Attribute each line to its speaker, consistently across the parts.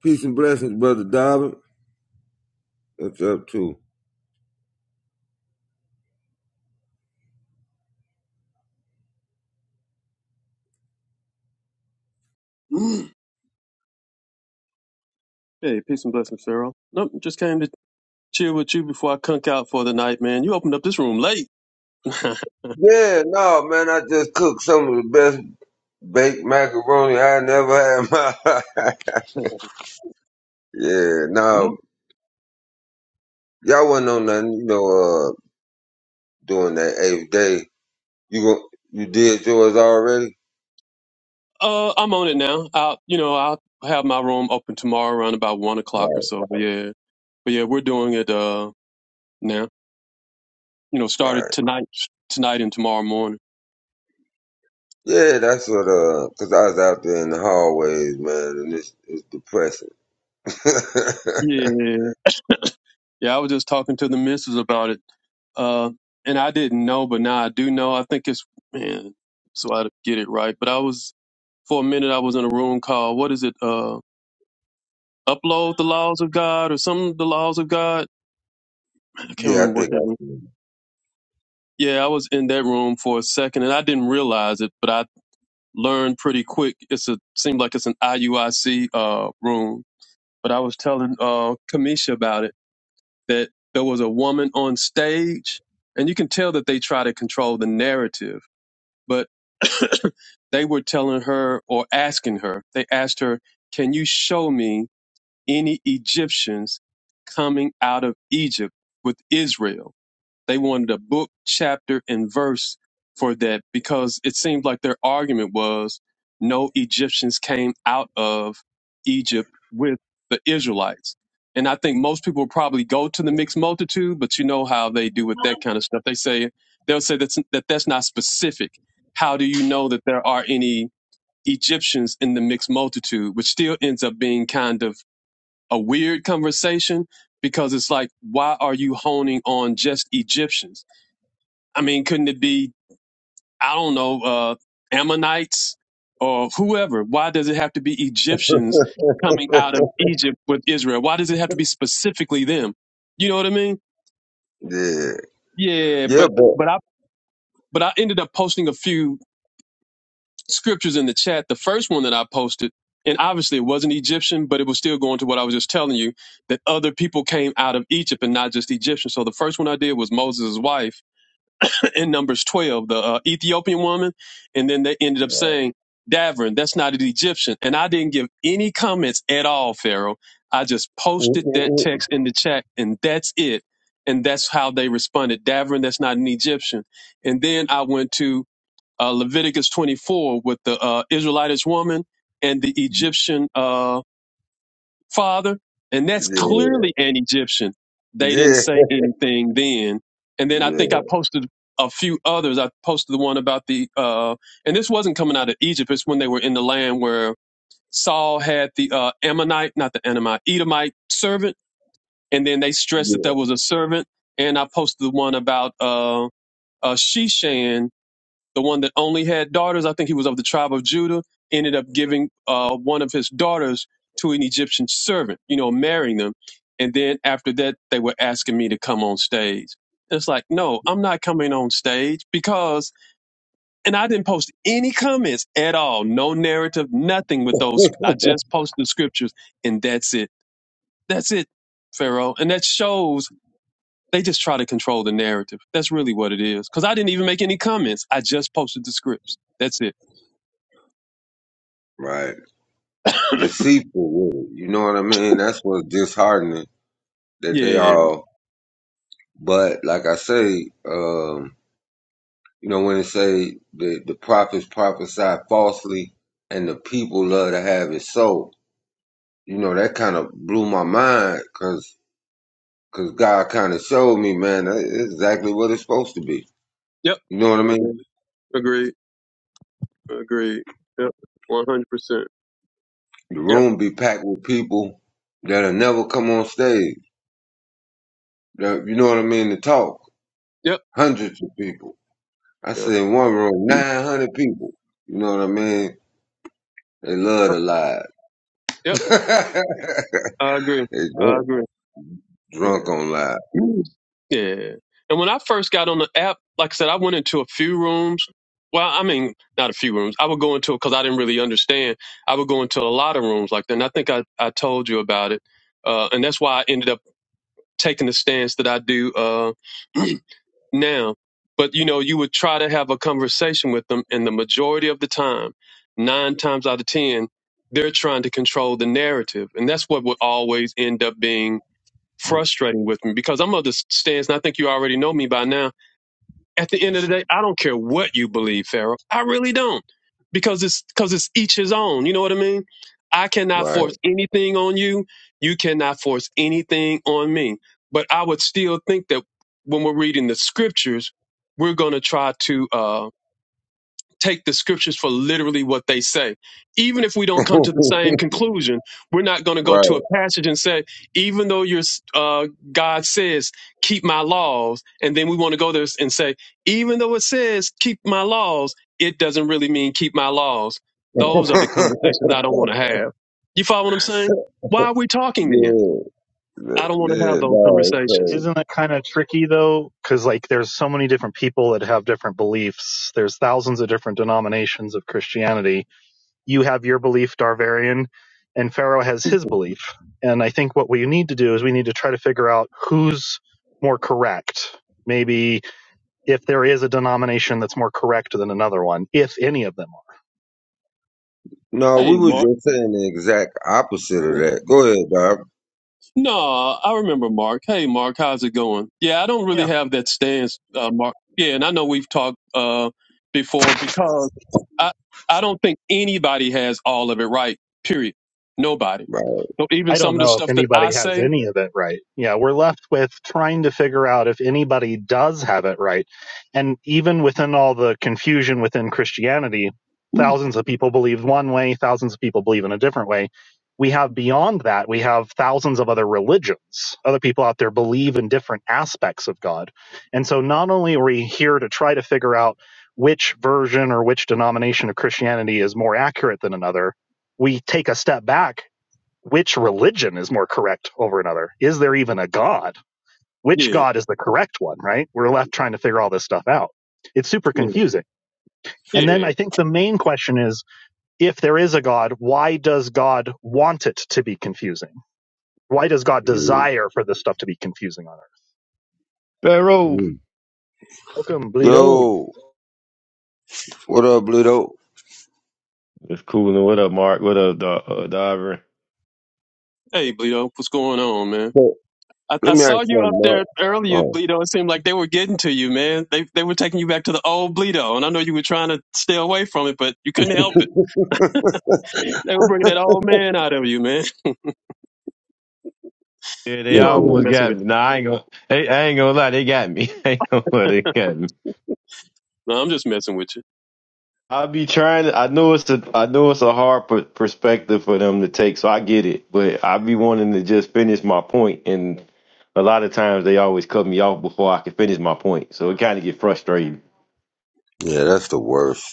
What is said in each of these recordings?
Speaker 1: Peace and blessings, brother Dobbin. What's up, too?
Speaker 2: Hey, peace and blessings, Pharaoh. Nope, just came to chill with you before I cunk out for the night, man. You opened up this room late. uh,
Speaker 1: Yeah, no, man, I just cooked some of the best baked macaroni I never had in my life. Yeah, no, y'all wasn't on nothing, you know, uh, doing that eighth day. You go, you did yours already?
Speaker 2: I'm on it now. I'll, you know, I'll have my room open tomorrow around about one o'clock or
Speaker 1: Right.
Speaker 2: so. But yeah, but yeah, we're doing it uh now. You know, started
Speaker 1: Right.
Speaker 2: tonight, tonight and tomorrow morning.
Speaker 1: Yeah, that's what, uh, cause I was out there in the hallways, man, and it's, it's depressing.
Speaker 2: Yeah, yeah. I was just talking to the missus about it. Uh, and I didn't know, but now I do know. I think it's man, so I get it right. But I was for a minute. I was in a room called what is it? Uh, upload the laws of God or some the laws of God. I can't
Speaker 1: yeah,
Speaker 2: remember
Speaker 1: I
Speaker 2: what
Speaker 1: think
Speaker 2: that
Speaker 1: I
Speaker 2: was.
Speaker 1: see.
Speaker 2: Yeah, I was in that room for a second and I didn't realize it, but I learned pretty quick. It's a seemed like it's an IUIC uh, room. But I was telling uh, Kamisha about it that there was a woman on stage, and you can tell that they try to control the narrative. But they were telling her or asking her. They asked her, "Can you show me?" any Egyptians coming out of Egypt with Israel. They wanted a book, chapter, and verse for that because it seemed like their argument was no Egyptians came out of Egypt with the Israelites. And I think most people would probably go to the mixed multitude, but you know how they do with that kind of stuff. They say they'll say that's that that's not specific. How do you know that there are any Egyptians in the mixed multitude, which still ends up being kind of a weird conversation because it's like, why are you honing on just Egyptians? I mean, couldn't it be, I don't know, uh, Ammonites or whoever? Why does it have to be Egyptians coming out of Egypt with Israel? Why does it have to be specifically them? You know what I mean?
Speaker 1: Yeah.
Speaker 2: Yeah,
Speaker 1: Yeah,
Speaker 2: but
Speaker 1: but.
Speaker 2: but I but I ended up posting a few scriptures in the chat. The first one that I posted, and obviously it wasn't Egyptian, but it was still going to what I was just telling you that other people came out of Egypt and not just Egyptians. So the first one I did was Moses' wife in Numbers 12, the uh, Ethiopian woman. And then they ended up saying, Davern, that's not an Egyptian. And I didn't give any comments at all, Pharaoh. I just posted that text in the chat, and that's it. And that's how they responded. Davern, that's not an Egyptian. And then I went to uh, Leviticus 24 with the uh, Israelitish woman and the Egyptian uh, father, and that's
Speaker 1: Yeah.
Speaker 2: clearly an Egyptian. They didn't
Speaker 1: Yeah.
Speaker 2: say anything then. And then I
Speaker 1: Yeah.
Speaker 2: think I posted a few others. I posted the one about the, uh, and this wasn't coming out of Egypt. It's when they were in the land where Saul had the uh, Ammonite, not the Ammonite, Edomite servant, and then they stressed that there was a servant. And I posted the one about uh, uh, Sheshan the one that only had daughters. I think he was of the tribe of Judah. Ended up giving uh, one of his daughters to an Egyptian servant, you know, marrying them. And then after that, they were asking me to come on stage. It's like, no, I'm not coming on stage because, and I didn't post any comments at all, no narrative, nothing with
Speaker 1: Yeah.
Speaker 2: those. I just posted the scriptures and that's it. That's it, Pharaoh. And that shows they just try to control the narrative. That's really what it is. Because I didn't even make any comments. I just posted the scripts. That's it.
Speaker 1: right. Deceitful with it. You know what I mean? That's what's disheartening that they
Speaker 2: Yeah. yeah,
Speaker 1: all but like I say, um, you know, when they say the the prophets prophesy falsely and the people love to have it so, you know, that kind of blew my mind because cause 'cause God kind of showed me, man, that is exactly what it's supposed to be.
Speaker 2: yeah. Yep.
Speaker 1: You know what I mean?
Speaker 2: Agreed. Agreed. Agreed. Yep. One hundred percent.
Speaker 1: The
Speaker 2: Yep.
Speaker 1: room be packed with people that'll never come on stage. that- You know what I mean? To talk.
Speaker 2: Yep.
Speaker 1: Hundreds of people. I
Speaker 2: Yep.
Speaker 1: said one room, 900 people. You know what I mean? They love to
Speaker 2: Yep.
Speaker 1: lie.
Speaker 2: Yep. I agree.
Speaker 1: they
Speaker 2: I
Speaker 1: drunk,
Speaker 2: agree. Yeah.
Speaker 1: drunk on lies.
Speaker 2: Yeah. yeah, yeah. And when I first got on the app, like I said, I went into a few rooms. Well, I mean, not a few rooms. I would go into because I didn't really understand. I would go into a lot of rooms like that. And I think I, I told you about it. Uh, and that's why I ended up taking the stance that I do. Uh, now but you know you would try to have a conversation with them and the majority of the time nine times out of ten they're trying to control the narrative and that's what would always end up being frustrating with me because i'm of the stance and i think you already know me by now at the end of the day, I don't care what you believe, Pharaoh. I really don't. Because it's because it's each his own. You know what I mean? I cannot
Speaker 1: Right.
Speaker 2: force anything on you. You cannot force anything on me. But I would still think that when we're reading the scriptures, we're gonna try to uh, take the scriptures for literally what they say. Even if we don't come to the same conclusion, we're not going to go to
Speaker 1: right.
Speaker 2: a passage and say, even though your uh, God says, keep my laws, and then we want to go there and say, even though it says, keep my laws, it doesn't really mean keep my laws. Those are the conversations I don't want to have. You follow what I'm saying? Why are we talking then?
Speaker 1: yeah.
Speaker 2: I don't want to
Speaker 1: Yeah,
Speaker 2: have those
Speaker 1: no, it's
Speaker 2: conversations.
Speaker 3: Isn't that kind of tricky though? Because like there's so many different people that have different beliefs. There's thousands of different denominations of Christianity. You have your belief, Darvarian, and Pharaoh has his belief. And I think what we need to do is we need to try to figure out who's more correct. Maybe if there is a denomination that's more correct than another one, if any of them are.
Speaker 1: No, we
Speaker 2: Hey,
Speaker 1: were
Speaker 2: Mark.
Speaker 1: just saying the exact opposite of that. Go ahead, dog.
Speaker 2: No, I remember Mark. Hey, Mark, how's it going? Yeah, I don't
Speaker 3: Yeah.
Speaker 2: really have that stance, uh, Mark. Yeah, and I know we've talked uh, before because I I don't think anybody has all of it right. Period. Nobody.
Speaker 1: Right.
Speaker 2: So even
Speaker 3: I
Speaker 2: some
Speaker 3: don't
Speaker 2: of the
Speaker 3: know if
Speaker 2: stuff that I
Speaker 3: anybody has
Speaker 2: say,
Speaker 3: any of it right. Yeah, we're left with trying to figure out if anybody does have it right. And even within all the confusion within Christianity, thousands of people believe one way, thousands of people believe in a different way. We have beyond that, we have thousands of other religions. Other people out there believe in different aspects of God. And so not only are we here to try to figure out which version or which denomination of Christianity is more accurate than another, we take a step back which religion is more correct over another? Is there even a God? Which
Speaker 2: yeah,
Speaker 3: God is the correct one, right? We're left trying to figure all this stuff out. It's super
Speaker 2: yeah,
Speaker 3: confusing. And then
Speaker 2: yeah.
Speaker 3: I think the main question is if there is a God, why does God want it to be confusing? Why does God
Speaker 1: Mhm.
Speaker 3: desire for this stuff to be confusing on earth?
Speaker 4: Pharaoh.
Speaker 3: Welcome, Bleedo.
Speaker 1: Yo, what up, Lido?
Speaker 4: It's cool. What up, Mark? What up, Do- uh, Diver?
Speaker 2: Hey, Bleedo, what's going on, man?
Speaker 1: Hey,
Speaker 2: I,
Speaker 1: Let
Speaker 2: I
Speaker 1: me ask you
Speaker 2: saw you up
Speaker 1: something,
Speaker 2: there
Speaker 1: Mark.
Speaker 2: earlier,
Speaker 1: Oh,
Speaker 2: Bleedo. It seemed like they were getting to you, man. They they were taking you back to the old Bleedo, and I know you were trying to stay away from it, but you couldn't help it. They were bringing that old man out of you, man.
Speaker 4: Yeah, they
Speaker 2: You know I'm just
Speaker 4: almost
Speaker 1: simple.
Speaker 2: messing
Speaker 4: got
Speaker 2: with
Speaker 4: me. Nah, I ain't gonna. They, I ain't gonna lie. They got me. I ain't gonna lie. They got me.
Speaker 2: you. No, I'm just messing with you.
Speaker 4: I'll be trying. To, I know it's a. I know it's a hard per- perspective for them to take. So I get it. But I be wanting to just finish my point, and a lot of times they always cut me off before I can finish my point. So it kind of get frustrating.
Speaker 1: Yeah, that's the worst.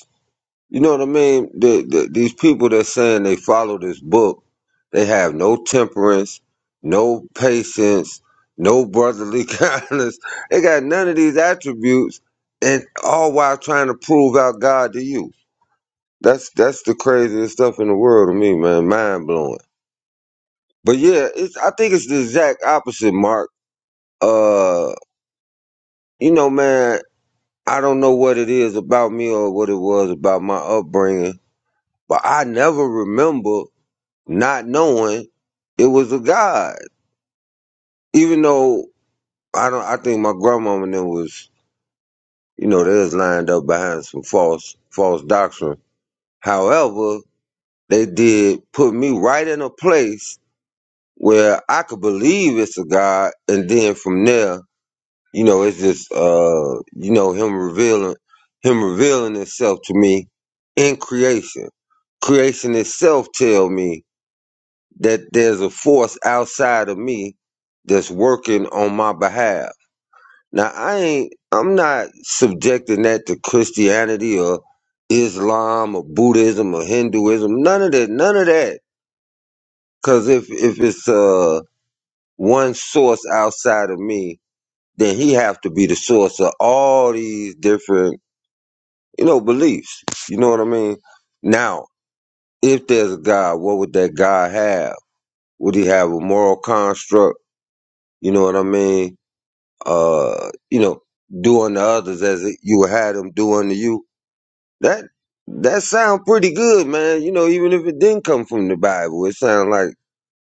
Speaker 1: You know what I mean? The, the, these people that's saying they follow this book, they have no temperance, no patience, no brotherly kindness. They got none of these attributes, and all while trying to prove out God to you. That's that's the craziest stuff in the world to me, man. Mind blowing. But yeah, it's I think it's the exact opposite, Mark. Uh, you know, man, I don't know what it is about me or what it was about my upbringing, but I never remember not knowing it was a God. Even though I don't, I think my grandmama then was, you know, they was lined up behind some false, false doctrine. However, they did put me right in a place where I could believe it's a God, and then from there, you know, it's just, uh, you know, him revealing, him revealing himself to me in creation. Creation itself tell me that there's a force outside of me that's working on my behalf. Now I ain't I'm not subjecting that to Christianity or Islam or Buddhism or Hinduism, none of that, none of that. Cause if if it's uh one source outside of me, then he have to be the source of all these different, you know, beliefs. You know what I mean? Now, if there's a God, what would that God have? Would he have a moral construct? You know what I mean? uh, you know, do unto others as it- you would have them do unto you. That that sound pretty good, man. You know, even if it didn't come from the Bible, it sounds like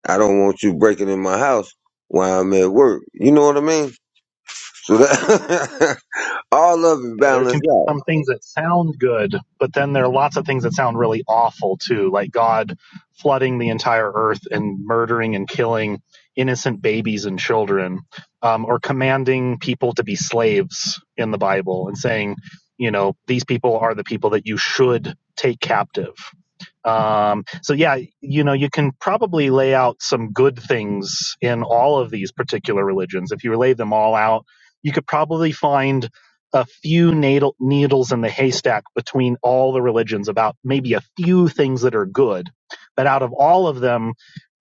Speaker 1: I don't want you breaking in my house while I'm at work. You know what I mean? So that all of it
Speaker 3: Yeah, there can
Speaker 1: balanced
Speaker 3: be
Speaker 1: out.
Speaker 3: some things that sound good, but then there are lots of things that sound really awful too, like God flooding the entire earth and murdering and killing innocent babies and children, um, or commanding people to be slaves in the Bible and saying, you know, these people are the people that you should take captive. Um, so yeah, you know, you can probably lay out some good things in all of these particular religions. If you lay them all out, you could probably find a few needle, needles in the haystack between all the religions about maybe a few things that are good. But out of all of them,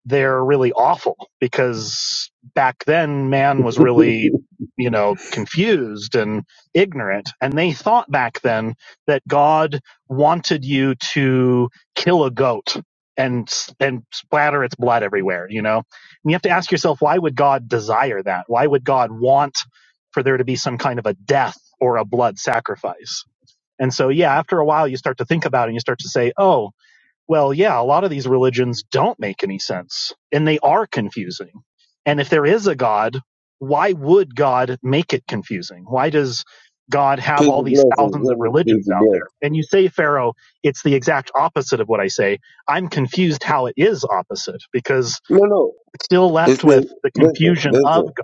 Speaker 3: they're really awful because back then man was really, you know, confused and ignorant. And they thought back then that God wanted you to kill a goat and and splatter its blood everywhere you know and you have to ask yourself why would god desire that why would god want for there to be some kind of a death or a blood sacrifice and so yeah after a while you start to think about it and you start to say oh well, yeah, a lot of these religions don't make any sense and they are confusing. And if there is a God, why would God make it confusing? Why does God have
Speaker 1: Peace
Speaker 3: all
Speaker 1: and
Speaker 3: these
Speaker 1: blessings,
Speaker 3: thousands of
Speaker 1: Jimmy. Peace
Speaker 3: religions
Speaker 1: and
Speaker 3: out there?
Speaker 1: blessings.
Speaker 3: And you say, Pharaoh, it's the exact opposite of what I say. I'm confused how it is opposite because
Speaker 1: No, no.
Speaker 3: it's still
Speaker 1: It's
Speaker 3: left with
Speaker 1: the
Speaker 3: the
Speaker 1: listen,
Speaker 3: confusion of
Speaker 1: listen.
Speaker 3: God.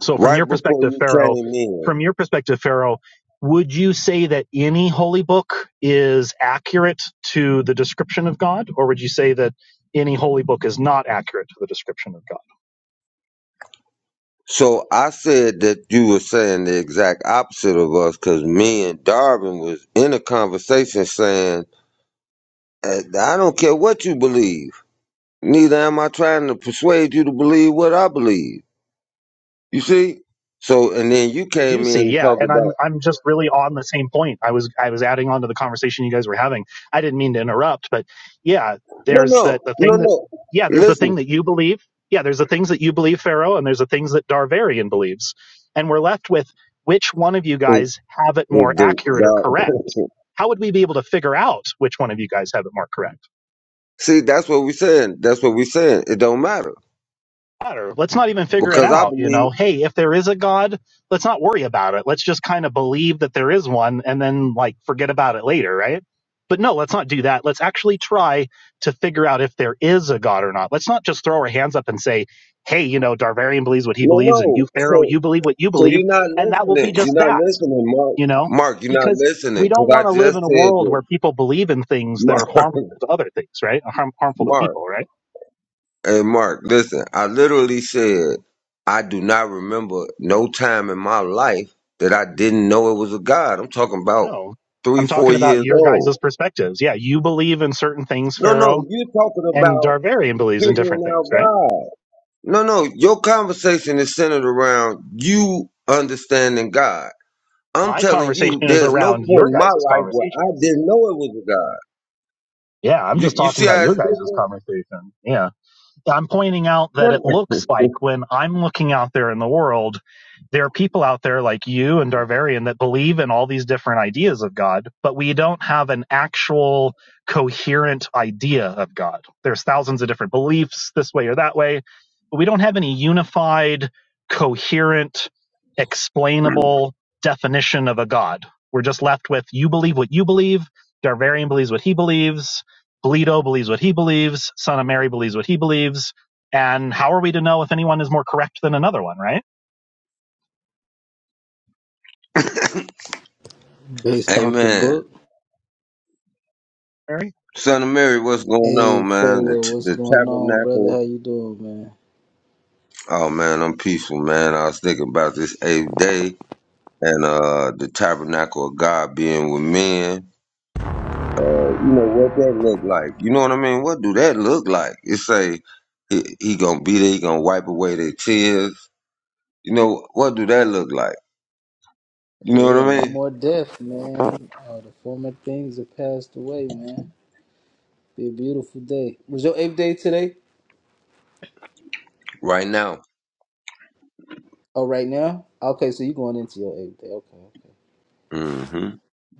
Speaker 3: So from
Speaker 1: Right
Speaker 3: your
Speaker 1: before
Speaker 3: perspective,
Speaker 1: you
Speaker 3: Pharaoh,
Speaker 1: came in.
Speaker 3: from your perspective, Pharaoh, would you say that any holy book is accurate to the description of God, or would you say that any holy book is not accurate to the description of God?
Speaker 1: So I said that you were saying the exact opposite of us because me and Darwin was in a conversation saying, "Uh, I don't care what you believe. Neither am I trying to persuade you to believe what I believe. You see? So, and then you
Speaker 3: I do
Speaker 1: came in
Speaker 3: see,
Speaker 1: and
Speaker 3: yeah,
Speaker 1: talked
Speaker 3: and
Speaker 1: about,
Speaker 3: I'm I'm just really on the same point. I was I was adding on to the conversation you guys were having. I didn't mean to interrupt, but yeah,
Speaker 1: no,
Speaker 3: there's the
Speaker 1: no,
Speaker 3: the
Speaker 1: no,
Speaker 3: thing that
Speaker 1: no.
Speaker 3: yeah, there's the
Speaker 1: Listen,
Speaker 3: thing that you believe. Yeah, there's the things that you believe, Pharaoh, and there's the things that Darvarian believes, and we're left with which one of you
Speaker 1: it,
Speaker 3: guys have it more
Speaker 1: it, the,
Speaker 3: accurate or correct.
Speaker 1: the,
Speaker 3: How would we be able to figure out which one of you guys have it more correct?
Speaker 1: see, that's what we're saying. That's what we're saying. It don't matter
Speaker 3: matter. Let's not even figure it
Speaker 1: because I
Speaker 3: out. You
Speaker 1: believe,
Speaker 3: know, hey, if there is a God, let's not worry about it. Let's just kind of believe that there is one and then like forget about it later, right? But no, let's not do that. Let's actually try to figure out if there is a God or not. Let's not just throw our hands up and say, hey, you know, Darvarian believes what he
Speaker 1: no,
Speaker 3: believes and
Speaker 1: no.
Speaker 3: you, Pharaoh,
Speaker 1: So
Speaker 3: you believe what you
Speaker 1: So
Speaker 3: believe.
Speaker 1: you're not
Speaker 3: And that will
Speaker 1: listening.
Speaker 3: be just
Speaker 1: You're not
Speaker 3: that,
Speaker 1: listening, Mark.
Speaker 3: you know,
Speaker 1: Mark, you're not
Speaker 3: because
Speaker 1: listening
Speaker 3: we
Speaker 1: because
Speaker 3: don't
Speaker 1: I
Speaker 3: want to live
Speaker 1: just
Speaker 3: in a
Speaker 1: said
Speaker 3: world
Speaker 1: this.
Speaker 3: where people believe in things that
Speaker 1: Mark,
Speaker 3: are harmful to other things, right? Harm, harmful to
Speaker 1: Mark,
Speaker 3: people, right?
Speaker 1: hey, Mark, listen. I literally said I do not remember no time in my life that I didn't know it was a God. I'm talking about
Speaker 3: No,
Speaker 1: three,
Speaker 3: I'm
Speaker 1: four
Speaker 3: talking about
Speaker 1: years
Speaker 3: your
Speaker 1: old.
Speaker 3: guys' perspectives. Yeah, you believe in certain things,
Speaker 1: No, no,
Speaker 3: Pharaoh,
Speaker 1: you're talking
Speaker 3: and
Speaker 1: about
Speaker 3: Darvarian believes in different
Speaker 1: figuring out
Speaker 3: things, right?
Speaker 1: God. No, no, your conversation is centered around you understanding God. I'm
Speaker 3: My
Speaker 1: telling
Speaker 3: conversation
Speaker 1: you,
Speaker 3: is
Speaker 1: there's no
Speaker 3: around
Speaker 1: point
Speaker 3: your
Speaker 1: in my
Speaker 3: guys'
Speaker 1: life where
Speaker 3: conversation.
Speaker 1: I didn't know it was a God.
Speaker 3: Yeah, I'm
Speaker 1: You
Speaker 3: just
Speaker 1: you
Speaker 3: talking
Speaker 1: see
Speaker 3: about
Speaker 1: how
Speaker 3: your
Speaker 1: it's
Speaker 3: guys'
Speaker 1: different?
Speaker 3: conversation. Yeah. I'm pointing out that it looks like when I'm looking out there in the world, there are people out there like you and Darvarian that believe in all these different ideas of God, but we don't have an actual coherent idea of God. There's thousands of different beliefs this way or that way, but we don't have any unified, coherent, explainable definition of a God. We're just left with you believe what you believe, Darvarian believes what he believes, Bleedo believes what he believes. Son of Mary believes what he believes. And how are we to know if anyone is more correct than another one, right?
Speaker 5: Based off the
Speaker 1: Amen.
Speaker 5: book.
Speaker 3: Mary?
Speaker 1: Son of Mary, what's going
Speaker 5: Hey
Speaker 1: on, man? The,
Speaker 5: Pharaoh, what's
Speaker 1: the
Speaker 5: going on, brother? How
Speaker 1: tabernacle.
Speaker 5: you doing, man?
Speaker 1: Oh man, I'm peaceful, man. I was thinking about this eighth day and uh the tabernacle of God being with men. Uh, you know what that look like? You know what I mean? What do that look like? It's a he, he gonna be there. He gonna wipe away their tears. You know what do that look like? You know what
Speaker 5: Yeah,
Speaker 1: I
Speaker 5: no
Speaker 1: mean?
Speaker 5: more death, man. Uh, the former things have passed away, man. Be a beautiful day. Was your eighth day today?
Speaker 1: Right now,
Speaker 5: Oh, right now? Okay, so you going into your eighth day. Okay, okay.
Speaker 1: hmm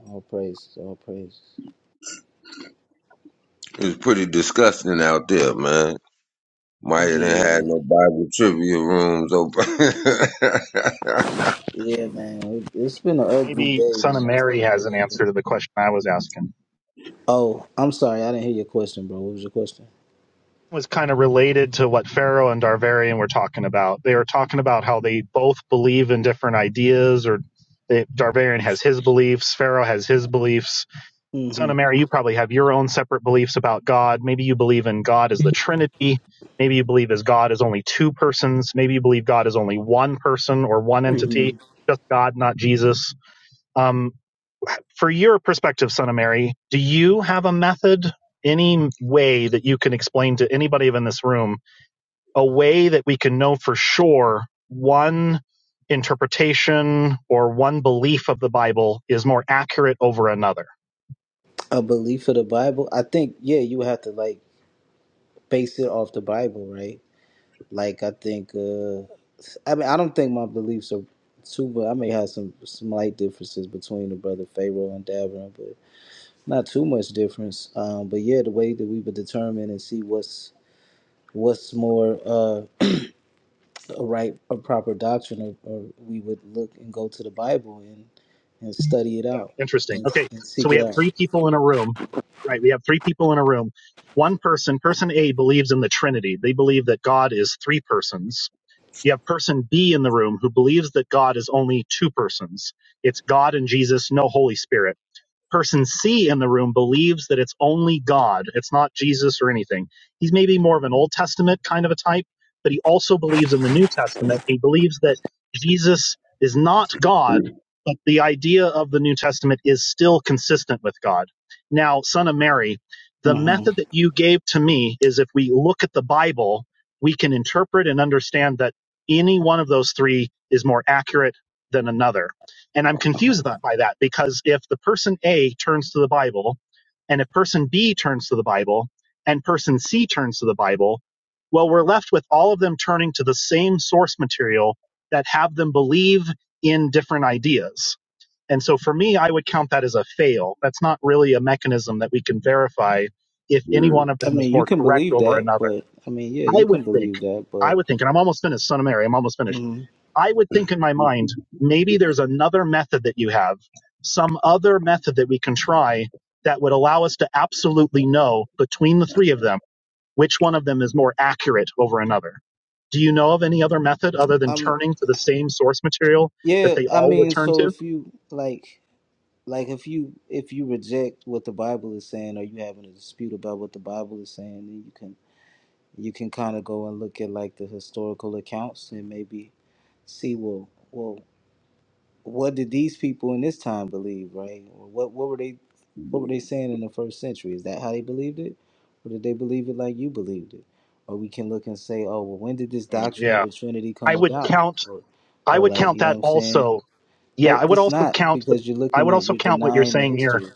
Speaker 5: All praises, all praises.
Speaker 1: it's pretty disgusting out there, man Might have didn't have
Speaker 5: Yeah,
Speaker 1: no Bible trivia rooms open.
Speaker 5: yeah, man. It, it's been an ugly
Speaker 3: Maybe
Speaker 5: day,
Speaker 3: Son of
Speaker 5: man. It's been
Speaker 3: Mary
Speaker 5: an
Speaker 3: has an
Speaker 5: ugly day.
Speaker 3: answer to the question I was asking.
Speaker 5: Oh, I'm sorry, I didn't hear your question, bro. What was your question?
Speaker 3: It was kind of related to what Pharaoh and Darvarian were talking about. They were talking about how they both believe in different ideas, or they, Darvarian has his beliefs, Pharaoh has his beliefs Son
Speaker 5: Mm-hmm.
Speaker 3: of Mary, you probably have your own separate beliefs about God. Maybe you believe in God as the Trinity. Maybe you believe as God is only two persons. Maybe you believe God is only one person or one entity,
Speaker 5: Mm-hmm.
Speaker 3: just God, not Jesus. Um, for your perspective, Son of Mary, do you have a method, any way that you can explain to anybody in this room, a way that we can know for sure one interpretation or one belief of the Bible is more accurate over another?
Speaker 5: A belief of the Bible. I think, yeah, you would have to like base it off the Bible, right? Like I think, uh, I mean, I don't think my beliefs are too, but I may have some slight differences between the brother Pharaoh and Davron, but not too much difference. Um, but yeah, the way that we would determine and see what's what's more uh, a right, a proper doctrine, or, or we would look and go to the Bible and and study it
Speaker 3: Yeah,
Speaker 5: out
Speaker 3: interesting.
Speaker 5: and,
Speaker 3: Okay,
Speaker 5: and
Speaker 3: so
Speaker 5: seek
Speaker 3: we
Speaker 5: it
Speaker 3: have
Speaker 5: out.
Speaker 3: three people in a room, right? We have three people in a room. One person, person A, believes in the Trinity. They believe that God is three persons. You have person B in the room who believes that God is only two persons. It's God and Jesus, no Holy Spirit person C in the room believes that it's only God. It's not Jesus or anything. He's maybe more of an Old Testament kind of a type, but he also believes in the New Testament. He believes that Jesus is not God, but the idea of the New Testament is still consistent with God. Now, son of Mary, the
Speaker 5: hmm
Speaker 3: method that you gave to me is if we look at the Bible, we can interpret and understand that any one of those three is more accurate than another and I'm
Speaker 5: hmm
Speaker 3: confused that, by that because if the person A turns to the Bible, and if person B turns to the Bible, and person C turns to the Bible, well, we're left with all of them turning to the same source material that have them believe in different ideas. And so for me, I would count that as a fail. That's not really a mechanism that we can verify if any
Speaker 1: Yeah.
Speaker 3: one of
Speaker 5: I
Speaker 3: them is
Speaker 5: mean, you
Speaker 3: more
Speaker 5: can
Speaker 3: correct
Speaker 5: believe
Speaker 3: over
Speaker 5: that,
Speaker 3: another.
Speaker 5: but I mean, yeah,
Speaker 3: I
Speaker 5: you can
Speaker 3: would think,
Speaker 5: believe that,
Speaker 3: I
Speaker 5: but.
Speaker 3: would think, and I'm almost finished, son of Mary, I'm almost finished
Speaker 5: mhm.
Speaker 3: I would think in my
Speaker 1: Yeah,
Speaker 3: mind, maybe there's another method that you have, some other method that we can try that would allow us to absolutely know between the three of them which one of them is more accurate over another. Do you know of any other method other than turning to the same source material that
Speaker 5: Yeah,
Speaker 3: they
Speaker 5: I
Speaker 3: all would
Speaker 5: mean,
Speaker 3: turn
Speaker 5: so
Speaker 3: to?
Speaker 5: if you like, like if you if you reject what the Bible is saying, or you having a dispute about what the Bible is saying, then you can you can kind of go and look at like the historical accounts and maybe see well, well, what did these people in this time believe, right? Or what what were they what were they saying in the first century? Is that how they believed it, or did they believe it like you believed it? Or we can look and say, oh, well, when did this
Speaker 3: Mm,
Speaker 5: doctrine of
Speaker 3: yeah.
Speaker 5: the Trinity
Speaker 3: I
Speaker 5: come
Speaker 3: would
Speaker 5: about?
Speaker 3: count I
Speaker 5: Or
Speaker 3: would
Speaker 5: like,
Speaker 3: count
Speaker 5: you know what
Speaker 3: that
Speaker 5: I'm saying?
Speaker 3: also. Yeah,
Speaker 5: No,
Speaker 3: I would
Speaker 5: it's
Speaker 3: also
Speaker 5: not
Speaker 3: count the
Speaker 5: because you're
Speaker 3: I
Speaker 5: looking
Speaker 3: would
Speaker 5: at
Speaker 3: also
Speaker 5: you're
Speaker 3: count what you're
Speaker 5: denying the
Speaker 3: saying here
Speaker 5: history.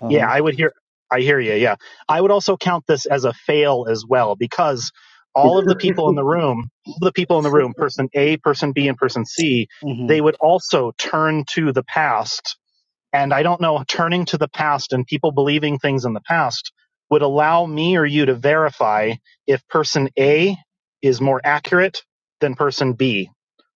Speaker 5: Uh
Speaker 3: Yeah,
Speaker 5: huh.
Speaker 3: I would hear. I hear you. Yeah, I would also count this as a fail as well because all of the people in the room, all of the people in the room, person A, person B, and person C, they
Speaker 5: Mm-hmm.
Speaker 3: would also turn to the past. And I don't know, turning to the past and people believing things in the past would allow me or you to verify if person A is more accurate than person B,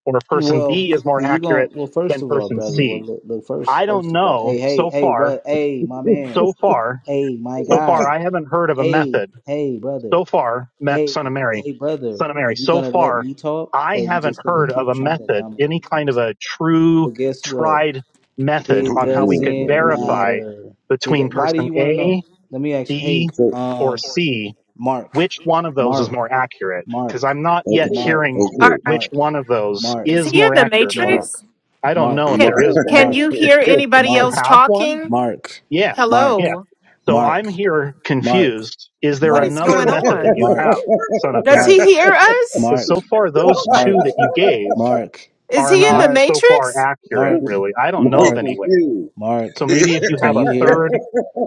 Speaker 3: or if person
Speaker 5: Well,
Speaker 3: B is more
Speaker 5: you gon'
Speaker 3: accurate
Speaker 5: well first
Speaker 3: than
Speaker 5: of all,
Speaker 3: person
Speaker 5: brother. Well,
Speaker 3: C.
Speaker 5: look, look first.
Speaker 3: I don't
Speaker 5: First of all,
Speaker 3: know
Speaker 5: hey, hey,
Speaker 3: so
Speaker 5: hey,
Speaker 3: far,
Speaker 5: brother. Hey, my man.
Speaker 3: so far
Speaker 5: Hey, my
Speaker 3: so far,
Speaker 5: guy.
Speaker 3: I haven't heard of a
Speaker 5: Hey,
Speaker 3: method.
Speaker 5: hey, brother.
Speaker 3: So far, me-
Speaker 5: Hey,
Speaker 3: son of Mary,
Speaker 5: hey, brother.
Speaker 3: son of
Speaker 5: Are
Speaker 3: Mary.
Speaker 5: you
Speaker 3: So
Speaker 5: gonna let
Speaker 3: far,
Speaker 5: me talk,
Speaker 3: I
Speaker 5: or are you
Speaker 3: haven't
Speaker 5: just gonna
Speaker 3: heard of
Speaker 5: keep
Speaker 3: a
Speaker 5: trying to
Speaker 3: method,
Speaker 5: dominate
Speaker 3: any
Speaker 5: the
Speaker 3: kind of
Speaker 5: conversation?
Speaker 3: a true,
Speaker 5: Well, guess what?
Speaker 3: tried method
Speaker 5: It
Speaker 3: on how we
Speaker 1: no,
Speaker 3: could
Speaker 5: doesn't
Speaker 1: yeah.
Speaker 3: verify
Speaker 5: matter. It.
Speaker 3: between
Speaker 5: do- Why do
Speaker 3: person
Speaker 5: you want to know?
Speaker 3: A,
Speaker 5: Let me ask. you- Hey,
Speaker 3: B,
Speaker 1: So,
Speaker 3: or
Speaker 5: um,
Speaker 3: C
Speaker 5: Mark,
Speaker 3: which one of those is
Speaker 5: Mark,
Speaker 3: more accurate. Because
Speaker 5: Mark,
Speaker 3: I'm not
Speaker 1: okay.
Speaker 3: yet
Speaker 5: Mark.
Speaker 3: hearing
Speaker 1: okay.
Speaker 6: Are, are,
Speaker 3: which
Speaker 5: Mark,
Speaker 3: one of those
Speaker 5: Mark,
Speaker 6: is
Speaker 3: is
Speaker 6: he in
Speaker 3: more
Speaker 6: the
Speaker 3: accurate or
Speaker 1: okay.
Speaker 3: not.
Speaker 5: Mark,
Speaker 6: Matrix?
Speaker 3: I don't know
Speaker 5: Mark,
Speaker 3: if
Speaker 1: My,
Speaker 6: Can
Speaker 3: there is
Speaker 6: Can
Speaker 3: one.
Speaker 6: you
Speaker 5: Mark,
Speaker 6: hear anybody
Speaker 3: You
Speaker 6: else
Speaker 5: Mark,
Speaker 3: Have one?
Speaker 6: talking?
Speaker 5: Mark,
Speaker 3: Yeah,
Speaker 5: Mark,
Speaker 3: yeah.
Speaker 6: Hello,
Speaker 5: Mark,
Speaker 3: So I'm
Speaker 5: Mark,
Speaker 3: here
Speaker 5: Mark,
Speaker 3: confused. Is there
Speaker 6: what is
Speaker 5: Mark,
Speaker 3: another
Speaker 6: going
Speaker 3: method that
Speaker 6: on?
Speaker 3: you have,
Speaker 5: Mark,
Speaker 3: Son of
Speaker 6: Does
Speaker 5: Mark,
Speaker 6: he
Speaker 3: Mary?
Speaker 6: hear us?
Speaker 3: Because so
Speaker 5: Mark,
Speaker 3: far those two
Speaker 5: Mark,
Speaker 3: that you gave
Speaker 6: Is
Speaker 3: are
Speaker 6: he in
Speaker 3: not
Speaker 6: the
Speaker 5: Mark,
Speaker 3: so far
Speaker 6: Matrix?
Speaker 3: accurate,
Speaker 5: Mark,
Speaker 3: really. I don't know
Speaker 1: my
Speaker 3: of
Speaker 5: Mark,
Speaker 3: any way.
Speaker 1: confused.
Speaker 3: So
Speaker 5: Mark.
Speaker 1: hey,
Speaker 3: maybe if you
Speaker 5: Can
Speaker 3: have a
Speaker 5: you hear?
Speaker 3: third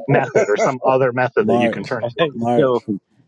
Speaker 3: method or some other method that you can
Speaker 5: Mark,
Speaker 3: turn to.
Speaker 4: Hey,
Speaker 5: Mark,
Speaker 4: yo,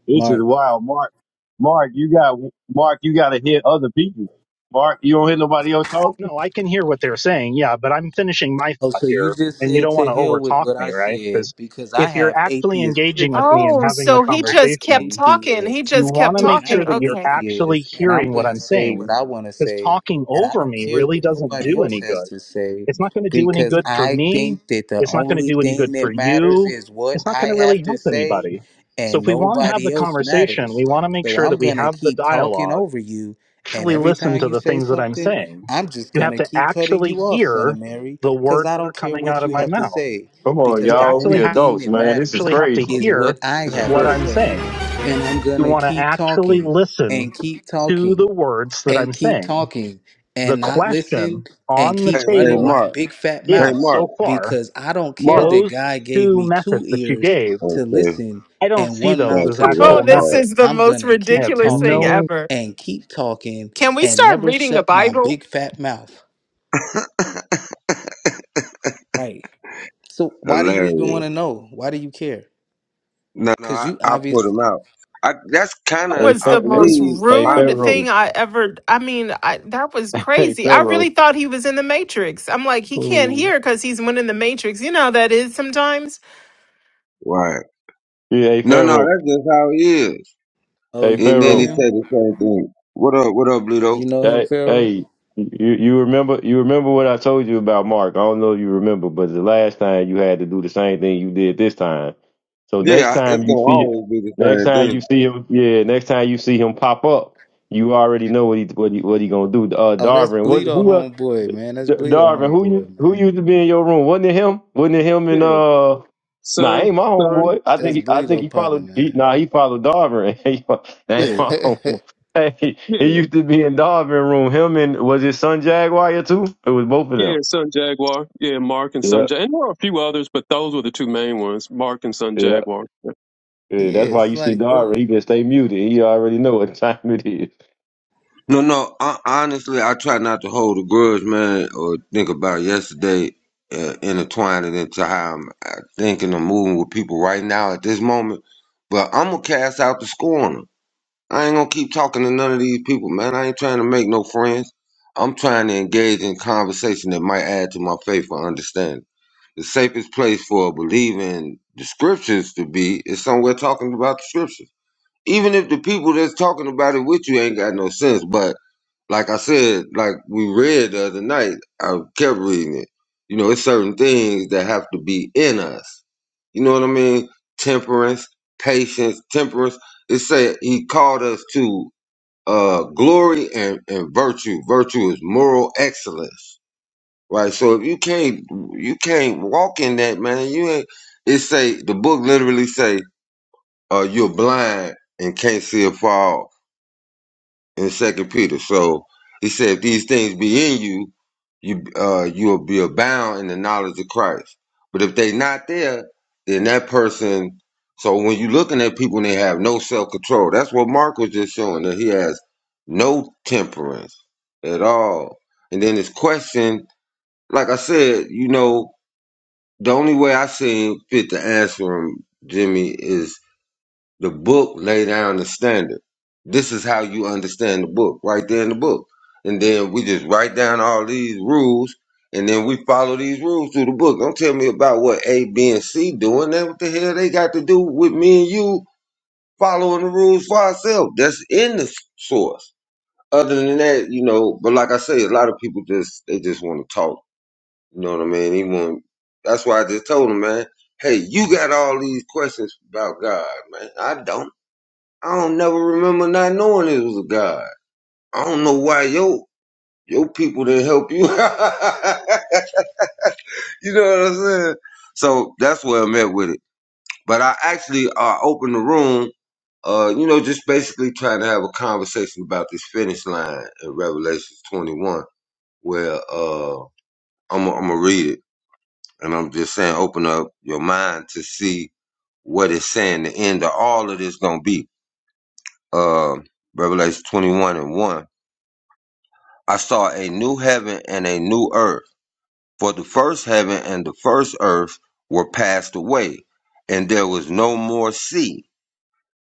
Speaker 4: this is
Speaker 5: Mark,
Speaker 4: wild, Mark. Mark, you got Mark. You got to hear other people. Mark, you don't hear nobody else talking.
Speaker 3: No, I can hear what they're saying, yeah, but I'm finishing my
Speaker 5: Oh,
Speaker 3: thought
Speaker 5: so you
Speaker 3: here,
Speaker 5: just
Speaker 3: and you
Speaker 5: said
Speaker 3: don't want
Speaker 5: to
Speaker 3: to
Speaker 5: hell with
Speaker 3: overtalk
Speaker 5: what
Speaker 3: me,
Speaker 5: I
Speaker 3: right?
Speaker 5: said
Speaker 3: Because
Speaker 5: because I
Speaker 3: if you're
Speaker 5: have
Speaker 3: actually
Speaker 5: atheist
Speaker 3: engaging with
Speaker 5: privilege,
Speaker 3: me and
Speaker 6: Oh,
Speaker 3: having the
Speaker 6: so
Speaker 5: and
Speaker 6: he
Speaker 5: I'm an
Speaker 6: just kept
Speaker 3: conversation,
Speaker 6: talking. He
Speaker 5: atheist,
Speaker 3: you
Speaker 6: just
Speaker 3: want
Speaker 6: kept
Speaker 3: to make
Speaker 5: and I'm
Speaker 3: sure
Speaker 6: talking.
Speaker 3: that
Speaker 5: an
Speaker 3: you're
Speaker 6: Okay.
Speaker 3: actually
Speaker 5: atheist, and I'm
Speaker 3: hearing what
Speaker 5: gonna
Speaker 3: I'm
Speaker 5: say what
Speaker 3: saying
Speaker 5: I want to
Speaker 3: because
Speaker 5: say,
Speaker 3: talking
Speaker 5: and I
Speaker 3: over
Speaker 5: don't
Speaker 3: me
Speaker 5: care
Speaker 3: really
Speaker 5: what
Speaker 3: doesn't
Speaker 5: nobody
Speaker 3: do
Speaker 5: else
Speaker 3: any
Speaker 5: has
Speaker 3: good.
Speaker 5: to say
Speaker 3: It's not going to do any
Speaker 5: because
Speaker 3: good for
Speaker 5: I
Speaker 3: me.
Speaker 5: think that the
Speaker 3: It's not going to
Speaker 5: only
Speaker 3: do any good
Speaker 5: thing
Speaker 3: for
Speaker 5: that matters
Speaker 3: you.
Speaker 5: is what
Speaker 3: It's not going to
Speaker 5: I have
Speaker 3: really
Speaker 5: to
Speaker 3: help
Speaker 5: say,
Speaker 3: anybody. So if
Speaker 5: and
Speaker 3: we want to have the
Speaker 5: nobody else
Speaker 3: conversation,
Speaker 5: matters.
Speaker 3: we want to make
Speaker 5: So
Speaker 3: sure
Speaker 5: I'm
Speaker 3: that we
Speaker 5: gonna
Speaker 3: have the
Speaker 5: keep talking
Speaker 3: dialogue,
Speaker 5: over you, and
Speaker 3: actually
Speaker 5: every
Speaker 3: listen
Speaker 5: time
Speaker 3: to
Speaker 5: you
Speaker 3: the
Speaker 5: say
Speaker 3: things that I'm
Speaker 5: something,
Speaker 3: saying.
Speaker 5: I'm just
Speaker 3: You have
Speaker 5: gonna
Speaker 3: to
Speaker 5: keep cutting
Speaker 3: actually
Speaker 5: you off, son of
Speaker 3: hear
Speaker 5: Mary
Speaker 3: the
Speaker 5: because
Speaker 3: words
Speaker 5: I
Speaker 3: that are
Speaker 5: don't care
Speaker 3: coming out
Speaker 5: what
Speaker 3: of
Speaker 5: you
Speaker 3: my
Speaker 5: have to
Speaker 3: mouth.
Speaker 5: say,
Speaker 4: Come on,
Speaker 5: because
Speaker 3: You
Speaker 5: the
Speaker 4: y'all. We
Speaker 3: actually
Speaker 5: only
Speaker 3: ha-
Speaker 5: thing
Speaker 4: adults,
Speaker 5: that
Speaker 4: man. This is
Speaker 5: matters
Speaker 3: actually have to
Speaker 4: crazy.
Speaker 5: is
Speaker 3: hear
Speaker 5: what I
Speaker 4: This is
Speaker 5: have
Speaker 3: what
Speaker 5: to
Speaker 4: crazy.
Speaker 3: I'm
Speaker 5: say.
Speaker 3: saying
Speaker 5: And I'm going
Speaker 3: you
Speaker 5: to
Speaker 3: want to
Speaker 5: keep
Speaker 3: actually
Speaker 5: talking
Speaker 3: listen
Speaker 5: and keep
Speaker 3: to the
Speaker 5: talking
Speaker 3: words that
Speaker 5: and
Speaker 3: I'm
Speaker 5: keep
Speaker 3: saying.
Speaker 5: talking
Speaker 3: The
Speaker 5: and not listen
Speaker 3: question
Speaker 5: and
Speaker 3: on the
Speaker 5: keep
Speaker 1: hey,
Speaker 5: running
Speaker 3: table
Speaker 5: my
Speaker 1: Mark.
Speaker 5: big fat
Speaker 1: Hey,
Speaker 3: is
Speaker 5: mouth
Speaker 1: Mark.
Speaker 3: so far,
Speaker 5: because I don't care
Speaker 1: Mark.
Speaker 5: that
Speaker 3: those
Speaker 5: God gave
Speaker 3: two
Speaker 5: me two
Speaker 3: methods that you
Speaker 5: ears
Speaker 3: gave,
Speaker 5: to
Speaker 1: Okay,
Speaker 5: listen
Speaker 3: I don't
Speaker 5: and
Speaker 3: see
Speaker 5: one
Speaker 3: those
Speaker 5: mouth
Speaker 1: back
Speaker 3: as
Speaker 1: to
Speaker 5: to
Speaker 6: Oh,
Speaker 3: actual
Speaker 1: that
Speaker 5: talk.
Speaker 6: this
Speaker 1: part.
Speaker 6: is the
Speaker 3: methods.
Speaker 5: I'm going
Speaker 6: most
Speaker 5: to
Speaker 3: I
Speaker 5: keep
Speaker 3: have
Speaker 6: ridiculous thing
Speaker 5: talking
Speaker 3: no
Speaker 6: ever.
Speaker 5: and keep talking
Speaker 6: Can we
Speaker 5: and
Speaker 6: start
Speaker 5: never
Speaker 6: reading the
Speaker 5: shut my
Speaker 6: Bible?
Speaker 5: big fat mouth. Right. So why do you even
Speaker 1: Hilarious.
Speaker 5: want to know? Why do you care?
Speaker 1: No, no,
Speaker 5: Cause
Speaker 1: I,
Speaker 5: you
Speaker 1: I put
Speaker 5: obviously.
Speaker 1: him out. I, that's kind
Speaker 6: That
Speaker 1: of,
Speaker 4: Hey,
Speaker 6: was
Speaker 1: I
Speaker 6: the
Speaker 4: Pharaoh.
Speaker 6: most
Speaker 1: believe,
Speaker 4: Hey, hey,
Speaker 6: rude
Speaker 4: Pharaoh.
Speaker 6: thing
Speaker 1: honestly.
Speaker 6: I ever. I mean, I, that was
Speaker 4: Hey,
Speaker 6: crazy. I really
Speaker 4: Pharaoh.
Speaker 6: thought he was in the Matrix. I'm like, he can't
Speaker 4: Ooh.
Speaker 6: hear because he's one in the Matrix. You know how that is sometimes.
Speaker 1: Right.
Speaker 4: Yeah, hey,
Speaker 1: No, no,
Speaker 4: Pharaoh.
Speaker 1: that's just how he is.
Speaker 5: Oh,
Speaker 4: Hey,
Speaker 5: you
Speaker 1: And
Speaker 5: know
Speaker 1: then he
Speaker 4: Pharaoh.
Speaker 5: him.
Speaker 1: said the same thing. What up, what up, Bluto?
Speaker 5: You know him,
Speaker 4: Hey,
Speaker 5: Pharaoh.
Speaker 4: hey. You, you remember you remember what I told you about Mark? I don't know if you remember, but the last time you had to do the same thing you did this time. So next
Speaker 1: Yeah,
Speaker 4: time
Speaker 1: it's
Speaker 4: you
Speaker 1: gonna
Speaker 4: see it,
Speaker 1: always be
Speaker 4: next
Speaker 1: the same
Speaker 4: time
Speaker 1: thing.
Speaker 4: you see him, yeah, next time you see him pop up, you already know what he what he what he gonna do. Uh,
Speaker 5: Oh, that's
Speaker 4: Darvin, what
Speaker 5: Bleedo
Speaker 4: who else?
Speaker 5: homeboy, man. That's
Speaker 4: D-
Speaker 5: Bleedo
Speaker 4: Darvin, who you
Speaker 5: homeboy,
Speaker 4: who
Speaker 5: man.
Speaker 4: used to be in your room? Wasn't it him? Wasn't it him and
Speaker 2: Yeah.
Speaker 4: uh? Nah,
Speaker 2: Son,
Speaker 4: ain't my
Speaker 2: son,
Speaker 4: homeboy. I think
Speaker 5: That's
Speaker 4: he, I think
Speaker 5: Bleedo
Speaker 4: he
Speaker 5: partner,
Speaker 4: followed. He,
Speaker 5: man.
Speaker 4: nah, he followed Darvin. He- ain't
Speaker 2: yeah,
Speaker 4: my
Speaker 5: yeah,
Speaker 4: homeboy. Hey,
Speaker 2: yeah,
Speaker 4: he used to be in Darvin room. Him and was his son Jaguar too? It was both of them.
Speaker 2: yeah, son Jaguar. Yeah, Mark and son
Speaker 4: Yeah,
Speaker 2: Jaguar. And there are a few others, but those were the two main ones, Mark and son
Speaker 4: yeah.
Speaker 2: Jaguar. Yeah.
Speaker 4: Yeah, that's why
Speaker 5: it's
Speaker 4: you see
Speaker 5: like
Speaker 4: Darvin.
Speaker 5: dude,
Speaker 4: He can stay muted. He already know what time it is.
Speaker 1: No, no, I, honestly, I try not to hold a grudge, man, or think about yesterday, uh, intertwine it into how I'm uh, thinking and moving with people right now at this moment. But I'm gonna cast out the scorner. I ain't gonna keep talking to none of these people, man. I ain't trying to make no friends. I'm trying to engage in conversation that might add to my faith or understanding. The safest place for a believer in the scriptures to be is somewhere talking about the scriptures. Even if the people that's talking about it with you ain't got no sense. But like I said, like we read the other night, I kept reading it. You know, it's certain things that have to be in us. You know what I mean? Temperance, patience, temperance. It said he called us to uh, glory and, and virtue. Virtue is moral excellence Right. So if you can't you can't walk in that man, you ain't it say the book literally say uh you're blind and can't see a fall in second Peter. So he said if these things be in you, you uh you'll be abound in the knowledge of Christ. But if they not there, then that person so when you looking at people and they have no self control, that's what Mark was just showing that he has no temperance at all. And then his question, like I said, you know, the only way I seen fit to answer him, Jimmy, is the book lay down the standard. This is how you understand the book, right there in the book. And then we just write down all these rules, and then we follow these rules through the book. Don't tell me about what A, B, and C doing. That what the hell they got to do with me and you following the rules for ourselves. That's in the source. Other than that, you know, but like I say, a lot of people just they just want to talk you know what I mean? He want. That's why I just told him, man. Hey, you got all these questions about God, man. I don't. I don't never remember not knowing it was a God. I don't know why your your people didn't help you. you know what I'm saying? So that's where i met with it. But I actually uh, opened the room. Uh, you know, just basically trying to have a conversation about this finish line in Revelations 21, where uh, I'm gonna I'm read it And I'm just saying, open up your mind to see what it's saying. The end of all of this gonna be. Uh, Revelation 21 and 1. I saw a new heaven and a new earth. For the first heaven and the first earth were passed away, and there was no more sea.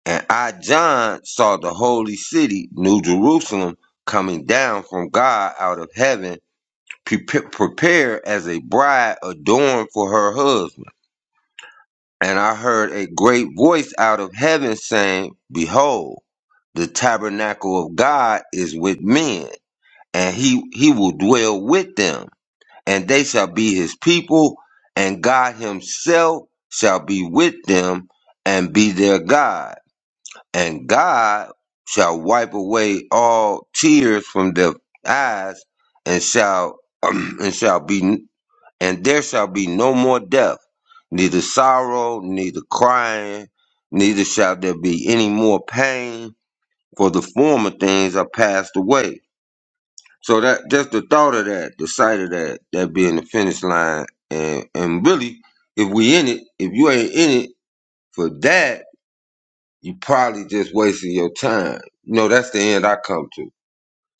Speaker 1: And I, John, saw the holy city, New Jerusalem, coming down from God out of heaven, pre- prepared as a bride adorned for her husband. And I heard a great voice out of heaven saying, Behold, the tabernacle of God is with men, and he, he will dwell with them, and they shall be his people, and God himself shall be with them and be their God. And God shall wipe away all tears from their eyes, and shall and shall be and there shall be no more death, neither sorrow, neither crying, neither shall there be any more pain, for the former things are passed away. So that just the thought of that, the sight of that, that being the finish line, and and really, if we in it, if you ain't in it for that, you probably just wasting your time. You know, that's the end I come to.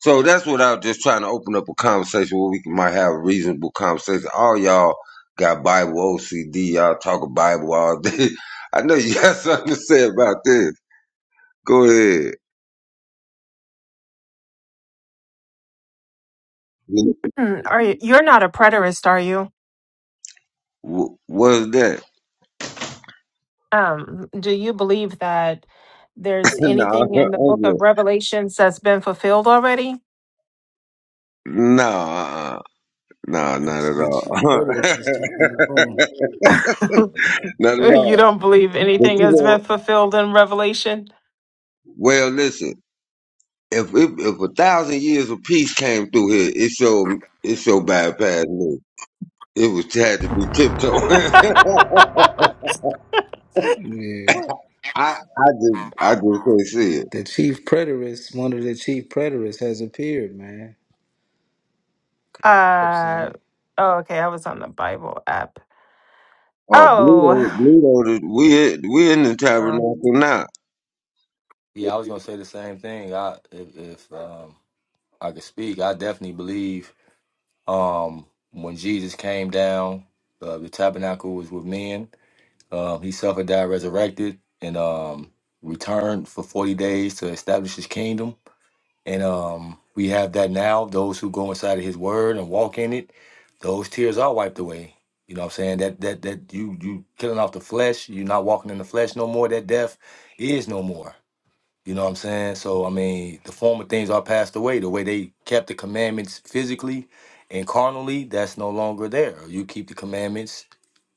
Speaker 1: So that's what I was just trying to open up a conversation where we can, might have a reasonable conversation. All y'all got Bible OCD. Y'all talk Bible all day. I know you got something to say about this. Go ahead.
Speaker 6: Hmm, Are you, you're not a preterist, are you?
Speaker 1: Wh- What's that?
Speaker 6: Um, do you believe that there's
Speaker 1: no, I'm
Speaker 6: anything in the Book
Speaker 1: good.
Speaker 6: of Revelations that's been fulfilled already?
Speaker 1: No, uh-uh. no,
Speaker 5: the
Speaker 1: not at
Speaker 5: the
Speaker 1: all.
Speaker 5: chief preterist just came in the room.
Speaker 1: not at
Speaker 6: you
Speaker 1: all.
Speaker 6: don't believe
Speaker 1: But
Speaker 6: anything
Speaker 1: you
Speaker 6: has been
Speaker 1: know,
Speaker 6: fulfilled in Revelation?
Speaker 1: well, listen. If if, if a thousand years of peace came through here, it showed it showed bypass me. It was had to be tiptoeing.
Speaker 5: Yeah,
Speaker 1: I I just I just can't see it.
Speaker 5: the chief preterist, one of the chief preterists, has appeared, man.
Speaker 6: Uh,
Speaker 5: See?
Speaker 6: oh, okay. I was on the Bible app.
Speaker 1: Oh, Bleedo,
Speaker 6: Oh.
Speaker 1: Bleedo, we in- we in the
Speaker 6: um,
Speaker 1: tabernacle now.
Speaker 7: Yeah, I was gonna say the same thing. I if, if um I could speak, I definitely believe um when Jesus came down, uh, the tabernacle was with men. Um, he suffered, died, resurrected, and um returned for forty days to establish his kingdom. And um we have that now. Those who go inside of his word and walk in it, those tears are wiped away. You know what I'm saying? That that that you you killing off the flesh, you're not walking in the flesh no more, that death is no more. You know what I'm saying? So I mean, the former things are passed away. The way they kept the commandments physically and carnally, that's no longer there. You keep the commandments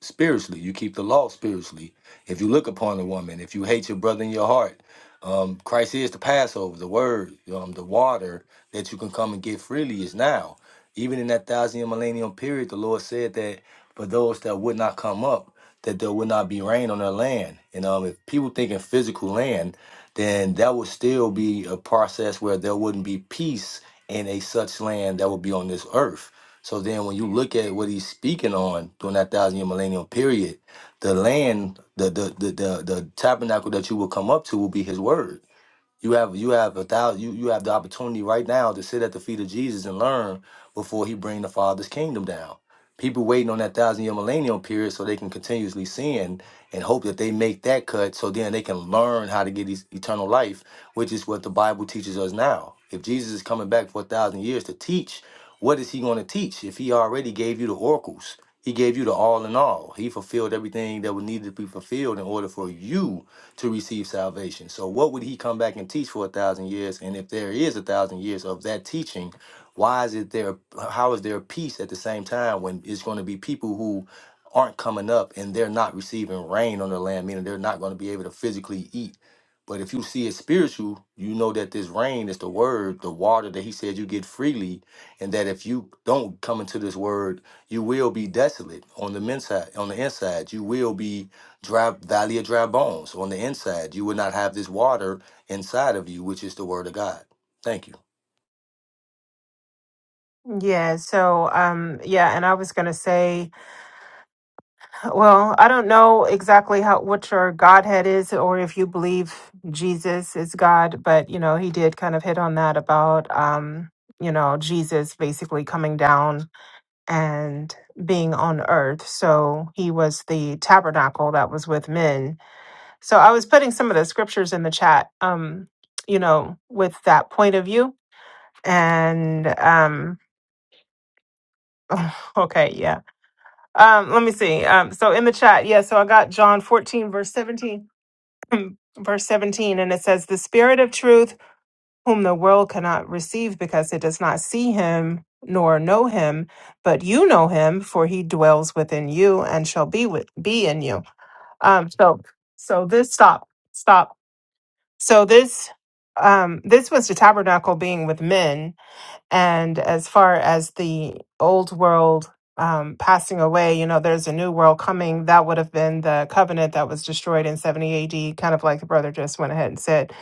Speaker 7: spiritually. You keep the law spiritually. If you look upon a woman, if you hate your brother in your heart, um, Christ is the Passover, the word, um, the water that you can come and get freely is now. Even in that thousand year millennium period, the Lord said that for those that would not come up, that there would not be rain on their land. And um, if people think in physical land, then that would still be a process where there wouldn't be peace in a such land that would be on this earth. So then when you look at what he's speaking on during that thousand year millennial period, the land, the the the the, the tabernacle that you will come up to will be his word. You have you have a thousand, you you have the opportunity right now to sit at the feet of Jesus and learn before he bring the Father's kingdom down. People waiting on that thousand year millennial period so they can continuously sin and hope that they make that cut so then they can learn how to get these eternal life, which is what the Bible teaches us now. If Jesus is coming back for a thousand years to teach, what is he going to teach if he already gave you the oracles? He gave you the all in all. He fulfilled everything that was needed to be fulfilled in order for you to receive salvation. So, what would he come back and teach for a thousand years? And if there is a thousand years of that teaching, why is it there? How is there peace at the same time when it's going to be people who aren't coming up and they're not receiving rain on the land, meaning they're not going to be able to physically eat? But if you see it spiritual, you know that this rain is the word, the water that he said you get freely, and that if you don't come into this word, you will be desolate on the men's side, on the inside. You will be dry valley of dry bones on the inside. You would not have this water inside of you, which is the word of God. Thank you.
Speaker 6: Yeah, so um yeah, and I was going to say, well, I don't know exactly how what your godhead is or if you believe Jesus is God, but you know, he did kind of hit on that about um, you know, Jesus basically coming down and being on earth. So he was the tabernacle that was with men. So I was putting some of the scriptures in the chat um, you know, with that point of view and um okay, yeah. Um, let me see. Um, so in the chat, yeah, so I got John 14, verse 17, verse 17, and it says, The Spirit of truth, whom the world cannot receive because it does not see him nor know him, but you know him, for he dwells within you and shall be with be in you. Um, so so this stop, stop. So this um this was the tabernacle being with men and as far as the old world um, passing away, you know, there's a new world coming. That would have been the covenant that was destroyed in 70 AD, kind of like the brother just went ahead and said.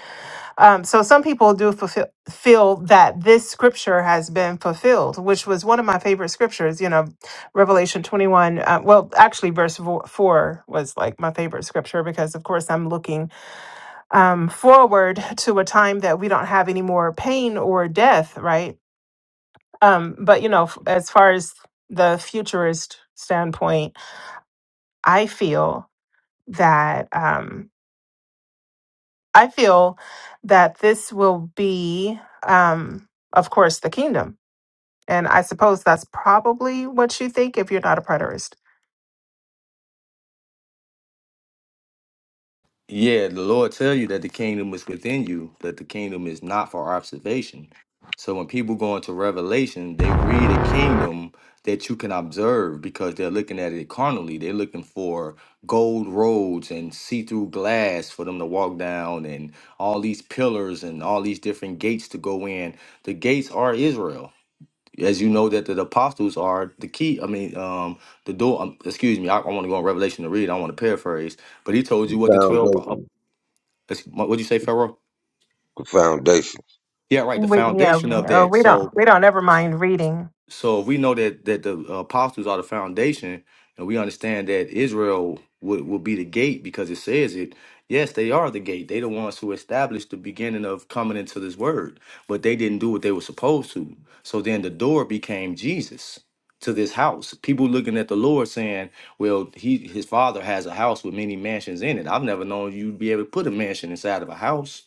Speaker 6: Um, so some people do fulfill, feel that this scripture has been fulfilled, which was one of my favorite scriptures, you know, Revelation 21. Uh, well, actually, verse vo- 4 was like my favorite scripture because, of course, I'm looking um, forward to a time that we don't have any more pain or death, right? Um, but you know, f- as far as the futurist standpoint, I feel that um, I feel that this will be, um, of course, the kingdom, and I suppose that's probably what you think if you're not a preterist.
Speaker 7: Yeah, the Lord tell you that the kingdom is within you, that the kingdom is not for observation. So when people go into Revelation, they read a kingdom that you can observe because they're looking at it carnally. They're looking for gold roads and see-through glass for them to walk down and all these pillars and all these different gates to go in. The gates are Israel as you know that the apostles are the key i mean um the door um, excuse me i, I want to go on revelation to read i want to paraphrase but he told you
Speaker 1: The
Speaker 7: what the 12 pro- uh,
Speaker 1: foundation,
Speaker 7: it's- what would you say pharaoh
Speaker 1: the foundation.
Speaker 7: yeah right the
Speaker 6: We, yeah,
Speaker 7: foundation of
Speaker 6: uh,
Speaker 7: that
Speaker 6: we don't
Speaker 7: so
Speaker 6: we don't ever mind reading
Speaker 7: So if we know that that the apostles are the foundation, and we understand that Israel would will be the gate because it says it. Yes, they are the gate. They the ones who established the beginning of coming into this word, but they didn't do what they were supposed to. So then the door became Jesus to this house. People looking at the Lord saying, "Well, he his father has a house with many mansions in it." I've never known you to be able to put a mansion inside of a house.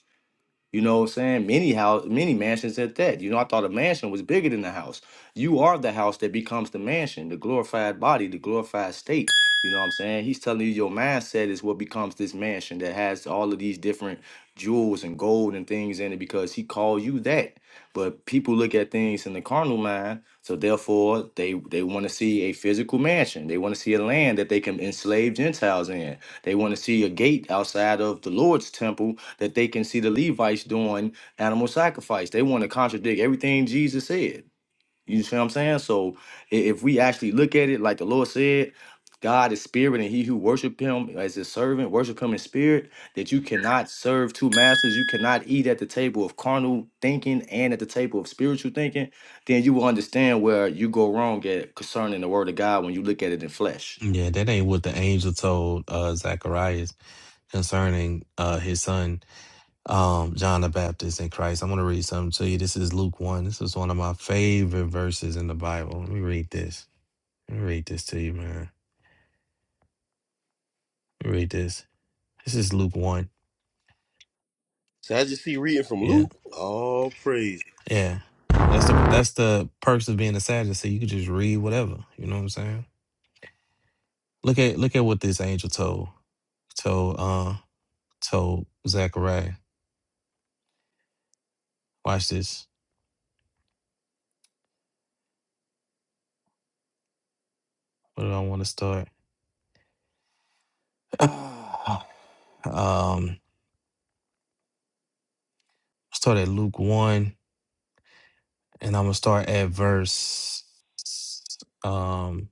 Speaker 7: You know what I'm saying? Many house, many mansions at that. You know, I thought a mansion was bigger than the house. You are the house that becomes the mansion, the glorified body, the glorified state. You know what I'm saying? He's telling you your mindset is what becomes this mansion that has all of these different jewels and gold and things in it because he called you that. But people look at things in the carnal mind, so therefore they they want to see a physical mansion. They want to see a land that they can enslave Gentiles in. They want to see a gate outside of the Lord's temple that they can see the Levites doing animal sacrifice. They want to contradict everything Jesus said. You see what I'm saying? So i- if we actually look at it like the Lord said, God is spirit, and he who worship him as his servant, worship him in spirit, that you cannot serve two masters, you cannot eat at the table of carnal thinking and at the table of spiritual thinking, then you will understand where you go wrong at concerning the word of God when you look at it in flesh.
Speaker 8: Yeah, that ain't what the angel told uh, Zacharias concerning uh, his son, um, John the Baptist in Christ. I'm going to read something to you. This is Luke 1. This is one of my favorite verses in the Bible. Let me read this. Let me read this to you, man. Let me read this. This is Luke 1.
Speaker 9: So I just see reading from
Speaker 8: Yeah.
Speaker 9: Luke. All praise.
Speaker 8: Yeah. That's the that's the perks of being a Sadducee. You can just read whatever. You know what I'm saying? Look at look at what this angel told told uh told Zachariah. Watch this. Where do I want to start? Ah, um, start at Luke 1, and I'm going to start at verse. Um,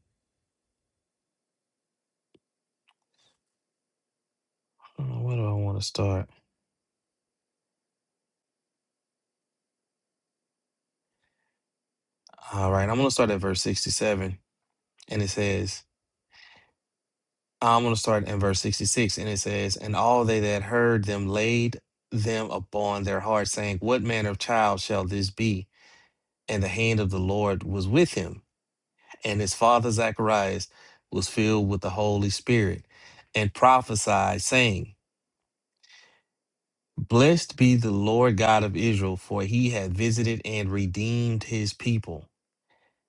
Speaker 8: uh, where do I want to start? All right, I'm going to start at verse 67, and it says, I'm going to start in verse 66, and it says, And all they that heard them laid them upon their hearts, saying, What manner of child shall this be? And the hand of the Lord was with him, and his father Zacharias was filled with the Holy Spirit and prophesied, saying, Blessed be the Lord God of Israel, for he hath visited and redeemed his people,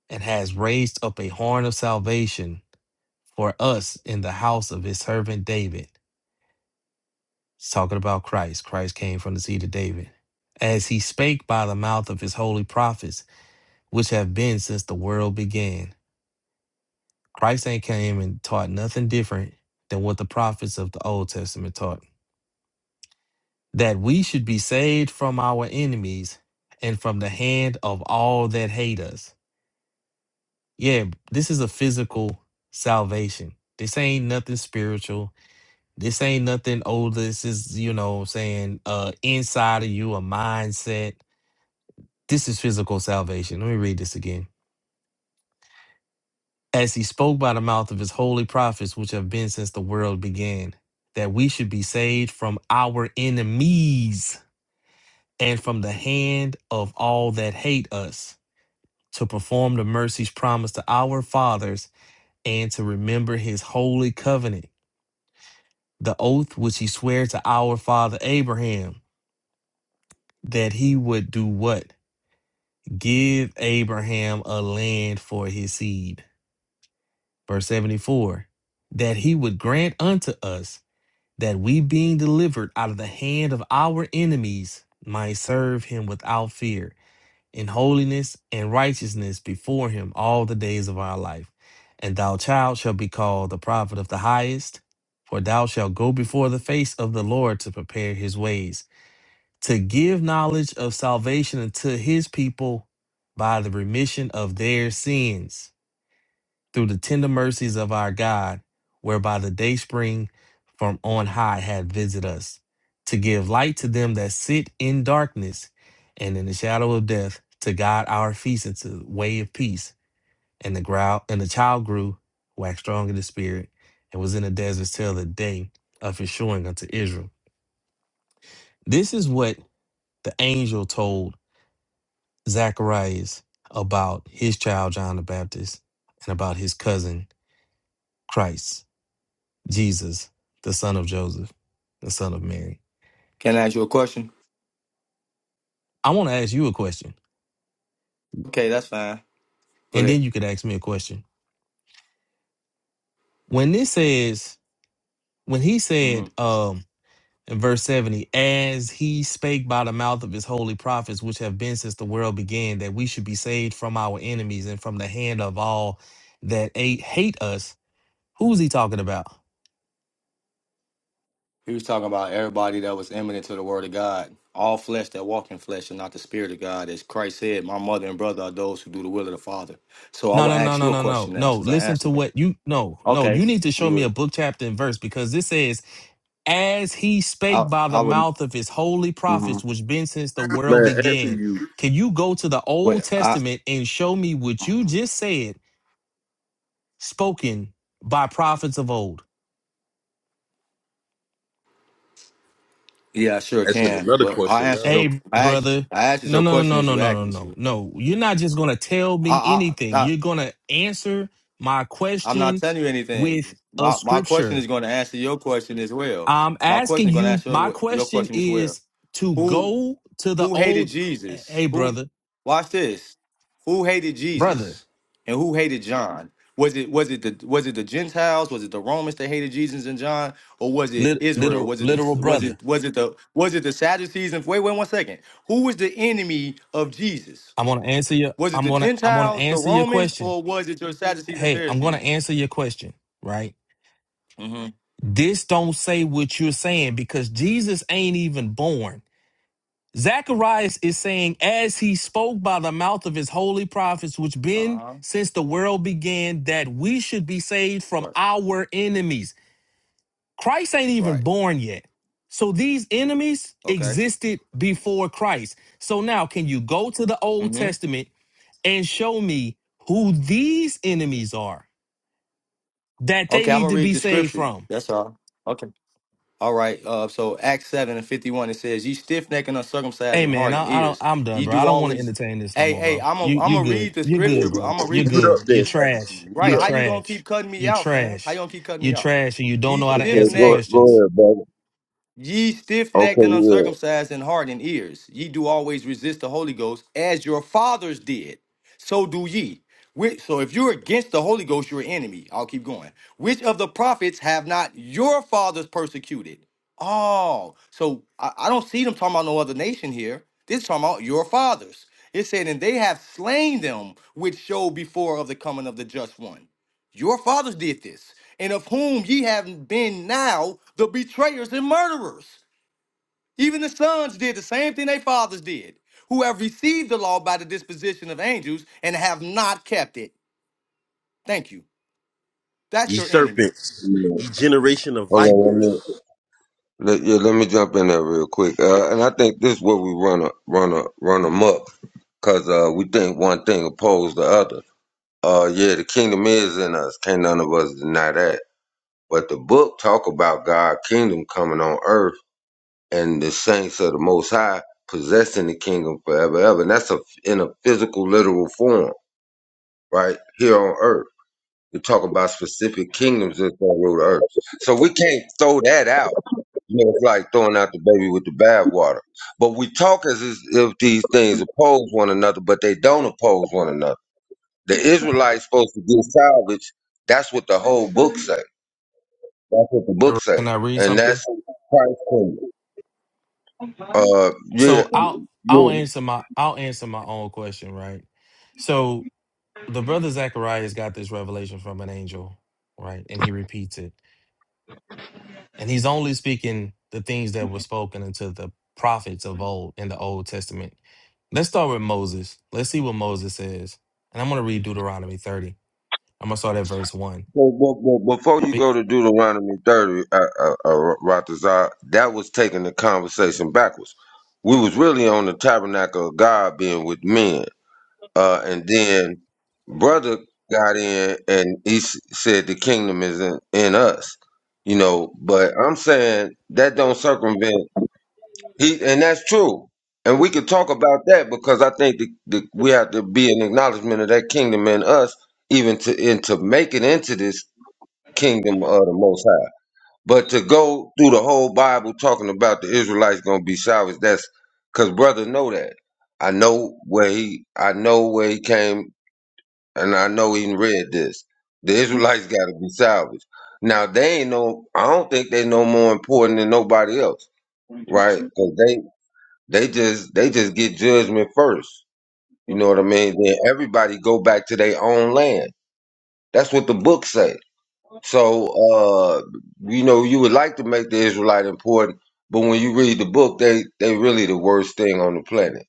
Speaker 8: and has raised up a horn of salvation for us in the house of his servant David. It's talking about Christ. Christ came from the seed of David. As he spake by the mouth of his holy prophets, which have been since the world began. Christ ain't came and taught nothing different than what the prophets of the Old Testament taught. that we should be saved from our enemies and from the hand of all that hate us. Yeah, this is a physical salvation. This ain't nothing spiritual. This ain't nothing Oh, This is, you know, what I'm saying uh inside of you, a mindset. This is physical salvation. Let me read this again. As he spoke by the mouth of his holy prophets, which have been since the world began, that we should be saved from our enemies and from the hand of all that hate us to perform the mercies promised to our fathers and to remember his holy covenant, the oath which he swore to our father Abraham, that he would do what? Give Abraham a land for his seed. Verse 74 that he would grant unto us that we, being delivered out of the hand of our enemies, might serve him without fear in holiness and righteousness before him all the days of our life. And thou, child, shalt be called the prophet of the highest, for thou shalt go before the face of the Lord to prepare his ways, to give knowledge of salvation unto his people by the remission of their sins through the tender mercies of our God, whereby the day spring from on high hath visited us, to give light to them that sit in darkness and in the shadow of death, to guide our feet into the way of peace. And the growl and the child grew, waxed strong in the spirit, and was in the desert till the day of his showing unto Israel. This is what the angel told Zacharias about his child John the Baptist and about his cousin Christ Jesus, the son of Joseph, the son of Mary.
Speaker 7: Can I ask you a question?
Speaker 8: I want to ask you a question,
Speaker 7: Okay, that's fine.
Speaker 8: and
Speaker 7: But
Speaker 8: then you could ask me a question. When this says, when he said
Speaker 7: mhm,
Speaker 8: um, in verse 70, as he spake by the mouth of his holy prophets, which have been since the world began, that we should be saved from our enemies and from the hand of all that a- hate us, who's he talking about?
Speaker 7: he was talking about everybody that was eminent to the word of God. All flesh that walk in flesh and not the spirit of God. As Christ said, my mother and brother are those who do the will of the Father. So I
Speaker 8: No,
Speaker 7: will
Speaker 8: no, no,
Speaker 7: ask
Speaker 8: no,
Speaker 7: you a
Speaker 8: no, no,
Speaker 7: question now
Speaker 8: no.
Speaker 7: since I
Speaker 8: Listen to
Speaker 7: answered it.
Speaker 8: what you no, no.
Speaker 7: Okay.
Speaker 8: You need to show
Speaker 7: You
Speaker 8: me a
Speaker 7: would,
Speaker 8: book, chapter, and verse because this says as he
Speaker 7: I,
Speaker 8: spake by the
Speaker 7: I would,
Speaker 8: mouth of his holy
Speaker 7: hmm
Speaker 8: prophets, which been since the world
Speaker 9: Man, answer
Speaker 8: began.
Speaker 9: you.
Speaker 8: Can you go to the Old
Speaker 7: wait, I,
Speaker 8: Testament and show me what you
Speaker 7: mhm.
Speaker 8: just said, spoken by prophets of old?
Speaker 7: yeah, I sure
Speaker 9: Answer
Speaker 7: can.
Speaker 9: another
Speaker 7: But I
Speaker 9: question
Speaker 7: answered
Speaker 9: now.
Speaker 7: your,
Speaker 8: Hey,
Speaker 7: I asked,
Speaker 8: brother.
Speaker 7: I answered
Speaker 8: No,
Speaker 7: your
Speaker 8: no, no,
Speaker 7: question
Speaker 8: no,
Speaker 7: as
Speaker 8: no,
Speaker 7: you asked
Speaker 8: no, no,
Speaker 7: me
Speaker 8: no.
Speaker 7: to.
Speaker 8: No, you're not just going
Speaker 7: So
Speaker 8: to tell
Speaker 7: I,
Speaker 8: me
Speaker 7: I,
Speaker 8: anything.
Speaker 7: I,
Speaker 8: You're going to answer my
Speaker 7: I'm not
Speaker 8: question
Speaker 7: telling you
Speaker 8: with
Speaker 7: anything.
Speaker 8: a
Speaker 7: My, my question is
Speaker 8: scripture.
Speaker 7: going to answer your question as well.
Speaker 8: I'm
Speaker 7: My question
Speaker 8: asking
Speaker 7: is going to
Speaker 8: you,
Speaker 7: answer
Speaker 8: my
Speaker 7: your, your
Speaker 8: question
Speaker 7: question as well.
Speaker 8: is to
Speaker 7: Who
Speaker 8: go to the
Speaker 7: who hated
Speaker 8: old.
Speaker 7: Jesus?
Speaker 8: Hey,
Speaker 7: Who
Speaker 8: brother,
Speaker 7: watch this? Who hated
Speaker 8: brother.
Speaker 7: Jesus and who hated John? Was it was it the was it the Gentiles? Was it the Romans that hated Jesus and John, or was it
Speaker 8: Lit,
Speaker 7: Israel?
Speaker 8: literal,
Speaker 7: Was it
Speaker 8: literal
Speaker 7: the was
Speaker 8: brother.
Speaker 7: it was it the was it the Sadducees? And wait, wait one second. Who was the enemy of Jesus?
Speaker 8: I'm gonna answer your.
Speaker 7: Was it
Speaker 8: I'm
Speaker 7: the
Speaker 8: gonna. I'm gonna
Speaker 7: Gentiles, the
Speaker 8: answer your
Speaker 7: Romans,
Speaker 8: question.
Speaker 7: or was it your Sadducees and
Speaker 8: Hey, I'm gonna
Speaker 7: Pharisees?
Speaker 8: answer your question. Right.
Speaker 7: Mm-hmm.
Speaker 8: This don't say what you're saying because Jesus ain't even born. Zacharias is saying, as he spoke by the mouth of his holy prophets, which
Speaker 7: Uh
Speaker 8: been
Speaker 7: huh.
Speaker 8: since the world began, that we should be saved from
Speaker 7: Right.
Speaker 8: our enemies. Christ ain't even
Speaker 7: Right.
Speaker 8: born yet. So these enemies
Speaker 7: Okay.
Speaker 8: existed before Christ. So now, can you go to the Old
Speaker 7: Mm-hmm.
Speaker 8: Testament and show me who these enemies are that they
Speaker 7: Okay. I'm
Speaker 8: need
Speaker 7: gonna
Speaker 8: to
Speaker 7: read
Speaker 8: be
Speaker 7: the
Speaker 8: saved
Speaker 7: scripture.
Speaker 8: from.
Speaker 7: That's all. Okay. All right. Uh, so Acts seven and fifty one it says, "Ye stiff necked and uncircumcised
Speaker 8: Hey
Speaker 7: in
Speaker 8: man,
Speaker 7: heart and
Speaker 8: I, I don't
Speaker 7: ears,
Speaker 8: I'm done,
Speaker 7: ye
Speaker 8: bro. I
Speaker 7: do
Speaker 8: don't want to
Speaker 7: always."
Speaker 8: entertain this no
Speaker 7: Hey,
Speaker 8: more,
Speaker 7: hey,
Speaker 8: bro.
Speaker 7: I'm a,
Speaker 8: You
Speaker 7: I'm
Speaker 8: you
Speaker 7: gonna read
Speaker 8: good.
Speaker 7: the
Speaker 8: You're
Speaker 7: scripture,
Speaker 8: good,
Speaker 7: bro.
Speaker 8: bro.
Speaker 7: I'm gonna
Speaker 8: You're
Speaker 7: read.
Speaker 9: Mute
Speaker 8: good.
Speaker 9: up
Speaker 8: You're
Speaker 9: then, Sadducee.
Speaker 8: trash.
Speaker 9: Mute
Speaker 7: Right?
Speaker 8: You're
Speaker 7: How
Speaker 9: up.
Speaker 7: you gonna keep
Speaker 8: trash.
Speaker 7: cutting me
Speaker 8: You're
Speaker 7: out, fam? How you
Speaker 8: trash.
Speaker 7: gonna keep cutting me
Speaker 8: You're
Speaker 7: off?
Speaker 8: trash and you don't
Speaker 7: Ye
Speaker 8: know how to
Speaker 7: stiff
Speaker 1: Okay,
Speaker 8: answer
Speaker 7: necked
Speaker 1: go go
Speaker 8: questions.
Speaker 1: ahead, brother.
Speaker 7: Ye stiff
Speaker 1: Okay,
Speaker 7: necked and
Speaker 1: yeah,
Speaker 7: uncircumcised in heart and ears, ye do always resist the Holy Ghost, as your fathers did, so do ye. Which, so if you're against the Holy Ghost, you're an enemy. I'll keep going. Which of the prophets have not your fathers persecuted? Oh, so I, I don't see them talking about no other nation here. This is talking about your fathers. It said, and they have slain them which showed before of the coming of the just one. Your fathers did this and of whom ye have been now the betrayers and murderers. Even the sons did the same thing they fathers did, who have received the law by the disposition of angels and have not kept it. Thank you. That's
Speaker 9: Ye
Speaker 7: your enemy.
Speaker 9: serpents,
Speaker 1: yeah.
Speaker 9: ye generation of
Speaker 1: Hold on, let me
Speaker 9: vipers.
Speaker 1: let, yeah, let me jump in there real quick. Uh, and I think this is where we run a run a run amok because uh, we think one thing opposed the other. Uh, yeah, the kingdom is in us. Can't none of us deny that. But the book talk about God's kingdom coming on earth and the saints of the Most High possessing the kingdom forever, ever. And that's a, in a physical, literal form, right here on earth. We talk about specific kingdoms that's gonna rule the earth. So we can't throw that out. You know, it's like throwing out the baby with the bathwater. But we talk as if these things oppose one another, but they don't oppose one another. The Israelites supposed to get salvaged. That's what the whole book says. That's what the book say,
Speaker 8: Can I read
Speaker 1: and
Speaker 8: something?
Speaker 1: that's Christ for you.
Speaker 10: Yeah.
Speaker 1: Uh, yeah,
Speaker 8: So I'll I'll
Speaker 1: yeah.
Speaker 8: answer my I'll answer my own question, right? So the brother Zacharias got this revelation from an angel, right? And he repeats it. And he's only speaking the things that were spoken unto the prophets of old in the Old Testament. Let's start with Moses. Let's see what Moses says. And I'm going to read Deuteronomy 30. I'm going to start at verse 1.
Speaker 1: So, but, but before you go
Speaker 8: Be-
Speaker 1: to Deuteronomy thirty, uh, uh, uh, Ratazar, that was taking the conversation backwards. We was really on the tabernacle of God being with men, uh, and then brother got in and he s- said the kingdom is in, in us, you know. But I'm saying that don't circumvent. He and that's true. And we could talk about that because I think the, the, we have to be an acknowledgement of that kingdom in us, even to and to make it into this kingdom of the Most High. But to go through the whole Bible talking about the Israelites going to be salvaged, that's because brother know that. I know where he, I know where he came, and I know he read this. The Israelites got to be salvaged. Now they ain't no, I don't think they no more important than nobody else, right? Because they they just they just get judgment first. You know what I mean? Then everybody go back to their own land. That's what the book say. So uh you know you would like to make the Israelite important, but when you read the book, they they really the worst thing on the planet.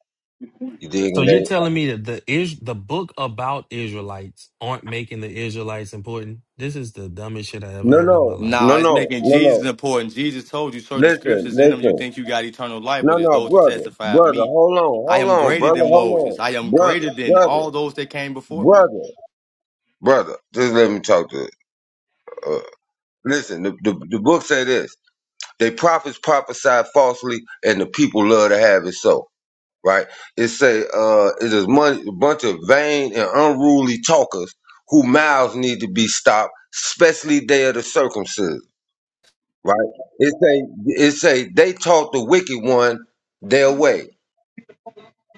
Speaker 1: You dig?
Speaker 8: So
Speaker 1: And they
Speaker 8: you're telling me that the is the book about Israelites aren't making the Israelites important? This is the dumbest shit I ever
Speaker 1: no
Speaker 8: heard in my
Speaker 1: no
Speaker 8: life.
Speaker 7: Nah,
Speaker 1: no
Speaker 7: it's
Speaker 1: no
Speaker 7: making
Speaker 1: no
Speaker 7: Jesus
Speaker 1: no.
Speaker 7: important. Jesus told you, search the
Speaker 1: Listen,
Speaker 7: scriptures in them, you
Speaker 1: listen.
Speaker 7: think you got eternal life,
Speaker 1: No,
Speaker 7: but it's
Speaker 1: no,
Speaker 7: those who
Speaker 1: brother,
Speaker 7: testify of
Speaker 1: brother,
Speaker 7: me.
Speaker 1: hold on,
Speaker 7: I
Speaker 1: hold
Speaker 7: am
Speaker 1: on,
Speaker 7: greater
Speaker 1: brother,
Speaker 7: than
Speaker 1: hold
Speaker 7: Moses.
Speaker 1: on,
Speaker 7: I am greater
Speaker 1: brother,
Speaker 7: than
Speaker 1: brother,
Speaker 7: all those that came before me.
Speaker 1: brother, brother. Just let me talk to. Uh, listen, the, the the book say this. They prophets prophesy falsely, and the people love to have it so. Right? It say uh, it is mon- a bunch of vain and unruly talkers who mouths need to be stopped, especially they of the circumcision. Right? It say it say they taught the wicked one their way.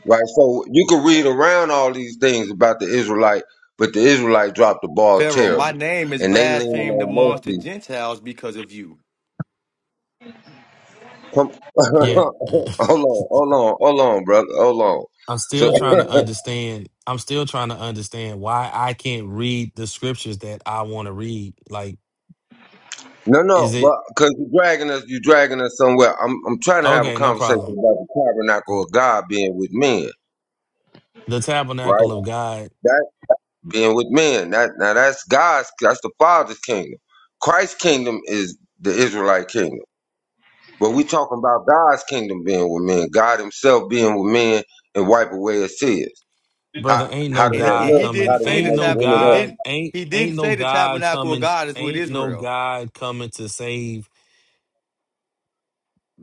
Speaker 1: Right? So you can read around all these things about the Israelite, but the Israelite dropped the ball
Speaker 7: Pharaoh, my
Speaker 1: terribly,
Speaker 7: name is
Speaker 1: and they leaning
Speaker 7: blasphemed
Speaker 1: on
Speaker 7: amongst the
Speaker 1: mercy
Speaker 7: Gentiles because of you.
Speaker 1: Come,
Speaker 8: Yeah.
Speaker 1: hold on, hold on, hold on, brother, hold on.
Speaker 8: I'm
Speaker 1: So
Speaker 8: still trying to understand. I'm still trying to understand why I can't read the scriptures that I want to read. Like,
Speaker 1: no,
Speaker 8: is
Speaker 1: no, but
Speaker 8: it
Speaker 1: because you're dragging us, you're dragging us somewhere. I'm, I'm trying to have a
Speaker 8: okay? No
Speaker 1: conversation about
Speaker 8: problem.
Speaker 1: the tabernacle of God being with men,
Speaker 8: the
Speaker 1: right?
Speaker 8: tabernacle of God,
Speaker 1: That being with men. That now that's God's, that's the Father's kingdom. Christ's kingdom is the Israelite kingdom, but we talking about God's kingdom being with men. God Himself being with men and wipe away His tears. How,
Speaker 8: brother. Ain't
Speaker 1: how
Speaker 8: no
Speaker 1: did
Speaker 7: And he,
Speaker 1: that
Speaker 8: God
Speaker 7: and
Speaker 1: look?
Speaker 7: he
Speaker 8: coming.
Speaker 7: didn't
Speaker 1: How do
Speaker 7: say the
Speaker 1: we
Speaker 8: Ain't
Speaker 1: make it
Speaker 8: no
Speaker 7: tab
Speaker 1: into
Speaker 7: he
Speaker 8: God.
Speaker 1: that?
Speaker 7: didn't
Speaker 8: Ain't
Speaker 7: he didn't
Speaker 8: ain't no
Speaker 7: say the
Speaker 8: God
Speaker 7: tabernacle of
Speaker 8: coming.
Speaker 7: God is with
Speaker 8: Ain't no
Speaker 7: Israel.
Speaker 8: God coming to save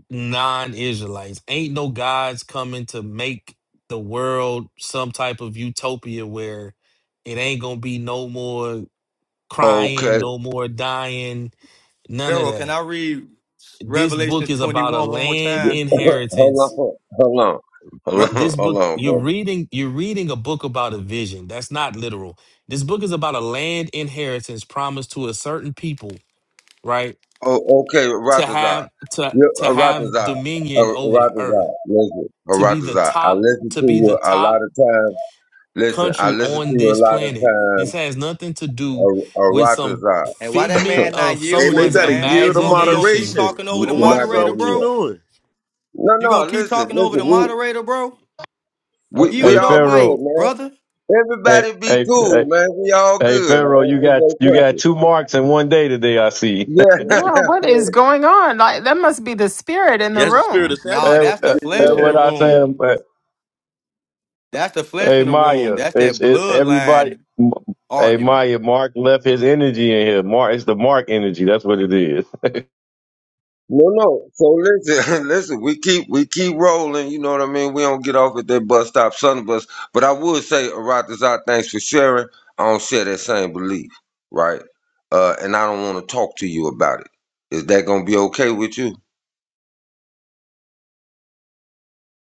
Speaker 8: non-Israelites. Ain't no God's coming to make the world some type of utopia where it ain't gonna be no more crying,
Speaker 1: Okay,
Speaker 8: no more dying, none of
Speaker 7: Pharaoh, can
Speaker 8: that.
Speaker 7: I read
Speaker 8: This book
Speaker 7: Revelations
Speaker 8: is about a
Speaker 7: 21 one more
Speaker 8: land
Speaker 1: hold
Speaker 7: time?
Speaker 1: on, hold
Speaker 8: inheritance
Speaker 1: on, hold
Speaker 7: Re-
Speaker 1: on,
Speaker 8: this
Speaker 1: hold
Speaker 8: book
Speaker 1: on,
Speaker 8: you're
Speaker 1: bro.
Speaker 8: reading you're reading a book about a vision that's not literal this book is about a land inheritance promised to a certain people right
Speaker 1: Oh, okay,
Speaker 8: to
Speaker 1: Ratazar.
Speaker 8: have to
Speaker 1: Yeah,
Speaker 8: to have
Speaker 1: Ratazar.
Speaker 8: dominion over the earth
Speaker 1: Ratazar. Listen,
Speaker 8: to be the
Speaker 1: Ratazar. I
Speaker 8: top
Speaker 1: listen
Speaker 8: to
Speaker 1: to
Speaker 8: be the
Speaker 1: you a
Speaker 8: top
Speaker 1: lot of times. Listen, I
Speaker 8: country
Speaker 1: listen to
Speaker 8: on
Speaker 1: you a
Speaker 8: this
Speaker 1: lot
Speaker 8: planet
Speaker 1: of
Speaker 8: this
Speaker 1: times.
Speaker 8: has nothing to do with some
Speaker 1: Ratazar.
Speaker 7: and why that
Speaker 8: figment
Speaker 7: man not
Speaker 8: of
Speaker 9: Hey, man, you
Speaker 7: yielding,
Speaker 8: someone's
Speaker 9: gotta
Speaker 7: man? Hey
Speaker 9: yield to
Speaker 7: bro, you gonna keep
Speaker 8: imagination
Speaker 9: moderation.
Speaker 7: talking over
Speaker 1: You're
Speaker 7: the
Speaker 9: Or watch
Speaker 1: not
Speaker 9: this out
Speaker 1: gonna
Speaker 7: moderator,
Speaker 9: what you
Speaker 1: hear.
Speaker 7: bro?
Speaker 9: doing.
Speaker 1: No,
Speaker 7: You
Speaker 1: no.
Speaker 7: gonna keep
Speaker 1: Listen,
Speaker 7: talking over
Speaker 1: listen.
Speaker 7: the
Speaker 1: We
Speaker 7: moderator, bro?
Speaker 1: we we
Speaker 4: Hey,
Speaker 7: Yield your
Speaker 1: all good,
Speaker 4: Pharaoh.
Speaker 7: mic,
Speaker 1: man.
Speaker 7: brother.
Speaker 4: Hey,
Speaker 1: Everybody be
Speaker 4: hey,
Speaker 1: cool,
Speaker 4: hey,
Speaker 1: man. We all
Speaker 4: hey,
Speaker 1: good,
Speaker 4: Pharaoh. You
Speaker 1: man. There's
Speaker 4: got
Speaker 1: no
Speaker 4: you got
Speaker 1: pressure.
Speaker 4: two marks in one day today. I see.
Speaker 1: Yeah,
Speaker 6: Yeah, what is going on? Like that must be the spirit in
Speaker 9: He
Speaker 6: the
Speaker 9: has the spirit of
Speaker 6: room.
Speaker 7: Nah,
Speaker 9: Sadducee.
Speaker 4: And
Speaker 7: that's the
Speaker 4: that,
Speaker 1: yeah.
Speaker 7: flesh
Speaker 4: that
Speaker 7: in
Speaker 4: what
Speaker 7: the
Speaker 4: I
Speaker 7: room.
Speaker 4: say.
Speaker 7: That's the flesh
Speaker 4: Hey
Speaker 7: in the room.
Speaker 4: Maya,
Speaker 7: That's
Speaker 4: it's
Speaker 7: that
Speaker 4: it everybody.
Speaker 7: bloodline
Speaker 4: M- Hey
Speaker 7: argument.
Speaker 4: Maya, Mark left his energy in here. Mark, it's the Mark energy. That's what it is.
Speaker 1: No, no. So listen, listen. We keep we keep rolling. You know what I mean. We don't get off at that bus stop, son of us. But I would say, Aratazar, thanks for sharing. I don't share that same belief, right? Uh, and I don't want to talk to you about it. Is that gonna be okay with you?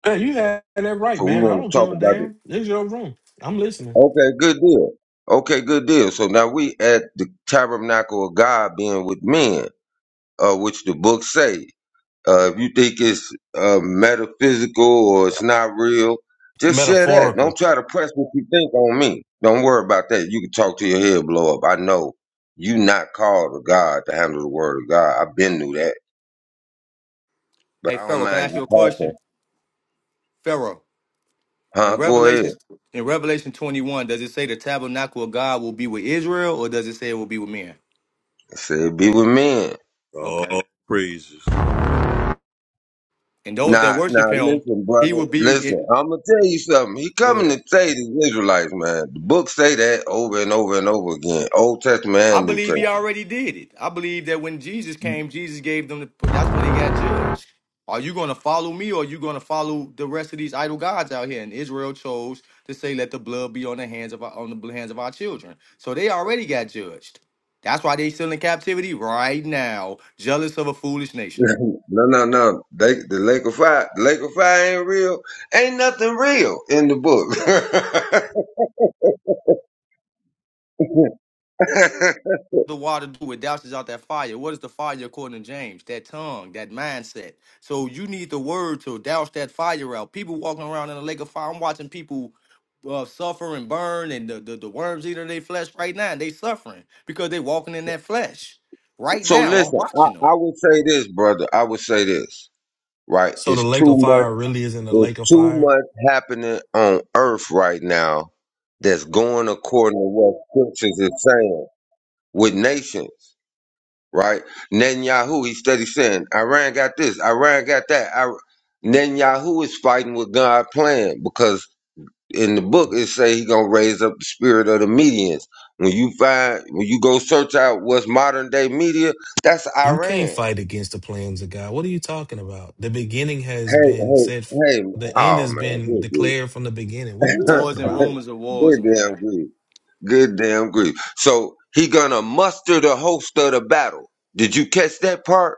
Speaker 8: Hey, you had that right,
Speaker 1: So we
Speaker 8: man. I
Speaker 1: want
Speaker 8: don't
Speaker 1: to
Speaker 8: give
Speaker 1: talk
Speaker 8: a
Speaker 1: about it.
Speaker 8: damn. It's your room. I'm listening.
Speaker 1: Okay, good deal. Okay, good deal. So now we at the tabernacle of God being with men, uh, which the book say. Uh, if you think it's uh, metaphysical or it's not real, just share that. Don't
Speaker 8: metaphorical
Speaker 1: try to press what you think on me. Don't worry about that. You can talk to your head blow up. I know you not called to God to handle the word of God. I've been through that, but
Speaker 7: Hey
Speaker 1: I don't
Speaker 7: Pharaoh, can I
Speaker 1: mind
Speaker 7: ask
Speaker 1: you
Speaker 7: you a question?
Speaker 1: talking.
Speaker 7: Pharaoh.
Speaker 1: Huh?
Speaker 7: In
Speaker 1: Go ahead.
Speaker 7: Revelation, in Revelation 21, does it say the tabernacle of God will be with Israel or does it say it will be with men?
Speaker 1: I said, be with men.
Speaker 7: Okay.
Speaker 9: Oh, praises.
Speaker 7: And those that
Speaker 1: Nah, nah,
Speaker 7: worship him,
Speaker 1: listen,
Speaker 7: he
Speaker 1: brother.
Speaker 7: will be.
Speaker 1: Listen,
Speaker 7: It,
Speaker 1: I'm going to tell you something. He
Speaker 7: go
Speaker 1: coming
Speaker 7: ahead.
Speaker 1: to say these Israelites, man. The books say that over and over and over again. Old Testament
Speaker 7: I
Speaker 1: and New
Speaker 7: believe
Speaker 1: Testament.
Speaker 7: he already did it. I believe that when Jesus came, Jesus gave them the. That's when they got judged. Are you going to follow me or are you going to follow the rest of these idol gods out here? And Israel chose to say, let the blood be on the hands of our, on the hands of our children. So they already got judged. That's why they still in captivity right now, jealous of a foolish nation.
Speaker 1: no, no, no. They, the lake of fire, the lake of fire ain't real. Ain't nothing real in the book.
Speaker 7: the water do it douses out that fire. What is the fire according to James? That tongue, that mindset. So you need the word to douse that fire out. People walking around in a lake of fire. I'm watching people uh, suffer and burn, and the, the, the worms eating their flesh right now. And they suffering because they walking in that flesh right
Speaker 1: so
Speaker 7: now. I'm
Speaker 1: listen, I,
Speaker 7: watching them.
Speaker 1: I would say this, brother. I would say this, right?
Speaker 8: So the
Speaker 1: It's
Speaker 8: lake of
Speaker 1: too
Speaker 8: fire
Speaker 1: much.
Speaker 8: really isn't a
Speaker 1: It's
Speaker 8: lake of
Speaker 1: too
Speaker 8: fire?
Speaker 1: much happening on Earth right now that's going according to what scriptures is saying with nations, right? Netanyahu, he steady saying, Iran got this, Iran got that. I, Netanyahu is fighting with God's plan because in the book it say he gonna raise up the spirit of the medians. When you find when you go search out what's modern day media, that's
Speaker 8: You can't
Speaker 1: Iran.
Speaker 8: fight against the plans of God. What are you talking about? The beginning has
Speaker 1: Hey,
Speaker 8: been said,
Speaker 1: hey,
Speaker 8: f-
Speaker 1: hey,
Speaker 8: the end
Speaker 1: oh
Speaker 8: has
Speaker 1: man,
Speaker 8: been
Speaker 1: good dude.
Speaker 8: declared from the beginning. What are you
Speaker 7: Wars
Speaker 8: talking
Speaker 7: and
Speaker 8: about,
Speaker 7: rumors of wars,
Speaker 1: good
Speaker 7: man.
Speaker 1: damn grief. Good damn grief. So he gonna muster the host of the battle. Did you catch that part?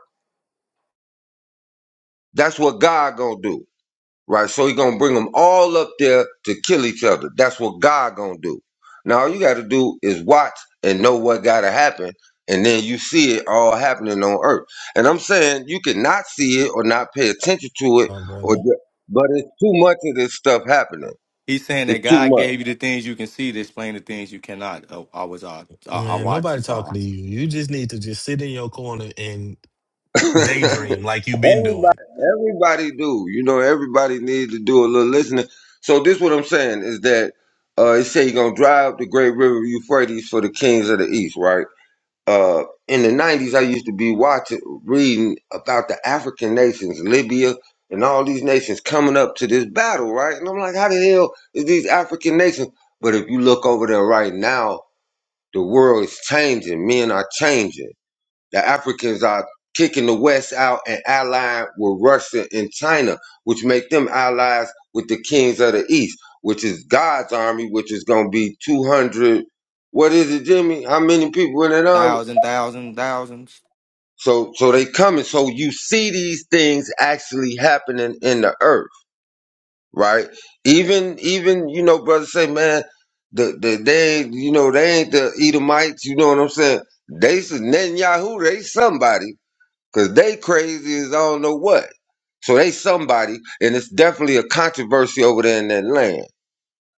Speaker 1: That's what God gonna do. right? So he gonna bring them all up there to kill each other. That's what God gonna do. Now all you gotta do is watch and know what gotta happen, and then you see it all happening on earth. And I'm saying you cannot see it or not pay attention to it,
Speaker 8: my
Speaker 1: or
Speaker 8: brother?
Speaker 1: ju- but it's too much of this stuff happening.
Speaker 7: He's saying
Speaker 1: It's
Speaker 7: that
Speaker 1: too
Speaker 7: God
Speaker 1: much.
Speaker 7: gave you the things you can see to explain the things you cannot. Uh, I was uh, I, I
Speaker 8: Man,
Speaker 7: watched
Speaker 8: nobody
Speaker 7: this
Speaker 8: talking
Speaker 7: all.
Speaker 8: to you. You just need to just sit in your corner and
Speaker 1: everybody,
Speaker 8: daydream like you've been doing.
Speaker 1: everybody do. You know, everybody needs to do a little listening. So this what I'm saying is that uh, he said he gonna drive the great river Euphrates for the kings of the east, right? uh, in the nineties, I used to be watching, reading about the African nations, Libya, and all these nations coming up to this battle, right? And I'm like, how the hell is these African nations? But if you look over there right now, the world is changing. Men are changing. The Africans are kicking the West out and allying with Russia and China, which make them allies with the kings of the East, which is God's army, which is going to be 200. What is it, Jimmy? How many people in that army?
Speaker 7: Thousand, thousand, thousands.
Speaker 1: So so they coming. So you see these things actually happening in the earth, right? Even even you know, brothers say, man, the the they you know they ain't the Edomites. You know what I'm saying? They said Netanyahu, they somebody because they crazy as I don't know what. So they somebody, and it's definitely a controversy over there in that land,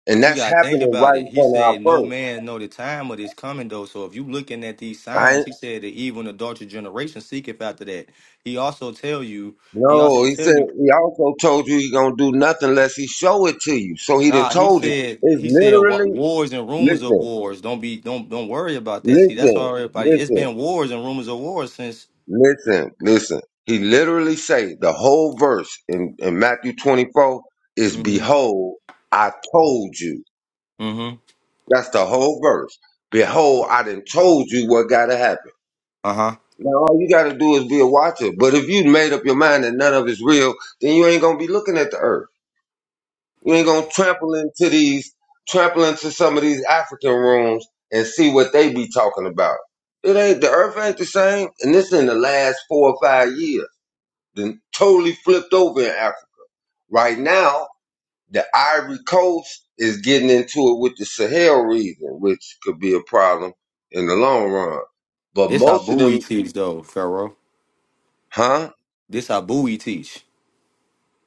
Speaker 1: and
Speaker 7: But you
Speaker 1: that's
Speaker 7: gotta think
Speaker 1: happening
Speaker 7: about
Speaker 1: right
Speaker 7: it.
Speaker 1: in
Speaker 7: He
Speaker 1: front of our
Speaker 7: said, "No
Speaker 1: first.
Speaker 7: man know the time of his coming, though." So if you looking at these signs, he said that even adulterous generation seeketh after that. He also tell you. He
Speaker 1: No,
Speaker 7: also
Speaker 1: he
Speaker 7: tell
Speaker 1: said
Speaker 7: you.
Speaker 1: he also told you he gonna do nothing unless he show it to you. So he done
Speaker 7: Nah, he
Speaker 1: told you.
Speaker 7: said.
Speaker 1: It's
Speaker 7: He said wa-
Speaker 1: literally
Speaker 7: wars and rumors of
Speaker 1: listen,
Speaker 7: wars. Don't be. Don't don't worry about that. See, that's
Speaker 1: listen,
Speaker 7: all everybody. It's
Speaker 1: listen,
Speaker 7: been wars and rumors of wars since.
Speaker 1: listen, listen. He literally say the whole verse in, in Matthew twenty four is
Speaker 7: Mm-hmm.
Speaker 1: behold, I told you.
Speaker 7: Mm-hmm.
Speaker 1: That's the whole verse. Behold, I done told you what gotta happen.
Speaker 7: Uh huh.
Speaker 1: Now all you gotta do is be a watcher. But if you made up your mind that none of it's real, then you ain't gonna be looking at the earth. You ain't gonna trample into these, trample into some of these African rooms and see what they be talking about. It ain't the earth ain't the same, and this in the last four or five years. Then totally flipped over in Africa. Right now, the Ivory Coast is getting into it with the Sahel region, which could be a problem in the long run. But
Speaker 7: This how
Speaker 1: most of them,
Speaker 7: Bowie teach though, Pharaoh.
Speaker 1: huh?
Speaker 7: This how Bowie teach.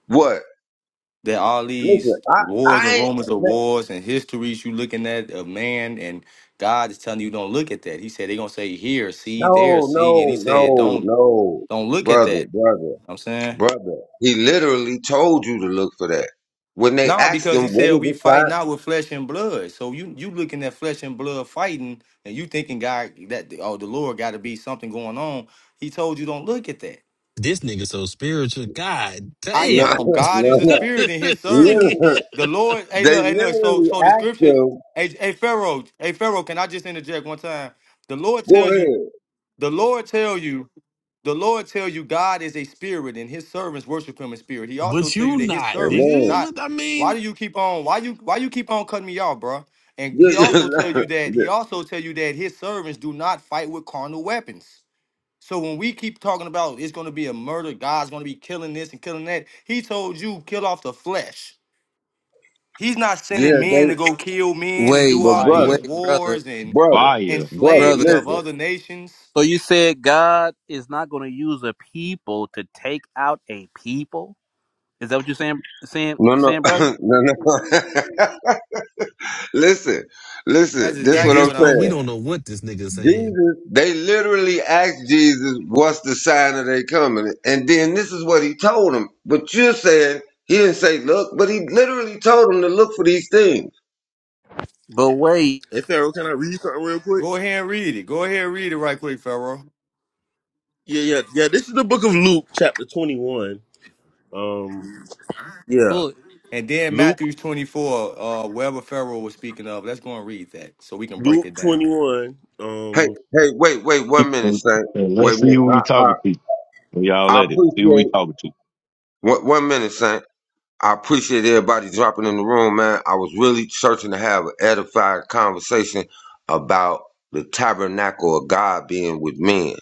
Speaker 1: What?
Speaker 7: There are all
Speaker 1: Listen,
Speaker 7: these
Speaker 1: I,
Speaker 7: wars
Speaker 1: I
Speaker 7: and
Speaker 1: ain't,
Speaker 7: rumors of wars and histories you looking at of man and God is telling you don't look at that. He said they're gonna say here, see, there,
Speaker 1: no,
Speaker 7: see, and he
Speaker 1: no,
Speaker 7: said
Speaker 1: no,
Speaker 7: don't
Speaker 1: no,
Speaker 7: don't look at
Speaker 1: brother,
Speaker 7: that.
Speaker 1: brother.
Speaker 7: I'm saying
Speaker 1: Brother, he literally told you to look for that. When they
Speaker 7: no,
Speaker 1: asked
Speaker 7: because
Speaker 1: him,
Speaker 7: he
Speaker 1: what
Speaker 7: said
Speaker 1: is
Speaker 7: we
Speaker 1: the
Speaker 7: fight
Speaker 1: sign?
Speaker 7: not with flesh and blood. So you you looking at flesh and blood fighting, and you thinking God that oh the Lord got to be something going on. He told you don't look at that.
Speaker 8: This nigga so spiritual. God
Speaker 7: I
Speaker 1: No,
Speaker 8: damn.
Speaker 7: am. God is
Speaker 1: no,
Speaker 7: the
Speaker 8: this
Speaker 1: no.
Speaker 7: spirit and his servants.
Speaker 8: nigga here.
Speaker 1: Literally,
Speaker 7: The Lord, hey
Speaker 1: they
Speaker 7: look, hey look, so
Speaker 1: literally
Speaker 7: so the
Speaker 1: asked
Speaker 7: scripture,
Speaker 1: him,
Speaker 7: hey, hey Pharaoh, hey Pharaoh, can I just interject one time? The Lord tell
Speaker 1: go
Speaker 7: you,
Speaker 1: ahead.
Speaker 7: the Lord tell you, the Lord tell you God is a spirit and his servants worship him in spirit. He also
Speaker 8: But
Speaker 7: tell you
Speaker 8: you
Speaker 7: that his
Speaker 8: not,
Speaker 7: servants do
Speaker 1: Amen.
Speaker 8: nigga.
Speaker 7: not.
Speaker 8: What I
Speaker 7: Why
Speaker 8: mean,
Speaker 7: do you keep on why you why you keep on cutting me off, bruh? And he also tell you that he also tell you that his servants do not fight with carnal weapons. So when we keep talking about it's going to be a murder, God's going to be killing this and killing that, he told you kill off the flesh. He's not sending
Speaker 1: yeah,
Speaker 7: men
Speaker 1: they,
Speaker 7: to go kill men and do
Speaker 11: Wait,
Speaker 1: but
Speaker 7: all
Speaker 4: Maya,
Speaker 7: these
Speaker 1: brother,
Speaker 11: wait, brother,
Speaker 7: wars and
Speaker 1: brother,
Speaker 4: Maya.
Speaker 1: brother,
Speaker 7: enslaving
Speaker 11: brother.
Speaker 7: of
Speaker 1: listen.
Speaker 7: other nations.
Speaker 11: So you said God is not going to use a people to take out a people? Is that what you're saying, saying,
Speaker 1: No, no,
Speaker 11: saying, brother?
Speaker 1: no, no. listen, listen.
Speaker 7: That's
Speaker 1: This is
Speaker 8: at
Speaker 1: what
Speaker 7: exactly
Speaker 1: I'm
Speaker 8: this
Speaker 7: what I'm
Speaker 1: saying.
Speaker 8: point, we don't
Speaker 7: saying.
Speaker 8: know what this nigga saying.
Speaker 1: Jesus, they literally asked Jesus, "What's the sign of they coming?" And then this is what he told them. But you're saying he didn't say look, but he literally told them to look for these things.
Speaker 11: But wait,
Speaker 9: Hey, Pharaoh, can I read something real quick?
Speaker 7: Go ahead and read it. Go ahead and read it right quick, Pharaoh.
Speaker 9: Yeah, yeah, yeah. This is the book of Luke, chapter 21. Um, Yeah.
Speaker 11: pull it.
Speaker 7: And then
Speaker 9: Luke,
Speaker 7: Matthew 24, uh, wherever Pharaoh was speaking of, let's go and read that so we can break
Speaker 9: Luke
Speaker 7: it down.
Speaker 9: 21.
Speaker 1: Hey,
Speaker 9: Um.
Speaker 1: hey, wait, wait, one minute,
Speaker 4: And
Speaker 1: Saint.
Speaker 4: Let's
Speaker 1: Wait a
Speaker 4: see
Speaker 1: minute.
Speaker 4: who
Speaker 1: I,
Speaker 4: we talking
Speaker 1: I,
Speaker 4: to. Y'all
Speaker 1: I
Speaker 4: let it. See who we
Speaker 1: appreciate.
Speaker 4: talking to.
Speaker 1: One, one minute, Saint. I appreciate everybody dropping in the room, man. I was really searching to have an edified conversation about the tabernacle of God being with men.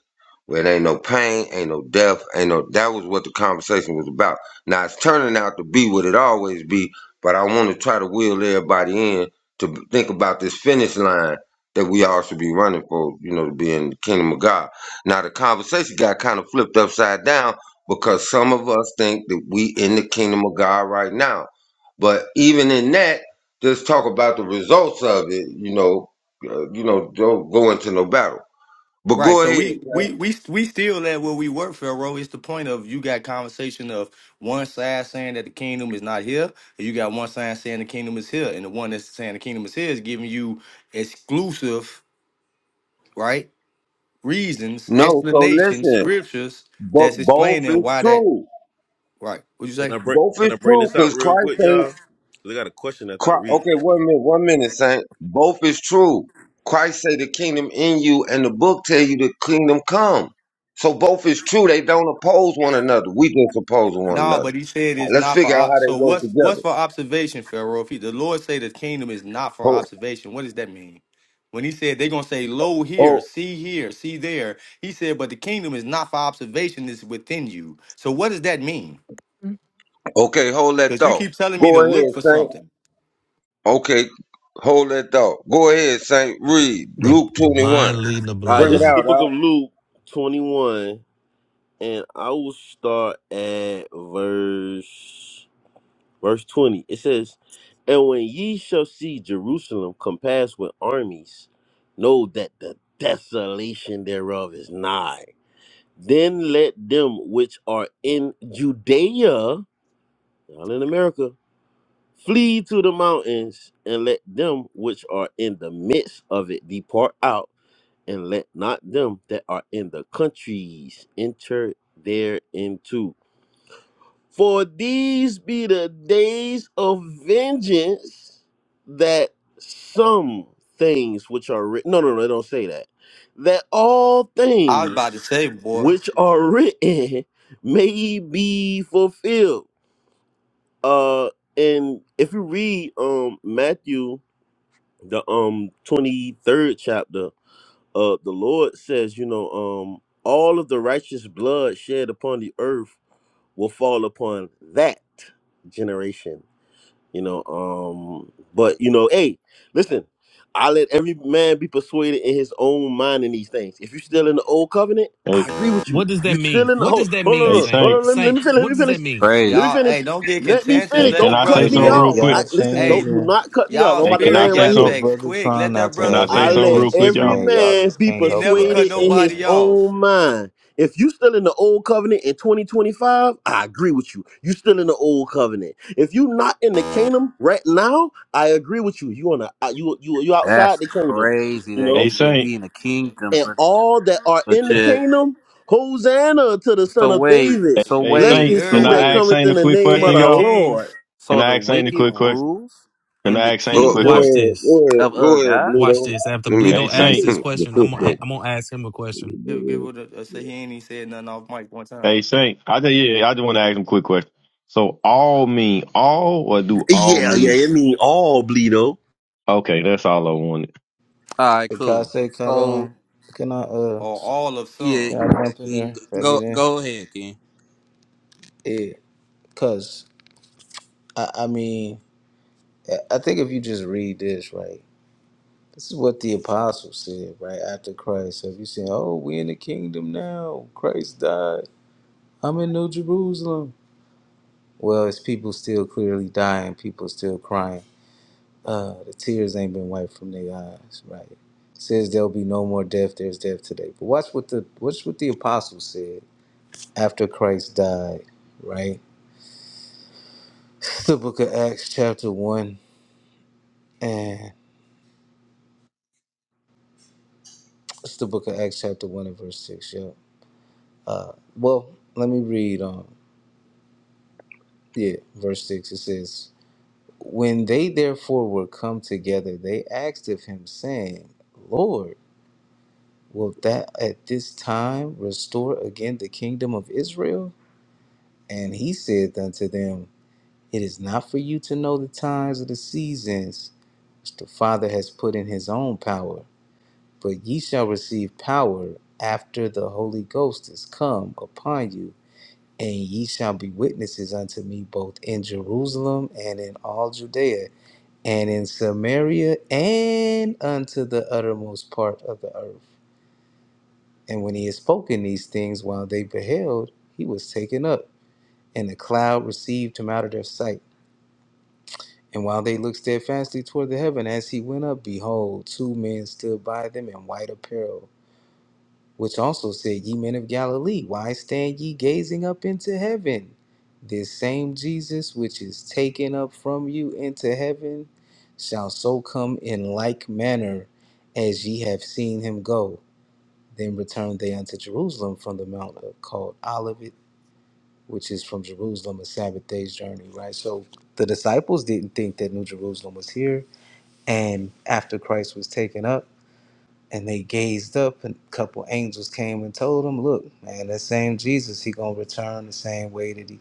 Speaker 1: Where it ain't no pain, ain't no death, ain't no that was what the conversation was about. Now it's turning out to be what it always be, but I want to try to wheel everybody in to b- think about this finish line that we all should be running for, you know, to be in the kingdom of God. Now the conversation got kind of flipped upside down because some of us think that we in the kingdom of God right now. But even in that, just talk about the results of it. You know, uh, you know, don't go into no battle. But
Speaker 7: Right.
Speaker 1: go
Speaker 7: So
Speaker 1: ahead.
Speaker 7: we we we we still at where we were, Pharaoh. It's the point of you got conversation of one side saying that the kingdom is not here, and you got one side saying the kingdom is here, and the one that's saying the kingdom is here is giving you exclusive right reasons,
Speaker 1: No, so
Speaker 7: explanations,
Speaker 1: listen.
Speaker 7: scriptures
Speaker 1: But
Speaker 7: that's
Speaker 1: both
Speaker 7: explaining
Speaker 1: is
Speaker 7: why that
Speaker 1: true.
Speaker 7: right. Would you
Speaker 9: Can
Speaker 7: say?
Speaker 9: I bring
Speaker 1: Both
Speaker 9: Can I
Speaker 1: is
Speaker 9: bring
Speaker 1: true
Speaker 9: this out
Speaker 1: because
Speaker 9: real
Speaker 1: Christ
Speaker 9: quick,
Speaker 1: say,
Speaker 9: y'all? 'Cause I got a question after I
Speaker 1: Chri-
Speaker 9: read
Speaker 1: okay,
Speaker 9: this.
Speaker 1: one minute, one minute, Saint. Both is true. Christ say the kingdom in you, and the book tell you the kingdom come. So both is true. They don't oppose one another. We just oppose one
Speaker 7: No,
Speaker 1: another.
Speaker 7: but he said it's
Speaker 1: Let's
Speaker 7: not for
Speaker 1: figure out
Speaker 7: ob-
Speaker 1: how they
Speaker 7: so
Speaker 1: work
Speaker 7: what's what's
Speaker 1: together.
Speaker 7: for observation, Pharaoh? If he, the Lord say the kingdom is not for
Speaker 1: Oh,
Speaker 7: observation, what does that mean? When he said they're gonna say, Lo here,
Speaker 1: oh,
Speaker 7: see here, see there, he said, But the kingdom is not for observation, it's within you. So what does that mean?
Speaker 6: Mm.
Speaker 1: okay. Hold that
Speaker 7: Because you
Speaker 1: thought.
Speaker 7: keep telling me
Speaker 1: Go
Speaker 7: to look
Speaker 1: ahead,
Speaker 7: for
Speaker 1: Saint.
Speaker 7: something.
Speaker 1: Okay, hold that thought. Go ahead, Saint. Read
Speaker 8: The
Speaker 1: Luke
Speaker 8: the
Speaker 1: twenty-one.
Speaker 8: blind leading the
Speaker 9: All right,
Speaker 1: Bring it
Speaker 9: this is
Speaker 8: blind.
Speaker 9: the
Speaker 1: out,
Speaker 9: book
Speaker 1: Doc.
Speaker 9: of Luke twenty one, and I will start at verse verse twenty. It says, "And when ye shall see Jerusalem compassed with armies, know that the desolation thereof is nigh. Then let them which are in Judea, y'all in America." Flee to the mountains, and let them which are in the midst of it depart out, and let not them that are in the countries enter thereinto. For these be the days of vengeance, that some things which are written. No, no, no, don't say that. That all
Speaker 7: I was
Speaker 9: things
Speaker 7: about to say, boy,
Speaker 9: which are written may be fulfilled. Uh, and if you read um Matthew the um twenty third chapter, uh, the Lord says, you know, um, all of the righteous blood shed upon the earth will fall upon that generation you know um but you know hey listen i let every man be persuaded in his own mind in these things if you're still in the old covenant i
Speaker 4: Hey,
Speaker 9: agree with you
Speaker 8: What does that
Speaker 9: you're still
Speaker 8: mean?
Speaker 9: in the
Speaker 8: What
Speaker 9: hold
Speaker 8: does that
Speaker 9: hold on
Speaker 8: mean,
Speaker 4: hey
Speaker 9: hold on,
Speaker 8: Saint?
Speaker 9: hold
Speaker 4: Saint.
Speaker 9: on let, me, let me
Speaker 8: Saint,
Speaker 9: finish let
Speaker 8: what
Speaker 9: me
Speaker 8: does
Speaker 9: finish
Speaker 8: that mean?
Speaker 9: let me
Speaker 11: Crazy.
Speaker 7: y'all,
Speaker 9: finish
Speaker 7: hey, don't get
Speaker 9: let me
Speaker 7: contentious.
Speaker 4: Hey,
Speaker 9: finish
Speaker 7: Let
Speaker 4: can
Speaker 7: the
Speaker 9: don't
Speaker 4: I
Speaker 9: cut
Speaker 5: Hey,
Speaker 7: brother
Speaker 4: say
Speaker 9: me
Speaker 4: something
Speaker 5: look,
Speaker 7: finish.
Speaker 4: real
Speaker 9: off
Speaker 4: quick?
Speaker 9: i
Speaker 5: y'all
Speaker 9: listen don't
Speaker 7: Hey,
Speaker 9: do
Speaker 5: changing.
Speaker 9: not cut me off i'm
Speaker 7: y'all
Speaker 4: Hey,
Speaker 9: about to
Speaker 4: can I
Speaker 7: spirit
Speaker 9: land
Speaker 4: say
Speaker 9: right
Speaker 7: got
Speaker 5: The
Speaker 9: here
Speaker 4: something?
Speaker 7: vexed
Speaker 5: brother
Speaker 7: quick.
Speaker 5: trying
Speaker 7: Let
Speaker 5: not
Speaker 7: that
Speaker 5: to
Speaker 4: Can
Speaker 7: brother
Speaker 4: I
Speaker 5: have a
Speaker 4: say
Speaker 9: I
Speaker 4: something
Speaker 9: let
Speaker 4: real
Speaker 7: finish.
Speaker 4: quick,
Speaker 5: contentious
Speaker 9: every
Speaker 4: y'all?
Speaker 5: man. Y'all
Speaker 9: man
Speaker 5: just
Speaker 9: be
Speaker 5: can't
Speaker 7: He
Speaker 5: help
Speaker 7: never cut
Speaker 9: persuaded in
Speaker 5: yourself,
Speaker 9: his
Speaker 7: nobody
Speaker 5: man.
Speaker 7: off.
Speaker 9: own mind. If you still in the old covenant in 2025, I agree with you. You still in the old covenant. If you not in the kingdom right now, I agree with you. You on a uh, you you you
Speaker 11: That's
Speaker 9: outside the kingdom,
Speaker 11: crazy
Speaker 9: you
Speaker 11: that
Speaker 9: know.
Speaker 4: Hey
Speaker 11: he said
Speaker 4: Saint.
Speaker 11: he in the kingdom,
Speaker 9: And
Speaker 11: but
Speaker 9: all that are in
Speaker 11: but
Speaker 9: the
Speaker 8: Eh,
Speaker 11: yet.
Speaker 9: kingdom, Hosanna to the Son
Speaker 11: So
Speaker 9: of
Speaker 11: wait,
Speaker 9: David.
Speaker 4: Hey,
Speaker 11: so
Speaker 4: hey
Speaker 9: Blessed
Speaker 11: wait,
Speaker 7: You
Speaker 4: Saint.
Speaker 9: is
Speaker 11: so
Speaker 4: Can
Speaker 9: he
Speaker 7: heard me?
Speaker 9: that
Speaker 4: I
Speaker 11: wait.
Speaker 4: ask
Speaker 9: cometh
Speaker 4: Saint a
Speaker 9: in the
Speaker 4: quick
Speaker 9: name of
Speaker 4: question,
Speaker 7: King
Speaker 9: the
Speaker 7: of
Speaker 4: y'all?
Speaker 9: Lord.
Speaker 7: Kings.
Speaker 4: Can
Speaker 11: So
Speaker 4: I
Speaker 11: the
Speaker 4: ask Saint a
Speaker 11: wicked
Speaker 4: quick question?
Speaker 11: rules
Speaker 4: Can
Speaker 11: in the
Speaker 4: I ask Saint a
Speaker 1: Go,
Speaker 4: quick
Speaker 1: go
Speaker 11: kingdom
Speaker 8: Watch
Speaker 4: question?
Speaker 1: ahead,
Speaker 8: this.
Speaker 1: go ahead,
Speaker 11: of uh
Speaker 1: go ahead,
Speaker 11: God.
Speaker 8: Watch
Speaker 1: Bluto.
Speaker 8: this. After
Speaker 1: Let me.
Speaker 4: Hey
Speaker 8: Bleedo asks
Speaker 4: Saint.
Speaker 8: this question, I'm gonna I'm gonna ask him a question.
Speaker 7: Give, give it a, a say he ain't even said nothing off mic one
Speaker 4: Hey
Speaker 7: time.
Speaker 4: Saint, I just yeah, I just want to ask him a quick question. So all mean all or do all
Speaker 9: Yeah, yeah. I
Speaker 4: means
Speaker 9: mean all bleedo.
Speaker 4: okay, that's all I wanted.
Speaker 11: All right,
Speaker 5: Cause I
Speaker 11: cool.
Speaker 5: say, can I,
Speaker 11: So,
Speaker 5: can I, uh,
Speaker 7: Or
Speaker 11: so
Speaker 7: all of
Speaker 11: yeah,
Speaker 5: can
Speaker 7: some.
Speaker 5: I
Speaker 11: yeah,
Speaker 5: jump in
Speaker 11: King,
Speaker 5: there? Can I
Speaker 11: go
Speaker 5: get in?
Speaker 11: go ahead, King.
Speaker 5: Yeah, cause I, I mean, I I think if you just read this right, this is what the apostles said right after Christ. Have you seen? "Oh, we in the kingdom now. Christ died. I'm in New Jerusalem." Well, it's people still clearly dying. People still crying. Uh, the tears ain't been wiped from their eyes. Right? says there'll be no more death. There's death today. But watch what the watch what the apostles said. after Christ died, right? It's the book of Acts, chapter 1, and it's the book of Acts, chapter 1, and verse 6. Yeah. Uh, well, let me read on. Yeah, verse 6. It says, When they therefore were come together, they asked of him, saying, Lord, wilt thou at this time restore again the kingdom of Israel? And he said unto them, It is not for you to know the times or the seasons which the Father has put in his own power But ye shall receive power after the Holy Ghost is come upon you, and ye shall be witnesses unto me both in Jerusalem and in all Judea and in Samaria and unto the uttermost part of the earth. And when he had spoken these things while they beheld, he was taken up, and the cloud received him out of their sight. And while they looked steadfastly toward the heaven as he went up, behold, two men stood by them in white apparel which also said, Ye men of Galilee, why stand ye gazing up into heaven? This same Jesus which is taken up from you into heaven shall so come in like manner as ye have seen him go. Then returned they unto Jerusalem from the mount of- called Olivet, which is from Jerusalem a Sabbath day's journey, right? So the disciples didn't think that New Jerusalem was here. And after Christ was taken up, and they gazed up and a couple angels came and told them look man that same jesus he gonna return the same way that he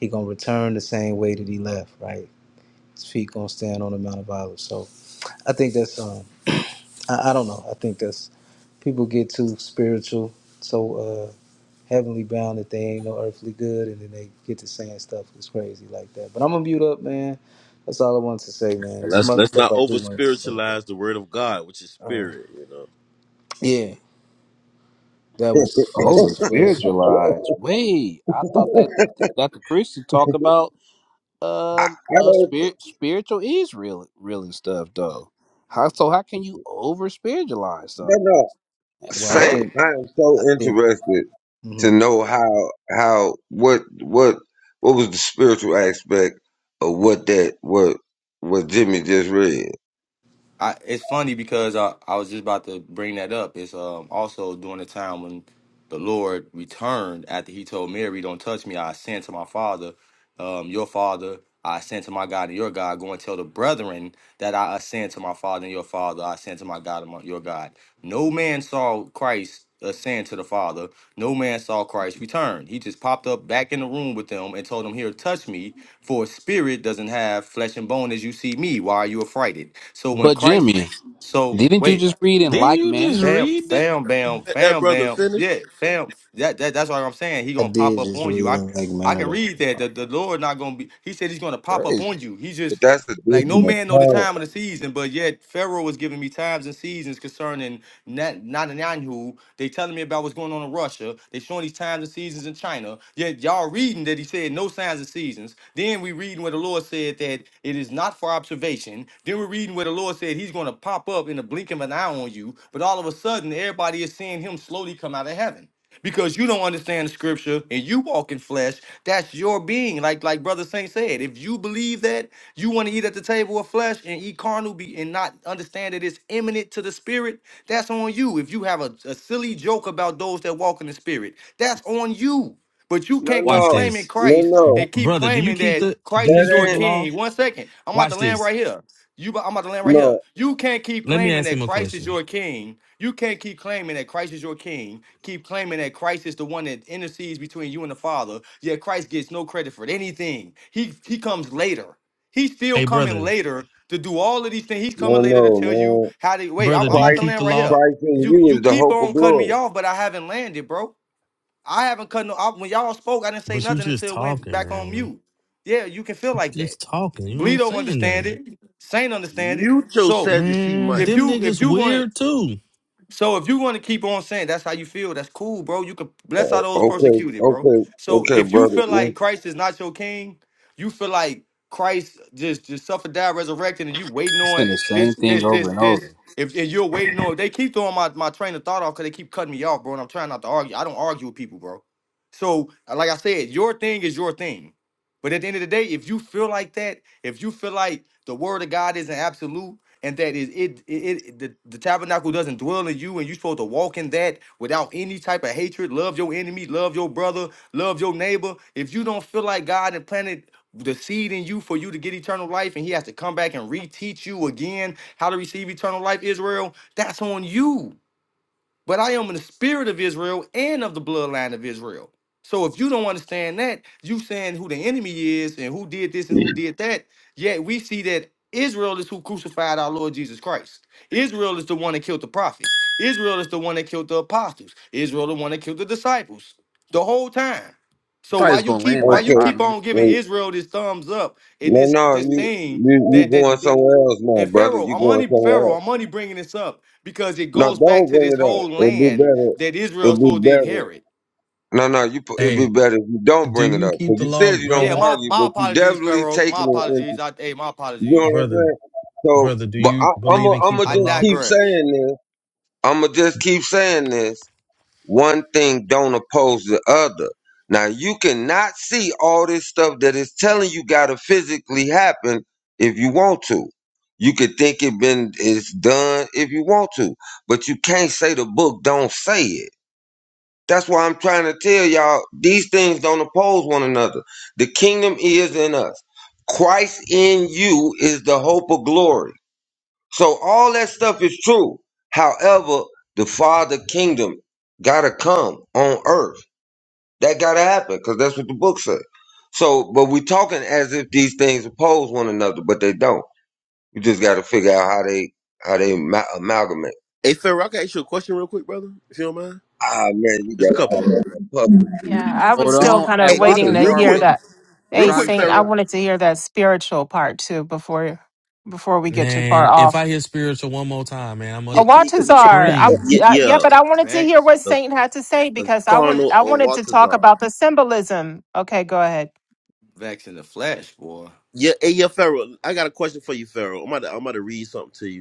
Speaker 5: he gonna return the same way that he left right his feet gonna stand on the mount of olives so i think that's um i, I don't know i think that's people get too spiritual so uh heavenly bound that they ain't no earthly good and then they get to saying stuff that's crazy like that but i'm gonna mute up man that's all i wanted to say man
Speaker 9: And
Speaker 5: there's some
Speaker 9: let's
Speaker 5: other
Speaker 9: let's
Speaker 5: stuff
Speaker 9: not
Speaker 5: i do
Speaker 9: over
Speaker 5: wanted to say
Speaker 9: spiritualize the
Speaker 5: but
Speaker 9: word of God, which is
Speaker 5: uh
Speaker 9: spirit, you know.
Speaker 5: yeah that which is flesh
Speaker 11: Over
Speaker 5: is flesh
Speaker 11: spiritualized. Wait, I thought that Dr. Christie talked about
Speaker 1: I,
Speaker 11: um
Speaker 1: I
Speaker 11: uh
Speaker 1: don't.
Speaker 11: spirit spiritual is real real and stuff though. How so how can you over spiritualize
Speaker 1: No,
Speaker 11: something?
Speaker 1: no.
Speaker 11: That's
Speaker 5: well i
Speaker 1: Saint,
Speaker 11: crazy.
Speaker 5: think
Speaker 1: I am
Speaker 5: I
Speaker 1: so
Speaker 5: think
Speaker 1: interested. to
Speaker 5: mhm.
Speaker 1: know how how what what what was the spiritual aspect of what that what what Jimmy just read.
Speaker 7: I it's funny because I, I was just about to bring that up. It's um also during the time when the Lord returned after he told Mary, Don't touch me, I ascend to my father, um, your father, I ascend to my God and your God. Go and tell the brethren that I ascend to my father and your father, I ascend to my God and my, your God. No man saw Christ ascend to the Father. No man saw Christ return. He just popped up back in the room with them and told them, Here, touch me. For a spirit doesn't have flesh and bone as you see me. Why are you affrighted? So when
Speaker 11: But
Speaker 7: Christ,
Speaker 11: Jimmy,
Speaker 7: so
Speaker 11: didn't you
Speaker 7: wait,
Speaker 11: just read in
Speaker 8: Didn't
Speaker 11: like
Speaker 8: you just
Speaker 11: manner?
Speaker 7: fam,
Speaker 8: read that?
Speaker 7: fam, bam,
Speaker 9: Let that
Speaker 7: fam,
Speaker 9: brother
Speaker 7: bam,
Speaker 9: finish.
Speaker 7: yeah, fam. That, that that's what I'm saying. He
Speaker 5: I
Speaker 7: gonna pop
Speaker 5: did
Speaker 7: up
Speaker 5: just
Speaker 7: on you.
Speaker 5: read
Speaker 7: I
Speaker 5: in Lake
Speaker 7: I can
Speaker 5: Manado.
Speaker 7: read that. The, the Lord not gonna be. He said he's gonna pop up on
Speaker 11: Crazy.
Speaker 7: you. He
Speaker 1: But
Speaker 7: just
Speaker 1: that's a
Speaker 7: like
Speaker 1: different
Speaker 7: no man know the
Speaker 1: account.
Speaker 7: time of the season, but yet Pharaoh was giving me times and seasons concerning Net- Netanyahu. They telling me about what's going on in Russia. They showing these times and seasons in China. Yet y'all reading that he said no signs and seasons. Then we reading where the Lord said that it is not for observation. Then we're reading where the Lord said he's going to pop up in the blink of an eye on you. But all of a sudden, everybody is seeing him slowly come out of heaven because you don't understand the scripture and you walk in flesh that's your being like like brother saint said if you believe that you want to eat at the table of flesh and eat carnal be and not understand that it's imminent to the spirit that's on you if you have a, a silly joke about those that walk in the spirit that's on you but you
Speaker 1: No,
Speaker 7: can't keep
Speaker 8: Watch
Speaker 1: no,
Speaker 7: claiming
Speaker 8: this,
Speaker 1: no,
Speaker 7: christ
Speaker 8: Br-
Speaker 1: no.
Speaker 7: and keep
Speaker 8: brother. Do you
Speaker 7: claiming
Speaker 8: keep
Speaker 7: that
Speaker 8: the Do
Speaker 7: christ
Speaker 8: you
Speaker 7: is
Speaker 1: That
Speaker 7: your
Speaker 8: keep the
Speaker 1: ain't
Speaker 8: law?
Speaker 7: king one second i'm about to
Speaker 8: Watch
Speaker 7: land
Speaker 8: this.
Speaker 7: right here you, I'm about to land right here.
Speaker 1: no,
Speaker 7: You can't keep
Speaker 8: Let me
Speaker 7: claiming
Speaker 8: ask
Speaker 7: that
Speaker 8: him a
Speaker 7: Christ is
Speaker 8: question.
Speaker 7: your king you can't keep claiming that Christ is your king, keep claiming that Christ is the one that intercedes between you and the Father, yet Christ gets no credit for anything. He he comes later. He's still
Speaker 8: Hey,
Speaker 7: coming
Speaker 8: brother,
Speaker 7: later to do all of these things. He's
Speaker 1: no,
Speaker 7: coming later to
Speaker 1: no,
Speaker 7: tell you
Speaker 1: man.
Speaker 7: how to wait.
Speaker 8: brother,
Speaker 7: I'm,
Speaker 8: do
Speaker 7: I'm out
Speaker 8: you
Speaker 7: the
Speaker 1: Christ,
Speaker 8: keep
Speaker 7: land
Speaker 8: the
Speaker 7: right
Speaker 8: law?
Speaker 7: here.
Speaker 1: Christ in
Speaker 7: You
Speaker 1: you
Speaker 7: you
Speaker 1: is the
Speaker 7: keep
Speaker 1: hope of
Speaker 7: on cutting me
Speaker 1: glory.
Speaker 7: off, but I haven't landed, bro. I haven't cut no. I, when y'all spoke, I didn't say
Speaker 8: But you
Speaker 7: nothing
Speaker 8: just
Speaker 7: until it went
Speaker 8: talking,
Speaker 7: back on
Speaker 8: man.
Speaker 7: mute. Yeah, you can feel like that.
Speaker 8: Just talking. You
Speaker 7: Bleed
Speaker 8: ain't
Speaker 7: don't
Speaker 8: saying
Speaker 7: understand
Speaker 8: nothing,
Speaker 7: it. Saint understand it.
Speaker 9: Mute your
Speaker 7: So
Speaker 9: Sadducee
Speaker 8: man.
Speaker 9: mic.
Speaker 7: if
Speaker 8: Them
Speaker 7: you if
Speaker 8: niggas
Speaker 7: you gonna
Speaker 8: weird too.
Speaker 7: so if you want to keep on saying that's how you feel, that's cool, bro. You could bless all
Speaker 1: O-
Speaker 7: those
Speaker 1: Okay,
Speaker 7: persecuted, bro.
Speaker 1: okay,
Speaker 7: So
Speaker 1: okay,
Speaker 7: if you
Speaker 1: brother.
Speaker 7: feel like Christ is not your king, you feel like Christ just just suffered, died, resurrected, and you waiting
Speaker 11: He's
Speaker 7: on
Speaker 11: saying the
Speaker 7: this,
Speaker 11: same thing
Speaker 7: this,
Speaker 11: over
Speaker 7: this,
Speaker 11: and
Speaker 7: this.
Speaker 11: over.
Speaker 7: If, if you're waiting on, they keep throwing my, my train of thought off because they keep cutting me off, bro. And I'm trying not to argue. I don't argue with people, bro. So uh, like I said, your thing is your thing. But at the end of the day, if you feel like that, if you feel like the word of God isn't absolute, and that is it it, it the, the tabernacle doesn't dwell in you and you're supposed to walk in that without any type of hatred love your enemy love your brother love your neighbor if you don't feel like god and planted the seed in you for you to get eternal life and he has to come back and reteach you again how to receive eternal life israel that's on you but I am in the spirit of Israel and of the bloodline of Israel. So if you don't understand that, you saying who the enemy is and who did this and
Speaker 1: Mm,
Speaker 7: who did that, yet we see that Israel is who crucified our Lord Jesus Christ. Israel is the one that killed the prophets. Israel is the one that killed the apostles. Israel the one that killed the disciples the whole time.
Speaker 11: I
Speaker 7: So
Speaker 11: thought he
Speaker 7: why
Speaker 11: was
Speaker 7: you
Speaker 11: gonna
Speaker 7: keep
Speaker 11: land
Speaker 7: why
Speaker 11: like
Speaker 7: you
Speaker 1: Okay,
Speaker 11: five
Speaker 7: keep on
Speaker 11: minutes
Speaker 7: giving
Speaker 1: Mm,
Speaker 11: ago.
Speaker 7: Israel this thumbs up and
Speaker 1: no,
Speaker 7: this
Speaker 1: no,
Speaker 7: this
Speaker 1: you you
Speaker 7: thing
Speaker 1: you
Speaker 7: that
Speaker 1: going
Speaker 7: that
Speaker 1: somewhere else now,
Speaker 7: and
Speaker 1: brother.
Speaker 7: Pharaoh,
Speaker 1: You
Speaker 7: I'm
Speaker 1: going
Speaker 7: only
Speaker 1: somewhere else.
Speaker 7: Pharaoh, I'm only bringing this up because it
Speaker 1: No,
Speaker 7: goes back
Speaker 1: don't
Speaker 7: to
Speaker 1: bring
Speaker 7: this
Speaker 1: it up.
Speaker 7: whole
Speaker 1: It'd be
Speaker 7: land
Speaker 1: better.
Speaker 7: that Israel is
Speaker 1: It'd be
Speaker 7: supposed to
Speaker 1: better.
Speaker 7: inherit.
Speaker 1: No, no, you. pu- It'd be
Speaker 8: Hey,
Speaker 1: better if you don't
Speaker 8: Do
Speaker 1: bring it
Speaker 8: you
Speaker 1: up
Speaker 8: keep
Speaker 1: because
Speaker 8: the
Speaker 1: you
Speaker 8: law,
Speaker 1: said you don't
Speaker 7: Yeah,
Speaker 8: brother?
Speaker 7: my
Speaker 1: argue,
Speaker 7: my
Speaker 1: but you
Speaker 7: apologies,
Speaker 1: definitely
Speaker 7: Pharaoh. My
Speaker 1: taking it into.
Speaker 7: apologies. I hey, my
Speaker 1: You know
Speaker 7: apologies.
Speaker 1: what I'm
Speaker 8: Brother,
Speaker 1: saying? So,
Speaker 8: brother, do
Speaker 1: but
Speaker 8: you
Speaker 1: I, I'm
Speaker 8: believe
Speaker 1: i
Speaker 8: in
Speaker 1: I'm gonna
Speaker 8: keeping
Speaker 7: I
Speaker 8: the
Speaker 1: just
Speaker 8: law?
Speaker 1: keep
Speaker 7: digress.
Speaker 1: saying this. I'm gonna just keep saying this. One thing don't oppose the other. Now you cannot see all this stuff that is telling you gotta physically happen if you want to. You could think it been it's done if you want to, but you can't say the book don't say it. That's why I'm trying to tell y'all these things don't oppose one another. The kingdom is in us. Christ in you is the hope of glory. So all that stuff is true. However, the Father Kingdom gotta come on earth. That gotta happen because that's what the book says. So, but we talking as if these things oppose one another, but they don't. You just gotta figure out how they how they ma- amalgamate.
Speaker 9: Hey Pharaoh, I can ask you a question real quick, brother, if you don't mind.
Speaker 1: Ah man, you
Speaker 9: Just a
Speaker 1: got
Speaker 9: couple of them.
Speaker 1: I'm
Speaker 6: Yeah, I was
Speaker 11: Hold
Speaker 6: still
Speaker 11: on.
Speaker 6: kind of
Speaker 11: At
Speaker 9: Hey,
Speaker 6: waiting
Speaker 9: listen,
Speaker 6: to
Speaker 9: real
Speaker 11: Waltazar
Speaker 6: hear
Speaker 9: quick.
Speaker 11: was
Speaker 6: that.
Speaker 9: Real
Speaker 6: Hey,
Speaker 11: trying
Speaker 9: quick,
Speaker 11: to
Speaker 6: Saint,
Speaker 11: say
Speaker 6: I
Speaker 9: Pharaoh.
Speaker 11: something.
Speaker 6: wanted to hear that spiritual part too before before we get too far
Speaker 8: Man, if
Speaker 6: off.
Speaker 8: I hear spiritual one more time, man, I'm
Speaker 9: Yeah,
Speaker 6: A
Speaker 8: going to
Speaker 9: yeah, yeah,
Speaker 6: Watazar. I,
Speaker 8: scream.
Speaker 9: yeah.
Speaker 6: I, yeah,
Speaker 9: yeah.
Speaker 6: but I wanted to hear
Speaker 7: Vex,
Speaker 6: what
Speaker 9: The,
Speaker 6: Saint had to say
Speaker 9: the
Speaker 6: because I want
Speaker 9: Cardinal
Speaker 6: I
Speaker 9: or
Speaker 6: wanted to talk
Speaker 9: Waltazar.
Speaker 6: about the symbolism. Okay, go ahead.
Speaker 7: vex in the flesh, boy.
Speaker 9: Yeah, hey, yeah, Pharaoh. I got a question for you, Pharaoh. I'm about to, I'm about to read something to you.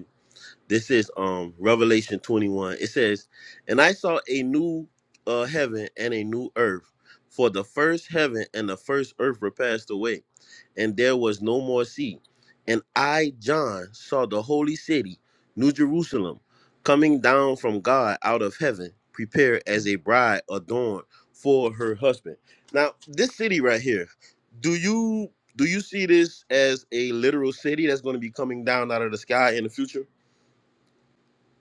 Speaker 9: This is um Revelation 21. It says, "And I saw a new uh, heaven and a new earth, for the first heaven and the first earth were passed away, and there was no more sea. And I, John, saw the holy city, New Jerusalem, coming down from God out of heaven, prepared as a bride adorned for her husband." Now, this city right here, do you do you see this as a literal city that's going to be coming down out of the sky in the future?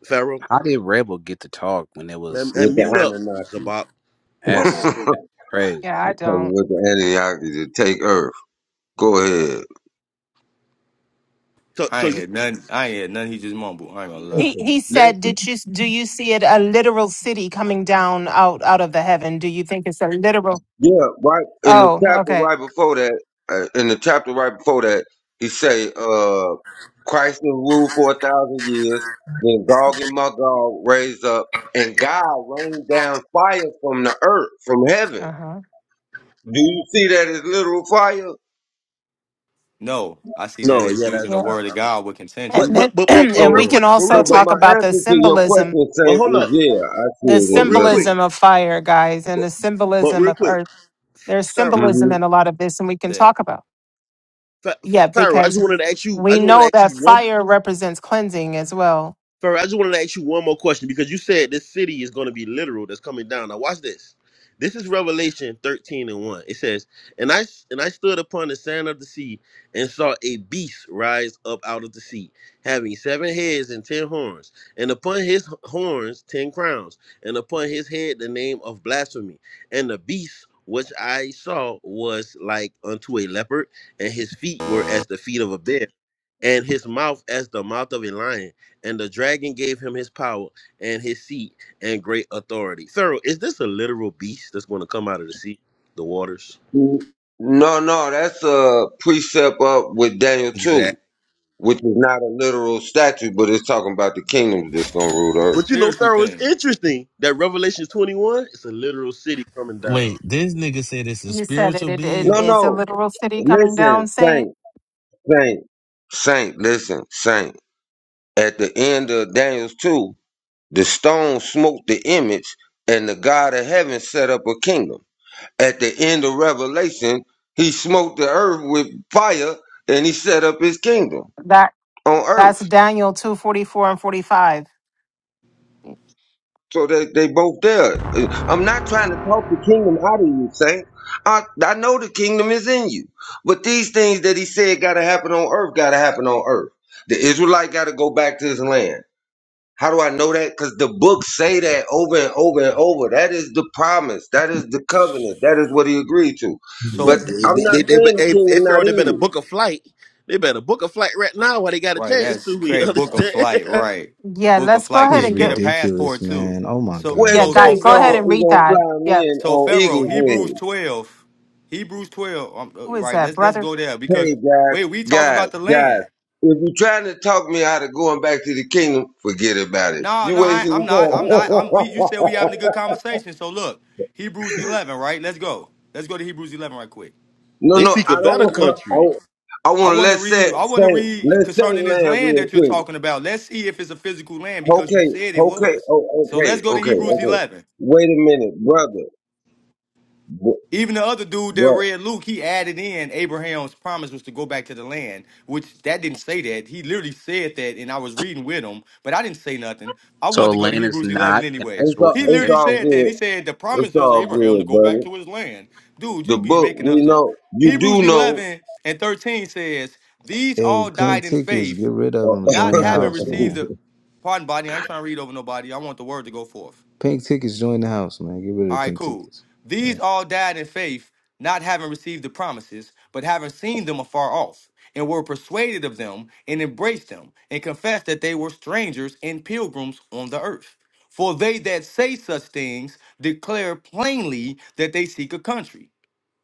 Speaker 9: Pharaoh,
Speaker 11: How did Rebel get to talk when it
Speaker 9: man,
Speaker 11: was
Speaker 9: and
Speaker 1: with
Speaker 9: mute up,
Speaker 1: the
Speaker 9: Zabop.
Speaker 6: Yeah,
Speaker 11: that's
Speaker 1: Anunnaki.
Speaker 11: crazy?
Speaker 6: yeah, I
Speaker 1: Puzzled
Speaker 6: don't.
Speaker 1: with the Anunnaki to take Earth. Go ahead.
Speaker 9: So,
Speaker 7: I
Speaker 9: so
Speaker 7: ain't
Speaker 9: you
Speaker 7: heard nothing. I ain't heard nothing. He just mumbled. I ain't gonna lie.
Speaker 6: He he said, "Did you do you see it a literal city coming down out out of the heaven? Do you think it's a literal?"
Speaker 1: Yeah, right in the
Speaker 6: Oh,
Speaker 1: chapter
Speaker 6: okay.
Speaker 1: right before that, uh, in the chapter right before that, he say, uh, Christ will rule for a thousand years, then Gog and Magog raised up, and God rained down fire from the earth, from heaven.
Speaker 6: Uh huh.
Speaker 1: Do you see that as literal fire?
Speaker 7: No, I see
Speaker 9: no,
Speaker 7: that as
Speaker 9: yeah,
Speaker 7: using the
Speaker 9: that's
Speaker 6: Yeah.
Speaker 9: I don't,
Speaker 7: word
Speaker 9: I
Speaker 7: of
Speaker 9: don't-
Speaker 7: God with
Speaker 9: but
Speaker 6: And
Speaker 7: contention.
Speaker 6: then
Speaker 9: but but but but
Speaker 6: and
Speaker 9: real
Speaker 1: So,
Speaker 6: we can
Speaker 9: quick, but
Speaker 6: also
Speaker 9: real
Speaker 1: so, but
Speaker 9: quick,
Speaker 6: talk
Speaker 1: my
Speaker 6: about
Speaker 1: answer
Speaker 6: the
Speaker 1: to your
Speaker 6: symbolism,
Speaker 1: question,
Speaker 9: but
Speaker 1: Saint,
Speaker 9: hold up,
Speaker 1: is yeah, I see
Speaker 6: the
Speaker 1: it
Speaker 9: but
Speaker 1: as
Speaker 9: real quick,
Speaker 1: literal.
Speaker 6: symbolism of fire, guys, and the
Speaker 9: but
Speaker 6: symbolism
Speaker 9: real
Speaker 6: of
Speaker 9: quick,
Speaker 6: earth. There's
Speaker 9: Pharaoh,
Speaker 6: symbolism in a
Speaker 1: hmm
Speaker 6: lot of this, and we can
Speaker 7: That
Speaker 6: talk about.
Speaker 9: Pha-
Speaker 6: Yeah,
Speaker 9: Pharaoh, I just
Speaker 6: because
Speaker 9: wanted to ask you, I
Speaker 6: we
Speaker 9: just wanted to
Speaker 6: know
Speaker 9: ask
Speaker 6: that
Speaker 9: you one.
Speaker 6: fire represents cleansing as well.
Speaker 9: Ferrer, I just want to ask you one more question because you said this city is going to be literal that's coming down. Now watch this. This is Revelation 13 and 1. It says, And I and I stood upon the sand of the sea and saw a beast rise up out of the sea, having seven heads and ten horns, and upon his horns ten crowns, and upon his head the name of blasphemy. And the beast which I saw was like unto a leopard, and his feet were as the feet of a bear, and his mouth as the mouth of a lion and the dragon gave him his power and his seat and great authority. Pharaoh, is this a literal beast that's going to come out of the sea, the waters?
Speaker 1: No, no, that's a precept up with Daniel 2.
Speaker 9: Exactly.
Speaker 1: which is not a literal statue, but it's talking about the kingdoms that's gonna rule the
Speaker 7: it's a
Speaker 1: earth.
Speaker 9: But you know,
Speaker 7: spiritual
Speaker 9: Pharaoh, it's
Speaker 7: thing.
Speaker 9: interesting that Revelation 21, it's a literal city coming down.
Speaker 8: Wait, this nigga said it's a
Speaker 6: You said it.
Speaker 8: spiritual
Speaker 6: It, it
Speaker 8: being?
Speaker 1: No,
Speaker 6: is a
Speaker 1: no.
Speaker 6: literal city coming
Speaker 1: Listen,
Speaker 6: down, Saint.
Speaker 1: Saint, Saint, Saint. Listen, Saint. At the end of Daniel's two, the stone smote the image, and the God of heaven set up a kingdom. At the end of Revelation, he smote the earth with fire, and he set up his kingdom
Speaker 6: That
Speaker 1: on
Speaker 6: that's
Speaker 1: earth.
Speaker 6: Daniel two forty four and forty five.
Speaker 1: So they, they both there. Uh, I'm not trying to talk the kingdom out of you, Saint. I, I know the kingdom is in you. But these things that he said gotta happen on earth gotta happen on earth. The Israelite gotta go back to his land. How do I know that? Because the books say that over and over and over. That is the promise. That is the covenant. That is what he agreed to.
Speaker 9: Yeah,
Speaker 7: So
Speaker 1: But I'm
Speaker 9: they, they,
Speaker 1: not
Speaker 9: they, but
Speaker 1: saying the
Speaker 9: hey, hey,
Speaker 1: kingdom
Speaker 9: Pharaoh,
Speaker 1: not
Speaker 9: they
Speaker 1: in
Speaker 9: better
Speaker 1: you.
Speaker 9: book a flight. They better book a flight right now while they got a
Speaker 7: Right,
Speaker 9: chance to.
Speaker 7: that's
Speaker 9: You
Speaker 7: crazy. Book a flight,
Speaker 9: understand?
Speaker 7: right?
Speaker 6: Yeah,
Speaker 7: Book a
Speaker 6: let's go
Speaker 7: flight.
Speaker 5: This
Speaker 6: ahead
Speaker 5: is
Speaker 7: Get
Speaker 6: and
Speaker 7: get a
Speaker 6: get.
Speaker 5: ridiculous,
Speaker 7: passport too.
Speaker 5: man. Oh my
Speaker 7: So
Speaker 1: Well, he
Speaker 6: Yeah,
Speaker 7: so
Speaker 1: said
Speaker 5: gosh.
Speaker 7: so
Speaker 6: guys,
Speaker 1: he
Speaker 6: go
Speaker 1: gonna
Speaker 6: ahead and
Speaker 7: Pharaoh.
Speaker 1: he
Speaker 6: read
Speaker 1: gonna
Speaker 6: that.
Speaker 1: fly me
Speaker 6: Yeah,
Speaker 1: in
Speaker 7: So
Speaker 1: on eagle's
Speaker 7: Pharaoh,
Speaker 1: wings.
Speaker 7: Hebrews twelve, Hebrews twelve. Um,
Speaker 6: who
Speaker 7: uh,
Speaker 6: is
Speaker 7: right,
Speaker 6: that,
Speaker 7: let's let's
Speaker 6: brother?
Speaker 7: go there
Speaker 1: Hey
Speaker 7: because
Speaker 1: guys,
Speaker 7: wait, we talking
Speaker 1: guys,
Speaker 7: about the
Speaker 1: guys.
Speaker 7: land.
Speaker 1: If you're trying to talk me out of going back to the kingdom, forget about it.
Speaker 7: No,
Speaker 1: You
Speaker 7: no, I,
Speaker 1: wasting
Speaker 7: I'm
Speaker 1: your time.
Speaker 7: not. I'm not. I'm. We you said we having a good conversation. So look, Hebrews eleven, right? Let's go. Let's go to Hebrews eleven right quick.
Speaker 1: no,
Speaker 9: they
Speaker 1: no,
Speaker 9: seek
Speaker 1: I
Speaker 9: a
Speaker 1: don't
Speaker 9: better
Speaker 1: want. I,
Speaker 9: country.
Speaker 1: I
Speaker 7: I
Speaker 1: want to
Speaker 7: want to
Speaker 1: let's say
Speaker 7: read. I want to
Speaker 1: say
Speaker 7: read
Speaker 1: let's say
Speaker 7: concerning this
Speaker 1: land
Speaker 7: land
Speaker 1: real
Speaker 7: that you're
Speaker 1: quick.
Speaker 7: talking about. Let's see if it's a physical land because you
Speaker 1: Okay,
Speaker 7: said it
Speaker 1: okay,
Speaker 7: was.
Speaker 1: oh,
Speaker 7: So
Speaker 1: okay,
Speaker 7: let's go to
Speaker 1: okay,
Speaker 7: Hebrews
Speaker 1: okay.
Speaker 7: eleven.
Speaker 1: Wait a minute, brother.
Speaker 7: Even the other dude that
Speaker 1: But
Speaker 7: read Luke, he added in Abraham's promise was to go back to the land, which that didn't say that. He literally said that, and I was reading with him, but I didn't say nothing. I wanted
Speaker 11: So
Speaker 7: to go to
Speaker 11: land is
Speaker 7: Hebrews 11
Speaker 11: not an
Speaker 7: anyway.
Speaker 1: it's
Speaker 11: actual
Speaker 1: all
Speaker 7: He
Speaker 1: it's
Speaker 7: literally
Speaker 1: all
Speaker 11: inheritance.
Speaker 7: said that.
Speaker 1: good.
Speaker 7: He said the
Speaker 1: It's
Speaker 7: promise is
Speaker 1: all
Speaker 7: Abraham to
Speaker 1: good,
Speaker 7: go back
Speaker 1: brother.
Speaker 7: to his land. Dude, you
Speaker 1: The
Speaker 7: be
Speaker 1: book
Speaker 7: making up
Speaker 1: we
Speaker 7: stuff.
Speaker 1: know you
Speaker 7: Hebrews
Speaker 1: do know.
Speaker 7: 11 and 13 says, These
Speaker 5: Hey,
Speaker 7: all
Speaker 5: pink
Speaker 7: died in
Speaker 5: tickets,
Speaker 7: faith,
Speaker 5: get rid of them.
Speaker 7: not
Speaker 5: Join the
Speaker 7: having
Speaker 5: house,
Speaker 7: received
Speaker 5: man.
Speaker 7: the. Pardon, body, I ain't trying to read over nobody. I want the word to go forth.
Speaker 5: Pink tickets, join the house, man. Get rid
Speaker 7: All
Speaker 5: of the
Speaker 7: right,
Speaker 5: pink
Speaker 7: cool.
Speaker 5: tickets. Yeah.
Speaker 7: These all died in faith, not having received the promises, but having seen them afar off, and were persuaded of them, and embraced them, and confessed that they were strangers and pilgrims on the earth. For they that say such things declare plainly that they seek a country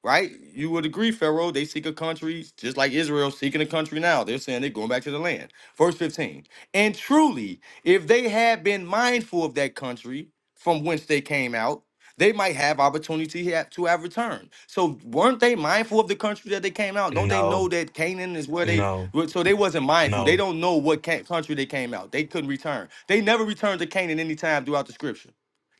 Speaker 7: right? You would agree, Pharaoh. They seek a country, just like Israel seeking a country now. They're saying they're going back to the land. Verse 15. And truly, if they had been mindful of that country from whence they came out, they might have opportunity ha- to have returned. So weren't they mindful of the country that they came out? Don't they know
Speaker 8: No,
Speaker 7: that Canaan is where they
Speaker 8: no,
Speaker 7: were- so they wasn't mindful. They
Speaker 8: no.
Speaker 7: don't know what ca- country they came out. They couldn't return. They never returned to Canaan anytime throughout the scripture.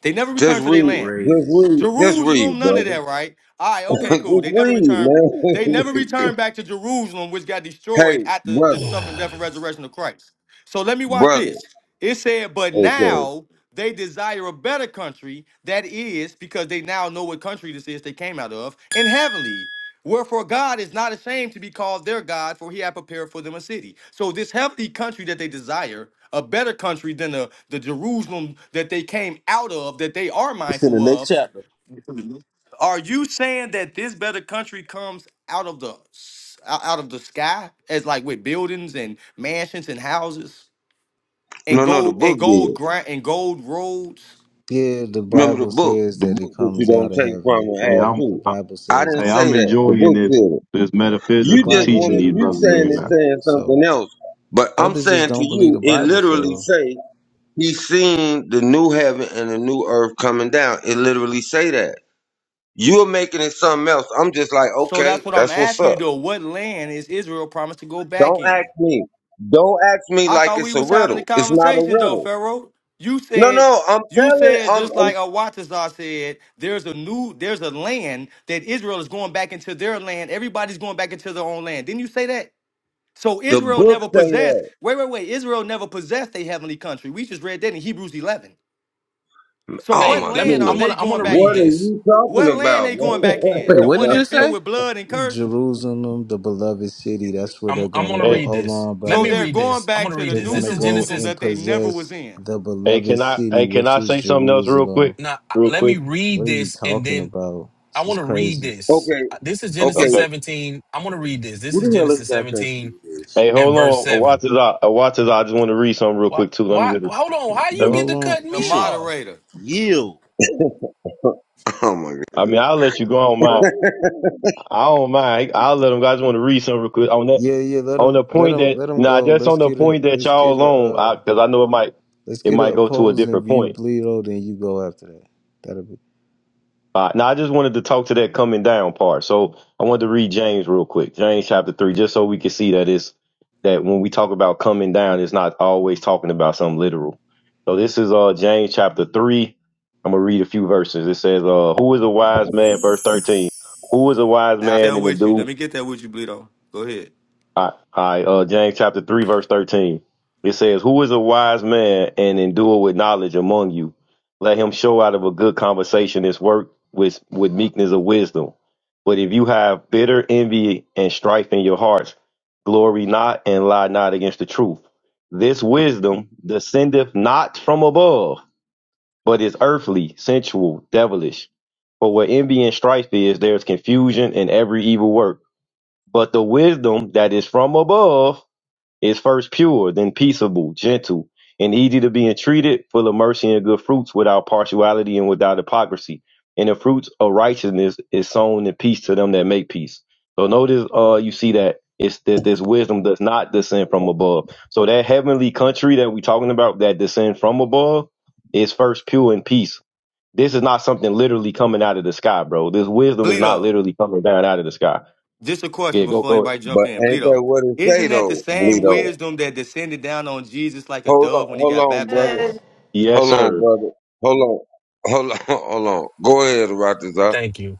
Speaker 7: They never
Speaker 1: just
Speaker 7: returned to their
Speaker 1: read,
Speaker 7: land.
Speaker 1: just
Speaker 9: Crazy.
Speaker 1: read, just read,
Speaker 7: Jerusalem, none of
Speaker 1: brother.
Speaker 7: that, right? All right, okay,
Speaker 1: Just
Speaker 7: cool. They never
Speaker 1: read,
Speaker 7: returned.
Speaker 1: man.
Speaker 7: They never returned back to Jerusalem, which got
Speaker 1: hey,
Speaker 7: destroyed at the, the
Speaker 1: brother,
Speaker 7: suffering, death, and resurrection of Christ. So let me watch
Speaker 1: brother.
Speaker 7: this. It said, but
Speaker 1: Okay.
Speaker 7: now they desire a better country. That is because they now know what country this is they came out of, in heavenly. Wherefore God is not ashamed to be called their God, for he had prepared for them a city. So this heavenly country that they desire, a better country than the, the Jerusalem that they came out of, that they are
Speaker 9: It's in the
Speaker 7: mindful
Speaker 9: next
Speaker 7: of,
Speaker 9: chapter.
Speaker 7: are you saying that this better country comes out of the s- out out of the sky as like with buildings and mansions and houses and
Speaker 1: No, no, the
Speaker 7: gold
Speaker 1: book
Speaker 7: and gold
Speaker 1: did.
Speaker 7: grind and gold roads?
Speaker 5: Yeah, the
Speaker 1: Remember the
Speaker 5: Bible
Speaker 1: book,
Speaker 5: says
Speaker 1: the
Speaker 5: that
Speaker 1: book
Speaker 5: it
Speaker 1: that you
Speaker 5: comes
Speaker 1: don't
Speaker 5: out of
Speaker 1: take from
Speaker 5: heaven.
Speaker 1: and
Speaker 4: Hey,
Speaker 1: add
Speaker 5: Yeah,
Speaker 4: I'm
Speaker 5: the
Speaker 1: to.
Speaker 4: I,
Speaker 5: Bible
Speaker 1: I
Speaker 5: says
Speaker 1: didn't
Speaker 4: hey,
Speaker 5: that.
Speaker 1: say
Speaker 4: I'm
Speaker 1: that. The
Speaker 4: enjoying
Speaker 1: book
Speaker 4: this
Speaker 1: said it.
Speaker 4: this
Speaker 5: Yeah, the
Speaker 1: You
Speaker 4: metaphysical
Speaker 1: just
Speaker 5: Bible
Speaker 4: teaching
Speaker 1: wanted
Speaker 4: these
Speaker 1: you
Speaker 5: literally
Speaker 4: brothers
Speaker 1: saying
Speaker 4: bringing
Speaker 5: says
Speaker 1: it
Speaker 4: out.
Speaker 5: it.
Speaker 1: saying something
Speaker 5: So
Speaker 1: else. But I'm
Speaker 5: brothers just
Speaker 1: saying to
Speaker 5: don't believe
Speaker 1: you,
Speaker 5: the
Speaker 1: it
Speaker 5: Bible,
Speaker 1: literally
Speaker 5: Pharaoh.
Speaker 1: say he seen the new heaven and the new earth coming down. It literally say that. You're making it something else. I'm just like,
Speaker 7: So
Speaker 1: okay,
Speaker 7: that's what I'm
Speaker 1: that's what's
Speaker 7: asking
Speaker 1: up.
Speaker 7: you though. What land is Israel promised to go back
Speaker 1: Don't ask
Speaker 7: in?
Speaker 1: me. Don't ask me
Speaker 7: I
Speaker 1: like
Speaker 7: thought
Speaker 1: it's
Speaker 7: we
Speaker 1: a
Speaker 7: was having a
Speaker 1: riddle. It's not a
Speaker 7: conversation though,
Speaker 1: riddle.
Speaker 7: Pharaoh. You
Speaker 1: No,
Speaker 7: said
Speaker 1: no, I'm
Speaker 7: you
Speaker 1: telling
Speaker 7: said
Speaker 1: I'm,
Speaker 7: just
Speaker 1: I'm
Speaker 7: like Awatazar said, there's a new there's a land that Israel is going back into their land. Everybody's going back into their own land. Didn't you say that? So
Speaker 1: the
Speaker 7: Israel
Speaker 1: book
Speaker 7: never
Speaker 1: say
Speaker 7: possessed.
Speaker 1: that.
Speaker 7: Wait, wait, wait. Israel never possessed a heavenly country. We just read that in Hebrews 11. So
Speaker 1: Oh
Speaker 7: what
Speaker 8: hey,
Speaker 1: my
Speaker 8: let me
Speaker 7: land are
Speaker 8: I'm
Speaker 1: goodness.
Speaker 7: they
Speaker 8: gonna I'm
Speaker 7: going
Speaker 8: gonna
Speaker 7: back
Speaker 1: What
Speaker 8: read
Speaker 1: are
Speaker 7: in?
Speaker 8: this.
Speaker 1: you talking
Speaker 7: What land
Speaker 1: about,
Speaker 7: they
Speaker 1: man?
Speaker 7: going back in?
Speaker 11: Wait,
Speaker 7: The
Speaker 11: what
Speaker 7: one
Speaker 11: did you
Speaker 7: that's filled
Speaker 11: say?
Speaker 7: with blood and cursed.
Speaker 5: Jerusalem, the beloved city. That's where
Speaker 8: I'm
Speaker 5: they're
Speaker 8: I'm
Speaker 5: going to
Speaker 8: gonna
Speaker 5: go.
Speaker 4: Hey,
Speaker 8: read
Speaker 5: Hold
Speaker 8: this.
Speaker 5: on,
Speaker 8: Let
Speaker 7: So
Speaker 8: me
Speaker 5: brother.
Speaker 7: they're
Speaker 8: read
Speaker 7: going
Speaker 8: this. I'm
Speaker 7: back
Speaker 8: gonna
Speaker 7: to
Speaker 8: read
Speaker 7: the
Speaker 5: They're
Speaker 8: this.
Speaker 7: New
Speaker 5: going
Speaker 8: This
Speaker 5: to
Speaker 8: is
Speaker 5: go
Speaker 7: Jerusalem
Speaker 8: Genesis.
Speaker 5: and
Speaker 7: that they never was
Speaker 5: possess
Speaker 7: in.
Speaker 5: the
Speaker 4: hey,
Speaker 5: beloved
Speaker 4: can I
Speaker 5: city,
Speaker 4: hey can
Speaker 5: which
Speaker 4: I
Speaker 5: is
Speaker 4: say something else real
Speaker 5: Jerusalem.
Speaker 4: quick?
Speaker 8: Now I-
Speaker 4: Real
Speaker 8: let me
Speaker 4: quick.
Speaker 5: What
Speaker 8: read
Speaker 5: are you
Speaker 8: this and
Speaker 5: talking
Speaker 8: then
Speaker 5: about?
Speaker 8: I
Speaker 5: This is
Speaker 8: wanna read
Speaker 5: crazy.
Speaker 8: this.
Speaker 1: okay,
Speaker 8: Uh, This is Genesis
Speaker 1: okay.
Speaker 4: Okay.
Speaker 8: 17. I'm gonna read this. This
Speaker 9: Who
Speaker 8: is
Speaker 9: the hell is
Speaker 8: Genesis
Speaker 9: God thinks he
Speaker 8: 17
Speaker 9: is?
Speaker 4: Hey,
Speaker 8: and
Speaker 4: hold
Speaker 8: verse
Speaker 4: on. uh,
Speaker 8: 7.
Speaker 4: Watch this out. uh, Watch this out. I just want to read something real
Speaker 8: Why?
Speaker 4: quick too. Let me
Speaker 8: Why?
Speaker 4: just
Speaker 8: Hold on. How you
Speaker 4: let
Speaker 5: Well,
Speaker 4: me.
Speaker 8: get
Speaker 5: hold
Speaker 8: to
Speaker 5: on.
Speaker 8: cut
Speaker 7: The
Speaker 8: me
Speaker 9: Patient.
Speaker 8: off?
Speaker 7: moderator.
Speaker 9: Yield.
Speaker 1: Oh my
Speaker 4: I mean,
Speaker 1: goodness.
Speaker 4: I'll let you go on mine. I don't mind. I'll let them guys want to read some real quick on that.
Speaker 5: Yeah, yeah. Let
Speaker 4: On
Speaker 5: them,
Speaker 4: the
Speaker 5: let
Speaker 4: point
Speaker 5: them,
Speaker 4: that
Speaker 5: let them
Speaker 4: nah,
Speaker 5: go.
Speaker 4: just
Speaker 5: Let's
Speaker 4: on the
Speaker 5: get a,
Speaker 4: point that
Speaker 5: let's
Speaker 4: y'all
Speaker 5: get a,
Speaker 4: alone,
Speaker 5: uh,
Speaker 4: because I know it might
Speaker 5: let's
Speaker 4: it
Speaker 5: get an
Speaker 4: might go to a
Speaker 5: opposing
Speaker 4: different
Speaker 5: view,
Speaker 4: point.
Speaker 5: Bleedo. Then you go after that. That'll be
Speaker 4: Uh, now I just wanted to talk to that coming down part. So I wanted to read James real quick, James chapter three, just so we can see that it's that when we talk about coming down, it's not always talking about something literal. So this is uh James chapter three. I'm gonna read a few verses. It says, uh, "Who is a wise man?" Verse thirteen. Who is a wise
Speaker 7: I
Speaker 4: man
Speaker 7: there
Speaker 4: and to
Speaker 7: with you. Let
Speaker 4: do
Speaker 7: me get that with you, Bleedo. Go ahead.
Speaker 4: I, I uh James chapter three verse thirteen. It says, "Who is a wise man and endure with knowledge among you? Let him show out of a good conversation his work with with meekness of wisdom. But if you have bitter envy and strife in your hearts, glory not and lie not against the truth. This wisdom descendeth not from above, but is earthly, sensual, devilish. For where envy and strife is, there is confusion in every evil work." But the wisdom that is from above is first pure, then peaceable, gentle, and easy to be entreated, full of mercy and good fruits, without partiality and without hypocrisy. And the fruits of righteousness is sown in peace to them that make peace. So notice, uh, you see that it's that this wisdom does not descend from above. So that heavenly country that we're talking about that descend from above is first pure and peace. This is not something literally coming out of the sky, bro. This wisdom is not
Speaker 7: Bleedo,
Speaker 4: literally coming down out of the sky.
Speaker 7: just a
Speaker 4: Yeah,
Speaker 7: question
Speaker 4: go.
Speaker 7: before anybody jump
Speaker 1: But
Speaker 7: in.
Speaker 1: ain't that
Speaker 7: Bleedo,
Speaker 1: what it say
Speaker 7: isn't that the
Speaker 1: though,
Speaker 7: same
Speaker 1: Bleedo?
Speaker 7: wisdom that descended down on Jesus like a
Speaker 1: Hold on,
Speaker 7: dove when he
Speaker 1: hold
Speaker 7: got
Speaker 1: on, brother.
Speaker 7: baptized?
Speaker 4: Yes,
Speaker 1: Hold on,
Speaker 4: sir.
Speaker 1: brother. Hold on. Hold on, hold on. Go ahead, Rotterdam.
Speaker 8: Thank you.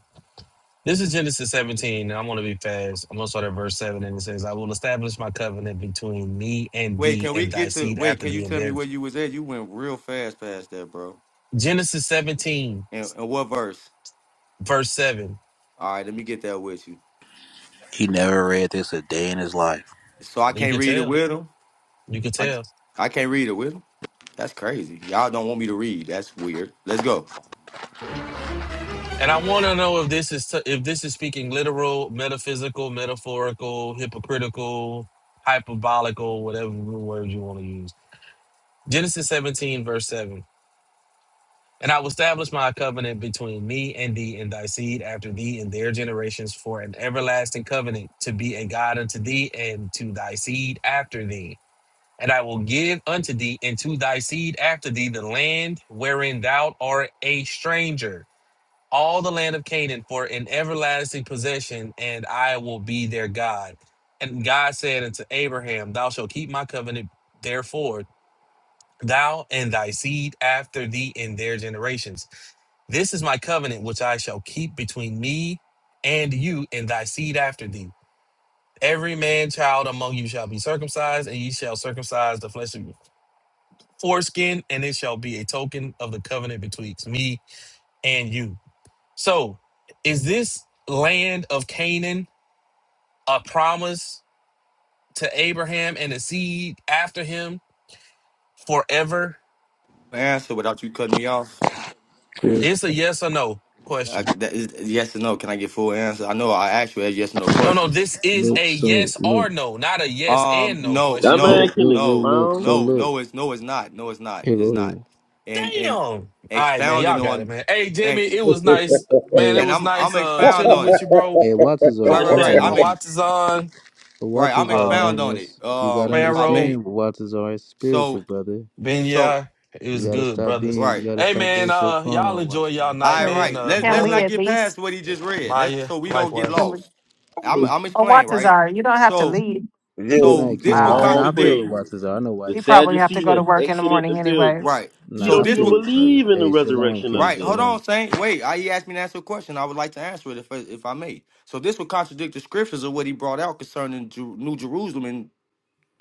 Speaker 8: This is Genesis 17. and I'm going to be fast. I'm going to start at verse 7, and it says, I will establish my covenant between me and
Speaker 7: Wait,
Speaker 8: thee
Speaker 7: can we
Speaker 8: and thy
Speaker 7: get to
Speaker 8: seed
Speaker 7: wait,
Speaker 8: after
Speaker 7: can you
Speaker 8: thee. And
Speaker 7: tell me
Speaker 8: then
Speaker 7: where you was at? You went real fast past that, bro.
Speaker 8: Genesis 17,
Speaker 7: And, and what verse?
Speaker 8: verse 7.
Speaker 7: All right, let me get that with you.
Speaker 11: He never read this a day in his life.
Speaker 7: So I
Speaker 8: Well, You
Speaker 7: can't
Speaker 8: could
Speaker 7: read it
Speaker 8: tell.
Speaker 7: with him.
Speaker 8: You could
Speaker 7: I
Speaker 8: tell.
Speaker 7: I can't read it with him. That's crazy. Y'all don't want me to read. That's weird. Let's go.
Speaker 8: And I want to know if this is if this is speaking literal, metaphysical, metaphorical, hypocritical, hyperbolical, whatever word you want to use. Genesis 17, verse 7. And I will establish my covenant between me and thee and thy seed after thee and their generations for an everlasting covenant to be a God unto thee and to thy seed after thee. And I will give unto thee and to thy seed after thee the land wherein thou art a stranger, all the land of Canaan for an everlasting possession, and I will be their God. And God said unto Abraham, Thou shalt keep my covenant, therefore, thou and thy seed after thee in their generations this is my covenant which I shall keep between me and you and thy seed after thee. Every man child among you shall be circumcised, and ye shall circumcise the flesh of your foreskin, and it shall be a token of the covenant betwixt me and you. So, is this land of Canaan a promise to Abraham and the seed after him forever?
Speaker 7: Answer without you cutting me off.
Speaker 5: good.
Speaker 8: It's a yes or no
Speaker 7: I,
Speaker 8: question.
Speaker 7: that is, yes or no? Can I get full answer? I know I asked you as yes or no
Speaker 8: No, no,
Speaker 7: questions.
Speaker 8: this is
Speaker 5: Look,
Speaker 8: a
Speaker 5: so
Speaker 8: yes
Speaker 5: look,
Speaker 8: or no, not a yes
Speaker 7: Um,
Speaker 8: and no
Speaker 7: no,
Speaker 9: That
Speaker 8: question
Speaker 9: man
Speaker 5: look, look,
Speaker 7: no,
Speaker 9: can
Speaker 5: look,
Speaker 7: no,
Speaker 5: look. So
Speaker 9: expound
Speaker 7: no,
Speaker 5: look.
Speaker 7: no. It's no, it's not. No, it's not.
Speaker 5: Here,
Speaker 7: It's
Speaker 5: go
Speaker 7: not.
Speaker 5: ahead.
Speaker 7: And
Speaker 8: Damn.
Speaker 7: and
Speaker 8: All right, man.
Speaker 7: expounding
Speaker 8: Y'all got it,
Speaker 7: on.
Speaker 8: man. Hey, Jimmy,
Speaker 7: Thank you.
Speaker 8: it was nice, man. It
Speaker 5: Hey,
Speaker 7: and
Speaker 8: was
Speaker 7: I'm I'm
Speaker 8: nice uh
Speaker 7: expound
Speaker 8: chilling
Speaker 7: on
Speaker 8: with
Speaker 7: it.
Speaker 8: you, bro.
Speaker 5: hey, Waters are a
Speaker 7: Right,
Speaker 9: the
Speaker 7: right, right.
Speaker 5: king.
Speaker 7: I'm
Speaker 5: That's
Speaker 9: Sadducee.
Speaker 7: ex-
Speaker 8: Hawatazan,
Speaker 5: but
Speaker 7: right. I'm
Speaker 5: Waters are
Speaker 8: uh,
Speaker 7: expound
Speaker 5: man.
Speaker 7: on
Speaker 5: That's
Speaker 7: it.
Speaker 5: you gotta
Speaker 7: Um, if I
Speaker 8: Pharaoh,
Speaker 7: may.
Speaker 5: understand. Waters are spiritual
Speaker 7: So,
Speaker 5: brother.
Speaker 7: so
Speaker 8: Benya. It
Speaker 5: You
Speaker 8: was
Speaker 5: gotta
Speaker 8: good,
Speaker 5: stop
Speaker 8: brothers.
Speaker 5: being you
Speaker 7: right.
Speaker 5: gotta
Speaker 8: Hey
Speaker 5: stop
Speaker 8: man,
Speaker 5: being so
Speaker 8: uh, y'all
Speaker 5: carnal,
Speaker 8: enjoy y'all
Speaker 5: Watazar.
Speaker 8: night,
Speaker 7: All
Speaker 6: Uh,
Speaker 8: man.
Speaker 7: right.
Speaker 8: Uh
Speaker 7: Let
Speaker 6: Can
Speaker 7: Let's
Speaker 6: we
Speaker 7: not
Speaker 8: brother,
Speaker 6: at
Speaker 7: get past
Speaker 6: least?
Speaker 7: what he just read. Let's
Speaker 8: Maya,
Speaker 7: so we don't get
Speaker 8: likewise.
Speaker 7: lost. I'm I'm
Speaker 6: Or what,
Speaker 7: explain right.
Speaker 6: Tazara? You don't have to
Speaker 7: So
Speaker 6: leave.
Speaker 5: Good
Speaker 1: yeah.
Speaker 7: so
Speaker 5: night,
Speaker 7: this
Speaker 5: King.
Speaker 7: would
Speaker 5: I
Speaker 6: Wow.
Speaker 9: All
Speaker 5: know I feel
Speaker 7: contradict
Speaker 5: it,
Speaker 9: praises.
Speaker 5: Watazar. I know why
Speaker 9: The
Speaker 6: You
Speaker 5: he's saying
Speaker 6: probably
Speaker 5: what
Speaker 6: have
Speaker 5: he's
Speaker 6: to
Speaker 9: Sadducee
Speaker 6: go
Speaker 9: has
Speaker 6: to
Speaker 5: saying.
Speaker 6: work in the
Speaker 9: exited the
Speaker 6: morning anyway.
Speaker 9: building.
Speaker 7: right.
Speaker 9: He
Speaker 7: So
Speaker 5: Nah, I
Speaker 9: don't
Speaker 7: this
Speaker 5: feel
Speaker 9: even
Speaker 7: would
Speaker 5: you, brother.
Speaker 9: believe in the
Speaker 5: Hey, shalom,
Speaker 9: resurrection of
Speaker 5: King,
Speaker 9: the
Speaker 7: right. Hold
Speaker 9: dead.
Speaker 5: shalom.
Speaker 7: on, Saint. Wait. I, he asked me to answer a question. I would like to answer it if I- if I may. So this would contradict the scriptures of what he brought out concerning Ju- New Jerusalem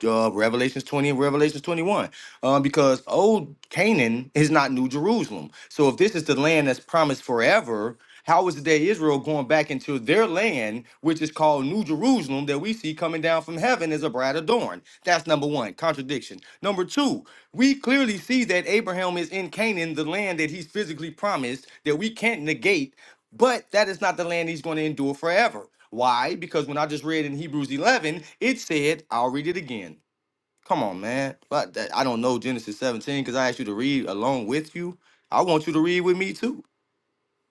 Speaker 7: uh, Revelations 20 and Revelations 21. Um, because old Canaan is not New Jerusalem. So if this is the land that's promised forever, how is the day Israel going back into their land, which is called New Jerusalem, that we see coming down from heaven as a bride adorned? That's number one, contradiction. Number two, we clearly see that Abraham is in Canaan, the land that he's physically promised, that we can't negate, but that is not the land he's going to endure forever. Why? Because when I just read in Hebrews 11, it said, I'll read it again. Come on, man. But that, I don't know Genesis 17 because I asked you to read along with you. I want you to read with me too.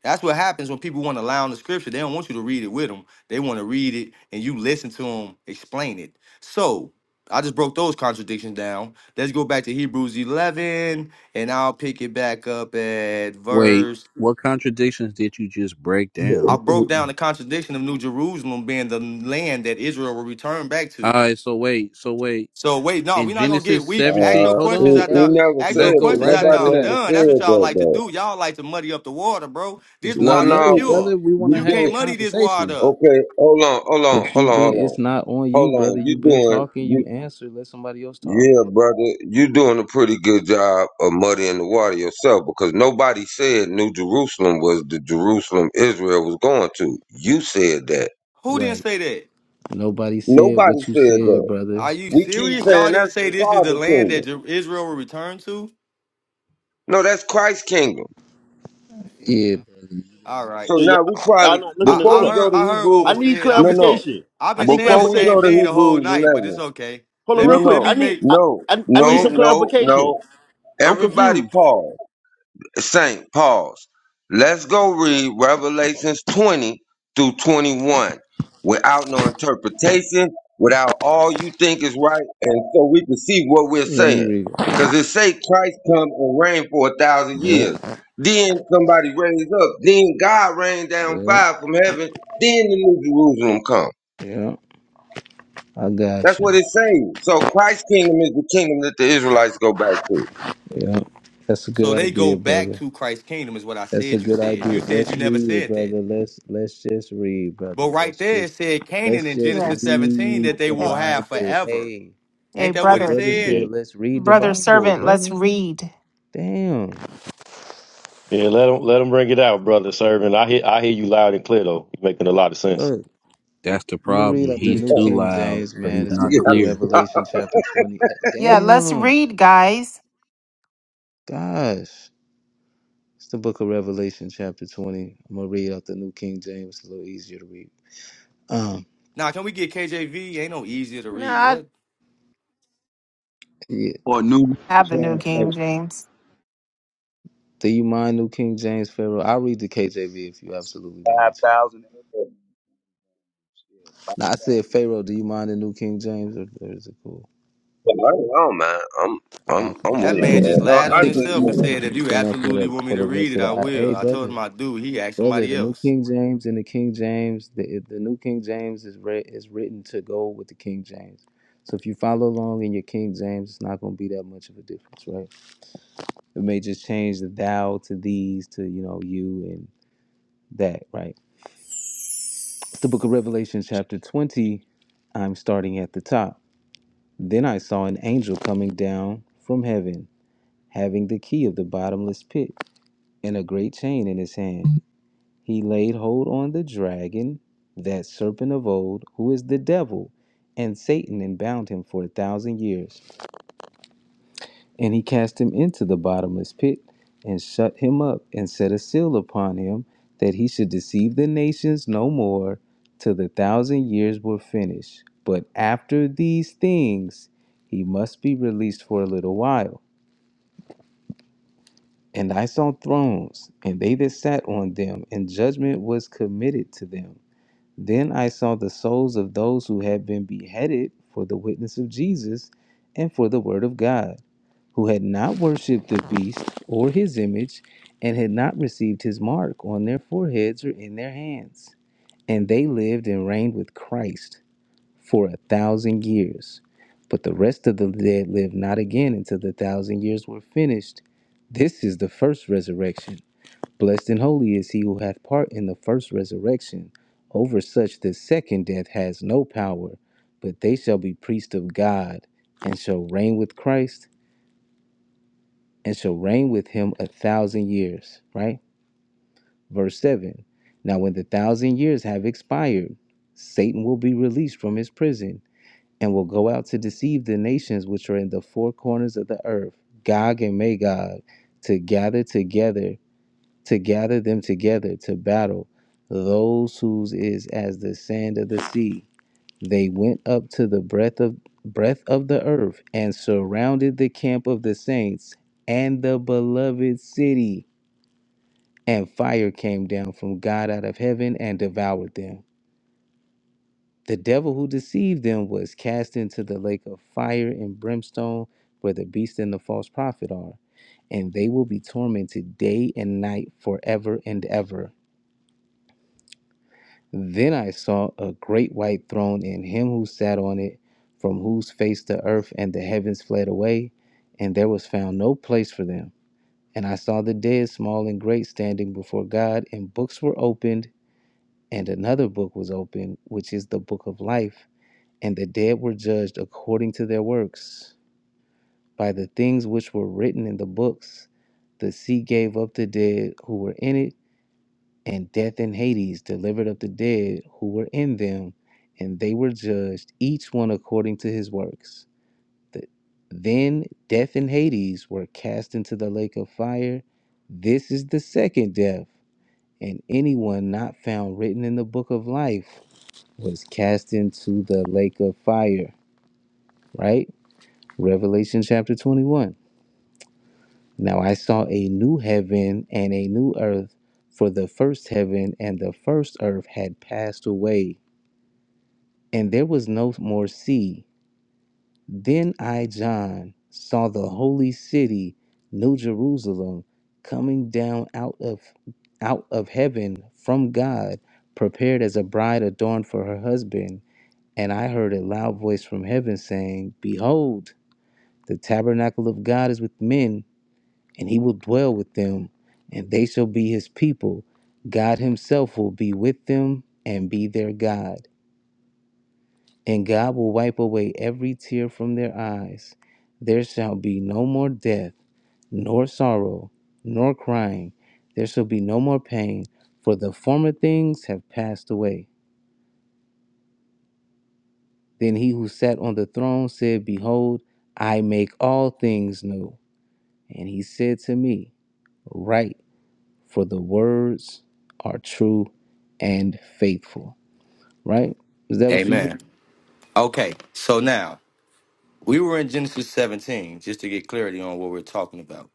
Speaker 7: That's what happens when people want to lie on the scripture. They don't want you to read it with them. They want to read it and you listen to them explain it. So I just broke those contradictions down. Let's go back to Hebrews 11 and I'll pick it back up at
Speaker 11: Wait,
Speaker 7: verse.
Speaker 11: what contradictions did you just break
Speaker 7: I
Speaker 11: down?
Speaker 7: broke down the contradiction of New Jerusalem being the land that Israel will return back to.
Speaker 11: All right, so wait, so wait.
Speaker 7: So wait, no,
Speaker 11: In
Speaker 7: we're not gonna get
Speaker 11: Genesis
Speaker 7: weak. Ask
Speaker 11: 17,
Speaker 7: your
Speaker 1: Uh,
Speaker 11: hold
Speaker 1: he,
Speaker 7: questions
Speaker 11: on,
Speaker 1: he
Speaker 7: after
Speaker 11: brother.
Speaker 1: never
Speaker 7: ask
Speaker 1: said
Speaker 7: your
Speaker 11: Let's go
Speaker 1: that.
Speaker 7: questions
Speaker 11: right
Speaker 7: after
Speaker 11: back to
Speaker 1: Nobody
Speaker 7: I'm
Speaker 1: ever
Speaker 11: that.
Speaker 7: done. That's what
Speaker 1: said
Speaker 7: y'all
Speaker 1: that,
Speaker 7: like to
Speaker 1: though.
Speaker 7: do. Y'all like to muddy up the water, bro. This
Speaker 11: It's
Speaker 1: No,
Speaker 11: not
Speaker 7: water is
Speaker 1: no,
Speaker 11: murder,
Speaker 1: no.
Speaker 7: pure.
Speaker 11: brother. We want to
Speaker 1: You
Speaker 7: You
Speaker 11: have
Speaker 7: can't
Speaker 11: the
Speaker 1: do
Speaker 7: muddy this water
Speaker 11: conversation.
Speaker 7: up.
Speaker 1: okay. Hold on, hold on,
Speaker 5: But you
Speaker 1: hold on,
Speaker 5: been
Speaker 1: hold on,
Speaker 5: it's not on you,
Speaker 1: hold
Speaker 5: brother.
Speaker 1: on.
Speaker 5: you
Speaker 1: You
Speaker 5: been
Speaker 1: doing
Speaker 5: talking,
Speaker 1: you?
Speaker 5: you answer, let somebody else talk.
Speaker 1: Yeah, brother, you doing a pretty good job of muddying the water yourself because nobody said New Jerusalem was the Jerusalem Israel was going to. You said that.
Speaker 7: Who didn't
Speaker 5: Right.
Speaker 7: say that?
Speaker 5: Nobody said
Speaker 1: Nobody
Speaker 5: what you
Speaker 1: said
Speaker 5: said,
Speaker 1: that.
Speaker 5: brother.
Speaker 7: Are you
Speaker 1: We keep
Speaker 7: serious?
Speaker 1: saying
Speaker 7: Y'all didn't
Speaker 1: that's
Speaker 7: say
Speaker 1: the
Speaker 7: this is the
Speaker 1: Father
Speaker 7: land
Speaker 1: kingdom.
Speaker 7: that Jer- Israel will return to?
Speaker 1: No, that's Christ's kingdom.
Speaker 5: Yeah.
Speaker 7: All right.
Speaker 1: So
Speaker 9: So y'all,
Speaker 1: now we
Speaker 9: y'all
Speaker 1: probably
Speaker 9: not looking
Speaker 7: I,
Speaker 9: at.
Speaker 1: before
Speaker 9: Hold
Speaker 7: I
Speaker 1: we
Speaker 9: up.
Speaker 1: go
Speaker 7: heard
Speaker 1: to
Speaker 7: I heard
Speaker 1: Hebrew,
Speaker 7: what
Speaker 9: I
Speaker 7: was
Speaker 9: need
Speaker 7: said. I've
Speaker 1: no,
Speaker 7: been
Speaker 1: no.
Speaker 7: saying
Speaker 9: clarification.
Speaker 7: I've
Speaker 9: I
Speaker 7: been
Speaker 9: need
Speaker 7: saying the
Speaker 1: Before we
Speaker 7: same
Speaker 1: go
Speaker 9: clarification.
Speaker 1: to
Speaker 7: thing the whole
Speaker 1: Hebrews
Speaker 7: night, but it's okay.
Speaker 9: Hold
Speaker 1: 11,
Speaker 9: on,
Speaker 7: Let
Speaker 1: no,
Speaker 9: real
Speaker 7: me
Speaker 9: quick.
Speaker 7: let
Speaker 1: no,
Speaker 9: I
Speaker 7: me
Speaker 9: need.
Speaker 7: make
Speaker 9: I,
Speaker 1: no,
Speaker 9: I, I
Speaker 7: go
Speaker 9: need
Speaker 1: no,
Speaker 7: ahead.
Speaker 9: some
Speaker 1: no,
Speaker 9: clarification.
Speaker 1: no.
Speaker 9: I'm
Speaker 1: Everybody
Speaker 9: confused.
Speaker 1: pause. Saint, pause. Let's go read Revelations 20 through 21 without no interpretation, without all you think is right, and so we can see what we're
Speaker 5: Let me
Speaker 1: saying.
Speaker 5: read it.
Speaker 1: Because it say Christ come and reign for a thousand
Speaker 5: Yeah,
Speaker 1: years. Then somebody raised up. Then God rained down
Speaker 5: yeah,
Speaker 1: fire from heaven. Then the New Jerusalem come.
Speaker 5: yeah. I
Speaker 1: That's
Speaker 5: got
Speaker 1: what
Speaker 5: you.
Speaker 1: it says. So Christ's kingdom is the kingdom that the Israelites go back to.
Speaker 5: Yeah. That's a
Speaker 7: So
Speaker 5: good
Speaker 7: they go
Speaker 5: idea,
Speaker 7: back
Speaker 5: brother.
Speaker 7: to Christ's kingdom is what I
Speaker 5: That's a
Speaker 7: said you
Speaker 5: good
Speaker 7: said.
Speaker 5: idea.
Speaker 7: You said you
Speaker 5: Let's
Speaker 7: never
Speaker 5: read it,
Speaker 7: said that.
Speaker 5: brother. Let's let's just read, brother.
Speaker 7: But right
Speaker 5: Let's
Speaker 7: there, it
Speaker 5: just
Speaker 7: said Canaan
Speaker 5: let's
Speaker 7: in
Speaker 5: just
Speaker 7: Genesis
Speaker 6: Yes.
Speaker 7: 17
Speaker 5: read
Speaker 7: that they
Speaker 5: the
Speaker 6: Yeah.
Speaker 7: will have
Speaker 5: Bible.
Speaker 7: forever.
Speaker 5: Hey,
Speaker 6: Hey,
Speaker 7: Ain't that
Speaker 5: the
Speaker 7: what it
Speaker 6: brother,
Speaker 5: brother
Speaker 7: said?
Speaker 4: Yeah,
Speaker 5: said, let's read the
Speaker 6: brother
Speaker 5: Bible,
Speaker 6: servant, let's
Speaker 5: brother.
Speaker 6: read.
Speaker 5: Damn.
Speaker 4: yeah. Let them let them bring it out, brother. Servant, I hear I hear you loud and clear though. You're making a lot of sense.
Speaker 5: Look,
Speaker 11: That's the
Speaker 5: I'm gonna read
Speaker 11: problem.
Speaker 5: out the
Speaker 11: He's
Speaker 5: New
Speaker 11: too
Speaker 5: King
Speaker 11: loud,
Speaker 5: James,
Speaker 11: but
Speaker 5: man.
Speaker 11: he's
Speaker 5: It's the
Speaker 11: not
Speaker 1: you
Speaker 5: book of
Speaker 1: gotta
Speaker 11: clear.
Speaker 1: stop.
Speaker 5: Revelation, chapter 20. Eh,
Speaker 6: Yeah, let's
Speaker 5: Damn.
Speaker 6: read, guys.
Speaker 5: Gosh. It's the book of Revelation, chapter 20. I'm gonna read out the New King James. It's a little easier to read. Um,
Speaker 7: Now, can we get KJV? Ain't no easier to
Speaker 6: No,
Speaker 7: read.
Speaker 6: I
Speaker 7: What?
Speaker 5: yeah.
Speaker 12: Or new
Speaker 6: have the New King
Speaker 12: translation.
Speaker 6: James.
Speaker 5: Do you mind New King James Pharaoh? I'll read the KJV if you absolutely want me
Speaker 12: Five
Speaker 5: to.
Speaker 12: thousand. Five
Speaker 5: Now I said, Pharaoh, do you mind the New King James, or, or is it cool?
Speaker 1: I don't know, man. I'm I'm
Speaker 5: Oh, okay,
Speaker 1: I'm
Speaker 7: That
Speaker 1: with it,
Speaker 5: cool.
Speaker 7: man
Speaker 1: man.
Speaker 7: just
Speaker 1: No,
Speaker 5: I
Speaker 7: lied
Speaker 1: I
Speaker 7: on
Speaker 5: think it's
Speaker 1: just
Speaker 7: himself and
Speaker 5: easier
Speaker 1: with
Speaker 5: to
Speaker 7: said,
Speaker 1: it.
Speaker 7: if you
Speaker 5: understand for
Speaker 7: absolutely
Speaker 5: the
Speaker 7: want me
Speaker 5: for
Speaker 7: to
Speaker 5: the
Speaker 7: read
Speaker 5: rest
Speaker 7: it,
Speaker 5: of
Speaker 7: I
Speaker 5: the
Speaker 7: will.
Speaker 5: IA,
Speaker 7: I told
Speaker 5: brother.
Speaker 7: him I do. He asked
Speaker 5: Brother,
Speaker 7: somebody
Speaker 5: the New
Speaker 7: else.
Speaker 5: King James and the King James, the the New King James is re- is written to go with the King James. So if you follow along in your King James, it's not going to be that much of a difference, right? It may just change the thou to these to you know you and that, right? It's the Book of Revelation, chapter twenty. I'm starting at the top. Then I saw an angel coming down from heaven, having the key of the bottomless pit and a great chain in his hand. He laid hold on the dragon, that serpent of old, who is the devil and Satan, and bound him for a thousand years and he cast him into the bottomless pit, and shut him up, and set a seal upon him, that he should deceive the nations no more, till the thousand years were finished. But after these things, he must be released for a little while. And I saw thrones, and they that sat on them, and judgment was committed to them. Then I saw the souls of those who had been beheaded for the witness of Jesus and for the word of God who had not worshipped the beast or his image, and had not received his mark on their foreheads or in their hands. And they lived and reigned with Christ for a thousand years. But the rest of the dead lived not again until the thousand years were finished. This is the first resurrection. Blessed and holy is he who hath part in the first resurrection. Over such the second death has no power, but they shall be priests of God and shall reign with Christ and shall reign with him a thousand years. Right? Verse 7. Now, when the thousand years have expired, Satan will be released from his prison and will go out to deceive the nations which are in the four corners of the earth, Gog and Magog, to gather together, to gather them together to battle, those whose is as the sand of the sea. They went up to the breadth of breadth of the earth and surrounded the camp of the saints and the beloved city. And fire came down from God out of heaven and devoured them. The devil who deceived them was cast into the lake of fire and brimstone where the beast and the false prophet are, and they will be tormented day and night forever and ever. Then I saw a great white throne and him who sat on it, from whose face the earth and the heavens fled away, and there was found no place for them. And I saw the dead, small and great, standing before God, and books were opened, and another book was opened, which is the book of life. And the dead were judged according to their works. By the things which were written in the books, the sea gave up the dead who were in it and death and Hades delivered up the dead who were in them, and they were judged, each one according to his works. The- Then death and Hades were cast into the lake of fire. This is the second death, and anyone not found written in the book of life was cast into the lake of fire. Right? Revelation chapter 21. Now I saw a new heaven and a new earth, for the first heaven and the first earth had passed away and there was no more sea. Then I, John, saw the holy city, New Jerusalem, coming down out of out of heaven from God, prepared as a bride adorned for her husband. And I heard a loud voice from heaven saying, Behold, the tabernacle of God is with men, and he will dwell with them, and they shall be his people. God himself will be with them and be their God and God will wipe away every tear from their eyes. There shall be no more death, nor sorrow, nor crying. There shall be no more pain, for the former things have passed away. Then he who sat on the throne said, Behold, I make all things new. And he said to me, Write, for the words are true and faithful. Right? Is that what you?
Speaker 7: Amen. Okay, so now we were in Genesis 17, just to get clarity on what we're talking about.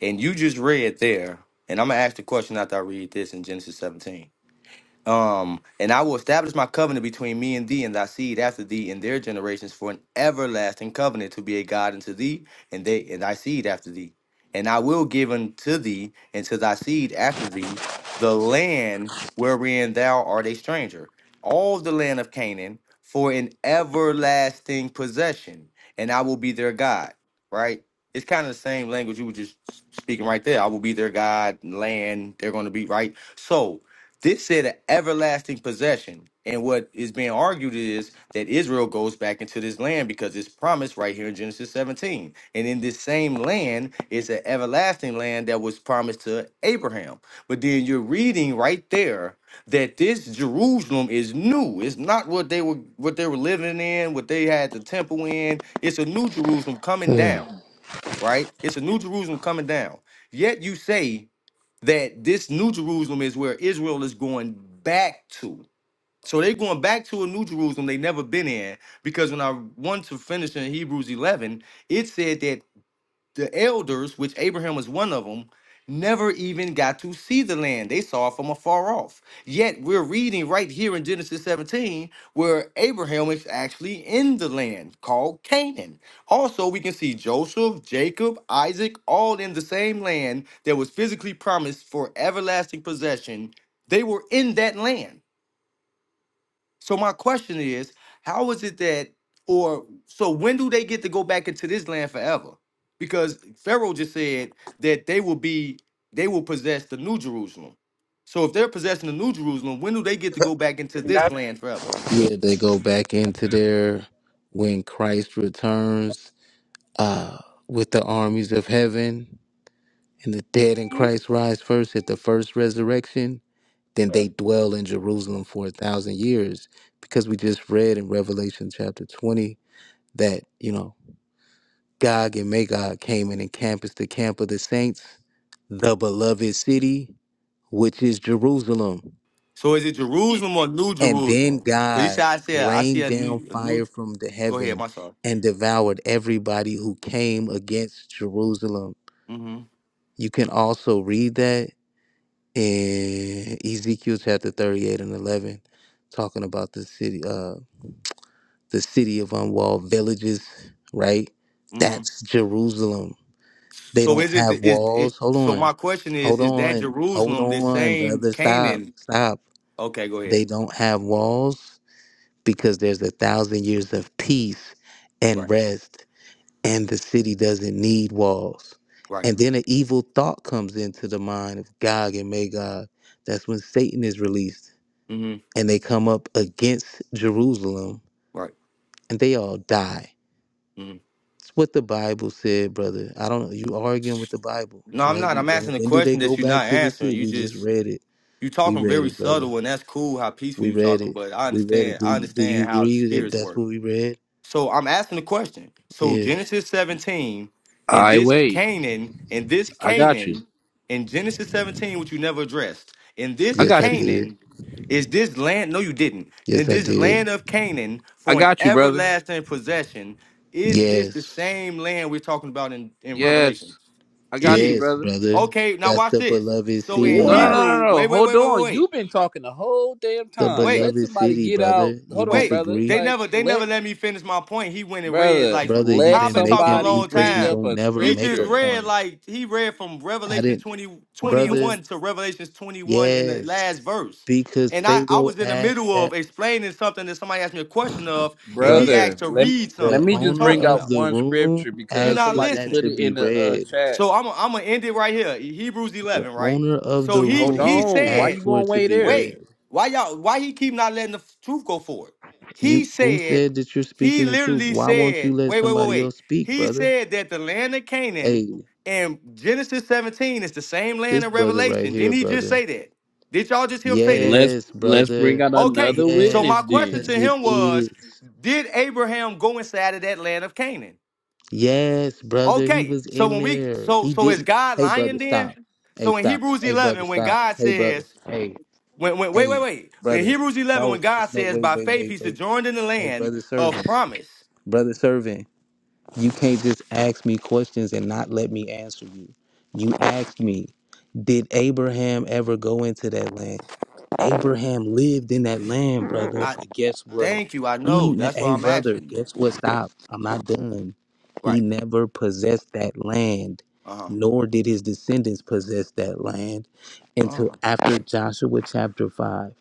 Speaker 7: And you just read there, and I'm going to ask the question after I read this in Genesis 17. Um, and I will establish my covenant between me and thee and thy seed after thee and their generations for an everlasting covenant to be a God unto thee and they and thy seed after thee. And I will give unto thee and to thy seed after thee the land wherein thou art a stranger, all the land of Canaan for an everlasting possession, and I will be their God. Right? It's kind of the same language you were just speaking right there. I will be their God, land, they're going to be right. So, this said an everlasting possession. And what is being argued is that Israel goes back into this land because it's promised right here in Genesis 17. And in this same land is an everlasting land that was promised to Abraham. But then you're reading right there that this Jerusalem is new. It's not what they were what they were living in, what they had the temple in. It's a new Jerusalem coming down right? It's a new Jerusalem coming down. Yet you say that this new Jerusalem is where Israel is going back to. So they're going back to a new Jerusalem they never been in because when I want to finish in Hebrews 11, it said that the elders, which Abraham was one of them, never even got to see the land. They saw it from afar off. Yet we're reading right here in Genesis 17 where Abraham is actually in the land called Canaan. Also, we can see Joseph, Jacob, Isaac, all in the same land that was physically promised for everlasting possession. They were in that land. So my question is, how is it that, or so when do they get to go back into this land forever? Because Pharaoh just said that they will be, they will possess the New Jerusalem. So if they're possessing the New Jerusalem, when do they get to go back into this land forever?
Speaker 5: Yeah, they go back into there when Christ returns uh, with the armies of heaven, and the dead in Christ rise first at the first resurrection. Then they dwell in Jerusalem for a thousand years, because we just read in Revelation chapter twenty that you know Gog and Magog came in and encamped the camp of the saints, the beloved city, which is Jerusalem.
Speaker 7: So is it Jerusalem or New
Speaker 5: And then
Speaker 7: Jerusalem? Because he said,
Speaker 5: God
Speaker 7: I see, a, I see
Speaker 5: rained
Speaker 7: a
Speaker 5: down
Speaker 7: new, a new.
Speaker 5: fire from the
Speaker 7: Go ahead,
Speaker 5: heaven
Speaker 7: my son.
Speaker 5: and devoured everybody who came against Jerusalem.
Speaker 7: hmm
Speaker 5: You can also read that in Ezekiel chapter 38 and 11, talking about the city, uh, the city of unwalled villages, right?
Speaker 7: hmm
Speaker 5: That's Jerusalem. They
Speaker 7: So
Speaker 5: don't
Speaker 7: is it,
Speaker 5: have
Speaker 7: the, is
Speaker 5: walls.
Speaker 7: it?
Speaker 5: Hold
Speaker 7: So
Speaker 5: on.
Speaker 7: my question is,
Speaker 5: Hold
Speaker 7: is that
Speaker 5: on. Hold
Speaker 7: Jerusalem the
Speaker 5: on,
Speaker 7: same
Speaker 5: brother. Stop.
Speaker 7: Canaan?
Speaker 5: Stop.
Speaker 7: Okay, go ahead.
Speaker 5: They don't have walls. because there's a thousand years of peace and
Speaker 7: Right.
Speaker 5: rest, and the city doesn't need walls.
Speaker 7: Right.
Speaker 5: And then an evil thought comes into the mind of Gog and Magog. That's when Satan is released,
Speaker 7: hmm
Speaker 5: and they come up against Jerusalem,
Speaker 7: Right.
Speaker 5: and they all die.
Speaker 7: hmm
Speaker 5: It's what the Bible said, brother. I don't know. You arguing with the Bible,
Speaker 7: No,
Speaker 5: right?
Speaker 7: I'm not.
Speaker 5: You-
Speaker 7: I'm
Speaker 5: When,
Speaker 7: asking a
Speaker 5: when do they
Speaker 7: question
Speaker 5: go
Speaker 7: that you're
Speaker 5: back
Speaker 7: not
Speaker 5: to this
Speaker 7: answering.
Speaker 5: city?
Speaker 7: You
Speaker 5: We just
Speaker 7: just
Speaker 5: read it.
Speaker 7: you
Speaker 5: We
Speaker 7: talking
Speaker 5: read
Speaker 7: very
Speaker 5: it, brother.
Speaker 7: subtle, and that's cool how peaceful
Speaker 5: We
Speaker 7: you
Speaker 5: read
Speaker 7: talking.
Speaker 5: it.
Speaker 7: But I
Speaker 5: We read it.
Speaker 7: understand.
Speaker 5: Do
Speaker 7: I
Speaker 5: you do you
Speaker 7: understand how the
Speaker 5: agree that
Speaker 7: spirits
Speaker 5: that's
Speaker 7: work.
Speaker 5: what we read?
Speaker 7: So I'm asking the question. So
Speaker 5: Yeah.
Speaker 7: Genesis 17
Speaker 11: All
Speaker 7: and
Speaker 11: right,
Speaker 7: this
Speaker 11: wait.
Speaker 7: Canaan and this
Speaker 11: I got you.
Speaker 7: Canaan in Genesis 17, which you never addressed, in
Speaker 11: I
Speaker 7: this
Speaker 5: Yes, I
Speaker 11: got you.
Speaker 5: did.
Speaker 7: Canaan is this land? No, you didn't. In
Speaker 5: Yes, I
Speaker 7: this land
Speaker 5: did.
Speaker 7: of Canaan
Speaker 11: I
Speaker 7: for an
Speaker 11: got you, brother.
Speaker 7: everlasting possession, is this the
Speaker 5: Yes.
Speaker 7: same land we're talking about in, in Revelation?
Speaker 11: Yes, I
Speaker 7: It
Speaker 11: got you,
Speaker 5: Yes,
Speaker 7: is.
Speaker 11: brother.
Speaker 5: brother.
Speaker 7: Okay, now
Speaker 5: That's
Speaker 7: watch
Speaker 5: the
Speaker 7: this.
Speaker 5: beloved
Speaker 7: So in
Speaker 11: No, no,
Speaker 9: What?
Speaker 5: city.
Speaker 11: no, no,
Speaker 7: Hebrew,
Speaker 11: no.
Speaker 7: wait, wait,
Speaker 11: Hold
Speaker 7: wait, wait,
Speaker 11: on.
Speaker 7: wait,
Speaker 11: You've been talking the whole damn
Speaker 5: The
Speaker 11: time.
Speaker 7: wait.
Speaker 11: Let
Speaker 5: beloved
Speaker 11: somebody
Speaker 5: city,
Speaker 11: get out.
Speaker 5: brother. You
Speaker 11: Hold on,
Speaker 7: Wait,
Speaker 11: brother.
Speaker 7: they
Speaker 5: disagree?
Speaker 11: Like,
Speaker 7: never they
Speaker 11: let,
Speaker 7: never let me finish my point. He went and read
Speaker 11: brother,
Speaker 7: like for,
Speaker 5: Brother, you've
Speaker 7: how
Speaker 11: let
Speaker 7: I've
Speaker 5: been
Speaker 7: been talking a
Speaker 5: making
Speaker 11: somebody
Speaker 5: you
Speaker 7: long
Speaker 5: cause
Speaker 11: bring
Speaker 5: you
Speaker 7: time.
Speaker 11: up
Speaker 5: don't
Speaker 11: a
Speaker 5: never
Speaker 7: He
Speaker 5: make
Speaker 7: just
Speaker 5: a
Speaker 11: scripture.
Speaker 7: read
Speaker 5: point.
Speaker 7: like he read from
Speaker 5: I
Speaker 7: Revelation
Speaker 5: didn't
Speaker 7: 20
Speaker 6: We,
Speaker 7: 20
Speaker 6: we,
Speaker 7: and
Speaker 5: brother,
Speaker 7: 1 to Revelations 21 in the
Speaker 5: yes.
Speaker 7: last verse.
Speaker 5: Because
Speaker 7: And I, I
Speaker 5: Pharaoh
Speaker 7: was in the
Speaker 5: asked
Speaker 7: middle
Speaker 5: that
Speaker 7: of explaining something that somebody asked me a question of, and he
Speaker 5: brother,
Speaker 7: asked
Speaker 11: Brother,
Speaker 7: to
Speaker 11: let,
Speaker 7: read
Speaker 11: let
Speaker 5: the
Speaker 7: something.
Speaker 11: me
Speaker 7: What are you
Speaker 11: just
Speaker 5: owner
Speaker 7: talking
Speaker 11: bring out
Speaker 5: of
Speaker 7: about?
Speaker 5: the
Speaker 11: one
Speaker 5: room
Speaker 11: scripture
Speaker 7: You're
Speaker 11: because
Speaker 5: asked
Speaker 7: not
Speaker 5: for
Speaker 11: somebody
Speaker 5: that
Speaker 7: listening.
Speaker 11: put
Speaker 5: to
Speaker 11: it
Speaker 5: be
Speaker 11: in the uh,
Speaker 5: read.
Speaker 11: chat.
Speaker 7: So I'm i I'm gonna end it right here. Hebrews
Speaker 5: The
Speaker 7: 11, right?
Speaker 5: owner of
Speaker 7: So
Speaker 5: the
Speaker 7: he
Speaker 11: Hold
Speaker 7: he
Speaker 5: room
Speaker 11: on. Why
Speaker 7: said
Speaker 5: asked
Speaker 11: you
Speaker 5: for
Speaker 11: going
Speaker 5: it to
Speaker 11: way
Speaker 5: be
Speaker 11: there?
Speaker 5: read.
Speaker 7: Wait, why y'all? Why he keep not letting the f- truth go forward? He
Speaker 5: You who
Speaker 7: said,
Speaker 5: said that you're
Speaker 7: he
Speaker 5: speaking the truth?
Speaker 7: literally
Speaker 5: Why won't
Speaker 7: said,
Speaker 5: you let
Speaker 7: wait, wait, wait,
Speaker 5: somebody
Speaker 7: wait.
Speaker 5: else speak,
Speaker 7: He
Speaker 5: brother?
Speaker 7: said that the land of Canaan
Speaker 5: Hey,
Speaker 7: in Genesis 17 is the same land
Speaker 5: this
Speaker 7: in
Speaker 5: brother right
Speaker 7: Revelation. Didn't
Speaker 5: here,
Speaker 7: he just
Speaker 5: brother.
Speaker 7: say that? Did y'all just hear him say that?
Speaker 11: Let's,
Speaker 5: Yes,
Speaker 11: let's bring
Speaker 5: brother.
Speaker 11: out
Speaker 7: Okay,
Speaker 11: another
Speaker 7: so
Speaker 5: Yes,
Speaker 7: my
Speaker 11: witness
Speaker 7: question
Speaker 11: then.
Speaker 5: because
Speaker 7: to
Speaker 5: it
Speaker 7: him was,
Speaker 5: is.
Speaker 7: did Abraham go inside of that land of Canaan?
Speaker 5: Yes, brother. He
Speaker 7: Okay,
Speaker 5: was
Speaker 7: so
Speaker 5: in
Speaker 7: when we
Speaker 5: there.
Speaker 7: so
Speaker 5: He
Speaker 7: so is
Speaker 5: didn't.
Speaker 7: God
Speaker 5: Hey,
Speaker 7: lying
Speaker 5: brother, stop.
Speaker 7: then?
Speaker 5: Hey,
Speaker 7: So in
Speaker 5: stop.
Speaker 7: Hebrews
Speaker 5: Hey, brother,
Speaker 7: 11, when
Speaker 5: stop.
Speaker 7: God
Speaker 5: Hey, brother.
Speaker 7: says
Speaker 5: Hey,
Speaker 7: when, when, wait,
Speaker 5: hey,
Speaker 7: wait, wait. In
Speaker 5: brother.
Speaker 7: Hebrews 11,
Speaker 5: No,
Speaker 7: when God
Speaker 5: it's no.
Speaker 7: says,
Speaker 5: Wait,
Speaker 7: by
Speaker 5: wait,
Speaker 7: faith
Speaker 5: wait,
Speaker 7: he
Speaker 5: wait.
Speaker 7: sojourned in the
Speaker 5: Hey,
Speaker 7: land
Speaker 5: brother,
Speaker 7: of
Speaker 5: servant.
Speaker 7: promise.
Speaker 5: Brother, servant. You can't just ask me questions and not let me answer you. You asked me, did Abraham ever go into that land? Abraham lived in that land, brother.
Speaker 7: I
Speaker 5: But guess what?
Speaker 7: thank you. I
Speaker 5: He,
Speaker 7: know.
Speaker 5: ne-
Speaker 7: That's why
Speaker 5: hey,
Speaker 7: I'm
Speaker 5: brother,
Speaker 7: asking you.
Speaker 5: guess what? Stop. I'm not done. He
Speaker 7: Right.
Speaker 5: never possessed that land,
Speaker 7: Uh huh.
Speaker 5: nor did his descendants possess that land
Speaker 7: Uh
Speaker 5: until
Speaker 7: huh.
Speaker 5: after Joshua chapter 5.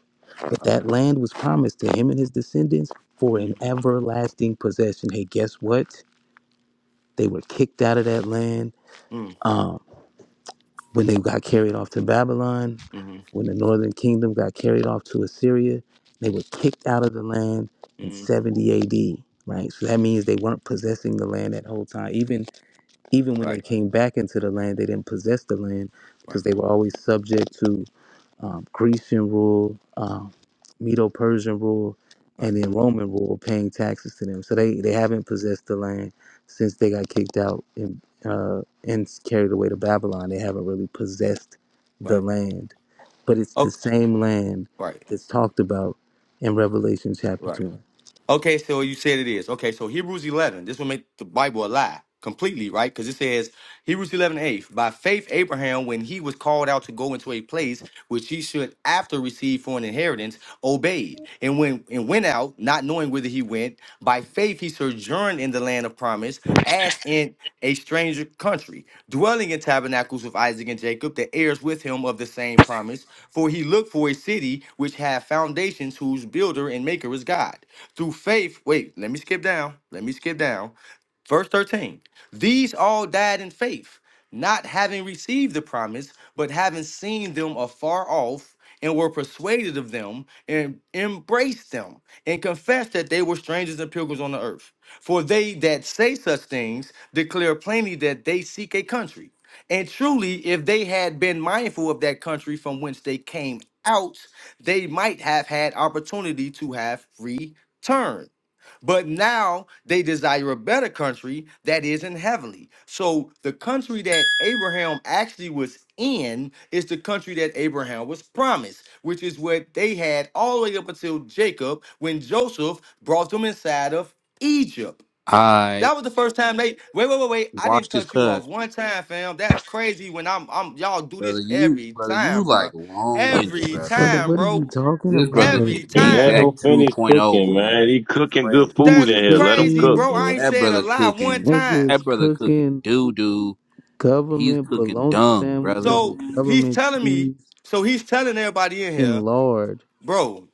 Speaker 5: But
Speaker 7: Okay.
Speaker 5: that land was promised to him and his descendants for an
Speaker 7: Mm-hmm.
Speaker 5: everlasting possession. Hey, guess
Speaker 7: Right.
Speaker 5: what? They were kicked out of that land
Speaker 7: Mm-hmm.
Speaker 5: um, when they got carried off to Babylon.
Speaker 7: Mm-hmm.
Speaker 5: When the northern kingdom got carried off to Assyria, they were kicked out of the land in
Speaker 7: Mm-hmm.
Speaker 5: 70 AD. Right, so that means they weren't possessing the land that whole time. Even even when they
Speaker 7: Right.
Speaker 5: came back into the land, they didn't possess the land
Speaker 7: Right.
Speaker 5: because they were always subject to um, Grecian rule, um, Medo Persian rule,
Speaker 7: Right.
Speaker 5: and then Roman rule paying taxes to them. So they, they haven't possessed the land since they got kicked out and, uh, and carried away to Babylon. They haven't really possessed the
Speaker 7: Right.
Speaker 5: land. But it's the
Speaker 7: Okay.
Speaker 5: same land
Speaker 7: Right.
Speaker 5: that's talked about in Revelation chapter
Speaker 7: Right.
Speaker 5: 20.
Speaker 7: Okay, so you said it is. Okay, so Hebrews 11. This will make the Bible a lie completely, right? Because it says, Hebrews 11 eight, by faith, Abraham, when he was called out to go into a place which he should after receive for an inheritance, obeyed and when and went out, not knowing whither he went. By faith, he sojourned in the land of promise as in a stranger country, dwelling in tabernacles with Isaac and Jacob, the heirs with him of the same promise. For he looked for a city which hath foundations, whose builder and maker is God. Through faith, wait, let me skip down. Let me skip down. Verse 13 These all died in faith, not having received the promise, but having seen them afar off, and were persuaded of them, and embraced them, and confessed that they were strangers and pilgrims on the earth. For they that say such things declare plainly that they seek a country. And truly, if they had been mindful of that country from whence they came out, they might have had opportunity to have returned. But now they desire a better country that is in heavenly. So the country that Abraham actually was in is the country that Abraham was promised, which is what they had all the way up until Jacob when Joseph brought them inside of Egypt.
Speaker 11: I
Speaker 7: That was the first time they wait, wait, wait, wait. I
Speaker 11: watch
Speaker 7: didn't
Speaker 11: this
Speaker 7: cut you off
Speaker 11: cut.
Speaker 7: one time, fam. That's crazy. When I'm, I'm y'all do
Speaker 11: Brother,
Speaker 7: this
Speaker 11: you,
Speaker 7: every
Speaker 11: brother, you
Speaker 7: time, bro.
Speaker 11: like long winded,
Speaker 7: Every
Speaker 11: brother.
Speaker 5: Brother,
Speaker 7: time,
Speaker 5: what are you
Speaker 7: bro.
Speaker 5: talking
Speaker 11: This
Speaker 5: about?
Speaker 11: brother is
Speaker 7: Every
Speaker 4: Hey,
Speaker 11: D
Speaker 5: They
Speaker 4: let
Speaker 7: time.
Speaker 5: like,
Speaker 11: Jack
Speaker 4: them finish
Speaker 11: 2.0,
Speaker 4: cooking,
Speaker 11: man.
Speaker 4: man. He cooking good
Speaker 11: Crazy.
Speaker 4: food
Speaker 5: he's
Speaker 7: That's
Speaker 4: in here. Let them
Speaker 7: crazy,
Speaker 4: cook,
Speaker 5: cooking,
Speaker 7: bro. I
Speaker 4: man.
Speaker 7: ain't
Speaker 11: That
Speaker 7: said a
Speaker 11: brother
Speaker 7: lie one
Speaker 11: cooking.
Speaker 7: time.
Speaker 5: niggas
Speaker 11: That brother cooking
Speaker 5: cooking
Speaker 11: doo doo. He's
Speaker 5: government
Speaker 11: cooking
Speaker 5: bologna
Speaker 11: dung, brother.
Speaker 5: sandwiches with
Speaker 7: So he's
Speaker 5: government
Speaker 7: telling me.
Speaker 5: cheese
Speaker 7: So he's telling everybody in
Speaker 5: and
Speaker 7: here,
Speaker 5: lard
Speaker 7: bro.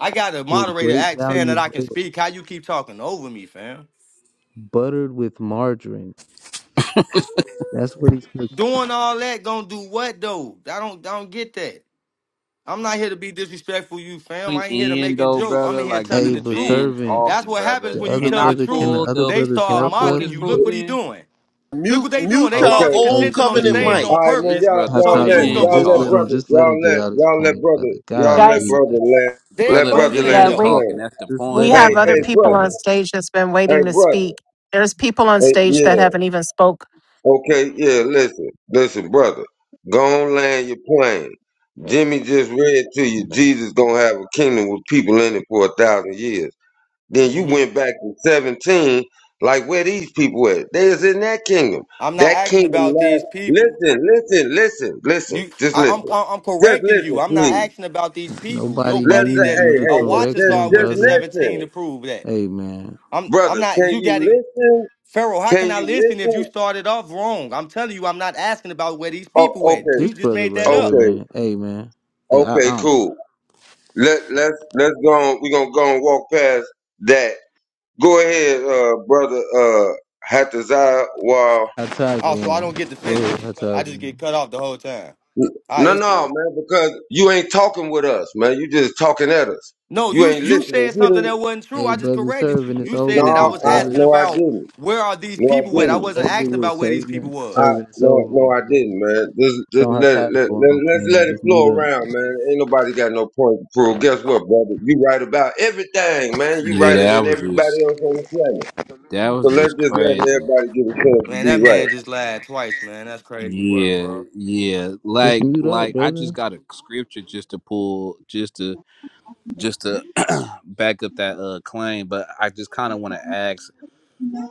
Speaker 7: I got a
Speaker 5: with
Speaker 7: moderator
Speaker 5: great
Speaker 7: act saying
Speaker 5: value
Speaker 7: that I can
Speaker 5: bread,
Speaker 7: speak. How you keep talking over me, fam?
Speaker 5: buttered with margarine. That's what he's cooking.
Speaker 7: Doing all that gonna do what though? I don't, I don't get that. I'm not here to be disrespectful, you fam.
Speaker 11: Point
Speaker 7: I ain't here to
Speaker 11: in
Speaker 7: make a
Speaker 11: though,
Speaker 7: joke. I'm
Speaker 11: brother.
Speaker 7: in here
Speaker 11: Like
Speaker 5: Hey,
Speaker 7: telling
Speaker 11: you
Speaker 7: the
Speaker 5: but
Speaker 7: truth.
Speaker 11: been
Speaker 5: servant,
Speaker 7: That's
Speaker 11: talking,
Speaker 7: what happens
Speaker 11: brother.
Speaker 5: the
Speaker 7: when you
Speaker 5: other
Speaker 11: Can
Speaker 7: tell
Speaker 11: I
Speaker 7: the
Speaker 5: brother, can the
Speaker 7: truth.
Speaker 11: pull
Speaker 5: other
Speaker 11: the?
Speaker 7: They
Speaker 5: brother
Speaker 11: Can
Speaker 7: start
Speaker 11: I
Speaker 5: talk,
Speaker 11: pull
Speaker 7: mocking
Speaker 11: this
Speaker 7: you.
Speaker 5: brother?
Speaker 11: proof
Speaker 7: Look what he
Speaker 11: then?
Speaker 7: doing. Look
Speaker 9: Mute,
Speaker 7: what they doing.
Speaker 9: mute
Speaker 7: They
Speaker 5: Hold
Speaker 9: y'all
Speaker 5: on.
Speaker 7: causing
Speaker 1: Okay.
Speaker 9: old
Speaker 5: Hey,
Speaker 7: contention on the
Speaker 9: covenant
Speaker 5: hey,
Speaker 7: stage
Speaker 9: mic.
Speaker 1: All
Speaker 5: um,
Speaker 7: on
Speaker 1: right,
Speaker 11: This
Speaker 1: man.
Speaker 7: purpose,
Speaker 1: Y'all
Speaker 11: brother
Speaker 7: so the
Speaker 1: y'all let
Speaker 7: truth don't
Speaker 5: Hatazawan,
Speaker 11: been
Speaker 7: go
Speaker 1: y'all
Speaker 5: just
Speaker 1: let
Speaker 5: let
Speaker 7: forth.
Speaker 5: him,
Speaker 11: talking.
Speaker 1: brother
Speaker 5: just let him
Speaker 1: y'all
Speaker 5: get
Speaker 1: let
Speaker 5: out his
Speaker 1: y'all let
Speaker 5: point,
Speaker 1: brother
Speaker 5: brother.
Speaker 1: y'all
Speaker 5: God,
Speaker 1: let
Speaker 6: guys,
Speaker 5: leave.
Speaker 1: brother land
Speaker 7: They
Speaker 1: let
Speaker 11: Brother
Speaker 6: we
Speaker 1: brother
Speaker 7: exposing
Speaker 1: land
Speaker 6: yeah
Speaker 11: been
Speaker 1: his
Speaker 7: themselves.
Speaker 6: we
Speaker 11: talking.
Speaker 1: plane.
Speaker 11: That's the
Speaker 5: Just
Speaker 6: we
Speaker 5: let
Speaker 11: point.
Speaker 5: him
Speaker 6: have
Speaker 1: Hey
Speaker 5: land
Speaker 6: other
Speaker 1: hey
Speaker 5: his
Speaker 6: people on
Speaker 1: brother
Speaker 5: plane.
Speaker 6: stage that's been waiting
Speaker 1: hey
Speaker 6: to
Speaker 1: brother
Speaker 6: speak. There's people on
Speaker 1: hey
Speaker 6: stage
Speaker 1: yeah
Speaker 6: that haven't even spoke
Speaker 1: Okay, yeah, listen, listen, brother. Go on land your plane. Jimmy just read to you Jesus gonna have a kingdom with people in it for a thousand years. Then you
Speaker 7: hmm
Speaker 1: went back to 17, like where these people at? They is in that kingdom.
Speaker 7: I'm not
Speaker 1: That
Speaker 7: asking
Speaker 1: kingdom
Speaker 7: about
Speaker 1: last
Speaker 7: these people.
Speaker 1: listen, listen, listen, listen,
Speaker 7: You,
Speaker 1: just
Speaker 7: I, I'm,
Speaker 1: listen.
Speaker 7: I- I'm
Speaker 1: Just
Speaker 7: correcting you.
Speaker 1: listen,
Speaker 7: I'm not
Speaker 1: please.
Speaker 7: asking about these people. Your
Speaker 5: Nobody
Speaker 1: Let's
Speaker 7: buddy
Speaker 5: needs
Speaker 7: that
Speaker 1: hey,
Speaker 5: you to
Speaker 7: uh,
Speaker 1: hey, hey,
Speaker 5: correct
Speaker 7: watches
Speaker 1: just,
Speaker 7: are
Speaker 5: them,
Speaker 7: went
Speaker 1: just
Speaker 7: to
Speaker 5: brother.
Speaker 7: 17
Speaker 1: listen.
Speaker 7: to prove that.
Speaker 5: Hey, man,
Speaker 7: I'm, I'm
Speaker 1: Brother,
Speaker 7: not.
Speaker 1: can
Speaker 7: You got
Speaker 1: you
Speaker 7: to.
Speaker 1: listen?
Speaker 7: Pharaoh, how can
Speaker 1: Can
Speaker 7: I
Speaker 1: you
Speaker 7: listen if you
Speaker 1: listen?
Speaker 7: started off wrong? I'm telling you, I'm not asking about where these
Speaker 1: Oh,
Speaker 7: people at.
Speaker 1: okay,
Speaker 5: this
Speaker 7: You just
Speaker 5: brother
Speaker 7: made
Speaker 5: right
Speaker 7: that
Speaker 5: here,
Speaker 7: up.
Speaker 1: okay,
Speaker 5: man. Hey, man. Hey, I, I
Speaker 1: okay,
Speaker 5: don't.
Speaker 1: cool. Let let's let's go on. We're gonna go and walk past that. Go ahead, uh brother uh Hataziah while
Speaker 7: Oh, so I don't get to
Speaker 5: Hatazawan, go ahead,
Speaker 7: finish. I just
Speaker 5: Hatazawan.
Speaker 7: get cut off the whole time. All right,
Speaker 1: No
Speaker 7: it's
Speaker 1: no
Speaker 7: cool.
Speaker 1: man, because you ain't talking with us, man. You just talking at us.
Speaker 7: No,
Speaker 1: You
Speaker 7: you
Speaker 1: ain't
Speaker 7: you
Speaker 1: listening.
Speaker 7: said
Speaker 1: You
Speaker 7: something
Speaker 1: didn't
Speaker 7: that wasn't true.
Speaker 5: Hey,
Speaker 7: I just
Speaker 5: brother,
Speaker 7: corrected you.
Speaker 5: serving is
Speaker 7: You
Speaker 1: No,
Speaker 7: said
Speaker 5: over
Speaker 7: that I
Speaker 5: with,
Speaker 7: was
Speaker 1: I
Speaker 5: brother.
Speaker 7: asking
Speaker 1: no I
Speaker 7: about
Speaker 1: didn't.
Speaker 7: where are these
Speaker 1: No I
Speaker 7: people at. I
Speaker 1: didn't.
Speaker 7: wasn't
Speaker 5: Over
Speaker 7: asking
Speaker 5: with,
Speaker 7: about where these people
Speaker 5: serving.
Speaker 7: was.
Speaker 1: I
Speaker 5: Serving is
Speaker 1: no
Speaker 5: over
Speaker 1: no
Speaker 5: with,
Speaker 1: I
Speaker 5: brother.
Speaker 1: didn't, man. Just just
Speaker 5: Don't have
Speaker 1: let it
Speaker 5: time
Speaker 1: let,
Speaker 5: for
Speaker 1: let
Speaker 5: one,
Speaker 1: let's
Speaker 5: King.
Speaker 1: let it
Speaker 5: Just mute
Speaker 1: flow
Speaker 5: up.
Speaker 1: around, man. Ain't nobody got no point to prove. Guess what, brother? You right about everything, man. You
Speaker 11: Yeah,
Speaker 1: right it
Speaker 11: that
Speaker 1: than
Speaker 11: was just.
Speaker 1: everybody else on the planet.
Speaker 11: That
Speaker 1: So
Speaker 11: was
Speaker 1: let's
Speaker 11: just
Speaker 1: just let
Speaker 11: crazy.
Speaker 1: everybody get a chance to
Speaker 7: Man,
Speaker 1: be
Speaker 7: that
Speaker 1: right.
Speaker 7: man just lied twice, man. That's crazy work,
Speaker 11: Yeah,
Speaker 7: bro.
Speaker 11: yeah.
Speaker 5: Just
Speaker 11: Like,
Speaker 5: mute up,
Speaker 11: like I just
Speaker 5: brother.
Speaker 11: got a scripture just to pull, just to just to back up that uh claim, but I just kind of want to ask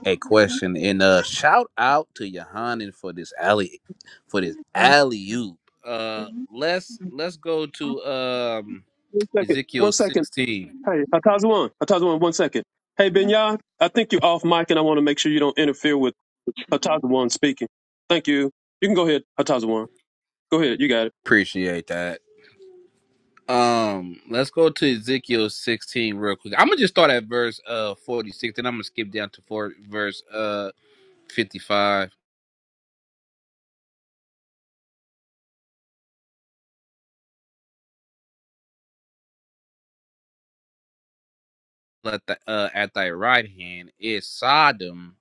Speaker 11: a question and uh shout out to Yohanan for this alley for this alley oop. Uh let's let's go to um
Speaker 2: One second. One
Speaker 11: Ezekiel
Speaker 2: second.
Speaker 11: 16.
Speaker 2: Hey, Hatazawan. Hatazawan, one second. Hey, Benya, I think you're off mic and I want to make sure you don't interfere with Hatazawan speaking. Thank you. You can go ahead, Hatazawan. Go ahead, you got it.
Speaker 11: Appreciate that. Um let's go to Ezekiel 16 real quick. I'm going to just start at verse uh 46 and I'm going to skip down to four, verse uh 55. Let the uh at thy right hand is Sodom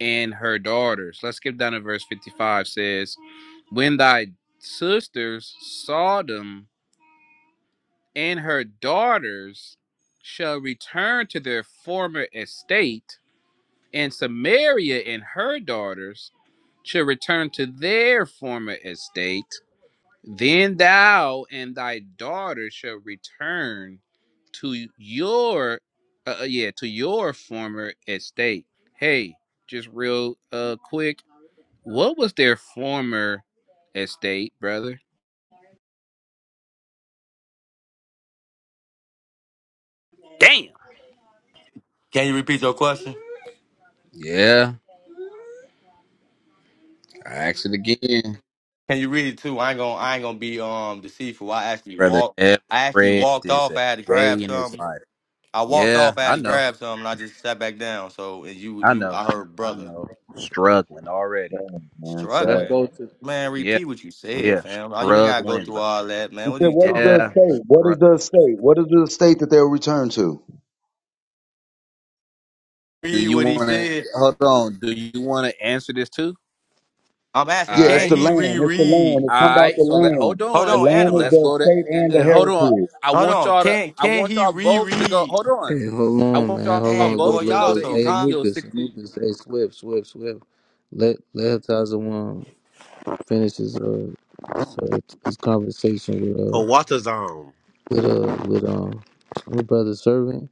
Speaker 11: and her daughters. Let's skip down to verse 55 says, When thy sisters Sodom and her daughters shall return to their former estate, and Samaria and her daughters shall return to their former estate, then thou and thy daughters shall return to your uh, uh, yeah to your former estate. Hey, just real uh quick what was their former estate, brother? Damn.
Speaker 7: Can you repeat your question?
Speaker 11: Yeah, I asked it again.
Speaker 7: Can you read it too? I ain't gonna I ain't gonna be um deceitful. I actually
Speaker 11: Brother
Speaker 7: walked
Speaker 11: never
Speaker 7: I actually
Speaker 11: read
Speaker 7: walked
Speaker 11: this
Speaker 7: off.
Speaker 11: a
Speaker 7: I had to grab
Speaker 11: day in his
Speaker 7: something.
Speaker 11: life.
Speaker 7: I walked
Speaker 11: Yeah,
Speaker 7: off. I had
Speaker 11: I
Speaker 7: to
Speaker 11: know.
Speaker 7: grab something. And I just sat back down. So and you,
Speaker 11: I
Speaker 7: you,
Speaker 11: know.
Speaker 7: I heard
Speaker 11: I
Speaker 7: brother
Speaker 11: know.
Speaker 7: S-
Speaker 11: Struggling already.
Speaker 12: thousand. Man,
Speaker 11: Let's
Speaker 12: sad.
Speaker 7: struggling.
Speaker 11: go to
Speaker 7: Man,
Speaker 11: Yeah,
Speaker 7: repeat what you said,
Speaker 11: yeah.
Speaker 7: fam. Oh, You ain't gotta go
Speaker 11: Struggling,
Speaker 7: through
Speaker 11: bro.
Speaker 7: all that,
Speaker 12: He
Speaker 7: man. What are
Speaker 12: said,
Speaker 7: you
Speaker 12: "What is
Speaker 7: talking
Speaker 12: the
Speaker 11: Yeah,
Speaker 7: about?
Speaker 12: estate? What is the
Speaker 11: struggling.
Speaker 12: estate? What is the estate that they'll return to?
Speaker 11: Do
Speaker 7: Read
Speaker 11: you
Speaker 7: what he
Speaker 11: wanna
Speaker 7: said.
Speaker 11: hold on, do you wanna answer this too?
Speaker 7: I'm
Speaker 11: All
Speaker 7: asking,
Speaker 12: Yeah,
Speaker 11: right.
Speaker 12: it's
Speaker 7: can
Speaker 12: the
Speaker 7: he
Speaker 12: land. It's the land.
Speaker 7: reread?
Speaker 11: All
Speaker 12: It's something about
Speaker 11: right,
Speaker 12: the
Speaker 11: so let
Speaker 12: land.
Speaker 11: hold
Speaker 7: Hold
Speaker 12: The
Speaker 11: on.
Speaker 7: on,
Speaker 12: land is
Speaker 11: Let's
Speaker 7: Anubis.
Speaker 12: the
Speaker 11: go to
Speaker 12: estate and
Speaker 11: uh,
Speaker 12: the
Speaker 11: uh, hold on.
Speaker 12: heritage."
Speaker 11: I
Speaker 7: Hold
Speaker 11: want
Speaker 7: on.
Speaker 11: y'all to.
Speaker 7: Can
Speaker 11: I
Speaker 7: can
Speaker 11: want
Speaker 7: he
Speaker 11: y'all both to go.
Speaker 7: reread?
Speaker 11: Hold on.
Speaker 5: Hey, hold
Speaker 11: I
Speaker 5: on,
Speaker 11: want
Speaker 5: man.
Speaker 11: y'all
Speaker 5: Hold on.
Speaker 7: Dang,
Speaker 5: Look,
Speaker 7: boy,
Speaker 11: both to
Speaker 5: look,
Speaker 11: go
Speaker 7: y'all
Speaker 5: look.
Speaker 11: to
Speaker 7: so
Speaker 5: Hey,
Speaker 7: con-
Speaker 11: Ezekiel
Speaker 5: Anubis,
Speaker 11: 16.
Speaker 5: Anubis. Hey, Swift, Swift, Swift. Let let Tazawan finish his uh so his conversation with uh
Speaker 9: Kawatazam.
Speaker 5: with uh with um with brother servant,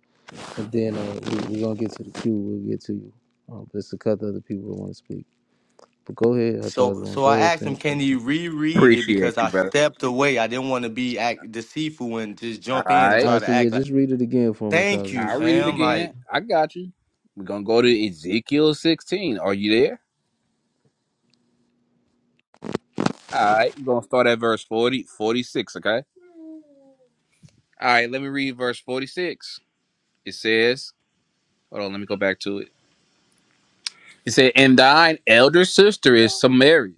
Speaker 5: and then uh we, we're gonna get to the queue. We'll get to you. Um, but it's a couple other people who want to speak. But go ahead,
Speaker 7: so
Speaker 5: Hatazwan.
Speaker 7: so
Speaker 5: Go
Speaker 7: I
Speaker 5: ahead,
Speaker 7: asked him,
Speaker 5: finish it up.
Speaker 7: can he reread it?
Speaker 11: Appreciate
Speaker 7: Because
Speaker 11: you,
Speaker 7: I
Speaker 11: brother.
Speaker 7: stepped away. I didn't want to be act deceitful and just
Speaker 11: All
Speaker 7: jump in and
Speaker 5: All
Speaker 11: right,
Speaker 7: try
Speaker 5: right,
Speaker 7: to
Speaker 5: so yeah,
Speaker 7: act like.
Speaker 5: just read it again for him,
Speaker 7: Thank you,
Speaker 5: Hatazwan.
Speaker 11: I'll
Speaker 5: Just
Speaker 11: read it
Speaker 5: read it
Speaker 7: fam.
Speaker 5: again.
Speaker 7: Like
Speaker 11: again. I got you. We're gonna go to Ezekiel 16. Are you there? All right, we're gonna start at verse 40 46. Okay. All right, let me read verse 46. It says, "Hold on, let me go back to it." It said, "And thine elder sister is Samaria."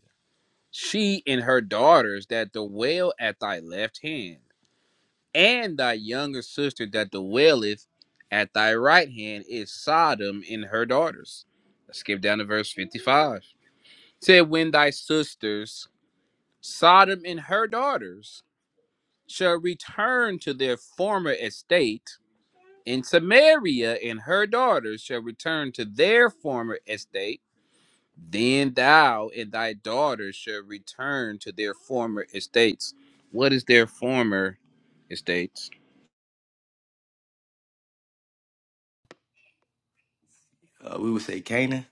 Speaker 11: she and her daughters that dwell at thy left hand, and thy younger sister that dwelleth at thy right hand is Sodom and her daughters. Let's skip down to verse 55. It Said, When thy sisters, Sodom and her daughters, shall return to their former estate, and Samaria and her daughters shall return to their former estate Then thou and thy daughters shall return to their former estates. What is their former estates?
Speaker 7: uh, we would say Canaan.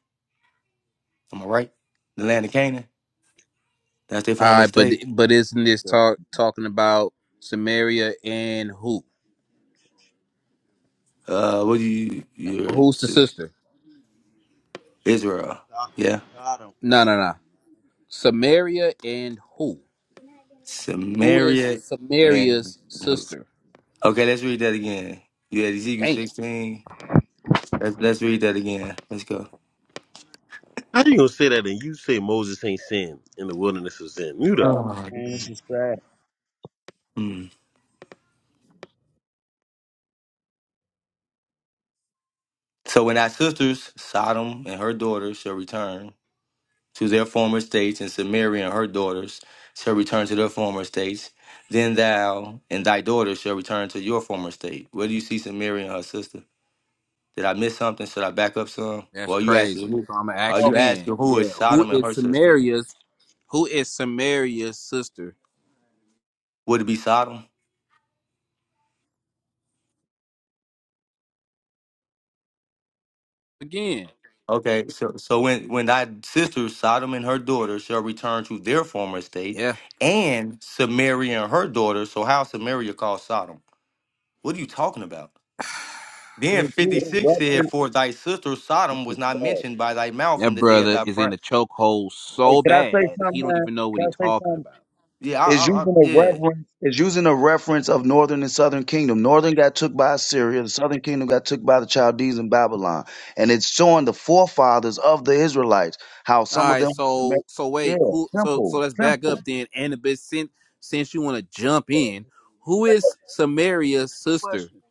Speaker 7: Am I right? The land of Canaan. That's their
Speaker 11: All
Speaker 7: former
Speaker 11: right, but
Speaker 7: state.
Speaker 11: but isn't this talk talking about Samaria and who?
Speaker 7: Uh, what do you, your
Speaker 11: Who's the sister?
Speaker 7: Israel?
Speaker 12: Yeah.
Speaker 7: Yeah,
Speaker 12: Got him.
Speaker 11: No, no, no. Samaria and who? Who is
Speaker 7: Samaria and
Speaker 11: Samaria's sister?
Speaker 7: okay. Let's read that again. You had Ezekiel
Speaker 11: Damn.
Speaker 7: sixteen. Let's let's read that again. Let's go.
Speaker 9: How you gonna say that and you say Moses ain't sin in the wilderness of Zin? Mute up.
Speaker 7: Oh.
Speaker 12: Man, this is sad.
Speaker 7: Mm. So when thy sisters Sodom and her daughters shall return, to their former states, and Samaria and her daughters shall return to their former states. Then thou and thy daughters shall return to your former state. Where do you see Samaria and her sister? Did I miss something? Should I back up some?
Speaker 11: That's
Speaker 7: Well, you asking
Speaker 11: crazy.
Speaker 7: who?
Speaker 11: So I'm gonna
Speaker 7: Are
Speaker 11: ask
Speaker 7: you
Speaker 11: again.
Speaker 7: asking who is
Speaker 11: Yeah, who
Speaker 7: Sodom and
Speaker 11: is
Speaker 7: her sister?
Speaker 11: Samaria's? Who is Samaria's sister?
Speaker 7: Would it be Sodom?
Speaker 11: Again.
Speaker 7: Okay, so so when when thy sister Sodom and her daughter shall return to their former state,
Speaker 11: Yeah.
Speaker 7: and Samaria and her daughter. So how is Samaria called Sodom? What are you talking about?
Speaker 12: This
Speaker 7: Then
Speaker 12: is
Speaker 7: 56 said,
Speaker 12: reference.
Speaker 7: For thy sister
Speaker 12: This
Speaker 7: Sodom was
Speaker 12: is
Speaker 7: not
Speaker 12: sad.
Speaker 7: mentioned by thy mouth
Speaker 11: That
Speaker 7: in the day of
Speaker 11: brother
Speaker 7: thy
Speaker 11: is in
Speaker 7: prayer.
Speaker 11: a chokehold
Speaker 12: Hey,
Speaker 11: so
Speaker 12: can I say
Speaker 11: bad
Speaker 12: something,
Speaker 11: he don't
Speaker 12: man?
Speaker 11: even know what
Speaker 12: Can
Speaker 11: he's
Speaker 12: I say something?
Speaker 11: talking about.
Speaker 7: Yeah, I,
Speaker 12: is
Speaker 7: I, I,
Speaker 12: using a
Speaker 7: yeah.
Speaker 12: reference is using a reference of northern and southern kingdom. Northern got took by Assyria, the southern kingdom got took by the Chaldees and Babylon, and it's showing the forefathers of the Israelites how
Speaker 11: All
Speaker 12: some of
Speaker 11: right,
Speaker 12: them.
Speaker 11: so so
Speaker 12: Yeah,
Speaker 11: wait, who? So so
Speaker 12: simple,
Speaker 11: let's back up
Speaker 12: simple.
Speaker 11: then. Annabis, since since you want to jump
Speaker 12: Yeah.
Speaker 11: in, who is Samaria's sister?
Speaker 12: Question: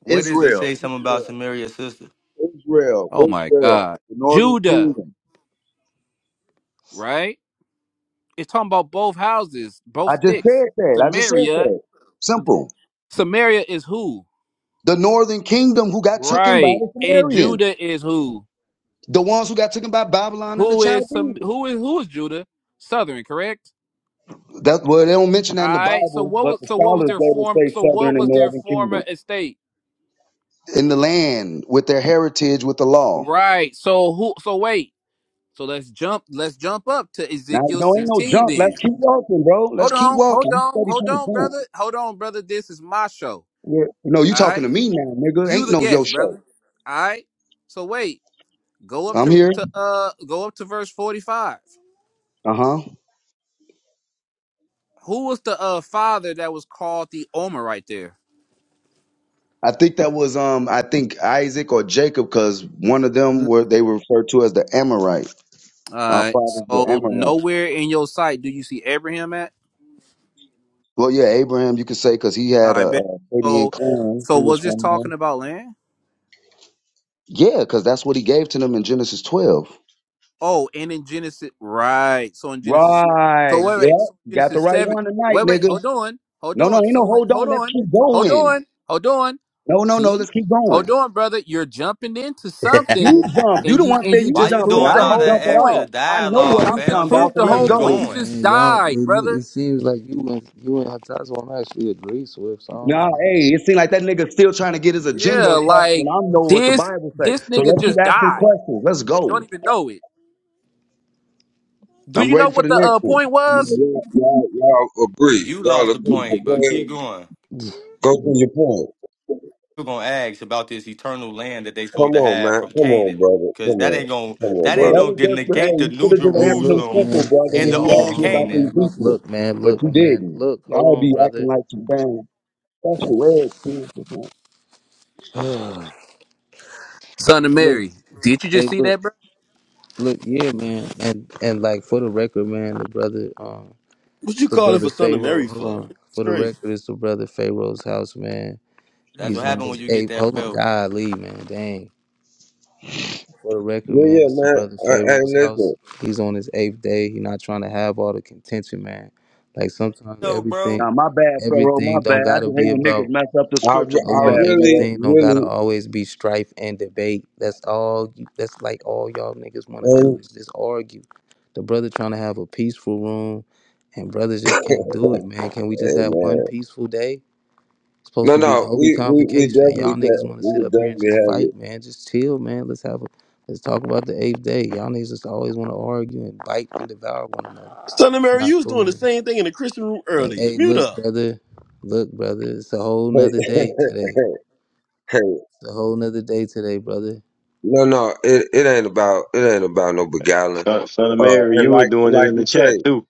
Speaker 7: What does it
Speaker 12: Israel,
Speaker 7: say something about
Speaker 12: Israel,
Speaker 7: Samaria's sister?
Speaker 12: Israel,
Speaker 11: Oh my
Speaker 12: Israel,
Speaker 11: God,
Speaker 12: the northern
Speaker 11: Judah,
Speaker 12: kingdom.
Speaker 11: right? It's talking about both houses, both
Speaker 12: I just
Speaker 11: sticks.
Speaker 12: said that. I just said
Speaker 11: Samaria,
Speaker 12: that. Simple.
Speaker 11: Samaria is who?
Speaker 12: The northern kingdom who got taken by
Speaker 11: Right,
Speaker 12: the
Speaker 11: and
Speaker 12: Sumerians,
Speaker 11: Judah is who?
Speaker 12: the ones who got taken by Babylon and the
Speaker 11: Who is some?
Speaker 12: Chaldees.
Speaker 11: Who is who is Judah? Southern, correct?
Speaker 12: That well, they don't mention that
Speaker 11: All
Speaker 12: in the
Speaker 11: right. So
Speaker 12: Bible,
Speaker 11: what
Speaker 12: but
Speaker 11: was
Speaker 12: the
Speaker 11: so what was
Speaker 12: scholars
Speaker 11: their
Speaker 12: later
Speaker 11: form
Speaker 12: say
Speaker 11: so
Speaker 12: Southern
Speaker 11: what
Speaker 12: and
Speaker 11: was their
Speaker 12: Northern Kingdom
Speaker 11: former estate?
Speaker 12: in the land with their heritage with the law.
Speaker 11: Right. So who so wait. So let's jump let's jump up to
Speaker 12: Now,
Speaker 11: Ezekiel
Speaker 12: no, ain't no
Speaker 11: 16
Speaker 12: jump. Let's
Speaker 11: then.
Speaker 12: keep walking, bro. Let's
Speaker 11: Hold
Speaker 12: keep
Speaker 11: on,
Speaker 12: walking.
Speaker 11: hold
Speaker 12: You
Speaker 11: on,
Speaker 12: steady
Speaker 11: hold
Speaker 12: trying
Speaker 11: on,
Speaker 12: to jump.
Speaker 11: brother. Hold on, brother. This is my show.
Speaker 12: Yeah. No, you
Speaker 11: All
Speaker 12: talking
Speaker 11: right.
Speaker 12: to me now, nigga.
Speaker 11: You
Speaker 12: Ain't
Speaker 11: the
Speaker 12: no yo
Speaker 11: guest,
Speaker 12: show.
Speaker 11: brother. All right. So wait. Go up
Speaker 12: I'm
Speaker 11: to
Speaker 12: here.
Speaker 11: to uh go up to verse 45.
Speaker 12: Uh huh.
Speaker 11: Who was the uh father that was called the Omer right there?
Speaker 12: I think that was um. I think Isaac or Jacob, because one of them were they were referred to as the Amorite.
Speaker 11: All
Speaker 12: Our
Speaker 11: right.
Speaker 12: fathers were
Speaker 11: So
Speaker 12: Amorites.
Speaker 11: nowhere in your sight do you see Abraham at?
Speaker 12: Well, yeah, Abraham, you could say, because he had a,
Speaker 11: I
Speaker 12: a
Speaker 11: bet.
Speaker 12: Midian
Speaker 11: So,
Speaker 12: clan.
Speaker 11: so
Speaker 12: He was
Speaker 11: was this
Speaker 12: from there.
Speaker 11: talking about land?
Speaker 12: Yeah, because that's what he gave to them in Genesis 12.
Speaker 11: Oh, and in Genesis, right? So in Genesis, so
Speaker 12: Right.
Speaker 11: wait,
Speaker 12: Yeah.
Speaker 11: wait. So
Speaker 12: You got the
Speaker 11: Genesis
Speaker 12: right
Speaker 11: seven.
Speaker 12: one tonight,
Speaker 11: Wait, wait.
Speaker 12: nigga.
Speaker 11: Hold on. Hold
Speaker 12: No, no,
Speaker 11: on.
Speaker 12: you know,
Speaker 11: So in-
Speaker 12: hold
Speaker 11: hold
Speaker 12: on. Let's
Speaker 11: on.
Speaker 12: keep
Speaker 11: Hold
Speaker 12: going.
Speaker 11: on. Hold on.
Speaker 12: No, no, no.
Speaker 11: See,
Speaker 12: Let's keep going.
Speaker 11: hold on, brother. You're jumping into
Speaker 12: You
Speaker 11: something,
Speaker 12: jump. You
Speaker 11: and
Speaker 12: the
Speaker 11: you
Speaker 12: one
Speaker 11: and
Speaker 12: say
Speaker 11: you
Speaker 12: you
Speaker 7: Why
Speaker 11: just
Speaker 7: you
Speaker 12: jumping.
Speaker 11: proved
Speaker 7: doing
Speaker 12: I
Speaker 11: the
Speaker 7: all
Speaker 12: didn't
Speaker 11: whole
Speaker 7: that
Speaker 12: jump at
Speaker 7: extra
Speaker 11: point.
Speaker 12: all. I know what
Speaker 7: dialogue,
Speaker 11: You
Speaker 12: I'm
Speaker 11: just
Speaker 7: fam?
Speaker 12: talking about,
Speaker 7: Just
Speaker 11: proved
Speaker 12: so
Speaker 11: the
Speaker 12: let's
Speaker 11: whole
Speaker 5: Hey,
Speaker 7: keep
Speaker 11: point.
Speaker 12: go.
Speaker 5: look,
Speaker 11: You
Speaker 7: going.
Speaker 11: just
Speaker 5: man, y'all. Hey,
Speaker 11: died,
Speaker 5: look, it
Speaker 11: brother.
Speaker 5: seems like you and you and Hatazwan actually agree, Swift. So I don't
Speaker 12: Nah,
Speaker 5: know.
Speaker 12: hey, it seems like that nigga still trying to get his agenda
Speaker 11: Yeah,
Speaker 12: across when
Speaker 11: like
Speaker 12: I know what the
Speaker 11: this.
Speaker 12: Bible say.
Speaker 11: This
Speaker 12: So
Speaker 11: nigga
Speaker 12: let's keep
Speaker 11: just
Speaker 12: asking
Speaker 11: died.
Speaker 12: questions. Let's
Speaker 11: Don't
Speaker 12: go.
Speaker 11: even know it. Do
Speaker 12: I'm
Speaker 11: you know
Speaker 12: waiting for
Speaker 11: what
Speaker 12: the
Speaker 11: the
Speaker 12: next
Speaker 11: uh,
Speaker 12: one.
Speaker 11: point
Speaker 1: I mean,
Speaker 11: was?
Speaker 1: Y'all, y'all, y'all agree.
Speaker 7: You
Speaker 1: Y'all
Speaker 7: lost the
Speaker 1: agree. So
Speaker 7: point,
Speaker 1: Go
Speaker 7: but keep
Speaker 1: ahead.
Speaker 7: going.
Speaker 1: Go to your point.
Speaker 7: People gonna ask about this eternal land that they
Speaker 1: Come
Speaker 7: supposed to
Speaker 1: on,
Speaker 7: have
Speaker 1: man.
Speaker 7: from
Speaker 1: Come on,
Speaker 7: Canaan.
Speaker 1: brother.
Speaker 7: Cause
Speaker 1: Come
Speaker 7: that
Speaker 1: on.
Speaker 7: ain't gonna
Speaker 1: Come on,
Speaker 7: that
Speaker 12: Well,
Speaker 7: ain't
Speaker 12: that
Speaker 1: brother.
Speaker 7: gonna
Speaker 12: was just for, hey,
Speaker 7: negate the
Speaker 12: you
Speaker 7: new
Speaker 12: should have just
Speaker 5: Hey,
Speaker 12: answered them
Speaker 5: look,
Speaker 7: Jerusalem
Speaker 5: man.
Speaker 12: simple, brother,
Speaker 7: and
Speaker 5: Hey,
Speaker 12: when
Speaker 7: the
Speaker 12: he
Speaker 5: hold on,
Speaker 12: asked
Speaker 7: old
Speaker 12: you
Speaker 5: hold on,
Speaker 12: about
Speaker 5: man.
Speaker 12: the
Speaker 7: Canaan.
Speaker 5: Look,
Speaker 12: Ezekiel.
Speaker 5: look, man.
Speaker 12: But
Speaker 5: Look,
Speaker 12: you
Speaker 5: man.
Speaker 12: didn't.
Speaker 5: Look, hold
Speaker 12: Y'all
Speaker 5: on,
Speaker 12: be acting
Speaker 5: brother.
Speaker 12: like you damn special ed kids.
Speaker 5: look,
Speaker 11: Son of Mary, did you
Speaker 5: hey,
Speaker 11: just see
Speaker 5: look,
Speaker 11: that, bro?
Speaker 5: look. Yeah, man. And and like for the record, man, the brother, um,
Speaker 9: What
Speaker 5: it's
Speaker 9: you
Speaker 5: the
Speaker 9: calling for
Speaker 5: brother
Speaker 9: Son of
Speaker 5: Pharaoh.
Speaker 9: Mary
Speaker 5: Hold
Speaker 9: for?
Speaker 5: on.
Speaker 9: It's
Speaker 5: For the
Speaker 9: crazy.
Speaker 5: record, it's the brother Pharaoh's house, man.
Speaker 7: That's what
Speaker 5: He's on
Speaker 7: happened when
Speaker 5: his
Speaker 7: you get
Speaker 5: eighth.
Speaker 7: that
Speaker 5: Hold on,
Speaker 7: belt.
Speaker 5: golly, man, dang. For the record,
Speaker 1: Yeah,
Speaker 5: man,
Speaker 1: yeah,
Speaker 5: it's the
Speaker 1: man.
Speaker 5: brother
Speaker 1: I,
Speaker 5: Pharaoh's
Speaker 1: and
Speaker 5: house.
Speaker 1: listen,
Speaker 5: He's on his eighth day. He not trying to have all the contention, man. Like sometimes
Speaker 7: No, bro.
Speaker 5: everything,
Speaker 12: Now, my bad, Pharaoh, my
Speaker 5: everything don't
Speaker 12: bad. I
Speaker 5: gotta
Speaker 12: just hate
Speaker 5: be
Speaker 12: when niggas
Speaker 5: about.
Speaker 12: mess up the
Speaker 1: I,
Speaker 12: scriptures.
Speaker 1: re-
Speaker 12: My
Speaker 1: I
Speaker 5: Hold on,
Speaker 12: bad,
Speaker 1: really,
Speaker 12: Pharaoh.
Speaker 5: everything don't gotta
Speaker 1: really,
Speaker 5: always be strife and debate. That's all. You, that's like all y'all niggas want to do
Speaker 1: and
Speaker 5: is just argue. The brother trying to have a peaceful room, and brothers just can't do it, man. Can we just
Speaker 1: hey,
Speaker 5: have
Speaker 1: man.
Speaker 5: one peaceful day? supposed
Speaker 1: No,
Speaker 5: to be a
Speaker 1: no,
Speaker 5: holy
Speaker 1: we, we, we
Speaker 5: convocation, and y'all
Speaker 1: definitely can.
Speaker 5: niggas want to sit
Speaker 1: We could
Speaker 5: up here and just
Speaker 1: definitely
Speaker 5: fight, man. Just chill, man. Let's have a let's talk about the eighth day. Y'all niggas just always want to argue and bite and devour one another.
Speaker 9: Son of
Speaker 5: It's
Speaker 9: Mary,
Speaker 5: not
Speaker 9: you was doing
Speaker 5: cool,
Speaker 9: the
Speaker 5: man.
Speaker 9: same thing in the Christian room
Speaker 5: Hey,
Speaker 9: earlier.
Speaker 5: hey,
Speaker 9: Mute
Speaker 5: look,
Speaker 9: up.
Speaker 5: brother. Look, brother. It's a whole
Speaker 1: have
Speaker 5: nother
Speaker 1: it.
Speaker 5: day today.
Speaker 1: Hey, hey.
Speaker 5: It's a whole nother day today, brother.
Speaker 1: No, no, it, it ain't about it ain't about no beguiling.
Speaker 4: Son, Son of
Speaker 1: Uh,
Speaker 4: Mary,
Speaker 1: and
Speaker 4: you were
Speaker 1: like
Speaker 4: doing it
Speaker 1: like
Speaker 4: in the
Speaker 1: you
Speaker 4: chat
Speaker 1: say,
Speaker 4: too.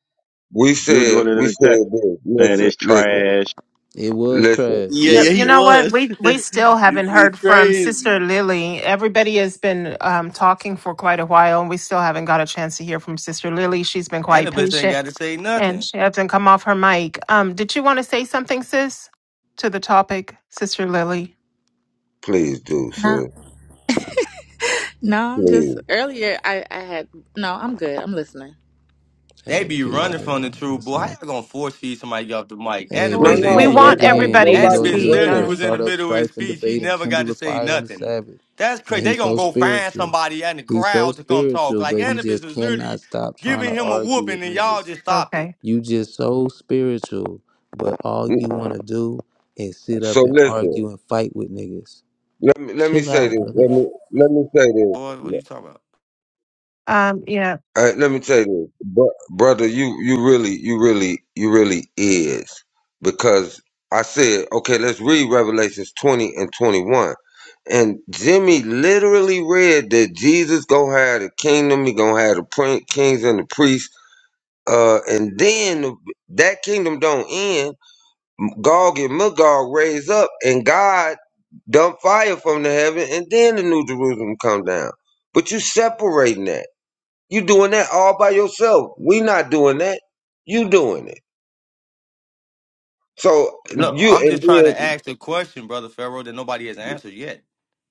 Speaker 1: we
Speaker 4: You were
Speaker 1: said
Speaker 4: doing it in
Speaker 1: we
Speaker 4: the chat,
Speaker 1: said this.
Speaker 4: man.
Speaker 1: Listen,
Speaker 4: It's
Speaker 1: listen.
Speaker 4: trash.
Speaker 5: It was
Speaker 1: Listen,
Speaker 5: trash.
Speaker 9: Yeah,
Speaker 6: Uh,
Speaker 9: yeah,
Speaker 6: You
Speaker 9: he
Speaker 1: listen,
Speaker 6: know what?
Speaker 9: was.
Speaker 6: We we
Speaker 9: it's,
Speaker 6: still haven't heard
Speaker 9: it's
Speaker 6: from
Speaker 9: crazy.
Speaker 6: Sister Lily. Everybody has been um, talking for quite a while, and we still haven't got a chance to hear from Sister Lily. She's been quite
Speaker 7: Annabis ain't
Speaker 6: patient,
Speaker 7: gotta say
Speaker 6: and
Speaker 7: nothing.
Speaker 6: she hasn't come off her mic. Um, did you want to say something, sis, to the topic, Sister Lily?
Speaker 1: please do,
Speaker 13: No,
Speaker 1: sir.
Speaker 13: no, I'm just
Speaker 1: Please.
Speaker 13: earlier. I I had no. I'm good. I'm listening.
Speaker 7: They
Speaker 5: Hey,
Speaker 7: be
Speaker 5: peace,
Speaker 7: running
Speaker 5: brother.
Speaker 7: from the truth,
Speaker 5: That's
Speaker 7: boy. How
Speaker 5: my
Speaker 7: y'all gonna force feed somebody off the mic? And
Speaker 5: Hey,
Speaker 7: the
Speaker 1: No,
Speaker 5: look,
Speaker 7: bitch
Speaker 6: We
Speaker 7: ain't
Speaker 5: here you
Speaker 6: we
Speaker 1: no,
Speaker 7: even
Speaker 5: go
Speaker 6: want
Speaker 7: get.
Speaker 1: nobody,
Speaker 5: again. Here
Speaker 6: everybody
Speaker 5: you
Speaker 6: to
Speaker 7: And the
Speaker 5: go
Speaker 1: nobody's
Speaker 7: bitch
Speaker 5: again,
Speaker 6: speak.
Speaker 5: trying
Speaker 7: literally
Speaker 5: to
Speaker 1: running.
Speaker 6: Uh,
Speaker 7: was in the
Speaker 5: start up
Speaker 7: middle of his
Speaker 5: strife and
Speaker 7: speech. He
Speaker 5: debate and
Speaker 7: never got
Speaker 5: kindle
Speaker 7: to
Speaker 5: a
Speaker 7: say
Speaker 5: fire on the
Speaker 7: nothing.
Speaker 5: Sabbath.
Speaker 7: That's
Speaker 5: And
Speaker 7: crazy. They
Speaker 5: he's
Speaker 7: gonna
Speaker 5: so
Speaker 7: go find
Speaker 5: spiritual.
Speaker 7: somebody in the
Speaker 5: He's so
Speaker 7: crowd to come talk.
Speaker 5: spiritual,
Speaker 7: Like
Speaker 5: but he
Speaker 7: and the bitch
Speaker 5: just
Speaker 7: was
Speaker 5: cannot
Speaker 7: literally
Speaker 5: stop trying to
Speaker 7: giving him a
Speaker 5: argue
Speaker 7: whooping,
Speaker 5: with
Speaker 7: and y'all
Speaker 5: niggas.
Speaker 7: just stopped it.
Speaker 6: okay.
Speaker 5: You just so spiritual, but all
Speaker 1: Mm,
Speaker 5: you want to do is sit up
Speaker 1: So
Speaker 5: and
Speaker 1: listen,
Speaker 5: argue and fight with niggas.
Speaker 1: let me let me
Speaker 5: Chill
Speaker 1: say
Speaker 5: out,
Speaker 1: this.
Speaker 5: brother.
Speaker 1: Let me let me say
Speaker 7: Boy, what are
Speaker 1: this.
Speaker 7: you talking about?
Speaker 6: Um, yeah.
Speaker 1: Uh, let me say this, Bro- brother. You you really you really you really is because I said okay. Let's read Revelations twenty and twenty one. And Jimmy literally read that Jesus gonna have the kingdom. He gonna have the prin- kings and the priests Uh, and then that kingdom don't end. Gog and Magog raise up, and God dump fire from the heaven, and then the New Jerusalem come down. But you separating that. You doing that all by yourself. We not doing that. You doing it. So
Speaker 7: Look,
Speaker 1: you
Speaker 7: I'm
Speaker 1: and
Speaker 7: just trying to
Speaker 1: then
Speaker 7: ask the question, brother Pharaoh, that nobody has answered yet.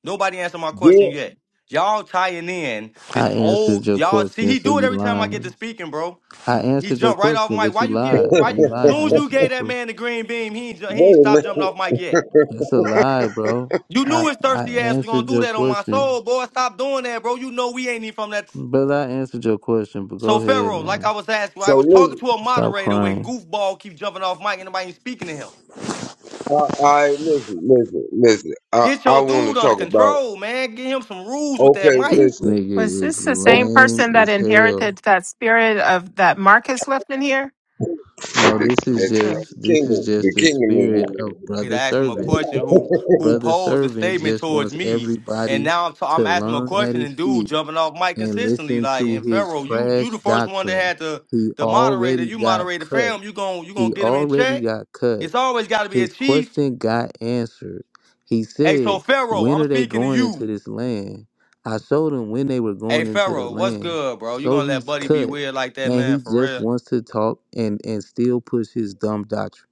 Speaker 7: Nobody answered my question
Speaker 1: yeah.
Speaker 7: yet. Y'all tying in
Speaker 5: I
Speaker 7: this
Speaker 5: answered
Speaker 7: old
Speaker 5: your
Speaker 7: y'all see
Speaker 5: question,
Speaker 7: he
Speaker 5: so
Speaker 7: do it
Speaker 5: you
Speaker 7: every time I get to
Speaker 5: lying.
Speaker 7: speaking, bro.
Speaker 5: I
Speaker 7: He
Speaker 5: answered your
Speaker 7: jumped right off
Speaker 5: question,
Speaker 7: Mike.
Speaker 5: but
Speaker 7: Why
Speaker 5: you
Speaker 7: you
Speaker 5: lied.
Speaker 7: giving? Why?
Speaker 5: You lied. I
Speaker 7: Soon as you
Speaker 5: answered your
Speaker 7: gave that
Speaker 5: question.
Speaker 7: man the green beam, he ain't, ju- he ain't
Speaker 1: Wait a
Speaker 7: stopped jumping
Speaker 1: minute.
Speaker 7: off Mike yet.
Speaker 5: That's a lie, bro.
Speaker 7: You
Speaker 5: I
Speaker 7: knew his
Speaker 5: I
Speaker 7: thirsty ass was gonna
Speaker 5: answered
Speaker 7: do
Speaker 5: your
Speaker 7: that on my
Speaker 5: question.
Speaker 7: soul, boy. Stop doing that, bro. You know we ain't even from that.
Speaker 5: But I answered your question, but go
Speaker 7: So
Speaker 5: ahead,
Speaker 7: Pharaoh, like
Speaker 5: man.
Speaker 7: I was asking, I
Speaker 1: So
Speaker 7: was talking
Speaker 1: listen.
Speaker 7: to a
Speaker 5: Stop
Speaker 7: moderator when
Speaker 5: crying.
Speaker 7: goofball keep jumping off Mike and nobody ain't speaking to him.
Speaker 1: I, I listen, listen, listen. I
Speaker 7: Get
Speaker 1: I
Speaker 7: your
Speaker 1: want to
Speaker 7: dude under
Speaker 1: talk about.
Speaker 7: control, man. Get him some rules with that
Speaker 1: Okay,
Speaker 7: mic.
Speaker 5: This
Speaker 1: listen.
Speaker 6: Was
Speaker 5: nigga is
Speaker 6: this the
Speaker 1: Okay,
Speaker 6: same
Speaker 5: lame
Speaker 6: person that
Speaker 5: as
Speaker 6: inherited
Speaker 5: hell.
Speaker 6: that spirit of that Marcus left in here?
Speaker 5: No,
Speaker 1: the,
Speaker 5: this is
Speaker 6: Sis,
Speaker 1: the
Speaker 5: just this is
Speaker 1: kingdom,
Speaker 5: just
Speaker 1: the
Speaker 5: the spirit of
Speaker 1: kingdom
Speaker 7: to
Speaker 5: brother
Speaker 7: ask him a
Speaker 5: servant.
Speaker 7: question
Speaker 1: is.
Speaker 7: who who
Speaker 5: Brother
Speaker 7: posed a
Speaker 5: servant
Speaker 7: statement
Speaker 5: just
Speaker 7: towards
Speaker 5: wants
Speaker 7: me, and
Speaker 5: everybody
Speaker 7: now I'm t-
Speaker 5: to
Speaker 7: I'm asking him a
Speaker 5: learn at
Speaker 7: question
Speaker 5: his
Speaker 7: and dude
Speaker 5: feet
Speaker 7: jumping off mic
Speaker 5: and
Speaker 7: consistently
Speaker 5: listen
Speaker 7: like
Speaker 5: to
Speaker 7: and
Speaker 5: his
Speaker 7: Pharaoh, you
Speaker 5: trash
Speaker 7: you the first one that
Speaker 5: doctrine.
Speaker 7: had the
Speaker 5: He
Speaker 7: the moderator,
Speaker 5: already
Speaker 7: you
Speaker 5: got
Speaker 7: moderated
Speaker 5: cut.
Speaker 7: fam, you gon' you
Speaker 5: He
Speaker 7: gonna get him in
Speaker 5: already
Speaker 7: check.
Speaker 5: got cut.
Speaker 7: It's always got to be a
Speaker 5: His
Speaker 7: chief.
Speaker 5: question got answered. He
Speaker 7: Hey,
Speaker 5: said,
Speaker 7: so Pharaoh,
Speaker 5: When
Speaker 7: I'm
Speaker 5: are they
Speaker 7: speaking to
Speaker 5: going into
Speaker 7: you.
Speaker 5: this land? I showed him when they were
Speaker 7: Hey
Speaker 5: going into the
Speaker 7: Pharaoh, what's
Speaker 5: land.
Speaker 7: good, bro? You
Speaker 5: So
Speaker 7: gonna let
Speaker 5: he's
Speaker 7: Buddy be
Speaker 5: cut.
Speaker 7: weird like that,
Speaker 5: And
Speaker 7: man?
Speaker 5: he
Speaker 7: For
Speaker 5: just
Speaker 7: real?
Speaker 5: wants to talk and, and still push his dumb doctrine.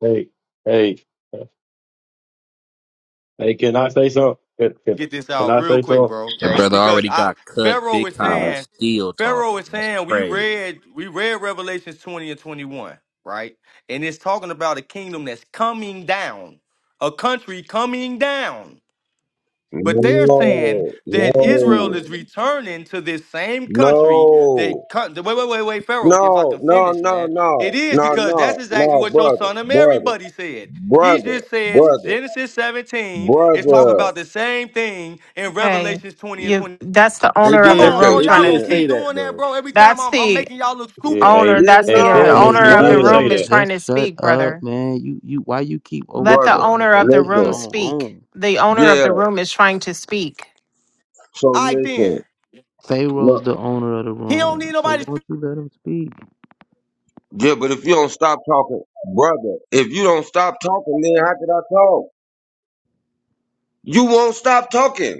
Speaker 4: Hey, hey, hey. Can I say something? Can, can,
Speaker 7: get this
Speaker 4: can
Speaker 7: out
Speaker 4: I
Speaker 7: real
Speaker 4: say
Speaker 7: quick,
Speaker 4: something?
Speaker 7: bro.
Speaker 11: That brother
Speaker 7: Because
Speaker 11: already
Speaker 7: I
Speaker 11: got cut
Speaker 7: Pharaoh
Speaker 11: big
Speaker 7: is
Speaker 11: time
Speaker 4: Uh,
Speaker 11: and
Speaker 7: saying,
Speaker 11: still
Speaker 7: Pharaoh
Speaker 11: talking.
Speaker 7: is
Speaker 11: That's
Speaker 7: saying we
Speaker 11: crazy.
Speaker 7: read we read Revelations 20 and 21, right? And it's talking about a kingdom that's coming down, a country coming down.
Speaker 1: No,
Speaker 7: But they're saying
Speaker 1: no,
Speaker 7: that Israel
Speaker 1: no,
Speaker 7: is returning to this
Speaker 1: no,
Speaker 7: same country that
Speaker 1: no,
Speaker 7: con- wait, wait, wait, wait, Pharaoh, if I can
Speaker 1: no,
Speaker 7: finish,
Speaker 1: no,
Speaker 7: man.
Speaker 1: no,
Speaker 7: It is because that's
Speaker 1: no,
Speaker 7: exactly
Speaker 1: no,
Speaker 7: what your
Speaker 1: brother,
Speaker 7: son of Mary
Speaker 1: brother,
Speaker 7: buddy said. He
Speaker 1: brother,
Speaker 7: just said
Speaker 1: brother,
Speaker 7: Genesis 17 is
Speaker 6: hold
Speaker 7: talking
Speaker 6: on.
Speaker 1: brother.
Speaker 7: about the same thing in
Speaker 6: Hey,
Speaker 7: Revelations 20 and
Speaker 6: you
Speaker 7: 20.
Speaker 6: that's the
Speaker 9: They
Speaker 6: owner of
Speaker 7: Come
Speaker 6: the
Speaker 9: did
Speaker 7: on,
Speaker 1: Okay,
Speaker 6: room
Speaker 7: bro.
Speaker 9: they
Speaker 6: trying
Speaker 7: Y'all
Speaker 6: to
Speaker 7: gonna
Speaker 9: did
Speaker 1: so-
Speaker 9: say
Speaker 7: keep
Speaker 6: speak.
Speaker 9: that
Speaker 7: doing that,
Speaker 9: though.
Speaker 7: bro. Every time
Speaker 6: That's
Speaker 7: I'm, I'm
Speaker 6: the
Speaker 7: making y'all look
Speaker 4: yeah.
Speaker 7: stupid.
Speaker 6: owner,
Speaker 4: Hey,
Speaker 1: yeah,
Speaker 6: that's
Speaker 4: in
Speaker 6: the, uh,
Speaker 1: no,
Speaker 6: the
Speaker 4: fairness,
Speaker 5: Hey
Speaker 6: owner
Speaker 4: he
Speaker 6: of the
Speaker 4: did
Speaker 1: brother,
Speaker 5: brother,
Speaker 4: say
Speaker 6: room is
Speaker 4: that.
Speaker 6: trying
Speaker 5: just
Speaker 6: to
Speaker 5: shut
Speaker 6: speak,
Speaker 5: up,
Speaker 6: brother.
Speaker 5: man. You you why you keep over
Speaker 6: Let the
Speaker 1: brother.
Speaker 5: talking to
Speaker 6: owner of
Speaker 5: brother
Speaker 6: the
Speaker 5: in his
Speaker 6: room
Speaker 1: Listen,
Speaker 5: own
Speaker 6: speak.
Speaker 5: room?
Speaker 6: The owner of
Speaker 1: yeah.
Speaker 6: the room is trying to speak.
Speaker 1: So
Speaker 7: I then.
Speaker 1: listen,
Speaker 5: Pharaoh's
Speaker 1: no,
Speaker 5: the owner of the
Speaker 7: He don't need
Speaker 5: room. So
Speaker 7: nobody
Speaker 5: won't you let him speak?
Speaker 1: yeah. But if you don't stop talking, brother, if you don't stop talking, then how could I talk? You won't stop talking.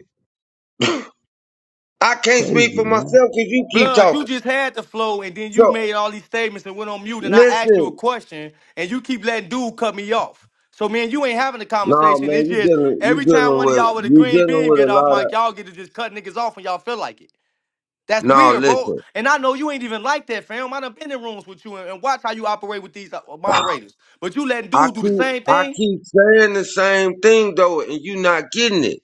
Speaker 1: I
Speaker 5: It's
Speaker 1: can't speak
Speaker 5: crazy,
Speaker 1: for
Speaker 5: man.
Speaker 1: myself because you keep
Speaker 7: Blood, you
Speaker 1: talking.
Speaker 7: just had the flow and then
Speaker 1: So
Speaker 7: you made all these statements and went on mute and I asked
Speaker 1: listen.
Speaker 7: you a question and you keep letting dude cut me off. So man, you ain't having a
Speaker 1: No,
Speaker 7: conversation.
Speaker 1: man,
Speaker 7: It's
Speaker 1: you
Speaker 7: just
Speaker 1: dealing you
Speaker 7: every time
Speaker 1: dealing
Speaker 7: one of
Speaker 1: with
Speaker 7: y'all with a
Speaker 1: you
Speaker 7: green
Speaker 1: dealing
Speaker 7: beam
Speaker 1: with
Speaker 7: get
Speaker 1: a
Speaker 7: off
Speaker 1: lot of
Speaker 7: mic, y'all get to just cut niggas off when y'all feel like it. That's
Speaker 1: No,
Speaker 7: weird, bro.
Speaker 1: listen.
Speaker 7: And I know you ain't even like that, fam. I done been in rooms with you and, and watch how you operate with these uh, moderators. But you letting
Speaker 1: I
Speaker 7: dude do the
Speaker 1: keep
Speaker 7: same
Speaker 1: I
Speaker 7: thing?
Speaker 1: keep saying the same thing though, and you not getting it.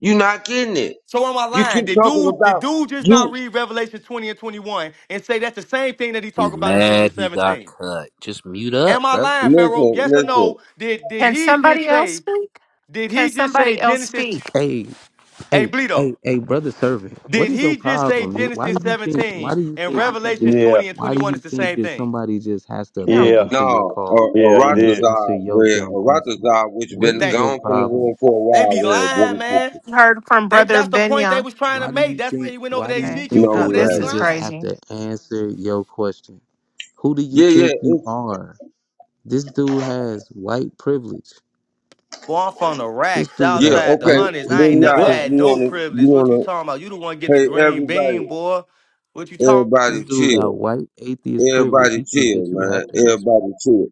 Speaker 1: You not getting it.
Speaker 7: So am I
Speaker 1: You
Speaker 7: lying?
Speaker 1: keep
Speaker 7: Did
Speaker 1: talking
Speaker 7: dude did
Speaker 1: about
Speaker 7: dude just not
Speaker 1: you
Speaker 7: read Revelation 20 and 21 and say that's the same thing that he
Speaker 11: He
Speaker 7: talking about in
Speaker 11: mad
Speaker 7: Genesis
Speaker 11: he got
Speaker 7: 17?
Speaker 11: cut. Just mute up,
Speaker 7: Am I
Speaker 11: brother.
Speaker 7: lying, Pharaoh?
Speaker 1: listen,
Speaker 7: Yes or
Speaker 1: listen.
Speaker 7: no? Did did
Speaker 6: Can
Speaker 7: he
Speaker 6: somebody
Speaker 7: just
Speaker 6: else
Speaker 7: say?
Speaker 6: speak?
Speaker 7: Did
Speaker 6: Can
Speaker 7: he just say
Speaker 6: somebody else
Speaker 7: Genesis?
Speaker 6: speak?
Speaker 5: Hey,
Speaker 7: Hey,
Speaker 5: Hey, hey,
Speaker 7: Bleedo.
Speaker 5: hey, brother servant, what
Speaker 7: Did
Speaker 5: is your
Speaker 7: he just say
Speaker 5: problem? Why
Speaker 7: Genesis
Speaker 5: do you think
Speaker 7: 17
Speaker 5: why do you
Speaker 7: and
Speaker 5: think you can
Speaker 7: Revelations
Speaker 5: just
Speaker 4: Yeah,
Speaker 7: 20 and
Speaker 5: why do
Speaker 7: 21 is
Speaker 5: you
Speaker 7: the
Speaker 5: think
Speaker 7: same
Speaker 5: that
Speaker 7: thing?
Speaker 5: somebody just has to
Speaker 6: You know,
Speaker 5: beckon
Speaker 4: yeah,
Speaker 5: to your
Speaker 1: No, a
Speaker 5: call
Speaker 4: yeah. He
Speaker 5: and
Speaker 4: did.
Speaker 5: answer
Speaker 1: Aratazar
Speaker 5: your
Speaker 1: where
Speaker 5: dumb question?
Speaker 1: Aratazar which
Speaker 5: What
Speaker 1: been
Speaker 5: is
Speaker 7: Thank
Speaker 5: your
Speaker 7: you,
Speaker 1: gone from the
Speaker 7: bro.
Speaker 5: problem?
Speaker 1: room for a
Speaker 7: They
Speaker 1: while
Speaker 7: be
Speaker 1: where it did
Speaker 7: lying, man.
Speaker 6: heard from
Speaker 7: They
Speaker 6: brother
Speaker 7: that's the point they
Speaker 6: Benya.
Speaker 7: was trying to
Speaker 5: Why do
Speaker 7: make.
Speaker 5: you
Speaker 7: That's why
Speaker 5: think
Speaker 7: he went over
Speaker 5: why
Speaker 7: to
Speaker 5: do you
Speaker 6: Okay.
Speaker 7: Ezekiel
Speaker 5: think
Speaker 1: No
Speaker 5: that
Speaker 6: Oh,
Speaker 7: too.
Speaker 1: we
Speaker 7: They be
Speaker 6: this
Speaker 5: brothers
Speaker 6: is
Speaker 1: haven't.
Speaker 5: just
Speaker 7: lying.
Speaker 5: have
Speaker 6: crazy.
Speaker 5: to answer your question? Who do you
Speaker 1: Yeah, yeah,
Speaker 5: think you
Speaker 1: it's
Speaker 5: are? This dude has white privilege.
Speaker 7: Boy, I'm from the
Speaker 5: This
Speaker 7: racks
Speaker 5: dude
Speaker 1: yeah,
Speaker 5: has
Speaker 7: outside the
Speaker 1: okay.
Speaker 5: white
Speaker 7: hundreds. I ain't
Speaker 1: Then you
Speaker 5: atheist
Speaker 7: never
Speaker 1: wanna,
Speaker 9: What?
Speaker 5: privilege.
Speaker 7: had
Speaker 1: you
Speaker 7: no
Speaker 1: wanna
Speaker 7: privilege. What you
Speaker 1: you
Speaker 7: talking about? You the one
Speaker 1: wanna
Speaker 7: get the
Speaker 1: hey
Speaker 7: green
Speaker 1: everybody
Speaker 7: bean, boy. What you talking?
Speaker 5: This
Speaker 1: everybody chill.
Speaker 5: dude got white atheist privilege.
Speaker 1: Everybody
Speaker 5: He think
Speaker 1: chill,
Speaker 5: that you
Speaker 1: man.
Speaker 5: have to answer him.
Speaker 1: Everybody chill.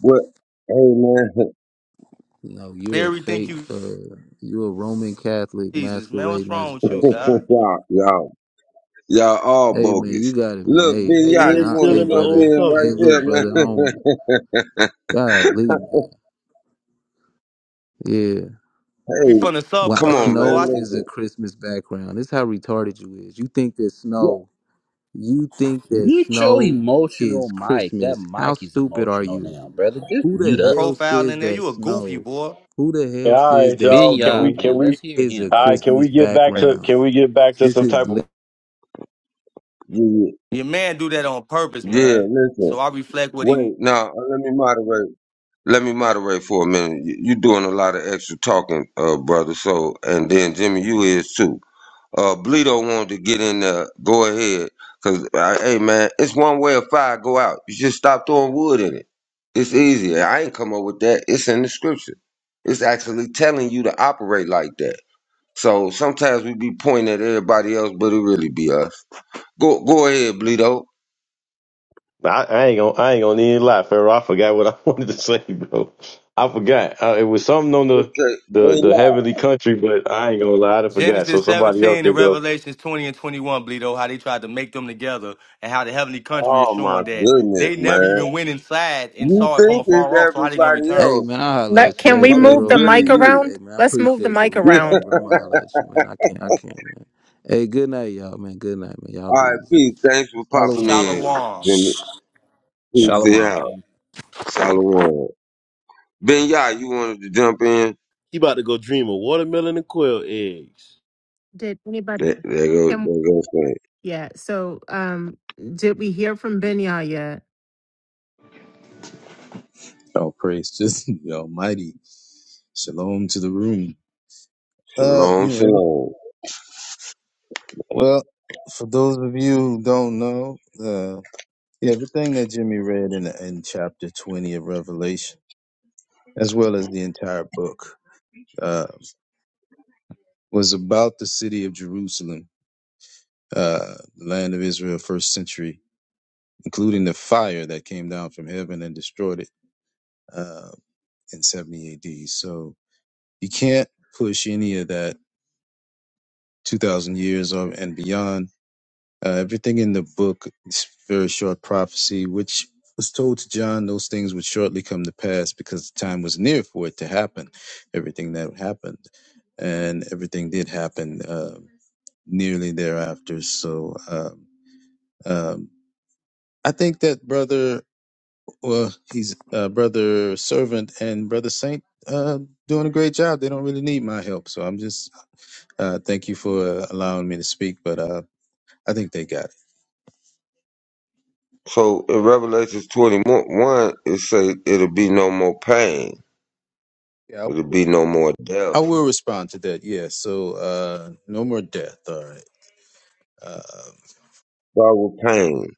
Speaker 1: What? Hey, man.
Speaker 5: No,
Speaker 7: about?
Speaker 5: you're a
Speaker 7: Everything
Speaker 5: fake.
Speaker 7: you
Speaker 5: Uh, you're a Roman Catholic
Speaker 7: Jesus, man. What's
Speaker 5: masquerading as
Speaker 7: wrong
Speaker 5: a
Speaker 7: with you,
Speaker 5: Christian.
Speaker 7: God?
Speaker 1: y'all, y'all, y'all all
Speaker 5: Hey man, you
Speaker 1: bogus.
Speaker 5: got it, man.
Speaker 1: Look,
Speaker 5: Hey,
Speaker 1: Ben,
Speaker 5: hey
Speaker 9: He
Speaker 1: y'all,
Speaker 5: man.
Speaker 1: you
Speaker 9: is
Speaker 5: I,
Speaker 1: want
Speaker 9: still
Speaker 5: hey
Speaker 9: in
Speaker 1: to
Speaker 9: the
Speaker 1: jump
Speaker 9: old
Speaker 5: brother.
Speaker 1: in right
Speaker 5: Hey,
Speaker 9: covenant.
Speaker 5: look,
Speaker 1: there,
Speaker 5: brother. I don't want.
Speaker 1: man?
Speaker 5: God, leave, man. Yeah.
Speaker 7: You
Speaker 1: hey,
Speaker 7: from the
Speaker 5: Why
Speaker 1: come
Speaker 7: suburbs,
Speaker 1: on,
Speaker 7: boy. I
Speaker 5: snow
Speaker 1: man.
Speaker 7: s-
Speaker 5: is a
Speaker 1: Listen.
Speaker 5: Christmas background. This how retarded you is. You think that
Speaker 1: Yeah,
Speaker 5: snow. You think that
Speaker 11: Mute your
Speaker 5: snow
Speaker 11: emotional
Speaker 5: is
Speaker 11: mic. That
Speaker 5: Christmas. How
Speaker 11: mic is
Speaker 5: stupid are
Speaker 11: emotional
Speaker 5: you?
Speaker 11: now, brother. Just
Speaker 5: Who the
Speaker 11: mute up.
Speaker 5: hell
Speaker 7: profile
Speaker 5: says
Speaker 7: in there.
Speaker 5: that
Speaker 7: You a goofy
Speaker 5: snow?
Speaker 7: boy.
Speaker 5: Who the
Speaker 4: Yeah,
Speaker 5: hell
Speaker 4: all
Speaker 5: says
Speaker 4: right,
Speaker 5: that
Speaker 11: Ben
Speaker 4: y'all. Can
Speaker 11: Yah,
Speaker 4: we
Speaker 5: snow
Speaker 4: can
Speaker 11: man.
Speaker 4: we
Speaker 11: Let's hear
Speaker 5: is a
Speaker 11: him,
Speaker 4: all right,
Speaker 11: man.
Speaker 4: can we
Speaker 5: Christmas
Speaker 4: get back
Speaker 11: Hey.
Speaker 4: to
Speaker 5: background?
Speaker 4: can we get back to
Speaker 5: This
Speaker 4: some
Speaker 5: is
Speaker 4: type of
Speaker 1: yeah, yeah.
Speaker 7: Your man do that on purpose,
Speaker 1: yeah,
Speaker 7: man.
Speaker 1: Listen.
Speaker 7: So I reflect what he
Speaker 1: Wait, now let me moderate. Let me moderate for a minute. You, you doing a lot of extra talking, uh, brother. So, and then Jimmy, you is too. uh Bleedo wanted to get in there, go ahead. Cause uh, hey man, it's one way of fire go out. You just stop throwing wood in it. It's easy. I ain't come up with that. It's in the scripture. It's actually telling you to operate like that. So sometimes we be pointing at everybody else, but it really be us. Go go ahead, Bleedo.
Speaker 4: I, I ain't gonna I ain't gonna need a lie, Pharaoh. I forgot what I wanted to say, bro. I forgot. Uh, it was something on the,
Speaker 1: Okay, they
Speaker 4: the the
Speaker 1: lie.
Speaker 4: heavenly country, but I ain't gonna lie, I forgot. So
Speaker 7: Genesis
Speaker 4: somebody else
Speaker 7: 17 and
Speaker 4: could go.
Speaker 7: Revelations 20 and 21, Bleedo, how they tried to make them together and how the heavenly country is
Speaker 1: Oh my
Speaker 7: showing that
Speaker 1: goodness,
Speaker 7: they never
Speaker 1: man.
Speaker 7: even went inside and
Speaker 1: You
Speaker 7: saw it from
Speaker 1: think it's
Speaker 7: afar off. So how they gonna
Speaker 1: everybody
Speaker 5: Hey
Speaker 7: return?
Speaker 1: else,
Speaker 5: man, I holler at
Speaker 6: Let,
Speaker 5: you.
Speaker 6: can
Speaker 5: Hey
Speaker 6: we
Speaker 1: but it's
Speaker 6: move
Speaker 5: Pharaoh
Speaker 6: the
Speaker 1: really
Speaker 6: mic
Speaker 5: man, look,
Speaker 1: you.
Speaker 6: around?
Speaker 5: hey man, I
Speaker 6: Let's move the
Speaker 5: appreciate the
Speaker 6: mic
Speaker 5: room, man,
Speaker 6: around.
Speaker 5: but I'm gonna holler at you, man. I can't I can't man. Hey, good night, y'all, man. Good night, man. Y'all
Speaker 1: All
Speaker 5: be
Speaker 1: right,
Speaker 5: easy.
Speaker 1: peace. Thanks for popping
Speaker 5: Shalom. man.
Speaker 1: in,
Speaker 7: Shalom.
Speaker 1: Jimmy. Peace to
Speaker 5: Shalom.
Speaker 11: Shalom,
Speaker 1: y'all.
Speaker 11: King.
Speaker 1: Shalom. Ben Yah, you wanted to jump in?
Speaker 9: He about to go dream of watermelon and quail eggs.
Speaker 6: Did anybody?
Speaker 1: There, there goes,
Speaker 6: Can,
Speaker 1: there goes saying,
Speaker 6: yeah. So, um, did we hear from Benya yet?
Speaker 10: Oh, praise just the Almighty. Shalom to the room. Uh,
Speaker 1: Shalom,
Speaker 10: you know, every-
Speaker 1: shalom.
Speaker 10: well, for those of you who don't know, uh, yeah, everything that Jimmy read in in chapter twenty of Revelation, as well as the entire book, uh, was about the city of Jerusalem, uh, the land of Israel, first century, including the fire that came down from heaven and destroyed it uh, in seventy A.D. So. You can't push any of that 2,000 years or, and beyond. Uh, everything in the book is very short prophecy, which was told to John those things would shortly come to pass because the time was near for it to happen, everything that happened. And everything did happen uh, nearly thereafter. So um, um, I think that brother, well, he's uh, brother servant and brother saint uh, doing a great job. They don't really need my help. So I'm just Uh, thank you for allowing me to speak, but uh, I think they got it.
Speaker 1: So in Revelations 21, it say it'll be no more pain.
Speaker 10: Yeah.
Speaker 1: It'll be no more
Speaker 10: I
Speaker 1: death.
Speaker 10: will respond to that. Yeah. So uh, no more death. All right. Uh,
Speaker 1: Start with pain.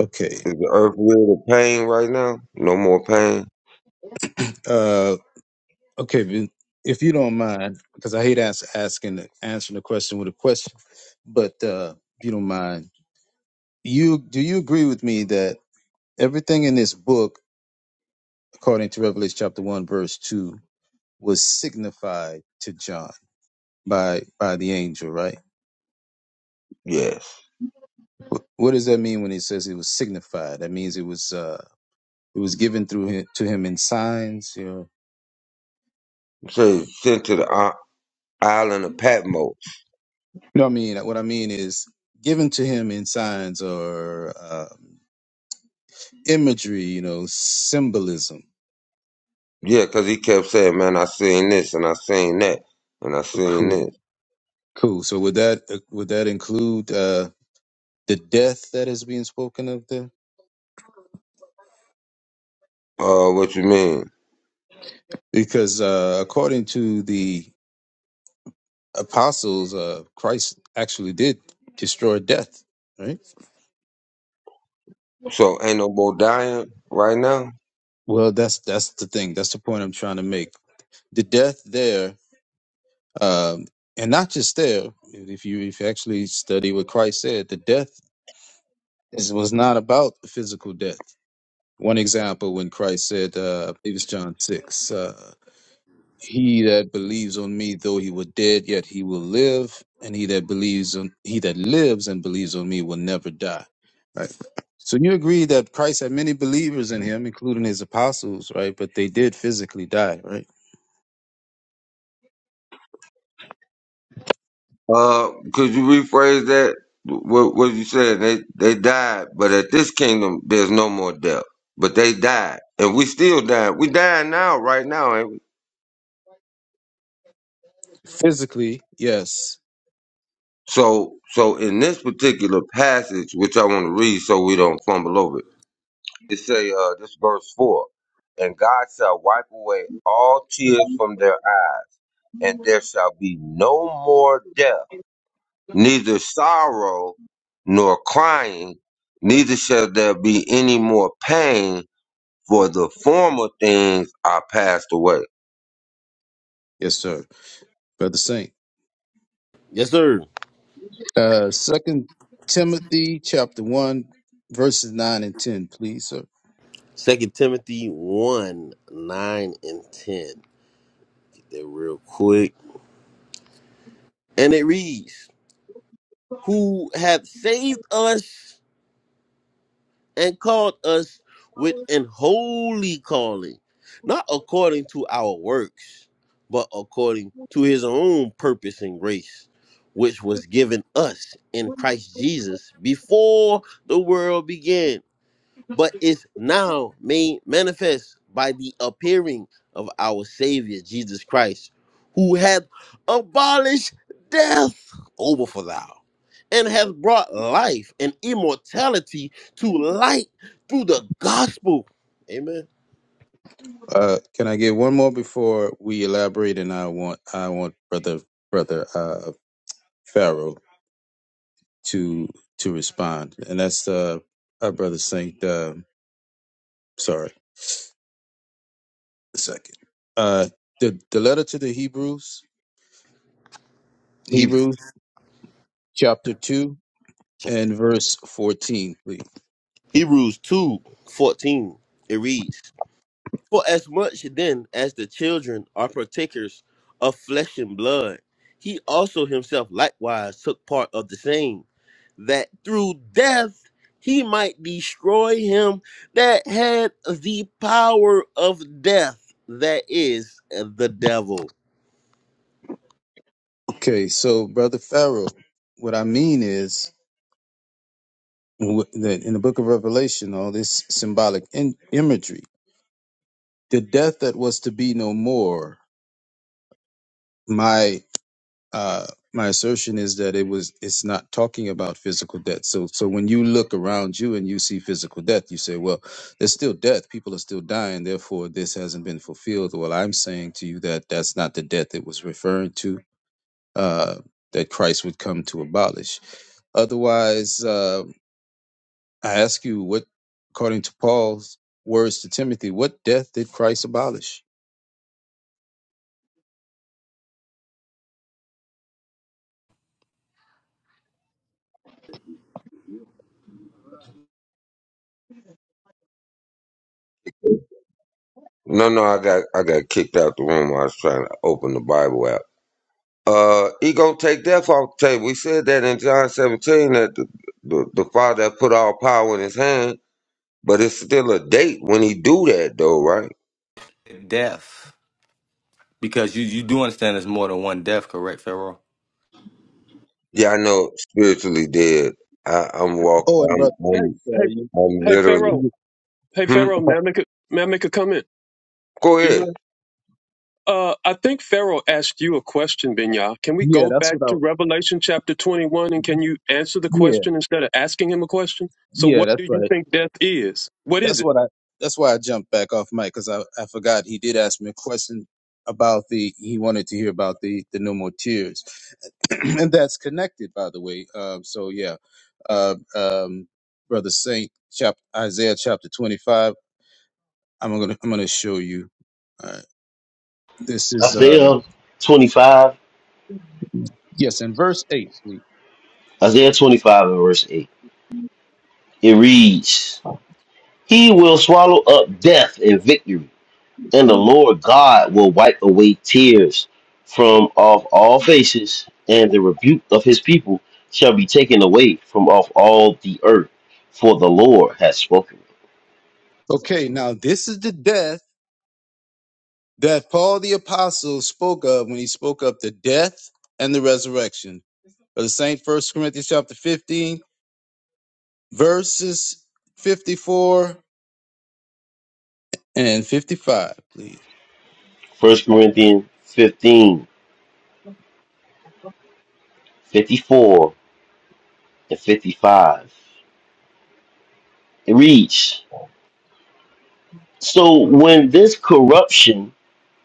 Speaker 10: okay.
Speaker 1: Is the earth real of pain right now? No more pain?
Speaker 10: Uh, okay. Vin- If you don't mind, because I hate ask, asking answering the question with a question, but uh, if you don't mind, you do you agree with me that everything in this book, according to Revelation chapter one verse two, was signified to John by by the angel, right?
Speaker 1: Yes.
Speaker 10: Wh- What does that mean when he says it was signified? That means it was uh, it was given through him, to him in signs. You know,
Speaker 1: It says sent to the i- island of Patmos.
Speaker 10: you know what I mean. What I mean is given to him in signs or um, imagery. You know, symbolism.
Speaker 1: Yeah, because he kept saying, man, I seen this and I seen that and I seen
Speaker 10: Cool,
Speaker 1: this.
Speaker 10: cool. So would that uh, would that include uh, the death that is being spoken of there?
Speaker 1: Uh, what you mean?
Speaker 10: Because uh, according to the apostles, uh, Christ actually did destroy death. Right.
Speaker 1: So ain't no more dying right now.
Speaker 10: Well, that's that's the thing. That's the point I'm trying to make. the death there, um, and not just there. If you if you actually study what Christ said, the death is, was not about physical death. One example when Christ said, uh, I believe it's John six, uh, "He that believes on me, though he were dead, yet he will live, and he that believes on he that lives and believes on me will never die." Right. So you agree that Christ had many believers in him, including his apostles, right? But they did physically die, right?
Speaker 1: Uh, could you rephrase that? What, what you said? They they died, but at this kingdom, there's no more death. But they died, and we still die. We dying now, right now. Ain't we?
Speaker 10: Physically, yes,
Speaker 1: So so in this particular passage, which I want to read, so we don't fumble over it. It say uh, this verse four, and God shall wipe away all tears from their eyes, and there shall be no more death neither sorrow nor crying, neither shall there be any more pain, for the former things are passed away.
Speaker 10: Yes, sir. Brother Saint.
Speaker 9: Yes, sir.
Speaker 10: Uh Second Timothy chapter one, verses nine and ten, please, sir.
Speaker 9: Second Timothy one, nine and ten. Get that real quick. And it reads, Who hath saved us and called us with an holy calling, not according to our works, but according to his own purpose and grace, which was given us in Christ Jesus before the world began but is now made manifest by the appearing of our Savior Jesus Christ, who hath abolished death over for thou, and hath brought life and immortality to light through the gospel. Amen.
Speaker 10: Uh can I get one more before we elaborate and I want I want brother brother uh Pharaoh to to respond. And that's uh our brother Saint uh sorry. a second. Uh, the the letter to the Hebrews,
Speaker 9: Hebrews,
Speaker 10: Hebrews chapter two
Speaker 9: chapter-
Speaker 10: and verse fourteen, please.
Speaker 9: Hebrews two fourteen It reads, For as much then as the children are partakers of flesh and blood, he also himself likewise took part of the same that through death he might destroy him that had the power of death, that is the devil.
Speaker 10: Okay, so brother Pharaoh, what I mean is wh- that in the book of Revelation, all this symbolic in- imagery, the death that was to be no more. my. uh, my assertion is that it was it's not talking about physical death. So so when you look around you and you see physical death, you say, well, there's still death. People are still dying. Therefore, this hasn't been fulfilled. Well, I'm saying to you that that's not the death it was referring to. Uh, that Christ would come to abolish. Otherwise, uh, I ask you, what according to Paul's words to Timothy, what death did Christ abolish?
Speaker 1: No, no, I got I got kicked out the room. I was trying to open the Bible app. Uh, he gonna take death off the table. We said that in John 17 that the, the, the Father put all power in His hand, but it's still a date when He do that, though, right?
Speaker 7: Death. Because you, you do understand there's more than one death, correct, Pharaoh?
Speaker 1: Yeah, I know. Spiritually dead. I, I'm walking.
Speaker 10: Oh, and brother,
Speaker 1: I'm,
Speaker 2: Hey,
Speaker 1: I'm
Speaker 10: uh,
Speaker 2: hey,
Speaker 10: you,
Speaker 1: I'm
Speaker 2: hey,
Speaker 1: literally.
Speaker 2: Pharaoh.
Speaker 10: you,
Speaker 2: Hey,
Speaker 1: Hmm.
Speaker 2: Pharaoh, may I make a, may I make a comment?
Speaker 1: Go
Speaker 2: Do you
Speaker 1: ahead.
Speaker 2: mind? Uh, I think Pharaoh asked you a question, Binyah. Can we
Speaker 10: yeah,
Speaker 2: go
Speaker 10: that's
Speaker 2: back
Speaker 10: what
Speaker 2: to
Speaker 10: I.
Speaker 2: Revelation chapter 21 and can you answer the
Speaker 10: Yeah,
Speaker 2: question instead of asking him a question? So,
Speaker 10: yeah,
Speaker 2: what
Speaker 10: that's
Speaker 2: do you
Speaker 10: right.
Speaker 2: think death is? What is
Speaker 10: That's
Speaker 2: it?
Speaker 10: what I. That's why I jumped back off mic because I, I forgot he did ask me a question about the he wanted to hear about the the no more tears, and that's connected by the way. Um, so yeah, uh, um, brother Saint, chap Isaiah chapter twenty five. I'm gonna I'm gonna show you. All right, this is uh
Speaker 9: Isaiah 25,
Speaker 10: yes, in verse eight, please.
Speaker 9: Isaiah 25 and verse 8. It reads, He will swallow up death in victory, and the Lord God will wipe away tears from off all faces, and the rebuke of his people shall be taken away from off all the earth, for the Lord has spoken.
Speaker 10: Okay, now this is the death that Paul the apostle spoke of when he spoke of the death and the resurrection. of the Saint First Corinthians chapter 15, verses 54 and 55, please.
Speaker 9: First Corinthians 15 54 and 55. It reads, So when this corruption,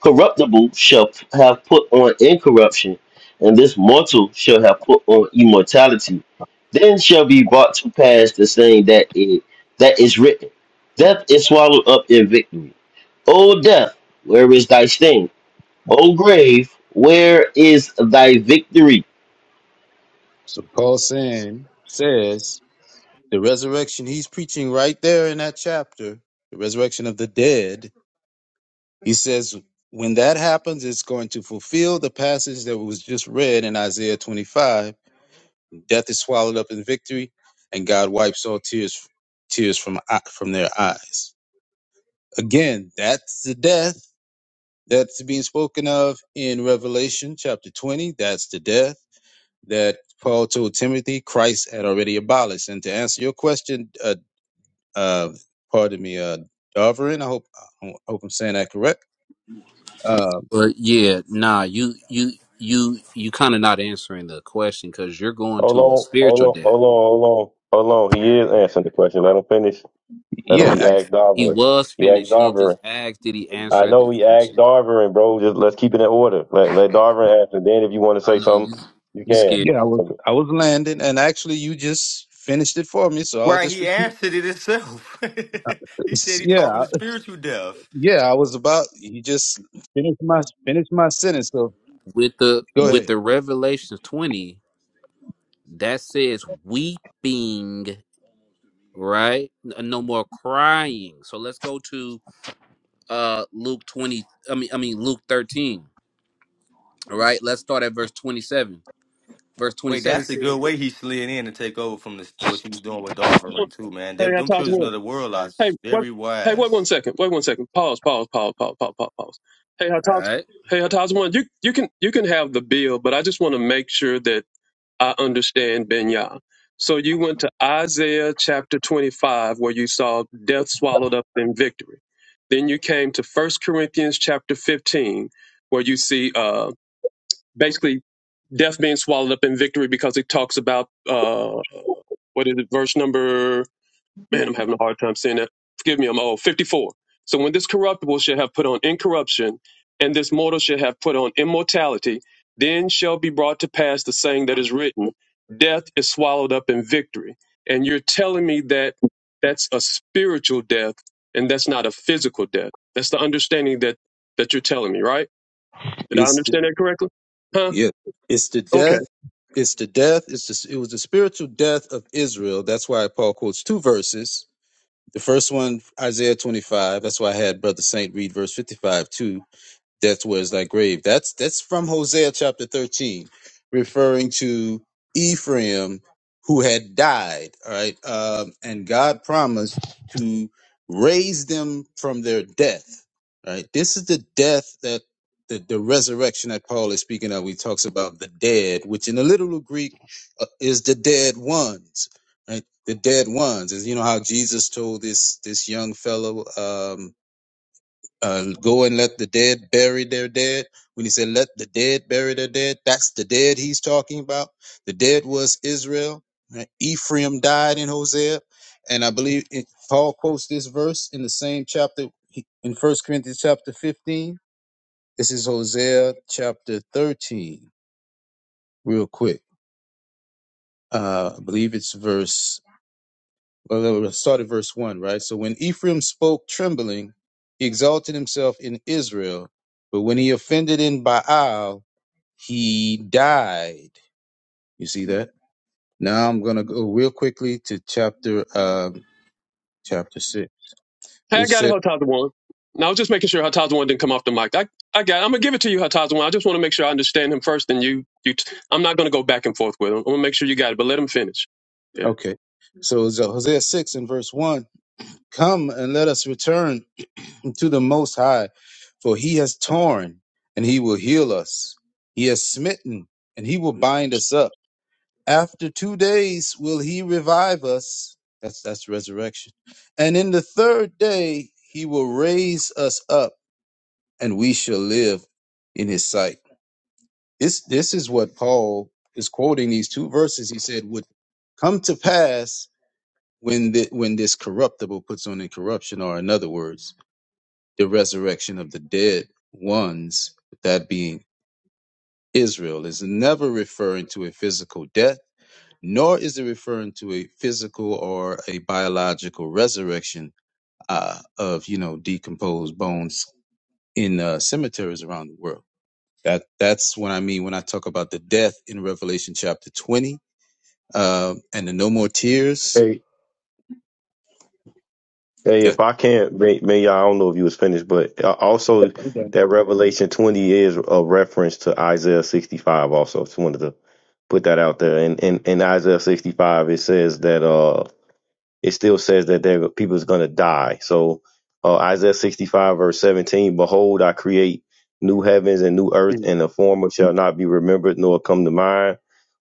Speaker 9: corruptible, shall have put on incorruption, and this mortal shall have put on immortality, then shall be brought to pass the saying that it that is written, Death is swallowed up in victory. O death, where is thy sting? O grave, where is thy victory?
Speaker 10: So Paul saying says the resurrection he's preaching right there in that chapter, the resurrection of the dead. He says when that happens, it's going to fulfill the passage that was just read in Isaiah 25. Death is swallowed up in victory, and God wipes all tears tears from from their eyes. Again, that's the death that's being spoken of in Revelation chapter 20. That's the death that Paul told Timothy Christ had already abolished. And to answer your question, uh, uh, pardon me, uh, Darverin, I hope I hope I'm saying that correct. Uh,
Speaker 11: But yeah, nah, you you you you kind of not answering the question because you're going
Speaker 4: Hold
Speaker 11: to a
Speaker 4: on, hold
Speaker 11: spiritual
Speaker 4: on,
Speaker 11: death.
Speaker 4: hold on, hold on, hold on. He is answering the question. Let him finish. Let him.
Speaker 10: yeah,
Speaker 4: He
Speaker 10: I,
Speaker 4: asked
Speaker 11: He
Speaker 4: Darvin.
Speaker 11: was
Speaker 4: He asked
Speaker 11: finished. He just
Speaker 4: Darvin.
Speaker 11: asked, did he
Speaker 4: I
Speaker 11: answer the
Speaker 4: know he asked
Speaker 11: question?
Speaker 4: Darvin, bro. Just let's keep it in order. Let let Darvin answer. Then if you want to say
Speaker 11: I know you.
Speaker 4: something, you
Speaker 11: You
Speaker 4: can.
Speaker 11: scared
Speaker 10: yeah, I was I was landing, and actually, you just finished it for me, so I'll
Speaker 7: Right,
Speaker 10: just
Speaker 7: he
Speaker 10: repeat.
Speaker 7: answered it himself. he
Speaker 10: This.
Speaker 7: said he
Speaker 10: Yeah,
Speaker 7: talking
Speaker 10: I-
Speaker 7: to spiritual death.
Speaker 10: yeah, I was about you just finished my finished my sentence. So
Speaker 11: with the
Speaker 10: go
Speaker 11: with
Speaker 10: ahead.
Speaker 11: the Revelations twenty that says weeping, right? N- uh, No more crying. So let's go to uh Luke twenty. I mean, I mean Luke thirteen. All right, let's start at verse twenty-seven. Verse
Speaker 7: Wait,
Speaker 11: twenty-seven
Speaker 7: that's a
Speaker 11: says,
Speaker 7: good way he slid in to take over from this, what she was doing with Darvin too, man.
Speaker 2: Hey,
Speaker 7: They,
Speaker 2: I
Speaker 7: them
Speaker 2: talked to
Speaker 7: children
Speaker 2: him.
Speaker 7: of the world are
Speaker 2: Hey, what?
Speaker 7: very
Speaker 2: Hey, wait one
Speaker 7: wise.
Speaker 2: second. Wait one second. Pause. Pause. Pause. Pause. Pause. Pause. pause. Hey, I
Speaker 11: "All
Speaker 2: talked.
Speaker 11: right,
Speaker 2: Hey, I talked to one. You you can you can have the bill, but I just want to make sure that I understand Benya. So you went to Isaiah chapter 25, where you saw death swallowed up in victory. Then you came to First Corinthians chapter 15, where you see uh, basically death being swallowed up in victory because it talks about, uh, what is it, verse number man, I'm having a hard time saying that. Forgive me, I'm old. 54. So when this corruptible shall have put on incorruption, and this mortal shall have put on immortality, then shall be brought to pass the saying that is written, death is swallowed up in victory. And you're telling me that that's a spiritual death and that's not a physical death. That's the understanding that that you're telling me, right? Did I understand that correctly? Huh?
Speaker 10: Yeah, it's the
Speaker 2: Okay.
Speaker 10: death. It's the death. It's the, it was the spiritual death of Israel. That's why Paul quotes two verses. The first one, Isaiah 25. That's why I had Brother Saint read verse 55 too death was thy grave. That's that's from Hosea chapter 13, referring to Ephraim who had died. All right, um, and God promised to raise them from their death. All right, this is the death that the, the resurrection that Paul is speaking of. He talks about the dead, which in the literal Greek uh, is the dead ones. Right, the dead ones is you know how Jesus told this this young fellow. Um, uh, go and let the dead bury their dead. When he said, let the dead bury their dead, that's the dead he's talking about. The dead was Israel. right? Ephraim died in Hosea. And I believe it, Paul quotes this verse in the same chapter he- in First Corinthians chapter 15. This is Hosea chapter 13, real quick. Uh, I believe it's verse Well, no, let's start at verse 1, right? So when Ephraim spoke trembling, he exalted himself in Israel. But when he offended in Baal, he died. You see that? Now I'm going to go real quickly to chapter um, chapter 6,
Speaker 2: Hey, I
Speaker 10: which
Speaker 2: got it,
Speaker 10: said,
Speaker 2: Hatazawan. Now I was just making sure Hatazawan didn't come off the mic. I, I got. It. I'm gonna give it to you, Hatazawan. I just want to make sure I understand him first, and you, you. T- I'm not gonna go back and forth with him. I'm gonna make sure you got it, but let him finish. Yeah.
Speaker 10: okay, so it's uh, Hosea 6 and verse 1 Come and let us return to the Most High, for he has torn and he will heal us, he has smitten and he will bind us up. After two days will he revive us. That's that's resurrection. And in the third day he will raise us up and we shall live in his sight. This this is what Paul is quoting these two verses he said would come to pass when the, when this corruptible puts on incorruption or in other words the resurrection of the dead ones that being Israel is never referring to a physical death nor is it referring to a physical or a biological resurrection uh, of you know decomposed bones in uh, cemeteries around the world. That that's what I mean when I talk about the death in Revelation chapter twenty uh, and the no more tears.
Speaker 4: Hey,
Speaker 10: Yeah,
Speaker 4: if I can't, may- may- I don't know if you was finished, but uh, also that Revelation 20 is a reference to Isaiah 65 also. Just wanted to put that out there. And in, in Isaiah 65, it says that, uh it still says that there people is going to die. So uh, Isaiah 65 verse 17, behold, I create new heavens and new earth
Speaker 2: Mm.
Speaker 4: and the former shall not be remembered nor come to mind,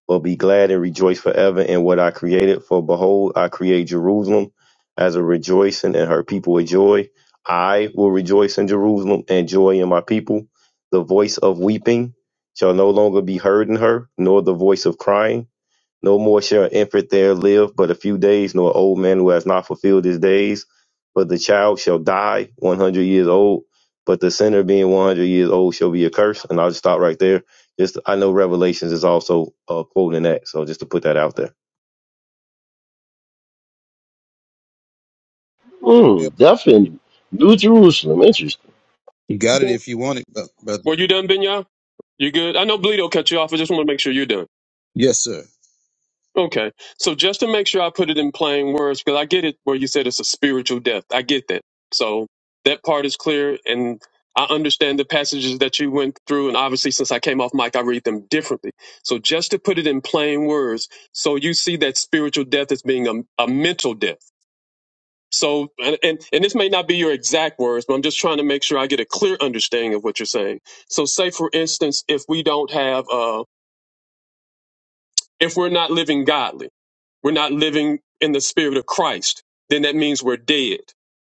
Speaker 4: but be glad and rejoice forever in what I created. For behold, I create Jerusalem as a rejoicing and her people with joy. I will rejoice in Jerusalem and joy in my people. The voice of weeping shall no longer be heard in her, nor the voice of crying no more shall an infant there live but a few days, nor an old man who has not fulfilled his days. But the child shall die 100 years old, but the sinner being 100 years old shall be accursed. And I'll just stop right there. Just I know Revelations is also uh, quoting that, so just to put that out there.
Speaker 9: Hmm, death in
Speaker 10: you
Speaker 9: New Jerusalem.
Speaker 10: got it if you want it, bu- brother.
Speaker 2: Were you done, Benya? You good? I know Bleedo cut you off. I just want to make sure you're done.
Speaker 10: Yes, sir.
Speaker 2: Okay. So just to make sure I put it in plain words, because I get it where you said it's a spiritual death. I get that. So that part is clear. And I understand the passages that you went through. And obviously, since I came off mic, I read them differently. So just to put it in plain words, so you see that spiritual death as being a, a mental death. So, and, and, and this may not be your exact words, but I'm just trying to make sure I get a clear understanding of what you're saying. So, say for instance, if we don't have, uh, if we're not living godly, we're not living in the spirit of Christ, then that means we're dead.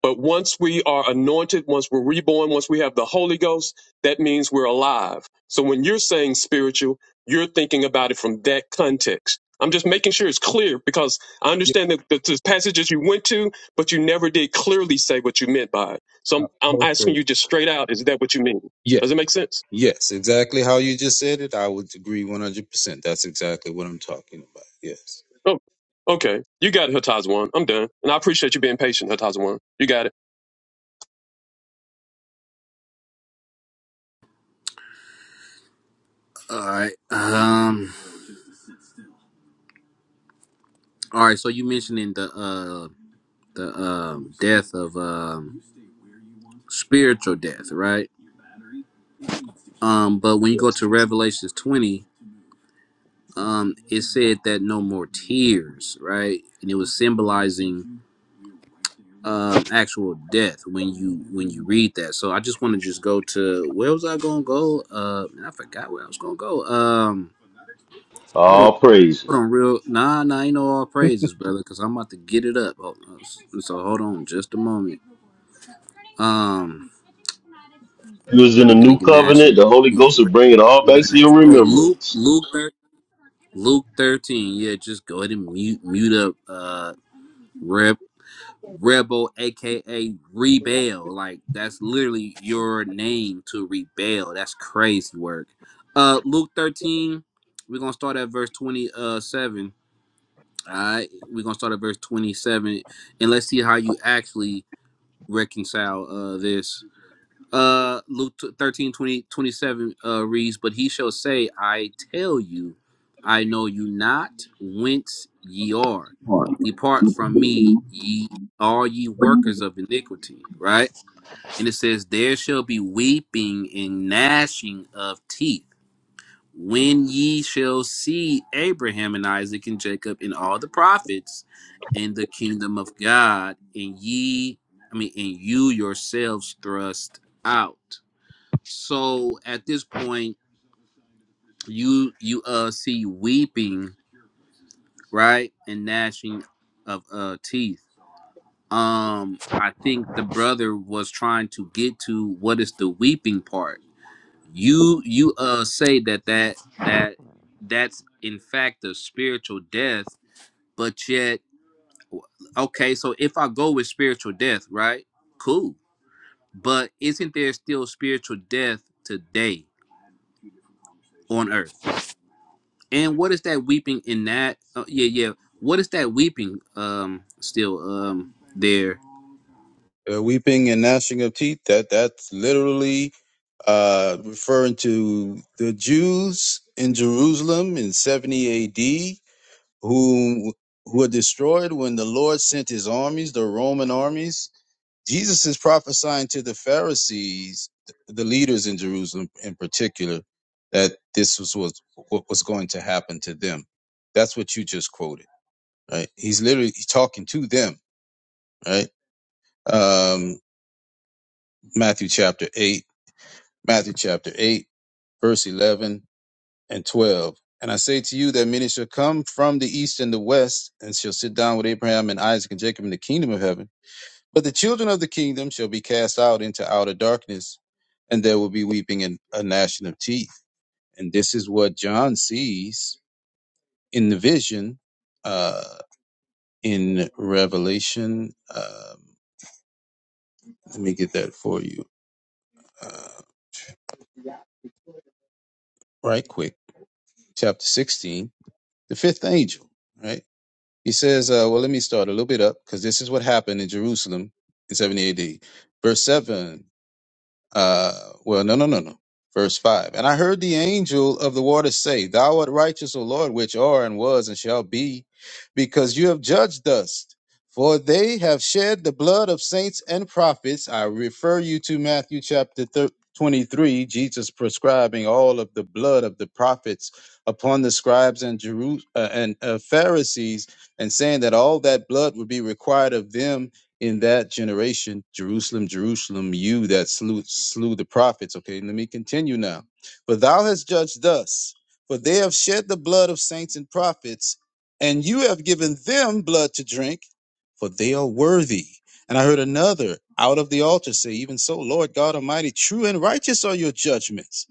Speaker 2: But once we are anointed, once we're reborn, once we have the Holy Ghost, that means we're alive. So when you're saying spiritual, you're thinking about it from that context. I'm just making sure it's clear because I
Speaker 10: Yes,
Speaker 2: understand that the, the passages you went to, but you never did clearly say what you meant by it. So I'm, I'm asking you just straight out, is that what you mean?
Speaker 10: yes,
Speaker 2: Does it make sense?
Speaker 10: yes, exactly how you just said it. I would agree one hundred percent. That's exactly what I'm talking about. Yes.
Speaker 2: Oh, okay. You got it, Hataz I'm done. And I appreciate you being patient, Hataz You got it.
Speaker 11: all right, um, all right." So you mentioning the uh the um death of um spiritual death, right? Um, but when you go to Revelations twenty, um, it said that no more tears, right? And it was symbolizing um, actual death when you when you read that. So I just want to just go to where was I gonna go? Uh, man, I forgot where I was gonna go. Um, hold on,
Speaker 9: All
Speaker 11: hold
Speaker 9: praises.
Speaker 11: on, real nah, nah, ain't no all praises, brother, because I'm about to get it up. Hold on. So hold on, just a moment. Um,
Speaker 9: you was in the
Speaker 11: weeping
Speaker 9: new
Speaker 11: and gnashing.
Speaker 9: covenant,
Speaker 11: of
Speaker 9: the Holy
Speaker 11: teeth.
Speaker 9: Ghost will
Speaker 11: Where-
Speaker 9: bring it all
Speaker 11: weeping
Speaker 9: back
Speaker 11: and
Speaker 9: to your
Speaker 11: gnashing- Oh, Luke,
Speaker 9: remembrance.
Speaker 11: Luke, thir- Luke thirteen. Yeah, just go ahead and mute mute up. Uh. Rebel, aka Rebel. Like that's literally your name to rebel. That's crazy work. Uh Luke 13, we're gonna start at verse 27. Alright, we're gonna start at verse 27 and let's see how you actually reconcile uh this. Uh, Luke 13 20 27 uh, reads, But he shall say, I tell you, I know you not whence ye are. Depart from me, ye all ye workers of iniquity. Right? And it says, There shall be weeping and gnashing of teeth when ye shall see Abraham and Isaac and Jacob and all the prophets in the kingdom of God, and ye, I mean, and you yourselves thrust out. So at this point, you you uh see weeping, right, and gnashing of uh teeth. Um, I think the brother was trying to get to what is the weeping part. You you uh say that that that that's in fact a spiritual death, but yet okay, so if I go with spiritual death, right? Cool. But isn't there still spiritual death today on earth? And what is that weeping in that? Oh, yeah, yeah. What is that weeping? Um, still, um, there.
Speaker 10: Uh, weeping and gnashing of teeth, that that's literally uh, referring to the Jews in Jerusalem in 70 AD who who were destroyed when the Lord sent his armies, the Roman armies. Jesus is prophesying to the Pharisees, the leaders in Jerusalem in particular, that this was, was what was going to happen to them. That's what you just quoted, right? He's literally talking to them, right? Um, Matthew chapter 8 Matthew chapter 8, verse 11 and 12. And I say to you that many shall come from the east and the west, and shall sit down with Abraham and Isaac and Jacob in the kingdom of heaven. But the children of the kingdom shall be cast out into outer darkness, and there will be weeping and a gnashing of teeth. And this is what John sees in the vision uh, in Revelation. Um let me get that for you uh, right quick. Chapter 16, the fifth angel, right? He says, uh, well, let me start a little bit up because this is what happened in Jerusalem in 70 AD. Verse 7 uh, well, no, no, no, no. Verse 5. And I heard the angel of the waters say, Thou art righteous, O Lord, which are and was and shall be, because you have judged us. For they have shed the blood of saints and prophets. I refer you to Matthew chapter thir- 23, Jesus prescribing all of the blood of the prophets upon the scribes and, Jeru- uh, and uh, Pharisees, and saying that all that blood would be required of them in that generation, Jerusalem, Jerusalem, you that slew, slew the prophets. Okay, let me continue now. For thou hast judged thus, for they have shed the blood of saints and prophets, and you have given them blood to drink, for they are worthy. And I heard another out of the altar say, Even so, Lord God Almighty, true and righteous are your judgments.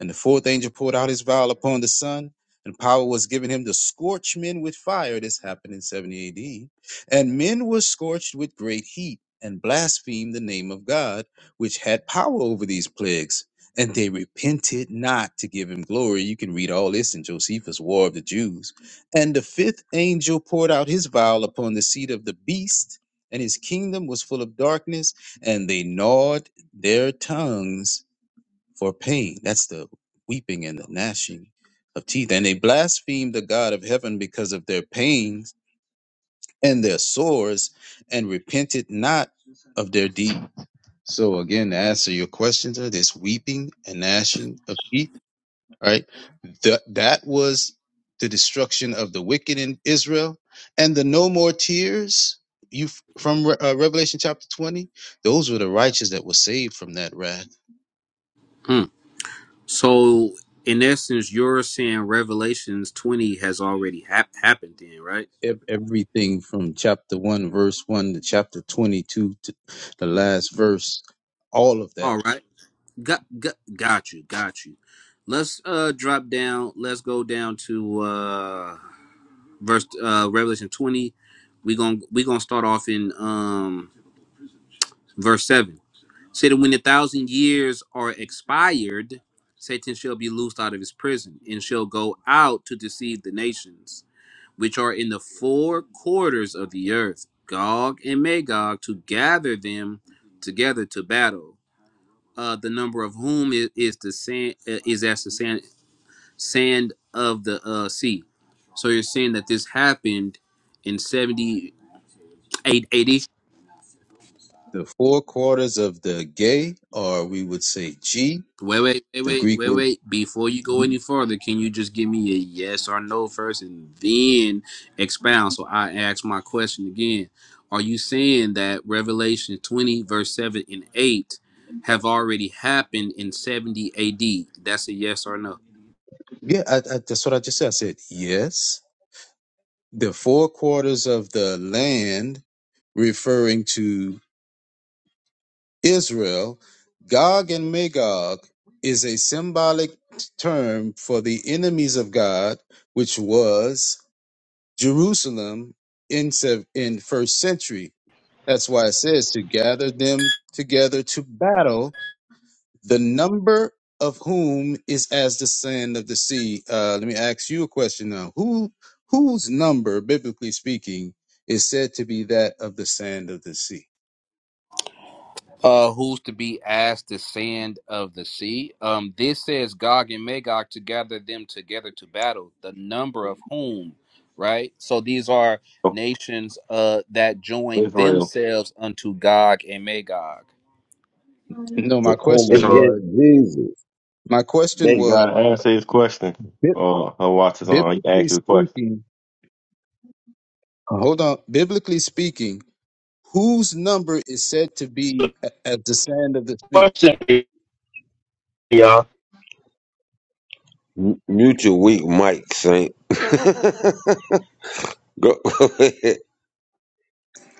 Speaker 10: And the fourth angel poured out his vial upon the sun, and power was given him to scorch men with fire. This happened in 70 AD and men were scorched with great heat, and blasphemed the name of God, which had power over these plagues. And they repented not to give him glory. You can read all this in Josephus' War of the Jews. And the fifth angel poured out his vial upon the seat of the beast, and his kingdom was full of darkness, and they gnawed their tongues for pain. That's the weeping and the gnashing of teeth. And they blasphemed the God of heaven because of their pains and their sores and repented not of their deed. So again, to answer your questions are this weeping and gnashing of teeth, All right? That that was the destruction of the wicked in Israel and the no more tears you from uh, Revelation chapter 20, those were the righteous that were saved from that wrath.
Speaker 11: Hmm. So, in essence, you're saying Revelations 20 has already hap- happened, then, right?
Speaker 10: Ev- Everything from chapter 1 verse 1 to chapter 22 to the last verse, all of that
Speaker 11: All right. Got, got got you. Got you. Let's uh drop down. Let's go down to uh verse uh Revelation 20. We going to we gonna start off in um verse seven. said that when a thousand years are expired, Satan shall be loosed out of his prison and shall go out to deceive the nations, which are in the four quarters of the earth, Gog and Magog, to gather them together to battle. Uh, the number of whom is, is the sand uh, is as the sand sand of the uh, sea. So you're saying that this happened in 78 AD.
Speaker 10: the four quarters of the gay, or we would say G,
Speaker 11: Wait, wait, wait,
Speaker 10: the
Speaker 11: wait,
Speaker 10: Greek
Speaker 11: wait,
Speaker 10: word.
Speaker 11: wait. Before you go any further, can you just give me a yes or no first and then expound? So I ask my question again. Are you saying that Revelation 20, verse 7 and 8 have already happened in 70 AD? That's a yes or no.
Speaker 10: Yeah, I, I, that's what I just said. I said yes. The four quarters of the land, referring to Israel, Gog and Magog is a symbolic term for the enemies of God, which was Jerusalem in sev- in first century. That's why it says to gather them together to battle The number of whom is as the sand of the sea. Uh, let me ask you a question now. Who whose number, biblically speaking, is said to be that of the sand of the sea?
Speaker 11: uh, who's to be as the sand of the sea. Um, this says Gog and Magog to gather them together to battle, the number of whom, right? So these are
Speaker 4: Oh,
Speaker 11: nations uh, that join
Speaker 4: Israel,
Speaker 11: themselves unto Gog and Magog.
Speaker 10: No,
Speaker 1: to
Speaker 10: my
Speaker 9: It's
Speaker 1: come
Speaker 10: question
Speaker 9: a
Speaker 1: against
Speaker 10: was
Speaker 1: Jesus.
Speaker 10: my question
Speaker 1: They
Speaker 4: you
Speaker 10: was
Speaker 4: gotta answer his question.
Speaker 10: bi-
Speaker 4: Uh, her watch is on. You can
Speaker 10: biblically
Speaker 4: ask the question.
Speaker 10: speaking. uh, Hold on. Biblically speaking, whose number is said to be a- as the sand of the sea?
Speaker 9: question, y'all.
Speaker 1: M- mute your weak mic, Saint. Go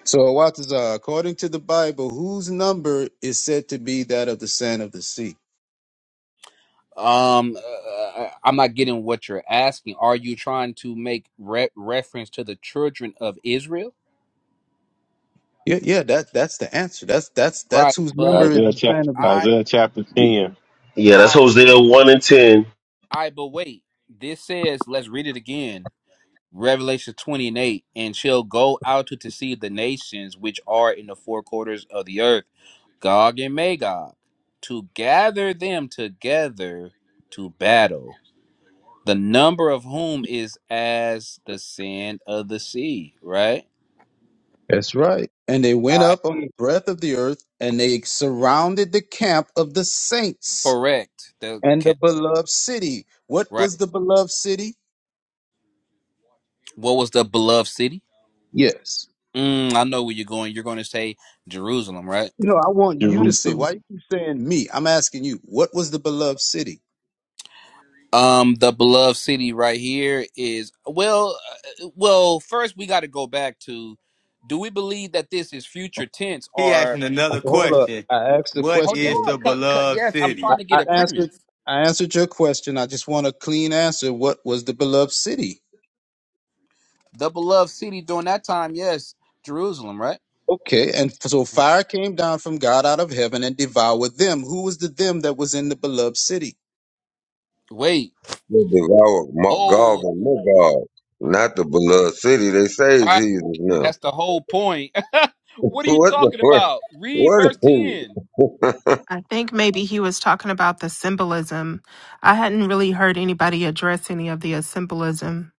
Speaker 10: So, Watazar, according to the Bible, whose number is said to be that of the sand of the sea?
Speaker 11: Um, uh, uh, uh, I'm not getting what you're asking. Are you trying to make re- reference to the children of Israel?
Speaker 10: Yeah, yeah, that that's the answer. That's that's that's
Speaker 11: Right,
Speaker 10: whose
Speaker 11: but
Speaker 10: number is
Speaker 4: Isaiah
Speaker 10: the
Speaker 4: chapter,
Speaker 10: sand of the
Speaker 11: I,
Speaker 10: sea.
Speaker 4: Isaiah chapter
Speaker 9: Y-
Speaker 4: 10,
Speaker 9: Yeah, that's
Speaker 11: I,
Speaker 9: Hosea 1 and 10.
Speaker 11: I, but wait. This says, let's read it again Revelation 20 and 8, and shall go out to deceive the nations which are in the four quarters of the earth, Gog and Magog, to gather them together to battle, the number of whom is as the sand of the sea, right?
Speaker 10: That's right. And they
Speaker 11: All
Speaker 10: went
Speaker 11: right.
Speaker 10: up on the breadth of the earth, and they surrounded the camp of the saints
Speaker 11: Correct. The,
Speaker 10: and the
Speaker 11: can,
Speaker 10: beloved city. What was
Speaker 11: right.
Speaker 10: the beloved city?
Speaker 11: What was the beloved city?
Speaker 10: Yes.
Speaker 11: Mm, I know where you're going. You're going to say Jerusalem, right?
Speaker 10: You know, I want you to say.
Speaker 4: Jerusalem.
Speaker 10: Why you keep saying me? I'm asking you. What was the beloved city?
Speaker 11: Um, the beloved city right here is well, uh, well. First, we got to go back to: Do we believe that this is future tense
Speaker 7: He
Speaker 11: or?
Speaker 7: asking another
Speaker 10: Hold up.
Speaker 7: question:
Speaker 10: I asked the
Speaker 7: What
Speaker 11: Hold
Speaker 10: question.
Speaker 7: is
Speaker 11: on,
Speaker 7: the
Speaker 10: Though.
Speaker 11: because
Speaker 7: beloved
Speaker 11: yes, I'm trying
Speaker 7: city?
Speaker 11: to
Speaker 10: I,
Speaker 11: get a
Speaker 10: I answered.
Speaker 11: premise.
Speaker 10: I answered your question. I just want a clean answer. What was the beloved city?
Speaker 11: The beloved city during that time, yes, Jerusalem, right?
Speaker 10: Okay, and f- so fire came down from God out of heaven and devoured them. Who was the them that was in the beloved city?
Speaker 11: Wait,
Speaker 1: They devour Mo- Gog
Speaker 11: oh,
Speaker 1: and Magog, not the beloved city. They say
Speaker 11: right,
Speaker 1: Jesus now.
Speaker 11: that's the whole point. what are you
Speaker 1: what the
Speaker 11: talking
Speaker 1: fuck?
Speaker 11: about? Read
Speaker 1: What is
Speaker 11: verse ten.
Speaker 6: I think maybe he was talking about the symbolism. I hadn't really heard anybody address any of the symbolism.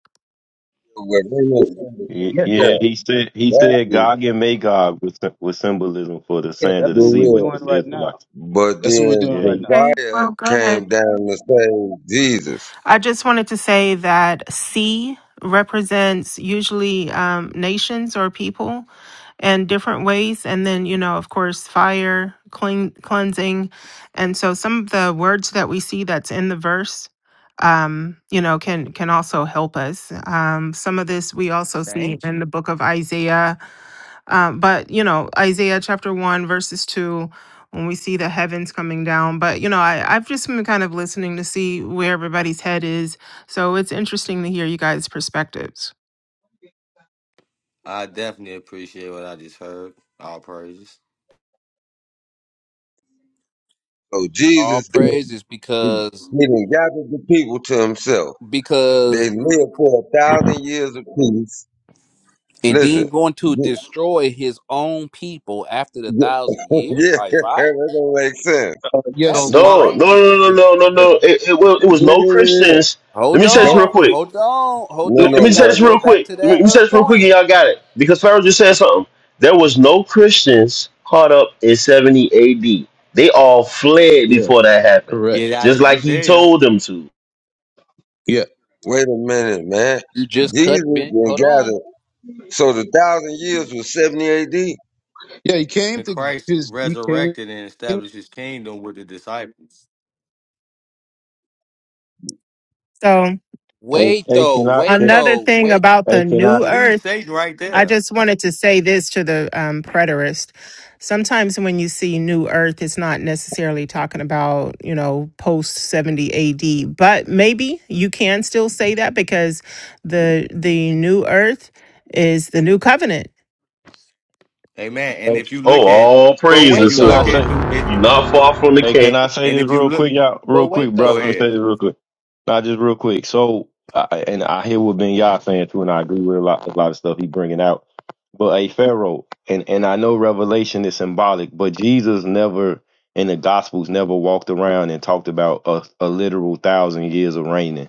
Speaker 1: Well, they know
Speaker 4: Y-
Speaker 1: something
Speaker 10: Yeah, that,
Speaker 4: Yeah,
Speaker 1: now.
Speaker 4: he said he
Speaker 1: That
Speaker 4: said
Speaker 1: is
Speaker 4: Gog and Magog was sy- was symbolism for the
Speaker 10: yeah,
Speaker 4: sand
Speaker 10: that's
Speaker 4: of
Speaker 1: the
Speaker 4: the
Speaker 10: what
Speaker 4: sea,
Speaker 10: we're
Speaker 4: which
Speaker 1: real.
Speaker 4: was
Speaker 10: doing
Speaker 4: the
Speaker 10: right now.
Speaker 4: Israelites.
Speaker 1: But
Speaker 10: That's what we're
Speaker 1: then
Speaker 10: doing
Speaker 4: Yeah,
Speaker 1: the
Speaker 10: right
Speaker 4: he
Speaker 10: now.
Speaker 6: Okay.
Speaker 1: fire
Speaker 6: Well, go ahead.
Speaker 1: came down to save Jesus.
Speaker 6: I just wanted to say that C represents usually um, nations or people in different ways. And then, you know, of course, fire, clean, cleansing. And so some of the words that we see that's in the verse um you know can can also help us um some of this we also see
Speaker 7: Thank
Speaker 6: in
Speaker 7: you.
Speaker 6: the book of isaiah um, but you know, Isaiah chapter one, verses two, when we see the heavens coming down. But you know, I, I've just been kind of listening to see where everybody's head is. So it's interesting to hear you guys' perspectives.
Speaker 7: I definitely appreciate what I just heard. All praises.
Speaker 1: So
Speaker 11: All
Speaker 1: Jesus did-
Speaker 11: praises
Speaker 1: he,
Speaker 11: because
Speaker 1: he done gathered the people to himself.
Speaker 11: because
Speaker 1: They live for a thousand years apiece.
Speaker 11: And
Speaker 1: Listen,
Speaker 11: then going to
Speaker 1: y-
Speaker 11: destroy his own people after the
Speaker 1: y-
Speaker 11: thousand years
Speaker 1: yeah,
Speaker 11: by fire?
Speaker 1: that don't make sense.
Speaker 10: Uh, yes,
Speaker 11: That's
Speaker 7: So,
Speaker 10: yes,
Speaker 7: my
Speaker 9: No, no, no,
Speaker 11: crazy.
Speaker 9: no, no, no,
Speaker 10: yes,
Speaker 9: no. It, it, was, it was
Speaker 1: Yeah,
Speaker 9: no
Speaker 1: yeah, yeah, yeah.
Speaker 9: Christians. Let
Speaker 11: Hold
Speaker 9: me say this real
Speaker 1: Don't,
Speaker 11: on,
Speaker 9: quick.
Speaker 11: hold on, hold
Speaker 1: no,
Speaker 9: Let,
Speaker 11: on.
Speaker 9: let
Speaker 11: We
Speaker 9: me
Speaker 1: no,
Speaker 9: say
Speaker 11: gotta
Speaker 9: this
Speaker 11: go
Speaker 9: real
Speaker 1: rebel.
Speaker 11: back
Speaker 9: quick.
Speaker 11: to
Speaker 9: Let me,
Speaker 11: that
Speaker 9: let me say
Speaker 11: uh
Speaker 9: this real quick and
Speaker 11: point.
Speaker 9: y'all got it. Because Pharaoh just said something. There was no Christians caught up in 70 AD. They all fled
Speaker 10: yeah,
Speaker 9: before that happened.
Speaker 10: correct.
Speaker 7: get out
Speaker 9: Just
Speaker 7: of
Speaker 9: like he
Speaker 7: Judea,
Speaker 9: told them to.
Speaker 10: Yeah,
Speaker 1: Wait a minute, man.
Speaker 11: You just
Speaker 1: Jesus
Speaker 11: cut bent.
Speaker 1: then
Speaker 11: Hold on.
Speaker 1: gathered. So the thousand years was 70 AD? We
Speaker 10: yeah. He came
Speaker 7: and
Speaker 10: to
Speaker 7: Christ
Speaker 10: his. He came
Speaker 7: resurrected and
Speaker 10: in
Speaker 7: established His kingdom with the disciples.
Speaker 6: So
Speaker 4: hey,
Speaker 11: Wait
Speaker 4: hey
Speaker 11: though,
Speaker 4: can I
Speaker 11: wait
Speaker 4: can,
Speaker 6: another
Speaker 11: though,
Speaker 6: thing
Speaker 11: wait.
Speaker 6: about
Speaker 4: hey
Speaker 6: the
Speaker 4: can I
Speaker 6: new earth.
Speaker 7: Leave Satan right
Speaker 6: I
Speaker 7: there.
Speaker 6: just wanted to say this to the um, preterist. Sometimes when you see New Earth, it's not necessarily talking about, you know, post 70 AD, but maybe you can still say that because the the New Earth is the new covenant.
Speaker 7: Amen. And
Speaker 4: hey,
Speaker 7: if you
Speaker 9: Oh,
Speaker 7: look at,
Speaker 9: all
Speaker 11: But
Speaker 4: hey
Speaker 7: if
Speaker 9: praises,
Speaker 11: wait
Speaker 7: you
Speaker 4: can
Speaker 9: sister.
Speaker 4: I
Speaker 7: look at
Speaker 11: though,
Speaker 4: say
Speaker 7: through it,
Speaker 9: You're not far from the
Speaker 4: Hey, can
Speaker 9: cave.
Speaker 4: I say
Speaker 7: and
Speaker 4: this
Speaker 7: if you
Speaker 4: real
Speaker 7: look,
Speaker 4: quick, y'all?
Speaker 11: but
Speaker 4: Real
Speaker 11: wait
Speaker 4: quick,
Speaker 7: go
Speaker 4: brother. Let
Speaker 11: though.
Speaker 4: me
Speaker 7: ahead.
Speaker 4: say this real quick. Not just real quick. So, I, and I hear what Ben Yah saying too, and I agree with a lot, a lot of stuff he bringing out. But a Pharaoh, and and I know Revelation is symbolic, but Jesus never in the Gospels never walked around and talked about a, a literal thousand years of reigning.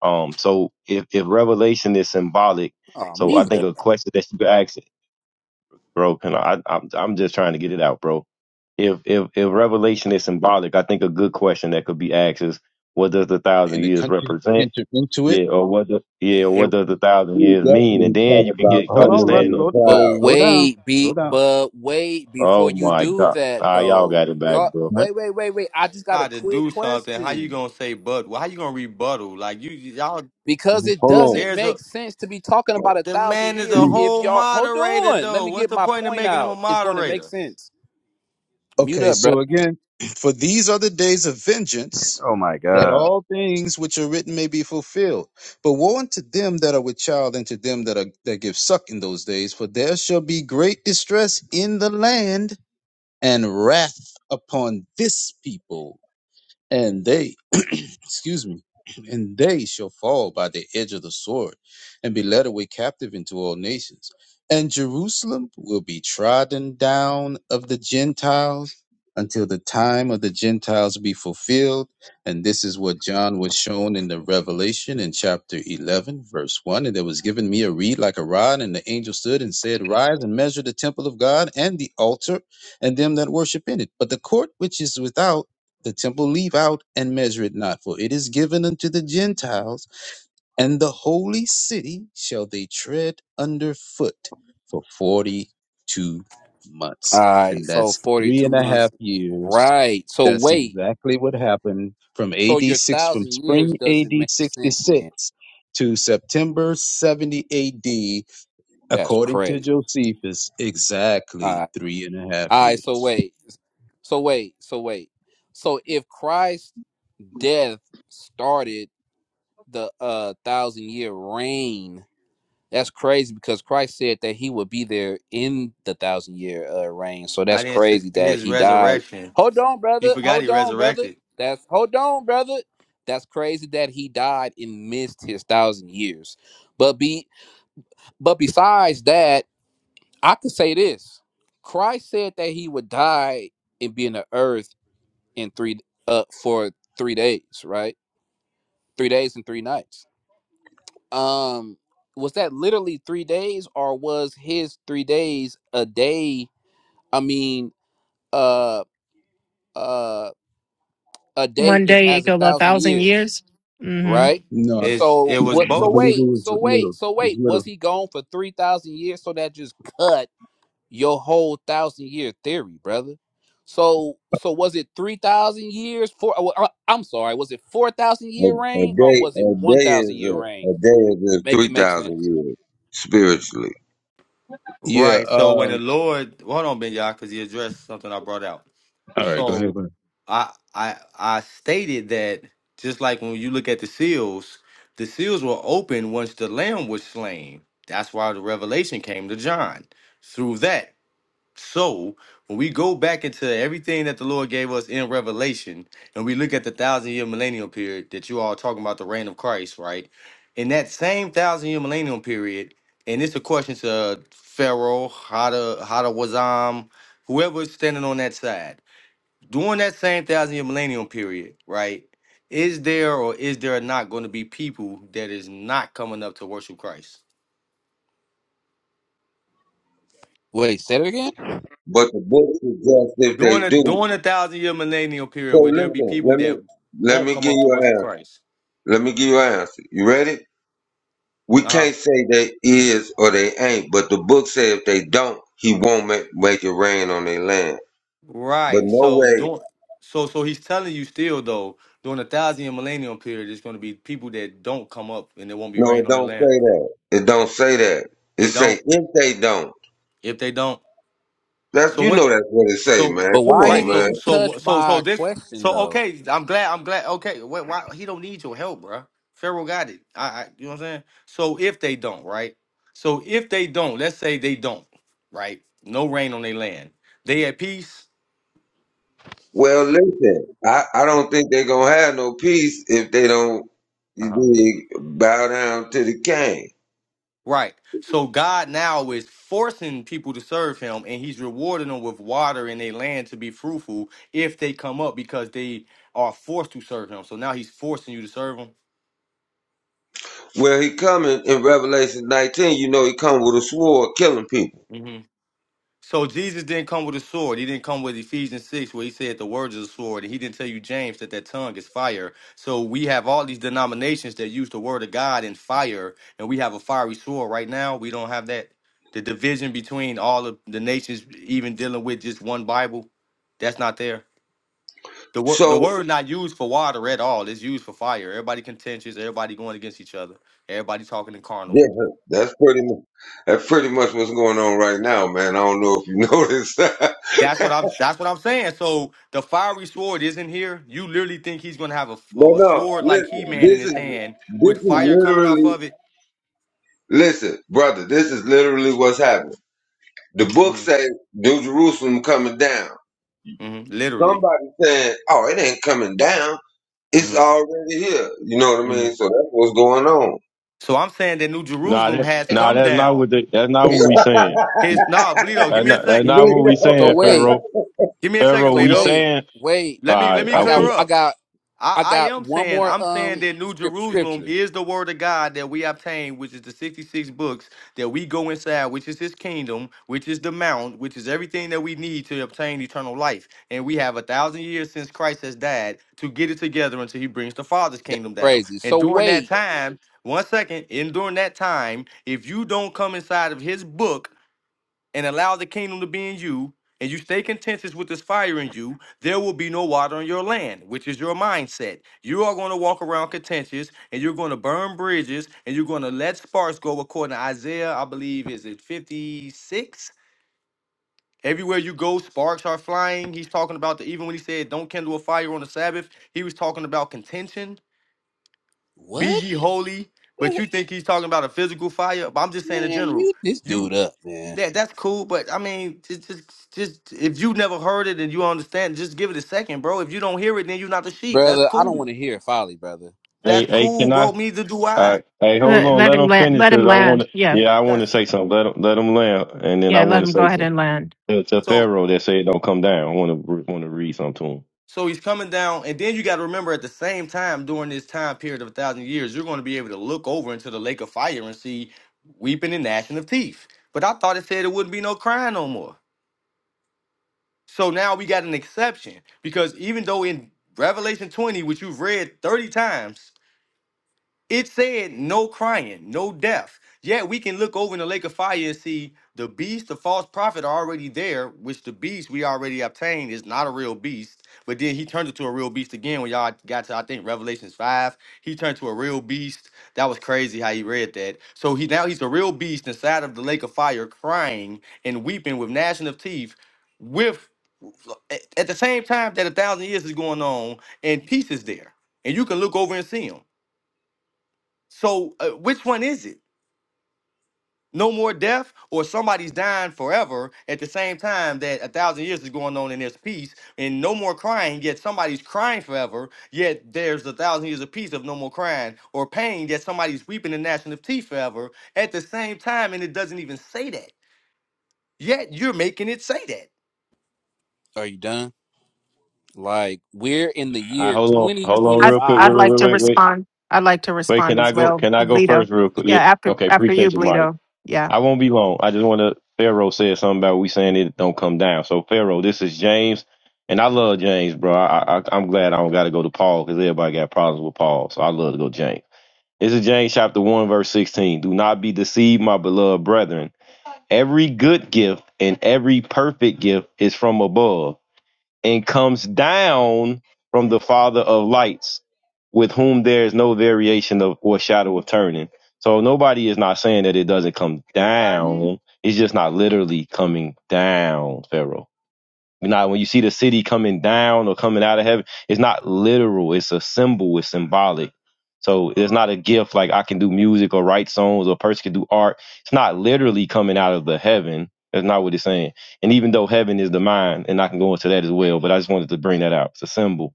Speaker 4: Um, so if if Revelation is symbolic,
Speaker 11: Oh,
Speaker 4: so I
Speaker 11: mute
Speaker 4: think
Speaker 11: it.
Speaker 4: a question that you could ask bro. Can I, I'm I'm just trying to get it out, bro. If if if revelation is symbolic, I think a good question that could be asked is, what does the thousand
Speaker 10: the
Speaker 4: years
Speaker 10: country
Speaker 4: represent?
Speaker 10: into into it.
Speaker 4: Yeah, or what? The, yeah, or
Speaker 7: If
Speaker 4: what does the thousand years mean? And
Speaker 1: definitely
Speaker 4: then
Speaker 1: talk
Speaker 4: you can
Speaker 1: about
Speaker 4: get
Speaker 10: Hold
Speaker 1: coming
Speaker 10: on, Russ.
Speaker 1: in
Speaker 4: understanding
Speaker 1: the
Speaker 4: of.
Speaker 10: Slow,
Speaker 11: But
Speaker 4: The,
Speaker 1: cloud.
Speaker 10: slow down.
Speaker 11: wait,
Speaker 10: Slow
Speaker 11: be
Speaker 10: down.
Speaker 11: but wait before
Speaker 4: oh
Speaker 11: you
Speaker 4: my
Speaker 11: do
Speaker 4: God!
Speaker 11: that
Speaker 4: Ah, y'all got
Speaker 11: though.
Speaker 4: it back,
Speaker 11: Y'all,
Speaker 4: bro.
Speaker 10: Right.
Speaker 11: wait, wait, wait, wait. I just got a
Speaker 7: God to
Speaker 11: quick
Speaker 7: do something, how you
Speaker 11: question.
Speaker 7: gonna say but? How you gonna rebuttal? Like you y'all,
Speaker 11: because it
Speaker 1: Hold
Speaker 11: doesn't
Speaker 7: there's a
Speaker 11: make sense to be talking about a
Speaker 7: the
Speaker 11: thousand
Speaker 7: man is a
Speaker 11: years
Speaker 1: on.
Speaker 11: if
Speaker 7: whole
Speaker 11: y'all hold
Speaker 7: moderator
Speaker 11: on let
Speaker 7: though.
Speaker 11: me
Speaker 7: What's
Speaker 11: get
Speaker 7: the
Speaker 11: my
Speaker 7: point of
Speaker 11: point
Speaker 7: making him
Speaker 11: out
Speaker 7: a
Speaker 11: it's going to make
Speaker 7: moderator?
Speaker 11: sense mute
Speaker 10: Okay,
Speaker 11: up brother
Speaker 10: so again, for these are the days of vengeance,
Speaker 11: Oh my
Speaker 10: that
Speaker 11: god.
Speaker 10: all things which are written may be fulfilled. But woe unto them that are with child, and to them that are that give suck in those days, for there shall be great distress in the land, and wrath upon this people and they excuse me and they shall fall by the edge of the sword and be led away captive into all nations and jerusalem will be trodden down of the gentiles until the time of the gentiles be fulfilled and this is what john was shown in the revelation in chapter 11 verse 1 and there was given me a reed like a rod and the angel stood and said rise and measure the temple of god and the altar and them that worship in it but the court which is without the temple leave out and measure it not, for it is given unto the Gentiles, and the holy city shall they tread under foot for 42
Speaker 11: all
Speaker 10: months.
Speaker 11: right
Speaker 10: And
Speaker 11: so
Speaker 10: that's three
Speaker 11: 42
Speaker 10: and a
Speaker 11: months
Speaker 10: half years.
Speaker 11: right so
Speaker 10: That's
Speaker 11: wait
Speaker 10: exactly what happened from
Speaker 11: so
Speaker 10: AD
Speaker 11: your
Speaker 10: 6, from
Speaker 11: thousand
Speaker 10: spring
Speaker 11: years doesn't
Speaker 10: AD
Speaker 11: make sense then
Speaker 10: 66 to September 70 AD,
Speaker 11: that's
Speaker 10: according to
Speaker 11: crazy
Speaker 10: Josephus,
Speaker 11: all
Speaker 10: exactly
Speaker 11: right
Speaker 10: three and a half
Speaker 11: all right so
Speaker 10: years.
Speaker 11: wait so wait so wait so if christ's death started the uh thousand year reign That's crazy because Christ said that he would be there in the thousand year uh, reign. So
Speaker 7: I
Speaker 11: that's
Speaker 7: didn't say
Speaker 11: crazy that
Speaker 7: his
Speaker 11: he died.
Speaker 7: resurrection.
Speaker 11: Hold on,
Speaker 7: You
Speaker 11: brother.
Speaker 7: forgot he
Speaker 11: Hold on, brother.
Speaker 7: resurrected.
Speaker 11: That's hold on, brother. That's crazy that he died and missed his thousand years. But be but besides that, I could say this. Christ said that he would die and be in the earth in three uh for three days, right? Three days and three nights. um was that literally three days or was his three days a day i mean uh uh a day
Speaker 6: One
Speaker 11: is
Speaker 6: day it
Speaker 11: as a
Speaker 6: go a
Speaker 11: thousand
Speaker 6: thousand
Speaker 11: years
Speaker 6: years. hmm
Speaker 11: right
Speaker 10: No.
Speaker 7: It's it
Speaker 11: so
Speaker 7: was
Speaker 11: what so
Speaker 10: I
Speaker 7: both.
Speaker 10: believe it
Speaker 11: wait
Speaker 10: was
Speaker 11: so
Speaker 10: little.
Speaker 11: wait so
Speaker 10: It was
Speaker 11: wait was
Speaker 10: little.
Speaker 11: he gone for 3000 years so that just cut your whole thousand year theory brother so so was it 3000 years for uh, well, uh, i'm sorry was it 4000
Speaker 1: A,
Speaker 11: year
Speaker 1: a
Speaker 11: reign or
Speaker 1: day,
Speaker 11: was it
Speaker 1: a day
Speaker 11: 1000
Speaker 1: is
Speaker 11: year
Speaker 1: a,
Speaker 11: reign
Speaker 1: a day is
Speaker 11: make
Speaker 1: three
Speaker 11: it make
Speaker 1: thousand
Speaker 11: sense
Speaker 1: years spiritually.
Speaker 10: Yeah.
Speaker 7: Right. So when the
Speaker 10: Um.
Speaker 7: Lord, hold on, Ben Yah, because he addressed something I brought out.
Speaker 10: All right. Go ahead.
Speaker 7: So
Speaker 10: Go
Speaker 7: I I I stated that just like when you look at the seals, the seals were open once the lamb was slain. That's why the revelation came to John through that. So when we go back into everything that the Lord gave us in Revelation, and we look at the thousand year millennial period that you all are talking about the reign of Christ, right? In that same thousand year millennial period, and it's a question to Pharaoh, Hada, Hada Wazam, whoever's standing on that side. During that same thousand year millennial period, right? Is there or is there not going to be people that is not coming up to worship Christ?
Speaker 11: wait say it again
Speaker 1: But the book suggests if they
Speaker 7: During a
Speaker 1: do,
Speaker 7: during a thousand year millennial period,
Speaker 1: So
Speaker 7: where there'll be
Speaker 1: listen,
Speaker 7: people
Speaker 1: let me
Speaker 7: that
Speaker 1: let
Speaker 7: won't
Speaker 1: me
Speaker 7: come
Speaker 1: give
Speaker 7: up to
Speaker 1: you an
Speaker 7: worship
Speaker 1: answer.
Speaker 7: Christ.
Speaker 1: Let me give you an answer. You ready? We
Speaker 7: Uh huh.
Speaker 1: can't say they is or they ain't, but the book says if they don't, he won't make, make it rain on their land. But
Speaker 7: Right.
Speaker 1: no
Speaker 7: So
Speaker 1: way,
Speaker 7: during so so he's telling you still though during a thousand year millennial period, there's going to be people that don't come up and it won't be
Speaker 1: no,
Speaker 7: rain
Speaker 1: it
Speaker 7: on their
Speaker 1: don't
Speaker 7: land.
Speaker 1: say that. It don't say that. It
Speaker 7: It
Speaker 1: say
Speaker 7: don't.
Speaker 1: if they don't.
Speaker 7: If they don't.
Speaker 1: That's
Speaker 7: So
Speaker 1: you know
Speaker 7: what?
Speaker 1: that's what it say,
Speaker 7: So
Speaker 1: man.
Speaker 11: But
Speaker 1: Come
Speaker 11: why he
Speaker 7: right,
Speaker 1: on, man.
Speaker 7: so
Speaker 11: didn't
Speaker 7: so
Speaker 11: touch
Speaker 7: so so
Speaker 11: my
Speaker 7: this
Speaker 11: question
Speaker 7: so
Speaker 11: though?
Speaker 7: okay. I'm glad. I'm glad. Okay, why, why he don't need your help, bruh. Pharaoh got it. I, I you know what I'm saying. So if they don't, right? So if they don't, let's say they don't, right? No rain on their land. They at peace.
Speaker 1: Well, listen, I, I don't think they gonna have no peace if they don't you
Speaker 7: Uh-huh.
Speaker 1: do bow down to the king.
Speaker 7: Right. So God now is forcing people to serve Him, and He's rewarding them with water in their land to be fruitful if they come up because they are forced to serve Him. So now He's forcing you to serve
Speaker 1: Well, he coming in Revelation 19. You know, he come with a sword, killing people.
Speaker 7: Him. So Jesus didn't come with a sword. He didn't come with Ephesians 6 where he said the words of the sword. And he didn't tell you, James, that that tongue is fire. So we have all these denominations that use the word of God and fire. And we have a fiery sword right now. We don't have that. The division between all of the nations, even dealing with just one Bible, that's not there. The, word, the
Speaker 1: So
Speaker 7: word not used for water at all. It's used for fire. Everybody contentious. Everybody going against each other. Everybody talking in carnal.
Speaker 1: yeah, that's pretty much that's pretty much what's going on right now, man. I don't know if you noticed.
Speaker 7: That's
Speaker 1: no,
Speaker 7: what I'm. That's what I'm saying. So the fiery sword isn't here. You literally think he's gonna have a, a
Speaker 1: no.
Speaker 7: sword like He
Speaker 1: Listen,
Speaker 7: Man in
Speaker 1: this is
Speaker 7: his hand with
Speaker 1: this is
Speaker 7: fire coming off
Speaker 1: literally
Speaker 7: of it?
Speaker 1: listen, brother. This is literally what's happening. The book
Speaker 7: hmm
Speaker 1: say New Jerusalem coming down.
Speaker 7: hmm Literally.
Speaker 1: Somebody saying, "Oh, it ain't coming down. It's
Speaker 7: hmm
Speaker 1: already here." You know what I
Speaker 7: hmm
Speaker 1: mean? So that's what's going on.
Speaker 7: So I'm saying that New
Speaker 4: Nah,
Speaker 7: Jerusalem
Speaker 4: that
Speaker 7: has
Speaker 4: nah,
Speaker 7: come
Speaker 4: that's not
Speaker 7: down.
Speaker 4: what the, that's not what
Speaker 7: His
Speaker 4: we saying.
Speaker 7: his nah, Bleedo. Give
Speaker 4: That's
Speaker 7: me a
Speaker 4: not, that's
Speaker 7: second.
Speaker 4: not what we
Speaker 11: So
Speaker 4: saying,
Speaker 11: wait,
Speaker 4: Pharaoh.
Speaker 7: Give me a
Speaker 4: Pharaoh,
Speaker 7: second,
Speaker 11: so
Speaker 4: we
Speaker 7: Bleedo.
Speaker 11: wait,
Speaker 4: saying.
Speaker 11: wait.
Speaker 4: All
Speaker 7: Let me let
Speaker 4: right,
Speaker 7: me
Speaker 11: I got
Speaker 7: clear
Speaker 4: okay.
Speaker 11: I
Speaker 7: up.
Speaker 11: got
Speaker 7: I,
Speaker 11: I
Speaker 7: I
Speaker 11: got
Speaker 7: am
Speaker 11: one
Speaker 7: saying,
Speaker 11: more
Speaker 7: I'm saying
Speaker 11: um
Speaker 7: that New
Speaker 11: script
Speaker 7: Jerusalem
Speaker 11: scripture.
Speaker 7: is the word of God that we obtain, which is the 66 books that we go inside, which is his kingdom, which is the mount, which is everything that we need to obtain eternal life. And we have a thousand years since Christ has died to get it together until he brings the Father's
Speaker 11: That's
Speaker 7: kingdom down.
Speaker 11: crazy.
Speaker 7: And
Speaker 11: So
Speaker 7: during that
Speaker 11: wait,
Speaker 7: time, one second, and during that time, if you don't come inside of his book, and allow the kingdom to be in you, and you stay contentious with this fire in you, there will be no water on your land, which is your mindset. You are going to walk around contentious, and you're going to burn bridges, and you're going to let sparks go, according to Isaiah, I believe, is it 56? Everywhere you go, sparks are flying. He's talking about the, even when he said, don't kindle a fire on the Sabbath, he was talking about contention. Be
Speaker 11: what?
Speaker 7: ye holy. But
Speaker 11: Wait,
Speaker 7: you think he's talking about a physical fire? But I'm just saying in
Speaker 11: Man,
Speaker 7: general.
Speaker 11: mute this
Speaker 7: You
Speaker 11: dude up, man.
Speaker 7: yeah, that's cool, but I mean, just, just, just if you never heard it and you understand, just give it a second, bro. If you don't hear it, then you're not the sheep. That's
Speaker 11: Brother, I don't
Speaker 7: cool.
Speaker 11: want to hear folly, brother.
Speaker 4: Hey,
Speaker 7: That's
Speaker 4: hey,
Speaker 7: cool,
Speaker 4: can I?
Speaker 7: bro. Neither do
Speaker 4: All
Speaker 7: I.
Speaker 4: right. Hey, hold
Speaker 6: Let,
Speaker 4: on.
Speaker 6: let
Speaker 4: Let
Speaker 6: him
Speaker 4: him
Speaker 6: land.
Speaker 4: finish
Speaker 6: Let him
Speaker 4: because I want
Speaker 6: land.
Speaker 4: to.
Speaker 6: Yeah.
Speaker 4: Yeah, I want to
Speaker 7: That's
Speaker 4: say something. Let him let him land, and then I
Speaker 6: Yeah.
Speaker 4: want
Speaker 6: Let
Speaker 4: to
Speaker 6: him go
Speaker 4: say
Speaker 6: ahead
Speaker 4: something
Speaker 6: and land.
Speaker 4: to, to
Speaker 7: so.
Speaker 4: Pharaoh that said don't come down. I want to want to read something to him.
Speaker 7: So he's coming down, and then you got to remember at the same time during this time period of a thousand years, you're going to be able to look over into the lake of fire and see weeping and gnashing of teeth. But I thought it said it wouldn't be no crying no more. So now we got an exception because even though in Revelation 20, which you've read 30 times It said no crying, no death. Yet we can look over in the lake of fire and see the beast, the false prophet are already there, which the beast we already obtained is not a real beast. But then he turned into a real beast again when y'all got to, I think, Revelations 5. He turned to a real beast. That was crazy how he read that. So he now he's a real beast inside of the lake of fire, crying and weeping with gnashing of teeth, with at at the same time that a thousand years is going on, and peace is there. And you can look over and see him. So, uh, which one is it? No more death, or somebody's dying forever at the same time that a thousand years is going on in this peace, and no more crying, yet somebody's crying forever, yet there's a thousand years of peace of no more crying, or pain, yet somebody's weeping and gnashing of teeth forever at the same time, and it doesn't even say that. Yet you're making it say that.
Speaker 11: Are you done? Like we're in the
Speaker 4: I
Speaker 11: year
Speaker 4: hold on, hold on,
Speaker 6: I,
Speaker 4: real quick. Wait,
Speaker 6: I'd
Speaker 11: 2025.
Speaker 4: wait,
Speaker 6: like
Speaker 4: wait,
Speaker 6: to
Speaker 4: wait, wait.
Speaker 6: respond. I'd like to
Speaker 4: Wait, can
Speaker 6: respond as
Speaker 4: I go?
Speaker 6: well,
Speaker 4: Can I go
Speaker 6: Bleedo.
Speaker 4: first, real quick? Yeah.
Speaker 6: Yeah. After,
Speaker 4: Okay,
Speaker 6: after you,
Speaker 4: appreciate you, Mike.
Speaker 6: Bleedo. Yeah.
Speaker 4: I won't be long. I just want to. Pharaoh said something about we saying it don't come down. So Pharaoh, this is James, and I love James, bro. I, I I'm glad I don't got to go to Paul because everybody got problems with Paul, so I love to go to James. This is James chapter 1, verse 16. Do not be deceived, my beloved brethren. Every good gift and every perfect gift is from above and comes down from the Father of lights, with whom there is no variation of or shadow of turning. So nobody is not saying that it doesn't come down. It's just not literally coming down, Pharaoh. Now, when you see the city coming down or coming out of heaven, it's not literal. It's a symbol. It's symbolic. So it's not a gift like I can do music or write songs or a person can do art. It's not literally coming out of the heaven. That's not what it's saying. And even though heaven is the mind, and I can go into that as well, but I just wanted to bring that out. It's a symbol.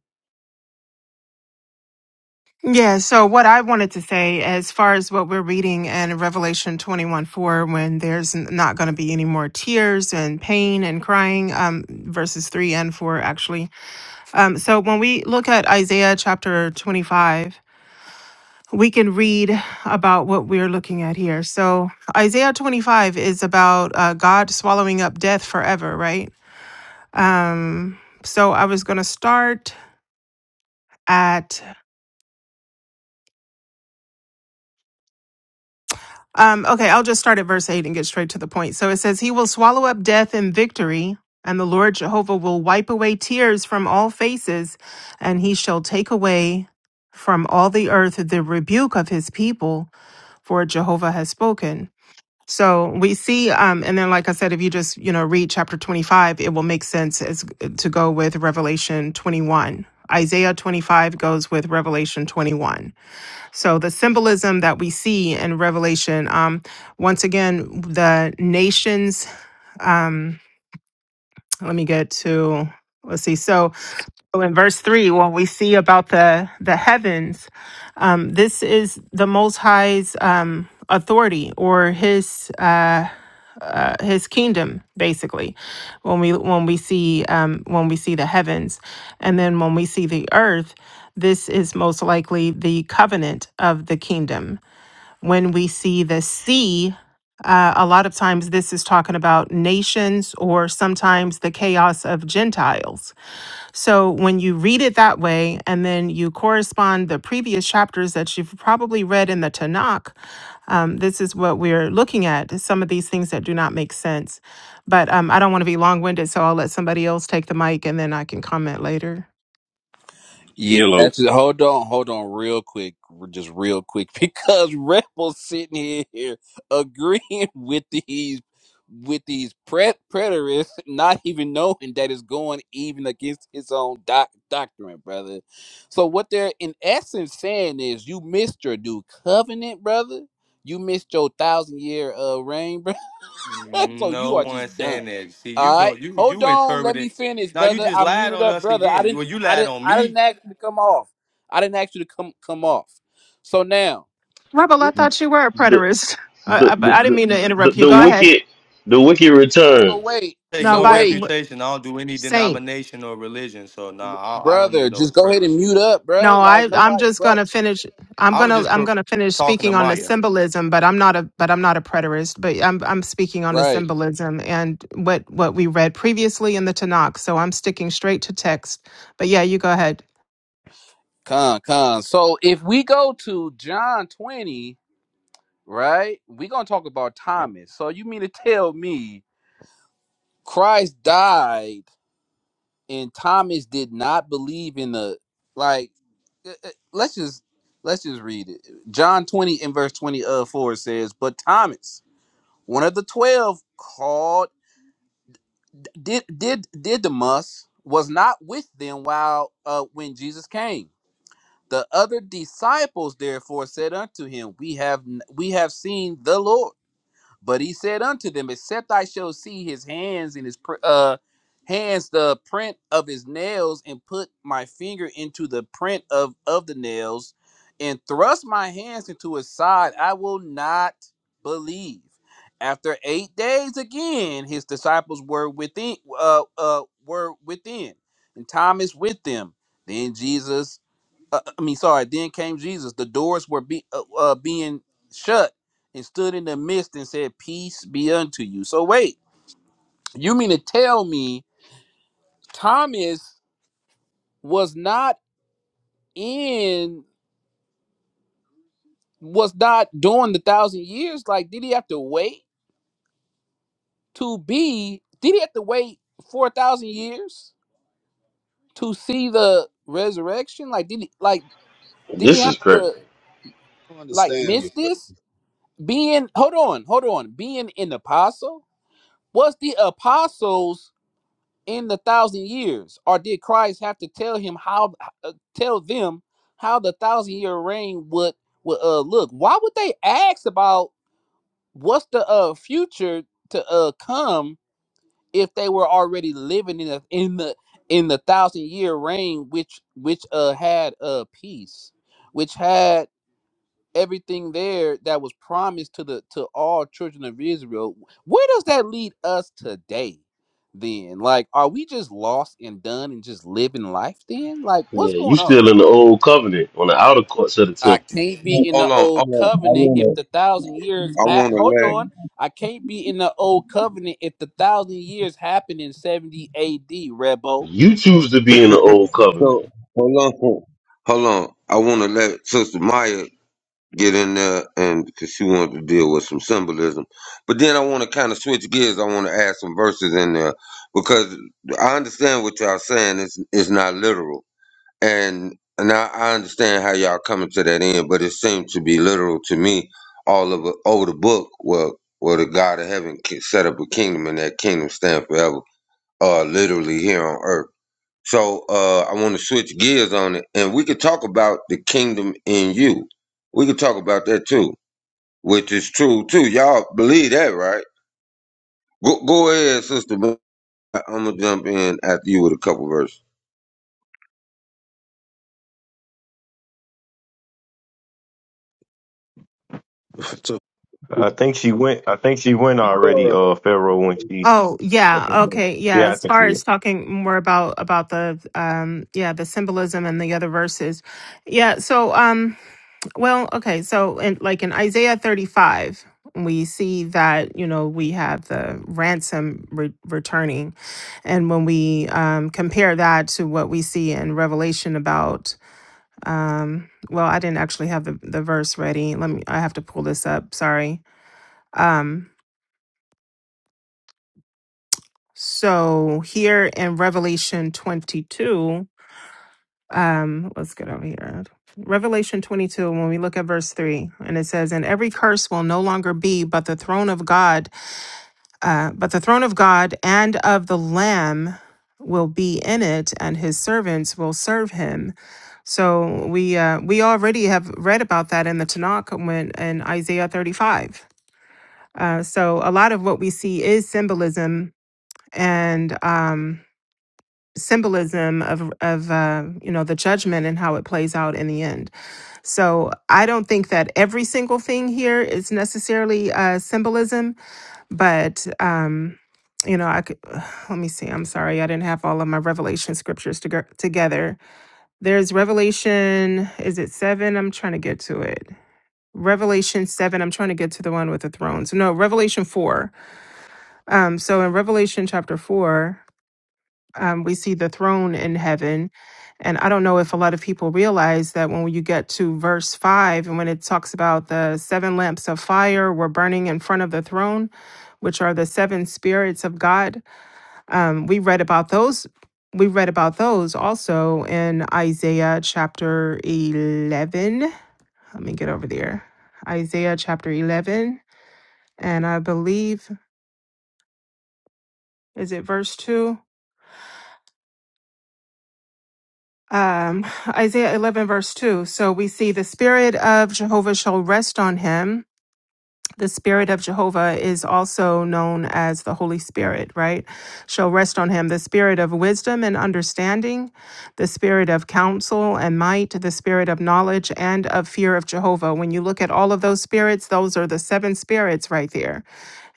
Speaker 6: Yeah, so what I wanted to say, as far as what we're reading in Revelation 21 4, when there's n- not going to be any more tears and pain and crying, um, verses 3 and 4, actually. Um, so when we look at Isaiah chapter 25, we can read about what we're looking at here. So Isaiah 25 is about uh, God swallowing up death forever, right? Um, so I was going to start. at. Um, okay, I'll just start at verse 8 and get straight to the point. So it says, He will swallow up death in victory, and the Lord Jehovah will wipe away tears from all faces, and he shall take away from all the earth the rebuke of his people, for Jehovah has spoken. So we see, um, and then, like I said, if you just you know read chapter twenty-five, it will make sense as to go with Revelation twenty-one. Isaiah twenty-five goes with Revelation twenty-one. So the symbolism that we see in Revelation, um, once again, the nations. Um, let me get to let's see. So, so in verse three, what we see about the the heavens, um, this is the Most High's um, authority or His uh, uh, His kingdom, basically. When we when we see um, when we see the heavens, and then when we see the earth, this is most likely the covenant of the kingdom when we see the sea, uh, a lot of times this is talking about nations or sometimes the chaos of Gentiles. So when you read it that way, and then you correspond the previous chapters that you've probably read in the Tanakh, um, this is what we're looking at is some of these things that do not make sense. But um, I don't want to be long winded, so I'll let somebody else take the mic and then I can comment later.
Speaker 11: Yeah,
Speaker 14: Yellow.
Speaker 11: that's it. Hold on, hold on, real quick, r- just real quick, because rebels sitting here, agreeing with these with these pre- preterists, not even knowing that it's going even against his own doc- doctrine, brother. So what they're in essence saying is, you missed your new covenant, brother. You missed your thousand year uh, reign, brother so you
Speaker 7: No
Speaker 11: are
Speaker 7: one's
Speaker 11: just done.
Speaker 7: saying that. See, you
Speaker 11: All right,
Speaker 7: don't you
Speaker 11: hold
Speaker 7: you
Speaker 11: on.
Speaker 7: interpret
Speaker 11: Let me
Speaker 7: it.
Speaker 11: finish,
Speaker 7: Now you
Speaker 11: brother.
Speaker 7: just
Speaker 11: I
Speaker 7: lied
Speaker 11: muted
Speaker 7: on
Speaker 11: up,
Speaker 7: us
Speaker 11: brother. I
Speaker 7: again.
Speaker 11: didn't.
Speaker 7: Well, you
Speaker 11: I
Speaker 7: lied
Speaker 11: didn't.
Speaker 7: on
Speaker 11: I didn't
Speaker 7: me
Speaker 11: ask you to come off. I didn't ask you to come come off. So now,
Speaker 6: Rebel, I
Speaker 11: we,
Speaker 9: The
Speaker 6: thought you were a
Speaker 9: the
Speaker 6: preterist. I, I, but
Speaker 9: the
Speaker 6: I didn't
Speaker 9: the,
Speaker 6: mean to
Speaker 9: the,
Speaker 6: interrupt you.
Speaker 9: the
Speaker 6: Go ahead.
Speaker 9: wicked the wicked
Speaker 11: so
Speaker 9: returns.
Speaker 11: wait,
Speaker 7: take
Speaker 6: No,
Speaker 11: so
Speaker 7: no
Speaker 6: by
Speaker 11: wait,
Speaker 7: reputation. I don't do any
Speaker 6: Saint.
Speaker 7: denomination or religion. So
Speaker 11: r-
Speaker 7: nah, I, I don't even
Speaker 11: brother.
Speaker 7: know what a
Speaker 11: Just go ahead and
Speaker 7: preterist
Speaker 11: mute
Speaker 7: is.
Speaker 11: up,
Speaker 6: No,
Speaker 11: bro. Like
Speaker 6: I I'm
Speaker 11: nobody,
Speaker 6: just going
Speaker 11: bro.
Speaker 6: to finish I'm
Speaker 7: I
Speaker 6: going
Speaker 7: was
Speaker 6: to
Speaker 7: just
Speaker 6: I'm
Speaker 7: cur-
Speaker 6: going to finish
Speaker 7: talking to
Speaker 6: speaking on the
Speaker 7: Maya.
Speaker 6: symbolism, but I'm not a but I'm not a preterist, but I'm I'm speaking on the
Speaker 11: Right.
Speaker 6: symbolism and what what we read previously in the Tanakh, so I'm sticking straight to text. But yeah, you go ahead.
Speaker 11: Con con. So if we go to John twenty, right, we gonna talk about Thomas. So you mean to tell me Christ died? and Thomas did not believe in the like. uh, uh, Let's just let's just read it. John twenty and verse twenty of four says, "But Thomas, one of the twelve, called did did Didymus was not with them while uh, when Jesus came. The other disciples therefore said unto him, We have n- we have seen the Lord." But he said unto them, Except I shall see his hands and his pr- uh hands the print of his nails, and put my finger into the print of of the nails, and thrust my hands into his side, I will not believe. After eight days again, his disciples were within uh uh were within, and Thomas with them. Then Jesus uh, I mean, sorry. Then came Jesus. The doors were be, uh, uh, being shut, and stood in the midst and said, "Peace be unto you." So wait, you mean to tell me Thomas was not in, was not during the thousand years? Like, did he have to wait to be? Did he have to wait four thousand years to see the resurrection? Like, did he like did he
Speaker 9: This
Speaker 11: have
Speaker 9: is crazy.
Speaker 11: to
Speaker 10: I don't
Speaker 11: like
Speaker 10: understand
Speaker 11: miss
Speaker 10: your question.
Speaker 11: this? Being hold on, hold on, being an apostle Was the apostles in the thousand years, or did Christ have to tell him how uh, tell them how the thousand year reign would would uh, look? Why would they ask about what's the uh, future to uh, come if they were already living in the in the in the thousand year reign, which which uh had uh peace, which had everything there that was promised to the to all children of Israel. Where does that lead us today? Then, like, are we just lost and done and just living life? Then, like,
Speaker 9: Yeah,
Speaker 11: what's
Speaker 9: you
Speaker 11: going on?
Speaker 9: still in the old covenant on the outer courts of the
Speaker 11: I
Speaker 9: temple.
Speaker 11: can't be in
Speaker 1: Hold
Speaker 11: the
Speaker 1: on,
Speaker 11: old
Speaker 1: hold
Speaker 11: covenant
Speaker 1: on.
Speaker 11: if the thousand years.
Speaker 1: I
Speaker 11: Ha-
Speaker 1: want to
Speaker 11: Hold
Speaker 1: let
Speaker 11: on, I can't be in the old covenant if the thousand years happened in seventy A.D. Rebo.
Speaker 9: You choose to be in the old covenant.
Speaker 1: so hold on, hold on. I want to let Sister Maya get in there and because she wanted to deal with some symbolism, but then I want to kind of switch gears. I want to add some verses in there because I understand what y'all saying. It's it's not literal, and and I, I understand how y'all coming to that end, but it seemed to be literal to me. All of it over the book, well, where the God of Heaven can set up a kingdom, and that kingdom stand forever, uh, literally here on earth. So uh, I want to switch gears on it, and we could talk about the kingdom in you. We could talk about that too, which is true too. Y'all believe that, right? Go, go ahead, sister. but I- I'm gonna jump in after you with a couple verses.
Speaker 10: So,
Speaker 4: I think she went. I think she went already.
Speaker 10: Clara,
Speaker 4: Uh, Pharaoh when
Speaker 10: okay,
Speaker 4: she.
Speaker 6: Oh, yeah.
Speaker 10: go ahead.
Speaker 6: Okay. Yeah,
Speaker 4: Yeah, I
Speaker 6: as
Speaker 4: think
Speaker 6: far
Speaker 4: she.
Speaker 6: as talking more about about the um yeah, the symbolism and the other verses. Yeah, so um Well, okay. So, in, like in Isaiah 35, we see that, you know, we have the ransom re- returning. And when we um, compare that to what we see in Revelation about, um, well, I didn't actually have the, the verse ready. Let me, I have to pull this up. Sorry. Um, so, here in Revelation 22, um let's get over here revelation 22 when we look at verse 3 and it says and every curse will no longer be but the throne of god uh, but the throne of god and of the lamb will be in it and his servants will serve him so we uh, we already have read about that in the tanakh when in isaiah 35 uh, so a lot of what we see is symbolism and um symbolism of of uh, you know the judgment and how it plays out in the end so I don't think that every single thing here is necessarily uh, symbolism, but um, you know, I could. Let me see. I'm sorry, I didn't have all of my Revelation scriptures to together. There's Revelation. Is it seven? I'm trying to get to it. Revelation seven. I'm trying to get to the one with the thrones. No, Revelation four. Um, so in Revelation chapter four um, we see the throne in heaven. And I don't know if a lot of people realize that when you get to verse five and when it talks about the seven lamps of fire were burning in front of the throne, which are the seven spirits of God, um, we read about those. We read about those also in Isaiah chapter 11. Let me get over there. Isaiah chapter 11. And I believe, is it verse 2? um, Isaiah 11, verse 2. So we see the Spirit of Jehovah shall rest on him. The Spirit of Jehovah is also known as the Holy Spirit, right? Shall rest on him the Spirit of wisdom and understanding, the Spirit of counsel and might, the Spirit of knowledge and of fear of Jehovah. When you look at all of those spirits, those are the seven spirits right there.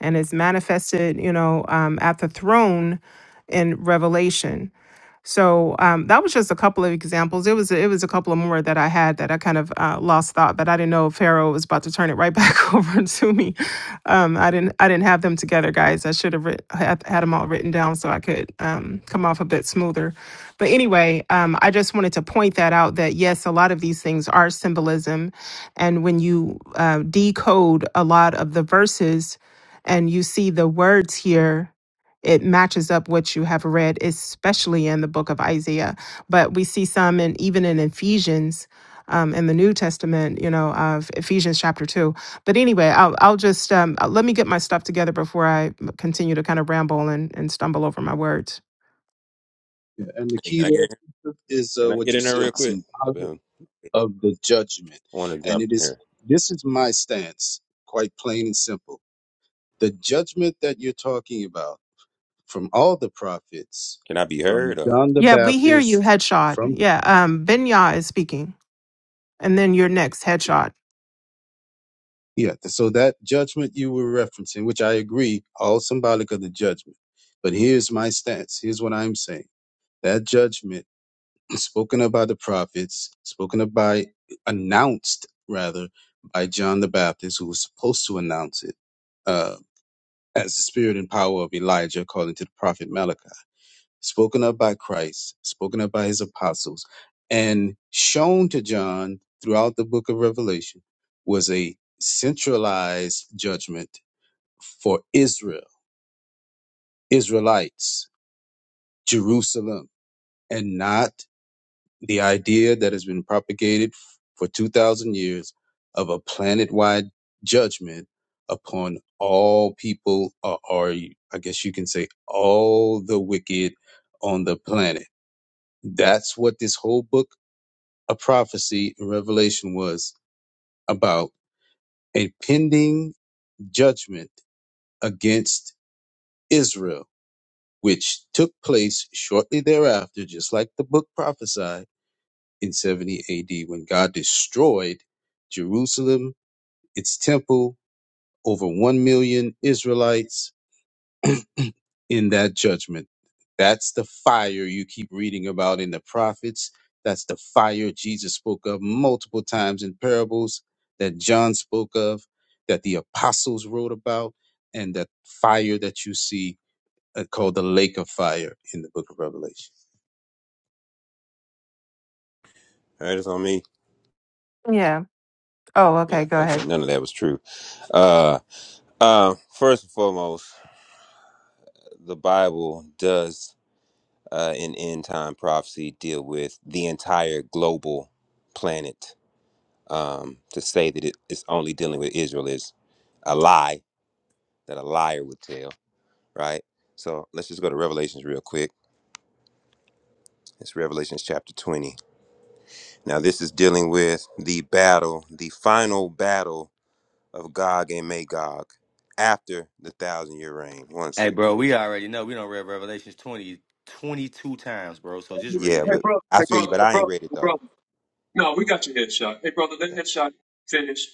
Speaker 6: And it's manifested, you know, um, at the throne in Revelation so um, that was just a couple of examples. It was it was a couple of more that I had that I kind of uh, lost thought, but I didn't know Pharaoh was about to turn it right back over to me. Um, I didn't I didn't have them together, guys. I should have writ- had, had them all written down so I could um, come off a bit smoother. But anyway, um, I just wanted to point that out that yes, a lot of these things are symbolism, and when you uh, decode a lot of the verses and you see the words here it matches up what you have read, especially in the book of Isaiah. But we see some, and even in Ephesians, um, in the New Testament, you know, of Ephesians chapter two. But anyway, I'll, I'll just um, uh, let me get my stuff together before I continue to kind of ramble and, and stumble over my words.
Speaker 10: yeah. and the
Speaker 14: Hey, can
Speaker 10: key
Speaker 14: I
Speaker 10: there
Speaker 14: get in? here?
Speaker 10: sister, is
Speaker 14: Can
Speaker 10: uh,
Speaker 14: I
Speaker 10: what
Speaker 14: get
Speaker 10: you
Speaker 14: in there
Speaker 10: said,
Speaker 14: real quick? I've
Speaker 10: symbolic
Speaker 14: been
Speaker 10: of the judgment,
Speaker 14: wanting to
Speaker 10: and
Speaker 14: jump
Speaker 10: it
Speaker 14: in
Speaker 10: is.
Speaker 14: here.
Speaker 10: This is my stance, quite plain and simple. The judgment that you're talking about from all the prophets,
Speaker 14: Can I be
Speaker 10: from
Speaker 14: heard or
Speaker 10: John the
Speaker 6: Yeah, we hear you,
Speaker 10: Baptist,
Speaker 6: headshot.
Speaker 10: from
Speaker 6: Yeah, um, Benya is speaking, and then your next headshot.
Speaker 10: Yeah, th- so that judgment you were referencing, which I agree, all symbolic of the judgment. But here's my stance. Here's what I'm saying. That judgment is spoken of by the prophets, spoken of by, announced rather, by John the Baptist, who was supposed to announce it uh, as the spirit and power of Elijah, according to the prophet Malachi spoken of by Christ, spoken of by his apostles, and shown to John throughout the book of Revelation was a centralized judgment for Israel, Israelites, Jerusalem, and not the idea that has been propagated for 2,000 years of a planet wide judgment upon all people, or, or I guess you can say all the wicked on the planet. That's what this whole book a prophecy in Revelation was about a pending judgment against Israel, which took place shortly thereafter, just like the book prophesied in 70 AD when God destroyed Jerusalem, its temple, over 1 million Israelites, in that judgment. That's the fire you keep reading about in the prophets. That's the fire Jesus spoke of multiple times in parables that John spoke of, that the apostles wrote about, and that fire that you see uh, called the lake of fire in the book of Revelation.
Speaker 14: heard is on me?
Speaker 6: Yeah. Oh,
Speaker 14: Yeah.
Speaker 6: okay. Go
Speaker 14: Okay.
Speaker 6: ahead.
Speaker 14: None of that was true. Uh, uh, first and foremost, the Bible does uh, in end time prophecy deal with the entire global planet. Um, to say that it is only dealing with Israel is a lie that a liar would tell, right? So let's just go to Revelations real quick. It's Revelations chapter 20. Now, this is dealing with the battle, the final battle of Gog and Magog after the thousand year reign. One
Speaker 7: Hey,
Speaker 14: second.
Speaker 7: bro, we already know we don't read Revelations 20 22 times, bro. So just
Speaker 14: Yeah,
Speaker 7: read it
Speaker 14: but I
Speaker 2: Hey,
Speaker 14: feel you,
Speaker 2: brother.
Speaker 14: but I ain't read it though.
Speaker 2: No, we shot. Hey, brother, let
Speaker 14: Yeah,
Speaker 2: that shot finish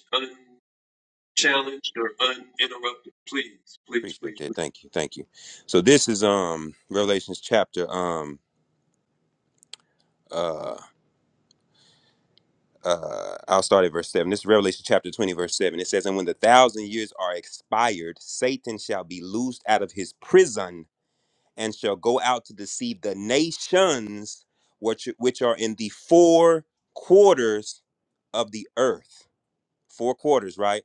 Speaker 14: yeah,
Speaker 2: unchallenged or uninterrupted. Please, please,
Speaker 14: appreciate
Speaker 2: please,
Speaker 14: that.
Speaker 2: please.
Speaker 14: Thank you, thank you. So this is um Revelations chapter um uh uh I'll start at verse seven. This is Revelation chapter twenty, verse seven. It says, "And when the thousand years are expired, Satan shall be loosed out of his prison." and shall go out to deceive the nations which which are in the four quarters of the earth. Four quarters, right?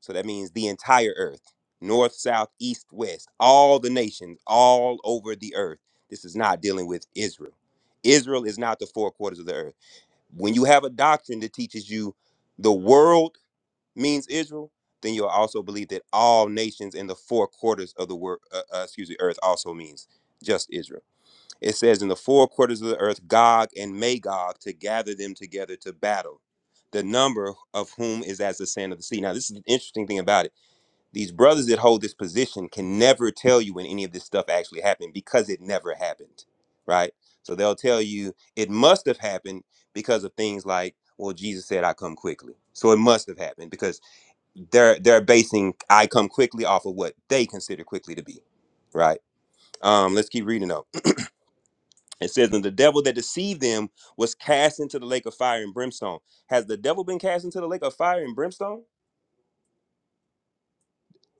Speaker 14: So that means the entire earth. North, south, east, west, all the nations all over the earth. This is not dealing with Israel. Israel is not the four quarters of the earth. When you have a doctrine that teaches you the world means Israel, then you'll also believe that all nations in the four quarters of the world, uh, uh, excuse me, earth also means just Israel. It says, In the four quarters of the earth, Gog and Magog, to gather them together to battle, the number of whom is as the sand of the sea. Now, this is the interesting thing about it. These brothers that hold this position can never tell you when any of this stuff actually happened because it never happened, right? So they'll tell you it must have happened because of things like, well, Jesus said, I come quickly. So it must have happened because they're they're basing I come quickly off of what they consider quickly to be, right? Um, let's keep reading though. It says, and the devil that deceived them was cast into the lake of fire and brimstone. Has the devil been cast into the lake of fire and brimstone?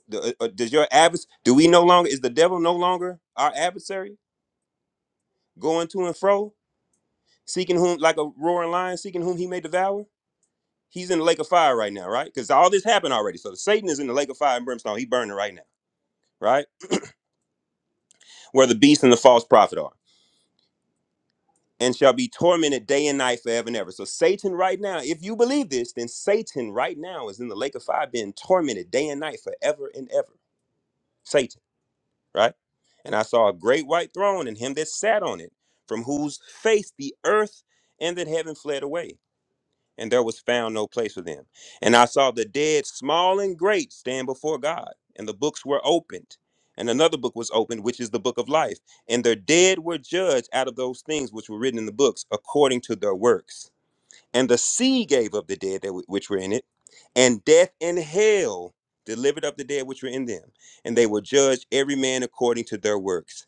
Speaker 14: The- uh, uh, Does your advers? Do we no longer? Is the devil no longer our adversary, going to and fro, seeking whom like a roaring lion, seeking whom he may devour? He's in the lake of fire right now, right? Because all this happened already. So Satan is in the lake of fire and brimstone. He's burning right now, right? Where the beast and the false prophet are. and shall be tormented day and night forever and ever. So Satan right now, if you believe this, then Satan right now is in the lake of fire being tormented day and night forever and ever. Satan, right? And I saw a great white throne and him that sat on it, from whose face the earth and that heaven fled away and there was found no place for them. And I saw the dead, small and great, stand before God, and the books were opened. And another book was opened, which is the book of life. And the dead were judged out of those things which were written in the books, according to their works. And the sea gave up the dead that w- which were in it, and death and hell delivered up the dead which were in them. And they were judged every man according to their works.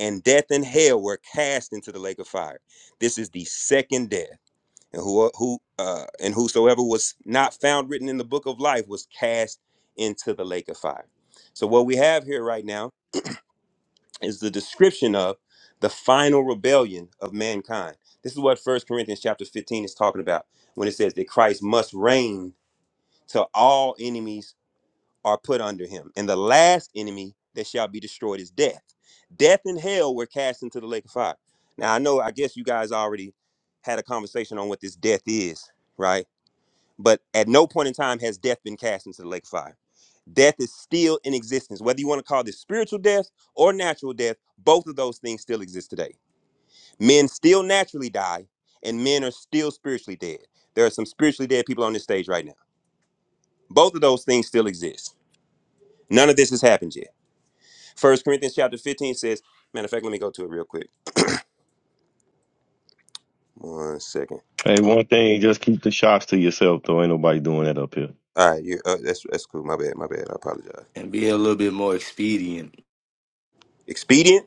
Speaker 14: And death and hell were cast into the lake of fire. This is the second death and who who uh, and whosoever was not found written in the book of life was cast into the lake of fire. So what we have here right now is the description of the final rebellion of mankind. This is what First Corinthians chapter 15 is talking about when it says that Christ must reign till all enemies are put under him. And the last enemy that shall be destroyed is death. Death and hell were cast into the lake of fire. Now I know I guess you guys already had a conversation on what this death is, right? But at no point in time has death been cast into the lake of fire. Death is still in existence. Whether you want to call this spiritual death or natural death, both of those things still exist today. Men still naturally die, and men are still spiritually dead. There are some spiritually dead people on this stage right now. Both of those things still exist. None of this has happened yet. First Corinthians chapter 15 says, matter of fact, let me go to it real quick. One second.
Speaker 4: Hey, one thing, just keep the shots to yourself, though. Ain't nobody doing that up here.
Speaker 14: All right, you, uh, that's that's cool. My bad, my bad. I apologize.
Speaker 7: and be a little bit more expedient.
Speaker 14: Expedient?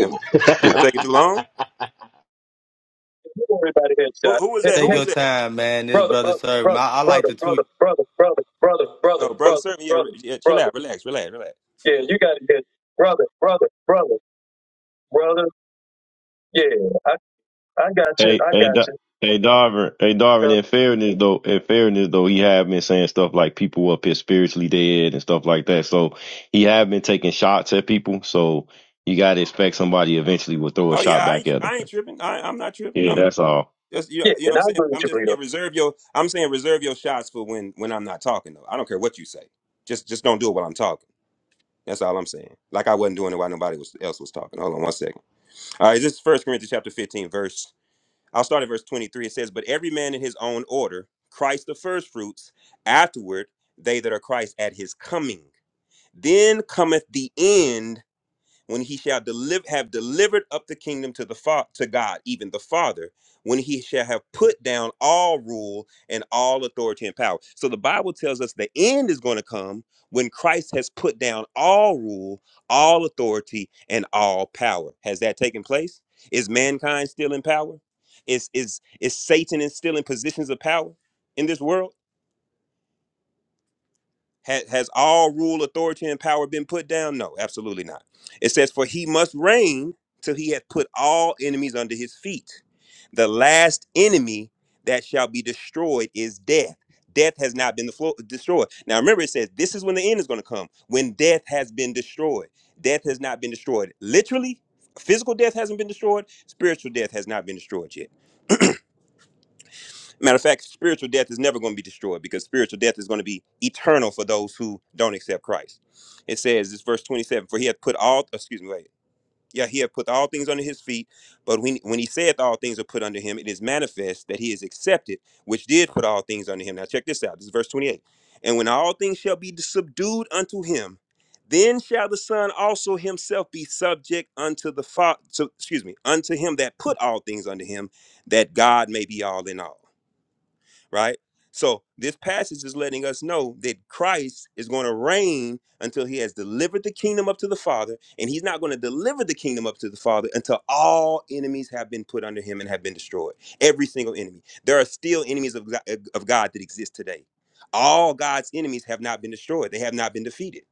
Speaker 14: Am,
Speaker 9: that's
Speaker 14: am I taking too long?
Speaker 2: Don't worry about a
Speaker 14: Who,
Speaker 2: headshot.
Speaker 14: who was
Speaker 2: Head,
Speaker 14: that? Who
Speaker 7: Take
Speaker 2: head,
Speaker 14: was
Speaker 7: your
Speaker 14: that?
Speaker 7: time, man. This
Speaker 2: brother,
Speaker 7: brother
Speaker 2: brother,
Speaker 7: served. him.
Speaker 2: brother,
Speaker 7: I, I like
Speaker 2: brother,
Speaker 7: to tweet.
Speaker 2: brother, brother, brother, brother, brother,
Speaker 14: Oh, brother,
Speaker 2: brother,
Speaker 14: certainly. Yeah,
Speaker 2: brother,
Speaker 14: re- yeah. Chill
Speaker 2: brother.
Speaker 14: out. Relax. Relax. Relax.
Speaker 2: Yeah, you got it. head. Brother, brother, brother, brother. Yeah, I, I got you.
Speaker 4: Hey,
Speaker 2: I
Speaker 4: hey,
Speaker 2: got
Speaker 4: Da-
Speaker 2: you.
Speaker 4: hey, Darvin. Hey, Darvin.
Speaker 2: Uh,
Speaker 4: In fairness, though, in fairness, though, he have been saying stuff like people up here spiritually dead and stuff like that. So he have been taking shots at people. So you gotta expect somebody eventually will throw a
Speaker 14: Oh yeah,
Speaker 4: shot
Speaker 14: I
Speaker 4: back
Speaker 14: ain't.
Speaker 4: at him.
Speaker 14: I ain't tripping. I, I'm not tripping.
Speaker 4: Yeah,
Speaker 14: I'm
Speaker 4: that's all.
Speaker 14: just. You know,
Speaker 2: yeah,
Speaker 14: you know
Speaker 2: and
Speaker 14: what
Speaker 2: I
Speaker 14: I'm saying.
Speaker 2: agree with
Speaker 14: I'm
Speaker 2: you,
Speaker 14: just
Speaker 2: Bleedo.
Speaker 14: saying reserve your. I'm saying reserve your shots for when when I'm not talking though. I don't care what you say. Just just don't do it while I'm talking. That's all I'm saying. Like I wasn't doing it while nobody was, else was talking. Hold on one second. All right, this is First Corinthians chapter 15, verse. I'll start at verse 23. It says, "But every man in his own order, Christ the first fruits. Afterward, they that are Christ at his coming. Then cometh the end." when he shall deliver have delivered up the kingdom to the fa- to God, even the Father, when he shall have put down all rule and all authority and power. So the Bible tells us the end is going to come when Christ has put down all rule, all authority, and all power. Has that taken place? Is mankind still in power? Is is is Satan is still in positions of power in this world? Ha- has all rule, authority, and power been put down? No, absolutely not. It says, For he must reign till he hath put all enemies under his feet. The last enemy that shall be destroyed is death. Death has not been the flo- destroyed. Now remember, it says this is when the end is going to come, when death has been destroyed. Death has not been destroyed. Literally, physical death hasn't been destroyed, spiritual death has not been destroyed yet. Matter of fact, spiritual death is never going to be destroyed because spiritual death is going to be eternal for those who don't accept Christ. It says, this verse 27, for he hath put all, excuse me, wait. Yeah, he hath put all things under his feet, but when, when he saith all things are put under him, it is manifest that he is accepted, which did put all things under him. Now check this out. This is verse 28. And when all things shall be subdued unto him, then shall the Son also himself be subject unto the Father, excuse me, unto him that put all things under him, that God may be all in all right? So this passage is letting us know that Christ is going to reign until he has delivered the kingdom up to the Father, and he's not going to deliver the kingdom up to the Father until all enemies have been put under him and have been destroyed. Every single enemy. There are still enemies of God, of God that exist today. All God's enemies have not been destroyed. They have not been defeated.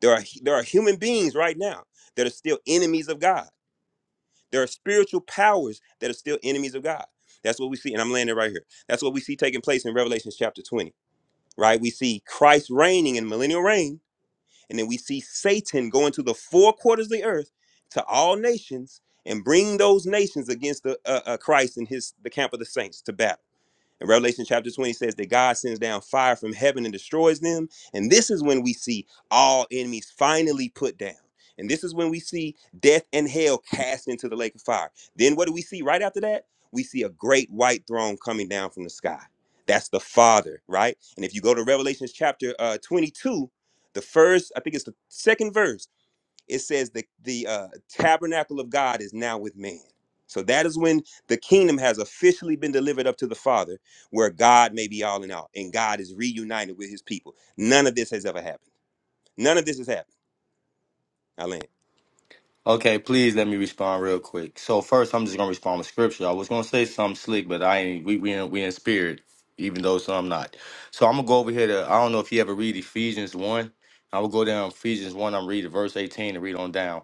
Speaker 14: There are there are human beings right now that are still enemies of God there are spiritual powers that are still enemies of God. That's what we see, and I'm landing right here. That's what we see taking place in Revelation chapter 20, right? We see Christ reigning in millennial reign, and then we see Satan going to the four quarters of the earth to all nations and bring those nations against the uh, uh, Christ and his the camp of the saints to battle. In Revelation chapter 20 says that God sends down fire from heaven and destroys them. And this is when we see all enemies finally put down. And this is when we see death and hell cast into the lake of fire. Then what do we see right after that? We see a great white throne coming down from the sky. That's the Father, right? And if you go to Revelation chapter uh, 22, the first, I think it's the second verse, it says the the uh, tabernacle of God is now with man. So that is when the kingdom has officially been delivered up to the Father, where God may be all in all, and God is reunited with His people. None of this has ever happened. None of this has happened. I land.
Speaker 7: Okay, please let me respond real quick. So first, I'm just gonna respond with scripture. I was gonna say something slick, but I ain't. We we in, we in spirit, even though so I'm not. So I'm gonna go over here to. I don't know if you ever read Ephesians one. I will go down Ephesians one. I'm reading verse 18 and read on down.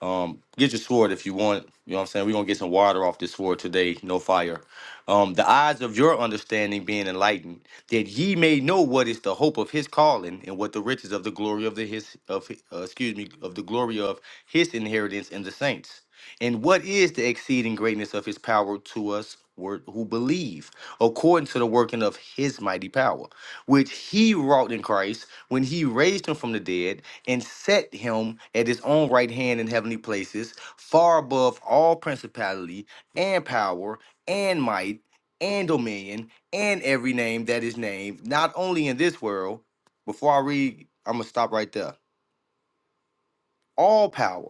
Speaker 7: Um, get your sword if you want. You know what I'm saying. We're gonna get some water off this sword today. No fire um, the eyes of your understanding being enlightened, that ye may know what is the hope of his calling, and what the riches of the glory of the his of hi- uh, excuse me of the glory of his inheritance in the saints, and what is the exceeding greatness of his power to us wor- who believe, according to the working of his mighty power, which he wrought in Christ when he raised him from the dead and set him at his own right hand in heavenly places, far above all principality and power and might and dominion and every name that is named, not only in this world. Before I read, I'm gonna stop right there. All power,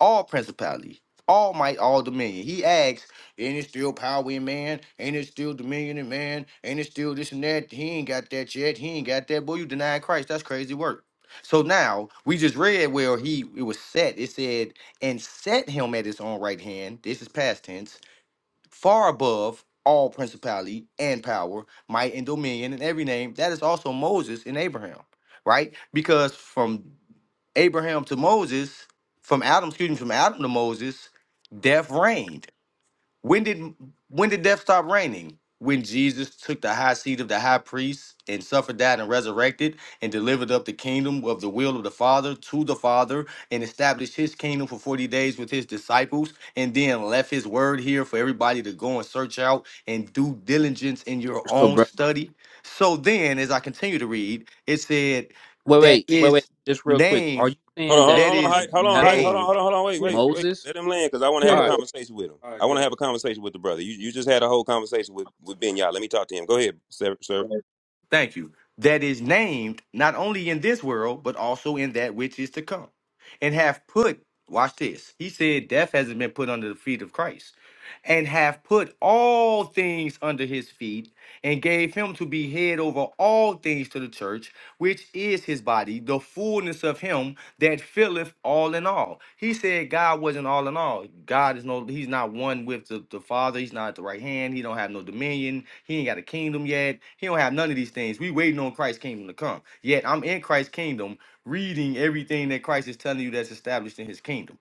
Speaker 7: all principality, all might, all dominion. He asks, ain't it still power in man? Ain't it still dominion in man? Ain't it still this and that? He ain't got that yet. He ain't got that. Boy, you deny Christ. That's crazy work. So now we just read where he it was set. It said, and set him at his own right hand. This is past tense far above all principality and power, might and dominion and every name. That is also Moses and Abraham, right? Because from Abraham to Moses, from Adam, excuse me, from Adam to Moses, death reigned when did when did death stop reigning? When Jesus took the high seat of the high priest and suffered, died, and resurrected, and delivered up the kingdom of the will of the Father to the Father, and established his kingdom for 40 days with his disciples, and then left his word here for everybody to go and search out and do diligence in your
Speaker 11: So,
Speaker 7: own
Speaker 11: bro,
Speaker 7: study. So then, as I continue to read, it said
Speaker 11: wait,
Speaker 7: that
Speaker 11: wait, wait,
Speaker 7: is
Speaker 11: wait. Just real quick, are
Speaker 7: named,
Speaker 11: you
Speaker 14: Hold
Speaker 11: saying
Speaker 14: on, hold
Speaker 11: that
Speaker 14: on,
Speaker 7: that
Speaker 14: hold on,
Speaker 11: Christ
Speaker 7: is
Speaker 14: Hyde. hold on, Hyde.
Speaker 11: battled
Speaker 14: hold on,
Speaker 7: named
Speaker 14: hold on, hold on. Wait,
Speaker 2: Yeah,
Speaker 14: wait, wait.
Speaker 11: Moses?
Speaker 14: Let him land because I want to
Speaker 2: yeah.
Speaker 14: have
Speaker 11: All
Speaker 14: a
Speaker 11: right.
Speaker 14: conversation with him.
Speaker 11: all
Speaker 14: I
Speaker 11: right,
Speaker 14: want
Speaker 11: go
Speaker 14: to
Speaker 11: ahead.
Speaker 14: have a conversation with the brother. You, you just had a whole conversation with with Ben Yah. Let me talk to him. Go ahead, serv- servant.
Speaker 2: man.
Speaker 7: Thank you. That is named not only in this world, but also in that which is to come. And have put, watch this. He said, Death hasn't been put under the feet of Christ. And have put all things under his feet, and gave him to be head over all things to the church, which is his body, the fullness of him that filleth all in all. He said God wasn't all in all. God is no, he's not one with the, the Father. He's not at the right hand. He don't have no dominion. He ain't got a kingdom yet. He don't have none of these things. We waiting on Christ's kingdom to come. Yet I'm in Christ's kingdom reading everything that Christ is telling you that's established in his kingdom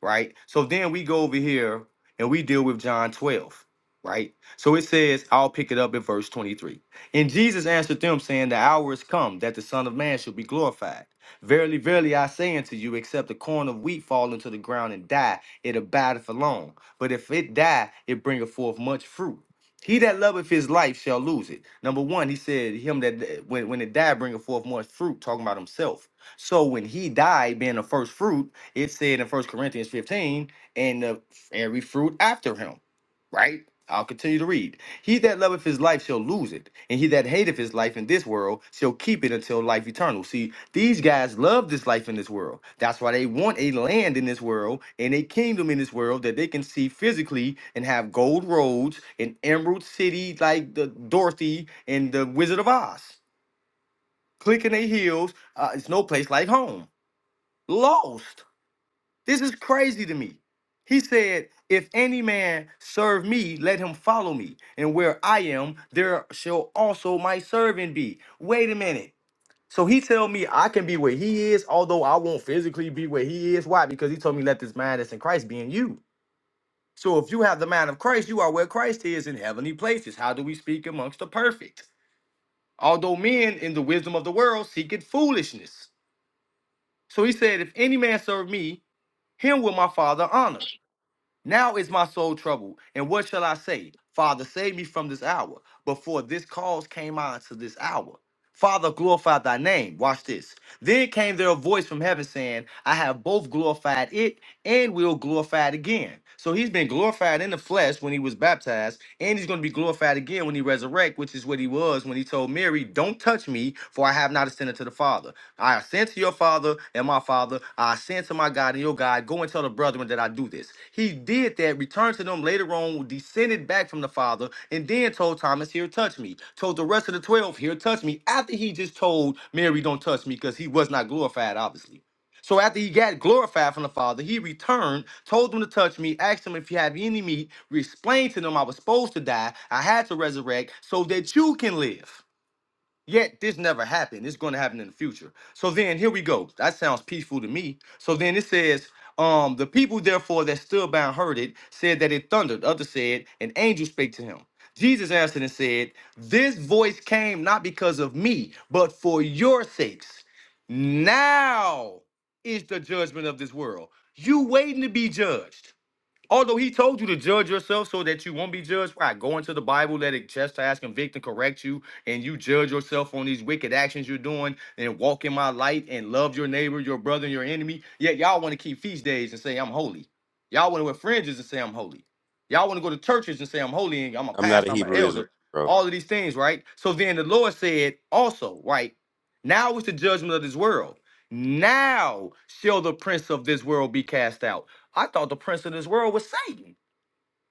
Speaker 7: right? So then we go over here and we deal with John 12, right? So it says, I'll pick it up at verse 23. And Jesus answered them, saying, The hour is come that the Son of Man should be glorified. Verily, verily, I say unto you, except a corn of wheat fall into the ground and die, it abideth alone. But if it die, it bringeth forth much fruit. He that loveth his life shall lose it. Number one, he said, Him that when, when it died, bringeth forth much fruit, talking about himself. So when he died, being the first fruit, it said in First Corinthians 15, and the, every fruit after him, right? I'll continue to read. He that loveth his life shall lose it, and he that hateth his life in this world shall keep it until life eternal. See, these guys love this life in this world. That's why they want a land in this world and a kingdom in this world that they can see physically and have gold roads and emerald city like the Dorothy and the Wizard of Oz. Clicking their heels, uh, it's no place like home. Lost. This is crazy to me. He said, If any man serve me, let him follow me. And where I am, there shall also my servant be. Wait a minute. So he tell me I can be where he is, although I won't physically be where he is. Why? Because he told me let this mind that's in Christ be in you. So if you have the mind of Christ, you are where Christ is in heavenly places. How do we speak amongst the perfect? Although men in the wisdom of the world seek it foolishness. So he said, If any man serve me, him will my father honor. Now is my soul troubled, and what shall I say? Father, save me from this hour. Before this cause came on to this hour. Father, glorify thy name. Watch this. Then came there a voice from heaven saying, I have both glorified it and will glorify it again. So he's been glorified in the flesh when he was baptized, and he's going to be glorified again when he resurrect, which is what he was when he told Mary, Don't touch me, for I have not ascended to the Father. I ascend to your father and my father. I ascend to my God and your God. Go and tell the brethren that I do this. He did that, returned to them later on, descended back from the father, and then told Thomas, Here, touch me. Told the rest of the 12, Here, touch me. After he just told Mary, Don't touch me, because he was not glorified, obviously. So after he got glorified from the Father, he returned, told them to touch me, asked them if you have any meat, explained to them I was supposed to die, I had to resurrect so that you can live. Yet this never happened. It's going to happen in the future. So then here we go. That sounds peaceful to me. So then it says, um, the people therefore that stood by and heard it said that it thundered. Others said, an angel spake to him. Jesus answered and said, This voice came not because of me, but for your sakes. Now is the judgment of this world. You waiting to be judged. Although he told you to judge yourself so that you won't be judged, right? Go into the Bible, let it chastise, convict, and correct you, and you judge yourself on these wicked actions you're doing, and walk in my light, and love your neighbor, your brother, and your enemy. Yet y'all want to keep feast days and say I'm holy. Y'all want to wear fringes and say I'm holy. Y'all want to go to churches and say I'm holy, and I'm a
Speaker 14: I'm not a
Speaker 7: pastor, I'm an
Speaker 14: Hebrew Israelite,
Speaker 7: elder.
Speaker 14: bro.
Speaker 7: All of these things, right? So then the Lord said also, right? Now is the judgment of this world. Now shall the prince of this world be cast out. I thought the prince of this world was Satan.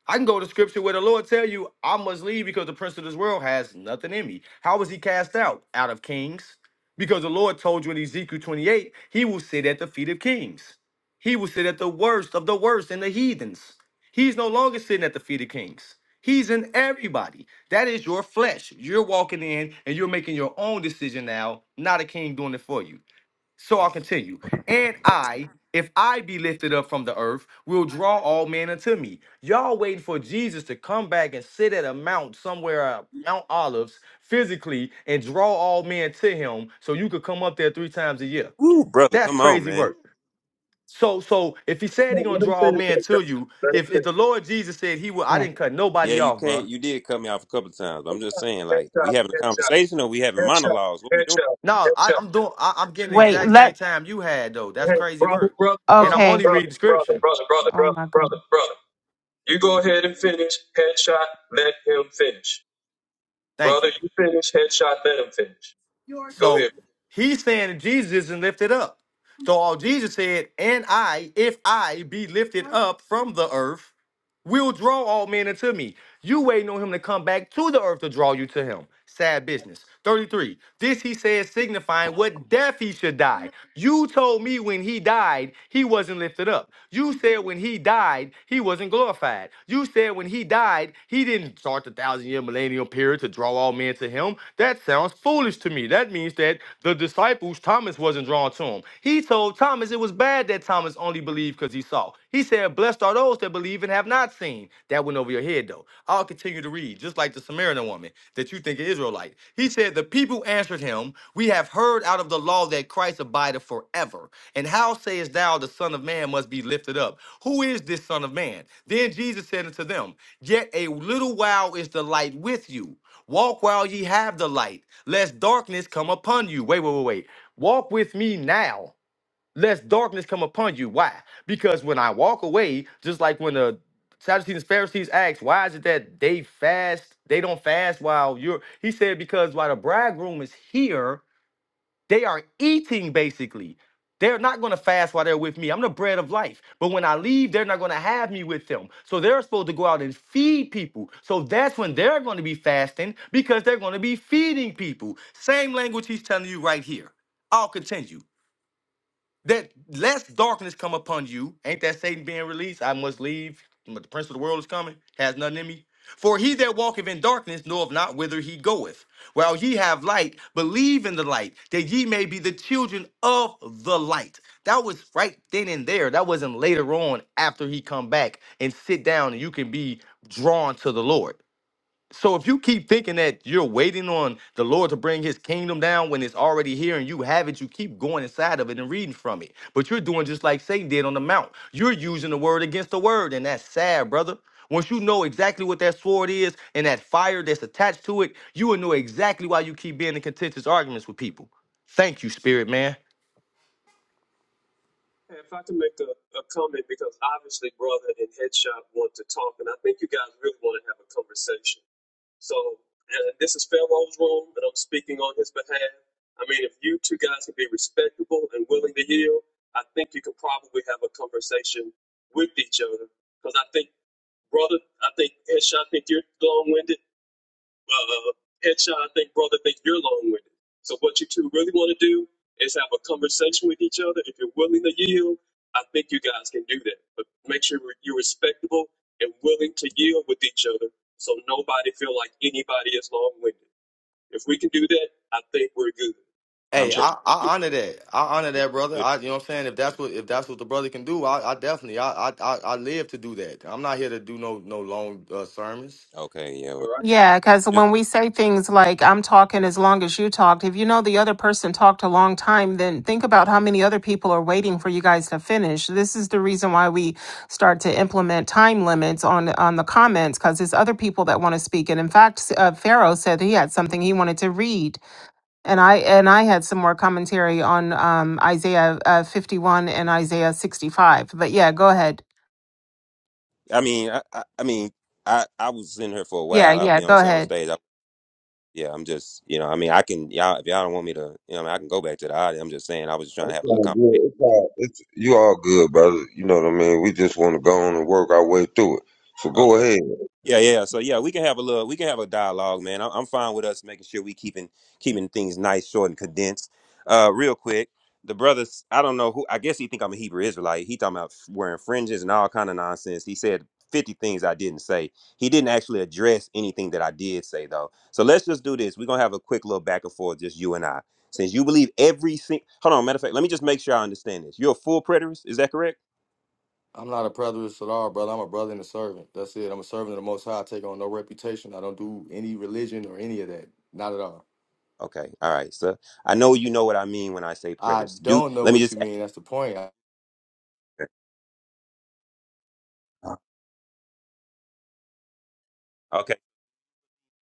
Speaker 7: I can go to scripture where the Lord tell you, I must leave because the prince of this world has nothing in me. How was he cast out? Out of kings. Because the Lord told you in Ezekiel 28, he will sit at the feet of kings. He will sit at the worst of the worst and the heathens. He's no longer sitting at the feet of kings. He's in everybody. That is your flesh. You're walking in and you're making your own decision now, not a king doing it for you. So I'll continue. And I, if I be lifted up from the earth, will draw all men unto me. Y'all waiting for Jesus to come back and sit at a mount somewhere, uh, Mount Olives, physically, and draw all men to him so you could come up there three times a year.
Speaker 14: Ooh, brother,
Speaker 7: That's
Speaker 14: come on,
Speaker 7: crazy
Speaker 14: man.
Speaker 7: work. So, so if he said
Speaker 2: Yeah,
Speaker 7: he gonna
Speaker 2: Let him
Speaker 7: draw all
Speaker 2: finish
Speaker 7: men
Speaker 2: that.
Speaker 7: to
Speaker 2: shot.
Speaker 7: you, if, if the Lord Jesus said he will, I
Speaker 6: Yeah.
Speaker 7: didn't cut
Speaker 14: Yeah,
Speaker 7: nobody
Speaker 14: you
Speaker 7: off,
Speaker 14: can't.
Speaker 7: bro.
Speaker 14: You did cut me off a couple of times. But I'm just saying, like, we
Speaker 2: Headshot,
Speaker 14: having a
Speaker 2: headshot,
Speaker 14: conversation or we having
Speaker 2: headshot,
Speaker 14: monologues? What we doing?
Speaker 2: headshot,
Speaker 7: No, I,
Speaker 2: headshot.
Speaker 7: I'm doing. I, I'm getting the
Speaker 6: Wait.
Speaker 7: exact same
Speaker 6: Let.
Speaker 7: time you had though. That's
Speaker 2: Hey,
Speaker 7: crazy
Speaker 2: brother,
Speaker 7: work,
Speaker 2: brother,
Speaker 7: and
Speaker 2: brother,
Speaker 7: I'm
Speaker 6: Okay.
Speaker 7: only
Speaker 2: brother,
Speaker 7: reading
Speaker 2: brother,
Speaker 7: scripture.
Speaker 2: brother, brother,
Speaker 6: Oh
Speaker 2: brother,
Speaker 6: my
Speaker 2: brother,
Speaker 6: goodness.
Speaker 2: brother. You go ahead and finish. Headshot, let him finish.
Speaker 7: Thank you.
Speaker 2: Brother, you finish. Headshot, let him finish. Go
Speaker 7: So
Speaker 2: ahead.
Speaker 7: he's saying that Jesus isn't lifted up. So all Jesus said, and I, if I be lifted up from the earth, will draw all men unto me. You waiting on him to come back to the earth to draw you to him. Sad business. 33. This he said, signifying what death he should die. You told me when he died, he wasn't lifted up. You said when he died, he wasn't glorified. You said when he died, he didn't start the thousand year millennial period to draw all men to him. That sounds foolish to me. That means that the disciples, Thomas wasn't drawn to him. He told Thomas it was bad that Thomas only believed because he saw. He said, Blessed are those that believe and have not seen. That went over your head, though. I'll continue to read, just like the Samaritan woman that you think is Israelite. He said, The people answered him, We have heard out of the law that Christ abideth forever. And how sayest thou the Son of Man must be lifted up? Who is this Son of Man? Then Jesus said unto them, Yet a little while is the light with you. Walk while ye have the light, lest darkness come upon you. Wait, wait, wait, wait. Walk with me now lest darkness come upon you. Why? Because when I walk away, just like when the Sadducees and Pharisees asked, why is it that they fast, they don't fast while you're, he said, because while the bridegroom is here, they are eating basically. They're not going to fast while they're with me. I'm the bread of life. But when I leave, they're not going to have me with them. So they're supposed to go out and feed people. So that's when they're going to be fasting because they're going to be feeding people. Same language he's telling you right here. I'll continue that less darkness come upon you. Ain't that Satan being released? I must leave, but the prince of the world is coming, has nothing in me. For he that walketh in darkness knoweth not whither he goeth. While ye have light, believe in the light, that ye may be the children of the light. That was right then and there. That wasn't later on after he come back and sit down and you can be drawn to the Lord. So if you keep thinking that you're waiting on the Lord to bring his kingdom down when it's already here and you have it, you keep going inside of it and reading from it. But you're doing just like Satan did on the mount. You're using the word against the word, and that's sad, brother. Once you know exactly what that sword is and that fire that's attached to it, you will know exactly why you keep being in contentious arguments with people. Thank you, spirit man.
Speaker 2: If I can make a, a comment, because obviously brother and headshot want to talk, and I think you guys really want to have a conversation. So uh, this is Pharaoh's room, and I'm speaking on his behalf. I mean, if you two guys can be respectable and willing to heal, I think you could probably have a conversation with each other. Because I think, brother, I think Ish, I think you're long-winded. Uh, Headshot, I think, brother, think you're long-winded. So what you two really want to do is have a conversation with each other. If you're willing to yield, I think you guys can do that. But make sure you're respectable and willing to yield with each other so nobody feel like anybody is long-winded. If we can do that, I think we're good.
Speaker 14: I'm
Speaker 7: Hey,
Speaker 2: Jeff,
Speaker 14: perfect.
Speaker 7: I, I honor that. I honor
Speaker 14: Yeah,
Speaker 7: that,
Speaker 14: let's
Speaker 7: brother.
Speaker 14: do it.
Speaker 7: I, you know what I'm saying? If that's what if that's what the brother can do, I, I definitely I, I I I live to do that. I'm not here to do no no long uh, sermons.
Speaker 14: Okay, yeah.
Speaker 2: all
Speaker 14: Well,
Speaker 2: right?
Speaker 6: Yeah, because
Speaker 14: just,
Speaker 6: when we say things like "I'm talking as long as you talked," if you know the other person talked a long time, then think about how many other people are waiting for you guys to finish. This is the reason why we start to implement time limits on on the comments because there's other people that want to speak. And in fact, s- uh, Pharaoh said he had something he wanted to read And I and I had some more commentary on um, Isaiah uh, 51 and Isaiah 65. But yeah, go ahead.
Speaker 14: I mean, I, I, I mean, I, I was in here for a
Speaker 6: Yeah,
Speaker 14: while. I,
Speaker 6: yeah,
Speaker 14: you know, what I'm
Speaker 6: go
Speaker 14: saying on
Speaker 6: ahead.
Speaker 14: stage. I, yeah, I'm just, you know, I mean, I can, y'all, if y'all don't want me to, you know, I, mean, I can go back to the audience. I'm just saying, I was just trying to
Speaker 1: It's
Speaker 14: have a little
Speaker 1: all
Speaker 14: conversation.
Speaker 1: good. It's all, it's, you all good, brother. You know what I mean. We just want to go on and work our way through it. So go
Speaker 14: Okay.
Speaker 1: ahead.
Speaker 14: Yeah, yeah. So yeah, we can have a little, we can have a dialogue, man. I'm, I'm fine with us making sure we keeping keeping things nice, short, and condensed. Uh, real quick, the brothers, I don't know who. I guess he think I'm a Hebrew Israelite. He talking about wearing fringes and all kind of nonsense. He said 50 things I didn't say. He didn't actually address anything that I did say though. So let's just do this. We're gonna have a quick little back and forth, just you and I. Since you believe every single, hold on. Matter of fact, let me just make sure I understand this. You're a full preterist, is that correct?
Speaker 7: I'm not a preterist at all, brother. I'm a brother and a servant. That's it. I'm a servant of the Most High. I take on no reputation. I don't do any religion or any of that. Not at all.
Speaker 14: Okay, all right. So I know you know what I mean when I say
Speaker 7: I
Speaker 14: predators. Do
Speaker 7: don't know
Speaker 14: let me
Speaker 7: what
Speaker 14: just
Speaker 7: you mean. That's the point. I
Speaker 14: Uh, Okay.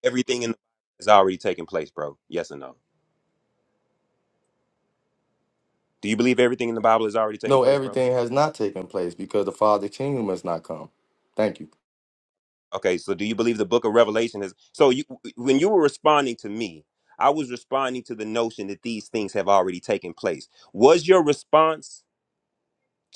Speaker 14: Everything in the Bible is already taking place, bro. Yes or no? Do you believe everything in the Bible is already taking
Speaker 7: know
Speaker 14: place, bro?
Speaker 7: everything has not taken place because the Father Kingdom has not come. Thank you.
Speaker 14: Okay, so do you believe the book of Revelation is so you when you were responding to me, I was responding to the notion that these things have already taken place. Was your response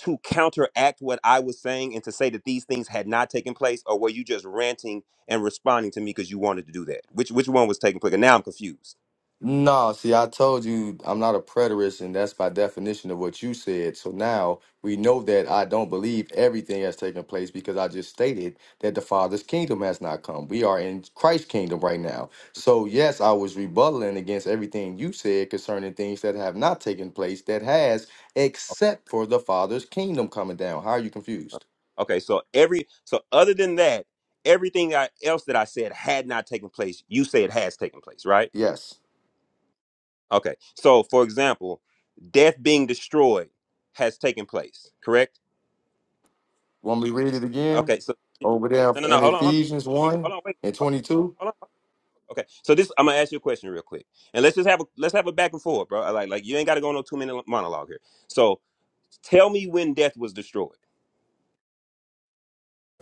Speaker 14: to counteract what I was saying and to say that these things had not taken place, or were you just ranting and responding to me because you wanted to do that? Which which one was taking place? And now I'm confused.
Speaker 7: No, see, I told you I'm not a preterist, and that's by definition of what you said. So now we know that I don't believe everything has taken place because I just stated that the Father's kingdom has not come. We are in Christ's kingdom right now. So, yes, I was rebutting against everything you said concerning things that have not taken place that has, except for the Father's kingdom coming down. How are you confused?
Speaker 14: Okay, so every so other than that, everything I, else that I said had not taken place. You say it has taken place, right?
Speaker 7: Yes.
Speaker 14: Okay. So for example, death being destroyed has taken place, correct?
Speaker 7: Want me to read it again?
Speaker 14: Okay. So
Speaker 7: Over there
Speaker 14: no, no, no.
Speaker 7: in
Speaker 14: Hold on, hold
Speaker 7: Ephesians
Speaker 14: on,
Speaker 7: 1
Speaker 14: hold on. Wait,
Speaker 7: and
Speaker 14: hold on.
Speaker 7: 22?
Speaker 14: Hold on. Okay. So this, I'm gonna ask you a question real quick, and let's just have a let's have a back and forth, bro. I Like like you ain't got to go on no two minute monologue here. So tell me when death was destroyed.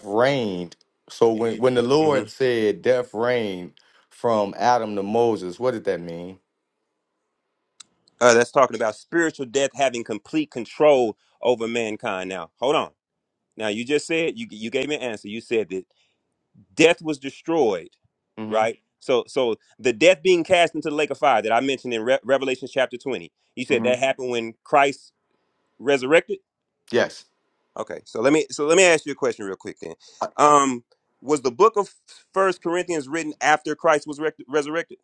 Speaker 7: reigned. So when, when the
Speaker 14: Mm-hmm.
Speaker 7: Lord said death reigned from Adam to Moses, what did that mean?
Speaker 14: Uh, that's talking about spiritual death having complete control over mankind. Now, hold on. Now, you just said you you gave me an answer. You said that death was destroyed,
Speaker 7: hmm
Speaker 14: right? So, so the death being cast into the lake of fire that I mentioned in Re- Revelation chapter twenty. You said
Speaker 7: hmm
Speaker 14: that happened when Christ resurrected.
Speaker 7: Yes.
Speaker 14: Okay, so let me so let me ask you a question real quick then.
Speaker 7: I-
Speaker 14: Um, was the book of First Corinthians written after Christ was rec- resurrected?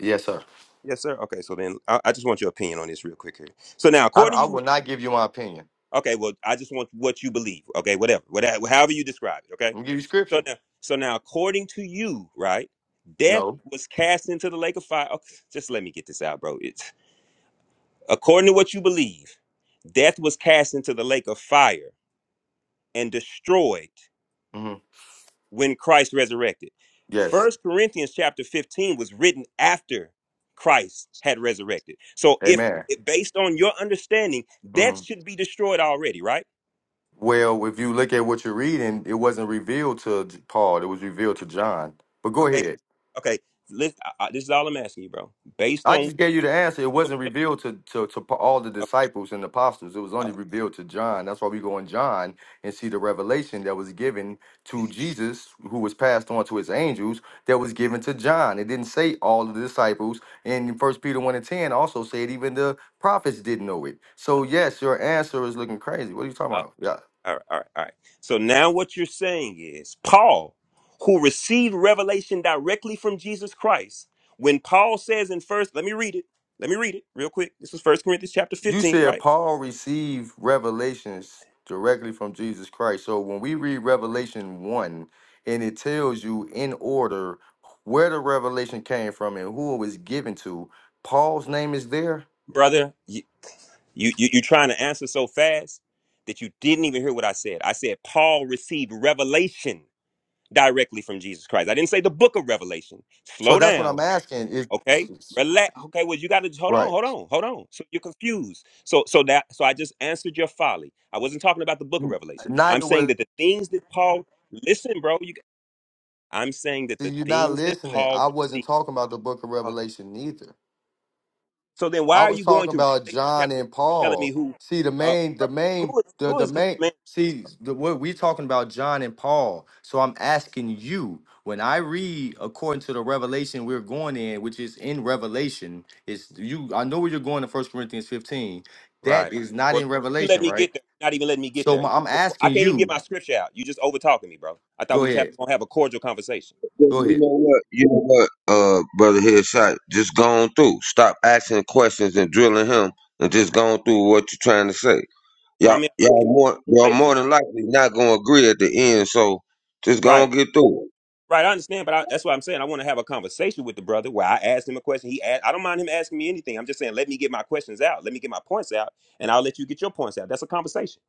Speaker 7: yes, sir.
Speaker 14: Yes, sir. Okay, so then I, I just want your opinion on this real quick here. So now,
Speaker 7: I,
Speaker 14: according
Speaker 7: I
Speaker 14: to you.
Speaker 7: will not give you my opinion.
Speaker 14: Okay, well, I just want what you believe. Okay, whatever, whatever, however you describe it. Okay,
Speaker 7: I'm gonna give you
Speaker 14: so
Speaker 7: scripture.
Speaker 14: now, so now, according to you, right, death
Speaker 7: No.
Speaker 14: was cast into the lake of fire. Okay, just let me get this out, bro. It's according to what you believe, death was cast into the lake of fire and destroyed
Speaker 7: hmm
Speaker 14: when Christ resurrected.
Speaker 7: Yes.
Speaker 14: First Corinthians chapter fifteen was written after Christ had resurrected. So, if
Speaker 7: Amen.
Speaker 14: based on your understanding,
Speaker 7: hmm
Speaker 14: death should be destroyed already, right?
Speaker 7: Well, if you look at what you're reading, it wasn't revealed to J- Paul. It was revealed to John. But go
Speaker 14: Okay,
Speaker 7: ahead.
Speaker 14: okay. Lis- I- I- this is all I'm asking you, bro. Based
Speaker 7: I
Speaker 14: on
Speaker 7: just gave you the answer. It
Speaker 14: what,
Speaker 7: wasn't revealed to, to, to pa- all the disciples and apostles. It was only
Speaker 14: uh,
Speaker 7: revealed to John. That's why we go in John and see the revelation that was given to Jesus, who was passed on to his angels, that was given to John. It didn't say all of the disciples. And First Peter 1 and 10 also said even the prophets didn't know it. So, yes, your answer is looking crazy. What are you talking
Speaker 14: uh,
Speaker 7: about? Yeah.
Speaker 14: all right, all right, all right. So now what you're saying is Paul, who received revelation directly from Jesus Christ, when Paul says in first, let me read it. Let me read it real quick. This is First Corinthians chapter
Speaker 7: You
Speaker 14: 15,
Speaker 7: said
Speaker 14: right,
Speaker 7: Paul received revelations directly from Jesus Christ. So when we read Revelation 1 and it tells you in order where the revelation came from and who it was given to, Paul's name is there.
Speaker 14: brother? You you you you're trying to answer so fast that you didn't even hear what I said. I said Paul received revelation directly from Jesus Christ. I didn't say the book of Revelation.
Speaker 7: So
Speaker 14: Slow
Speaker 7: that's what
Speaker 14: down
Speaker 7: I'm asking. Is
Speaker 14: Okay, relax. Okay, well, you got to hold on,
Speaker 7: right.
Speaker 14: hold on, hold on. So you're confused. So, so that, so I just answered your folly. I wasn't talking about the Book of Revelation. I'm
Speaker 7: Neither
Speaker 14: saying
Speaker 7: was
Speaker 14: that the things that Paul, listen, bro. You, I'm saying that
Speaker 7: see,
Speaker 14: the
Speaker 7: you're not
Speaker 14: things that
Speaker 7: listening.
Speaker 14: Paul
Speaker 7: I wasn't
Speaker 14: received.
Speaker 7: talking about the book of
Speaker 14: Oh.
Speaker 7: Revelation either.
Speaker 14: So then, why
Speaker 7: I
Speaker 14: are
Speaker 7: was
Speaker 14: you going
Speaker 7: talking
Speaker 14: to
Speaker 7: about
Speaker 14: Revelation
Speaker 7: John
Speaker 14: chapter
Speaker 7: and
Speaker 14: telling me
Speaker 7: Paul.
Speaker 14: who,
Speaker 7: See, the
Speaker 14: uh,
Speaker 7: main,
Speaker 14: bro,
Speaker 7: the main,
Speaker 14: who is
Speaker 7: the
Speaker 14: who
Speaker 7: the
Speaker 14: is who
Speaker 7: main.
Speaker 14: man is this,
Speaker 7: See,
Speaker 14: bro?
Speaker 7: the, what we talking about John and Paul. So I'm asking you, when I read according to the revelation we're going in, which is in Revelation, is you. I know where you're going in First Corinthians 15. That
Speaker 14: Right.
Speaker 7: is not
Speaker 14: Well,
Speaker 7: in
Speaker 14: you let
Speaker 7: Revelation,
Speaker 14: me
Speaker 7: right?
Speaker 14: get there. You're Not even letting me get
Speaker 7: So
Speaker 14: there.
Speaker 7: my,
Speaker 14: You,
Speaker 7: I'm
Speaker 14: I
Speaker 7: asking
Speaker 14: can't even get
Speaker 7: you.
Speaker 14: my scripture out. You just over talking me, bro. I thought
Speaker 7: Go
Speaker 14: we was having,
Speaker 7: ahead.
Speaker 14: gonna have a cordial conversation.
Speaker 1: You
Speaker 7: Go ahead.
Speaker 1: know what? You know what, uh, brother Headshot? Just go on through. Stop asking questions and drilling him, and just go on through what you're trying to say.
Speaker 14: Well, I
Speaker 1: Y'all,
Speaker 14: mean, we
Speaker 1: y'all
Speaker 14: had
Speaker 1: more,
Speaker 14: a
Speaker 1: y'all more
Speaker 14: conversation.
Speaker 1: than likely not gonna agree at the end. So just gonna
Speaker 14: Right.
Speaker 1: get through
Speaker 14: Right, I understand, but I, that's what I'm saying. I want to have a conversation with the brother where I ask him a question. He asked, I don't mind him asking me anything. I'm just saying, let me get my questions out. Let me get my points out, and I'll let you get your points out. That's a conversation.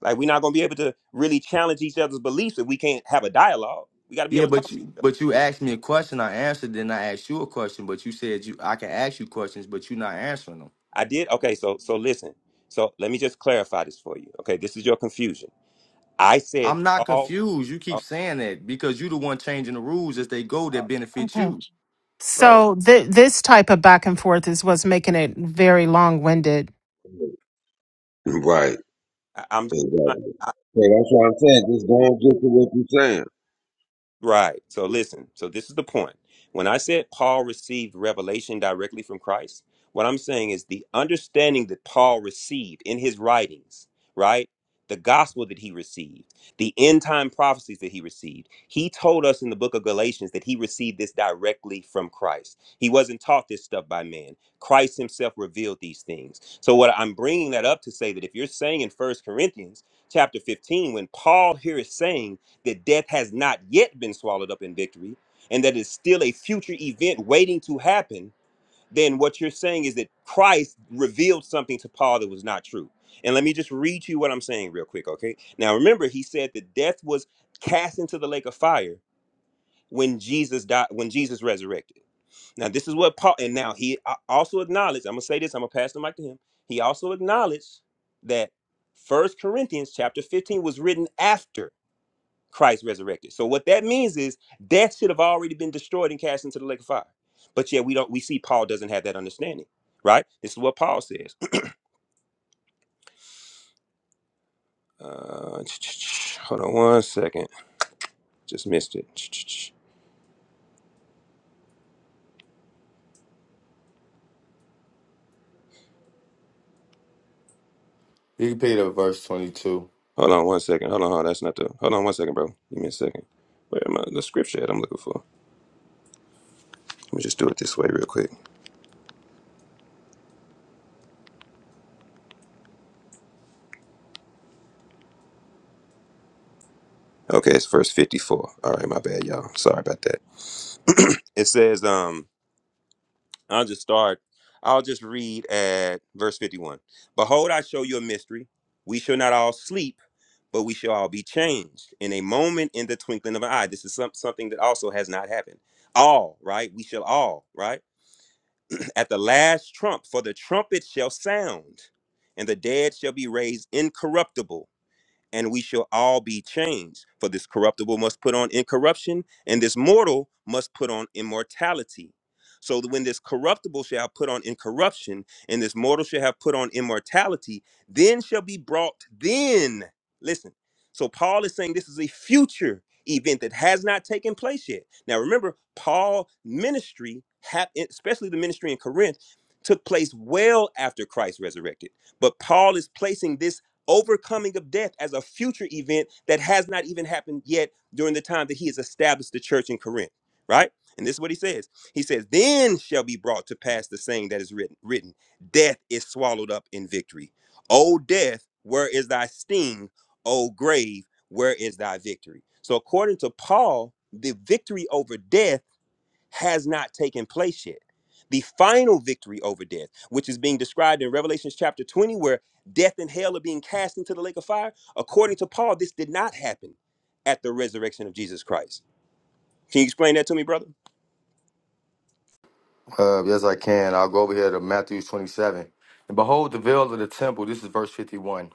Speaker 14: Like, we're not going to be able to really challenge each other's beliefs if we can't have a dialogue. We got to be
Speaker 7: Yeah,
Speaker 14: able to talk.
Speaker 7: but you but you asked me a question. I answered. Then I asked you a question. But you said you I can ask you questions, but you're not answering them.
Speaker 14: I did. Okay, so so listen. So let me just clarify this for you. Okay, this is your confusion. I said,
Speaker 7: I'm not
Speaker 14: Paul,
Speaker 7: confused. You
Speaker 14: uh,
Speaker 7: keep saying that because you the one changing the rules as they go
Speaker 14: uh,
Speaker 7: that benefits
Speaker 6: Okay.
Speaker 7: you.
Speaker 14: bro,
Speaker 6: So th- this type of back and forth is what's making it very long-winded.
Speaker 1: it. Right.
Speaker 14: I, I'm
Speaker 1: Exactly. So that's what I'm saying. Just go and get to what you're saying.
Speaker 14: Right. So listen. So this is the point. When I said Paul received revelation directly from Christ, what I'm saying is the understanding that Paul received in his writings, right? The gospel that he received, the end time prophecies that he received. He told us in the book of Galatians that he received this directly from Christ. He wasn't taught this stuff by man. Christ himself revealed these things. So what I'm bringing that up to say that if you're saying in First Corinthians chapter 15 when Paul here is saying that death has not yet been swallowed up in victory and that is still a future event waiting to happen, then what you're saying is that Christ revealed something to Paul that was not true. And let me just read you what I'm saying real quick, okay? Now remember, he said that death was cast into the lake of fire when Jesus died, when Jesus resurrected. Now this is what Paul, and now he a- also acknowledged, I'm gonna say this, I'm gonna pass the mic to him. He also acknowledged that First Corinthians chapter 15 was written after Christ resurrected. So what that means is death should have already been destroyed and cast into the lake of fire. But yet we don't. We see Paul doesn't have that understanding, right? This is what Paul says. Uh, hold on one second. Just missed it.
Speaker 7: You can pay to verse 22.
Speaker 14: Hold on one second. Hold on. Hold on. That's not the. Hold on one second, bro. Give me a second. Where am I? The scripture that I'm looking for. Let me just do it this way real quick. Okay, it's verse 54. All right, my bad, y'all. Sorry about that. it says, um, I'll just start. I'll just read at verse 51. Behold, I show you a mystery. We shall not all sleep, but we shall all be changed in a moment in the twinkling of an eye. This is some, something that also has not happened. All, right? We shall all, right? At the last trump, for the trumpet shall sound, and the dead shall be raised incorruptible and we shall all be changed. For this corruptible must put on incorruption, and this mortal must put on immortality. So that when this corruptible shall have put on incorruption, and this mortal shall have put on immortality, then shall be brought, then, listen. So Paul is saying this is a future event that has not taken place yet. Now remember, Paul ministry, hap- eh, especially the ministry in Corinth, took place well after Christ resurrected. But Paul is placing this overcoming of death as a future event that has not even happened yet during the time that he has established the church in Corinth, right? And this is what he says. He says, Then shall be brought to pass the saying that is written, written Death is swallowed up in victory. O death, where is thy sting? O grave, where is thy victory? So, according to Paul, the victory over death has not taken place yet. The final victory over death, which is being described in Revelation chapter 20, where death and hell are being cast into the lake of fire, according to Paul, this did not happen at the resurrection of Jesus Christ. Can you explain that to me, brother?
Speaker 7: Uh, yes, I can. I'll go over here to Matthew 27. And behold, the veil of the temple, this is verse 51.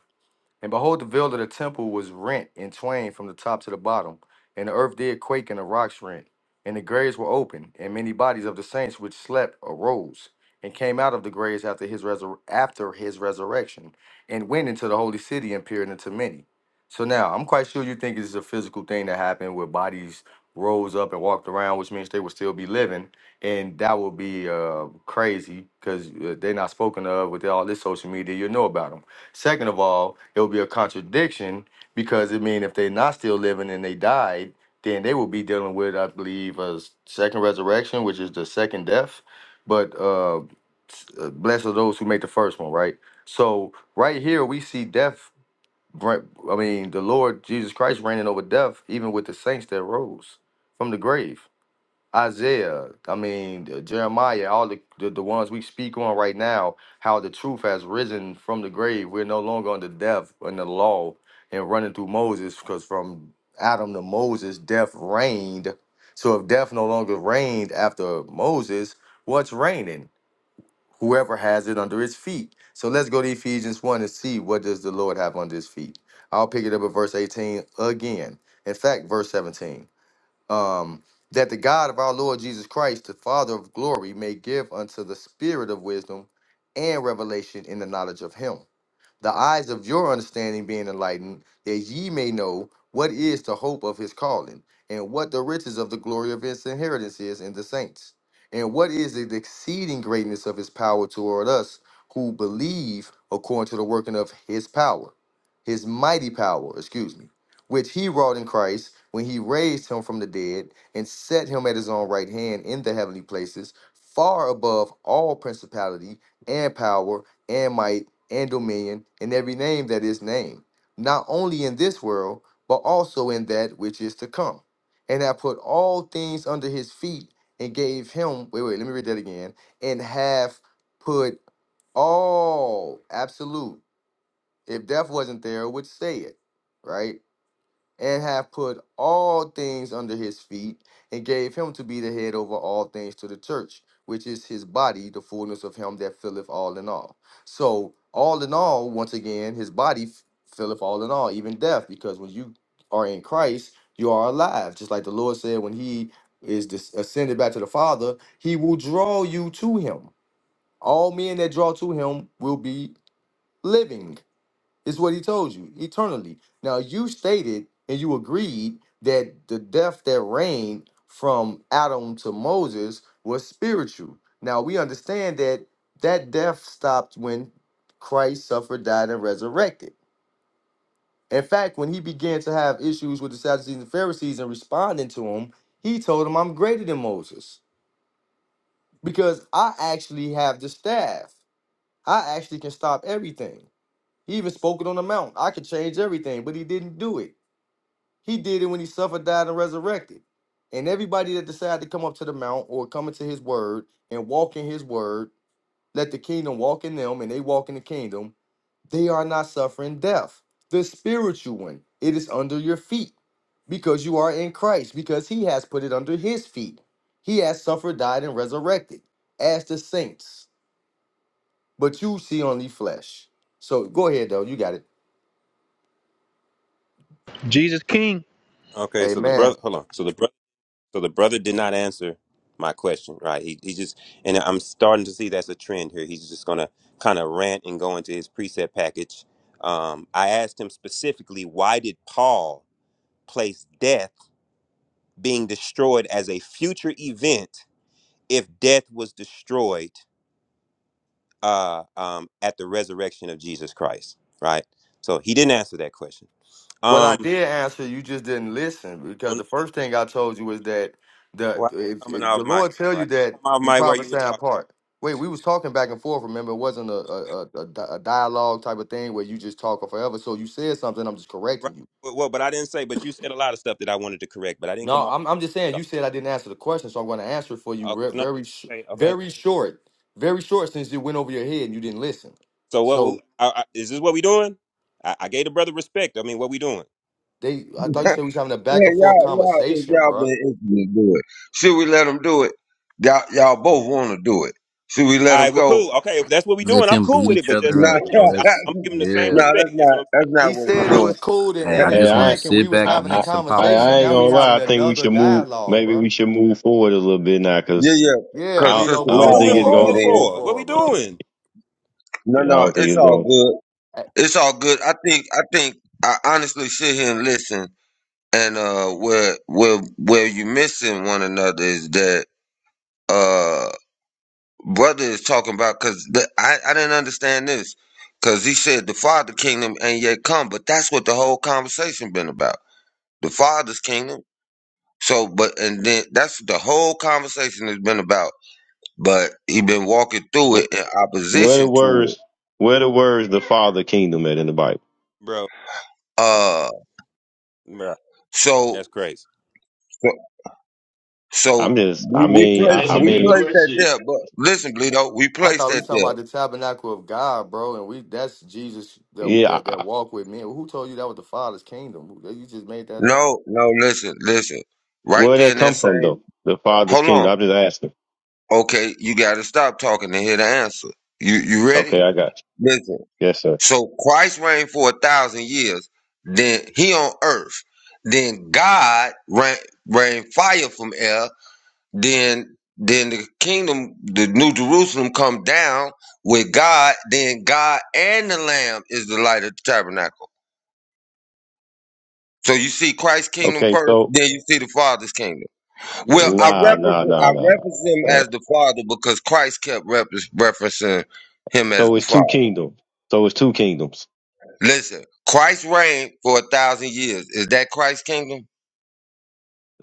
Speaker 7: And behold, the veil of the temple was rent in twain from the top to the bottom, and the earth did quake, and the rocks rent, and the graves were open, and many bodies of the saints which slept arose and came out of the graves after his resur- after his resurrection, and went into the holy city and peered into many. So now I'm quite sure you think it's a physical thing that happened where bodies rose up and walked around, which means they would still be living, and that would be uh, crazy because they're not spoken of with all this social media. You know about them. Second of all, it would be a contradiction because it means if they're not still living and they died, then they will be dealing with, I believe, a s- second resurrection, which is the second death. But uh, s- uh, blessed are those who make the first one, right? So right here we see death. br- I mean, the Lord Jesus Christ reigning over death, even with the saints that rose from the grave. Isaiah, I mean uh, Jeremiah, all the, the the ones we speak on right now, how the truth has risen from the grave. We're no longer under death and the law and running through Moses, because from Adam to Moses, death reigned. So if death no longer reigned after Moses, what's reigning? Whoever has it under his feet. So let's go to Ephesians one and see what does the Lord have under his feet. I'll pick it up at verse eighteen again. In fact, verse seventeen um, that the God of our Lord Jesus Christ, the Father of glory, may give unto the spirit of wisdom and revelation in the knowledge of him the eyes of your understanding being enlightened, that ye may know what is the hope of his calling, and what the riches of the glory of his inheritance is in the saints, and what is the exceeding greatness of his power toward us who believe according to the working of his power, his mighty power, excuse me, which he wrought in Christ when he raised him from the dead and set him at his own right hand in the heavenly places, far above all principality and power and might and dominion and every name that is named, not only in this world, but also in that which is to come. And I put all things under his feet and gave him, wait, wait, let me read that again, and have put all, absolute. If death wasn't there, it would say it, right? and have put all things under his feet, and gave him to be the head over all things to the church, which is his body, the fullness of him that filleth all in all. So, all in all, once again, his body f- filleth all in all, even death, because when you are in Christ, you are alive. Just like the Lord said, when he is dis- ascended back to the Father, he will draw you to him. All men that draw to him will be living. It's what he told you eternally. Now you stated and you agreed that the death that reigned from Adam to Moses was spiritual. Now we understand that that death stopped when Christ suffered, died, and resurrected. In fact, when he began to have issues with the Sadducees and Pharisees and responding to them, he told them, "I'm greater than Moses because I actually have the staff. I actually can stop everything." He even spoke it on the mount. I could change everything, but he didn't do it. He did it when he suffered, died, and resurrected. And everybody that decided to come up to the mount or come into his word and walk in his word, let the kingdom walk in them and they walk in the kingdom, they are not suffering death. The spiritual one, it is under your feet because you are in Christ, because he has put it under his feet. He has suffered, died, and resurrected as the saints. But you see only flesh. So go ahead, though. You got it.
Speaker 15: Jesus King,
Speaker 14: Okay, so the
Speaker 7: Amen.
Speaker 14: brother, hold on. So the brother, so the brother did not answer my question, right? He he just, and I'm starting to see that's a trend here. He's just gonna kind of rant and go into his preset package. Um, I asked him specifically, why did Paul place death? being destroyed as a future event if death was destroyed uh, um, at the resurrection of Jesus Christ, right? So he didn't answer that question.
Speaker 7: Well, I
Speaker 14: Um,
Speaker 7: did answer. You just didn't listen because
Speaker 14: when,
Speaker 7: the first thing I told you was that the
Speaker 14: why you
Speaker 7: if,
Speaker 14: coming
Speaker 7: if
Speaker 14: off
Speaker 7: the
Speaker 14: mic,
Speaker 7: Lord tell
Speaker 14: bro? I
Speaker 7: you that
Speaker 14: didn't come off
Speaker 7: we
Speaker 14: mic where you were
Speaker 7: prophesy
Speaker 14: talking.
Speaker 7: apart. Wait, we was talking back and forth. Remember, it wasn't a a, a a di- a dialogue type of thing where you just talking forever. So you said something. I'm just
Speaker 14: Right?
Speaker 7: correcting you.
Speaker 14: Well, well, but I didn't say. But you said a lot of stuff that I wanted to correct, but I didn't come
Speaker 7: No,
Speaker 14: off.
Speaker 7: I'm I'm just saying
Speaker 14: so,
Speaker 7: you said I didn't answer the question, so I'm going to answer it for you
Speaker 14: Okay,
Speaker 7: re-
Speaker 14: no,
Speaker 7: very sh-
Speaker 14: no, okay, okay.
Speaker 7: very short, very short since it went over your head and you didn't listen.
Speaker 14: So what? will-
Speaker 7: So
Speaker 14: I, I, is this what we doing? I, I gave the brother respect. I mean, what we doing?
Speaker 7: they, I thought you said we was having a back
Speaker 1: Yeah,
Speaker 7: and forth
Speaker 1: y'all, y'all, if
Speaker 7: conversation,
Speaker 1: y'all
Speaker 7: bruh.
Speaker 1: been itching to do it, should we let them do it? Y'all, y'all both want to do it. Should we let
Speaker 14: All
Speaker 1: them
Speaker 14: right, well,
Speaker 1: go?
Speaker 14: cool. Okay, if that's what we
Speaker 11: Let
Speaker 14: doing, I'm
Speaker 11: them
Speaker 14: cool
Speaker 11: beat
Speaker 14: with it.
Speaker 11: each
Speaker 14: But
Speaker 11: other
Speaker 14: just
Speaker 1: No,
Speaker 14: you
Speaker 11: up,
Speaker 14: know, what
Speaker 11: man.
Speaker 14: I'm saying,
Speaker 11: Let's
Speaker 14: I'm, I'm
Speaker 1: no,
Speaker 14: giving the same
Speaker 11: yeah.
Speaker 1: that's
Speaker 14: respect. That's
Speaker 1: not.
Speaker 14: what I'm saying.
Speaker 1: That's
Speaker 7: He
Speaker 1: not what we're
Speaker 7: said it
Speaker 1: doing.
Speaker 7: was cool to
Speaker 11: Hey,
Speaker 1: Hey,
Speaker 11: I
Speaker 4: Hey,
Speaker 11: just want
Speaker 4: I,
Speaker 11: to
Speaker 7: interject and we
Speaker 11: sit
Speaker 7: was
Speaker 11: back
Speaker 4: I,
Speaker 11: and
Speaker 7: having a
Speaker 11: eat
Speaker 4: I,
Speaker 11: some
Speaker 4: I I
Speaker 7: conversation.
Speaker 11: popcorn,
Speaker 4: ain't
Speaker 7: Now we
Speaker 4: gonna
Speaker 11: man.
Speaker 4: lie. I
Speaker 7: having
Speaker 4: think we
Speaker 7: another
Speaker 4: should move.
Speaker 7: dialogue,
Speaker 4: Maybe we
Speaker 7: bro.
Speaker 4: should move forward a little bit now,
Speaker 1: Yeah,
Speaker 4: cause
Speaker 1: yeah.
Speaker 7: Yeah,
Speaker 1: Cause
Speaker 4: I,
Speaker 1: Sister
Speaker 7: Bleedo,
Speaker 4: I
Speaker 14: What we
Speaker 4: don't
Speaker 7: move
Speaker 1: Maya
Speaker 4: think
Speaker 14: moving
Speaker 4: it's
Speaker 1: wanted
Speaker 7: forward,
Speaker 1: to
Speaker 4: gonna.
Speaker 14: forward
Speaker 7: bro.
Speaker 1: get in.
Speaker 7: Move
Speaker 14: for? What we
Speaker 7: forward, bro.
Speaker 14: doing,
Speaker 1: No,
Speaker 4: Yeah, I
Speaker 1: no,
Speaker 4: don't think
Speaker 1: it's
Speaker 4: it's
Speaker 1: all
Speaker 4: going.
Speaker 1: good.
Speaker 7: I,
Speaker 1: It's all good. I think. I think. I honestly sit here and listen And uh, where where where you missing one another is that uh, brother is talking about because I I didn't understand this because he said the father kingdom ain't yet come, but that's what the whole conversation been about the father's kingdom. So, but and then that's the whole conversation has been about. But he been walking through
Speaker 4: to
Speaker 1: it in
Speaker 4: Where the
Speaker 1: opposition to it.
Speaker 4: words, where the words, the Father Kingdom at in the Bible?
Speaker 14: bro?
Speaker 1: Uh,
Speaker 14: Bro,
Speaker 1: so
Speaker 14: that's crazy.
Speaker 1: so
Speaker 4: I'm
Speaker 1: so
Speaker 4: just, I
Speaker 1: we we
Speaker 4: mean, I,
Speaker 1: placed
Speaker 4: I
Speaker 9: a
Speaker 1: we
Speaker 9: good
Speaker 4: mean,
Speaker 1: placed that
Speaker 9: question.
Speaker 1: there. But listen, Bleedo, we
Speaker 7: I
Speaker 1: placed
Speaker 7: thought we
Speaker 1: that
Speaker 7: talking
Speaker 1: there.
Speaker 7: about the tabernacle of God, bro, and we that's Jesus that
Speaker 4: yeah. I,
Speaker 7: that, that
Speaker 4: I-
Speaker 7: walk with me. Who told you that was the Father's kingdom? Who- You just made that up.
Speaker 1: No, no, listen, listen. Right
Speaker 4: where
Speaker 1: there
Speaker 4: that
Speaker 1: in
Speaker 4: come
Speaker 1: that
Speaker 4: from though?
Speaker 1: same
Speaker 4: The Father's
Speaker 1: hold on.
Speaker 4: kingdom. I'm just asking.
Speaker 1: Okay, you gotta stop talking to hear the answer. You you
Speaker 4: Okay,
Speaker 1: ready?
Speaker 4: I got
Speaker 1: Listen.
Speaker 4: you. Yes, sir.
Speaker 1: So Christ reigned for a thousand years, then he on earth. Then God rain, rained fire from air, then then the kingdom, the new Jerusalem come down with God, then God and the Lamb is the light of the tabernacle. So you see Christ's kingdom
Speaker 4: Okay,
Speaker 1: first,
Speaker 4: so
Speaker 1: then you see the Father's kingdom. Well,
Speaker 7: Yeah.
Speaker 1: I
Speaker 4: nah,
Speaker 1: reference
Speaker 4: nah, nah,
Speaker 1: I
Speaker 4: nah.
Speaker 1: reference him
Speaker 4: nah. Uh,
Speaker 1: as the Father because Christ kept reference, referencing him as
Speaker 4: so
Speaker 1: the
Speaker 4: it's
Speaker 1: Father.
Speaker 4: two kingdoms. So it's two kingdoms.
Speaker 1: Listen, Christ reigned for a thousand years. Is that Christ's kingdom?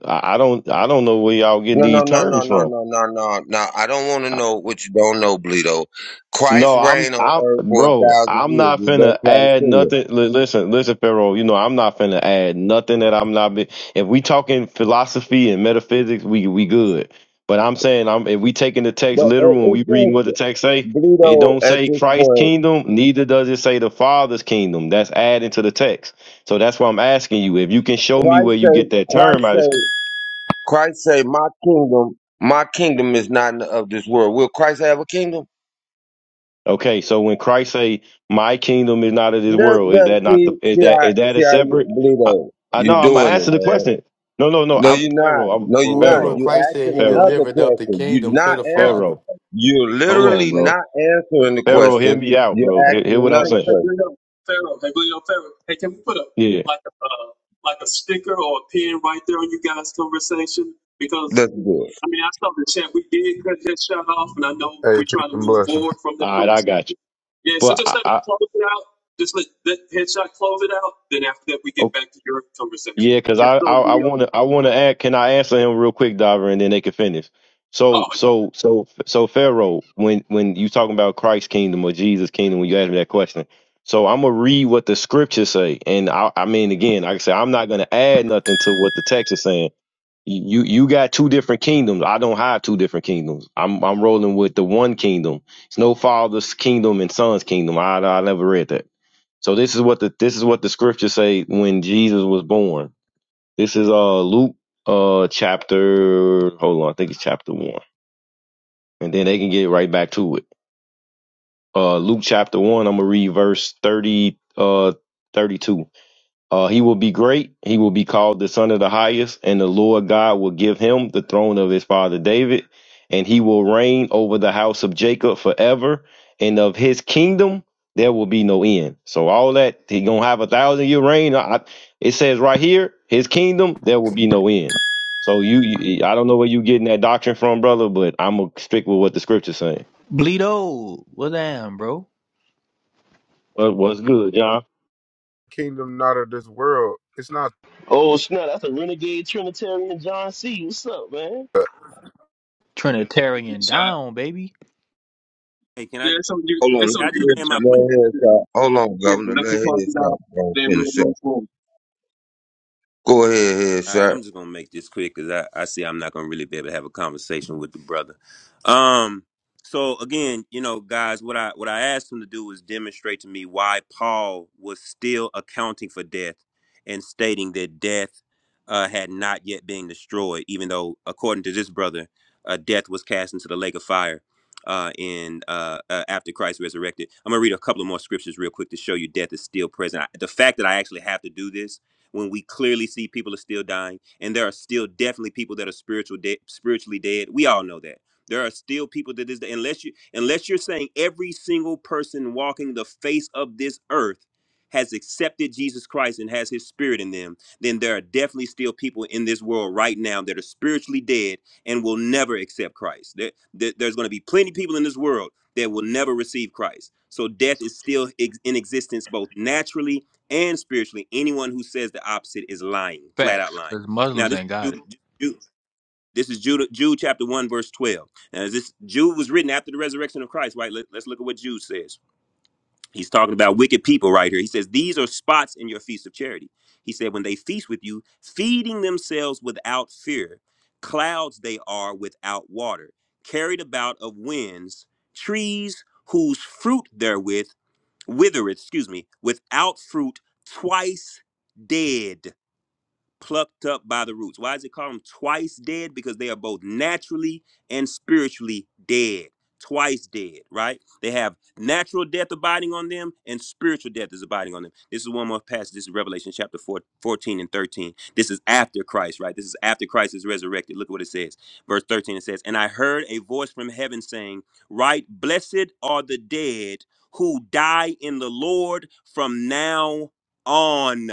Speaker 4: I, I don't, I don't know where y'all getting
Speaker 1: No, no,
Speaker 4: these
Speaker 1: no, no,
Speaker 4: terms
Speaker 1: no,
Speaker 4: from.
Speaker 1: no, no, no, no. I don't want to know what you don't know, Bleedo. Christ
Speaker 4: No, I'm,
Speaker 1: reigned on
Speaker 4: I'm,
Speaker 1: earth for a
Speaker 4: bro,
Speaker 1: thousand
Speaker 4: I'm
Speaker 1: years.
Speaker 4: not
Speaker 1: Is that
Speaker 4: finna
Speaker 1: Christ's
Speaker 4: add
Speaker 1: kingdom?
Speaker 4: nothing. Li- listen, listen, Pharaoh, you know, I'm not finna add nothing that I'm not, be- if we talking philosophy and metaphysics, we, we good. But I'm saying, I'm, if we taking the text
Speaker 1: But it-
Speaker 4: literal and we
Speaker 1: it's
Speaker 4: reading what the
Speaker 1: just
Speaker 4: text say, it
Speaker 1: Bleedo
Speaker 4: don't
Speaker 1: at
Speaker 4: say
Speaker 1: this
Speaker 4: Christ's
Speaker 1: point.
Speaker 4: kingdom, neither does it say the Father's kingdom. That's adding to the text. So that's why I'm asking you, if you can show me where
Speaker 1: Christ
Speaker 4: you get
Speaker 1: say,
Speaker 4: that term
Speaker 1: Christ
Speaker 4: out of scripture.
Speaker 1: say, Christ say, my kingdom, my kingdom is not of this world. Will Christ have a kingdom?
Speaker 4: Okay, so when Christ say, "My kingdom is not of this
Speaker 1: Look,
Speaker 4: world," is
Speaker 1: look,
Speaker 4: that not
Speaker 1: see,
Speaker 4: the is
Speaker 1: see
Speaker 4: that
Speaker 1: how,
Speaker 4: is that a
Speaker 1: see how you,
Speaker 4: separate? I,
Speaker 1: Bluto,
Speaker 4: I know
Speaker 1: you
Speaker 4: I'm gonna
Speaker 1: doing it,
Speaker 4: answer the
Speaker 1: man.
Speaker 4: question. No, no, no.
Speaker 1: No,
Speaker 4: I'm
Speaker 1: you're
Speaker 4: Pharaoh.
Speaker 1: not.
Speaker 4: I'm
Speaker 1: No, you're
Speaker 7: Well,
Speaker 1: not.
Speaker 7: remember
Speaker 4: Pharaoh.
Speaker 1: You
Speaker 7: Christ said
Speaker 1: asking
Speaker 7: he
Speaker 4: Pharaoh.
Speaker 1: another
Speaker 7: delivered up the
Speaker 1: question. You're
Speaker 7: kingdom to
Speaker 1: not
Speaker 7: the
Speaker 2: Hey,
Speaker 1: answering.
Speaker 7: Father.
Speaker 4: Pharaoh.
Speaker 1: You're
Speaker 2: hey,
Speaker 4: Hold
Speaker 2: hey, hey,
Speaker 4: on,
Speaker 1: literally
Speaker 4: bro.
Speaker 1: not answering the
Speaker 2: hey,
Speaker 4: Pharaoh, hear
Speaker 1: question.
Speaker 4: me out,
Speaker 1: You're
Speaker 4: bro.
Speaker 2: hey,
Speaker 4: Hear, hear
Speaker 1: asking
Speaker 4: what I'm
Speaker 2: hey,
Speaker 1: another
Speaker 4: saying.
Speaker 2: hey,
Speaker 1: question.
Speaker 2: Leo, Pharaoh, hey, Leo, Pharaoh. Hey, can we put a,
Speaker 4: Yeah.
Speaker 2: like a, uh, like a sticker or a pin right there on you guys' conversation? Because
Speaker 1: Let's do it.
Speaker 2: I mean, I saw the chat. We did cut that shot off, and I know
Speaker 16: Hey,
Speaker 2: we're
Speaker 16: peace
Speaker 2: trying to
Speaker 16: and
Speaker 2: move
Speaker 16: blessings.
Speaker 2: forward from
Speaker 4: All
Speaker 2: that
Speaker 4: right, I got
Speaker 2: conversation.
Speaker 4: you.
Speaker 2: Yeah, so
Speaker 4: But
Speaker 2: just
Speaker 4: I,
Speaker 2: let us
Speaker 4: I
Speaker 2: close it out. Just let that headshot close it out. Then after that, we get back to your conversation.
Speaker 4: Yeah, because
Speaker 2: Just
Speaker 4: I
Speaker 2: so
Speaker 4: I
Speaker 2: we are.
Speaker 4: want to I want to add. Can I answer him real quick, Diver, and then they can finish. So
Speaker 2: Oh,
Speaker 4: so so so Pharaoh, when when you talking about Christ's kingdom or Jesus' kingdom, when you ask me that question, so I'm gonna read what the scriptures say, and I I mean again, like I said, I'm not gonna add nothing to what the text is saying. You you got two different kingdoms. I don't have two different kingdoms. I'm I'm rolling with the one kingdom. It's no father's kingdom and son's kingdom. I I never read that. So this is what the this is what the scriptures say when Jesus was born. This is uh Luke uh chapter hold on, I think it's chapter one. And then they can get right back to it. Uh Luke chapter one, I'm gonna read verse thirty uh thirty two. Uh, he will be great. He will be called the Son of the Highest, and the Lord God will give him the throne of his father David, and he will reign over the house of Jacob forever, and of his kingdom there will be no end. So all that he gonna have a thousand year reign. I, I- it says right here, his kingdom there will be no end. So you, you, I don't know where you getting that doctrine from, brother, but I'm gonna stick with what the scripture's saying.
Speaker 15: Bleedo, what's that, bro?
Speaker 4: What what's good, John?
Speaker 16: Kingdom not of this world. It's not.
Speaker 9: Oh snap, that's a renegade Trinitarian John C. What's up, man?
Speaker 15: Trinitarian
Speaker 2: headshot.
Speaker 15: down, baby.
Speaker 14: Hey, can I?
Speaker 2: Yeah, it's
Speaker 14: Can
Speaker 2: on you.
Speaker 1: Hold on.
Speaker 2: It's on
Speaker 14: I
Speaker 2: you,
Speaker 14: just land my
Speaker 2: headshot.
Speaker 14: plane?
Speaker 1: Let head
Speaker 2: Yeah,
Speaker 1: shot. Hold on,
Speaker 2: yeah,
Speaker 1: Governor.
Speaker 2: let us
Speaker 1: Let
Speaker 2: close
Speaker 1: head
Speaker 2: it
Speaker 1: shot.
Speaker 2: out.
Speaker 1: Go
Speaker 2: Then we'll
Speaker 1: finish up.
Speaker 2: move forward.
Speaker 1: Go ahead, head
Speaker 14: All right,
Speaker 1: shot.
Speaker 14: I'm just gonna make this quick because I, I see I'm not gonna really be able to have a conversation with the brother. Um, so again, you know, guys, what I what I asked him to do was demonstrate to me why Paul was still accounting for death and stating that death uh, had not yet been destroyed, even though according to this brother, uh, death was cast into the lake of fire uh, in uh, uh, after Christ resurrected. I'm gonna read a couple of more scriptures real quick to show you death is still present. I, the fact that I actually have to do this when we clearly see people are still dying and there are still definitely people that are spiritual dead spiritually dead we all know that there are still people that is unless you unless you're saying every single person walking the face of this earth has accepted Jesus Christ and has his spirit in them then there are definitely still people in this world right now that are spiritually dead and will never accept Christ there, there- there's going to be plenty of people in this world that will never receive Christ so death is still ex- in existence both naturally and spiritually. Anyone who says the opposite is lying, flat out
Speaker 15: Facts,
Speaker 14: lying.
Speaker 15: because
Speaker 14: Now,
Speaker 15: Muslims
Speaker 14: this
Speaker 15: ain't got it.
Speaker 14: Jude, Jude, this is Jude, Jude chapter one verse twelve. Now, this Jude was written after the resurrection of Christ, right? Let, us look at what Jude says. He's talking about wicked people right here. He says these are spots in your feast of charity. He said when they feast with you, feeding themselves without fear, clouds they are without water, carried about of winds, trees whose fruit therewith withereth, excuse me, without fruit, twice dead plucked up by the roots. Why does it call them twice dead? Because they are both naturally and spiritually dead. Twice dead, right? They have natural death abiding on them and spiritual death is abiding on them. This is one more passage. This is Revelation chapter 4, 14 and 13. This is after Christ, right? This is after Christ is resurrected. Look at what it says. Verse 13 it says, And I heard a voice from heaven saying, Right, blessed are the dead who die in the Lord from now on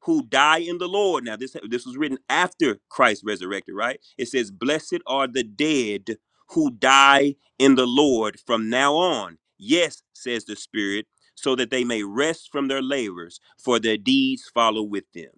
Speaker 14: who die in the Lord. Now, this this was written after Christ resurrected, right? It says, "Blessed are the dead who die in the Lord from now on." Yes, says the Spirit, so that they may rest from their labors, for their deeds follow with them.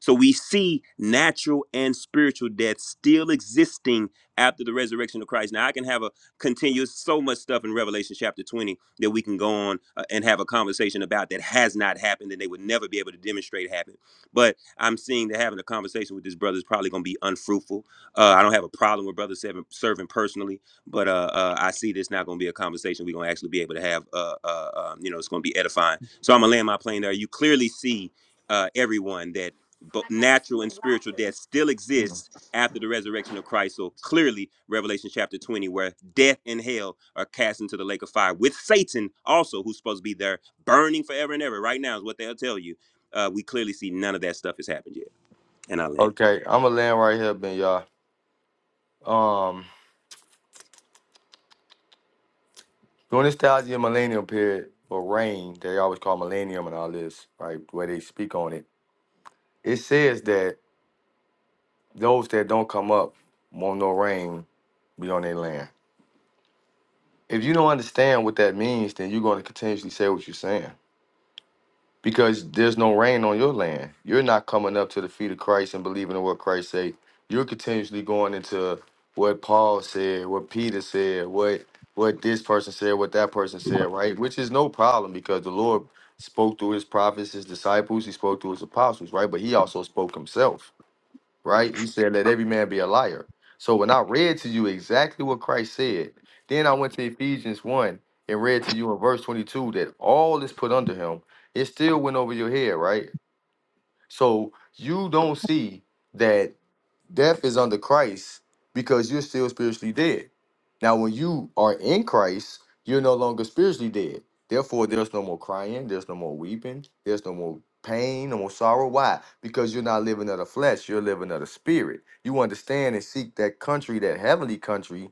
Speaker 14: So we see natural and spiritual death still existing after the resurrection of Christ. Now I can have a continuous so much stuff in Revelation chapter 20 that we can go on uh, and have a conversation about that has not happened and they would never be able to demonstrate happened but I'm seeing that having a conversation with this brother is probably going to be unfruitful. Uh, I don't have a problem with brother serving, serving personally, but uh, uh, I see this not going to be a conversation we're going to actually be able to have. Uh, uh, um, you know, it's going to be edifying. So I'm going to land my plane there. You clearly see uh, everyone that bo- natural and spiritual death still exists after the resurrection of Christ. So clearly, Revelation chapter 20, where death and hell are cast into the lake of fire with Satan also, who's supposed to be there burning forever and ever. Right now is what they'll tell you uh, we clearly see none of that stuff has happened yet. And I land.
Speaker 7: Okay, I'm gonna land right here, Ben y'all. Um During this thousand year millennial period or reign, they always call millennium and all this, right? Where they speak on it. It says that those that don't come up won't no rain be on their land. If you don't understand what that means, then you're going to continuously say what you're saying. because there's no rain on your land. You're not coming up to the feet of Christ and believing in what Christ say. You're continuously going into what Paul said, what Peter said, what what this person said, what that person said, right? Which is no problem because the Lord spoke through his prophets, his disciples, he spoke through his apostles, right? But he also spoke himself right? He said, Let every man be a liar. So when I read to you exactly what Christ said, then I went to Ephesians 1 and read to you in verse 22 that all is put under him. It still went over your head, right? So you don't see that death is under Christ because you're still spiritually dead. Now, when you are in Christ, you're no longer spiritually dead. Therefore, there's no more crying, there's no more weeping, there's no more pain, no more sorrow. Why? Because you're not living of the flesh, you're living of the spirit. You understand and seek that country, that heavenly country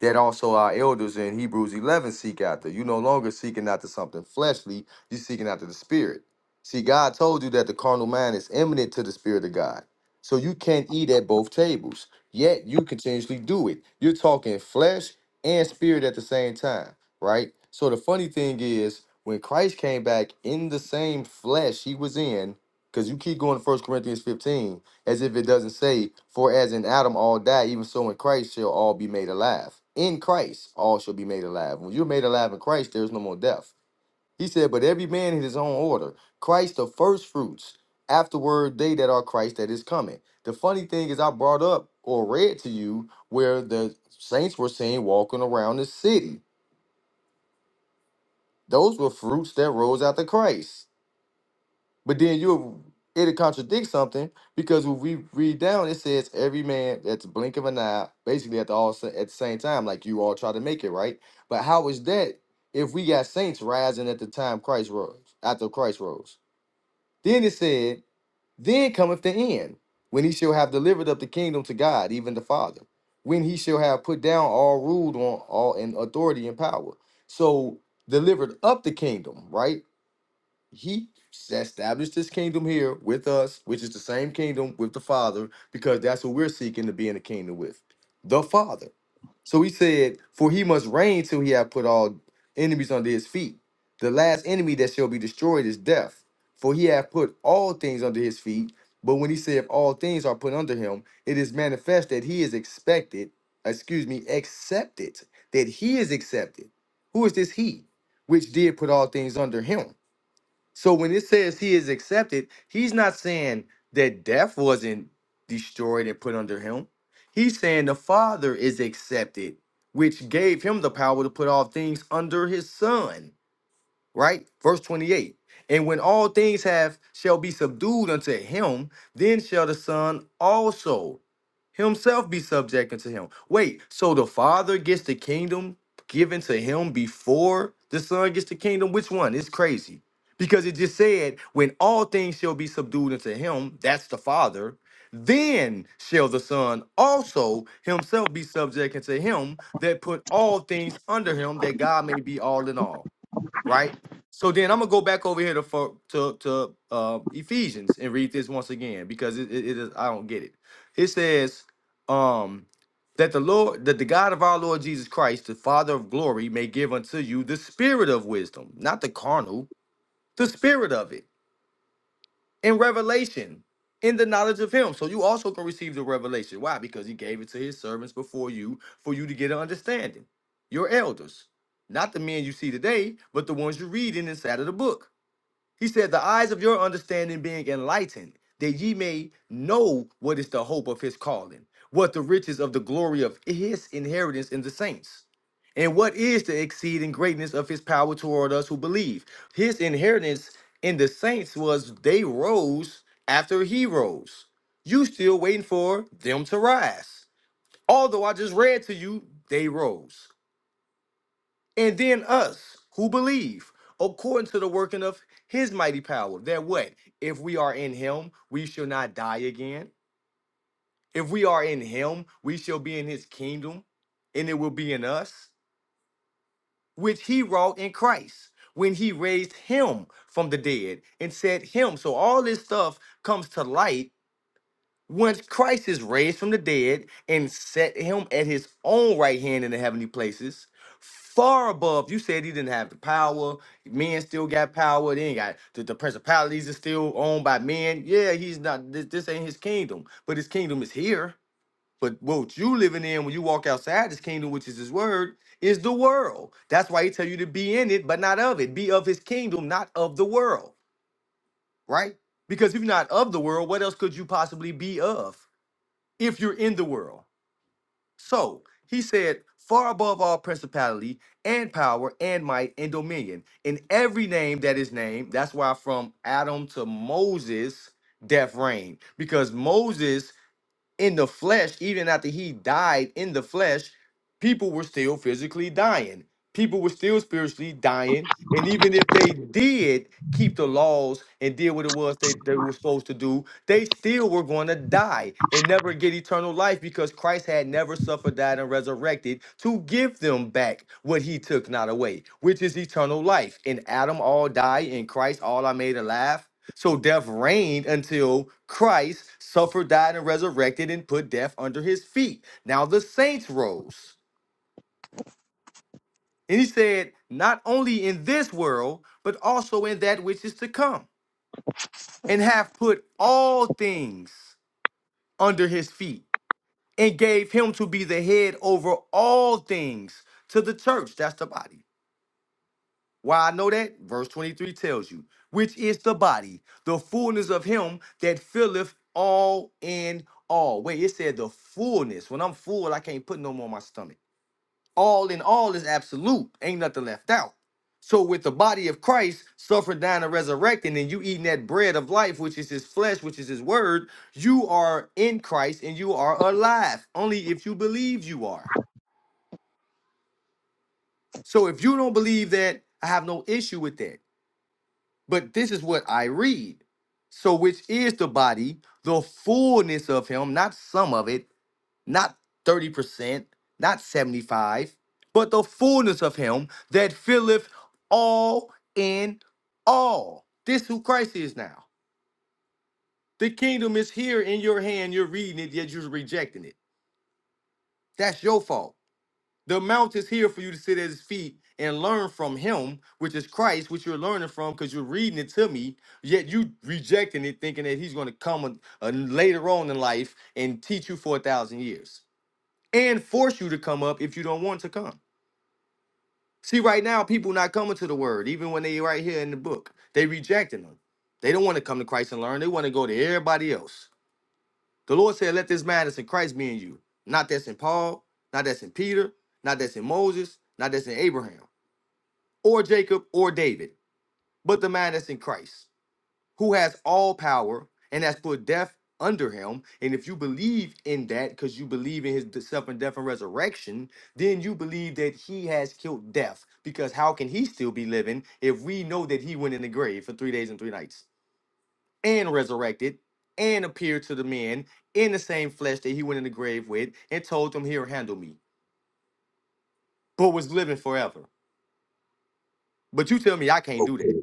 Speaker 7: that also our elders in Hebrews 11 seek after. You no longer seeking after something fleshly, you're seeking after the spirit. See, God told you that the carnal mind is eminent to the spirit of God. So you can't eat at both tables, yet you continuously do it. You're talking flesh and spirit at the same time, right? So the funny thing is, when Christ came back in the same flesh he was in, because you keep going to First Corinthians 15, as if it doesn't say, For as in Adam all die, even so in Christ shall all be made alive. In Christ all shall be made alive. When you're made alive in Christ, there is no more death. He said, But every man in his own order. Christ the first fruits, afterward they that are Christ that is coming. The funny thing is I brought up or read to you where the saints were seen walking around the city. Those were fruits that rose out of Christ. But then you it'll contradict something because when we read down, it says every man at the blink of an eye, basically at the all sa- at the same time, like you all try to make it right. But how is that if we got saints rising at the time Christ rose, after Christ rose? Then it said, Then cometh the end, when he shall have delivered up the kingdom to God, even the Father, when he shall have put down all ruled on all in authority and power. So delivered up the kingdom, right? he established his kingdom here with us, which is the same kingdom with the Father, because that's what we're seeking to be in the kingdom with the Father. So he said, For he must reign till he have put all enemies under his feet. The last enemy that shall be destroyed is death, for he hath put all things under his feet. But when he said, All things are put under him, it is manifest that he is expected, excuse me, accepted, that he is accepted. Who is this he which did put all things under him? So when it says he is accepted, he's not saying that death wasn't destroyed and put under him. He's saying the Father is accepted, which gave him the power to put all things under his son right? Verse 28. And when all things have shall be subdued unto him, then shall the son also himself be subject unto him. Wait, so the father gets the kingdom given to him before the son gets the kingdom? Which one? It's crazy. Because it just said, when all things shall be subdued unto him, that's the father, then shall the son also himself be subject unto him that put all things under him, that God may be all in all right? So then I'm gonna go back over here to for, to to uh, Ephesians and read this once again because it, it it is I don't get it. It says um that the Lord that the God of our Lord Jesus Christ, the Father of glory, may give unto you the spirit of wisdom, not the carnal, the spirit of it in revelation, in the knowledge of him. So you also can receive the revelation. Why? Because he gave it to his servants before you for you to get an understanding. Your elders. Not the men you see today, but the ones you read in inside of the book. He said, The eyes of your understanding being enlightened, that ye may know what is the hope of his calling, what the riches of the glory of his inheritance in the saints, and what is the exceeding greatness of his power toward us who believe. His inheritance in the saints was they rose after he rose. You still waiting for them to rise. Although I just read to you, they rose and then us who believe according to the working of his mighty power that what if we are in him we shall not die again if we are in him we shall be in his kingdom and it will be in us which he wrought in christ when he raised him from the dead and set him so all this stuff comes to light once Christ is raised from the dead and set him at his own right hand in the heavenly places, far above, you said he didn't have the power. Men still got power. They ain't got the, the principalities are still owned by men. Yeah, he's not. This, this ain't his kingdom, but his kingdom is here. But what you living in when you walk outside this kingdom, which is his word, is the world. That's why he tell you to be in it, but not of it. Be of his kingdom, not of the world. Right? Because if you're not of the world, what else could you possibly be of? if you're in the world. So he said, far above all principality and power and might and dominion, in every name that is named. That's why from Adam to Moses, death reigned. Because Moses in the flesh, even after he died in the flesh, people were still physically dying. People were still spiritually dying. And even if they did keep the laws and did what it was they, they were supposed to do, they still were going to die and never get eternal life because Christ had never suffered, died, and resurrected to give them back what he took not away, which is eternal life. And Adam all die, and Christ all are made alive. So death reigned until Christ suffered, died, and resurrected and put death under his feet. Now the saints rose. And he said, Not only in this world, but also in that which is to come, and have put all things under his feet, and gave him to be the head over all things to the church. That's the body Why I know that? Verse 23 tells you, which is the body, the fullness of him that filleth all in all. Wait, it said the fullness. When I'm full, I can't put no more in my stomach. All in all is absolute. Ain't nothing left out. So with the body of Christ suffered, dying, and resurrecting, and you eating that bread of life, which is his flesh, which is his word, you are in Christ and you are alive. Only if you believe you are. So if you don't believe that, I have no issue with that. But this is what I read. So, which is the body, the fullness of Him, not some of it, not 30%, not 75, but the fullness of Him that filleth all in all. This who Christ is now. The kingdom is here in your hand. You're reading it, yet you're rejecting it. That's your fault. The mount is here for you to sit at his feet and learn from him, which is Christ, which you're learning from because you're reading it to me, yet you rejecting it, thinking that he's going to come a- a- later on in life and teach you for a thousand years and force you to come up if you don't want to come. See, right now, people not coming to the word, even when they right here in the book. They rejecting them. They don't want to come to Christ and learn. They want to go to everybody else. The Lord said, let this man that's in Christ be in you. Not that's in Paul, not that's in Peter, not that's in Moses, not that's in Abraham. or Jacob or David, but the man that's in Christ, who has all power and has put death under him. And if you believe in that, because you believe in his de- suffering, death, and resurrection, then you believe that he has killed death. Because how can he still be living if we know that he went in the grave for three days and three nights and resurrected and appeared to the men in the same flesh that he went in the grave with and told them, Here, handle me, but was living forever? But you tell me I can't do that.
Speaker 1: Okay.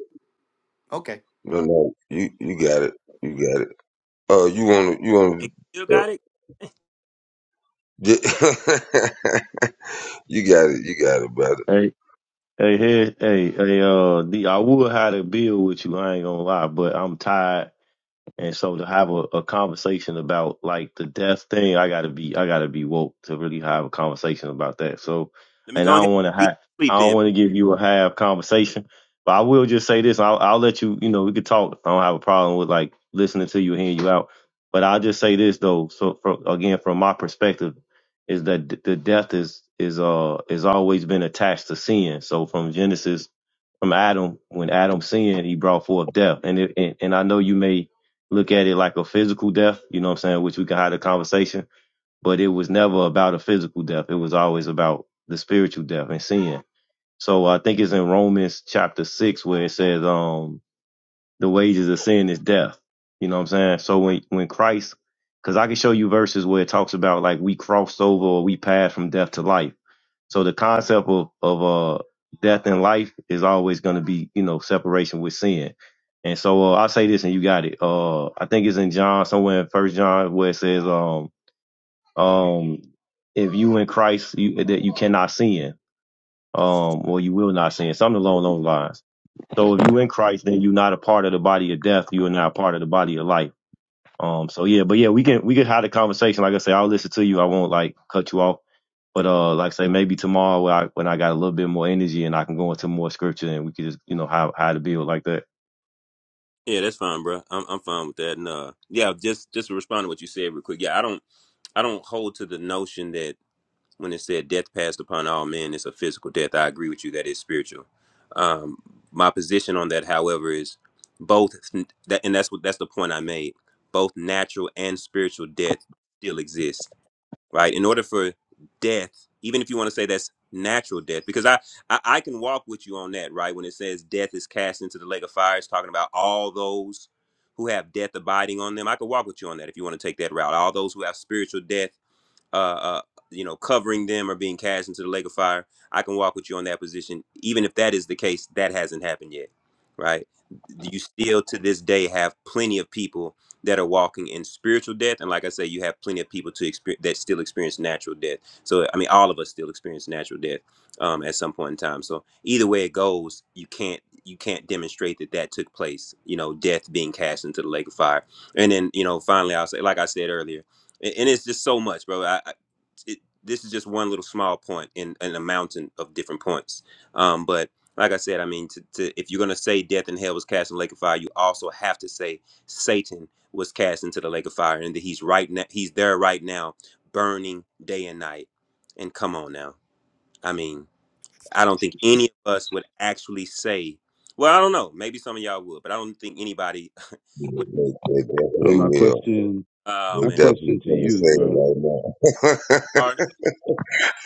Speaker 7: Okay.
Speaker 1: No, no. You, you got it. You got it. Uh, you want to, you
Speaker 14: Hey,
Speaker 1: want
Speaker 14: you still got it?
Speaker 1: to, uh, you got it. You got it, brother.
Speaker 4: Hey, hey, hey, hey, uh, D, I would have to bill with you. I ain't gonna lie, but I'm tired and so to have a, a conversation about like the death thing, I gotta be I gotta be woke to really have a conversation about that. So
Speaker 14: Let me
Speaker 4: and I
Speaker 14: go ahead
Speaker 4: don't wanna
Speaker 14: and beat
Speaker 4: ha-
Speaker 14: you to
Speaker 4: I
Speaker 14: sleep
Speaker 4: don't
Speaker 14: then.
Speaker 4: wanna give you a half conversation. But I will just say this, I'll I'll let you, you know, we could talk. I don't have a problem with like listening to you, hearing you out. But I'll just say this though, so from again from my perspective, is that d- the death is is uh is always been attached to sin. So from Genesis from Adam, when Adam sinned, he brought forth death. And it, and, and I know you may look at it like a physical death, you know what I'm saying, which we can have a conversation, but it was never about a physical death. It was always about the spiritual death and sin. So I think it's in Romans chapter six where it says, um, the wages of sin is death. You know what I'm saying? So when when Christ, because I can show you verses where it talks about like we crossed over or we passed from death to life. So the concept of of uh death and life is always going to be you know separation with sin. And so uh, I'll say this, and you got it. Uh, I think it's in John somewhere in First John where it says um um if you in Christ you that you cannot sin um or you will not sin something along those lines. So if you in Christ, then you're not a part of the body of death. You are not a part of the body of life. Um. So yeah, but yeah, we can we can have the conversation. Like I say, I'll listen to you. I won't like cut you off. But uh, like I say, maybe tomorrow when I when I got a little bit more energy and I can go into more scripture and we could just you know how how to build like that.
Speaker 14: Yeah, that's fine, bro. I'm I'm fine with that. And uh, yeah, just just to respond to what you said real quick. Yeah, I don't I don't hold to the notion that when it said death passed upon all men, it's a physical death. I agree with you that it's spiritual. Um, my position on that, however, is both that, and that's what that's the point I made. Both natural and spiritual death still exists right? In order for death, even if you want to say that's natural death, because I, I I can walk with you on that, right? When it says death is cast into the lake of fire, it's talking about all those who have death abiding on them. I can walk with you on that if you want to take that route. All those who have spiritual death uh, uh, you know, covering them or being cast into the lake of fire. I can walk with you on that position, even if that is the case. That hasn't happened yet, right? You still to this day have plenty of people that are walking in spiritual death, and like I say, you have plenty of people to experience that still experience natural death. So I mean, all of us still experience natural death um, at some point in time. So either way it goes, you can't you can't demonstrate that that took place. You know, death being cast into the lake of fire, and then you know, finally, I'll say, like I said earlier, and, and it's just so much, bro. I, it, this is just one little small point in, in a mountain of different points. Um, but like I said, I mean, to, to, if you're going to say death and hell was cast in the lake of fire, you also have to say Satan was cast into the lake of fire and that he's right now, he's there right now, burning day and night. And come on now. I mean, I don't think any of us would actually say, well, I don't know. Maybe some of y'all would, but I don't think anybody
Speaker 1: They,
Speaker 14: would.
Speaker 1: they
Speaker 10: So
Speaker 1: definitely
Speaker 10: my
Speaker 1: will.
Speaker 10: question,
Speaker 14: Oh,
Speaker 1: They
Speaker 10: my
Speaker 14: man.
Speaker 10: question
Speaker 1: definitely
Speaker 10: to
Speaker 1: gonna
Speaker 10: you,
Speaker 1: say it
Speaker 10: bro,
Speaker 1: right now.
Speaker 14: Sorry.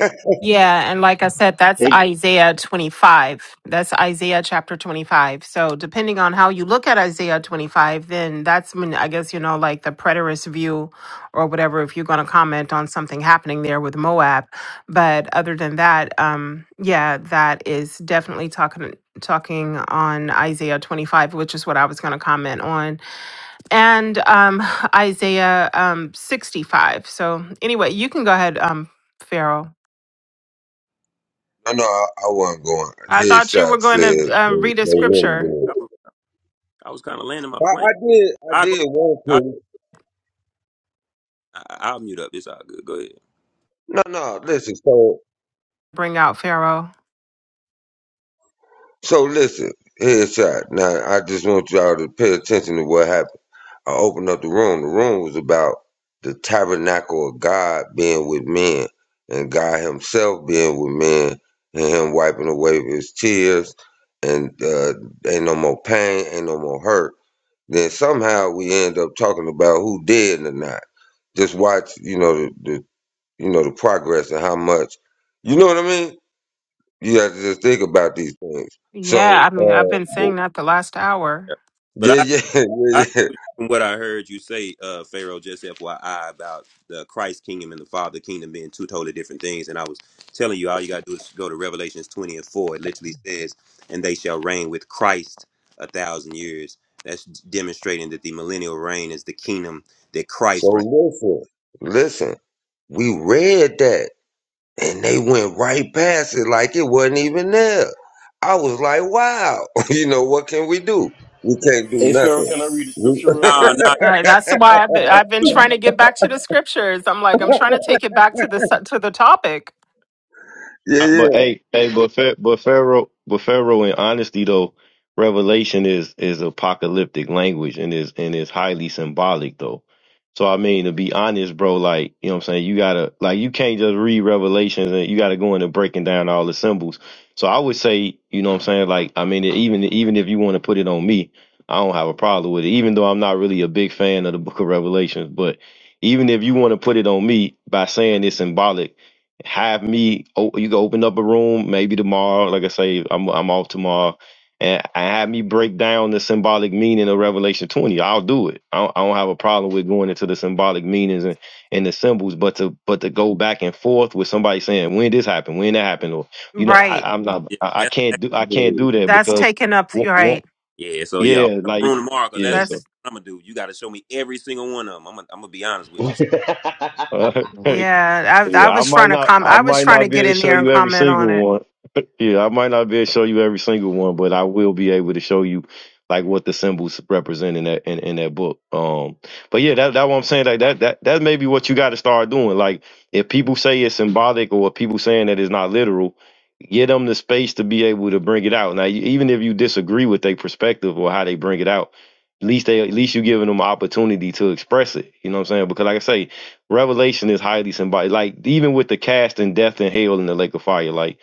Speaker 6: Yeah, and like I said, that's
Speaker 9: Hey
Speaker 6: Isaiah 25. That's Isaiah chapter 25. So, depending on how you look at Isaiah 25, then that's when I guess, you know, like the preterist view or whatever, if you're going to comment on something happening there with Moab. But other than that, um, yeah, that is definitely talking talking on Isaiah 25, which is what I was going to comment on, and um, Isaiah um, 65. So, anyway, you can go ahead, um, Pharaoh.
Speaker 1: no, no, I, I wasn't going.
Speaker 6: I thought you
Speaker 1: Headshot
Speaker 6: were
Speaker 1: said
Speaker 6: going to
Speaker 1: they,
Speaker 6: uh,
Speaker 1: they
Speaker 6: read a
Speaker 14: Man,
Speaker 1: wouldn't do
Speaker 6: scripture,
Speaker 14: I
Speaker 1: it.
Speaker 14: was, I was kind of landing my
Speaker 1: I,
Speaker 14: plane.
Speaker 1: I did, I
Speaker 14: I
Speaker 1: did want
Speaker 14: go.
Speaker 1: to.
Speaker 14: I, I'll mute up. It's all good. Go ahead.
Speaker 1: No, no, listen. So,
Speaker 6: bring out Pharaoh.
Speaker 1: so listen. Headshot. Now, I just want y'all to pay attention to what happened. I opened up the room. The room was about the tabernacle of God being with men and God Himself being with men and Him wiping away His tears and uh, ain't no more pain, ain't no more hurt. Then somehow we end up talking about who dead or not. Just watch, you know, the, the you know the progress and how much, you know what I mean. You have to just think about these things.
Speaker 6: Yeah,
Speaker 1: So
Speaker 6: I mean, I've been
Speaker 1: uh,
Speaker 6: saying that the last hour.
Speaker 14: But
Speaker 1: yeah,
Speaker 14: I,
Speaker 1: yeah,
Speaker 14: I
Speaker 1: yeah, yeah.
Speaker 14: from what I heard you say, uh, Pharaoh, just FYI, about the Christ kingdom and the Father kingdom being two totally different things. And I was telling you, all you got to do is go to Revelations 20 and 4. It literally says, and they shall reign with Christ a thousand years. That's demonstrating that the millennial reign is the kingdom that
Speaker 1: So
Speaker 14: Christ reigns.
Speaker 1: listen, listen. We read that and they went right past it like it wasn't even there. I was like, wow, you know, what can we do? We can't do
Speaker 9: hey Pharaoh,
Speaker 1: nothing.
Speaker 9: can I read the
Speaker 1: We,
Speaker 9: scripture real
Speaker 14: No,
Speaker 9: quick?
Speaker 14: no.
Speaker 6: Uh, that's why I've been, I've been trying to get back to the scriptures. I'm like, I'm trying to take it back to the su- to the topic.
Speaker 4: Uh,
Speaker 1: yeah,
Speaker 4: But hey, hey, but Pharaoh, but Pharaoh, but Pharaoh, in honesty though, Revelation is is apocalyptic language and is and is highly symbolic though. So I mean, to be honest, bro, like you know, what I'm saying you gotta like you can't just read Revelations and you gotta go into breaking down all the symbols. So I would say, you know, what I'm saying like I mean, even even if you want to put it on me, I don't have a problem with it. Even though I'm not really a big fan of the Book of Revelations, but even if you want to put it on me by saying it's symbolic have me oh, you can open up a room maybe tomorrow like i say i'm i'm off tomorrow and, and have me break down the symbolic meaning of revelation 20 i'll do it i don't, I don't have a problem with going into the symbolic meanings and, and the symbols but to but to go back and forth with somebody saying when this happened when that happened or you know
Speaker 6: Right.
Speaker 4: I, i'm not
Speaker 14: Yeah,
Speaker 4: I, I
Speaker 14: that's,
Speaker 4: can't do i can't
Speaker 1: yeah.
Speaker 4: do that
Speaker 6: That's
Speaker 4: because
Speaker 6: taken up.
Speaker 4: w- w-
Speaker 6: Right.
Speaker 14: yeah so, yeah, open
Speaker 4: yeah
Speaker 14: up
Speaker 4: like
Speaker 14: room tomorrow because that's
Speaker 4: yeah
Speaker 14: exactly
Speaker 4: so
Speaker 6: That's
Speaker 14: what I'm going to do. You got to show me every single one of them. I'm going to be honest with you.
Speaker 9: hey,
Speaker 6: yeah. I
Speaker 4: yeah
Speaker 6: I
Speaker 4: i
Speaker 6: was trying
Speaker 4: might
Speaker 6: to
Speaker 4: not
Speaker 6: com.
Speaker 4: i
Speaker 6: I was
Speaker 4: might
Speaker 6: trying
Speaker 4: not
Speaker 6: to
Speaker 4: be able
Speaker 6: get
Speaker 4: to
Speaker 6: in
Speaker 4: show
Speaker 6: there and
Speaker 4: you every
Speaker 6: comment on
Speaker 4: single
Speaker 6: it.
Speaker 4: one Yeah, I might not be able to show you every single one, but I will be able to show you like what the symbols represent in that in, in that book. Um, but yeah, that that what I'm saying. Like that that that may be what you got to start doing. Like if people say it's symbolic or if people saying that it's not literal, get them the space to be able to bring it out. Now, you- even if you disagree with their perspective or how they bring it out, at least they at least you giving them an opportunity to express it. You know what I'm saying? Because like I say, revelation is highly symbolic. Like even with the cast and death and hell in the lake of fire, like.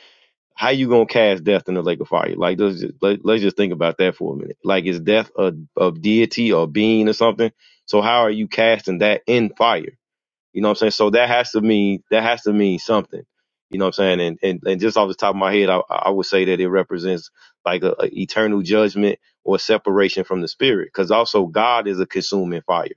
Speaker 4: How you gonna cast death in the lake of fire? Like let's just let, let's just think about that for a minute. Like is death a, a deity or being or something? So how are you casting that in fire? You know what I'm saying? So that has to mean that has to mean something. You know what I'm saying? And and, and just off the top of my head, I, I would say that it represents like a, a eternal judgment or separation from the spirit. Because also God is a consuming fire.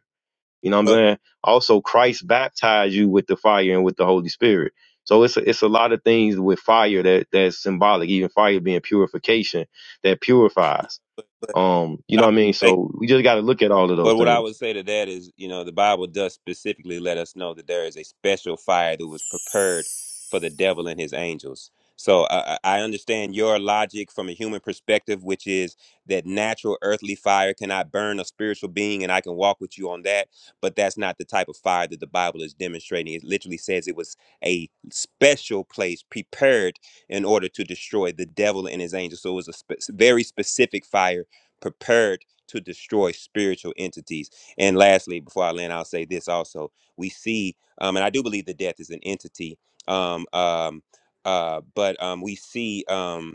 Speaker 4: You know what I'm
Speaker 14: But,
Speaker 4: saying? Also, Christ baptized you with the fire and with the Holy Spirit. So it's a, it's a lot of things with fire that that's symbolic, even fire being purification that purifies.
Speaker 14: but, but
Speaker 4: Um, you
Speaker 14: I
Speaker 4: know
Speaker 14: would
Speaker 4: what I mean?
Speaker 14: say
Speaker 4: So we just got to look at all of those
Speaker 14: But what I
Speaker 4: things.
Speaker 14: would say to that is, you know, the Bible does specifically let us know that there is a special fire that was prepared for the devil and his angels. So I, I I understand your logic from a human perspective, which is that natural earthly fire cannot burn a spiritual being, and I can walk with you on that. But that's not the type of fire that the Bible is demonstrating. It literally says it was a special place prepared in order to destroy the devil and his angels. So it was a spe- very specific fire prepared to destroy spiritual entities. And lastly, before I land, I'll say this also. We see, um, and I do believe that death is an entity, um, um, uh, but um, we see. Um,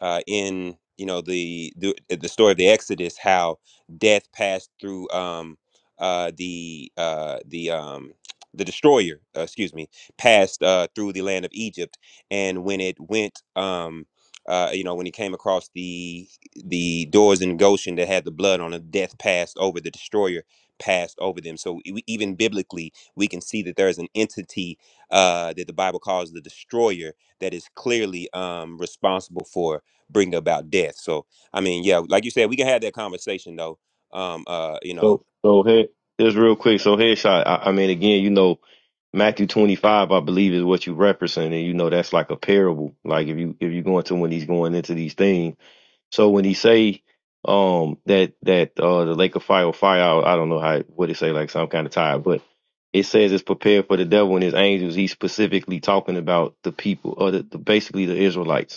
Speaker 14: uh, in you know the, the uh, the story of the Exodus, how death passed through um, uh, the uh, the um, the destroyer, uh, excuse me, passed uh, through the land of Egypt, and when it went, um, uh, you know, when it came across the the doors in Goshen that had the blood on it, death passed over the destroyer, passed over them. So e- even biblically, we can see that there is an entity uh, that the Bible calls the destroyer that is clearly um, responsible for bring about death. So I mean, yeah, like you said, we can have that conversation though. Um, uh, you know,
Speaker 4: So so head just real quick. So headshot. I, I mean, again, you know, Matthew 25, I believe, is what you referencing, and you know that's like a parable. Like if you if you go into when he's going into these things So when he say um that that uh the lake of fire will fire out, I don't know how what it say like some kind of tire, but it says it's prepared for the devil and his angels. He's specifically talking about the people or the, the basically the Israelites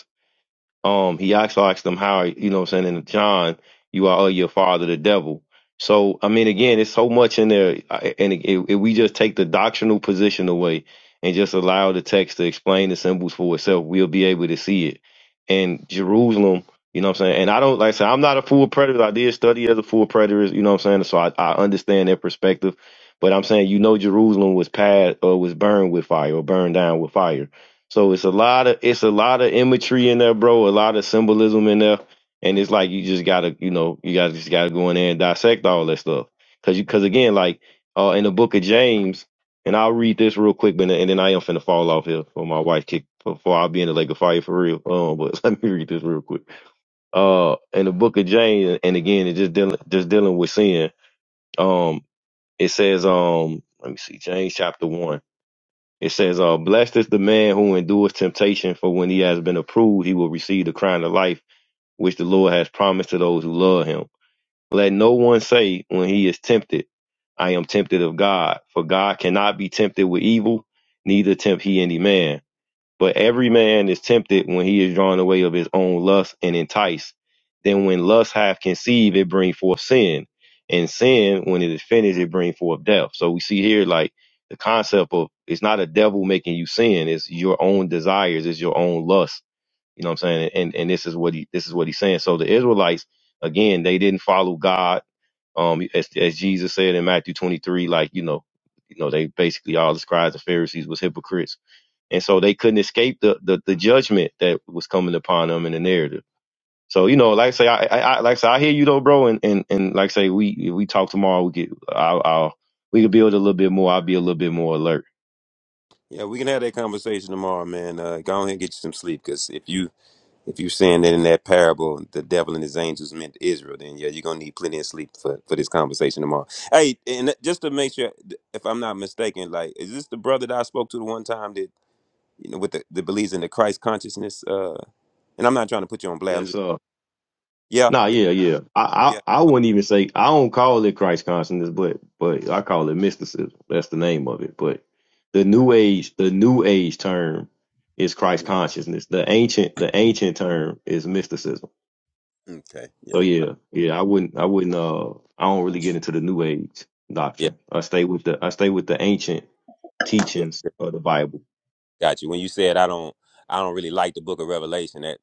Speaker 4: um, he also asked them how, you know what I'm saying, in John, you are of your father, the devil. So, I mean, again, it's so much in there. I- And if if we just take the doctrinal position away and just allow the text to explain the symbols for itself, we'll be able to see it. And Jerusalem, you know what I'm saying? And I don't, like I said, I'm not a full predator. I did study as a full preterist, you know what I'm saying? So I, I understand their perspective. But I'm saying, you know, Jerusalem was passed or was burned with fire or burned down with fire so it's a lot of it's a lot of imagery in there, bro. A lot of symbolism in there, and it's like you just gotta, you know, you gotta just gotta go in there and dissect all that stuff. Cause you, cause again, like uh, in the book of James, and I'll read this real quick, but and then I am finna fall off here for my wife kick before I be in the lake of fire for real. Um, but let me read this real quick. Uh, in the book of James, and again, it's just dealing just dealing with sin. Um, it says, um, let me see, James chapter one. It says, uh, blessed is the man who endures temptation, for when he has been approved, he will receive the crown of life, which the Lord has promised to those who love him. Let no one say when he is tempted, I am tempted of God, for God cannot be tempted with evil, neither tempt he any man. But every man is tempted when he is drawn away of his own lust and enticed. Then when lust hath conceived, it bring forth sin. And sin, when it is finished, it bring forth death. So we see here like the concept of it's not a devil making you sin, it's your own desires, it's your own lust. You know what I'm saying? And and this is what he this is what he's saying. So the Israelites, again, they didn't follow God. Um as as Jesus said in Matthew twenty three, like, you know, you know, they basically all the scribes and Pharisees was hypocrites and so they couldn't escape the, the, the judgment that was coming upon them in the narrative. So, you know, like I say, I, I, I like I say, I hear you though, bro. And, and, and like I say, we, if we talk tomorrow, we get, I'll, I'll, we can build a little bit more. I'll be a little bit more alert.
Speaker 14: yeah, we can have that conversation tomorrow, man. Uh, go ahead and get you some sleep, because if you if you saying that in that parable, the devil and his angels meant Israel, then yeah, you're gonna need plenty of sleep for for this conversation tomorrow. Hey, and uh, just to make sure, if I'm not mistaken, like, is this the brother that I spoke to the one time that you know with the, the believes in the Christ consciousness? Uh, and I'm not trying to put you on blast.
Speaker 4: Yeah.
Speaker 14: I'm just
Speaker 4: So,
Speaker 14: yeah,
Speaker 4: nah, yeah, yeah. I,
Speaker 14: yeah,
Speaker 4: I, I
Speaker 14: oh,
Speaker 4: wouldn't even say, I don't call it Christ consciousness, but, but I call it mysticism. That's the name of it. But the
Speaker 14: yeah.
Speaker 4: new age, the new age term is Christ
Speaker 14: Mm,
Speaker 4: consciousness. The ancient, the ancient term is mysticism.
Speaker 14: Okay, yeah,
Speaker 4: So
Speaker 14: I-
Speaker 4: yeah, yeah, I wouldn't, I wouldn't, uh, I don't really get into the New Age
Speaker 14: yeah.
Speaker 4: doctrine. I stay with the, I stay with the ancient
Speaker 14: yeah.
Speaker 4: teachings of the Bible.
Speaker 14: Got you. When you said I don't I don't really like the book of Revelation, that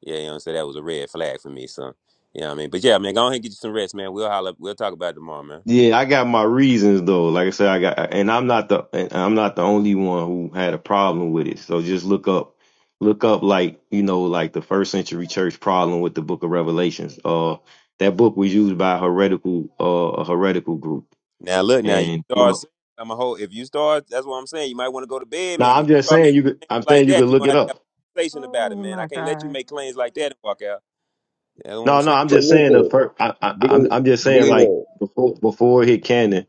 Speaker 14: yeah, you know what I'm saying? That was a red flag for me, son. You know what I mean? But yeah, man, go ahead and get you some rest, man. We'll holler we'll talk about it tomorrow, man.
Speaker 4: Yeah, I got my reasons though. Like I said, I got, and I'm not the, and I'm not the only one who had a problem with it. So just look up, look up like, you know, like the first century church problem with the book of Revelations. Uh, that book was used by a heretical, uh, a heretical group.
Speaker 14: Now look now you
Speaker 4: And, you
Speaker 14: start
Speaker 4: know,
Speaker 14: saying- I'm a whole if you start that's what I'm saying, you might want to go to bed,
Speaker 4: now
Speaker 14: man. When
Speaker 4: I'm
Speaker 14: you
Speaker 4: just
Speaker 14: start
Speaker 4: saying
Speaker 14: making
Speaker 4: you could,
Speaker 14: claims
Speaker 4: I'm
Speaker 14: like
Speaker 4: saying you could
Speaker 14: that, you're
Speaker 4: look
Speaker 14: gonna
Speaker 4: it
Speaker 14: have to
Speaker 4: up.
Speaker 14: have a conversation about it,
Speaker 6: Oh
Speaker 14: man. I
Speaker 6: my
Speaker 14: can't let you
Speaker 6: god.
Speaker 14: make claims like that and walk out. That's what I'm
Speaker 4: No, no,
Speaker 14: saying.
Speaker 4: I'm
Speaker 1: So
Speaker 4: just saying the
Speaker 1: listen,
Speaker 4: per- I, I, I'm
Speaker 1: Ble-
Speaker 4: I'm just saying like
Speaker 1: Bleedo,
Speaker 4: before before it hit canon,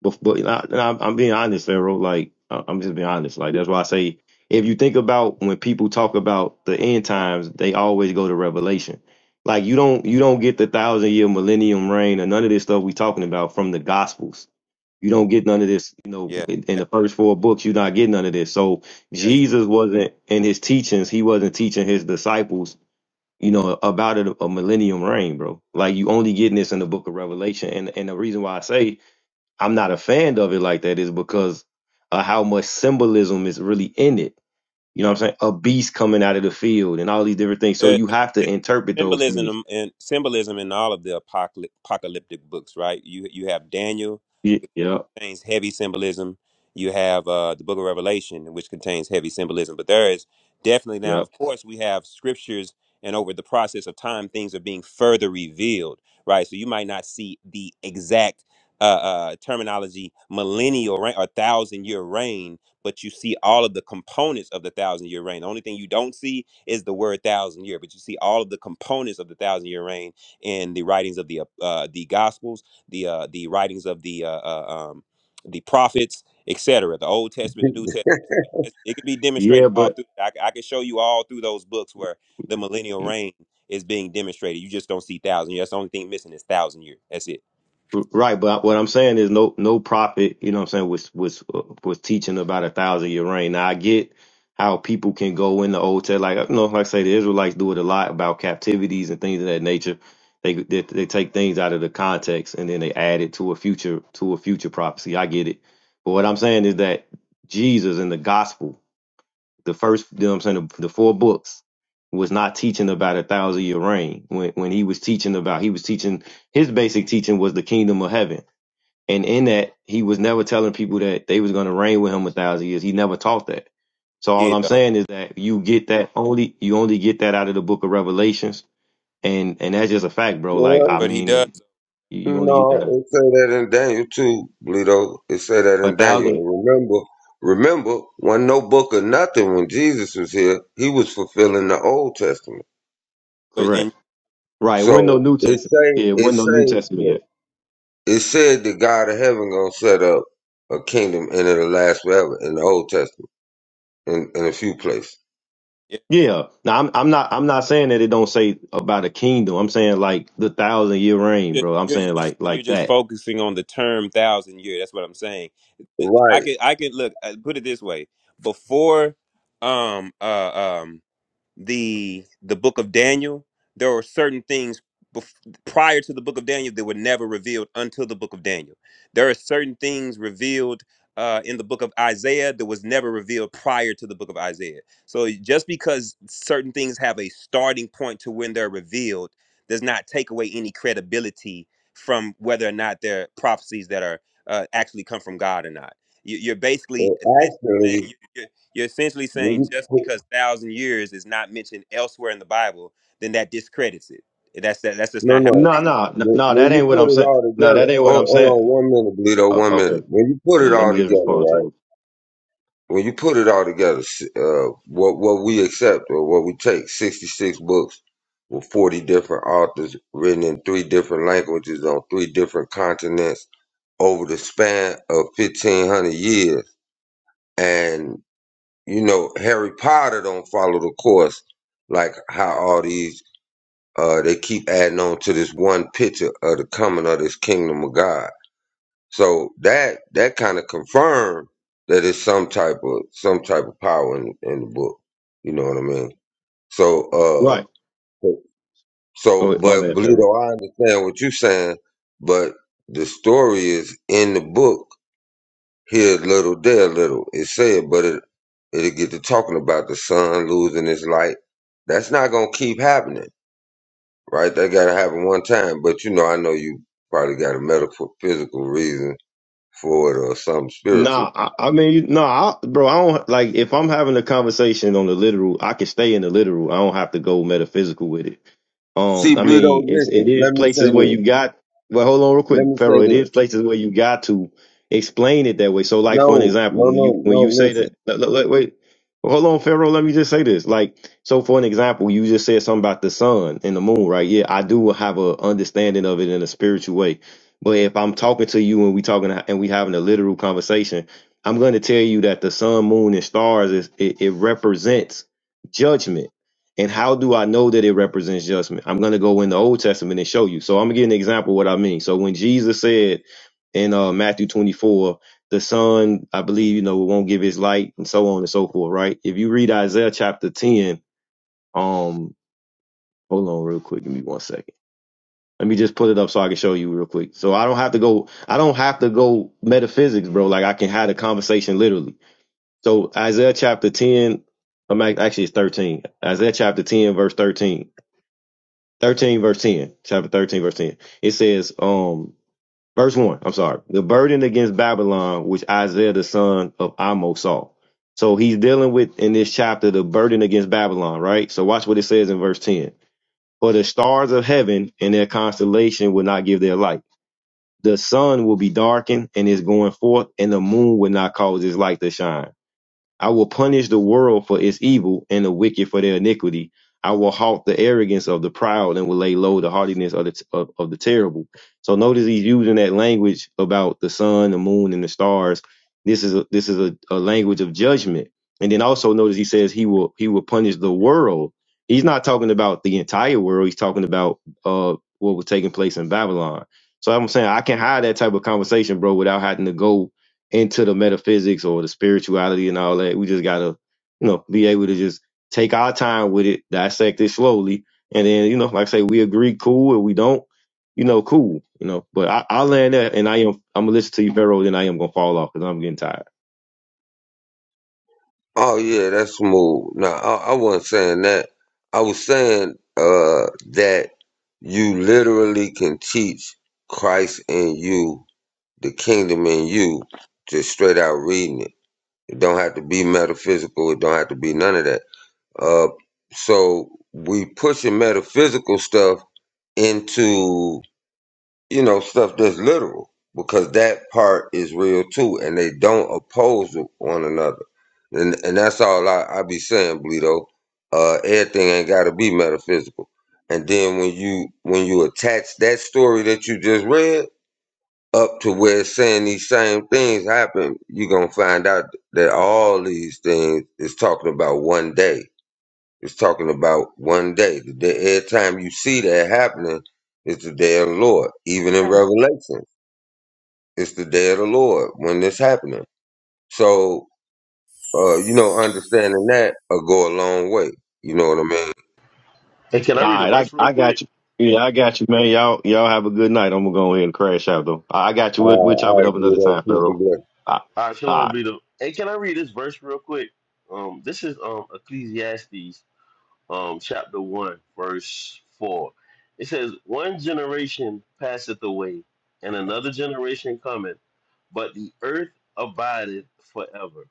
Speaker 4: before I, I'm I'm being honest, Pharaoh. Like I- I'm just being honest. Like that's why I say if you think about when people talk about the end times, they always go to Revelation. Like you don't you don't get the thousand year millennium reign or none of this stuff we talking about from the Gospels. You don't get none of this, you know,
Speaker 14: Yeah.
Speaker 4: in, in the first four books. You're not getting none of this. So
Speaker 14: Yeah.
Speaker 4: Jesus wasn't in his teachings. He wasn't teaching his disciples you know, about a, a millennium reign, bro. Like you only getting this in the book of Revelation. And and the reason why I say I'm not a fan of it like that is because of how much symbolism is really in it. You know what I'm saying? A beast coming out of the field and all these different things. So
Speaker 14: There-
Speaker 4: you have to
Speaker 14: there's
Speaker 4: interpret those things.
Speaker 14: symbolism and symbolism in all of the apocalyp- apocalyptic books, right? You you have Daniel,
Speaker 4: Ye-
Speaker 14: which
Speaker 4: Yep.
Speaker 14: contains heavy symbolism. You have uh, the Book of Revelation, which contains heavy symbolism. But there is definitely now,
Speaker 4: Yep.
Speaker 14: of course, we have scriptures, and over the process of time, things are being further revealed, right? So you might not see the exact uh, uh, terminology millennial reign or thousand year reign but you see all of the components of the thousand year reign. The only thing you don't see is the word thousand year, but you see all of the components of the thousand year reign in the writings of the uh, uh, the gospels, the uh, the writings of the uh, uh, um, the prophets, etc. The Old Testament, the New Testament. It's- It can be
Speaker 4: Yeah,
Speaker 14: demonstrated all
Speaker 4: but
Speaker 14: through. I, c- I can show you all through those books where the millennial reign is being demonstrated. You just don't see thousand years. That's the only thing missing is thousand years. That's it.
Speaker 4: Right, but what I'm saying is no no prophet, you know what I'm saying, was was uh, was teaching about a thousand year reign. Now I get how people can go in the old testament, like you know, like I say the Israelites do it a lot about captivities and things of that nature. They, they they take things out of the context and then they add it to a future to a future prophecy. I get it. But what I'm saying is that Jesus and the gospel, the first you know what I'm saying, the, the four books was not teaching about a thousand year reign when when he was teaching about he was teaching his basic teaching was the kingdom of heaven and in that, he was never telling people that they was going to reign with him a thousand years. He never taught that. So all
Speaker 14: Yeah,
Speaker 4: I'm
Speaker 14: though.
Speaker 4: saying is that you get that only you only get that out of the book of Revelations, and and that's just a fact, bro. Like I
Speaker 1: well,
Speaker 14: But he
Speaker 4: mean, and
Speaker 14: does.
Speaker 4: you you only get
Speaker 1: no,
Speaker 4: that out
Speaker 1: it say that in Daniel too, Bleedo. It say that
Speaker 4: a
Speaker 1: in Daniel.
Speaker 4: thousand,
Speaker 1: And remember, remember, when no book or nothing when Jesus was here, he was fulfilling the Old Testament.
Speaker 14: But in
Speaker 4: correct? Right? It wasn't no
Speaker 1: So
Speaker 4: New
Speaker 1: it
Speaker 4: Testament. Yeah,
Speaker 1: say,
Speaker 4: it
Speaker 1: it
Speaker 4: wasn't no New
Speaker 1: say
Speaker 4: Testament
Speaker 1: that
Speaker 4: yet.
Speaker 1: It said the God of heaven gonna set up a kingdom and it'll last forever in the Old Testament in, in a few places.
Speaker 4: Yeah. Now I'm I'm not I'm not saying that it don't say about a kingdom. I'm saying like the thousand year reign,
Speaker 14: just
Speaker 4: bro. I'm
Speaker 14: you're, you're
Speaker 4: saying
Speaker 14: just
Speaker 4: like
Speaker 14: you're
Speaker 4: like
Speaker 14: just
Speaker 4: that.
Speaker 14: focusing on the term thousand year. That's what I'm saying. I
Speaker 1: Right.
Speaker 14: can I can look uh, put it this way. Before um uh um the the book of Daniel, there are certain things bef- prior to the book of Daniel that were never revealed until the book of Daniel. There are certain things revealed uh, in the book of Isaiah that was never revealed prior to the book of Isaiah. So just because certain things have a starting point to when they're revealed does not take away any credibility from whether or not they're prophecies that are uh, actually come from God or not. You, you're basically
Speaker 1: Well,
Speaker 14: essentially
Speaker 1: actually,
Speaker 14: saying you're essentially
Speaker 1: when
Speaker 14: saying
Speaker 1: you
Speaker 14: just
Speaker 1: put,
Speaker 14: because thousand years is not mentioned elsewhere in the Bible, then that discredits it. That's that, that's just
Speaker 1: no,
Speaker 14: not
Speaker 1: no.
Speaker 14: how.
Speaker 4: No, no, no,
Speaker 1: When
Speaker 4: no,
Speaker 1: when
Speaker 4: that
Speaker 1: you
Speaker 4: ain't what I'm
Speaker 1: put it
Speaker 4: saying.
Speaker 1: all
Speaker 4: No,
Speaker 1: together,
Speaker 4: that ain't what
Speaker 1: hold,
Speaker 4: I'm
Speaker 1: hold on
Speaker 4: saying.
Speaker 1: one minute, Bleedo,
Speaker 4: Oh,
Speaker 1: one
Speaker 4: okay.
Speaker 1: minute. When you put
Speaker 4: Let
Speaker 1: it
Speaker 4: let
Speaker 1: all
Speaker 4: me just
Speaker 1: together,
Speaker 4: respond
Speaker 1: right?
Speaker 4: response.
Speaker 1: When you put it all together, s- uh, what what we accept or what we take, sixty six books with forty different authors written in three different languages on three different continents over the span of 1500 years and you know harry potter don't follow the course like how all these uh they keep adding on to this one picture of the coming of this kingdom of god so that that kind of confirmed that it's some type of some type of power in, in the book you know what i mean so
Speaker 4: From
Speaker 1: uh
Speaker 4: Right. Oh,
Speaker 1: so
Speaker 4: my
Speaker 1: but
Speaker 4: bad, Pharaoh.
Speaker 1: Belito, i understand what you're saying but the story is in the book here a little, there a little. It said, but it it'll get to talking about the sun losing its light. That's not gonna keep happening, right? That gotta happen one time. But you know, I know you probably got a medical physical reason for it or something spiritual.
Speaker 4: Nah, I, I mean, you- nah, I, bro. I don't like if I'm having a conversation on the literal. I can stay in the literal. I don't have to go metaphysical with it. Um,
Speaker 1: See,
Speaker 4: I
Speaker 1: Bleedo,
Speaker 4: mean, it's it
Speaker 1: listen,
Speaker 4: is
Speaker 1: let me
Speaker 4: places
Speaker 1: say
Speaker 4: where
Speaker 1: this.
Speaker 4: you got. Well, hold on real
Speaker 1: Let
Speaker 4: quick,
Speaker 1: me say
Speaker 4: Pharaoh. It is
Speaker 1: this.
Speaker 4: places where you got to explain it that way. So, like for an
Speaker 1: No,
Speaker 4: example,
Speaker 1: no,
Speaker 4: when you
Speaker 1: no,
Speaker 4: when you
Speaker 1: no,
Speaker 4: say
Speaker 1: listen.
Speaker 4: that, look, look, look, wait, hold on, Pharaoh. Let me just say this. Like, so for an example, you just said something about the sun and the moon, right? Yeah, I do have a understanding of it in a spiritual way. But if I'm talking to you and we talking and we having a literal conversation, I'm going to tell you that the sun, moon, and stars is it, it represents judgment and how do I know that it represents judgment? I'm going to go in the Old Testament and show you. So I'm going to give an example of what I mean. So when Jesus said in uh, Matthew 24, the son, I believe, you know, won't give his light and so on and so forth, right? If you read Isaiah chapter 10, um, hold on real quick. Give me one second. Let me just pull it up so I can show you real quick. So I don't have to go, I don't have to go metaphysics, bro. Like I can have a conversation literally. So Isaiah chapter 10, I'm act- actually it's 13. Isaiah chapter 10, verse 13. 13 verse 10 chapter 13 verse 10 it says um verse 1 i'm sorry the burden against babylon which isaiah the son of amos saw so he's dealing with in this chapter the burden against babylon right so watch what it says in verse 10 for the stars of heaven and their constellation will not give their light the sun will be darkened and is going forth and the moon will not cause its light to shine I will punish the world for its evil and the wicked for their iniquity. I will halt the arrogance of the proud and will lay low the haughtiness of the of, of the terrible. So notice he's using that language about the sun, the moon, and the stars. This is a, this is a, a language of judgment. And then also notice he says he will he will punish the world. He's not talking about the entire world. He's talking about uh what was taking place in Babylon. So I'm saying I can hide that type of conversation, bro, without having to go into the metaphysics or the spirituality and all that. We just gotta, you know, be able to just take our time with it, dissect it slowly, and then, you know, like I say, we agree, cool, and we don't, you know, cool, you know. But I, I land there, and I am, I'm gonna listen to you, Pharaoh, then I am gonna fall off because I'm getting tired.
Speaker 1: Oh yeah, that's smooth. No, I, I wasn't saying that. I was saying uh that you literally can teach Christ in you the kingdom in you, just straight out reading it. It don't have to be metaphysical. It don't have to be none of that. Uh, so we pushing metaphysical stuff into you know stuff that's literal because that part is real too, and they don't oppose one another. And and that's all I, I be saying, Bleedo. Uh, everything ain't got to be metaphysical. And then when you when you attach that story that you just read up to where it's saying these same things happen, you're gonna find out that all these things is talking about one day. It's talking about one day. The day every time you see that happening, it's the day of the Lord. Even in
Speaker 6: Okay.
Speaker 1: Revelation, it's the day of the Lord when this happening. So uh, you know, understanding that will go a long way. You know what I mean?
Speaker 9: can
Speaker 4: All
Speaker 9: I read a
Speaker 4: right,
Speaker 9: verse
Speaker 4: I,
Speaker 9: real
Speaker 4: I
Speaker 9: quick?
Speaker 4: got you. Yeah, I got you, man. Y'all, y'all have a good night. I'm gonna go ahead and crash out though. I I got you. We'll, we'll
Speaker 1: Uh,
Speaker 4: chop it
Speaker 1: I
Speaker 4: up
Speaker 1: agree
Speaker 4: another
Speaker 1: that
Speaker 4: time,
Speaker 1: piece of
Speaker 4: Pharaoh.
Speaker 1: that.
Speaker 4: All
Speaker 9: All right, shalom,
Speaker 4: right.
Speaker 9: be the. Hey, can I read this verse real quick? Um, this is um Ecclesiastes um, chapter 1, verse 4. It says, One generation passeth away, and another generation cometh, but the earth abideth forever.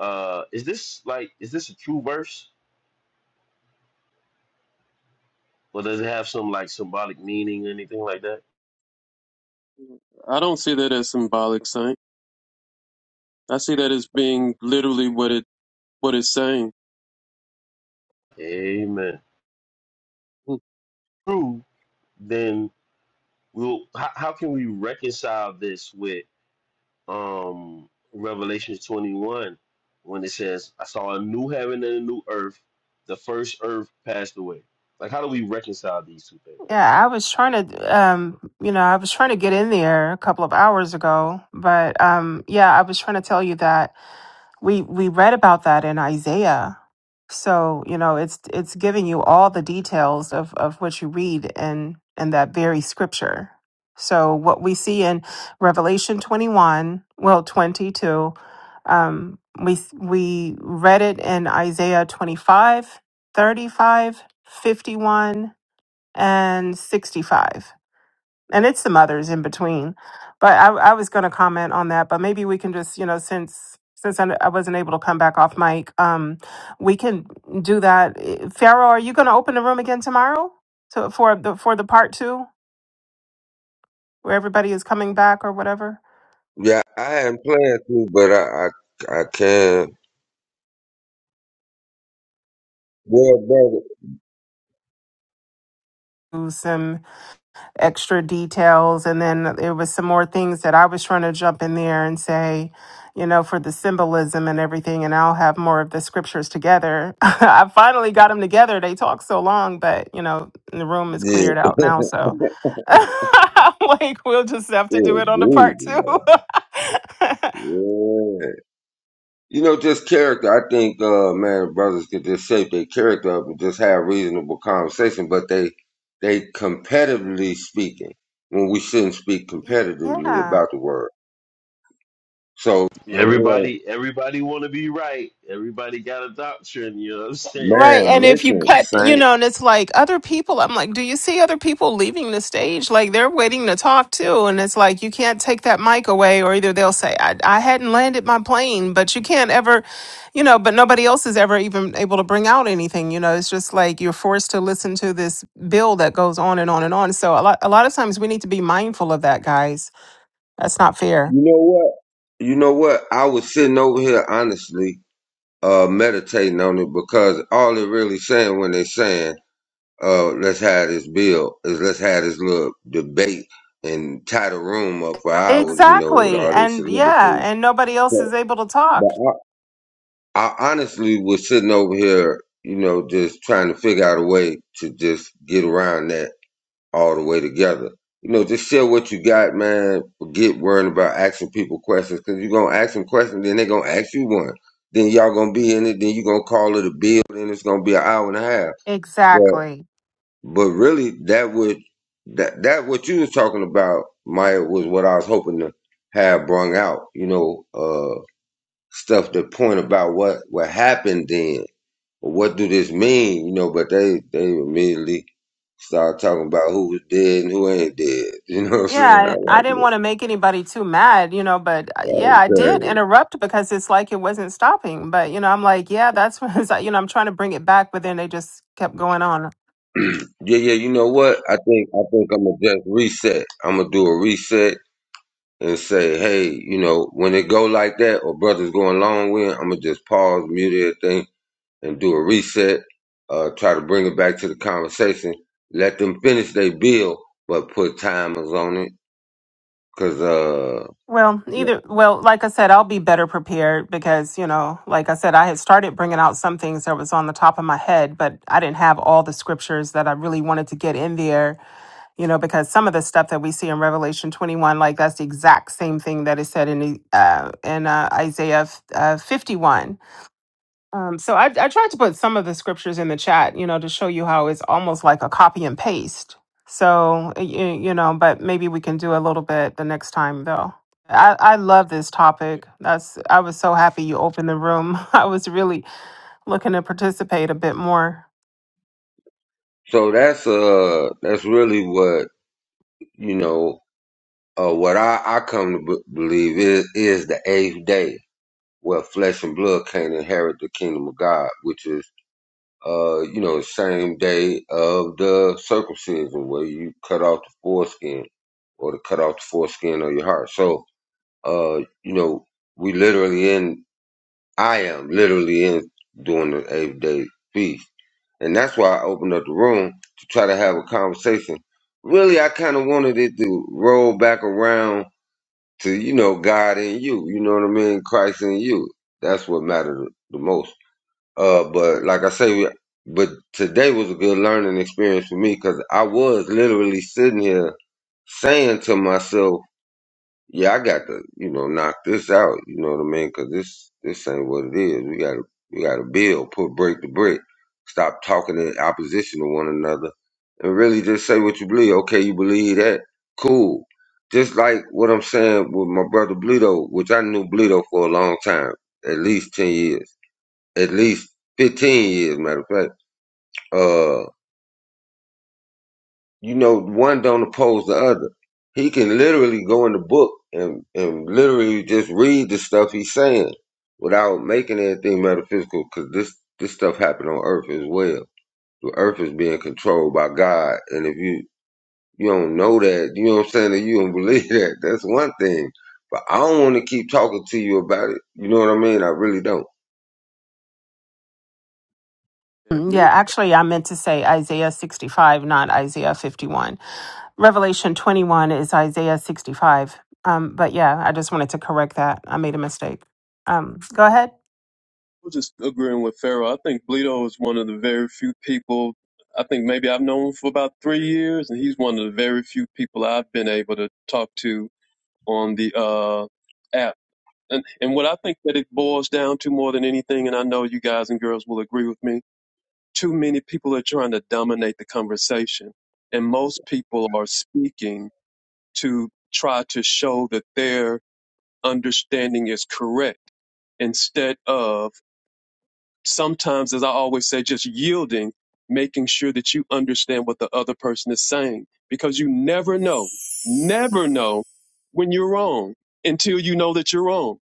Speaker 9: Uh, is this like, is this a true verse? Or does it have some like symbolic meaning or anything like that?
Speaker 2: I don't see that as symbolic, Saint. I see that as being literally what it what it's saying.
Speaker 9: Amen.
Speaker 2: Hmm.
Speaker 9: True, then we'll, how, how can we reconcile this with? um Revelation 21 when it says, I saw a new heaven and a new earth. The first earth passed away. Like how do we reconcile these two things?
Speaker 6: Yeah, I was trying to um you know, I was trying to get in there a couple of hours ago, but um yeah, I was trying to tell you that we we read about that in Isaiah. So, you know, it's it's giving you all the details of of what you read in in that very scripture. So, what we see in Revelation 21, well 22, um we we read it in Isaiah 25, 35, 51, and 65 and it's some others in between. But I, I was going to comment on that, but maybe we can just, you know, since since I, I wasn't able to come back off mic, um, we can do that. Eh, Pharaoh, are you going to open the room again tomorrow to, for the for the part two where everybody is coming back or whatever?
Speaker 1: Yeah, I haven't planned to, but I I, I can. Yeah, brother.
Speaker 6: Do some extra details. And then there was some more things that I was trying to jump in there and say, you know, for the symbolism and everything. And I'll have more of the scriptures together. I finally got them together. They talked so long, but, you know, the room is
Speaker 1: Yeah.
Speaker 6: cleared out now. So. I'm like we'll just have
Speaker 1: Yeah,
Speaker 6: to do it on the
Speaker 1: deep,
Speaker 6: part two.
Speaker 1: man. Yeah. You know, just character. I think, uh, man, brothers could just shape their character up and just have reasonable conversation, but they, they competitively speaking when we shouldn't speak competitively
Speaker 6: yeah.
Speaker 1: about the word. So, you know, well,
Speaker 9: Everybody everybody wanna be right. Everybody got a doctrine, you know what I'm saying?
Speaker 6: Right.
Speaker 1: man,
Speaker 6: And
Speaker 9: So
Speaker 6: if you
Speaker 1: listen,
Speaker 6: cut, you
Speaker 1: Saint,
Speaker 6: know, and it's like other people, I'm like, do you see other people leaving the stage? Like they're waiting to talk too. And it's like, you can't take that mic away, or either they'll say, I, I hadn't landed my plane, but you can't ever, you know, but nobody else is ever even able to bring out anything. You know, it's just like you're forced to listen to this bill that goes on and on and on. So a lot, a lot of times we need to be mindful of that, guys. That's not fair.
Speaker 1: you know what? You know what? I was sitting over here honestly, uh, meditating on it because all they're really saying when they're saying uh, let's have this bill is let's have this little debate and tie the room up for hours, you know, with
Speaker 6: Exactly.
Speaker 1: all this
Speaker 6: And yeah,
Speaker 1: soliloquy.
Speaker 6: and nobody else
Speaker 1: So,
Speaker 6: is able to
Speaker 1: but
Speaker 6: talk.
Speaker 1: I, I honestly was sitting over here, you know, just trying to figure out a way to just get around that all the way together. You know, just share what you got, man. Forget worrying about asking people questions because you're going to ask them questions, then they're going to ask you one. Then y'all going to be in it, then you're going to call it a bill, then it's going to be an hour and a half.
Speaker 6: Exactly.
Speaker 1: But really, that would that that what you was talking about, Maya, was what I was hoping to have brung out. You know, uh, stuff to point about what what happened then. or What do this mean? You know, but they they immediately start talking about who was dead and who ain't dead. You know what I'm saying? I
Speaker 6: Yeah, I I didn't
Speaker 1: like
Speaker 6: want to make anybody too mad, you know, but uh, yeah,
Speaker 1: it.
Speaker 6: I did interrupt because it's like it wasn't stopping. But, you know, I'm like, yeah, that's when, it's like, you know, I'm trying to bring it back, but then they just kept going on.
Speaker 1: Okay. yeah, yeah. You know what? I think I think I'm gonna just reset. I'm gonna do a reset and say, hey, you know, when it go like that or brothers going long with, I'm gonna just pause, mute everything, and do a reset. Uh, try to bring it back to the conversation. Let them finish their bill, but put timers on it, cause uh,
Speaker 6: Well, either, well, like I said, I'll be better prepared because, you know, like I said, I had started bringing out some things that was on the top of my head, but I didn't have all the scriptures that I really wanted to get in there you know, because some of the stuff that we see in Revelation 21, like that's the exact same thing that is said in uh, in uh, Isaiah f- uh, 51. Um, so I, I tried to put some of the scriptures in the chat, you know, to show you how it's almost like a copy and paste. So you, you know, but maybe we can do a little bit the next time, though. I, I love this topic. That's I was so happy you opened the room. I was really looking to participate a bit more.
Speaker 1: so that's uh, that's really what you know. Uh, what I, I come to b- believe is is the eighth day where flesh and blood can't inherit the kingdom of God, which is uh, you know, same day of the circumcision where you cut off the foreskin or to cut off the foreskin of your heart. So, uh, you know, we literally in, I am literally in doing the eighth day feast. And that's why I opened up the room to try to have a conversation. Really, I kind of wanted it to roll back around to, you know, God and you, you know what I mean? Christ and you. That's what mattered the most uh, but like I say, we- but today was a good learning experience for me because I was literally sitting here saying to myself, "Yeah, I got to, you know, knock this out." You know what I mean? Because this this ain't what it is. We got to we got to build, put break to brick, stop talking in opposition to one another, and really just say what you believe. Okay, you believe that? Cool. Just like what I'm saying with my brother Bleedo, which I knew Bleedo for a long time, at least ten years at least 15 years, matter of fact, uh, you know, one don't oppose the other. He can literally go in the book and, and literally just read the stuff he's saying without making anything metaphysical because this, this stuff happened on earth as well. The earth is being controlled by God. And if you, you don't know that, you know what I'm saying, that you don't believe that, that's one thing. But I don't want to keep talking to you about it. You know what I mean? I really don't.
Speaker 6: Mm, Yeah, actually, I meant to say Isaiah 65, not Isaiah 51 Revelation 21 is Isaiah 65. Um, but yeah, I just wanted to correct that. I made a mistake. Um, go ahead.
Speaker 2: was just agreeing with Pharaoh. I think Bleedo is one of the very few people. I think maybe I've known him for about three years, and he's one of the very few people I've been able to talk to on the uh, app. And and what I think that it boils down to more than anything, and I know you guys and girls will agree with me, too many people are trying to dominate the conversation, and most people are speaking to try to show that their understanding is correct instead of sometimes, as I always say, just yielding, making sure that you understand what the other person is saying, because you never know, never know when you're wrong until you know that you're wrong.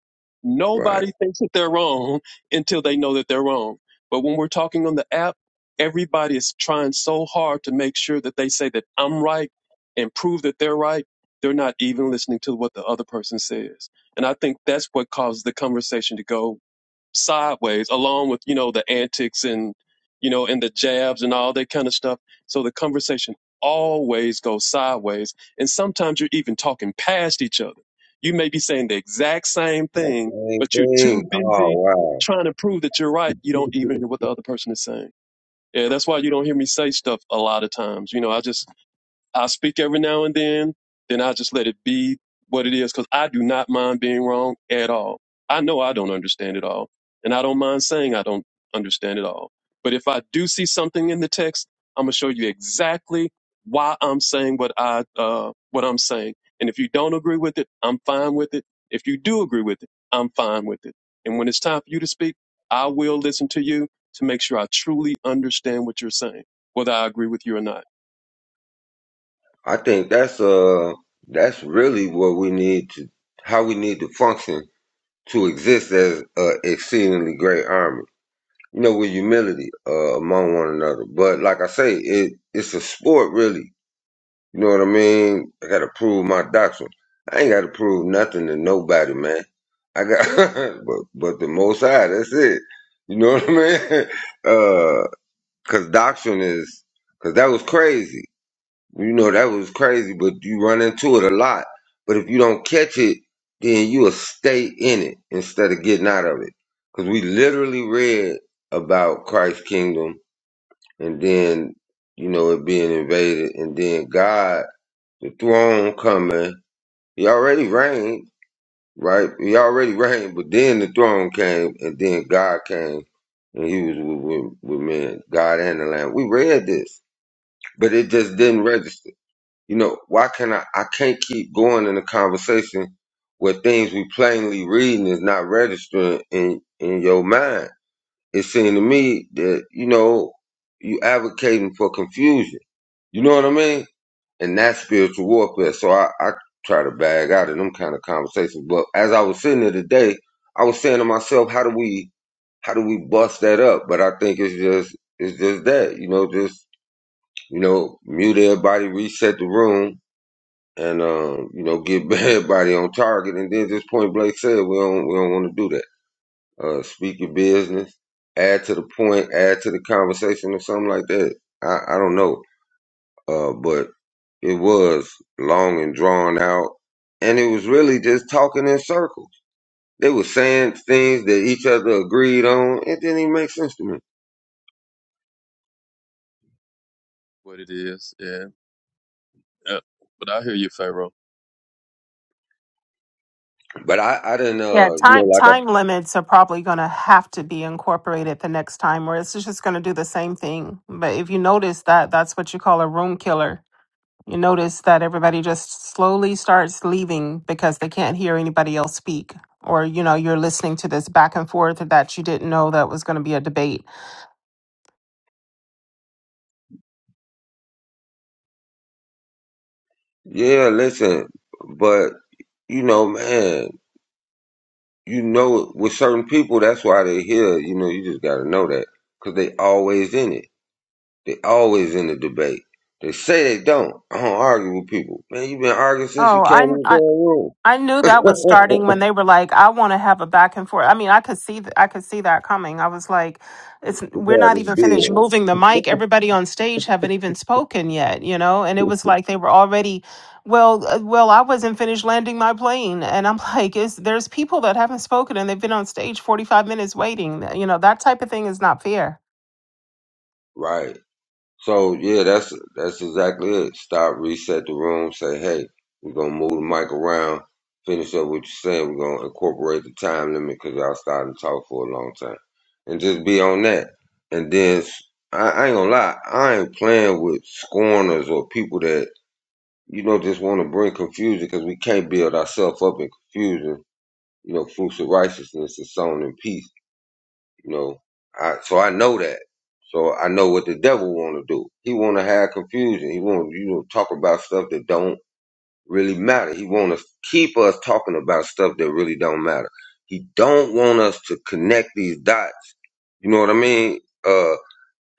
Speaker 1: Right.
Speaker 2: Nobody thinks that they're wrong until they know that they're wrong. But when we're talking on the app, everybody is trying so hard to make sure that they say that I'm right and prove that they're right. They're not even listening to what the other person says. And I think that's what causes the conversation to go sideways, along with you know the antics and you know and the jabs and all that kind of stuff. So the conversation always goes sideways, and sometimes you're even talking past each other. You may be saying the exact same
Speaker 1: That's the
Speaker 2: thing,
Speaker 1: same
Speaker 2: but you're too
Speaker 1: thing. Oh,
Speaker 2: busy
Speaker 1: wow.
Speaker 2: trying to prove that you're right. You don't even hear what the other person is saying. Yeah, that's why you don't hear me say stuff a lot of times. You know, I just I'll speak every now and then, then I'll just let it be what it is because I do not mind being wrong at all. I know I don't understand it all, and I don't mind saying I don't understand it all. But if I do see something in the text, I'm gonna show you exactly why I'm saying what I uh, what I'm saying. And if you don't agree with it, I'm fine with it. If you do agree with it, I'm fine with it. And when it's time for you to speak, I will listen to you to make sure I truly understand what you're saying, whether I agree with you or not.
Speaker 1: I think that's uh that's really what we need to how we need to function to exist as a exceedingly great army. You know, with humility uh, among one another. But like I say, it it's a sport really. You know what I mean? I gotta prove my doctrine. I ain't gotta prove nothing to nobody, man. I got but but the most high, that's it. You know what I mean? Uh, cause doctrine is cause that was crazy. You know, that was crazy, but you run into it a lot. But if you don't catch it, then you'll stay in it instead of getting out of it. Because we literally read about Christ's kingdom and then, you know, it being invaded and then God, the throne coming. He already reigned, right? He already reigned, but then the throne came and then God came and he was with, with, with men, God and the Lamb. We read this, but it just didn't register you know, why can I? I can't keep going in a conversation where things we plainly reading is not registering in in your mind. It seemed to me that you know you advocating for confusion. You know what I mean? And that's spiritual warfare. So I, I try to bag out of them kind of conversations. But as I was sitting there today, I was saying to myself, how do we how do we bust that up? But I think it's just it's just that you know just you know mute everybody, reset the room and um, you know, get everybody on target. And then just point Blake said, we don't we don't want to do that. Uh, speak your business, add to the point, add to the conversation, or something like that. I I don't know, uh, but it was long and drawn out, and it was really just talking in circles. They were saying things that each other agreed on. It didn't even make sense to me.
Speaker 2: What it is, yeah. Yeah, but I hear you, Pharaoh.
Speaker 1: But I, I didn't,
Speaker 6: Yeah,
Speaker 1: uh, you know,
Speaker 6: time
Speaker 1: like, I,
Speaker 6: time limits are probably going to have to be incorporated the next time, or it's just going to do the same thing. But if you notice that, that's what you call a room killer. You notice that everybody just slowly starts leaving because they can't hear anybody else speak, or you know, you're listening to this back and forth that you didn't know that was going to be a debate
Speaker 1: yeah, listen, but you know, man, you know with certain people that's why they're here you know you just got to know that because they always in it they always in the debate they say they don't i don't argue with people man you been arguing since you
Speaker 6: Oh,
Speaker 1: came
Speaker 6: I,
Speaker 1: in the
Speaker 6: I
Speaker 1: damn room
Speaker 6: I knew that was starting when they were like, I want to have a back and forth. I mean, I could see th- I could see that coming. I was like, it's
Speaker 1: It's
Speaker 6: we're
Speaker 1: how
Speaker 6: not
Speaker 1: this
Speaker 6: even finished
Speaker 1: bill
Speaker 6: moving the mic. Everybody on stage haven't even spoken yet, you know? And it was like they were already well, uh, well, I wasn't finished landing my plane, and I'm like, is there's people that haven't spoken and they've been on stage 45 minutes waiting. You know, that type of thing is not fair.
Speaker 1: right So yeah, that's that's exactly it. Stop, reset the room. Say, hey, we're gonna move the mic around. Finish up what you're saying. We're gonna incorporate the time limit because y'all starting to talk for a long time, and just be on that. And then s- I, I ain't gonna lie, I ain't playing with scorners or people that you know just want to bring confusion because we can't build ourselves up in confusion. You know, fruits of righteousness is sown in peace. You know, I so I know that. So I know what the devil want to do. He want to have confusion. He want you know talk about stuff that don't really matter. He want to keep us talking about stuff that really don't matter. He don't want us to connect these dots. You know what I mean? Uh,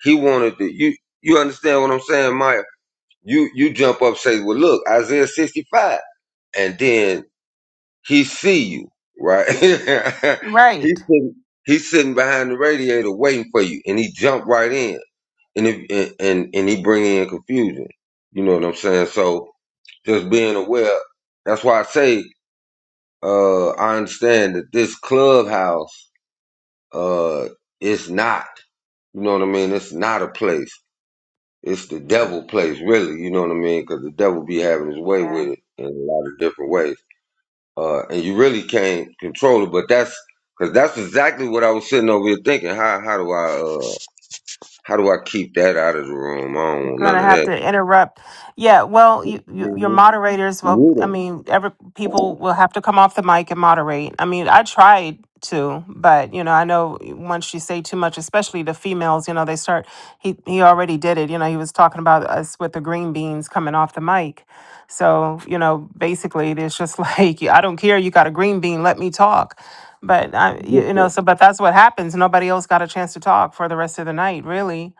Speaker 1: he wanted to. You you understand what I'm saying, Maya? You you jump up say, well, look, Isaiah 65, and then he see you, right? he
Speaker 6: Right.
Speaker 1: sitting, he's sitting behind the radiator waiting for you, and he jumped right in, and if, and, and and he bring in confusion. You know what I'm saying? So just being aware. That's why I say uh, I understand that this clubhouse uh, is not. You know what I mean? It's not a place. It's the devil place, really. You know what I mean? Because the devil be having his way
Speaker 6: Yeah.
Speaker 1: with it in a lot of different ways. uh, and you really can't control it. But that's because that's exactly what I was sitting over here thinking. How how do I uh, how do I keep that out of the room? I don't want
Speaker 6: going
Speaker 1: none
Speaker 6: to
Speaker 1: of
Speaker 6: have
Speaker 1: that.
Speaker 6: to interrupt. Yeah, well, you, you, your
Speaker 1: hmm
Speaker 6: moderators, well, I mean, every people will have to come off the mic and moderate. I mean, I tried to, but you know, I know once you say too much, especially the females, you know, they start. He he already did it. You know, he was talking about us with the green beans coming off the mic. So you know, basically, it's just like I don't care. You got a green bean, let me talk. But I, you you
Speaker 1: Neither.
Speaker 6: know, so but that's what happens. Nobody else got a chance to talk for the rest of the night, really.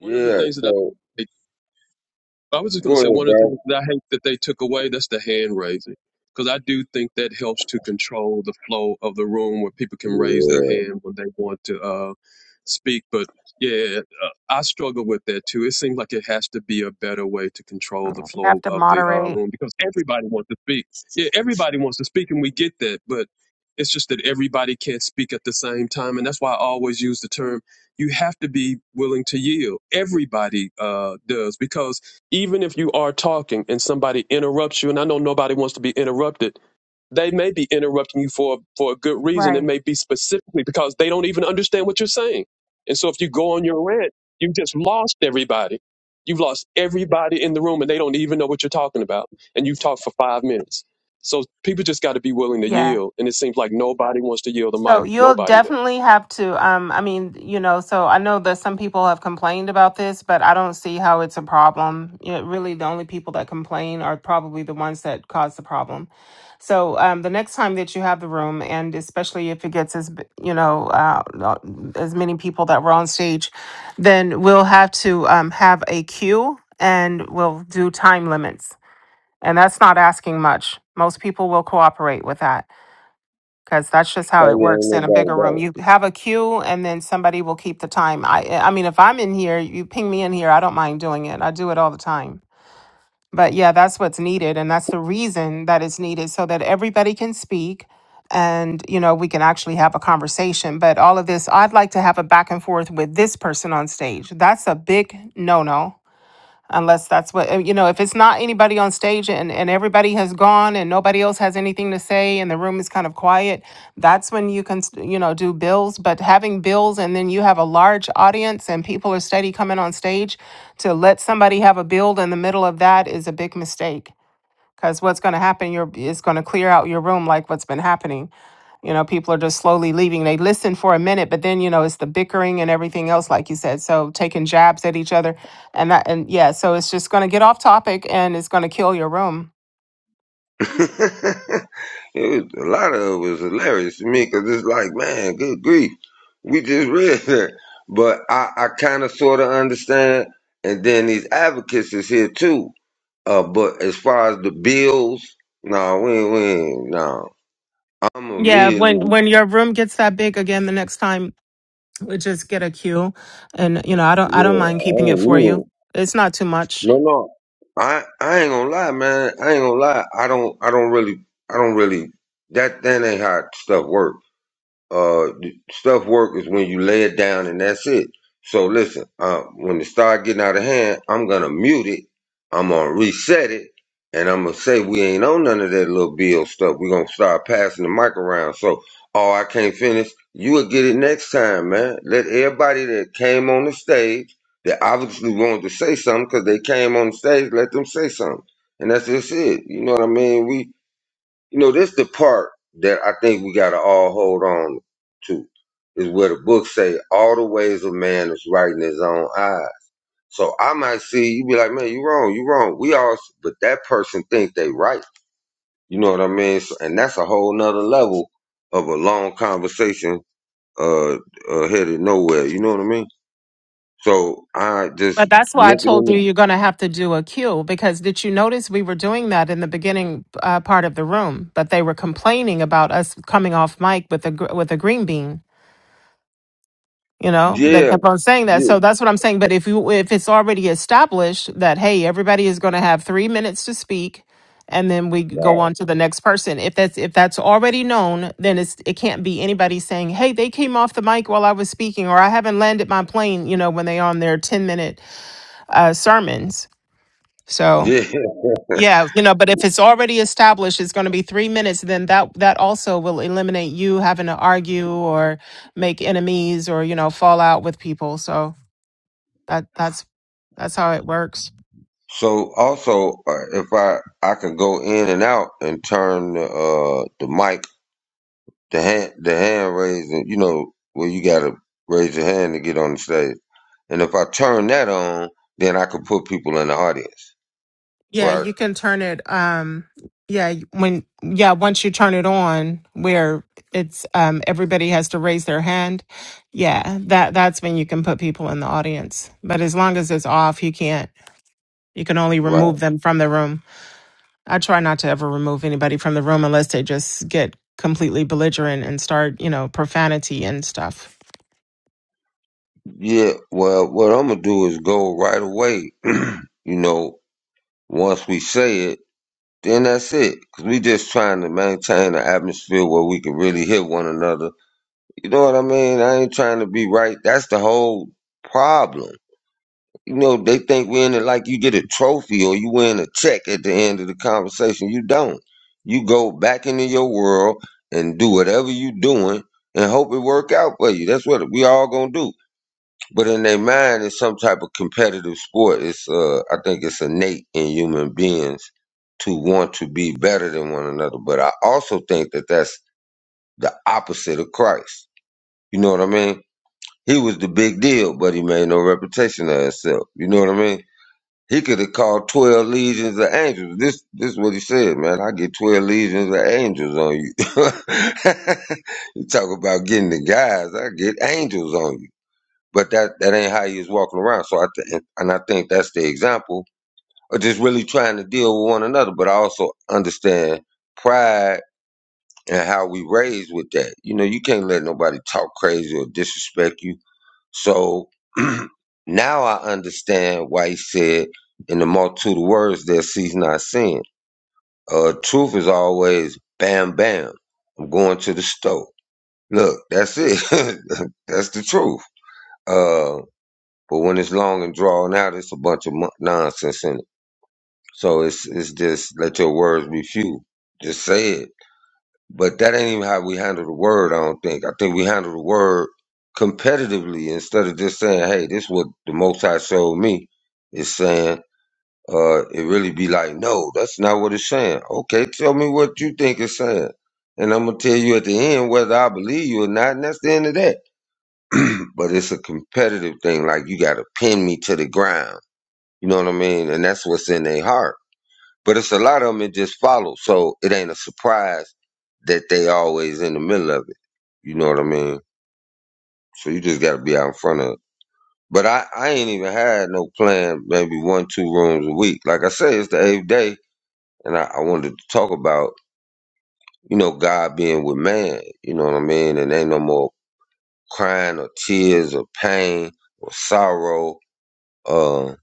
Speaker 1: Yeah.
Speaker 2: of the
Speaker 1: Yeah.
Speaker 2: things that
Speaker 1: So
Speaker 2: I I was just going to
Speaker 1: go
Speaker 2: say
Speaker 1: ahead,
Speaker 2: one of the
Speaker 1: bro.
Speaker 2: things that I hate that they took away that's the hand raising because I do think that helps to control the flow of the room where people can raise their
Speaker 1: Yeah.
Speaker 2: hand when they want to uh, speak. But yeah, uh, I struggle with that too. It seems like it has to be a better way to control the
Speaker 6: You
Speaker 2: flow
Speaker 6: have to
Speaker 2: of the uh,
Speaker 6: moderate.
Speaker 2: room because everybody wants to speak. Yeah, everybody wants to speak, and we get that, but it's just that everybody can't speak at the same time, and that's why I always use the term. You have to be willing to yield. Everybody uh, does because even if you are talking and somebody interrupts you, and I know nobody wants to be interrupted, they may be interrupting you for for a good reason. It
Speaker 6: Right.
Speaker 2: may be specifically because they don't even understand what you're saying. And so if you go on your rant, you just lost everybody. You've lost everybody in the room, and they don't even know what you're talking about. And you talk for five minutes. So people just got to be willing to
Speaker 6: Yeah.
Speaker 2: yield. And it seems like nobody wants to yield the
Speaker 6: So
Speaker 2: mic.
Speaker 6: you'll
Speaker 2: Nobody does.
Speaker 6: definitely have to um I mean, you know, so I know that some people have complained about this, but I don't see how it's a problem. You know, really the only people that complain are probably the ones that cause the problem. So um the next time that you have the room and especially if it gets as b- you know, uh, not- as many people that were on stage, then we'll have to um have a queue and we'll do time limits. And that's not asking much. Most people will cooperate with that because that's just
Speaker 1: I
Speaker 6: how it
Speaker 1: yeah, ain't
Speaker 6: works in a
Speaker 1: no
Speaker 6: bigger room.
Speaker 1: about
Speaker 6: You have a queue, and then somebody will keep the time. I, eh, I mean, if I'm in here, you ping me in here. I don't mind doing it. I do it all the time. But yeah, that's what's needed, and that's the reason that it's needed, so that everybody can speak, and you know we can actually have a conversation. But all of this, I'd like to have a back and forth with this person on stage. That's a big no no unless that's what uh, you know if it's not anybody on stage and, and everybody has gone and nobody else has anything to say and the room is kind of quiet that's when you can s- you know do bills but having bills and then you have a large audience and people are steady coming on stage to let somebody have a build in the middle of that is a big mistake because what's going to happen your it's going to clear out your room like what's been happening you know people are just slowly leaving they listen for a minute but then you know it's the bickering and everything else like you said so taking jabs at each other and that and yeah so it's just going to get off topic and it's going to kill your room
Speaker 1: it. it was a lot of it was hilarious to me because it's like, man, good grief, we just read that. But I I kind of sort of understand, and then these advocates is here too Uh, but as far as the bills, no, nah, we ain't, we ain't, no. I'm
Speaker 6: yeah when
Speaker 1: immediately,
Speaker 6: when your room gets that big again the next time we just get a cue and you know i don't i don't
Speaker 1: yeah,
Speaker 6: mind
Speaker 1: I
Speaker 6: keeping
Speaker 1: ain't
Speaker 6: it for you
Speaker 1: immediately,
Speaker 6: it's not too much
Speaker 1: no, no. I, I ain't gonna lie, man. I ain't gonna lie. I don't, I don't really, I don't really, that, that ain't how stuff works. Uh, the stuff work is when you lay it down and that's it. So listen, uh, when it start getting out of hand, I'm gonna mute it. I'm gonna reset it, and I'm gonna say we ain't on none of that little bill stuff. we gonna start passing the mic around. So, oh, I can't finish. You will get it next time, man. Let everybody that came on the stage that obviously wanted to say something because they came on the stage, let them say something, and that's just it. You know what I mean? We you know, this the part that I think we gotta all hold on to is where the book say all the ways of man is right in his own eyes. So I might see you be like, man, you wrong, you wrong. We all, but that person think they right. You know what I mean? So, and that's a whole nother level of a long conversation uh, uh headed nowhere. You know what I mean? So I just
Speaker 6: But that's why
Speaker 1: nip
Speaker 6: I
Speaker 1: it
Speaker 6: told you
Speaker 1: in
Speaker 6: you're going to have to do a queue because did you notice we were doing that in the beginning uh, part of the room? But they were complaining about us coming off mic with a gr- with a green bean. You
Speaker 1: the
Speaker 6: know, they
Speaker 1: yeah,
Speaker 6: kept on saying that.
Speaker 1: yeah,
Speaker 6: So that's what I'm saying. But if you if it's already established that hey, everybody is going to have three minutes to speak, and then we go
Speaker 1: right.
Speaker 6: on to the next person. If that's if that's already known, then it's it can't be anybody saying hey, they came off the mic while I was speaking, or I haven't landed my plane. You know, when they on their ten minute uh, sermons so
Speaker 1: yeah.
Speaker 6: yeah, you know, but if it's already established, it's going to be three minutes. Then that that also will eliminate you having to argue or make enemies or you know fall out with people. So that that's that's how it works.
Speaker 1: So also, uh, if I I can go in and out and turn the uh, the mic, the hand the hand raising, you know, where you gotta raise your hand to get on the stage. And if I turn that on, then I can put people in the audience.
Speaker 6: Yeah,
Speaker 1: Right,
Speaker 6: you can turn it. Um, yeah, when yeah, once you turn it on, where it's um everybody has to raise their hand. Yeah, that that's when you can put people in the audience. But as long as it's off, you can't. You can only
Speaker 1: right.
Speaker 6: remove them from the room. I try not to ever remove anybody from the room unless they just get completely belligerent and start, you know, profanity and stuff.
Speaker 1: Yeah. Well, what I'm gonna do is go right away. you know, once we say it, then that's it. 'Cause we just trying to maintain an atmosphere where we can really hit one another You know what I mean? I ain't trying to be right. That's the whole problem. You know, they think we're in it like you get a trophy or you win a check at the end of the conversation. You don't. You go back into your world and do whatever you doing and hope it work out for you. That's what we all gonna do. But in their mind, it's some type of competitive sport. It's uh, I think it's innate in human beings to want to be better than one another. But I also think that that's the opposite of Christ. You know what I mean? He was the big deal, but he made no reputation of himself. You know what I mean? He could have called twelve legions of angels. This this is what he said, man. I get twelve legions of angels on you. you talk about getting the guys, I get angels on you. But that that ain't how he was walking around. So I th- and I think that's the example of just really trying to deal with one another, but I also understand pride and how we raised with that. You know, you can't let nobody talk crazy or disrespect you so now I understand why he said in the multitude of words that sees not sin. Uh, truth is always bam bam. I'm going to the stove. Look, that's it. that's the truth. Uh, but when it's long and drawn out, it's a bunch of mon- nonsense in it. So it's it's just let your words be few. Just say it But that ain't even how we handle the word, I don't think. I think we handle the word competitively instead of just saying, hey, this is what the Most High showed me. It's saying, uh, it really be like, no, that's not what it's saying. Okay, tell me what you think it's saying. And I'm going to tell you at the end whether I believe you or not, and that's the end of that. but it's a competitive thing. Like, you got to pin me to the ground. You know what I mean? And that's what's in their heart but it's a lot of them that just follow, so it ain't a surprise that they always in the middle of it. You know what I mean? So you just gotta be out in front of it. But I, I ain't even had no plan, maybe one, two rooms a week. Like I say, it's the eighth day and I, I wanted to talk about, you know, God being with man, you know what I mean? And ain't no more crying or tears or pain or sorrow, because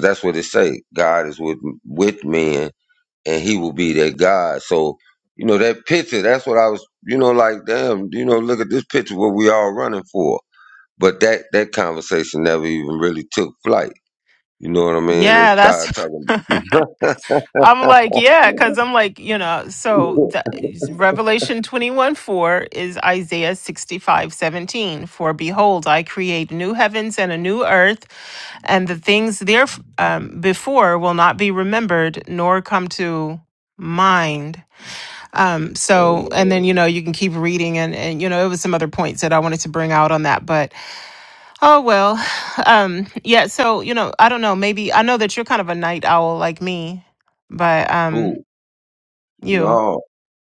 Speaker 1: that's what it say. God is with with men and he will be that God. So, you know, that picture, that's what I was, you know, like, damn, you know, look at this picture what we all running for. But that that conversation never even really took flight. You know what I mean? They
Speaker 6: Yeah, that's
Speaker 1: started talking
Speaker 6: I'm like, yeah, because I'm like, you know, so
Speaker 1: oh,
Speaker 6: the, Revelation 21 4 is Isaiah 65 17. For behold, I create new heavens and a new earth, and the things there um, before will not be remembered nor come to mind. Um, so, and then,
Speaker 1: man,
Speaker 6: you know, you can keep reading, and, and, you know, it was some other points that I wanted to bring out on that, but oh well. Um, yeah, so, you know, I don't know, maybe I know that you're kind of a night owl like me, but. um.
Speaker 1: who?
Speaker 6: You.
Speaker 1: No,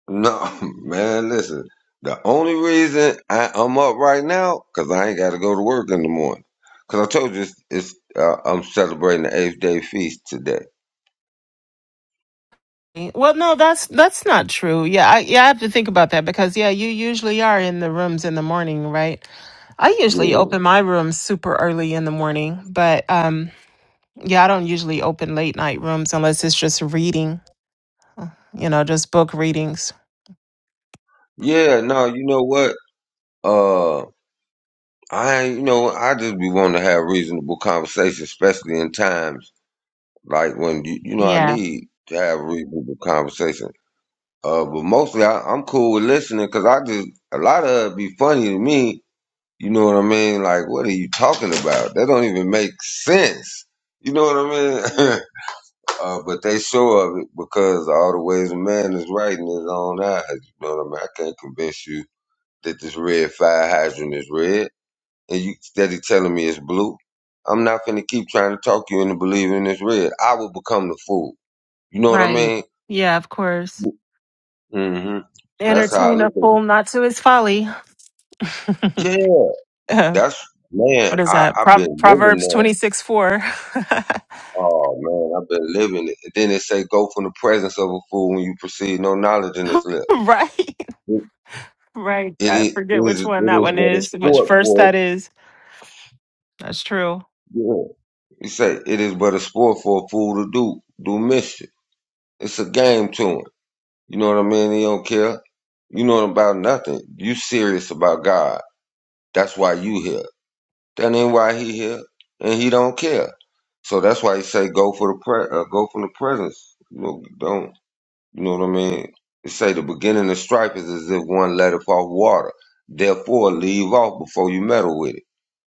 Speaker 1: no, man, listen. The only reason I, I'm up right now, cause I ain't gotta go to work in the morning. Cause I told you it's, it's uh, I'm celebrating the eighth day feast today.
Speaker 6: Well, no, that's that's not true. Yeah, I, yeah, I have to think about that because yeah, you usually are in the rooms in the morning, right? I usually
Speaker 1: Yeah.
Speaker 6: open my rooms super early in the morning, but um, yeah, I don't usually open late night rooms unless it's just reading, you know, just book readings.
Speaker 1: Yeah, no, you know what? Uh, I, you know, I just be wanting to have reasonable conversation, especially in times like when you, you know, I
Speaker 6: Yeah,
Speaker 1: need to have reasonable conversation. Uh, but mostly I, I'm cool with listening because I just a lot of it be funny to me. You know what I mean? Like, what are you talking about? That don't even make sense. You know what I mean? uh, but they sure of it because all the ways a man is right in his own eyes. You know what I mean? I can't convince you that this red fire hydrant is red and you steady telling me it's blue. I'm not finna keep trying to talk you into believing it's red. I will become the fool. You know what I
Speaker 6: right.
Speaker 1: mean?
Speaker 6: Yeah, of course.
Speaker 1: hmm So that's how I
Speaker 6: Entertain
Speaker 1: look
Speaker 6: a
Speaker 1: at it.
Speaker 6: fool not to his folly.
Speaker 1: Yeah,
Speaker 6: Uh,
Speaker 1: that's man.
Speaker 6: what is
Speaker 1: I
Speaker 6: that?
Speaker 1: I've
Speaker 6: Pro-
Speaker 1: been living
Speaker 6: Proverbs
Speaker 1: that.
Speaker 6: 26 4.
Speaker 1: Oh man, I've been living it. And then they say go from the presence of a fool when you perceive no knowledge in his lip.
Speaker 6: right.
Speaker 1: It,
Speaker 6: Right.
Speaker 1: it
Speaker 6: I
Speaker 1: is
Speaker 6: forget
Speaker 1: it
Speaker 6: which one that
Speaker 1: is
Speaker 6: one
Speaker 1: but a
Speaker 6: is, which
Speaker 1: sport
Speaker 6: verse
Speaker 1: for
Speaker 6: that is. That's true.
Speaker 1: yeah. You say it is but a sport for a fool to do do mischief. It's a game to him. You know what I mean? He don't care. You know about nothing. You serious about God. That's why you here. That ain't why he here, and he don't care. So that's why he say go for the pre- uh, go from the presence. You know, don't you know what I mean? It say the beginning of strife is as if one letteth off water. Therefore, leave off before you meddle with it.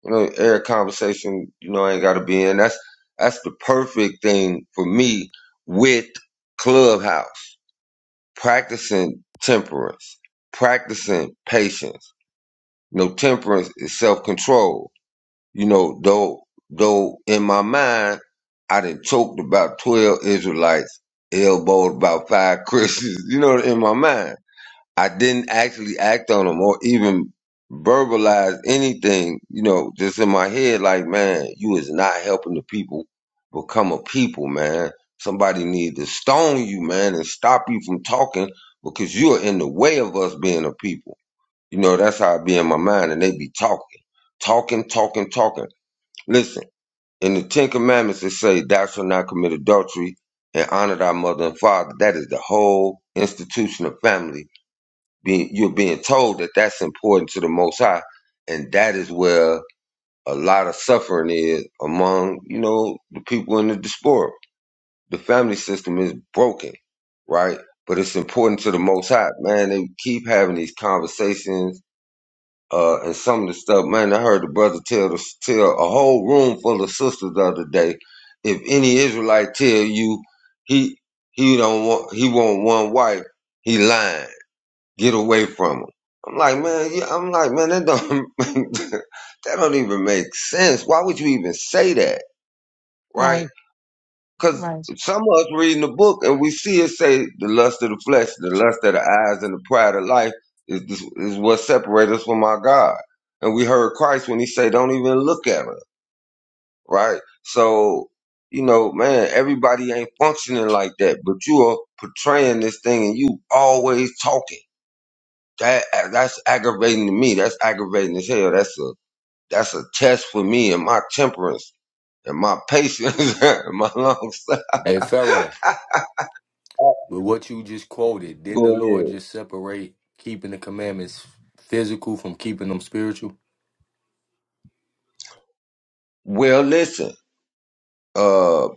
Speaker 1: You know, every conversation. You know, ain't got to be in. That's that's the perfect thing for me with Clubhouse practicing temperance, practicing patience. You know, temperance is self control. You know, though though in my mind I done choked about twelve Israelites, elbowed about five Christians, you know, in my mind. I didn't actually act on them or even verbalize anything, you know, just in my head, like, man, you is not helping the people become a people, man. Somebody need to stone you, man, and stop you from talking because you're in the way of us being a people. You know, that's how it be in my mind. And they be talking, talking, talking, talking. Listen, in the Ten Commandments, it say, thou shalt not commit adultery and honor thy mother and father. That is the whole institution of family being, you're being told that that's important to the Most High, and that is where a lot of suffering is among you know the people in the diaspora. The family system is broken, right? But it's important to the Most High, man. They keep having these conversations. Uh, and some of the stuff, man, I heard the brother tell the, tell a whole room full of sisters the other day. If any Israelite tell you he he don't want he want one wife, he lying Get away from them. I'm like, man, yeah, I'm like, man, that don't that don't even make sense. Why would you even say that, right?
Speaker 6: Right.
Speaker 1: Because
Speaker 6: Right.
Speaker 1: some of us reading the book and we see it say the lust of the flesh, the lust of the eyes, and the pride of life is is what separates us from our God. And we heard Christ when He say, "Don't even look at her," right? So, you know, man, everybody ain't functioning like that, but you are portraying this thing, and you always talking That that's aggravating to me. That's aggravating as hell. That's a that's a test for me and my temperance and my patience and my long suffering.
Speaker 7: Hey, Pharaoh. With what you just quoted, didn't the
Speaker 1: Go
Speaker 7: Lord
Speaker 1: ahead.
Speaker 7: just separate keeping the commandments physical from keeping them spiritual?
Speaker 1: Well, listen. Uh,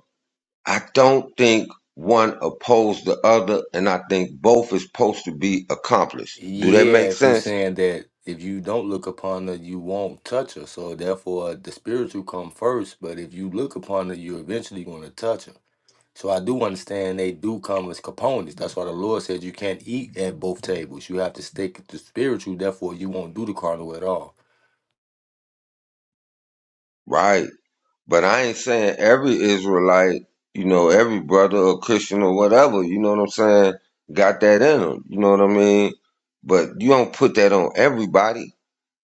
Speaker 1: I don't think one opposed the other, and I think both is supposed to be accomplished. Do that
Speaker 7: Yeah,
Speaker 1: make
Speaker 7: if you
Speaker 1: sense?
Speaker 7: saying that if you don't look upon her, you won't touch her. So therefore, the spiritual come first. But if you look upon her, you're eventually going to touch her. So I do understand they do come as components. That's why the Lord said you can't eat at both tables. You have to stick to spiritual. Therefore, you won't do the carnal at all.
Speaker 1: Right. But I ain't saying every Israelite, you know, every brother or Christian or whatever, you know what I'm saying, got that in them. You know what I mean? But you don't put that on everybody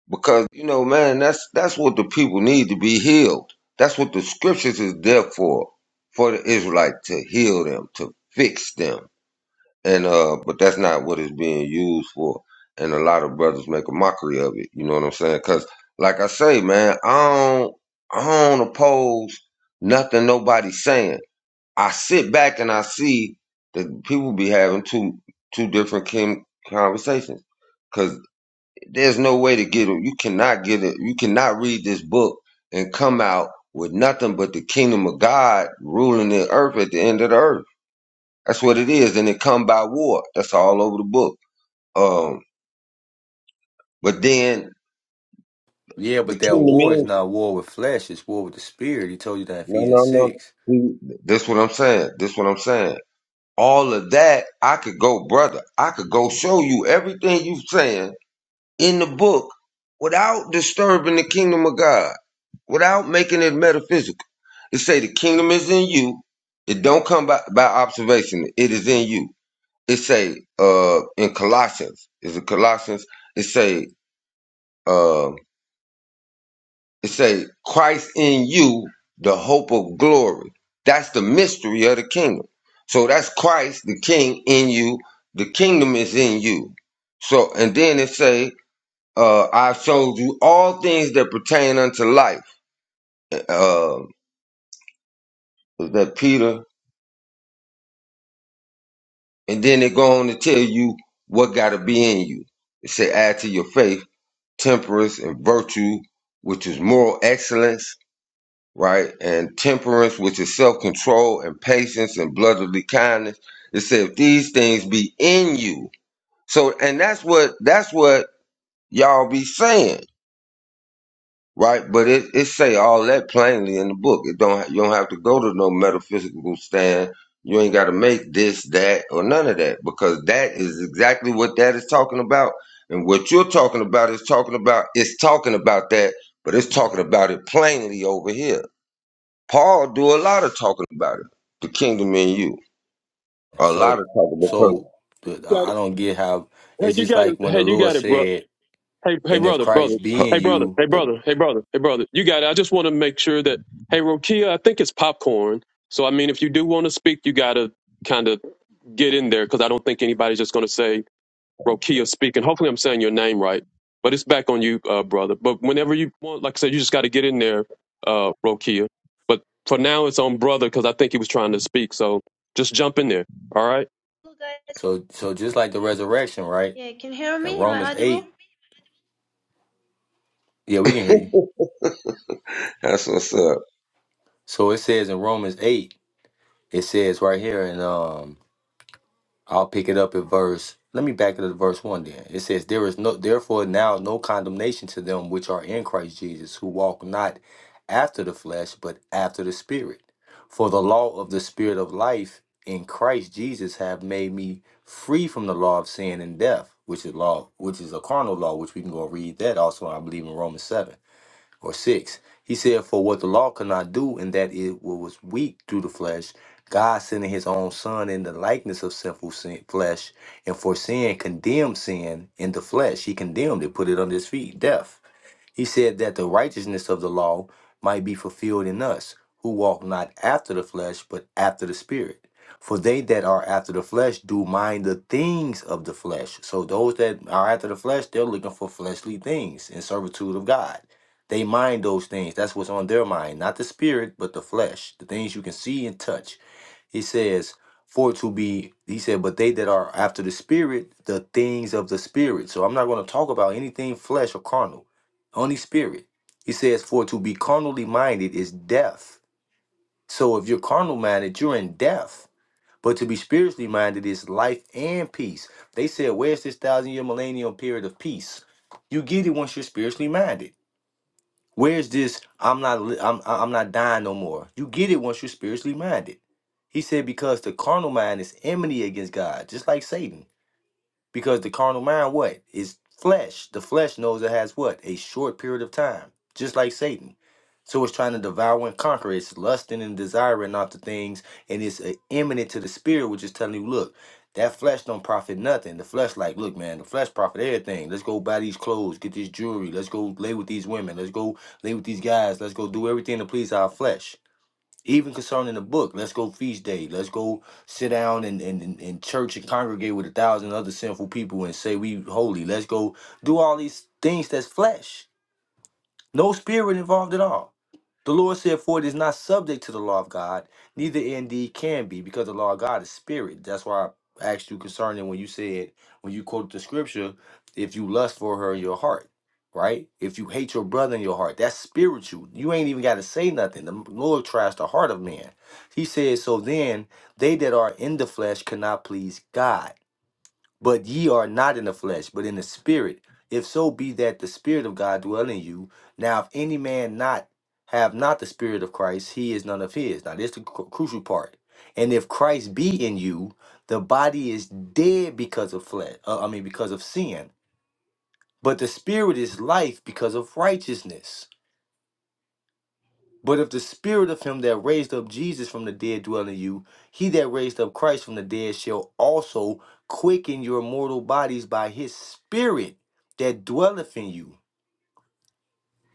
Speaker 1: because you know, man, that's that's what the people need to be healed. That's what the scriptures is there for, for the Israelite to heal them, to fix them and uh but that's not what it's being used for and a lot of brothers make a mockery of it you know what i'm saying because like i say man i don't i don't oppose nothing nobody's saying i sit back and i see that people be having two two different kin conversations because there's no way to get it you cannot get it you cannot read this book and come out with nothing but the kingdom of god ruling the earth at the end of the earth that's what it is, and it come by war. That's all over the book. Um, but then
Speaker 7: Yeah,
Speaker 1: the
Speaker 7: but that
Speaker 1: kingdom
Speaker 7: war is
Speaker 1: is
Speaker 7: not war with flesh. It's war with the spirit. He told you that in
Speaker 1: no,
Speaker 7: Ephesians
Speaker 1: no, no.
Speaker 7: six.
Speaker 1: See, This what I'm saying. This what I'm saying. All of that, I could go, brother. I could go show you everything you saying in the book without disturbing the kingdom of God, without making it metaphysical. It say the kingdom is in you. It don't come by, by observation. It is in you. It say uh in Colossians. Is it Colossians? It say um It say Christ in you, the hope of glory. That's the mystery of the kingdom. So that's Christ, the King in you. The kingdom is in you. So and then it say, uh, I've showed you all things that pertain unto life. Uh, was that Peter, and then it go on to tell you what got to be in you. It say, add to your faith temperance and virtue, which is moral excellence right? And temperance, which is self control, and patience and brotherly kindness. It said, if these things be in you. So, and that's what, that's what y'all be saying, right? But it, it say all that plainly in the book. It don't, you don't have to go to no metaphysical stand. You ain't got to make this, that, or none of that because that is exactly what that is talking about. And what you're talking about is talking about, it's talking about that, but it's talking about it plainly over here Paul do a lot of talking about it, the kingdom in you. A lot of
Speaker 7: So,
Speaker 1: talking because
Speaker 7: so
Speaker 2: You
Speaker 7: the-
Speaker 2: got
Speaker 7: I I
Speaker 2: it.
Speaker 7: don't get how
Speaker 2: Hey,
Speaker 7: it's
Speaker 2: you
Speaker 7: just
Speaker 2: got
Speaker 7: like
Speaker 2: it.
Speaker 7: when the
Speaker 2: Hey, you
Speaker 7: Lord
Speaker 2: got it, bro.
Speaker 7: said,
Speaker 2: Hey, hey,
Speaker 7: "And if
Speaker 2: brother, brother.
Speaker 7: Christ be
Speaker 2: Hey,
Speaker 7: in
Speaker 2: brother.
Speaker 7: you,
Speaker 2: Hey,
Speaker 7: the
Speaker 2: brother. Hey, brother. Hey, brother. You got it. I just want to make sure that. Hey, Rokia, I think it's popcorn. So, I mean, if you do want to speak, you got to kind of get in there because I don't think anybody's just going to say Rokia speaking. Hopefully, I'm saying your name right, but it's back on you, uh, brother. But whenever you want, like I said, you just got to get in there, uh, Rokia. But for now, it's on brother because I think he was trying to speak. So just jump in there. All right.
Speaker 17: guys
Speaker 7: so so just like the resurrection, right?
Speaker 17: yeah, can you hear
Speaker 7: In
Speaker 17: me? Am
Speaker 7: Romans
Speaker 17: I audible?
Speaker 7: eight, yeah, we can hear
Speaker 1: huh.
Speaker 7: you.
Speaker 1: That's what's up.
Speaker 7: So it says in Romans eight, it says right here in um I'll pick it up at verse. Let me back it up to verse one. Then it says, "There is no therefore now no condemnation to them which are in Christ Jesus, who walk not after the flesh, but after the Spirit. For the law of the Spirit of life in Christ Jesus have made me free from the law of sin and death, which is law, which is a carnal law, which we can go read that also. I believe in Romans seven or 6. He said, For what the law could not do, in that it was weak through the flesh, God sending his own Son in the likeness of sinful sin, flesh, and for sin condemned sin in the flesh. He condemned it, put it under his feet, death. He said that the righteousness of the law might be fulfilled in us, who walk not after the flesh, but after the Spirit. For they that are after the flesh do mind the things of the flesh. So those that are after the flesh, they're looking for fleshly things in servitude of God. They mind those things. That's what's on their mind, not the spirit, but the flesh, the things you can see and touch. He says, For it to be, he said, but they that are after the spirit, the things of the spirit. So I'm not going to talk about anything flesh or carnal, only spirit. He says, For to be carnally minded is death. So if you're carnal minded, you're in death. But to be spiritually minded is life and peace. They said, Where's this thousand year millennial period of peace? You get it once you're spiritually minded. Where's this? I'm not. li- I'm. I'm not dying no more. You get it once you're spiritually minded. He said because the carnal mind is enmity against God, just like Satan. Because the carnal mind, what? Is flesh. The flesh knows it has what? A short period of time, just like Satan. So it's trying to devour and conquer. It's lusting and desiring after things, and it's uh, imminent to the spirit, which is telling you, look, that flesh don't profit nothing. The flesh, like, look, man, the flesh profit everything. Let's go buy these clothes, get this jewelry. Let's go lay with these women. Let's go lay with these guys. Let's go do everything to please our flesh even concerning the book let's go feast day let's go sit down and in, in, in in church and congregate with a thousand other sinful people and say we holy let's go do all these things that's flesh no spirit involved at all the Lord said, For it is not subject to the law of God, neither indeed can be, because the law of God is spirit. That's why I asked you concerning when you said, when you quoted the scripture, if you lust for her in your heart, right? If you hate your brother in your heart, that's spiritual. You ain't even got to say nothing. The Lord tries the heart of man. He says, So then, they that are in the flesh cannot please God. But ye are not in the flesh, but in the spirit. If so be that the spirit of God dwell in you. Now, if any man not have not the spirit of Christ, he is none of his. Now, this is the cru- crucial part. And if Christ be in you, the body is dead because of flesh. uh, I mean, because of sin, but the spirit is life because of righteousness. But if the spirit of him that raised up Jesus from the dead dwell in you, he that raised up Christ from the dead shall also quicken your mortal bodies by his spirit that dwelleth in you.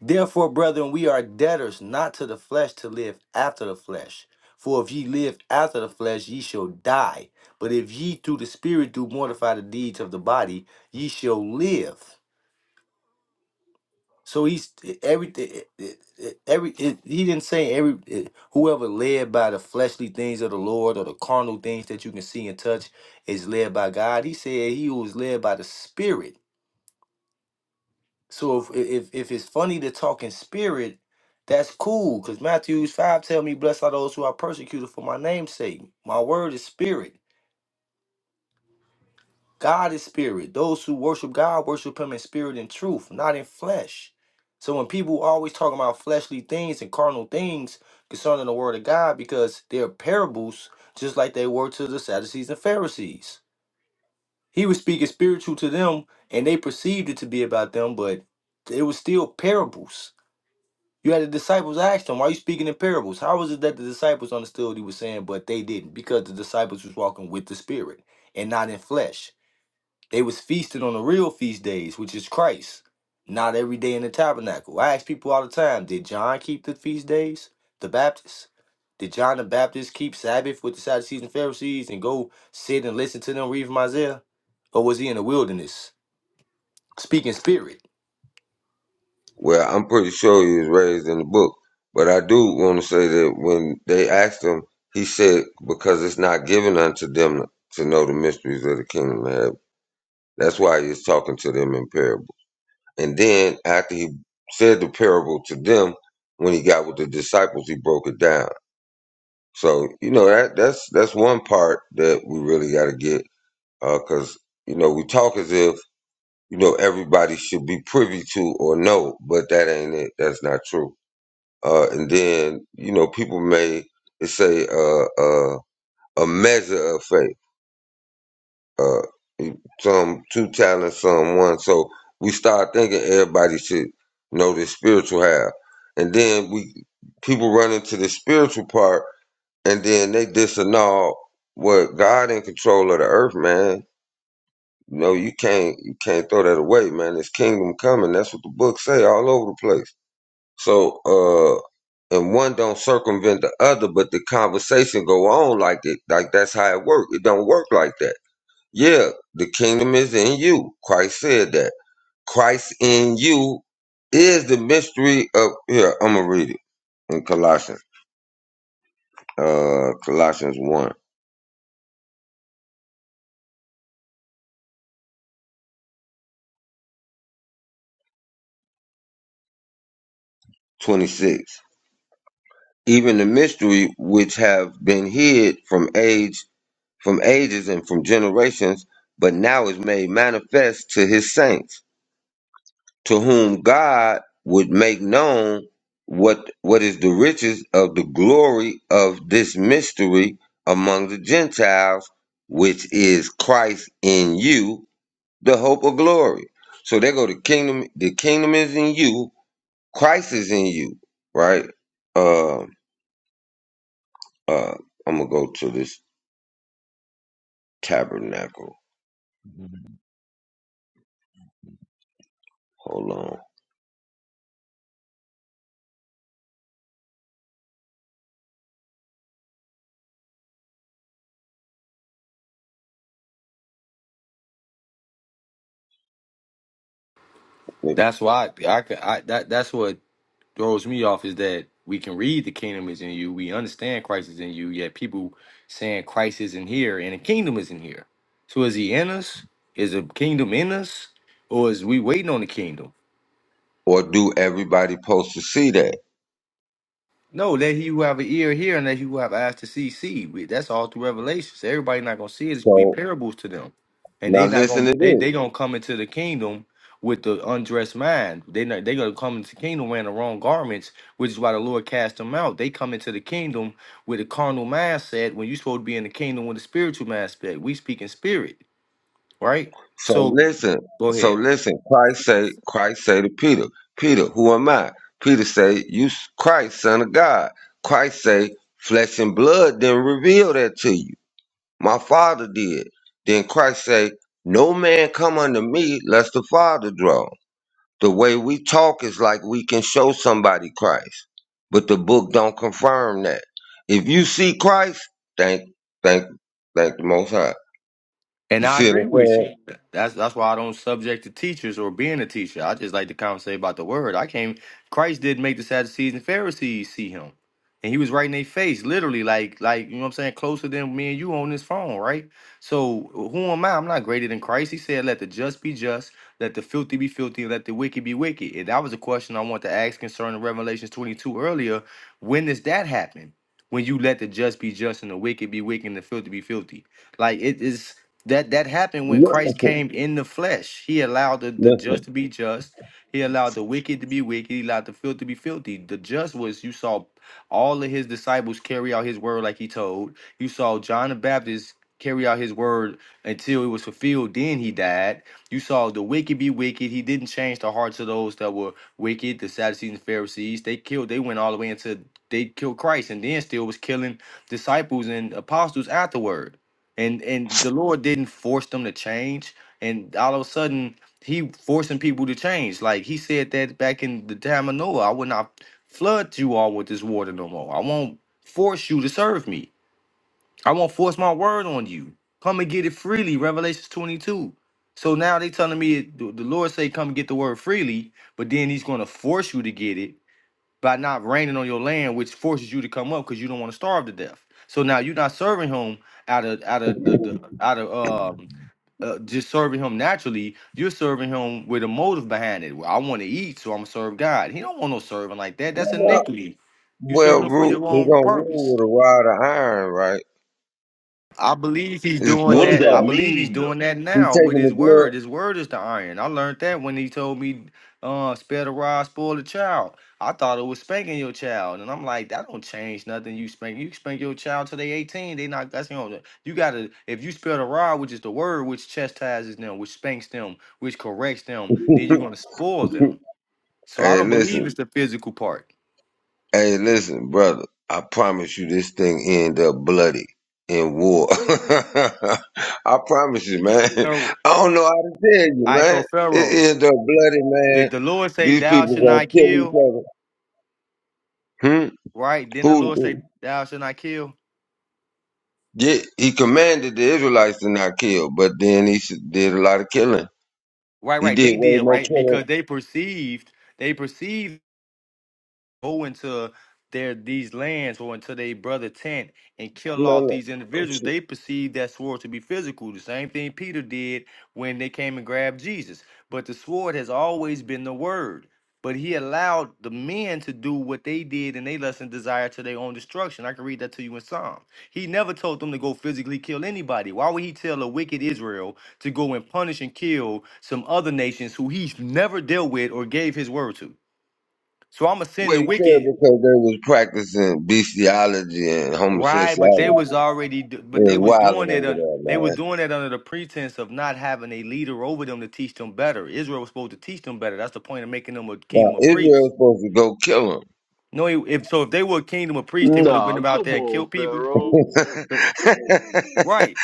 Speaker 7: Therefore, brethren, we are debtors not to the flesh to live after the flesh. For if ye live after the flesh, ye shall die. But if ye through the spirit do mortify the deeds of the body, ye shall live. So he's everything. Every it, he didn't say every it- whoever led by the fleshly things of the Lord or the carnal things that you can see and touch is led by God. He said he who is led by the Spirit. So if if if it's funny to talk in spirit, that's cool. Cause Matthew five tell me, blessed are those who are persecuted for my name's sake. My word is spirit. God is spirit. Those who worship God worship him in spirit and truth, not in flesh. So when people always talking about fleshly things and carnal things concerning the word of God, because they're parables, just like they were to the Sadducees and Pharisees. He was speaking spiritual to them, and they perceived it to be about them, but it was still parables. You had the disciples ask him, Why are you speaking in parables? How was it that the disciples understood what he was saying, but they didn't? Because the disciples was walking with the spirit and not in flesh. They was feasting on the real feast days, which is Christ, not every day in the tabernacle. I ask people all the time, did John keep the feast days? The Baptist? Did John the Baptist keep Sabbath with the Sadducees and Pharisees and go sit and listen to them read from Isaiah? Or was he in the wilderness speaking spirit?
Speaker 1: Well, I'm pretty sure he was raised in the book, but I do want to say that when they asked him, he said, "Because it's not given unto them to know the mysteries of the kingdom of heaven." That's why he was talking to them in parable. And then after he said the parable to them, when he got with the disciples, he broke it down. So you know that that's that's one part that we really got to get because you know we talk as if you know everybody should be privy to or know, but that ain't it. That's not true. Uh, and then you know people may say uh, uh, a measure of faith, uh, some two talents, some one. So we start thinking everybody should know the spiritual half, and then we people run into the spiritual part and then they disannul what God in control of the earth, man. You know, you can't you can't throw that away, man. It's kingdom coming. That's what the books say all over the place. So uh and one don't circumvent the other, but the conversation go on like it like that's how it work. It don't work like that. Yeah, the kingdom is in you. Christ said that. Christ in you is the mystery of here, I'm gonna read it in Colossians. Uh Colossians one 26. even the mystery which have been hid from age from ages and from generations but now is made manifest to his saints to whom god would make known what what is the riches of the glory of this mystery among the gentiles which is christ in you the hope of glory so they go to kingdom the kingdom is in you christ is in you right uh uh i'm gonna go to this tabernacle. Hold on. Wait,
Speaker 7: That's why I, I, could- I that that's what throws me off is that we can read the kingdom is in you, we understand Christ is in you, yet people saying Christ isn't here and the kingdom isn't here. So is he in us? Is the kingdom in us? Or is we waiting on the kingdom?
Speaker 1: Or do everybody supposed to see that?
Speaker 7: No, let he who have an ear hear, and let he who have eyes to see see. We- That's all through Revelations. Everybody not gonna see it. It's gonna be
Speaker 1: So
Speaker 7: parables to them, and
Speaker 1: now
Speaker 7: they not
Speaker 1: listen
Speaker 7: gonna
Speaker 1: to
Speaker 7: they they
Speaker 1: this.
Speaker 7: gonna come into the kingdom with the undressed mind. They not they gonna come into the kingdom wearing the wrong garments, which is why the Lord cast them out. They come into the kingdom with a carnal mindset when you supposed to be in the kingdom with a spiritual mindset. We speak in spirit, right?
Speaker 1: So
Speaker 7: So,
Speaker 1: listen.
Speaker 7: go
Speaker 1: So
Speaker 7: ahead.
Speaker 1: listen. Christ say, Christ say to Peter, Peter, who am I? Peter say, you s- Christ, son of God. Christ say, flesh and blood didn't reveal that to you. My father did. Then Christ say, no man come unto me lest the father draw. The way we talk is like we can show somebody Christ, but the book don't confirm that. If you see Christ, thank, thank, thank the Most High.
Speaker 7: And
Speaker 1: You
Speaker 7: I
Speaker 1: see what
Speaker 7: agree
Speaker 1: I'm
Speaker 7: with
Speaker 1: saying?
Speaker 7: you. That's that's why I don't subject to teachers or being a teacher. I just like to conversate about the word. I came. Christ did make the Sadducees and Pharisees see him, and he was right in their face, literally, like like you know what I'm saying, closer than me and you on this phone, right? So who am I? I'm not greater than Christ. He said, "Let the just be just, let the filthy be filthy, and let the wicked be wicked." And that was a question I want to ask concerning Revelations 22 earlier. When does that happen? When you let the just be just and the wicked be wicked and the filthy be filthy? Like it is that that happened when Christ
Speaker 1: Listen,
Speaker 7: came in the flesh. He allowed the, the
Speaker 1: listen.
Speaker 7: just to be just. He allowed the wicked to be wicked. He allowed the filthy to be filthy. The just was you saw all of his disciples carry out his word like he told. You saw John the Baptist carry out his word until it was fulfilled. Then he died. You saw the wicked be wicked. He didn't change the hearts of those that were wicked, the Sadducees and Pharisees. They killed, they went all the way into they killed Christ and then still was killing disciples and apostles afterward and and the Lord didn't force them to change, and all of a sudden He forcing people to change. Like He said that back in the time of Noah, I will not flood you all with this water no more. I won't force you to serve me. I won't force my word on you. Come and get it freely. Revelations twenty two. So now they telling me the the Lord say come and get the word freely, but then He's going to force you to get it by not raining on your land, which forces you to come up because you don't want to starve to death. So now you're not serving him out of out of the, the out of um uh, just serving him naturally. You're serving him with a motive behind it. Well, I want to eat, so I'm gonna serve God. He don't want no serving like that. That's iniquity. You
Speaker 1: Well,
Speaker 7: serving him for
Speaker 1: Root,
Speaker 7: your
Speaker 1: he
Speaker 7: own
Speaker 1: gonna
Speaker 7: purpose.
Speaker 1: rule with a rod of iron, right?
Speaker 7: I believe he's
Speaker 1: His
Speaker 7: doing
Speaker 9: what
Speaker 1: gloves
Speaker 9: does
Speaker 7: that. I
Speaker 9: that
Speaker 1: off.
Speaker 7: believe he's
Speaker 9: mean though?
Speaker 7: doing that
Speaker 1: He
Speaker 7: now with
Speaker 1: taking
Speaker 7: his
Speaker 1: the
Speaker 7: word. His word is the iron. I learned that when he told me, uh, spare the rod, spoil the child. I thought it was spanking your child. And I'm like, that don't change nothing. You spank you spank your child till they 18. They not that's you know, you gotta if you spare the rod, which is the word which chastises them, which spanks them, which corrects them, then you're
Speaker 1: glove.
Speaker 7: gonna spoil them. So I
Speaker 1: hey,
Speaker 7: don't
Speaker 1: listen.
Speaker 7: believe it's the physical part.
Speaker 1: Hey, listen, brother. I promise you, this thing end up bloody in war. I promise you, man.
Speaker 7: Pharaoh.
Speaker 1: I don't know how to tell you,
Speaker 7: All right, so
Speaker 1: man.
Speaker 7: Pharaoh,
Speaker 1: It end up bloody, man.
Speaker 7: did the Lord say
Speaker 1: These
Speaker 7: thou should not
Speaker 1: people gonna
Speaker 7: kill?
Speaker 1: kill each other. Hmm?
Speaker 7: Right. Then the
Speaker 1: Who?
Speaker 7: Lord
Speaker 1: who-
Speaker 7: say, Thou shalt not kill.
Speaker 1: Yeah, he commanded the Israelites to not kill, but then he s- did a lot of killing.
Speaker 7: Right,
Speaker 1: He
Speaker 7: right.
Speaker 1: did
Speaker 7: They
Speaker 1: way
Speaker 7: did,
Speaker 1: more
Speaker 7: right?
Speaker 1: killing.
Speaker 7: Because they perceived, they perceived go into their these lands or into their brother tent and kill
Speaker 1: No,
Speaker 7: off
Speaker 1: no.
Speaker 7: these individuals, they perceive that sword to be physical. The same thing Peter did when they came and grabbed Jesus. But the sword has always been the word. But he allowed the men to do what they did and they lust and desire to their own destruction. I can read that to you in Psalm. He never told them to go physically kill anybody. Why would he tell a wicked Israel to go and punish and kill some other nations who he's never dealt with or gave his word to? So I'm gonna send
Speaker 1: What
Speaker 7: the
Speaker 1: he said
Speaker 7: wicked.
Speaker 1: because they was practicing bestiality and
Speaker 7: Right, but they
Speaker 1: homosexuality.
Speaker 7: was already, do-
Speaker 1: It
Speaker 7: but
Speaker 1: was
Speaker 7: they was
Speaker 1: wilding
Speaker 7: doing it.
Speaker 1: over
Speaker 7: un-
Speaker 1: there,
Speaker 7: They
Speaker 1: man.
Speaker 7: were doing it under the pretense of not having a leader over them to teach them better. Israel was supposed to teach them better. That's the point of making them a
Speaker 1: Now,
Speaker 7: kingdom of
Speaker 1: Israel's
Speaker 7: priests.
Speaker 1: supposed to go kill him.
Speaker 7: No, if so, if they were a kingdom of priests, they would have
Speaker 9: Nah,
Speaker 7: been out
Speaker 9: come
Speaker 7: there and
Speaker 9: on,
Speaker 7: killed people.
Speaker 9: Pharaoh.
Speaker 7: Right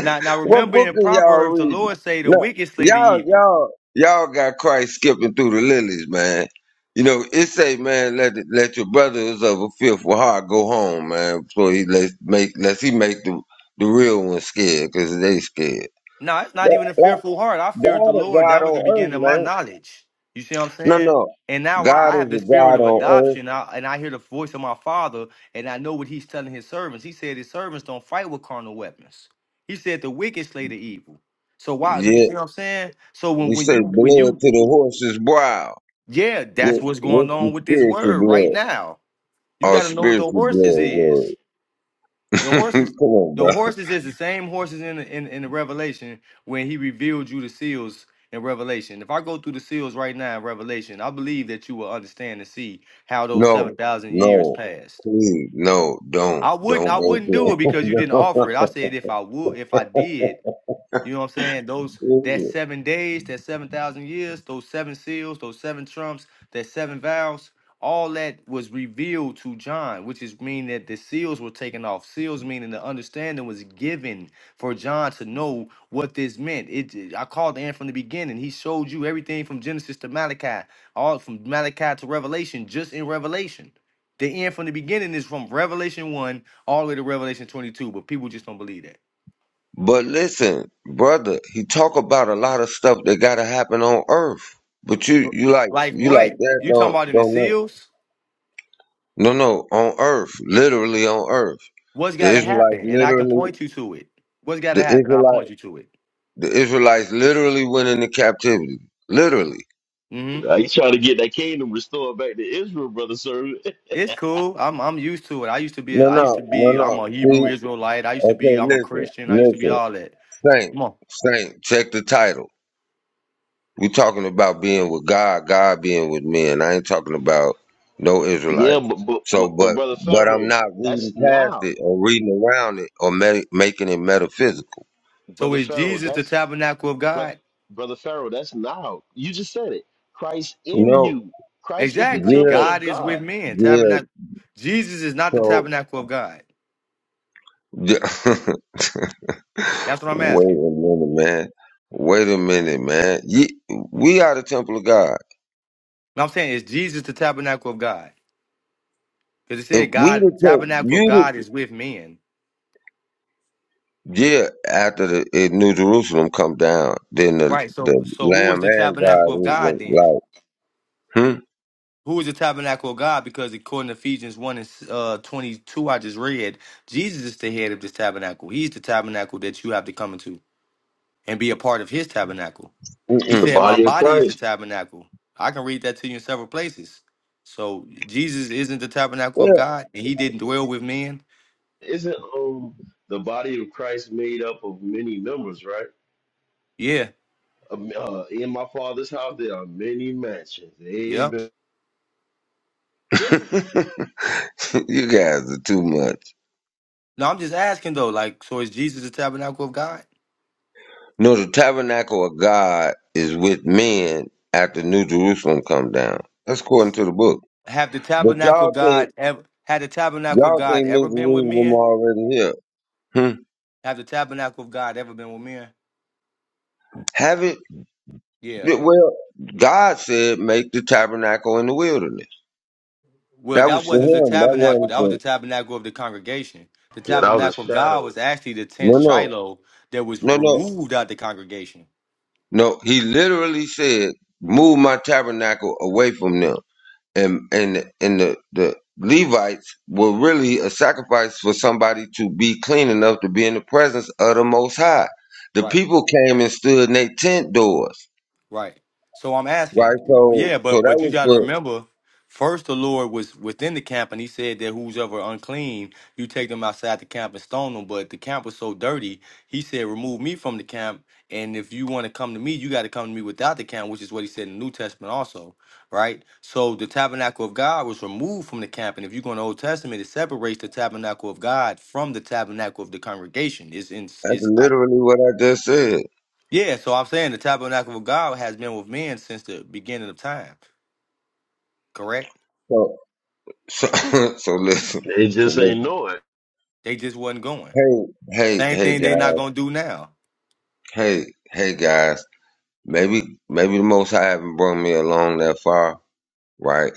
Speaker 7: now, now
Speaker 1: what
Speaker 7: remember
Speaker 1: book
Speaker 7: in
Speaker 1: are y'all
Speaker 7: Proverbs, the
Speaker 1: reading?
Speaker 7: Lord say the
Speaker 1: No,
Speaker 7: wicked slay the
Speaker 1: y'all,
Speaker 7: evil.
Speaker 1: y'all, y'all got Christ skipping through the lilies, man. You know, it say, man, let let your brothers of a fearful heart go home, man, so he let make let he make the the real ones scared, cause they scared.
Speaker 7: No, it's
Speaker 1: Yeah,
Speaker 7: not even a
Speaker 1: like,
Speaker 7: fearful heart. I feared
Speaker 1: God
Speaker 7: the
Speaker 1: is
Speaker 7: Lord.
Speaker 1: God
Speaker 7: That was the
Speaker 1: on earth,
Speaker 7: beginning of my
Speaker 1: man.
Speaker 7: knowledge. You see what I'm
Speaker 1: No,
Speaker 7: saying?
Speaker 1: no,
Speaker 7: And now
Speaker 1: God
Speaker 7: I, I
Speaker 1: is
Speaker 7: have the
Speaker 1: a
Speaker 7: spirit
Speaker 1: God
Speaker 7: of
Speaker 1: on earth.
Speaker 7: adoption, I, and I hear the voice of my Father, and I know what He's telling His servants. He said His servants don't fight with carnal weapons. He said the wicked slay the evil. So why? You
Speaker 1: Yeah,
Speaker 7: see what I'm saying? So when
Speaker 1: he
Speaker 7: when
Speaker 1: said
Speaker 7: you when
Speaker 1: blood
Speaker 7: you
Speaker 1: to the horse's brow.
Speaker 7: yeah, that's
Speaker 1: What,
Speaker 7: what's going
Speaker 1: what's the
Speaker 7: on with this
Speaker 1: spiritual
Speaker 7: word right
Speaker 1: blood?
Speaker 7: now. You
Speaker 1: Our
Speaker 7: got to know what the
Speaker 1: spiritual
Speaker 7: horses
Speaker 1: blood
Speaker 7: is.
Speaker 1: word.
Speaker 7: The horses,
Speaker 1: Come on,
Speaker 7: the
Speaker 1: bro.
Speaker 7: horses is the same horses in the, in in the Revelation when he revealed you the seals in Revelation. If I go through the seals right now in Revelation, I believe that you will understand and see how those seven
Speaker 1: No,
Speaker 7: thousand years
Speaker 1: no,
Speaker 7: passed.
Speaker 1: please, no, don't,
Speaker 7: I wouldn't, I
Speaker 1: don't
Speaker 7: wouldn't do it
Speaker 1: go
Speaker 7: because you didn't offer it. I said if I would, if I did, you know what I'm saying? Those that
Speaker 1: there.
Speaker 7: seven days, that seven thousand years, those seven seals, those seven trumps, that seven vows, all that was revealed to John, which is mean that the seals were taken off. Seals meaning the understanding was given for John to know what this meant. It I called the end from the beginning. He showed you everything from Genesis to Malachi, all from Malachi to Revelation, just in Revelation. The end from the beginning is from Revelation 1 all the way to Revelation 22, but people just don't believe that.
Speaker 1: but listen, brother, he talk about a lot of stuff that gotta happen on earth. But you, you like,
Speaker 7: Like
Speaker 1: you like
Speaker 7: what?
Speaker 1: that?
Speaker 7: You talking
Speaker 1: Don't,
Speaker 7: about in the
Speaker 1: don't know.
Speaker 7: seals?
Speaker 1: No, no, on earth, literally on earth.
Speaker 7: What's
Speaker 1: The
Speaker 7: got to
Speaker 1: Israelites
Speaker 7: happen? And I can
Speaker 1: literally,
Speaker 7: point you to it. What's got
Speaker 1: the
Speaker 7: to happen? I'll
Speaker 1: Israelite,
Speaker 7: point you to it.
Speaker 1: the Israelites literally went into captivity. Literally.
Speaker 7: hmm
Speaker 9: Nah, you trying to get that kingdom restored back to Israel, brother servant.
Speaker 7: It's cool. I'm I'm used to it. I used to be. A,
Speaker 1: No,
Speaker 7: I used to
Speaker 1: no, no,
Speaker 7: be. I'm
Speaker 1: no.
Speaker 7: a Hebrew
Speaker 1: See,
Speaker 7: Israelite. I used to
Speaker 1: okay,
Speaker 7: be. I'm a
Speaker 1: listen,
Speaker 7: Christian. I used to be
Speaker 1: listen.
Speaker 7: all that.
Speaker 1: Saint,
Speaker 7: Come on.
Speaker 1: Saint, check the title. we talking about being with God, God being with men. I ain't talking about no
Speaker 9: yeah,
Speaker 1: Israelites.
Speaker 9: but, but but
Speaker 1: So,
Speaker 9: but
Speaker 1: but,
Speaker 9: brother
Speaker 1: but I'm
Speaker 9: Pharaoh,
Speaker 1: not
Speaker 9: that's
Speaker 1: reading past
Speaker 9: now.
Speaker 1: it or reading around it or ma- making it metaphysical.
Speaker 7: So
Speaker 9: Brother
Speaker 7: is
Speaker 9: Pharaoh,
Speaker 7: Jesus the
Speaker 9: that's
Speaker 7: tabernacle of
Speaker 9: But
Speaker 7: God?
Speaker 9: brother Pharaoh, that's now. You just said it. Christ in
Speaker 1: No,
Speaker 9: you. Christ is the
Speaker 7: Exactly.
Speaker 1: yeah,
Speaker 9: temple of
Speaker 7: God is with
Speaker 9: God.
Speaker 7: men.
Speaker 1: yeah.
Speaker 7: Tabernacle. Jesus is not the
Speaker 1: So,
Speaker 7: tabernacle of God.
Speaker 1: wait
Speaker 7: That's what I'm asking.
Speaker 1: a minute, man. Wait a minute, man. Ye, we are the temple of God.
Speaker 7: And I'm saying is Jesus the tabernacle of God? Because it
Speaker 1: If
Speaker 7: said
Speaker 1: we
Speaker 7: God
Speaker 1: the temple,
Speaker 7: tabernacle of
Speaker 1: you
Speaker 7: God is with men.
Speaker 1: Yeah, after the it, New Jerusalem come down, then the
Speaker 7: Right. So
Speaker 1: the
Speaker 7: so who is
Speaker 1: Lamb
Speaker 7: the
Speaker 1: and
Speaker 7: tabernacle of God then?
Speaker 1: God is
Speaker 7: Who is the tabernacle of God? Because according to Ephesians 1 and uh, 22, I just read, Jesus is the head of this tabernacle. He's the tabernacle that you have to come into and be a part of his tabernacle. He
Speaker 9: It's the
Speaker 1: like,
Speaker 7: said, My
Speaker 9: body of
Speaker 7: body is the
Speaker 9: Christ.
Speaker 7: tabernacle. I can read that to you in several places. So Jesus isn't the tabernacle of God and he didn't dwell with men.
Speaker 9: Isn't um the body of Christ made up of many members, right?
Speaker 7: Yeah.
Speaker 9: Um, Uh, in my father's house there are many mansions.
Speaker 7: Yeah.
Speaker 9: Amen.
Speaker 1: hmm, mm-mm. yeah. you guys are too much.
Speaker 7: No, I'm just asking though, like, so is Jesus the tabernacle of God?
Speaker 1: No, the tabernacle of God is with men after New Jerusalem come down. That's according to the book.
Speaker 7: Have the
Speaker 1: But
Speaker 7: tabernacle of
Speaker 1: y'all think
Speaker 7: God ever had the tabernacle of
Speaker 1: y'all
Speaker 7: God
Speaker 1: think
Speaker 7: ever
Speaker 1: New
Speaker 7: been with
Speaker 1: Jerusalem
Speaker 7: men?
Speaker 1: already here? Hmm.
Speaker 7: Have the tabernacle of God ever been with men?
Speaker 1: Have it?
Speaker 7: Yeah.
Speaker 1: Well, God said, make the tabernacle in the wilderness.
Speaker 7: Well,
Speaker 1: That
Speaker 7: that
Speaker 1: was for
Speaker 7: wasn't the
Speaker 1: him. That
Speaker 7: tabernacle.
Speaker 1: wasn't
Speaker 7: That was the
Speaker 1: for
Speaker 7: tabernacle of the congregation. The
Speaker 9: Yeah, that was a
Speaker 7: tabernacle of God
Speaker 9: shadow.
Speaker 7: was actually the tent
Speaker 1: no, no,
Speaker 7: Shiloh that was
Speaker 1: no, no.
Speaker 7: removed out the congregation.
Speaker 1: No, he literally said, "Move my tabernacle away from them." And and and the the Levites were really a sacrifice for somebody to be clean enough to be in the presence of the Most High. The
Speaker 7: Right.
Speaker 1: people came and stood in their tent doors,
Speaker 7: Right. So I'm
Speaker 1: right?
Speaker 7: asking,
Speaker 1: So
Speaker 7: yeah,
Speaker 1: so
Speaker 7: but
Speaker 1: that
Speaker 7: but you
Speaker 1: was
Speaker 7: got to
Speaker 1: what
Speaker 7: remember, first the Lord was within the camp, and He said that who's ever unclean, you take them outside the camp and stone them. But the camp was so dirty, He said, remove me from the camp, and if you want to come to me, you got to come to me without the camp, which is what He said in the New Testament also, right? So the tabernacle of God was removed from the camp, and if you go in the Old Testament, it separates the tabernacle of God from the tabernacle of the congregation. It's in,
Speaker 1: that's
Speaker 7: it's
Speaker 1: literally what I just said.
Speaker 7: yeah, so I'm saying the tabernacle of God has been with men since the beginning of time. Correct?
Speaker 1: So so so listen,
Speaker 9: They
Speaker 1: so
Speaker 9: just ain't
Speaker 1: listen.
Speaker 9: know it.
Speaker 7: They just wasn't going.
Speaker 1: Hey hey
Speaker 7: Same
Speaker 1: hey
Speaker 7: thing they
Speaker 1: guys,
Speaker 7: not gonna do now.
Speaker 1: hey hey guys. Maybe maybe the Most High haven't brought me along that far, right?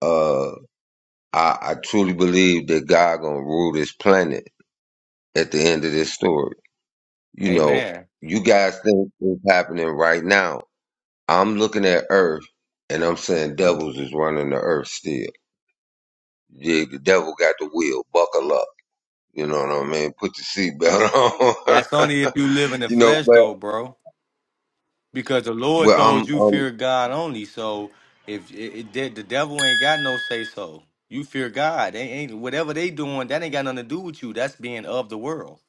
Speaker 1: Uh, I, I truly believe that God gonna rule this planet at the end of this story. You know,
Speaker 7: Amen.
Speaker 1: you guys think it's happening right now. I'm looking at Earth, and I'm saying devils is running the Earth still. Yeah, the devil got the wheel. Buckle up. You know what I mean? Put your seatbelt on.
Speaker 7: That's only if you live in the
Speaker 1: you know,
Speaker 7: flesh
Speaker 1: but
Speaker 7: though, bro. Because the Lord
Speaker 1: well, I'm,
Speaker 7: told you
Speaker 1: I'm.
Speaker 7: fear God only. So if it, it did the devil ain't got no say so. You fear God. They ain't whatever they doing, that ain't got nothing to do with you. That's being of the world.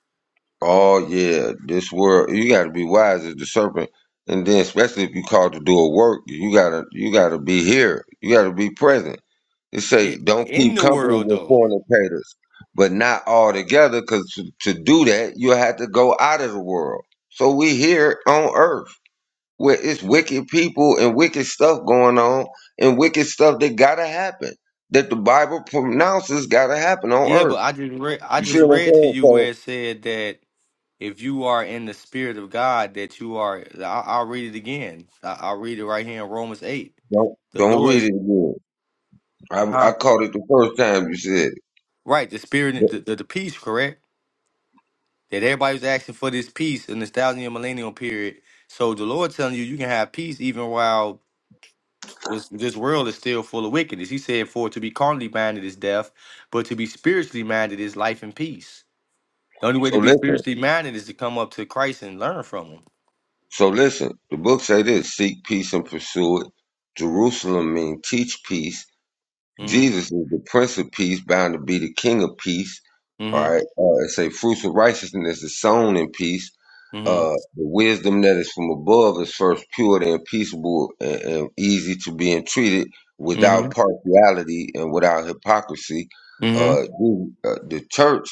Speaker 1: Oh yeah, this world. You got to be wise as the serpent, and then especially if you called to do a work, you gotta, you gotta be here. You gotta be present It
Speaker 7: Yeah.
Speaker 1: say don't
Speaker 7: In
Speaker 1: keep
Speaker 7: the
Speaker 1: company
Speaker 7: world
Speaker 1: with
Speaker 7: though.
Speaker 1: fornicators, but not all together, because to, to do that you have to go out of the world. So we here on earth where it's wicked people and wicked stuff going on, and wicked stuff that gotta happen that the Bible pronounces gotta happen on
Speaker 7: Yeah,
Speaker 1: earth.
Speaker 7: but I just read I
Speaker 1: You see
Speaker 7: just
Speaker 1: what I'm
Speaker 7: read to
Speaker 1: saying?
Speaker 7: you
Speaker 1: So
Speaker 7: where it said that if you are in the spirit of God, that you are. I'll, I'll read it again. I, I'll read it right here in Romans eight.
Speaker 1: don't
Speaker 7: The
Speaker 1: don't read it
Speaker 7: Lord's
Speaker 1: again. I, I
Speaker 7: huh?
Speaker 1: caught it the first time you said it.
Speaker 7: right. The spirit, the,
Speaker 1: But-
Speaker 7: the, the peace, correct? That everybody was asking for this peace in this thousand year millennial period. So the Lord telling you, you can have peace even while this this world is still full of wickedness. He said, "For to be carnally minded is death, but to be spiritually minded is life and peace." The only way
Speaker 1: So
Speaker 7: to be
Speaker 1: listen.
Speaker 7: spiritually minded is to come up to Christ and learn from Him.
Speaker 1: So listen. The book say this: seek peace and pursue it. Jerusalem mean teach peace
Speaker 7: Mm-hmm.
Speaker 1: Jesus is the Prince of Peace, bound to be the King of Peace. All right.
Speaker 7: Mm-hmm.
Speaker 1: Uh, it say fruits of righteousness is sown in peace. Uh, the wisdom that is from above is first pure and peaceable and, and easy to be entreated
Speaker 7: Mm-hmm.
Speaker 1: without partiality and without hypocrisy.
Speaker 7: Mm-hmm.
Speaker 1: Uh,
Speaker 7: Mm-hmm.
Speaker 1: the, uh, the church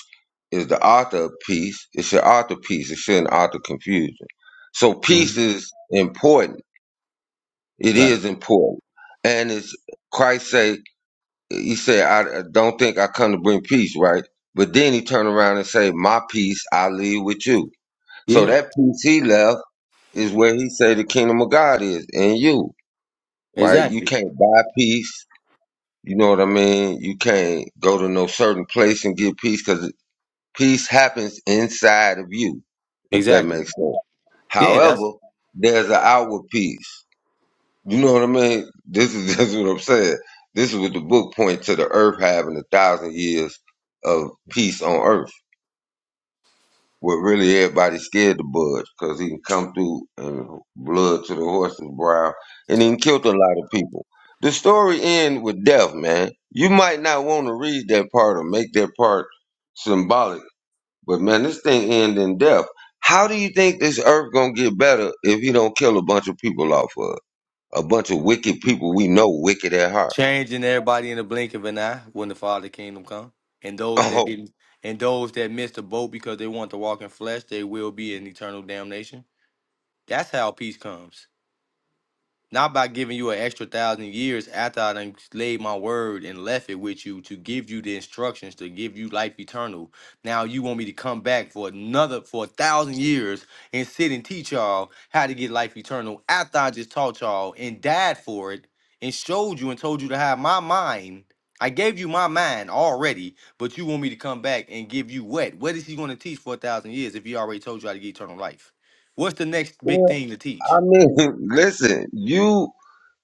Speaker 1: is the author of peace. It should author peace. It shouldn't author confusion. So peace is important. It
Speaker 7: Right.
Speaker 1: is important. And it's Christ say he said, I I don't think I come to bring peace, right? But then he turned around and say, My peace I leave with you. So
Speaker 7: Yeah.
Speaker 1: that peace he left is where he said the kingdom of God is in you, right? You
Speaker 7: Exactly.
Speaker 1: can't buy peace. You know what I mean? You can't go to no certain place and get peace because peace happens inside of you, if that
Speaker 7: Exactly.
Speaker 1: makes sense.
Speaker 7: Yeah, that's
Speaker 1: However, there's an outward peace. You know what I mean? This is that's what I'm saying. This is what the book points to the earth having a thousand years of peace on earth. What really everybody scared to budge because he can come through and blood to the horse's brow and he done killed a lot of people. The story end with death, man. You might not want to read that part or make that part symbolic, but man, this thing end in death. How do you think this earth gonna get better if he don't kill a bunch of people off of? us? a bunch of wicked people we know wicked at heart.
Speaker 7: changing everybody in the blink of an eye when the Father Kingdom come. And those that
Speaker 1: Oh,
Speaker 7: didn't and those that missed the boat because they want to walk in flesh, they will be in eternal damnation. That's how peace comes. Not by giving you an extra thousand years after I done laid my word and left it with you to give you the instructions to give you life eternal. Now you want me to come back for another for a thousand years and sit and teach y'all how to get life eternal after I just taught y'all and died for it and showed you and told you to have my mind. I gave you my mind already, but you want me to come back and give you what? What is he going to teach for a thousand years if he already told you how to get eternal life? What's the next big
Speaker 1: well,
Speaker 7: thing to teach?
Speaker 1: I mean, listen, you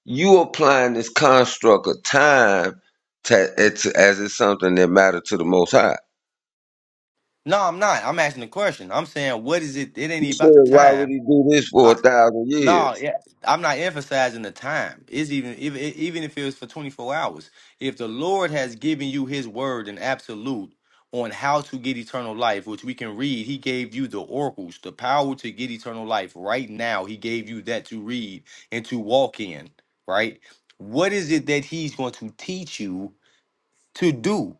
Speaker 1: you applying this construct of time to, it's, as it's something that mattered to the Most High.
Speaker 7: No, I'm not. I'm asking the question. I'm saying, what is it? It ain't
Speaker 1: You
Speaker 7: even
Speaker 1: said,
Speaker 7: about the
Speaker 1: why would
Speaker 7: time.
Speaker 1: he do this for a
Speaker 7: I,
Speaker 1: thousand
Speaker 7: no,
Speaker 1: years?
Speaker 7: yeah, I'm not emphasizing the time. It's even if, even if it was for 24 hours. If the Lord has given you His word and absolute on how to get eternal life, which we can read, He gave you the oracles, the power to get eternal life. Right now, He gave you that to read and to walk in. Right. What is it that He's going to teach you to do?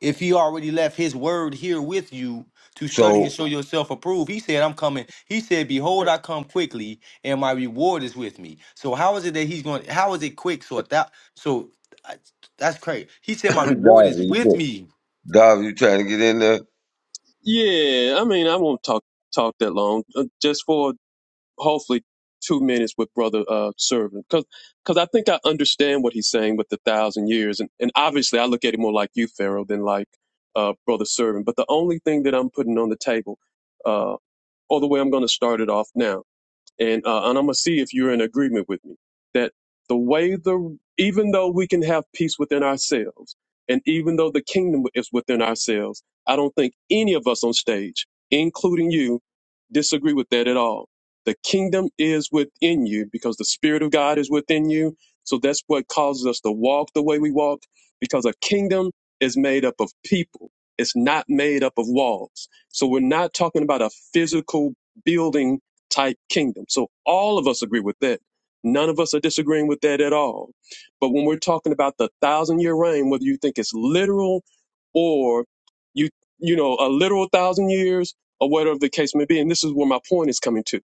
Speaker 7: if he already left his word here with you to study and
Speaker 1: So,
Speaker 7: show yourself approved he said i'm coming he said behold i come quickly and my reward is with me so how is it that he's going how is it quick so that so I- that's crazy he said my reward is
Speaker 1: Davi,
Speaker 7: with
Speaker 1: you,
Speaker 7: me
Speaker 1: Davi, you trying to get in there?
Speaker 2: Yeah. I mean, I won't talk talk that long. Uh, just for hopefully two minutes with brother uh servant because because i think i understand what he's saying with the thousand years and, and obviously i look at it more like you pharaoh than like uh brother servant but the only thing that i'm putting on the table uh or the way i'm going to start it off now and uh, and I'm gonna see if you're in agreement with me that the way the even though we can have peace within ourselves, and even though the kingdom is within ourselves, I don't think any of us on stage, including you, disagree with that at all. The kingdom is within you because the spirit of God is within you. So that's what causes us to walk the way we walk because a kingdom is made up of people. It's not made up of walls. So we're not talking about a physical building type kingdom. So all of us agree with that. None of us are disagreeing with that at all. But when we're talking about the thousand year reign, whether you think it's literal or you, you know, a literal thousand years or whatever the case may be. And this is where my point is coming to.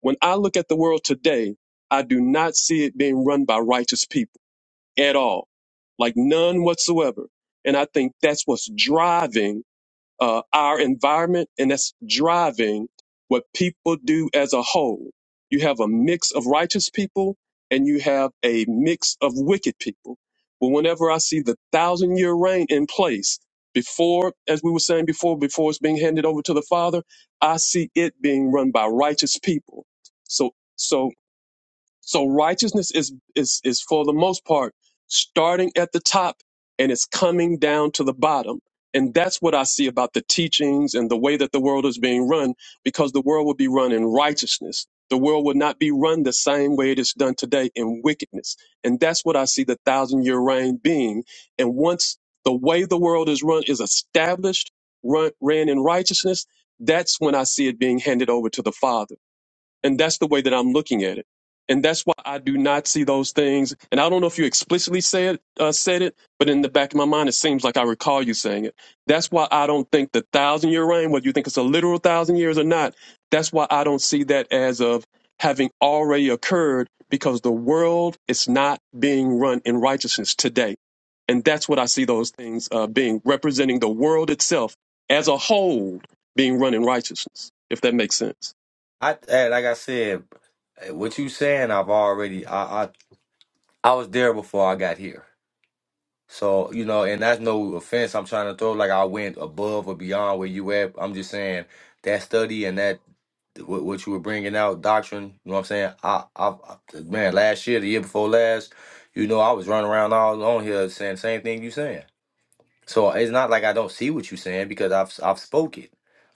Speaker 2: When I look at the world today, I do not see it being run by righteous people at all, like none whatsoever. And I think that's what's driving uh, our environment, and that's driving what people do as a whole. You have a mix of righteous people and you have a mix of wicked people. But whenever I see the thousand year reign in place, before, as we were saying before, before it's being handed over to the Father, I see it being run by righteous people. So, so so righteousness is is is for the most part starting at the top and it's coming down to the bottom. And that's what I see about the teachings and the way that the world is being run, because the world would be run in righteousness. The world would not be run the same way it is done today in wickedness. And that's what I see the thousand year reign being. And once the way the world is run is established, run, ran in righteousness, that's when I see it being handed over to the Father and that's the way that I'm looking at it. And that's why I do not see those things. And I don't know if you explicitly said uh, said it, but in the back of my mind, it seems like I recall you saying it. That's why I don't think the thousand year reign, whether you think it's a literal thousand years or not, that's why I don't see that as of having already occurred because the world is not being run in righteousness today. And that's what I see those things uh, being representing the world itself as a whole being run in righteousness, if that makes sense.
Speaker 7: I eh, like I said, eh, what you saying? I've already I, I I was there before I got here. So you know, and that's no offense. I'm trying to throw like I went above or beyond where you at. I'm just saying that study and that what, what you were bringing out doctrine. You know what I'm saying? I, I, I man, last year, the year before last, you know, I was running around all on here saying the same thing you saying. So it's not like I don't see what you saying because I've I've spoke it,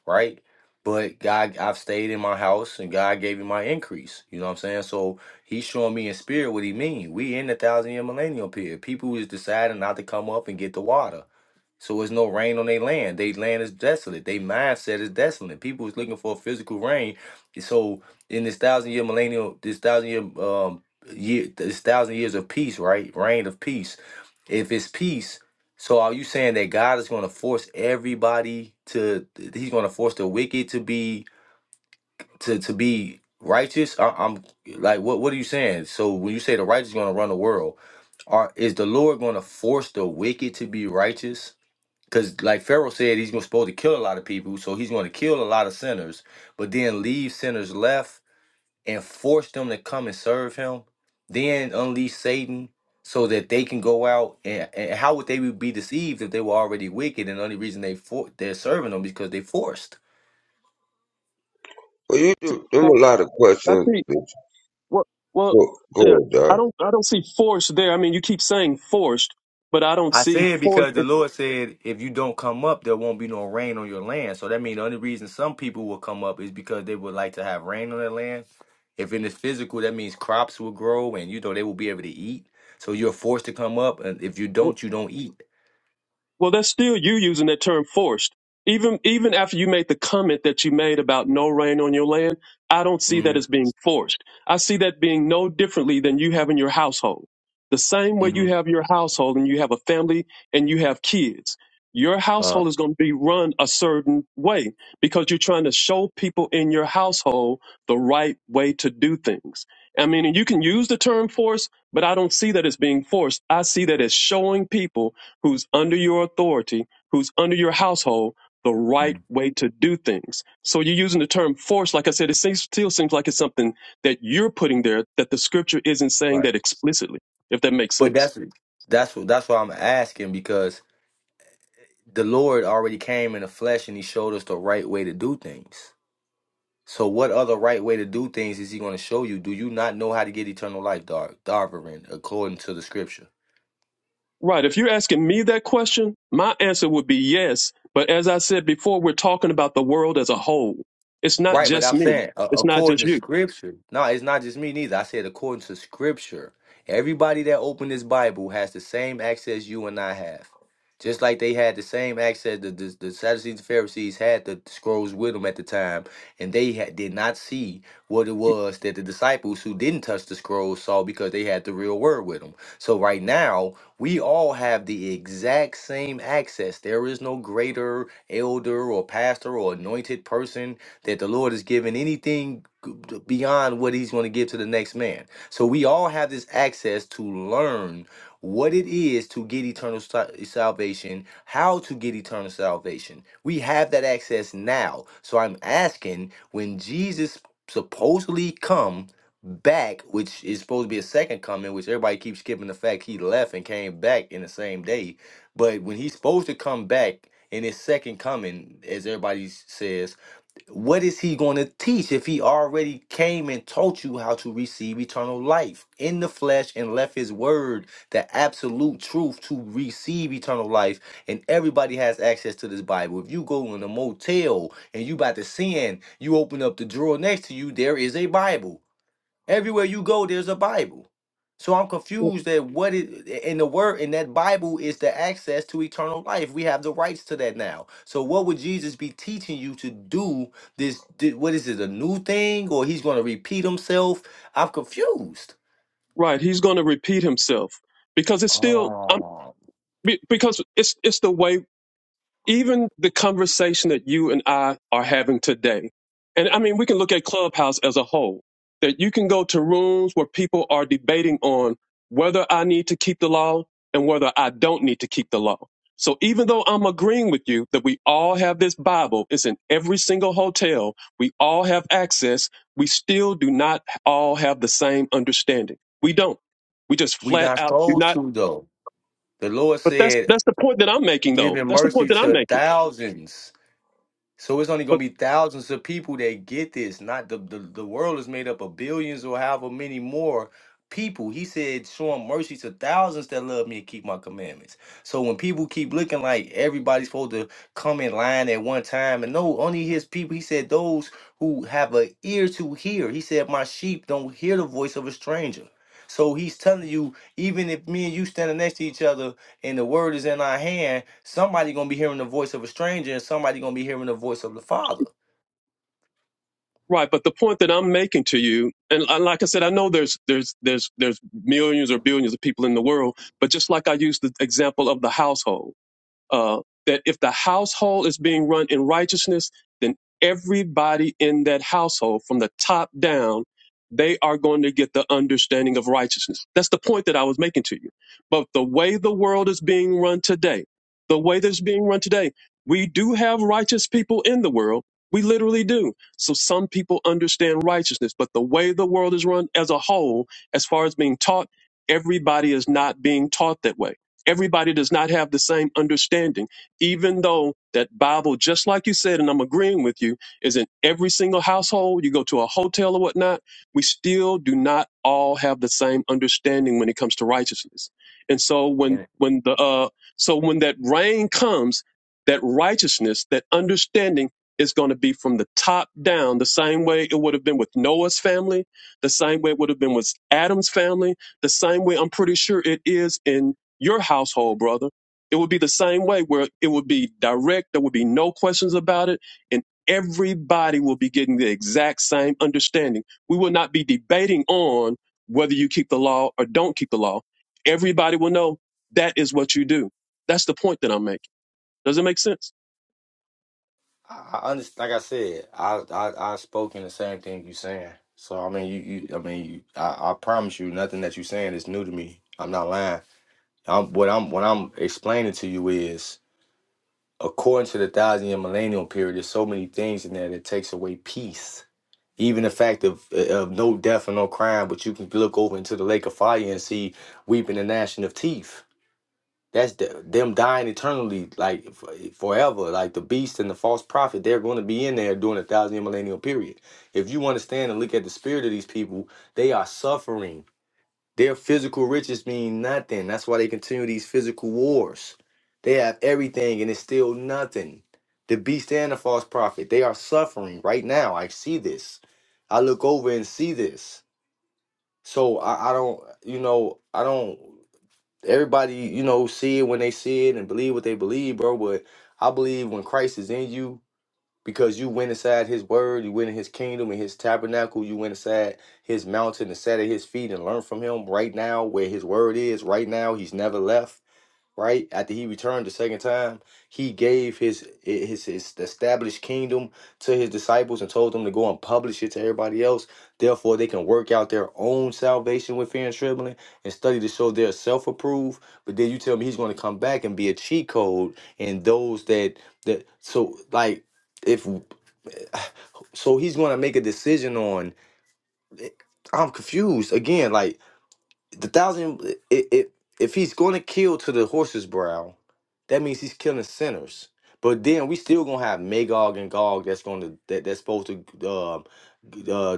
Speaker 7: right? But God, I've stayed in my house and God gave me my increase. You know what I'm saying? So He's showing me in spirit what He mean. We in the thousand year millennial period. People is deciding not to come up and get the water. So it's no rain on their land. Their land is desolate. Their mindset is desolate. People is looking for a physical rain. So in this thousand year millennial, this thousand year um year, this thousand years of peace, right? Reign of peace. If it's peace, so are you saying that God is going to force everybody to? He's going to force the wicked to be to to be righteous? I, I'm like, what what are you saying? So when you say the righteous is going to run the world, are is the Lord going to force the wicked to be righteous? Because, like Pharaoh said, he's gonna- supposed to kill a lot of people, so he's going to kill a lot of sinners, but then leave sinners left and force them to come and serve him. Then unleash Satan so that they can go out and, and how would they be deceived if they were already wicked and the only reason they for, they're serving them because they forced.
Speaker 1: Well, you do them
Speaker 2: Well,
Speaker 1: a lot of
Speaker 2: I
Speaker 1: questions.
Speaker 2: see Well, well,
Speaker 1: Go,
Speaker 2: yeah,
Speaker 1: go ahead,
Speaker 2: I
Speaker 1: Davi.
Speaker 2: don't, I don't see force there. I mean, you keep saying forced, but I don't
Speaker 7: I
Speaker 2: see
Speaker 7: say it
Speaker 2: force.
Speaker 7: because the Lord said, if you don't come up, there won't be no rain on your land. So that means the only reason some people will come up is because they would like to have rain on their land. If in the physical, that means crops will grow and you know they will be able to eat. So you're forced to come up, and if you don't, you don't eat.
Speaker 2: Well, that's still you using that term forced. Even even after you made the comment that you made about no rain on your land, I don't see that
Speaker 7: hmm
Speaker 2: as being forced. I see that being no differently than you having your household. The same way
Speaker 7: hmm
Speaker 2: you have your household and you have a family and you have kids. Your
Speaker 7: Uh,
Speaker 2: household is going to be run a certain way because you're trying to show people in your household the right way to do things. I mean, and you can use the term force, but I don't see that as being forced. I see that as showing people who's under your authority, who's under your household, the right
Speaker 7: mhm.
Speaker 2: way to do things. So you're using the term force. Like I said, it seems, still seems like it's something that you're putting there that the scripture isn't saying
Speaker 7: Right.
Speaker 2: that explicitly, if that makes
Speaker 7: But
Speaker 2: sense.
Speaker 7: that's that's what that's why I'm asking because the Lord already came in the flesh and He showed us the right way to do things. So what other right way to do things is he going to show you? Do you not know how to get eternal life, Dar Darverin, according to the scripture?
Speaker 2: Right. If you're asking me that question, my answer would be yes. But as I said before, we're talking about the world as a whole. It's not
Speaker 7: Right, but
Speaker 2: just
Speaker 7: I'm
Speaker 2: me.
Speaker 7: saying uh,
Speaker 2: It's not
Speaker 7: according
Speaker 2: just
Speaker 7: to
Speaker 2: you.
Speaker 7: scripture. No, it's not just me neither. I said according to scripture. Everybody that opened this Bible has the same access you and I have. Just like they had the same access the the, the Sadducees and Pharisees had the scrolls with them at the time, and they had, did not see what it was that the disciples who didn't touch the scrolls saw because they had the real word with them. So right now, we all have the exact same access. There is no greater elder or pastor or anointed person that the Lord is giving anything beyond what he's going to give to the next man. So we all have this access to learn what it is to get eternal sa- salvation, how to get eternal salvation. We have that access now. So I'm asking when Jesus supposedly come back, which is supposed to be a second coming, which everybody keeps skipping the fact he left and came back in the same day. But when he's supposed to come back in his second coming, as everybody says, what is he going to teach if he already came and taught you how to receive eternal life in the flesh and left his word, the absolute truth to receive eternal life? And everybody has access to this Bible. If you go in a motel and you about to sin, you open up the drawer next to you, there is a Bible. Everywhere you go, there's a Bible. So I'm confused that what it in the word in that Bible is the access to eternal life. We have the rights to that now. So what would Jesus be teaching you to do? This di- what is it? A new thing, or he's going to repeat himself? I'm confused.
Speaker 2: Right. He's going to repeat himself because it's still, I'm,
Speaker 7: Oh,
Speaker 2: be- because it's, it's the way even the conversation that you and I are having today, and I mean, we can look at Clubhouse as a whole, that you can go to rooms where people are debating on whether I need to keep the law and whether I don't need to keep the law. So even though I'm agreeing with you that we all have this Bible, it's in every single hotel, we all have access, we still do not all have the same understanding. We don't. We just
Speaker 7: we
Speaker 2: flat
Speaker 7: not
Speaker 2: out do
Speaker 7: supposed
Speaker 2: not.
Speaker 7: to though. The Lord
Speaker 2: But that's
Speaker 7: said,
Speaker 2: that's the point that I'm making though.
Speaker 7: "Giving
Speaker 2: That's the point
Speaker 7: mercy
Speaker 2: that I'm
Speaker 7: to
Speaker 2: making.
Speaker 7: thousands. So it's only gonna be thousands of people that get this. Not the the, the world is made up of billions or however many more people. He said, showing mercy to thousands that love me and keep my commandments. So when people keep looking like everybody's supposed to come in line at one time, and no, only his people, he said, those who have an ear to hear. He said, My sheep don't hear the voice of a stranger. So he's telling you, even if me and you standing next to each other, and the word is in our hand, somebody gonna be hearing the voice of a stranger, and somebody gonna be hearing the voice of the Father.
Speaker 2: Right, but the point that I'm making to you, and and like I said, I know there's there's there's there's millions or billions of people in the world, but just like I used the example of the household, uh, that if the household is being run in righteousness, then everybody in that household, from the top down, they are going to get the understanding of righteousness. That's the point that I was making to you. But the way the world is being run today, the way that's being run today, we do have righteous people in the world. We literally do. So some people understand righteousness, but the way the world is run as a whole, as far as being taught, everybody is not being taught that way Everybody does not have the same understanding, even though that Bible, just like you said, and I'm agreeing with you, is in every single household. You go to a hotel or whatnot, we still do not all have the same understanding when it comes to righteousness. And so when
Speaker 7: And
Speaker 2: when the uh, so when that rain comes, that righteousness, that understanding is going to be from the top down, the same way it would have been with Noah's family, the same way it would have been with Adam's family, the same way I'm pretty sure it is in your household, brother. It would be the same way where it would be direct. There would be no questions about it. And everybody will be getting the exact same understanding. We will not be debating on whether you keep the law or don't keep the law. Everybody will know that is what you do. That's the point that I'm making. Does it make sense?
Speaker 7: I, I understand, like I said, I, I I spoke in the same thing you saying. So I mean, you, you I mean, you, I, I promise you, nothing that you saying is new to me. I'm not lying. I'm what I'm what I'm explaining to you is according to the thousand year millennial period, there's so many things in there that takes away peace. Even the fact of of no death and no crime, but you can look over into the lake of fire and see weeping and gnashing of teeth That's the, them dying eternally, like f- forever. Like the beast and the false prophet, they're going to be in there during a thousand year millennial period. If you understand and look at the spirit of these people, they are suffering. Their physical riches mean nothing. That's why they continue these physical wars. They have everything and it's still nothing. The beast and the false prophet, they are suffering right now. I see this. I look over and see this. So I, I don't, you know, I don't everybody, you know, see it when they see it and believe what they believe, bro. But I believe when Christ is in you, because you went inside his word, you went in his kingdom and his tabernacle, you went inside his mountain and sat at his feet and learned from him right now where his word is, right now. He's never left right? After he returned the second time, he gave his his his established kingdom to his disciples and told them to go and publish it to everybody else. Therefore, they can work out their own salvation with fear and trembling and study to show they're self-approved. But then you tell me he's going to come back and be a cheat code and those that that so like if so he's going to make a decision on eh, I'm confused again. Like the thousand i- i- if he's going to kill to the horse's brow that means he's killing sinners but then we still gonna have magog and gog that's going to that, that's supposed to uh uh,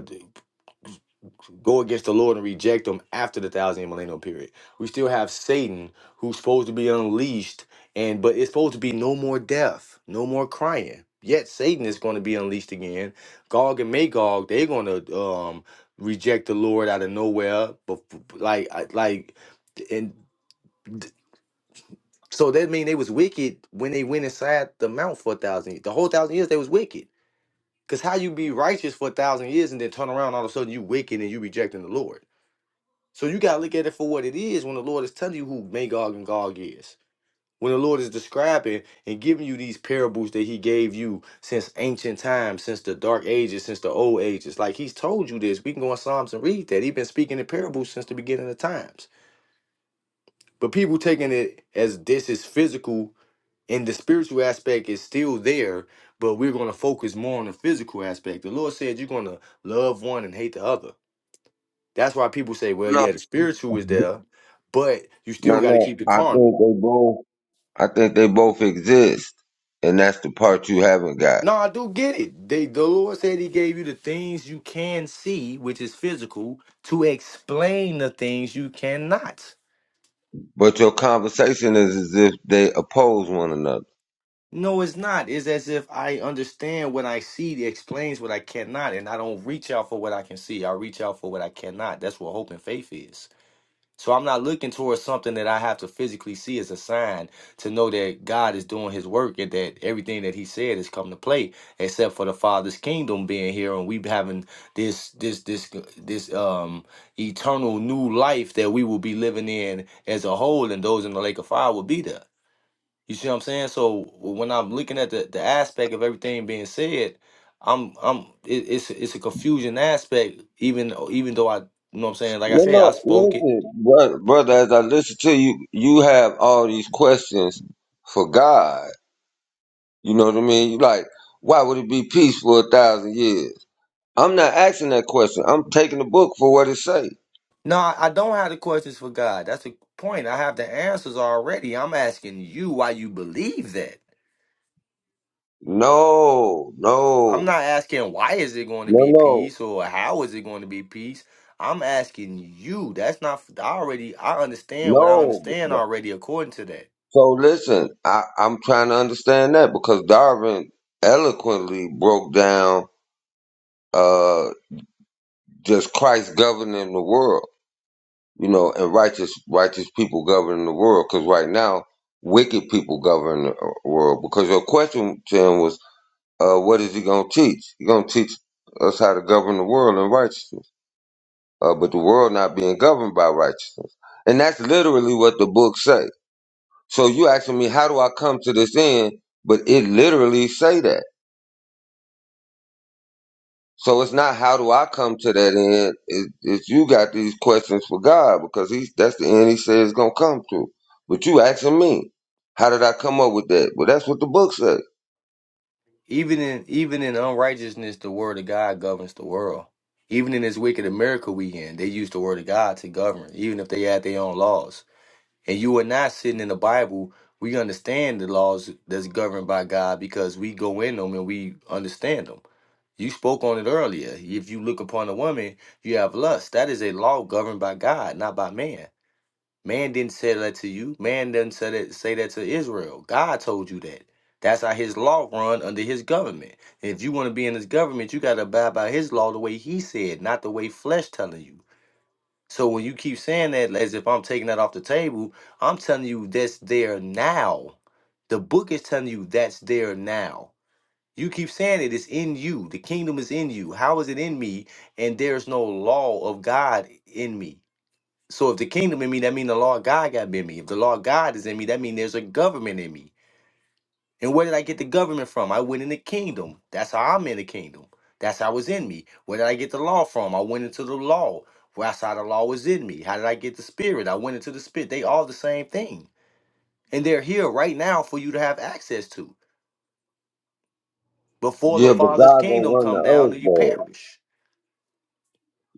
Speaker 7: go against the Lord and reject him after the thousand year millennial period. We still have Satan who's supposed to be unleashed and but it's supposed to be no more death, no more crying. Yet Satan is going to be unleashed again. Gog and Magog, they're going to um reject the Lord out of nowhere, but like I- like and d- so that mean they was wicked when they went inside the mount for a thousand years. The whole thousand years they was wicked. Cause how you be righteous for a thousand years and then turn around all of a sudden you wicked and you rejecting the Lord. So you gotta look at it for what it is when the Lord is telling you who Magog and Gog is. When the Lord is describing and giving you these parables that He gave you since ancient times, since the dark ages, since the old ages. Like He's told you this. We can go in Psalms and read that. He's been speaking in parables since the beginning of times. But people taking it as this is physical and the spiritual aspect is still there, but we're gonna focus more on the physical aspect. The Lord said you're gonna love one and hate the other. That's why people say, well,
Speaker 1: No,
Speaker 7: yeah, the spiritual is there, but you still
Speaker 1: no,
Speaker 7: got to
Speaker 1: no.
Speaker 7: keep the
Speaker 1: I
Speaker 7: carnal.
Speaker 1: think they both. I think they both exist, and that's the part you haven't got.
Speaker 7: No, I do get it. They, the Lord said He gave you the things you can see, which is physical, to explain the things you cannot.
Speaker 1: But your conversation is as if they oppose one another.
Speaker 7: No, it's not. It's as if I understand what I see that explains what I cannot, and I don't reach out for what I can see. I reach out for what I cannot. That's what hope and faith is. So I'm not looking towards something that I have to physically see as a sign to know that God is doing his work and that everything that he said is come to play, except for the Father's kingdom being here and we having this this this this um eternal new life that we will be living in as a whole and those in the lake of fire will be there. You see what I'm saying? So when I'm looking at the, the aspect of everything being said, I'm I'm it, it's it's a confusion aspect even even though I you know what I'm saying? Like I
Speaker 1: No,
Speaker 7: said, I
Speaker 1: no,
Speaker 7: spoke it.
Speaker 1: listen, brother, brother. As I listen to you, you have all these questions for God. You know what I mean? You like, why would it be peace for a thousand years? I'm not asking that question. I'm taking the book for what it say.
Speaker 7: No, I I don't have the questions for God. That's the point. I have the answers already. I'm asking you why you believe that.
Speaker 1: No,
Speaker 7: I'm
Speaker 1: no,
Speaker 7: not asking why is it going to
Speaker 1: no,
Speaker 7: be
Speaker 1: no,
Speaker 7: peace or how is it going to be peace. I'm asking you. That's not I already I understand what I
Speaker 1: no.
Speaker 7: understand already according to that.
Speaker 1: So listen, I, I'm trying to understand that because Darwin eloquently broke down uh just Christ governing the world, you know, and righteous righteous people governing the world. Because right now, wicked people govern the uh, world. Because your question to him was, uh, what is he gonna teach? He gonna teach us how to govern the world in righteousness, uh, but the world not being governed by righteousness, and that's literally what the book say. So you asking me, how do I come to this end? But it literally say that. So it's not how do I come to that end. It, it's you got these questions for God because he's that's the end he says it's gonna come to. But you asking me, how did I come up with that? Well, that's what the book says.
Speaker 7: Even in even in unrighteousness, the word of God governs the world. Even in this wicked America we in, they use the word of God to govern, even if they add their own laws. and you and I sitting in the Bible, we understand the laws that's governed by God because we go in them and we understand them. You spoke on it earlier. If you look upon a woman, you have lust. That is a law governed by God, not by man. Man didn't say that to you. Man didn't say that, say that to Israel. God told you that. That's how his law run under his government. If you want to be in his government, you got to abide by his law the way he said, not the way flesh telling you. So when you keep saying that as if I'm taking that off the table, I'm telling you that's there now. The book is telling you that's there now. You keep saying it is in you. The kingdom is in you. How is it in me? And there's no law of God in me. So if the kingdom in me, that mean the law of God got to be in me. If the law of God is in me, that mean there's a government in me. And where did I get the government from? I went in the kingdom. That's how I'm in the kingdom. That's how it's in me. Where did I get the law from? I went into the law. Well, That's how the law was in me. How did I get the spirit? I went into the spirit. They all the same thing. And they're here right now for you to have access to before the
Speaker 1: Yeah, but
Speaker 7: Father's
Speaker 1: God gonna
Speaker 7: kingdom
Speaker 1: run
Speaker 7: come
Speaker 1: the
Speaker 7: down
Speaker 1: earth,
Speaker 7: and you
Speaker 1: boy.
Speaker 7: perish.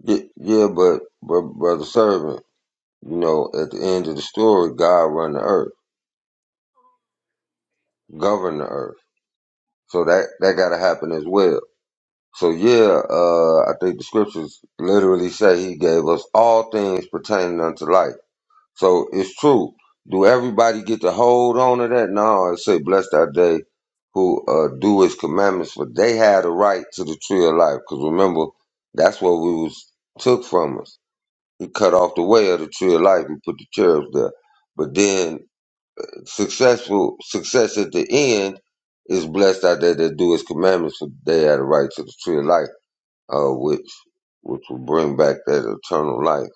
Speaker 1: Yeah, yeah, but but brother servant, you know, at the end of the story, God run the earth, govern the earth. So that that gotta happen as well. So yeah, uh, I think the scriptures literally say He gave us all things pertaining unto life. So it's true. Do everybody get to hold on to that? No, it say blessed are they who uh, do his commandments, for they had a right to the tree of life. Because remember, that's what we was took from us. He cut off the way of the tree of life and put the cherubs there. But then successful success at the end is blessed are they that do his commandments, for they had a right to the tree of life, uh, which which will bring back that eternal life.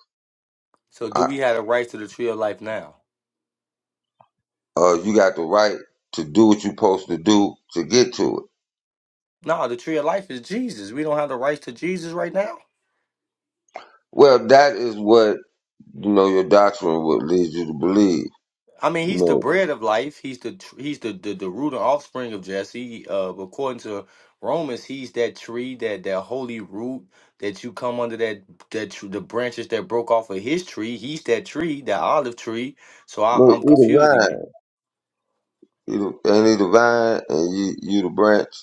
Speaker 7: So do we have the rights to the tree of life now?
Speaker 1: uh, you got the right to do what you're supposed to do to get to it.
Speaker 7: No, the tree of life is Jesus. We don't have the rights to Jesus right now.
Speaker 1: Well, that is what you know your doctrine would lead you to believe.
Speaker 7: I mean,
Speaker 1: You
Speaker 7: he's the
Speaker 1: know,
Speaker 7: bread of life. He's the tr- he's the the, the root and offspring of Jesse. Uh, according to Romans, he's that tree, that that holy root that you come under that that tr- the branches that broke off of his tree. He's that tree, that olive tree. So I,
Speaker 1: look,
Speaker 7: I'm
Speaker 1: you
Speaker 7: confused
Speaker 1: the vine,
Speaker 7: again.
Speaker 1: you the, and he the vine, and you you the branch.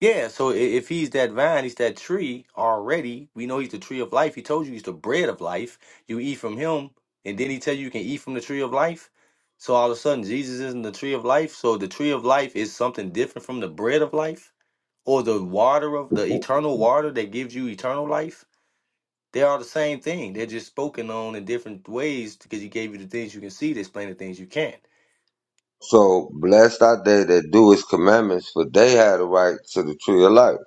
Speaker 7: Yeah, so i- if he's that vine, he's that tree already. We know he's the tree of life. He told you he's the bread of life. You eat from him, and then he tell you you can eat from the tree of life. So all of a sudden, Jesus isn't the tree of life. So the tree of life is something different from the bread of life or the water of the eternal water that gives you eternal life. They are the same thing. They're just spoken on in different ways because he gave you the things you can see to explain the things you can't.
Speaker 1: So blessed are they that do his commandments, for they have the right to the tree of life.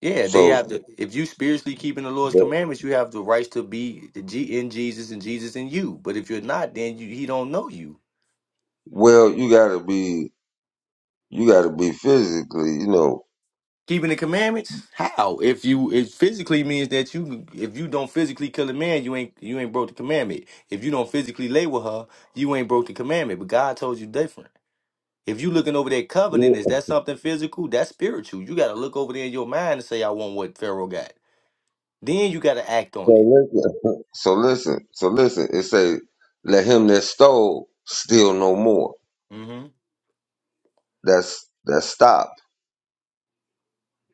Speaker 7: Yeah, they have
Speaker 1: So,
Speaker 7: the. If you spiritually keeping the Lord's
Speaker 1: but-
Speaker 7: commandments, you have the rights to be the G in Jesus and Jesus in you. But if you're not, then you, He don't know you.
Speaker 1: well, you gotta be, you gotta be physically, you know.
Speaker 7: Keeping the commandments, how? If you it physically means that you, if you don't physically kill a man, you ain't you ain't broke the commandment. If you don't physically lay with her, you ain't broke the commandment. But God told you different. If you looking over that covenant, is that something physical? That's spiritual. You got to look over there in your mind and say, I want what Pharaoh got. Then you got to act on
Speaker 1: So
Speaker 7: it.
Speaker 1: listen, so listen, so listen. It say, "Let him that stole steal no more."
Speaker 7: Mm-hmm.
Speaker 1: That's that's stop.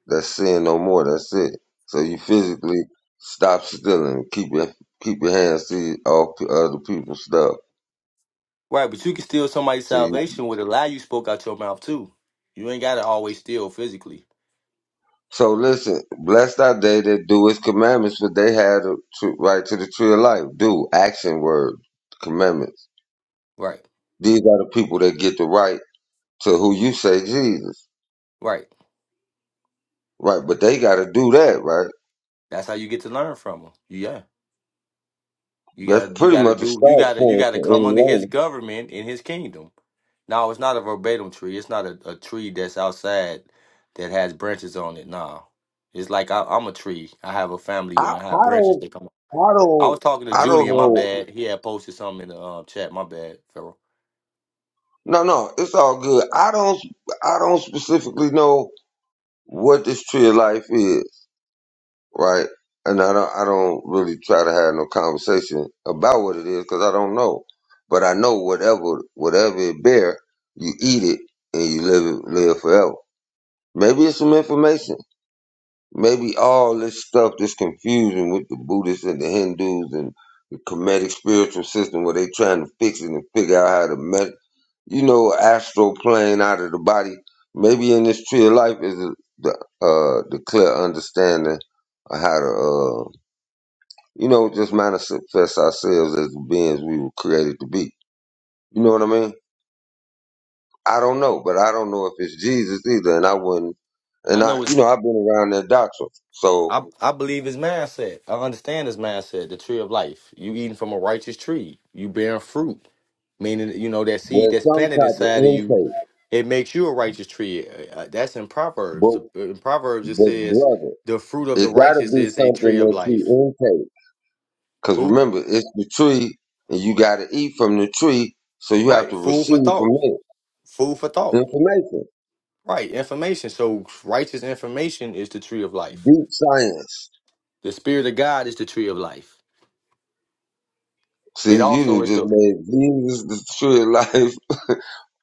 Speaker 1: That's sin no more. That's it. So you physically stop stealing. Keep your keep your hands to all p- other people's stuff.
Speaker 7: Right, but you can steal somebody's
Speaker 1: To you.
Speaker 7: salvation with a lie you spoke out your mouth too. You ain't gotta always steal physically.
Speaker 1: So listen, blessed are they that do His commandments, for they have the tr- right to the tree of life. Do action word commandments.
Speaker 7: Right,
Speaker 1: These are the people that get the right to who you say Jesus,
Speaker 7: right.
Speaker 1: right? But they got to do that, right?
Speaker 7: That's how you get to learn from him. Yeah, you
Speaker 1: That's
Speaker 7: gotta, you
Speaker 1: pretty
Speaker 7: gotta
Speaker 1: much a
Speaker 7: do, you
Speaker 1: start
Speaker 7: gotta, you
Speaker 1: point
Speaker 7: gotta
Speaker 1: for any
Speaker 7: come under his
Speaker 1: loan.
Speaker 7: government in his kingdom. No, it's not a verbatim tree. It's not a, a tree that's outside that has branches on it. No, it's like I, I'm a tree. I have a family
Speaker 1: I,
Speaker 7: and I have
Speaker 1: I
Speaker 7: branches
Speaker 1: don't,
Speaker 7: that come.
Speaker 1: I
Speaker 7: I
Speaker 1: don't,
Speaker 7: was talking to
Speaker 1: I don't
Speaker 7: Julian. My
Speaker 1: know.
Speaker 7: bad. He had posted something in the um, chat. My bad, Pharaoh.
Speaker 1: No, no, it's all good. I don't, I don't specifically know what this tree of life is, right? And I don't, I don't really try to have no conversation about what it is because I don't know. But I know whatever, whatever it bear, you eat it and you live it, live forever. Maybe it's some information. Maybe all this stuff, this confusion with the Buddhists and the Hindus and the Kemetic spiritual system where they trying to fix it and figure out how to met, you know, astral plane out of the body. Maybe in this tree of life is the the, uh, the clear understanding of how to, uh, you know, just manifest ourselves as the beings we were created to be. You know what I mean? I don't know, but I don't know if it's Jesus either, and I wouldn't and
Speaker 7: I
Speaker 1: I,
Speaker 7: know it's
Speaker 1: you know, I've been around that doctrine. So
Speaker 7: I I believe his mindset. I understand his mindset. The tree of life. You eating from a righteous tree. You bearing fruit. Meaning, you know that seed
Speaker 1: there's
Speaker 7: that's
Speaker 1: some
Speaker 7: planted
Speaker 1: type of
Speaker 7: inside of
Speaker 1: intake.
Speaker 7: you. It makes you a righteous tree. Uh, uh, That's in Proverbs.
Speaker 1: But,
Speaker 7: In Proverbs, it
Speaker 1: but
Speaker 7: says,
Speaker 1: brother,
Speaker 7: "The fruit of the
Speaker 1: it gotta
Speaker 7: righteous
Speaker 1: be
Speaker 7: is a
Speaker 1: something
Speaker 7: tree of
Speaker 1: that
Speaker 7: life."
Speaker 1: you intake. Cause
Speaker 7: Who?
Speaker 1: remember, it's the tree and you gotta eat from the tree, so you have
Speaker 7: Right.
Speaker 1: to
Speaker 7: Food for
Speaker 1: receive from
Speaker 7: thought.
Speaker 1: it
Speaker 7: Food for thought.
Speaker 1: information.
Speaker 7: Right. Information. So righteous information is the tree of life.
Speaker 1: Deep science.
Speaker 7: The spirit of God is the tree of life. It
Speaker 1: See, you
Speaker 7: also
Speaker 1: done
Speaker 7: is
Speaker 1: just
Speaker 7: the.
Speaker 1: made Jesus the tree of life.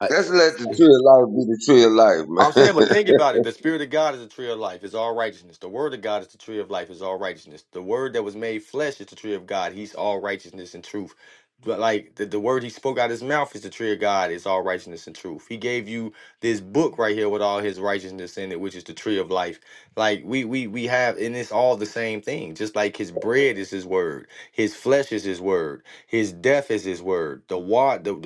Speaker 7: Uh,
Speaker 1: Let's let the tree of life be the tree of life, man.
Speaker 7: I'm saying, but think about it. The Spirit of God is the tree of life, is all righteousness. The Word of God is the tree of life, is all righteousness. The Word that was made flesh is the tree of God. He's all righteousness and truth. But like the, the word he spoke out of his mouth is the tree of God, is all righteousness and truth. He gave you this book right here with all his righteousness in it, which is the tree of life. Like we we we have, and it's all the same thing. Just like his bread is his word, his flesh is his word, his death is his word, the water,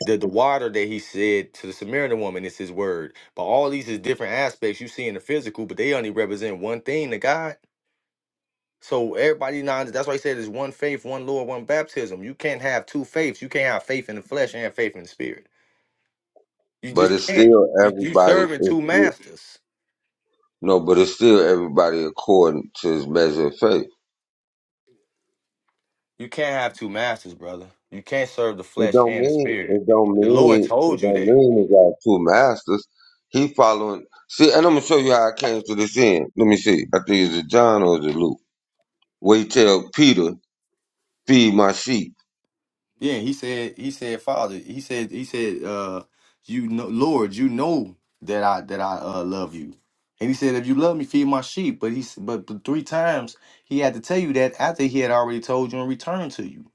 Speaker 7: the, the water that he said to the Samaritan woman is his word. But all these is different aspects you see in the physical, but they only represent one thing to God. So everybody now that's why he said there's one faith, one Lord, one baptism. You can't have two faiths. You can't have faith in the flesh and faith in the spirit. You
Speaker 1: But
Speaker 7: just
Speaker 1: it's
Speaker 7: can't.
Speaker 1: still
Speaker 7: You you
Speaker 1: everybody,
Speaker 7: serving
Speaker 1: it's
Speaker 7: two
Speaker 1: still,
Speaker 7: masters.
Speaker 1: no, but it's still everybody according to his measure of faith.
Speaker 7: You can't have two masters, brother. You can't serve the
Speaker 1: It
Speaker 7: flesh
Speaker 1: don't
Speaker 7: and the
Speaker 1: mean
Speaker 7: spirit.
Speaker 1: it don't
Speaker 7: The Lord
Speaker 1: mean it
Speaker 7: told you
Speaker 1: don't
Speaker 7: that.
Speaker 1: mean he got two masters. He following see, and I'm gonna show you how I came to this end. Let me see. I think it's a John or is it Luke? Where he tell Peter, feed my sheep.
Speaker 7: Yeah, he said, he said, Father, he said, he said, uh, you know, Lord, you know that I that I uh, love you. And he said, if you love me, feed my sheep. But he s- but th- three times he had to tell you that after he had already told you and returned to you.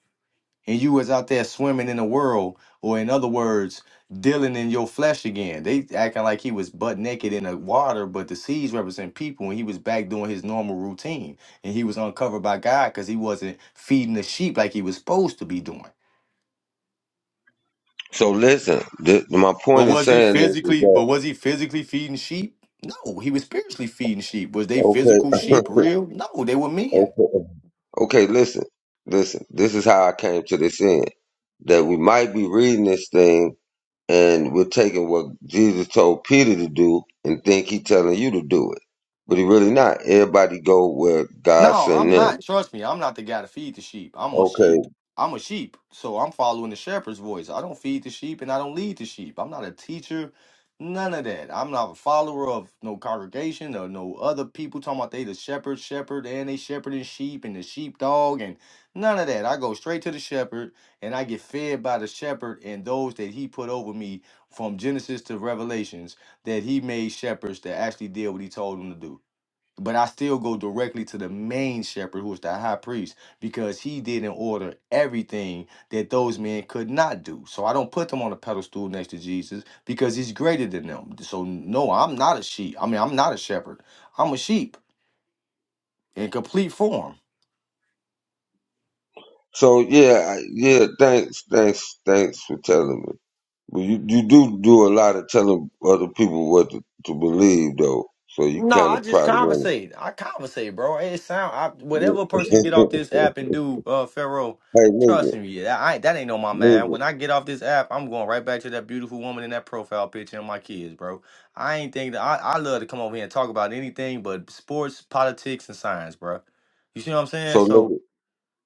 Speaker 7: And you was out there swimming in the world, or in other words, dealing in your flesh again. They acting like he was butt naked in the water, but the seas represent people, and he was back doing his normal routine. And he was uncovered by God because he wasn't feeding the sheep like he was supposed to be doing.
Speaker 1: So listen, th- my
Speaker 7: But
Speaker 1: point of
Speaker 7: was he
Speaker 1: saying this is
Speaker 7: physically?
Speaker 1: that
Speaker 7: But was he physically feeding sheep? No, he was spiritually feeding sheep. Was they physical sheep
Speaker 1: okay,
Speaker 7: real? No, they were men.
Speaker 1: okay, okay. Listen, listen. This is how I came to this end. That we might be reading this thing and we're taking what Jesus told Peter to do and think he telling you to do it. But he really not. Everybody go where God
Speaker 7: No,
Speaker 1: sent
Speaker 7: I'm
Speaker 1: them.
Speaker 7: not. Trust me, I'm not the guy to feed the sheep. I'm a
Speaker 1: Okay.
Speaker 7: sheep. I'm a sheep. So I'm following the shepherd's voice. I don't feed the sheep and I don't lead the sheep. I'm not a teacher. None of that. I'm not a follower of no congregation or no other people talking about they the shepherd, shepherd, and they shepherding sheep and the sheepdog and none of that. I go straight to the shepherd and I get fed by the shepherd and those that he put over me from Genesis to Revelations that he made shepherds that actually did what he told them to do. But I still go directly to the main shepherd, who is the high priest, because he did in order everything that those men could not do. So I don't put them on a pedestal next to Jesus because he's greater than them. So no, I'm not a sheep. I mean, I'm not a shepherd. I'm a sheep in complete form.
Speaker 1: So yeah, I, yeah. Thanks, thanks, thanks for telling me. But you, you do do a lot of telling other people what to, to believe though. So you
Speaker 7: No,
Speaker 1: kind
Speaker 7: I
Speaker 1: of
Speaker 7: just
Speaker 1: probably want.
Speaker 7: conversate. I conversate, bro. It sound I,
Speaker 1: to
Speaker 7: whatever person get off this app and do uh Pharaoh,
Speaker 1: hey,
Speaker 7: trust
Speaker 1: listen,
Speaker 7: me, yeah, that I that ain't on my mind.
Speaker 1: listen.
Speaker 7: When I get off this app, I'm going right back to that beautiful woman in that profile picture and my kids, bro. I ain't think that I, I love to come over here and talk about anything but sports, politics, and science, bro. You see what I'm saying?
Speaker 1: So
Speaker 7: So
Speaker 1: listen.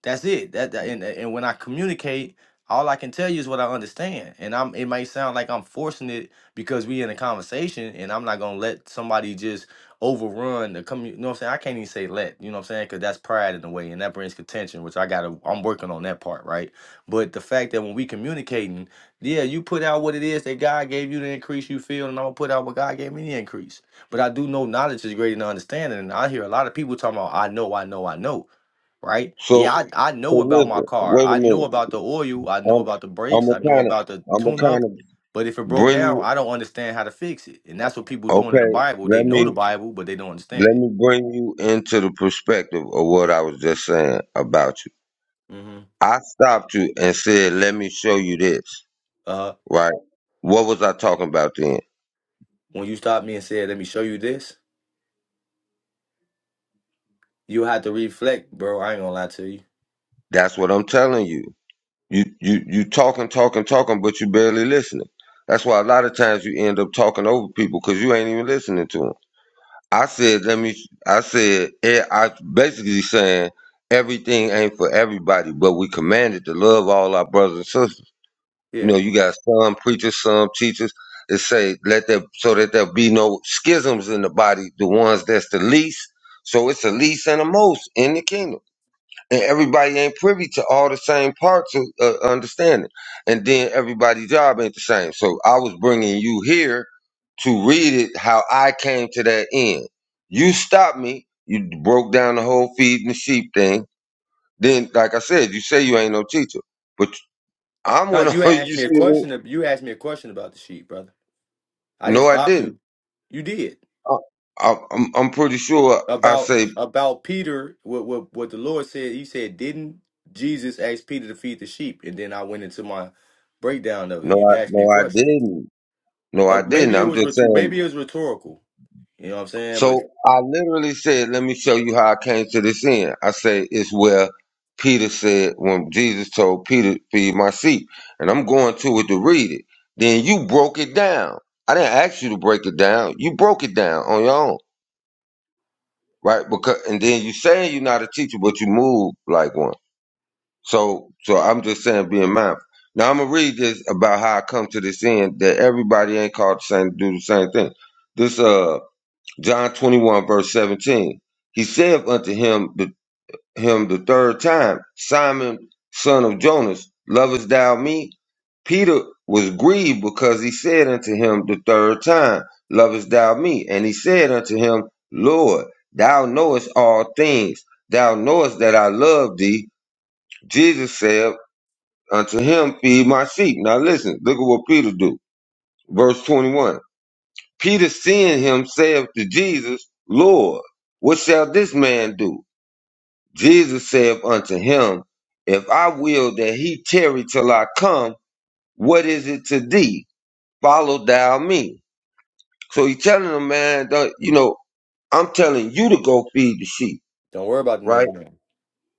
Speaker 7: that's it. That, that- and and when I communicate, all I can tell you is what I understand. And I'm it might sound like I'm forcing it because we in a conversation and I'm not gonna let somebody just overrun the commu you know what I'm saying? I can't even say let, you know what I'm saying? Because that's pride in a way and that brings contention, which I gotta I'm working on that part, right? But the fact that when we communicating, yeah, you put out what it is that God gave you the increase you feel, and I'm gonna put out what God gave me the increase. But I do know knowledge is greater than understanding, and I hear a lot of people talking about I know, I know, I know right?
Speaker 1: So
Speaker 7: Yeah, I, I
Speaker 1: so
Speaker 7: know about my
Speaker 1: listen.
Speaker 7: car.
Speaker 1: Wait a
Speaker 7: I know
Speaker 1: minute.
Speaker 7: about the oil. I know
Speaker 1: I'm
Speaker 7: about the
Speaker 1: I'm
Speaker 7: brakes.
Speaker 1: a
Speaker 7: I know
Speaker 1: kind
Speaker 7: about the
Speaker 1: of I'm a
Speaker 7: tune up.
Speaker 1: kind of
Speaker 7: But if it broke down,
Speaker 1: bring.
Speaker 7: I don't understand how to fix it. And that's what people doing in the
Speaker 1: Okay,
Speaker 7: Bible. They
Speaker 1: let
Speaker 7: know the
Speaker 1: me
Speaker 7: Bible, but they don't understand
Speaker 1: let
Speaker 7: it.
Speaker 1: me bring you into the perspective of what I was just saying about you.
Speaker 7: hmm
Speaker 1: I stopped you and said, "Let me show you this."
Speaker 7: Uh,
Speaker 1: Right? What was I talking about then?
Speaker 7: when you stopped me and said, "Let me show you this," you had to reflect, bro. I ain't gonna lie to you.
Speaker 1: That's what I'm telling you. You you you talking talking talking, but you barely listening. That's why a lot of times you end up talking over people because you ain't even listening to them. I said, "Let me." I said, eh, "I basically saying everything ain't for everybody, but we commanded to love all our brothers and sisters." You know,
Speaker 7: Yeah.
Speaker 1: you got some preachers, some teachers that say let there so that there be no schisms in the body, the ones that's the least. So it's the least and the most in the kingdom. And everybody ain't privy to all the same parts of uh, understanding. And then everybody's job ain't the same. So I was bringing you here to read it how I came to that end. You stopped me. You broke down the whole feeding the sheep thing. Then, like I said, you say you ain't no teacher, but I'm
Speaker 7: Now
Speaker 1: one of
Speaker 7: you asked
Speaker 1: you.
Speaker 7: me a
Speaker 1: See,
Speaker 7: question. You asked me a question about the sheep, brother. I didn't
Speaker 1: No, I
Speaker 7: stop
Speaker 1: didn't.
Speaker 7: you. You did.
Speaker 1: I, I, I'm I'm pretty sure I
Speaker 7: about
Speaker 1: say
Speaker 7: about Peter, what what what the Lord said, he said, didn't Jesus ask Peter to feed the sheep? And then I went into my breakdown of it.
Speaker 1: no.
Speaker 7: You
Speaker 1: I,
Speaker 7: asked me a
Speaker 1: no, I
Speaker 7: question.
Speaker 1: didn't. No, I
Speaker 7: Oh,
Speaker 1: didn't.
Speaker 7: maybe it
Speaker 1: I'm
Speaker 7: was
Speaker 1: just
Speaker 7: rhetor-
Speaker 1: saying.
Speaker 7: maybe it was rhetorical. You know what I'm saying? But
Speaker 1: So I literally said, "Let me show you how I came to this end." I say it's where Peter said when Jesus told Peter, "Feed my sheep," and I'm going to it to read it. Then you broke it down. I didn't ask you to break it down. You broke it down on your own, right? Because and then you saying you're not a teacher, but you move like one. So, so I'm just saying, being mindful. Now I'm gonna read this about how I come to this end that everybody ain't called the same to do the same thing. This uh John 21 verse 17. He said unto him the him the third time, Simon, son of Jonas, lovest thou me? Peter was grieved because he said unto him the third time, Lovest thou me? And he said unto him, Lord, thou knowest all things. Thou knowest that I love thee. Jesus said. Unto him feed my sheep. Now listen, look at what Peter do. Verse 21. Peter seeing him saith to Jesus, Lord, what shall this man do? Jesus saith unto him, If I will that he tarry till I come, what is it to thee? Follow thou me. So he telling him, man, don't- you know, I'm telling you to go feed the sheep,
Speaker 7: don't worry about the
Speaker 1: right?
Speaker 7: next man.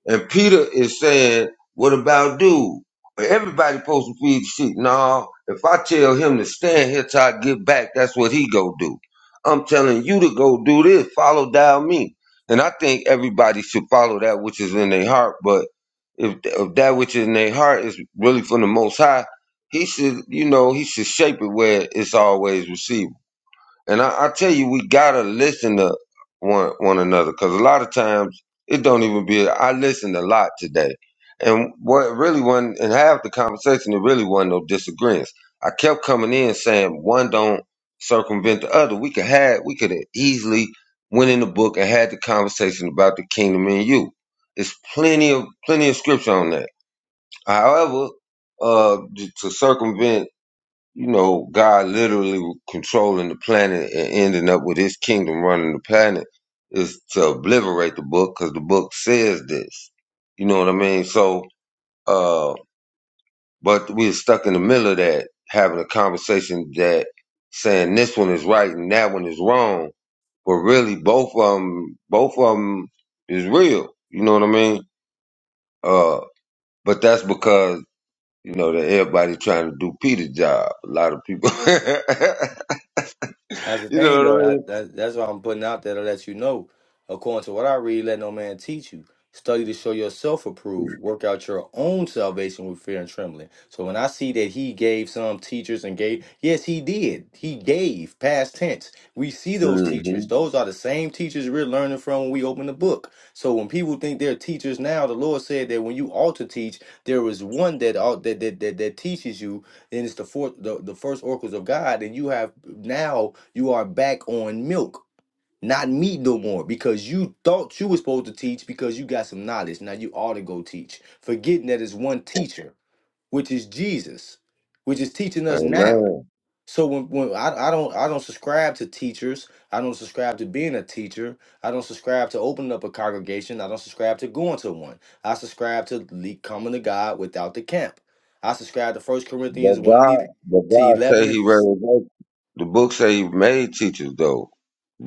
Speaker 1: And Peter is saying, what about dude? Everybody supposed to feed the sheep. No, if I tell him to stand here till I get back, that's what he go do. I'm telling you to go do this, follow down me. And I think everybody should follow that which is in their heart. But if, if that which is in their heart is really from the Most High, he should, you know, he should shape it where it's always received. And I, I tell you, we gotta listen to one one another because a lot of times it don't even be. I listened a lot today, and what really wasn't in half the conversation, it really wasn't no disagreements. I kept coming in saying one don't circumvent the other. We could have we could have easily went in the book and had the conversation about the kingdom in you. It's plenty of plenty of scripture on that. However, uh, to circumvent you know, God literally controlling the planet and ending up with his kingdom running the planet is to obliterate the book because the book says this. You know what I mean? So, uh, but we're stuck in the middle of that, having a conversation that saying this one is right and that one is wrong. But really, both of them, both of 'em is real. You know what I mean? Uh, but that's because, you know, that everybody trying to do Peter's job. A lot of people.
Speaker 7: That's the
Speaker 1: You know
Speaker 7: thing,
Speaker 1: what I
Speaker 7: though.
Speaker 1: mean?
Speaker 7: I, that, that's what I'm putting out there to let you know. According to what I read, let no man teach you. Study to show yourself approved. Work out your own salvation with fear and trembling. So when I see that he gave some teachers and gave, yes, he did. He gave, past tense. We see those
Speaker 1: hmm
Speaker 7: teachers. Those are the same teachers we're learning from when we open the book. So when people think they're teachers now, the Lord said that when you ought to teach, there is one that ought that that, that, that teaches you then it's the fourth, the, the first oracles of God, and you have now you are back on milk, not meat no more, because you thought you were supposed to teach because you got some knowledge. Now you ought to go teach, forgetting that it's one teacher, which is Jesus, which is teaching us now.
Speaker 1: Amen.
Speaker 7: So when, when I, I don't I don't subscribe to teachers, I don't subscribe to being a teacher, I don't subscribe to opening up a congregation, I don't subscribe to going to one. I subscribe to le- coming to God without the camp. I subscribe to First
Speaker 1: But
Speaker 7: Corinthians one and
Speaker 1: God,
Speaker 7: e-
Speaker 1: but
Speaker 7: to
Speaker 1: God say
Speaker 7: eleven. And,
Speaker 1: He raised up. The book say He made teachers, though,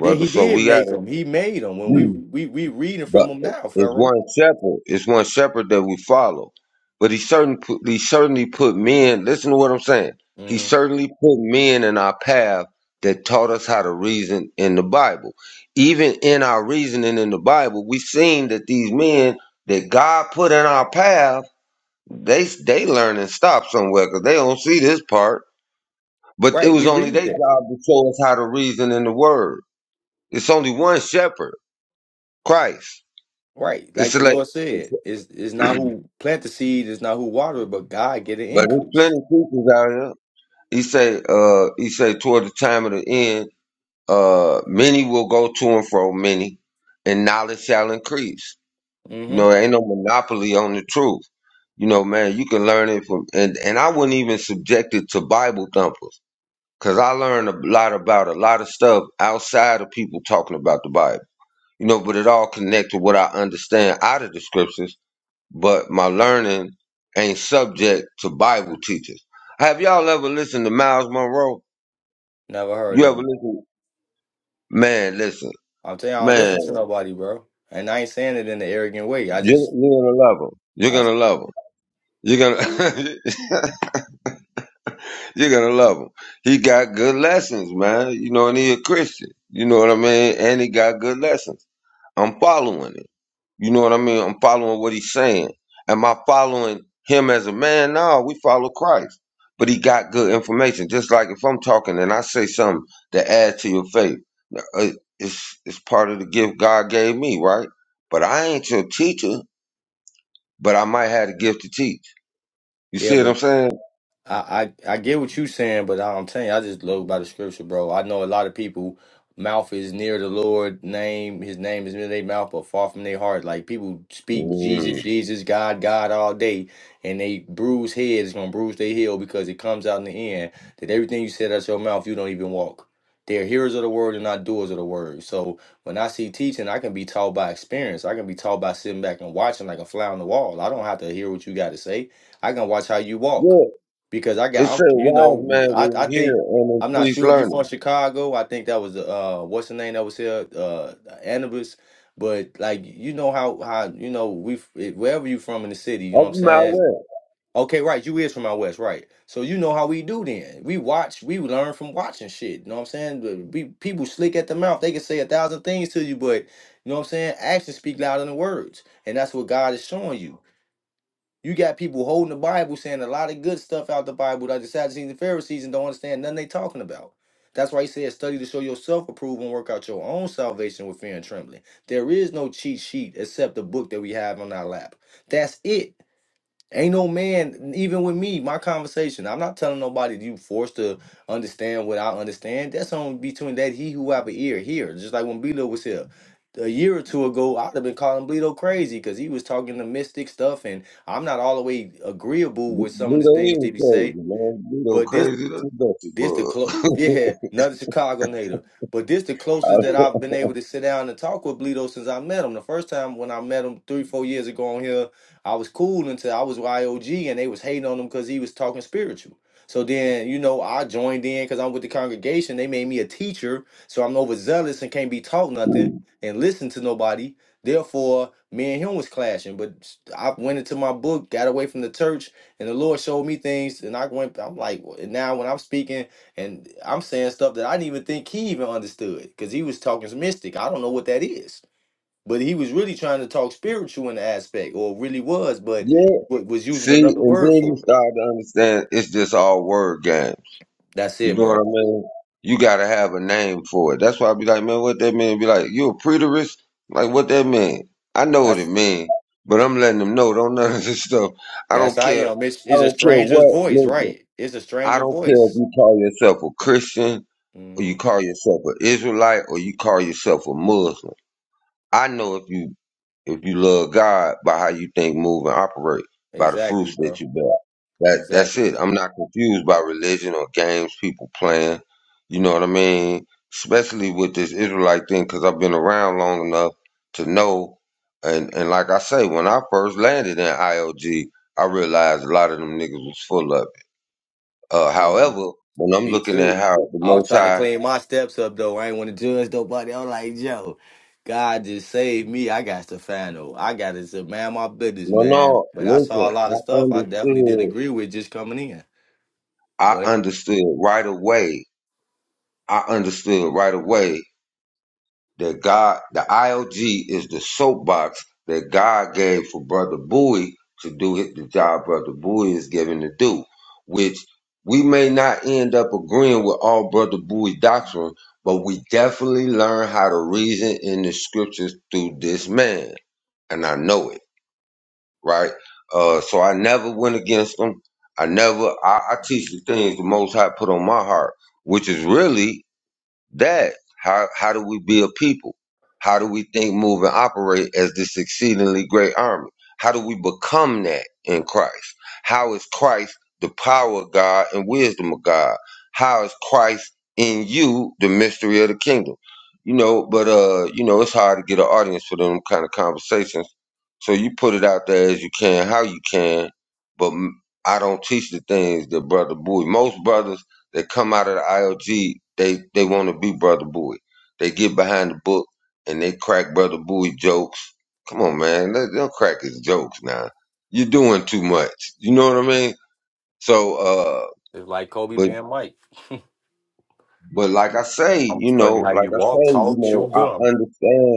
Speaker 7: yeah, he
Speaker 1: So
Speaker 7: did
Speaker 1: we
Speaker 7: make
Speaker 1: gotta.
Speaker 7: them. He made them. When we
Speaker 1: Mm.
Speaker 7: we we reading
Speaker 1: But
Speaker 7: from them now,
Speaker 1: it's
Speaker 7: Pharaoh.
Speaker 1: one shepherd. It's one shepherd that we follow. But He certain put, He certainly put men. Listen to what I'm saying. He
Speaker 7: hmm
Speaker 1: certainly put men in our path that taught us how to reason in the Bible. Even in our reasoning in the Bible, we seen that these men that God put in our path They they learn and stop somewhere because they don't see this part. But it
Speaker 7: Right,
Speaker 1: was
Speaker 7: we
Speaker 1: only their
Speaker 7: read
Speaker 1: job
Speaker 7: that.
Speaker 1: to show us how to reason in the word. It's only one shepherd, Christ.
Speaker 7: Right, like
Speaker 1: It's
Speaker 7: the
Speaker 1: like,
Speaker 7: Lord said,
Speaker 1: but
Speaker 7: it's it's not who plant the seed, it's not who water it, but God get an
Speaker 1: there's plenty
Speaker 7: increase.
Speaker 1: of teachers out here. He say, uh, he say, toward the time of the end, uh, many will go to and fro, many, and knowledge shall increase. You
Speaker 7: hmm
Speaker 1: know, there ain't no monopoly on the truth. You know, man, you can learn it from, and and I wouldn't even subject it to Bible thumpers. Cause I learned a lot about a lot of stuff outside of people talking about the Bible. You know, but it all connects to what I understand out of the scriptures, but my learning ain't subject to Bible teachers. Have y'all ever listened to Miles Monroe?
Speaker 7: Never heard
Speaker 1: You ever
Speaker 7: of 'em.
Speaker 1: listen? Man, listen.
Speaker 7: I'm telling you, I don't
Speaker 1: Man,
Speaker 7: listen to nobody, bro. And I ain't saying it in an arrogant way. I
Speaker 1: you're,
Speaker 7: just,
Speaker 1: you're gonna love him. You're
Speaker 7: I
Speaker 1: gonna love him. You're gonna you're gonna love him. He got good lessons, man. You know, and he a Christian. You know what I mean? And he got good lessons. I'm following it. You know what I mean? I'm following what he's saying. Am I following him as a man? No, we follow Christ. But he got good information. Just like if I'm talking and I say something to add to your faith, uh, it's it's part of the gift God gave me, right? But I ain't your teacher, but I might have the gift to teach. You
Speaker 7: yeah,
Speaker 1: see what
Speaker 7: but
Speaker 1: I'm saying?
Speaker 7: I, I I get what you saying, but I'm telling you, I just love by the scripture, bro. I know a lot of people mouth is near the Lord name, his name is near their mouth, but far from their heart. Like people speak
Speaker 1: Mm.
Speaker 7: Jesus, Jesus, God, God all day, and they bruise heads gonna bruise their heel because it comes out in the end that everything you said out your mouth, you don't even walk. They're hearers of the word and not doers of the word. So when I see teaching, I can be taught by experience. I can be taught by sitting back and watching like a fly on the wall. I don't have to hear what you got to say. I can watch how you walk
Speaker 1: Yeah.
Speaker 7: because I
Speaker 1: It
Speaker 7: got
Speaker 1: said
Speaker 7: I'm, you know
Speaker 1: wise
Speaker 7: we-
Speaker 1: man
Speaker 7: I
Speaker 1: will
Speaker 7: I
Speaker 1: hear
Speaker 7: think
Speaker 1: and
Speaker 7: I'm not
Speaker 1: increase
Speaker 7: sure if you
Speaker 1: learning.
Speaker 7: from Chicago. I think that was uh what's the name that was here uh Anubis, but like you know how how you know we f- eh, wherever you from in the city, you know what I'm
Speaker 1: Open my
Speaker 7: saying.
Speaker 1: way.
Speaker 7: Okay, right. You is from out west, right? So you know how we do. Then we watch, we learn from watching shit. You know what I'm saying? But We people slick at the mouth. They can say a thousand things to you, but you know what I'm saying. Actions speak louder than words, and that's what God is showing you. You got people holding the Bible saying a lot of good stuff out the Bible that the Sadducees and Pharisees and don't understand nothing they talking about. That's why he said, study to show yourself approved and work out your own salvation with fear and trembling. There is no cheat sheet except the book that we have on our lap. That's it. Ain't no man, even with me, my conversation. I'm not telling nobody you forced to understand what I understand. That's only between that he who have an ear here. Just like when Bleedo was here. A year or two ago, I'd have been calling Bleedo crazy because he was talking the mystic stuff, and I'm not all the way agreeable
Speaker 1: Bl-
Speaker 7: with some of the
Speaker 1: Bluto
Speaker 7: things
Speaker 1: is
Speaker 7: that he
Speaker 1: crazy,
Speaker 7: say.
Speaker 1: man. Bluto
Speaker 7: But this
Speaker 1: crazy than a dusty
Speaker 7: this the close,
Speaker 1: bug.
Speaker 7: yeah, another Chicago native. But this the closest that I've been able to sit down and talk with Bleedo since I met him. The first time when I met him three, four years ago on here, I was cool until I was YOG and they was hating on him because he was talking spiritual. So then, you know, I joined in because I'm with the congregation. They made me a teacher, so I'm overzealous and can't be taught nothing and listen to nobody. Therefore, me and him was clashing. But I went into my book, got away from the church, and the Lord showed me things, and I went. I'm like, well, now when I'm speaking. And I'm saying stuff that I didn't even think he even understood because he was talking mystic. I don't know what that is. But he was really trying to talk spiritual in the aspect, or really was, but
Speaker 1: yeah.
Speaker 7: wa- was using
Speaker 1: See,
Speaker 7: another
Speaker 1: and
Speaker 7: word
Speaker 1: then you
Speaker 7: for it.
Speaker 1: start to understand it's just all word game.
Speaker 7: That's
Speaker 1: You
Speaker 7: it,
Speaker 1: know what I
Speaker 7: bro.
Speaker 1: mean? You gotta have a name for it. That's why I be like, man, what that mean? Be like, you a preterist? Like, what that mean? I know what it
Speaker 7: That's
Speaker 1: mean, but I'm letting them know. Don't none of this stuff. I
Speaker 7: that's
Speaker 1: don't
Speaker 7: how you
Speaker 1: care.
Speaker 7: know it's,
Speaker 1: I
Speaker 7: it's a
Speaker 1: don't care
Speaker 7: stranger's
Speaker 1: what.
Speaker 7: voice,
Speaker 1: Listen,
Speaker 7: right? It's a
Speaker 1: I
Speaker 7: stranger
Speaker 1: don't care if
Speaker 7: voice.
Speaker 1: you call yourself a Christian or
Speaker 7: hmm
Speaker 1: you call yourself an Israelite or you call yourself a Muslim. I know if you if you love God by how you think, move, and operate, by the
Speaker 7: Exactly,
Speaker 1: fruits that
Speaker 7: bro.
Speaker 1: you bear. That that's
Speaker 7: Exactly.
Speaker 1: it. I'm not confused by religion or games people playing. You know what I mean? Especially with this Israelite thing, because I've been around long enough to know. And and like I say, when I first landed in IOG, I realized a lot of them niggas was full of it. Uh,
Speaker 7: Yeah.
Speaker 1: however, when I'm
Speaker 7: Me
Speaker 1: looking at
Speaker 7: too.
Speaker 1: how the
Speaker 7: I was
Speaker 1: Most
Speaker 7: trying to
Speaker 1: High,
Speaker 7: clean my steps up though. I ain't want to judge nobody. I'm like, yo, God just saved me. I got to find out. I got to say, man, my business,
Speaker 1: no,
Speaker 7: man.
Speaker 1: no,
Speaker 7: But I saw a
Speaker 1: listen,
Speaker 7: lot of
Speaker 1: I
Speaker 7: stuff I definitely didn't
Speaker 1: understood.
Speaker 7: agree with just coming in.
Speaker 1: I
Speaker 7: But
Speaker 1: understood right away I understood right away that God, the IOG is the soapbox that God gave for Brother Bowie to do it, the job Brother Bowie is given to do, which we may not end up agreeing with all Brother Bowie's doctrine, but we definitely learn how to reason in the scriptures through this man. And I know it, right? Uh, so I never went against him. I never, I, I teach the things the Most High put on my heart, which is really that how how do we be a people how do we think move and operate as this exceedingly great army how do we become that in christ how is christ the power of god and wisdom of god how is christ in you the mystery of the kingdom you know but uh you know it's hard to get an audience for them kind of conversations so you put it out there as you can how you can but m- i don't teach the things that brother bowie most brothers they come out of the IOG, they they want to be Brother Bowie. They get behind the book and they crack Brother Bowie jokes. Come on, man, they don't crack his jokes now. You're doing too much. You know what I mean? So, uh,
Speaker 7: it's like Kobe
Speaker 1: but
Speaker 7: being Mike.
Speaker 1: but like I say,
Speaker 7: I'm gonna
Speaker 1: you
Speaker 7: study
Speaker 1: know,
Speaker 7: how
Speaker 1: like
Speaker 7: you
Speaker 1: I
Speaker 7: walk,
Speaker 1: say, you
Speaker 7: talk,
Speaker 1: know,
Speaker 7: chew gum.
Speaker 1: I understand.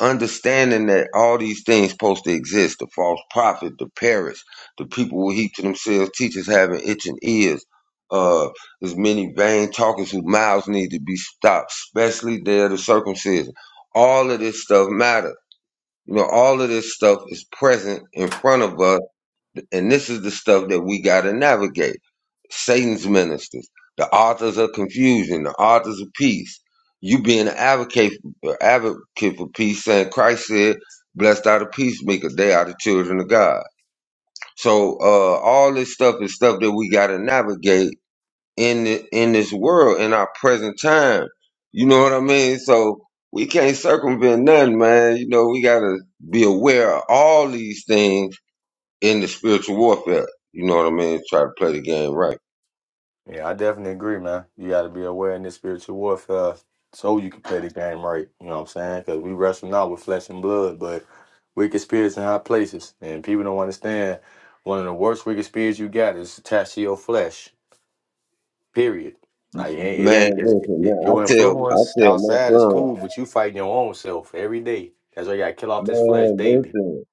Speaker 1: understanding that all these things supposed to exist the false prophet the parrots the people who heap to themselves teachers having itching ears uh as many vain talkers whose mouths need to be stopped especially there the circumcision all of this stuff matter you know all of this stuff is present in front of us and this is the stuff that we got to navigate. Satan's ministers, the authors of confusion, the authors of peace. You being an advocate, advocate for peace, saying Christ said, "Blessed are the peacemakers; they are the children of God." So uh, all this stuff is stuff that we got to navigate in the, in this world in our present time. You know what I mean? So we can't circumvent nothing, man. You know we got to be aware of all these things in the spiritual warfare. You know what I mean? Try to play the game right.
Speaker 7: Yeah, I definitely agree, man. You got to be aware in this spiritual warfare so you can play the game right. You know what I'm saying? Because we wrestle not with flesh and blood, but wicked spirits in high places. And people don't understand one of the worst wicked spirits you got is attached to your flesh, period. Like, it ain't, it
Speaker 1: Man,
Speaker 7: ain't it,
Speaker 1: listen,
Speaker 7: it-
Speaker 1: man, I
Speaker 7: your
Speaker 1: tell I
Speaker 7: influence
Speaker 1: tell my
Speaker 7: outside is
Speaker 1: son,
Speaker 7: cool, but you fighting your own self every day. That's why you got to kill off this flesh
Speaker 1: man,
Speaker 7: daily.
Speaker 1: listen.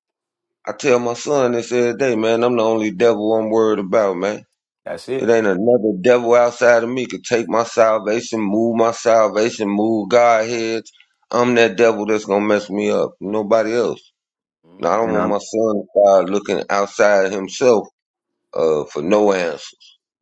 Speaker 1: I tell my son this every day, man, I'm the only devil I'm worried about, man.
Speaker 7: That's
Speaker 1: It
Speaker 7: it.
Speaker 1: ain't another devil outside of me could take my salvation, move my salvation, move God heads. I'm that devil that's gonna mess me up. Nobody else. Now
Speaker 7: hmm
Speaker 1: I don't
Speaker 7: And
Speaker 1: want my
Speaker 7: I'm,
Speaker 1: son to start looking outside of himself uh, for no answer.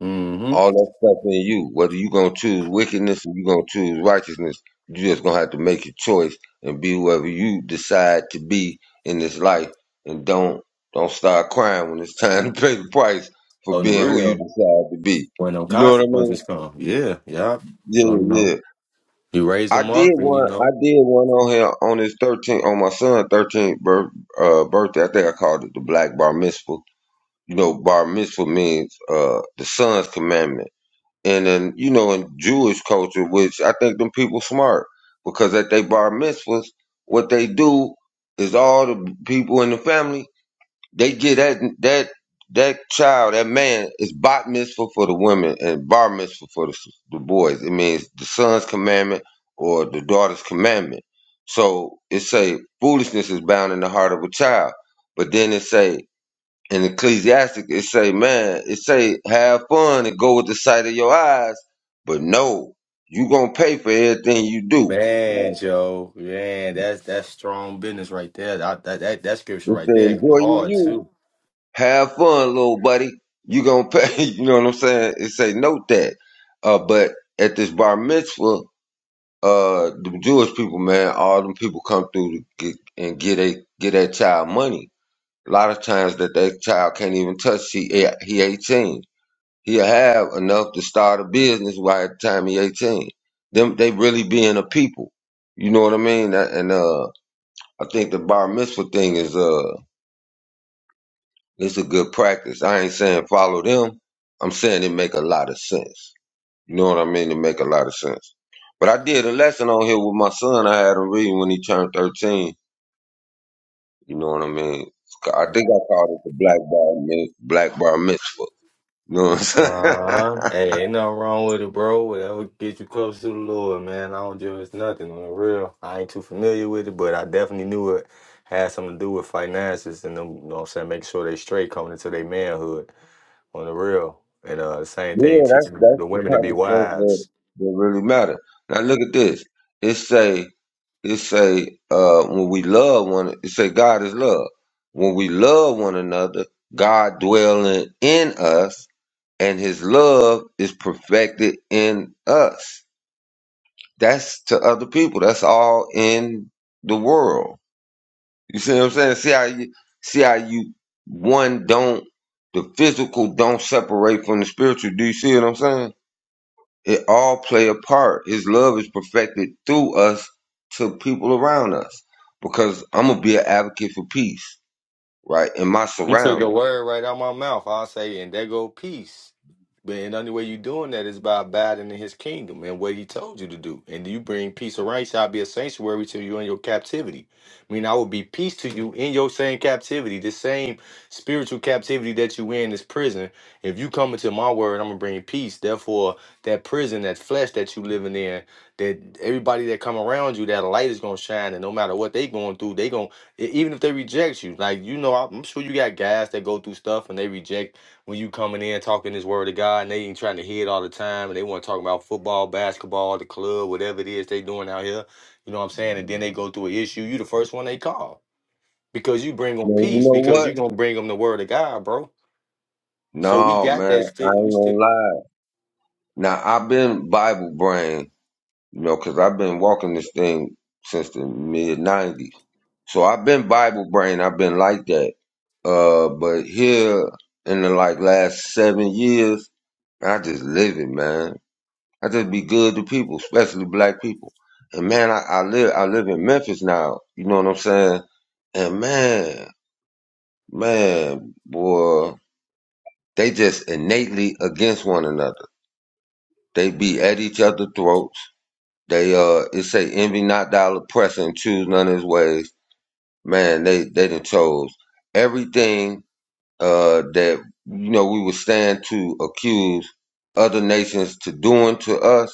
Speaker 7: mm hmm.
Speaker 1: all that stuff in you. Whether you gonna choose wickedness or you gonna choose righteousness, you just gonna have to make your choice and be whoever you decide to be in this life. And don't don't start crying when it's time to pay the price for
Speaker 7: On the
Speaker 1: being who you
Speaker 7: real,
Speaker 1: decide to be.
Speaker 7: when them
Speaker 1: You know what I mean?
Speaker 7: consequences come. Yeah, yeah. So, you
Speaker 1: Yeah,
Speaker 7: know.
Speaker 1: yeah.
Speaker 7: You raise
Speaker 1: I
Speaker 7: them
Speaker 1: did
Speaker 7: up, and you
Speaker 1: one. I
Speaker 7: know,
Speaker 1: did one on here on his thirteenth, on my son's thirteenth birth, uh, birthday. I think I called it the Black Bar Mitzvah. You know, Bar Mitzvah means uh, the son's commandment and then you know in Jewish culture, which I think them people smart because at they bar mitzvahs, what they do is all the people in the family they get that that that child that man is bat mitzvah for the women and bar mitzvah for the, s- the boys. It means the son's commandment or the daughter's commandment. So it say foolishness is bound in the heart of a child, but then it say in Ecclesiastic, it say, man, it say, have fun and go with the sight of your eyes, but no, you gonna pay for everything you do. Right.
Speaker 7: man, Joe, man, that's that's strong business right there. That that that, that scripture
Speaker 1: It
Speaker 7: right
Speaker 1: say,
Speaker 7: there, hitting
Speaker 1: enjoy your
Speaker 7: hard
Speaker 1: youth,
Speaker 7: too.
Speaker 1: have fun, little buddy. You gonna pay. You know what I'm saying? It say, note that. Uh, but at this bar mitzvah, uh, the Jewish people, man, all them people come through to get and get a get that child money. A lot of times that that child can't even touch. He he 18. he'll have enough to start a business by the time he 18. Them they really being a people. You know what I mean? That- And uh I think the bar mitzvah thing is uh it's a good practice. I ain't saying follow them. I'm saying it make a lot of sense. You know what I mean? It make a lot of sense. But I did a lesson on here with my son. I had him reading when he turned 13. You know what I mean? I think I called it the black bar, Miz- black bar mitzvah. You know what I'm saying?
Speaker 7: Uh huh. Hey, ain't nothing wrong with it, bro. Whatever get you close to the Lord, man. I don't do it's nothing on the real. I ain't too familiar with it, but I definitely knew it had something to do with finances and them. You know what I'm saying? Making sure they straight coming into their manhood on the real. And uh, the same thing
Speaker 1: Yeah, that's
Speaker 7: teaching
Speaker 1: that's
Speaker 7: the
Speaker 1: the
Speaker 7: women to
Speaker 1: type
Speaker 7: be
Speaker 1: of stuff
Speaker 7: wives.
Speaker 1: that that really matter. Now look at this. It say it say uh when we love one it say God is love. When we love one another, God dwelling in us and his love is perfected in us. That's to other people. That's all in the world. You see what I'm saying? See how you see how you one don't the physical don't separate from the spiritual. Do you see what I'm saying? It all play a part. His love is perfected through us to people around us. Because I'm gonna be an advocate for peace, right? In my
Speaker 7: You took a
Speaker 1: surroundings.
Speaker 7: word right out my mouth. I'll say, and there go peace. But the only way you doing that is by abiding in his kingdom and what he told you to do. And you bring peace around, you shall be a sanctuary to you in your captivity. I mean, I will be peace to you in your same captivity, the same spiritual captivity that you in this prison. If you come into my word, I'm gonna bring peace. Therefore, that prison, that flesh that you living in, that everybody that come around you, that light is gonna shine, and no matter what they going through, they gonna E- Even if they reject you, like you know, I'm sure you got guys that go through stuff and they reject when you coming in talking this word of God and they ain't trying to hear it all the time and they want to talk about football, basketball, the club, whatever it is they doing out here. You know what I'm saying? And then they go through an issue. You the first one they call because you bring them
Speaker 1: Man, you
Speaker 7: peace
Speaker 1: know
Speaker 7: because
Speaker 1: what?
Speaker 7: you gonna bring them the word of God, bro. So we
Speaker 1: No,
Speaker 7: got
Speaker 1: man, I
Speaker 7: that still. We
Speaker 1: ain't gonna
Speaker 7: still
Speaker 1: lie. Now I've been Bible brain, you know, because I've been walking this thing since the mid '90s. So I've been Bible brain. I've been like that. Uh, but here in the like last seven years, I just live it, man. I just be good to people, especially black people. And man, I, I live I live in Memphis now. You know what I'm saying? And man, man, boy, they just innately against one another. They be at each other's throats. They uh it say envy not thou oppressor and choose none of his ways. Man, they they done chose everything uh that you know we would stand to accuse other nations to doing to us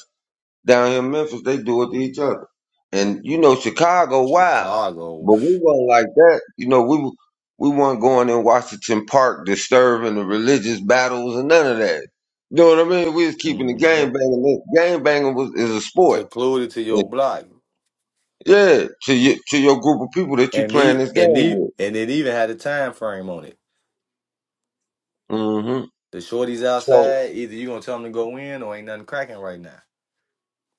Speaker 1: Down here in Memphis, they do it to each other. And you know, Chicago, wow!
Speaker 7: Chicago
Speaker 1: but we weren't like that. You know, we we weren't going in Washington Park disturbing the religious battles and none of that. You know what I mean? We was keeping the
Speaker 7: mm-hmm.
Speaker 1: game banging. Game banging was is a sport.
Speaker 7: secluded to
Speaker 1: And,
Speaker 7: your block
Speaker 1: yeah, to your to your group of people that you
Speaker 7: and
Speaker 1: playing
Speaker 7: he
Speaker 1: this game
Speaker 7: and he
Speaker 1: with.
Speaker 7: and it even had a time frame on it.
Speaker 1: hmm
Speaker 7: The shorties
Speaker 1: So
Speaker 7: outside, either you gonna tell them to go in or ain't nothing cracking right now.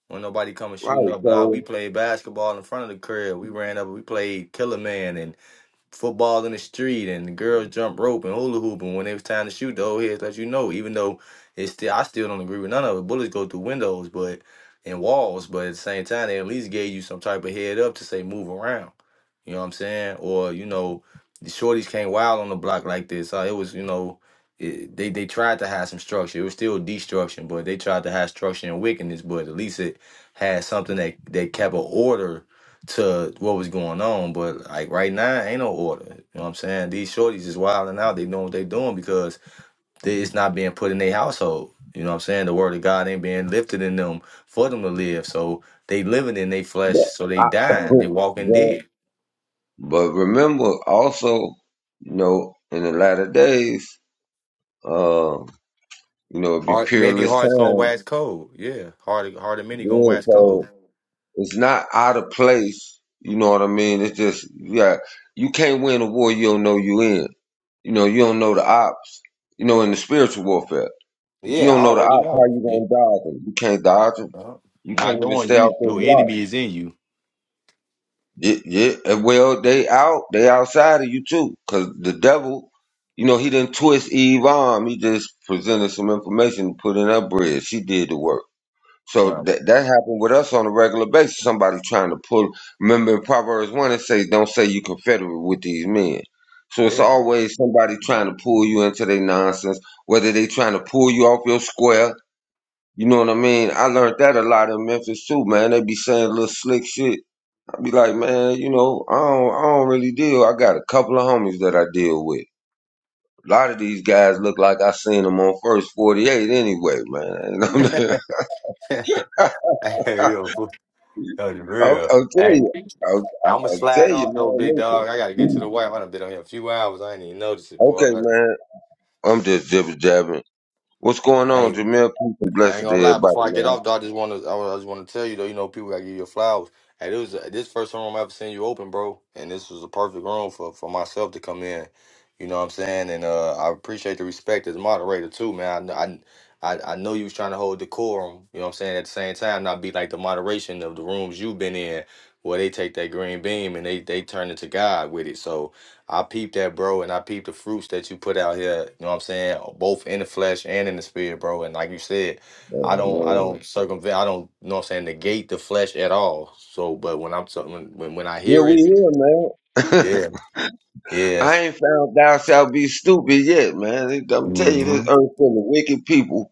Speaker 7: When nobody coming shooting
Speaker 1: right,
Speaker 7: up, but I, we
Speaker 1: so
Speaker 7: played basketball in front of the crib. We ran up, we played Killer Man and football in the street and the girls jump rope and hula hoop and when it was time to shoot the old heads let you know even though it's still I still don't agree with none of it bullets go through windows but and walls but at the same time they at least gave you some type of head up to say move around you know what I'm saying or you know the shorties came wild on the block like this so it was you know it, they they tried to have some structure it was still destruction but they tried to have structure and wickedness but at least it had something that that kept a order to what was going on. But like right now, ain't no order. You know what I'm saying? These shorties is wilding out. They doing what they doing because they, it's not being put in their household. You know what I'm saying? The word of God ain't being lifted in them for them to live. So they living in their flesh.
Speaker 1: but
Speaker 7: So they
Speaker 1: I,
Speaker 7: dying. They walking
Speaker 1: but
Speaker 7: dead.
Speaker 1: but remember also, you know, in the latter days. uh, You know, it'd be
Speaker 7: Heart, many
Speaker 1: peerless
Speaker 7: hearts gonna
Speaker 1: time.
Speaker 7: wax cold. Yeah, heart, heart of many gonna
Speaker 1: Yeah,
Speaker 7: wax cold.
Speaker 1: so it's not out of place. You know what I mean? It's just yeah, you can't win a war you don't know you in. You know, you don't know the ops. You know, in the spiritual warfare, if you
Speaker 7: Yeah, I
Speaker 1: don't know the
Speaker 7: already
Speaker 1: ops, how
Speaker 7: know. You-
Speaker 1: you gonna dodge them? You can't dodge them.
Speaker 7: uh,
Speaker 1: You can't
Speaker 7: not
Speaker 1: even
Speaker 7: knowing
Speaker 1: stay out
Speaker 7: you,
Speaker 1: their
Speaker 7: your
Speaker 1: block.
Speaker 7: enemy is in you.
Speaker 1: Yeah, yeah. and Well, they out. They outside of you too, because the devil. You know, he didn't twist Eve arm. He just presented some information, put in her bread. She did the work. So
Speaker 7: Yeah.
Speaker 1: that that happened with us on a regular basis. Somebody trying to pull. Remember in Proverbs one, it says, "Don't say you confederate with these men." So it's
Speaker 7: Yeah.
Speaker 1: always somebody trying to pull you into their nonsense, whether they trying to pull you off your square. You know what I mean? I learned that a lot in Memphis too, man. They be saying little slick shit. I be like, man, you know, I don't, I don't really deal. I got a couple of homies that I deal with. A lot of these guys look like I seen them on First 48 anyway, man. You know what I mean?
Speaker 7: Hey, yo, for- that's
Speaker 1: I'll,
Speaker 7: real.
Speaker 1: I'll tell you.
Speaker 7: Hey.
Speaker 1: I'll,
Speaker 7: I'm gonna
Speaker 1: I'll tell
Speaker 7: slide
Speaker 1: you,
Speaker 7: off though,
Speaker 1: man.
Speaker 7: big dog. I gotta get to
Speaker 1: Listen.
Speaker 7: the wife. I done been on here a few hours. I ain't even notice it,
Speaker 1: Okay,
Speaker 7: boy.
Speaker 1: man. I'm just jibber jabbing. What's going
Speaker 7: I,
Speaker 1: on, Jamel? Peace and
Speaker 7: I ain't
Speaker 1: blessings to
Speaker 7: gonna lie.
Speaker 1: everybody,
Speaker 7: Before I get
Speaker 1: man.
Speaker 7: off, though, I just want to I just want to tell you though. You know, people gotta give you flowers. And it was uh, this first room I ever seen you open, bro. And this was a perfect room for for myself to come in. You know what I'm saying? And uh, I appreciate the respect as moderator too, man. I kn- I I, I know you was trying to hold decorum. You know what I'm saying? At the same time, not be like the moderation of the rooms you've been in, where they take that green beam and they they turn it to God with it. So I peeped that, bro, and I peeped the fruits that you put out here. You know what I'm saying? Both in the flesh and in the spirit, bro. And like you said. I
Speaker 1: Oh,
Speaker 7: don't I
Speaker 1: man.
Speaker 7: don't circumvent I don't you know what I'm saying negate the flesh at all. So but when I'm talking when, when when I
Speaker 1: Yeah,
Speaker 7: hear
Speaker 1: we
Speaker 7: it,
Speaker 1: here, man.
Speaker 7: yeah, yeah.
Speaker 1: I ain't found thou shalt be stupid yet, man. I'm telling you, this
Speaker 7: hmm
Speaker 1: earth full of wicked people.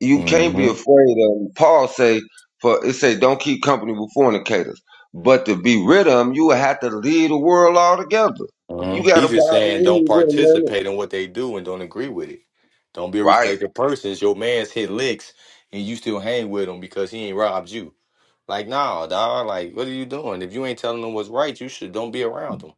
Speaker 1: You can't be
Speaker 7: hmm
Speaker 1: afraid of 'em. Paul say, for it say, don't keep company with fornicators. But to be rid of them, you will have to leave the world altogether.
Speaker 7: hmm
Speaker 1: You got to
Speaker 7: He's just
Speaker 1: bother
Speaker 7: saying don't
Speaker 1: leave with a minute.
Speaker 7: participate in what they do and don't agree with it. Don't be a
Speaker 1: Right.
Speaker 7: respected person. It's Your man's hit licks and you still hang with him because he ain't robbed you. Like, nah, dog, like what are you doing? If you ain't telling them what's right, you should don't be around them.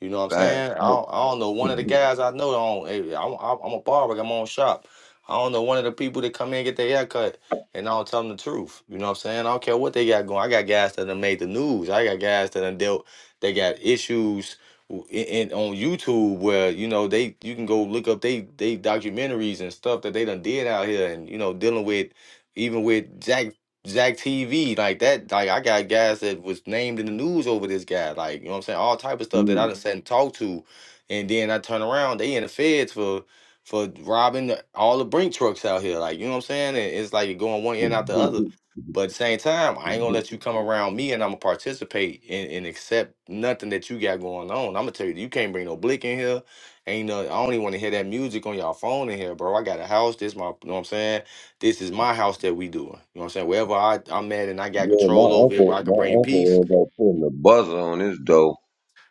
Speaker 7: You know what I'm
Speaker 1: Facts.
Speaker 7: saying? I don't, I don't know one of the guys I know. On, eh, I'm, I'm I'm a barber. I got my own shop. I don't know one of the people that come in and get their hair cut, and I don't tell them the truth. You know what I'm saying? I don't care what they got going. I got guys that done made the news. I got guys that done dealt. They got issues w- in, in on YouTube where you know they you can go look up they they documentaries and stuff that they done did out here, and you know dealing with even with Jack Zach TV, like that, like I got guys that was named in the news over this guy, like you know what I'm saying, all type of stuff that I done sat and talked to, and then I turn around, they in the feds for for robbing the- all the brink trucks out here, like you know what I'm saying, and it's like you're going one end out the other. But at the same time, I ain't gonna let you come around me, and I'm gonna participate and, and accept nothing that you got going on. I'm gonna tell you, you can't bring no blick in here. Ain't no, I don't even want to hear that music on y'all phone in here, bro. I got a house. This my, you know what I'm saying. This is my house that we doing. You know what I'm saying? Wherever I, I'm at and I got
Speaker 1: Yeah, my
Speaker 7: control over it
Speaker 1: uncle,
Speaker 7: where I
Speaker 1: my
Speaker 7: can bring peace.
Speaker 1: uncle was up putting the buzzer on his door.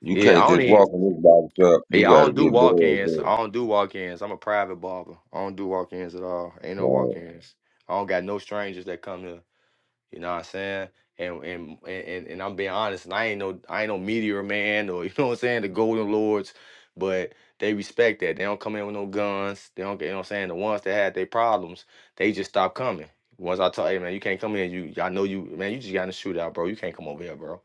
Speaker 1: You
Speaker 7: Yeah,
Speaker 1: can't
Speaker 7: I don't
Speaker 1: just
Speaker 7: need.
Speaker 1: walk in this body shop. You
Speaker 7: yeah, I
Speaker 1: got to
Speaker 7: don't do
Speaker 1: get
Speaker 7: walk
Speaker 1: buzzed
Speaker 7: ins.
Speaker 1: in.
Speaker 7: I don't do walk ins. I'm a private barber. I don't do walk ins at all. Ain't no walk
Speaker 1: Right.
Speaker 7: ins. I don't got no strangers that come here. You know what I'm saying? And and and, and I'm being honest, and I ain't no I ain't no meteor man or you know what I'm saying, the golden lords, but they respect that. They don't come in with no guns. They don't get you know what I'm saying. The ones that had their problems, they just stop coming. Once I tell hey man, you can't come in, you I know you man, you just got in a shootout, bro. You can't come over here, bro.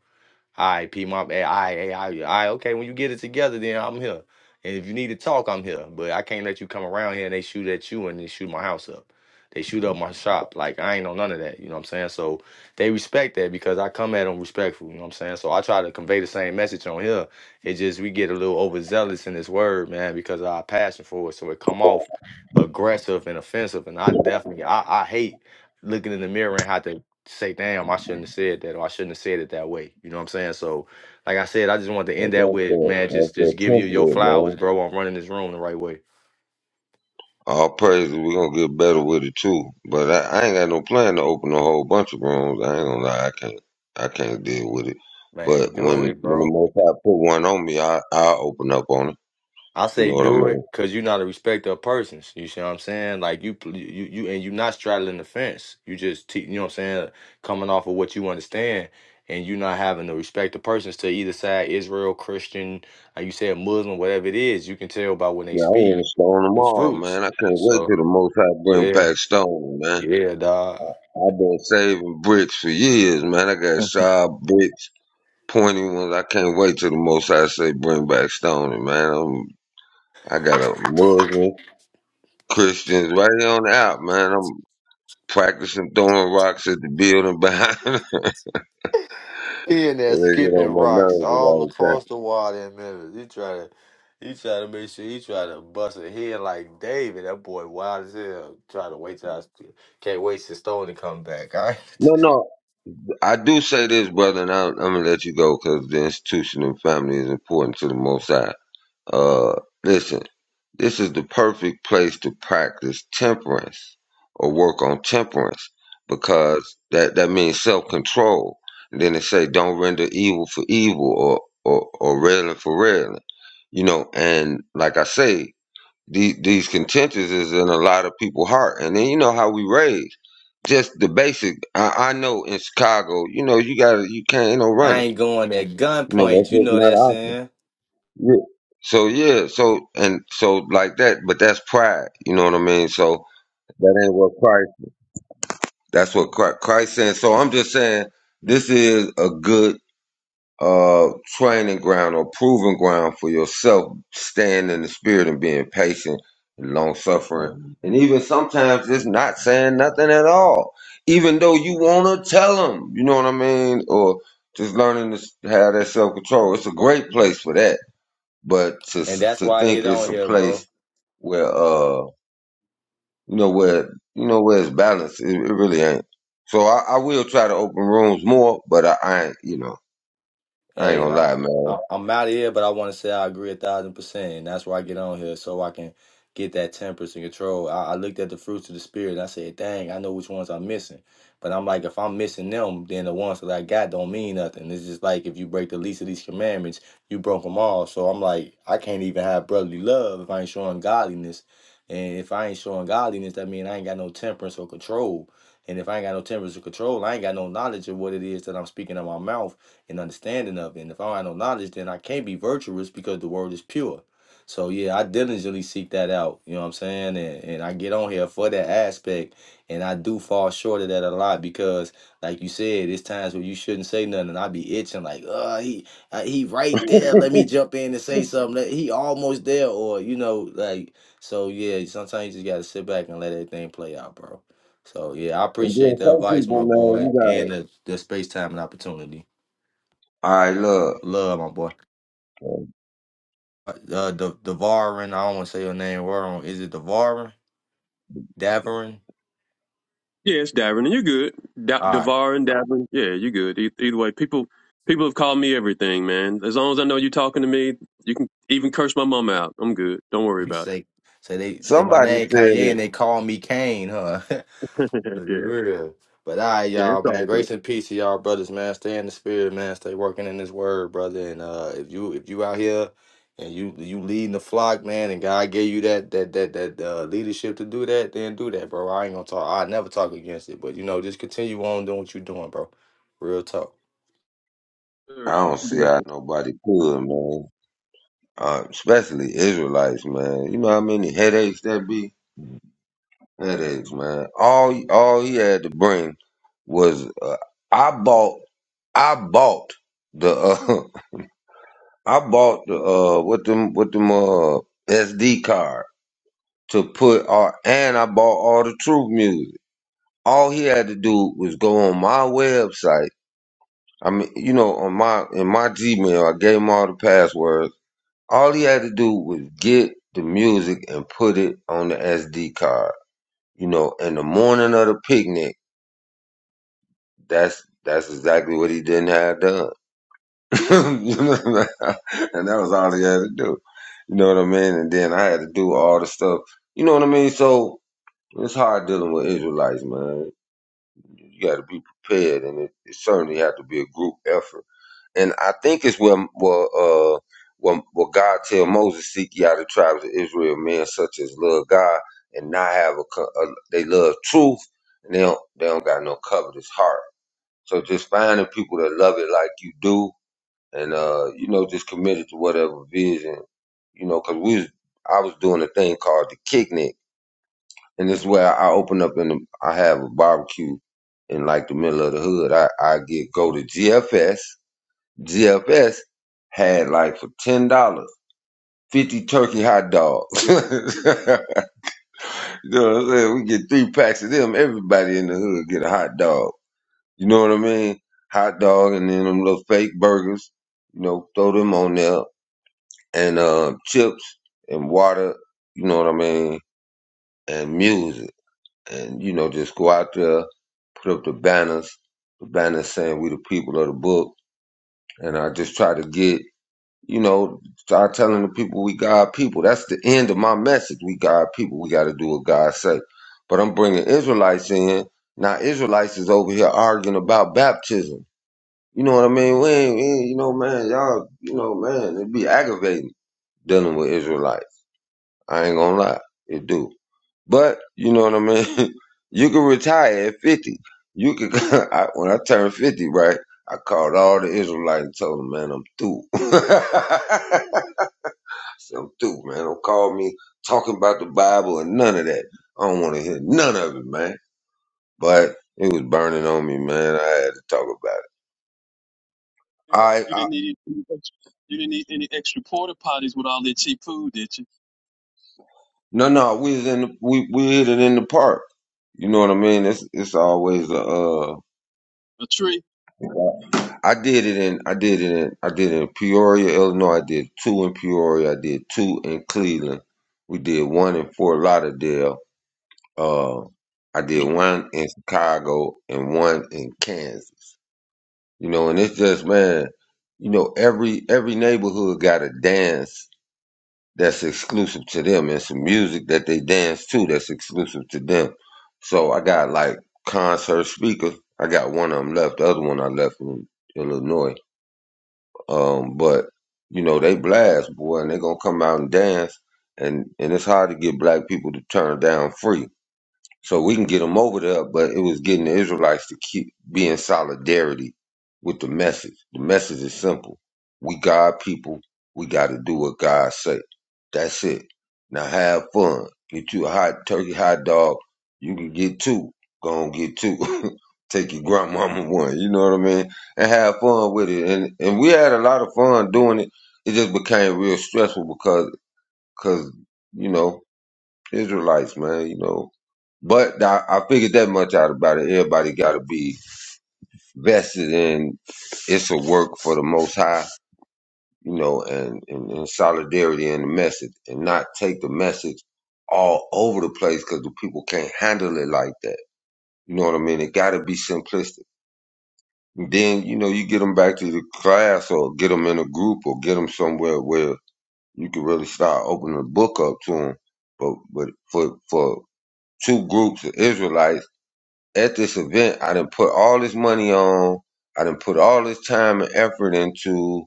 Speaker 7: All right, P Mom. Hey, all right, hey, all right, all right, okay. When you get it together, then I'm here. And if you need to talk, I'm here. But I can't let you come around here and they shoot at you and they shoot my house up. They shoot up my shop. Like I ain't on none of that. You know what I'm saying? So they respect that because I come at them respectful. You know what I'm saying? So I try to convey the same message on here. It just we get a little overzealous in this word, man, because of our passion for it. So it come off aggressive and offensive. And I definitely I, I hate looking in the mirror and how to say, damn, I shouldn't have said that or I shouldn't have said it that way. You know what I'm saying? So, like I said, I just wanted to
Speaker 1: But
Speaker 7: end that
Speaker 1: that's
Speaker 7: with,
Speaker 1: that.
Speaker 7: man,
Speaker 1: That's
Speaker 7: just just
Speaker 1: that
Speaker 7: giving you your
Speaker 1: template,
Speaker 7: flowers,
Speaker 1: man.
Speaker 7: bro, on running this room the right way.
Speaker 1: All praises. We're gonna get better with it too. But I, I ain't got no plan to open a whole bunch of rooms. I ain't gonna lie. I can't. I can't deal with it. But
Speaker 7: Man, do
Speaker 1: when
Speaker 7: it,
Speaker 1: when
Speaker 7: bro.
Speaker 1: the most I put one on me, I I open up on it.
Speaker 7: I
Speaker 1: You know
Speaker 7: say
Speaker 1: what I
Speaker 7: do
Speaker 1: mean?
Speaker 7: it because you're not a respecter of persons. You see what I'm saying? Like you, you, you, and you're not straddling the fence. You just, te- you know what I'm saying, coming off of what you understand, and you not having the respect of persons to either side, Israel, Christian, like you said, Muslim, whatever it is. You can tell by when they
Speaker 1: Yeah, I
Speaker 7: speak
Speaker 1: want to stone them
Speaker 7: the
Speaker 1: all,
Speaker 7: fruits.
Speaker 1: man. I can't wait till
Speaker 7: So.
Speaker 1: the Most High bring
Speaker 7: yeah.
Speaker 1: back stone, man.
Speaker 7: Yeah, dog.
Speaker 1: I've been saving bricks for years, man. I got sharp bricks, pointy ones. I can't wait till the Most High say bring back stoning, man. I'm, I got a Muslim, Christians right here on the out, man. I'm practicing throwing rocks at the building behind. they
Speaker 7: He in
Speaker 1: get
Speaker 7: there skipping
Speaker 1: on my
Speaker 7: rocks all
Speaker 1: nerves about the time.
Speaker 7: across the water in Memphis. He try to, he try to make sure he try to bust a head like David. That boy wild as hell. Try to wait till I st- can't wait till Stone to come back. All right,
Speaker 1: No, no, I do say this, brother, and I, I'm gonna let you go because the institution and family is important to the Most High. Uh, listen, this is the perfect place to practice temperance or work on temperance because that, that means self control. And then they say, don't render evil for evil or, or, or railing for railing. You know, and like I say, the, these contentions is in a lot of people's heart. And then you know how we raise. Just the basic, I, I know in Chicago, you know, you gotta, you can't, ain't no
Speaker 7: I
Speaker 1: running.
Speaker 7: ain't going at
Speaker 1: You know,
Speaker 7: gunpoint.
Speaker 1: that's
Speaker 7: You
Speaker 1: just
Speaker 7: know
Speaker 1: not
Speaker 7: that
Speaker 1: option.
Speaker 7: saying,
Speaker 1: Yeah. So yeah, so and so like that, but that's pride. You know what I mean? So that ain't what Christ. That's what Christ, Christ saying. So I'm just saying this is a good uh training ground or proving ground for yourself, staying in the spirit and being patient and long suffering, and even sometimes just not saying nothing at all, even though you wanna tell them. You know what I mean? Or just learning to s- have that self control. It's a great place for that but to
Speaker 7: and that's
Speaker 1: to
Speaker 7: why I
Speaker 1: think
Speaker 7: get
Speaker 1: it's
Speaker 7: on
Speaker 1: a
Speaker 7: here, bro.
Speaker 1: place where uh you know where you know where it's balanced, it, it really ain't. So I, I will try to open rooms more, but I, I ain't you know I ain't
Speaker 7: Hey, and
Speaker 1: gonna
Speaker 7: I'm
Speaker 1: lie, man.
Speaker 7: I- I'm out of here, but I want to say I agree a thousand percent, and that's why I get on here so I can get that temperance and control. I, I looked at the fruits of the spirit and I said, "Dang, I know which ones I'm missing." But I'm like, if I'm missing them, then the ones that I got don't mean nothing. It's just like if you break the least of these commandments, you broke them all. So I'm like, I can't even have brotherly love if I ain't showing godliness, and if I ain't showing godliness, that means I ain't got no temperance or control. And if I ain't got no temperance or control, I ain't got no knowledge of what it is that I'm speaking in my mouth and understanding of it. And if I don't have no knowledge, then I can't be virtuous because the word is pure. So yeah, I diligently seek that out. You know what I'm saying? And and I get on here for that aspect. And I do fall short of that a lot because, like you said, it's times where you shouldn't say nothing. And I be itching like, oh, he uh, he right there. Let me jump in and say something. Let- He almost there, or you know, like so. Yeah, sometimes you just gotta sit back and let everything play out, bro. So yeah, I
Speaker 1: and then
Speaker 7: appreciate the
Speaker 1: some
Speaker 7: advice, my
Speaker 1: people, man,
Speaker 7: boy,
Speaker 1: you gotta.
Speaker 7: and the, the space time and opportunity.
Speaker 1: All right, look,
Speaker 7: Love my boy. Uh, uh, the Devarin. I don't want to say your name wrong. Is it Devarin? Davarin.
Speaker 2: Yeah, it's Davin, and you're good. Da-
Speaker 7: All right.
Speaker 2: Davar and Davin, yeah, you're good. E- either way, people people have called me everything, man. As long as I know you're talking to me, you can even curse my mom out. I'm good. Don't worry about
Speaker 7: say say they say my
Speaker 1: somebody
Speaker 7: name
Speaker 1: said
Speaker 7: Kanye
Speaker 1: it.
Speaker 7: and they call me Kane, huh? That's
Speaker 2: it.
Speaker 7: real. But all right,
Speaker 2: Yeah,
Speaker 7: y'all,
Speaker 2: it's
Speaker 7: man.
Speaker 2: all good.
Speaker 7: Grace and peace to y'all, brothers, man. Stay in the spirit, man. Stay working in this word, brother. And uh, if you if you out here and you you leading the flock, man, and God gave you that that that that uh, leadership to do that, then do that, bro. I ain't gonna talk. I never talk against it, but you know, just continue on doing what you're doing, bro. Real talk.
Speaker 1: I
Speaker 2: Sure.
Speaker 1: don't see how
Speaker 2: Beautiful.
Speaker 1: nobody could, man. Uh, especially Israelites, man. You know how many headaches that be. Headaches, man. All all he had to bring was uh, I bought I bought the uh, I bought the uh with them with them uh SD card to put all and I bought all the truth music. All he had to do was go on my website. I mean, you know, on my in my Gmail, I gave him all the passwords. All he had to do was get the music and put it on the SD card. You know, in the morning of the picnic That's that's exactly what he didn't have done, and that was all he had to do. You know what I mean? And then I had to do all the stuff. You know what I mean? So it's hard dealing with Israelites, man. You got to be prepared, and it, it certainly had to be a group effort. And I think it's where where uh, where, where God tell Moses, "Seek ye out the tribes of Israel, men such as love God and not have a, co- a they love truth, and they don't they don't got no covetous heart." So just finding people that love it like you do, and uh, you know, just committed to whatever vision, you know, because we was, I was doing a thing called the Kicknick, and this is where I open up and I have a barbecue in like the middle of the hood. I I get go to GFS. GFS had like for ten dollars. 50 turkey hot dogs. you know what I'm saying? We get three packs of them. Everybody in the hood get a hot dog You know what I mean? Hot dog and then them little fake burgers, you know, throw them on there and uh chips and water, you know what I mean, and music. And, you know, just go out there, put up the banners, the banners saying we the people of the book. And I just try to get, you know, start telling the people we God people. That's the end of my message. We God people. We got to do what God say. But I'm bringing Israelites in. Now Israelites is over here arguing about baptism. You know what I mean? We ain't, we ain't- you know, man, y'all, you know, man, it be aggravating dealing with Israelites. I ain't gonna lie, it do. But you know what I mean? you can retire at fifty. You can. I, when I turned fifty, right? I called all the Israelites and told them, man, I'm through. I said, I'm through, man. Don't call me talking about the Bible and none of that. I don't want to hear none of it, man. But it was burning on me, man. I had to talk about it. All
Speaker 2: And have
Speaker 1: right,
Speaker 2: you didn't need any ex- you didn't need any extra porta potties with all that cheap food, did you?
Speaker 1: No, no, we was in the, we we hit it in the park. You know what I mean? It's it's always a. Uh,
Speaker 2: A tree.
Speaker 1: I did it in I did it in I did it in Peoria, Illinois. I did two in Peoria. I did two in Cleveland. We did one in Fort Lauderdale. Uh, I
Speaker 2: Mm,
Speaker 1: did one in Chicago and one in Kansas. You know, and it's just man, you know every every neighborhood got a dance that's exclusive to them and some music that they dance to that's exclusive to them. So I got like concert speakers. I got one of them left. The other one I left in Illinois. Um, but you know they blast boy, and they gonna come out and dance. And and it's hard to get black people to turn down free. So we can get them over there, but it was getting the Israelites to keep be in solidarity with the message. The message is simple. We God people, we gotta do what God say. That's it. Now have fun. Get you a hot turkey hot dog. You can get two. Go and get two. Take your grandmama one, you know what I mean? And have fun with it. And and we had a lot of fun doing it. It just became real stressful because cause, you know, Israelites, man, you know. But I, I figured that much out about it. Everybody got to be vested in it's a work for the Most High, you know, and, and, and solidarity in the message and not take the message all over the place because the people can't handle it like that. You know what I mean? It got to be simplistic. then, you know, you get them back to the class or get them in a group or get them somewhere where you can really start opening the book up to them. But, but for, for two groups of Israelites, at this event, I didn't put all this money on, I didn't put all this time and effort into,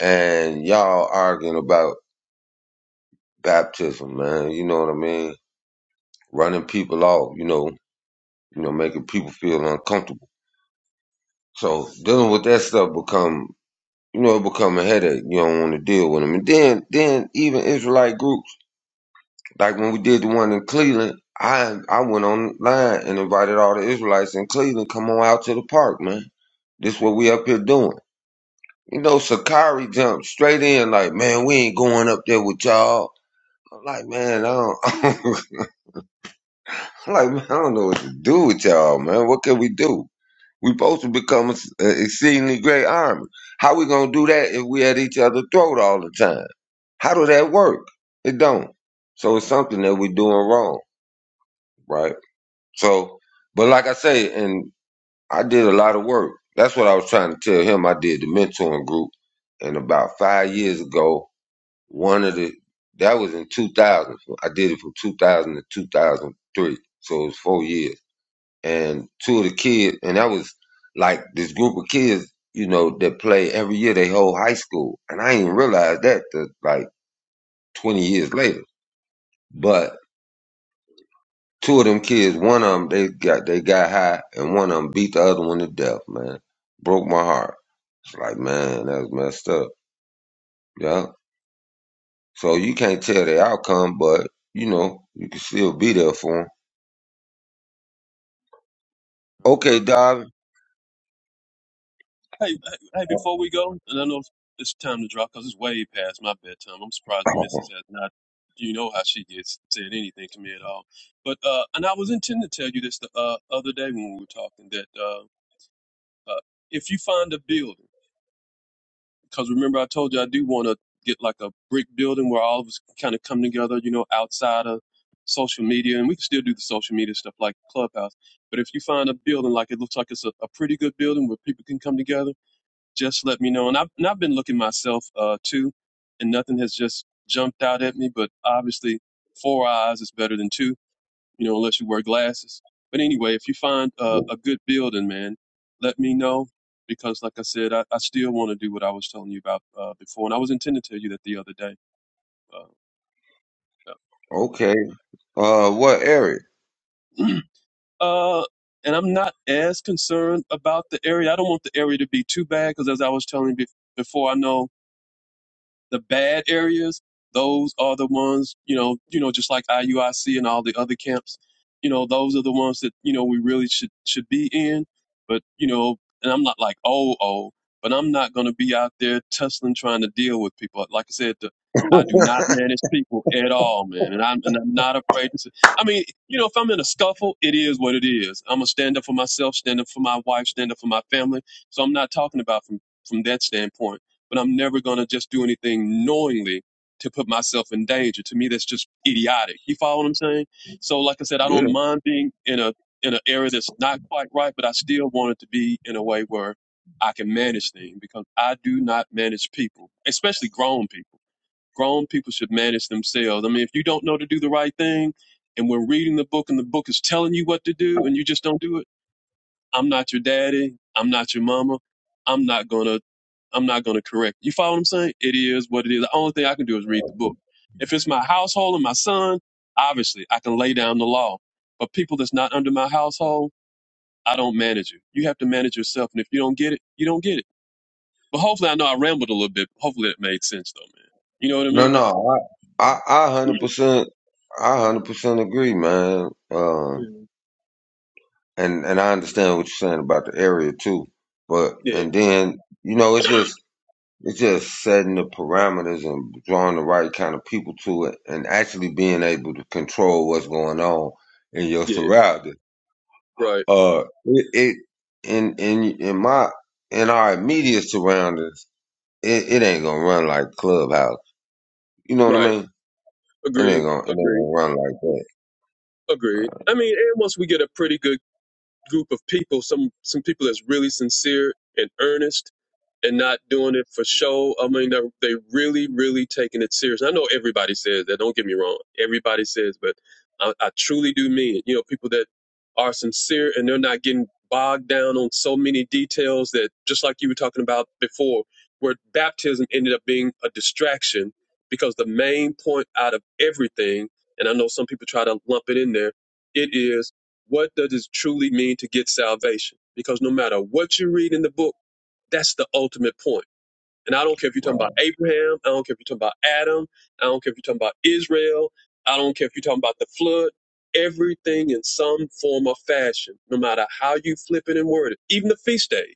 Speaker 1: and y'all arguing about baptism, man. You know what I mean? Running people off, you know, you know, making people feel uncomfortable. So dealing with that stuff become, you know, it become a headache. You don't want to deal with them. And then, then even Israelite groups, like when we did the one in Cleveland, I I went online and invited all the Israelites in Cleveland, come on out to the park, man. This is what we up here doing. You know, Sakari jumped straight in like, man, we ain't going up there with y'all. I'm like, man, I don't, I'm like, man, I don't know what to do with y'all, man. What can we do? We supposed to become an exceedingly great army. How we gonna do that if we at each other's throat all the time? How do that work? It don't. So it's something that we are doing wrong, right? So, but like I say, and I did a lot of work. That's what I was trying to tell him. I did the mentoring group, and about five years ago, One of the that was in 2000. I did it from 2000 to 2003, so it was four years. And two of the kids, and that was like this group of kids, you know, that play every year they whole high school, and I didn't realize that till, like 20 years later. But two of them kids, one of them they got they got high, and one of them beat the other one to death. Man, broke my heart. It's like, man, that's messed up. Yeah. So you can't tell the outcome, but you know, you can still be there for 'em.
Speaker 2: that was
Speaker 1: Okay,
Speaker 2: rough.
Speaker 1: Dob.
Speaker 2: Hey, hey, hey, before we go, and I know it's it's time to drop because it's way past my bedtime. I'm surprised the missus has not. You know how she gets said anything to me at all. But uh, and I was intending to tell you this the uh, other day when we were talking that uh, uh, if you find a building. because remember I told you I do want to get like a brick building where all of us kind of come together, you know, outside of social media, and we can still do the social media stuff like Clubhouse. But if you find a building like it looks like it's a, a pretty good building where people can come together, just let me know. And I've and I've been looking myself uh, too, and nothing has just jumped out at me. But obviously, four eyes is better than two you know, unless you wear glasses. But anyway, if you find uh, a good building, man, let me know because, like I said, I, I still want to do what I was telling you about uh, before, and I was intending to tell you that the other day. Uh,
Speaker 1: okay. Uh, what, Eric?
Speaker 2: yeah. uh, and I'm not as concerned about the area. I don't want the area to be too bad because, as I was telling you bef- before, I know the bad areas, those are the ones, you know, you know, just like IUIC and all the other camps, you know, those are the ones that, you know, we really should should be in. But, you know, and I'm not like oh oh, but I'm not gonna be out there tussling trying to deal with people. Like I said, the, I do not manage people at all, man. And I'm and I'm not afraid to say I mean, you know, if I'm in a scuffle, it is what it is. I'm gonna stand up for myself, stand up for my wife, stand up for my family. So I'm not talking about from from that standpoint but I'm never going to just do anything knowingly to put myself in danger. To me, that's just idiotic. You follow what I'm saying? So, like I said, I
Speaker 1: Yeah.
Speaker 2: don't mind being in a in an area that's not quite right, but I still want it to be in a way where I can manage things because I do not manage people, especially grown people. Grown people should manage themselves. I mean, if you don't know to do the right thing, and we're reading the book and the book is telling you what to do, and you just don't do it I'm not your daddy. I'm not your mama. I'm not gonna I'm not gonna correct. You follow what I'm saying? It is what it is. The only thing I can do is read the book. If it's my household and my son, obviously I can lay down the law. But people that's not under my household, I don't manage you. You have to manage yourself. And if you don't get it, you don't get it. But hopefully I know I rambled a little bit. Hopefully it made sense though, man. You know what I
Speaker 1: No,
Speaker 2: mean?
Speaker 1: no. I, I, I hundred percent, I hundred percent agree, man.
Speaker 2: Yeah.
Speaker 1: Um, and and I understand what you're saying about the area too. But
Speaker 2: Yeah.
Speaker 1: and then you know, it's just it's just setting the parameters and drawing the right kind of people to it, and actually being able to control what's going on in your
Speaker 2: Yeah.
Speaker 1: surroundings.
Speaker 2: Right.
Speaker 1: Uh, it, it in in in my in our immediate surroundings. it, it ain't gonna run like Clubhouse. You know what I
Speaker 2: Right.
Speaker 1: mean? It
Speaker 2: Agreed.
Speaker 1: ain't gonna it ain't
Speaker 2: Agreed.
Speaker 1: gonna run like that.
Speaker 2: Agreed. I mean, and once we get a pretty good group of people, some some people that's really sincere and earnest and not doing it for show. I mean, they're they really, really taking it serious. I know everybody says that. Don't get me wrong. Everybody says, but I, I truly do mean it. You know, people that are sincere and they're not getting bogged down on so many details that, just like you were talking about before, where baptism ended up being a distraction because the main point out of everything, and I know some people try to lump it in there, it is what does it truly mean to get salvation? Because no matter what you read in the book that's the ultimate point. And I don't care if you're talking
Speaker 1: Right.
Speaker 2: about Abraham. I don't care if you're talking about Adam. I don't care if you're talking about Israel. I don't care if you're talking about the flood. Everything in some form or fashion, no matter how you flip it and word it, even the feast days.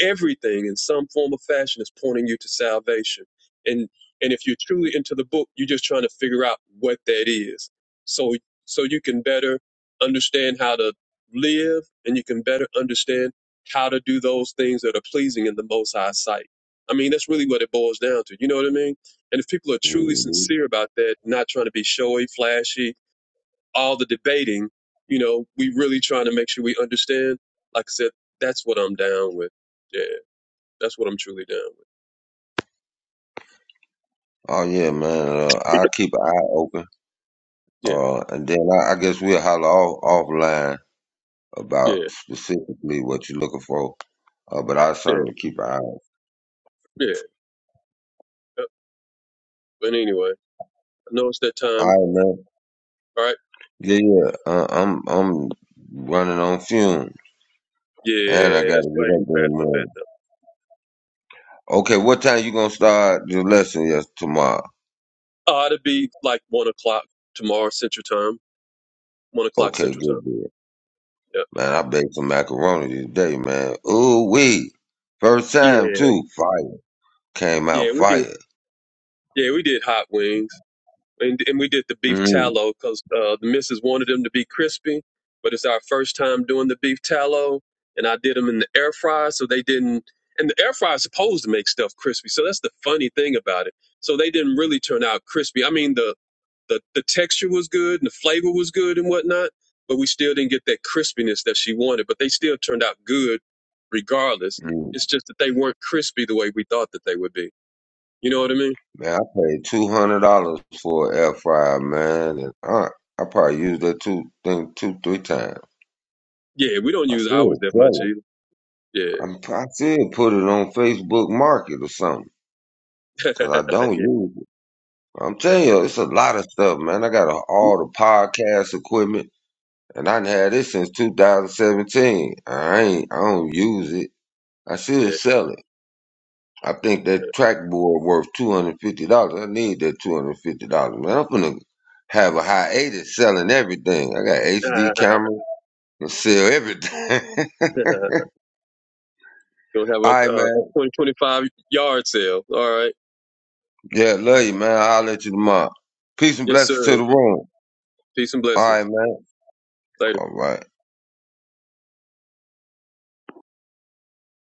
Speaker 2: Everything in some form or fashion is pointing you to salvation. And and if you're truly into the book, you're just trying to figure out what that is. So so you can better understand how to live and you can better understand how to do those things that are pleasing in the most High's sight. I mean, that's really what it boils down to. You know what I mean? And if people are truly
Speaker 1: hmm
Speaker 2: sincere about that, not trying to be showy, flashy, all the debating, you know, we really trying to make sure we understand. Like I said, that's what I'm down with. Yeah. That's what I'm truly down with.
Speaker 1: Oh yeah, man. Uh, I keep an eye open.
Speaker 2: Yeah,
Speaker 1: Uh, and then I, I guess we'll holler off offline about
Speaker 2: yeah,
Speaker 1: specifically what you're looking for. Uh, but I
Speaker 2: yeah,
Speaker 1: certainly keep an eye. out. All
Speaker 2: yeah. Uh, But anyway, I know it's that time.
Speaker 1: right, man.
Speaker 2: All right.
Speaker 1: Yeah, yeah. Uh, I'm I'm running on fumes,
Speaker 2: Yeah,
Speaker 1: and I gotta get
Speaker 2: it's way
Speaker 1: up in the
Speaker 2: past my
Speaker 1: morning.
Speaker 2: bedtime.
Speaker 1: Okay, what time you gonna start your lesson? Yes, tomorrow.
Speaker 2: Uh, it'd be like one o'clock tomorrow Central Time. One o'clock
Speaker 1: Okay,
Speaker 2: Central Time.
Speaker 1: good, good.
Speaker 2: Yeah.
Speaker 1: Man, I baked some macaroni today, man. Ooh wee. First time
Speaker 2: Yeah,
Speaker 1: too. Fire. Came out
Speaker 2: yeah, we did.
Speaker 1: fire.
Speaker 2: Yeah, we did hot wings. and, and we did the beef
Speaker 1: Mm,
Speaker 2: tallow because uh, the missus wanted them to be crispy, but it's our first time doing the beef tallow, and I did them in the air fryer, so they didn't. And the air fryer is supposed to make stuff crispy, so that's the funny thing about it. So they didn't really turn out crispy. I mean, the the the texture was good and the flavor was good and whatnot, but we still didn't get that crispiness that she wanted. But they still turned out good regardless.
Speaker 1: mm.
Speaker 2: It's just that they weren't crispy the way we thought that they would be. You know what I mean?
Speaker 1: Man, I paid two hundred dollars for an air fryer, man, and I, I probably used that two thing two, three times.
Speaker 2: Yeah, we don't
Speaker 1: I
Speaker 2: use ours
Speaker 1: still
Speaker 2: that much
Speaker 1: sell
Speaker 2: either. Yeah.
Speaker 1: it. I'm I still put it on Facebook Market or something. Cause I don't
Speaker 2: yeah.
Speaker 1: use it. I'm telling you, it's a lot of stuff, man. I got a, all the podcast equipment, and I done had this since 2017. I ain't, I don't use it. I should
Speaker 2: Yeah.
Speaker 1: sell it. I think that trackboard worth two hundred fifty dollars. I need that two hundred fifty dollars, man. I'm gonna have a hiatus selling everything. I got HD
Speaker 2: Ah,
Speaker 1: camera and sell everything. All
Speaker 2: You'll have a,
Speaker 1: right,
Speaker 2: uh,
Speaker 1: man.
Speaker 2: a 2025 yard sale. All right.
Speaker 1: Yeah, love you, man. I'll let you tomorrow. Peace and
Speaker 2: Yes,
Speaker 1: blessings to
Speaker 2: sir.
Speaker 1: the room.
Speaker 2: Peace and
Speaker 1: All right,
Speaker 2: blessings.
Speaker 1: man.
Speaker 2: Later.
Speaker 1: All right.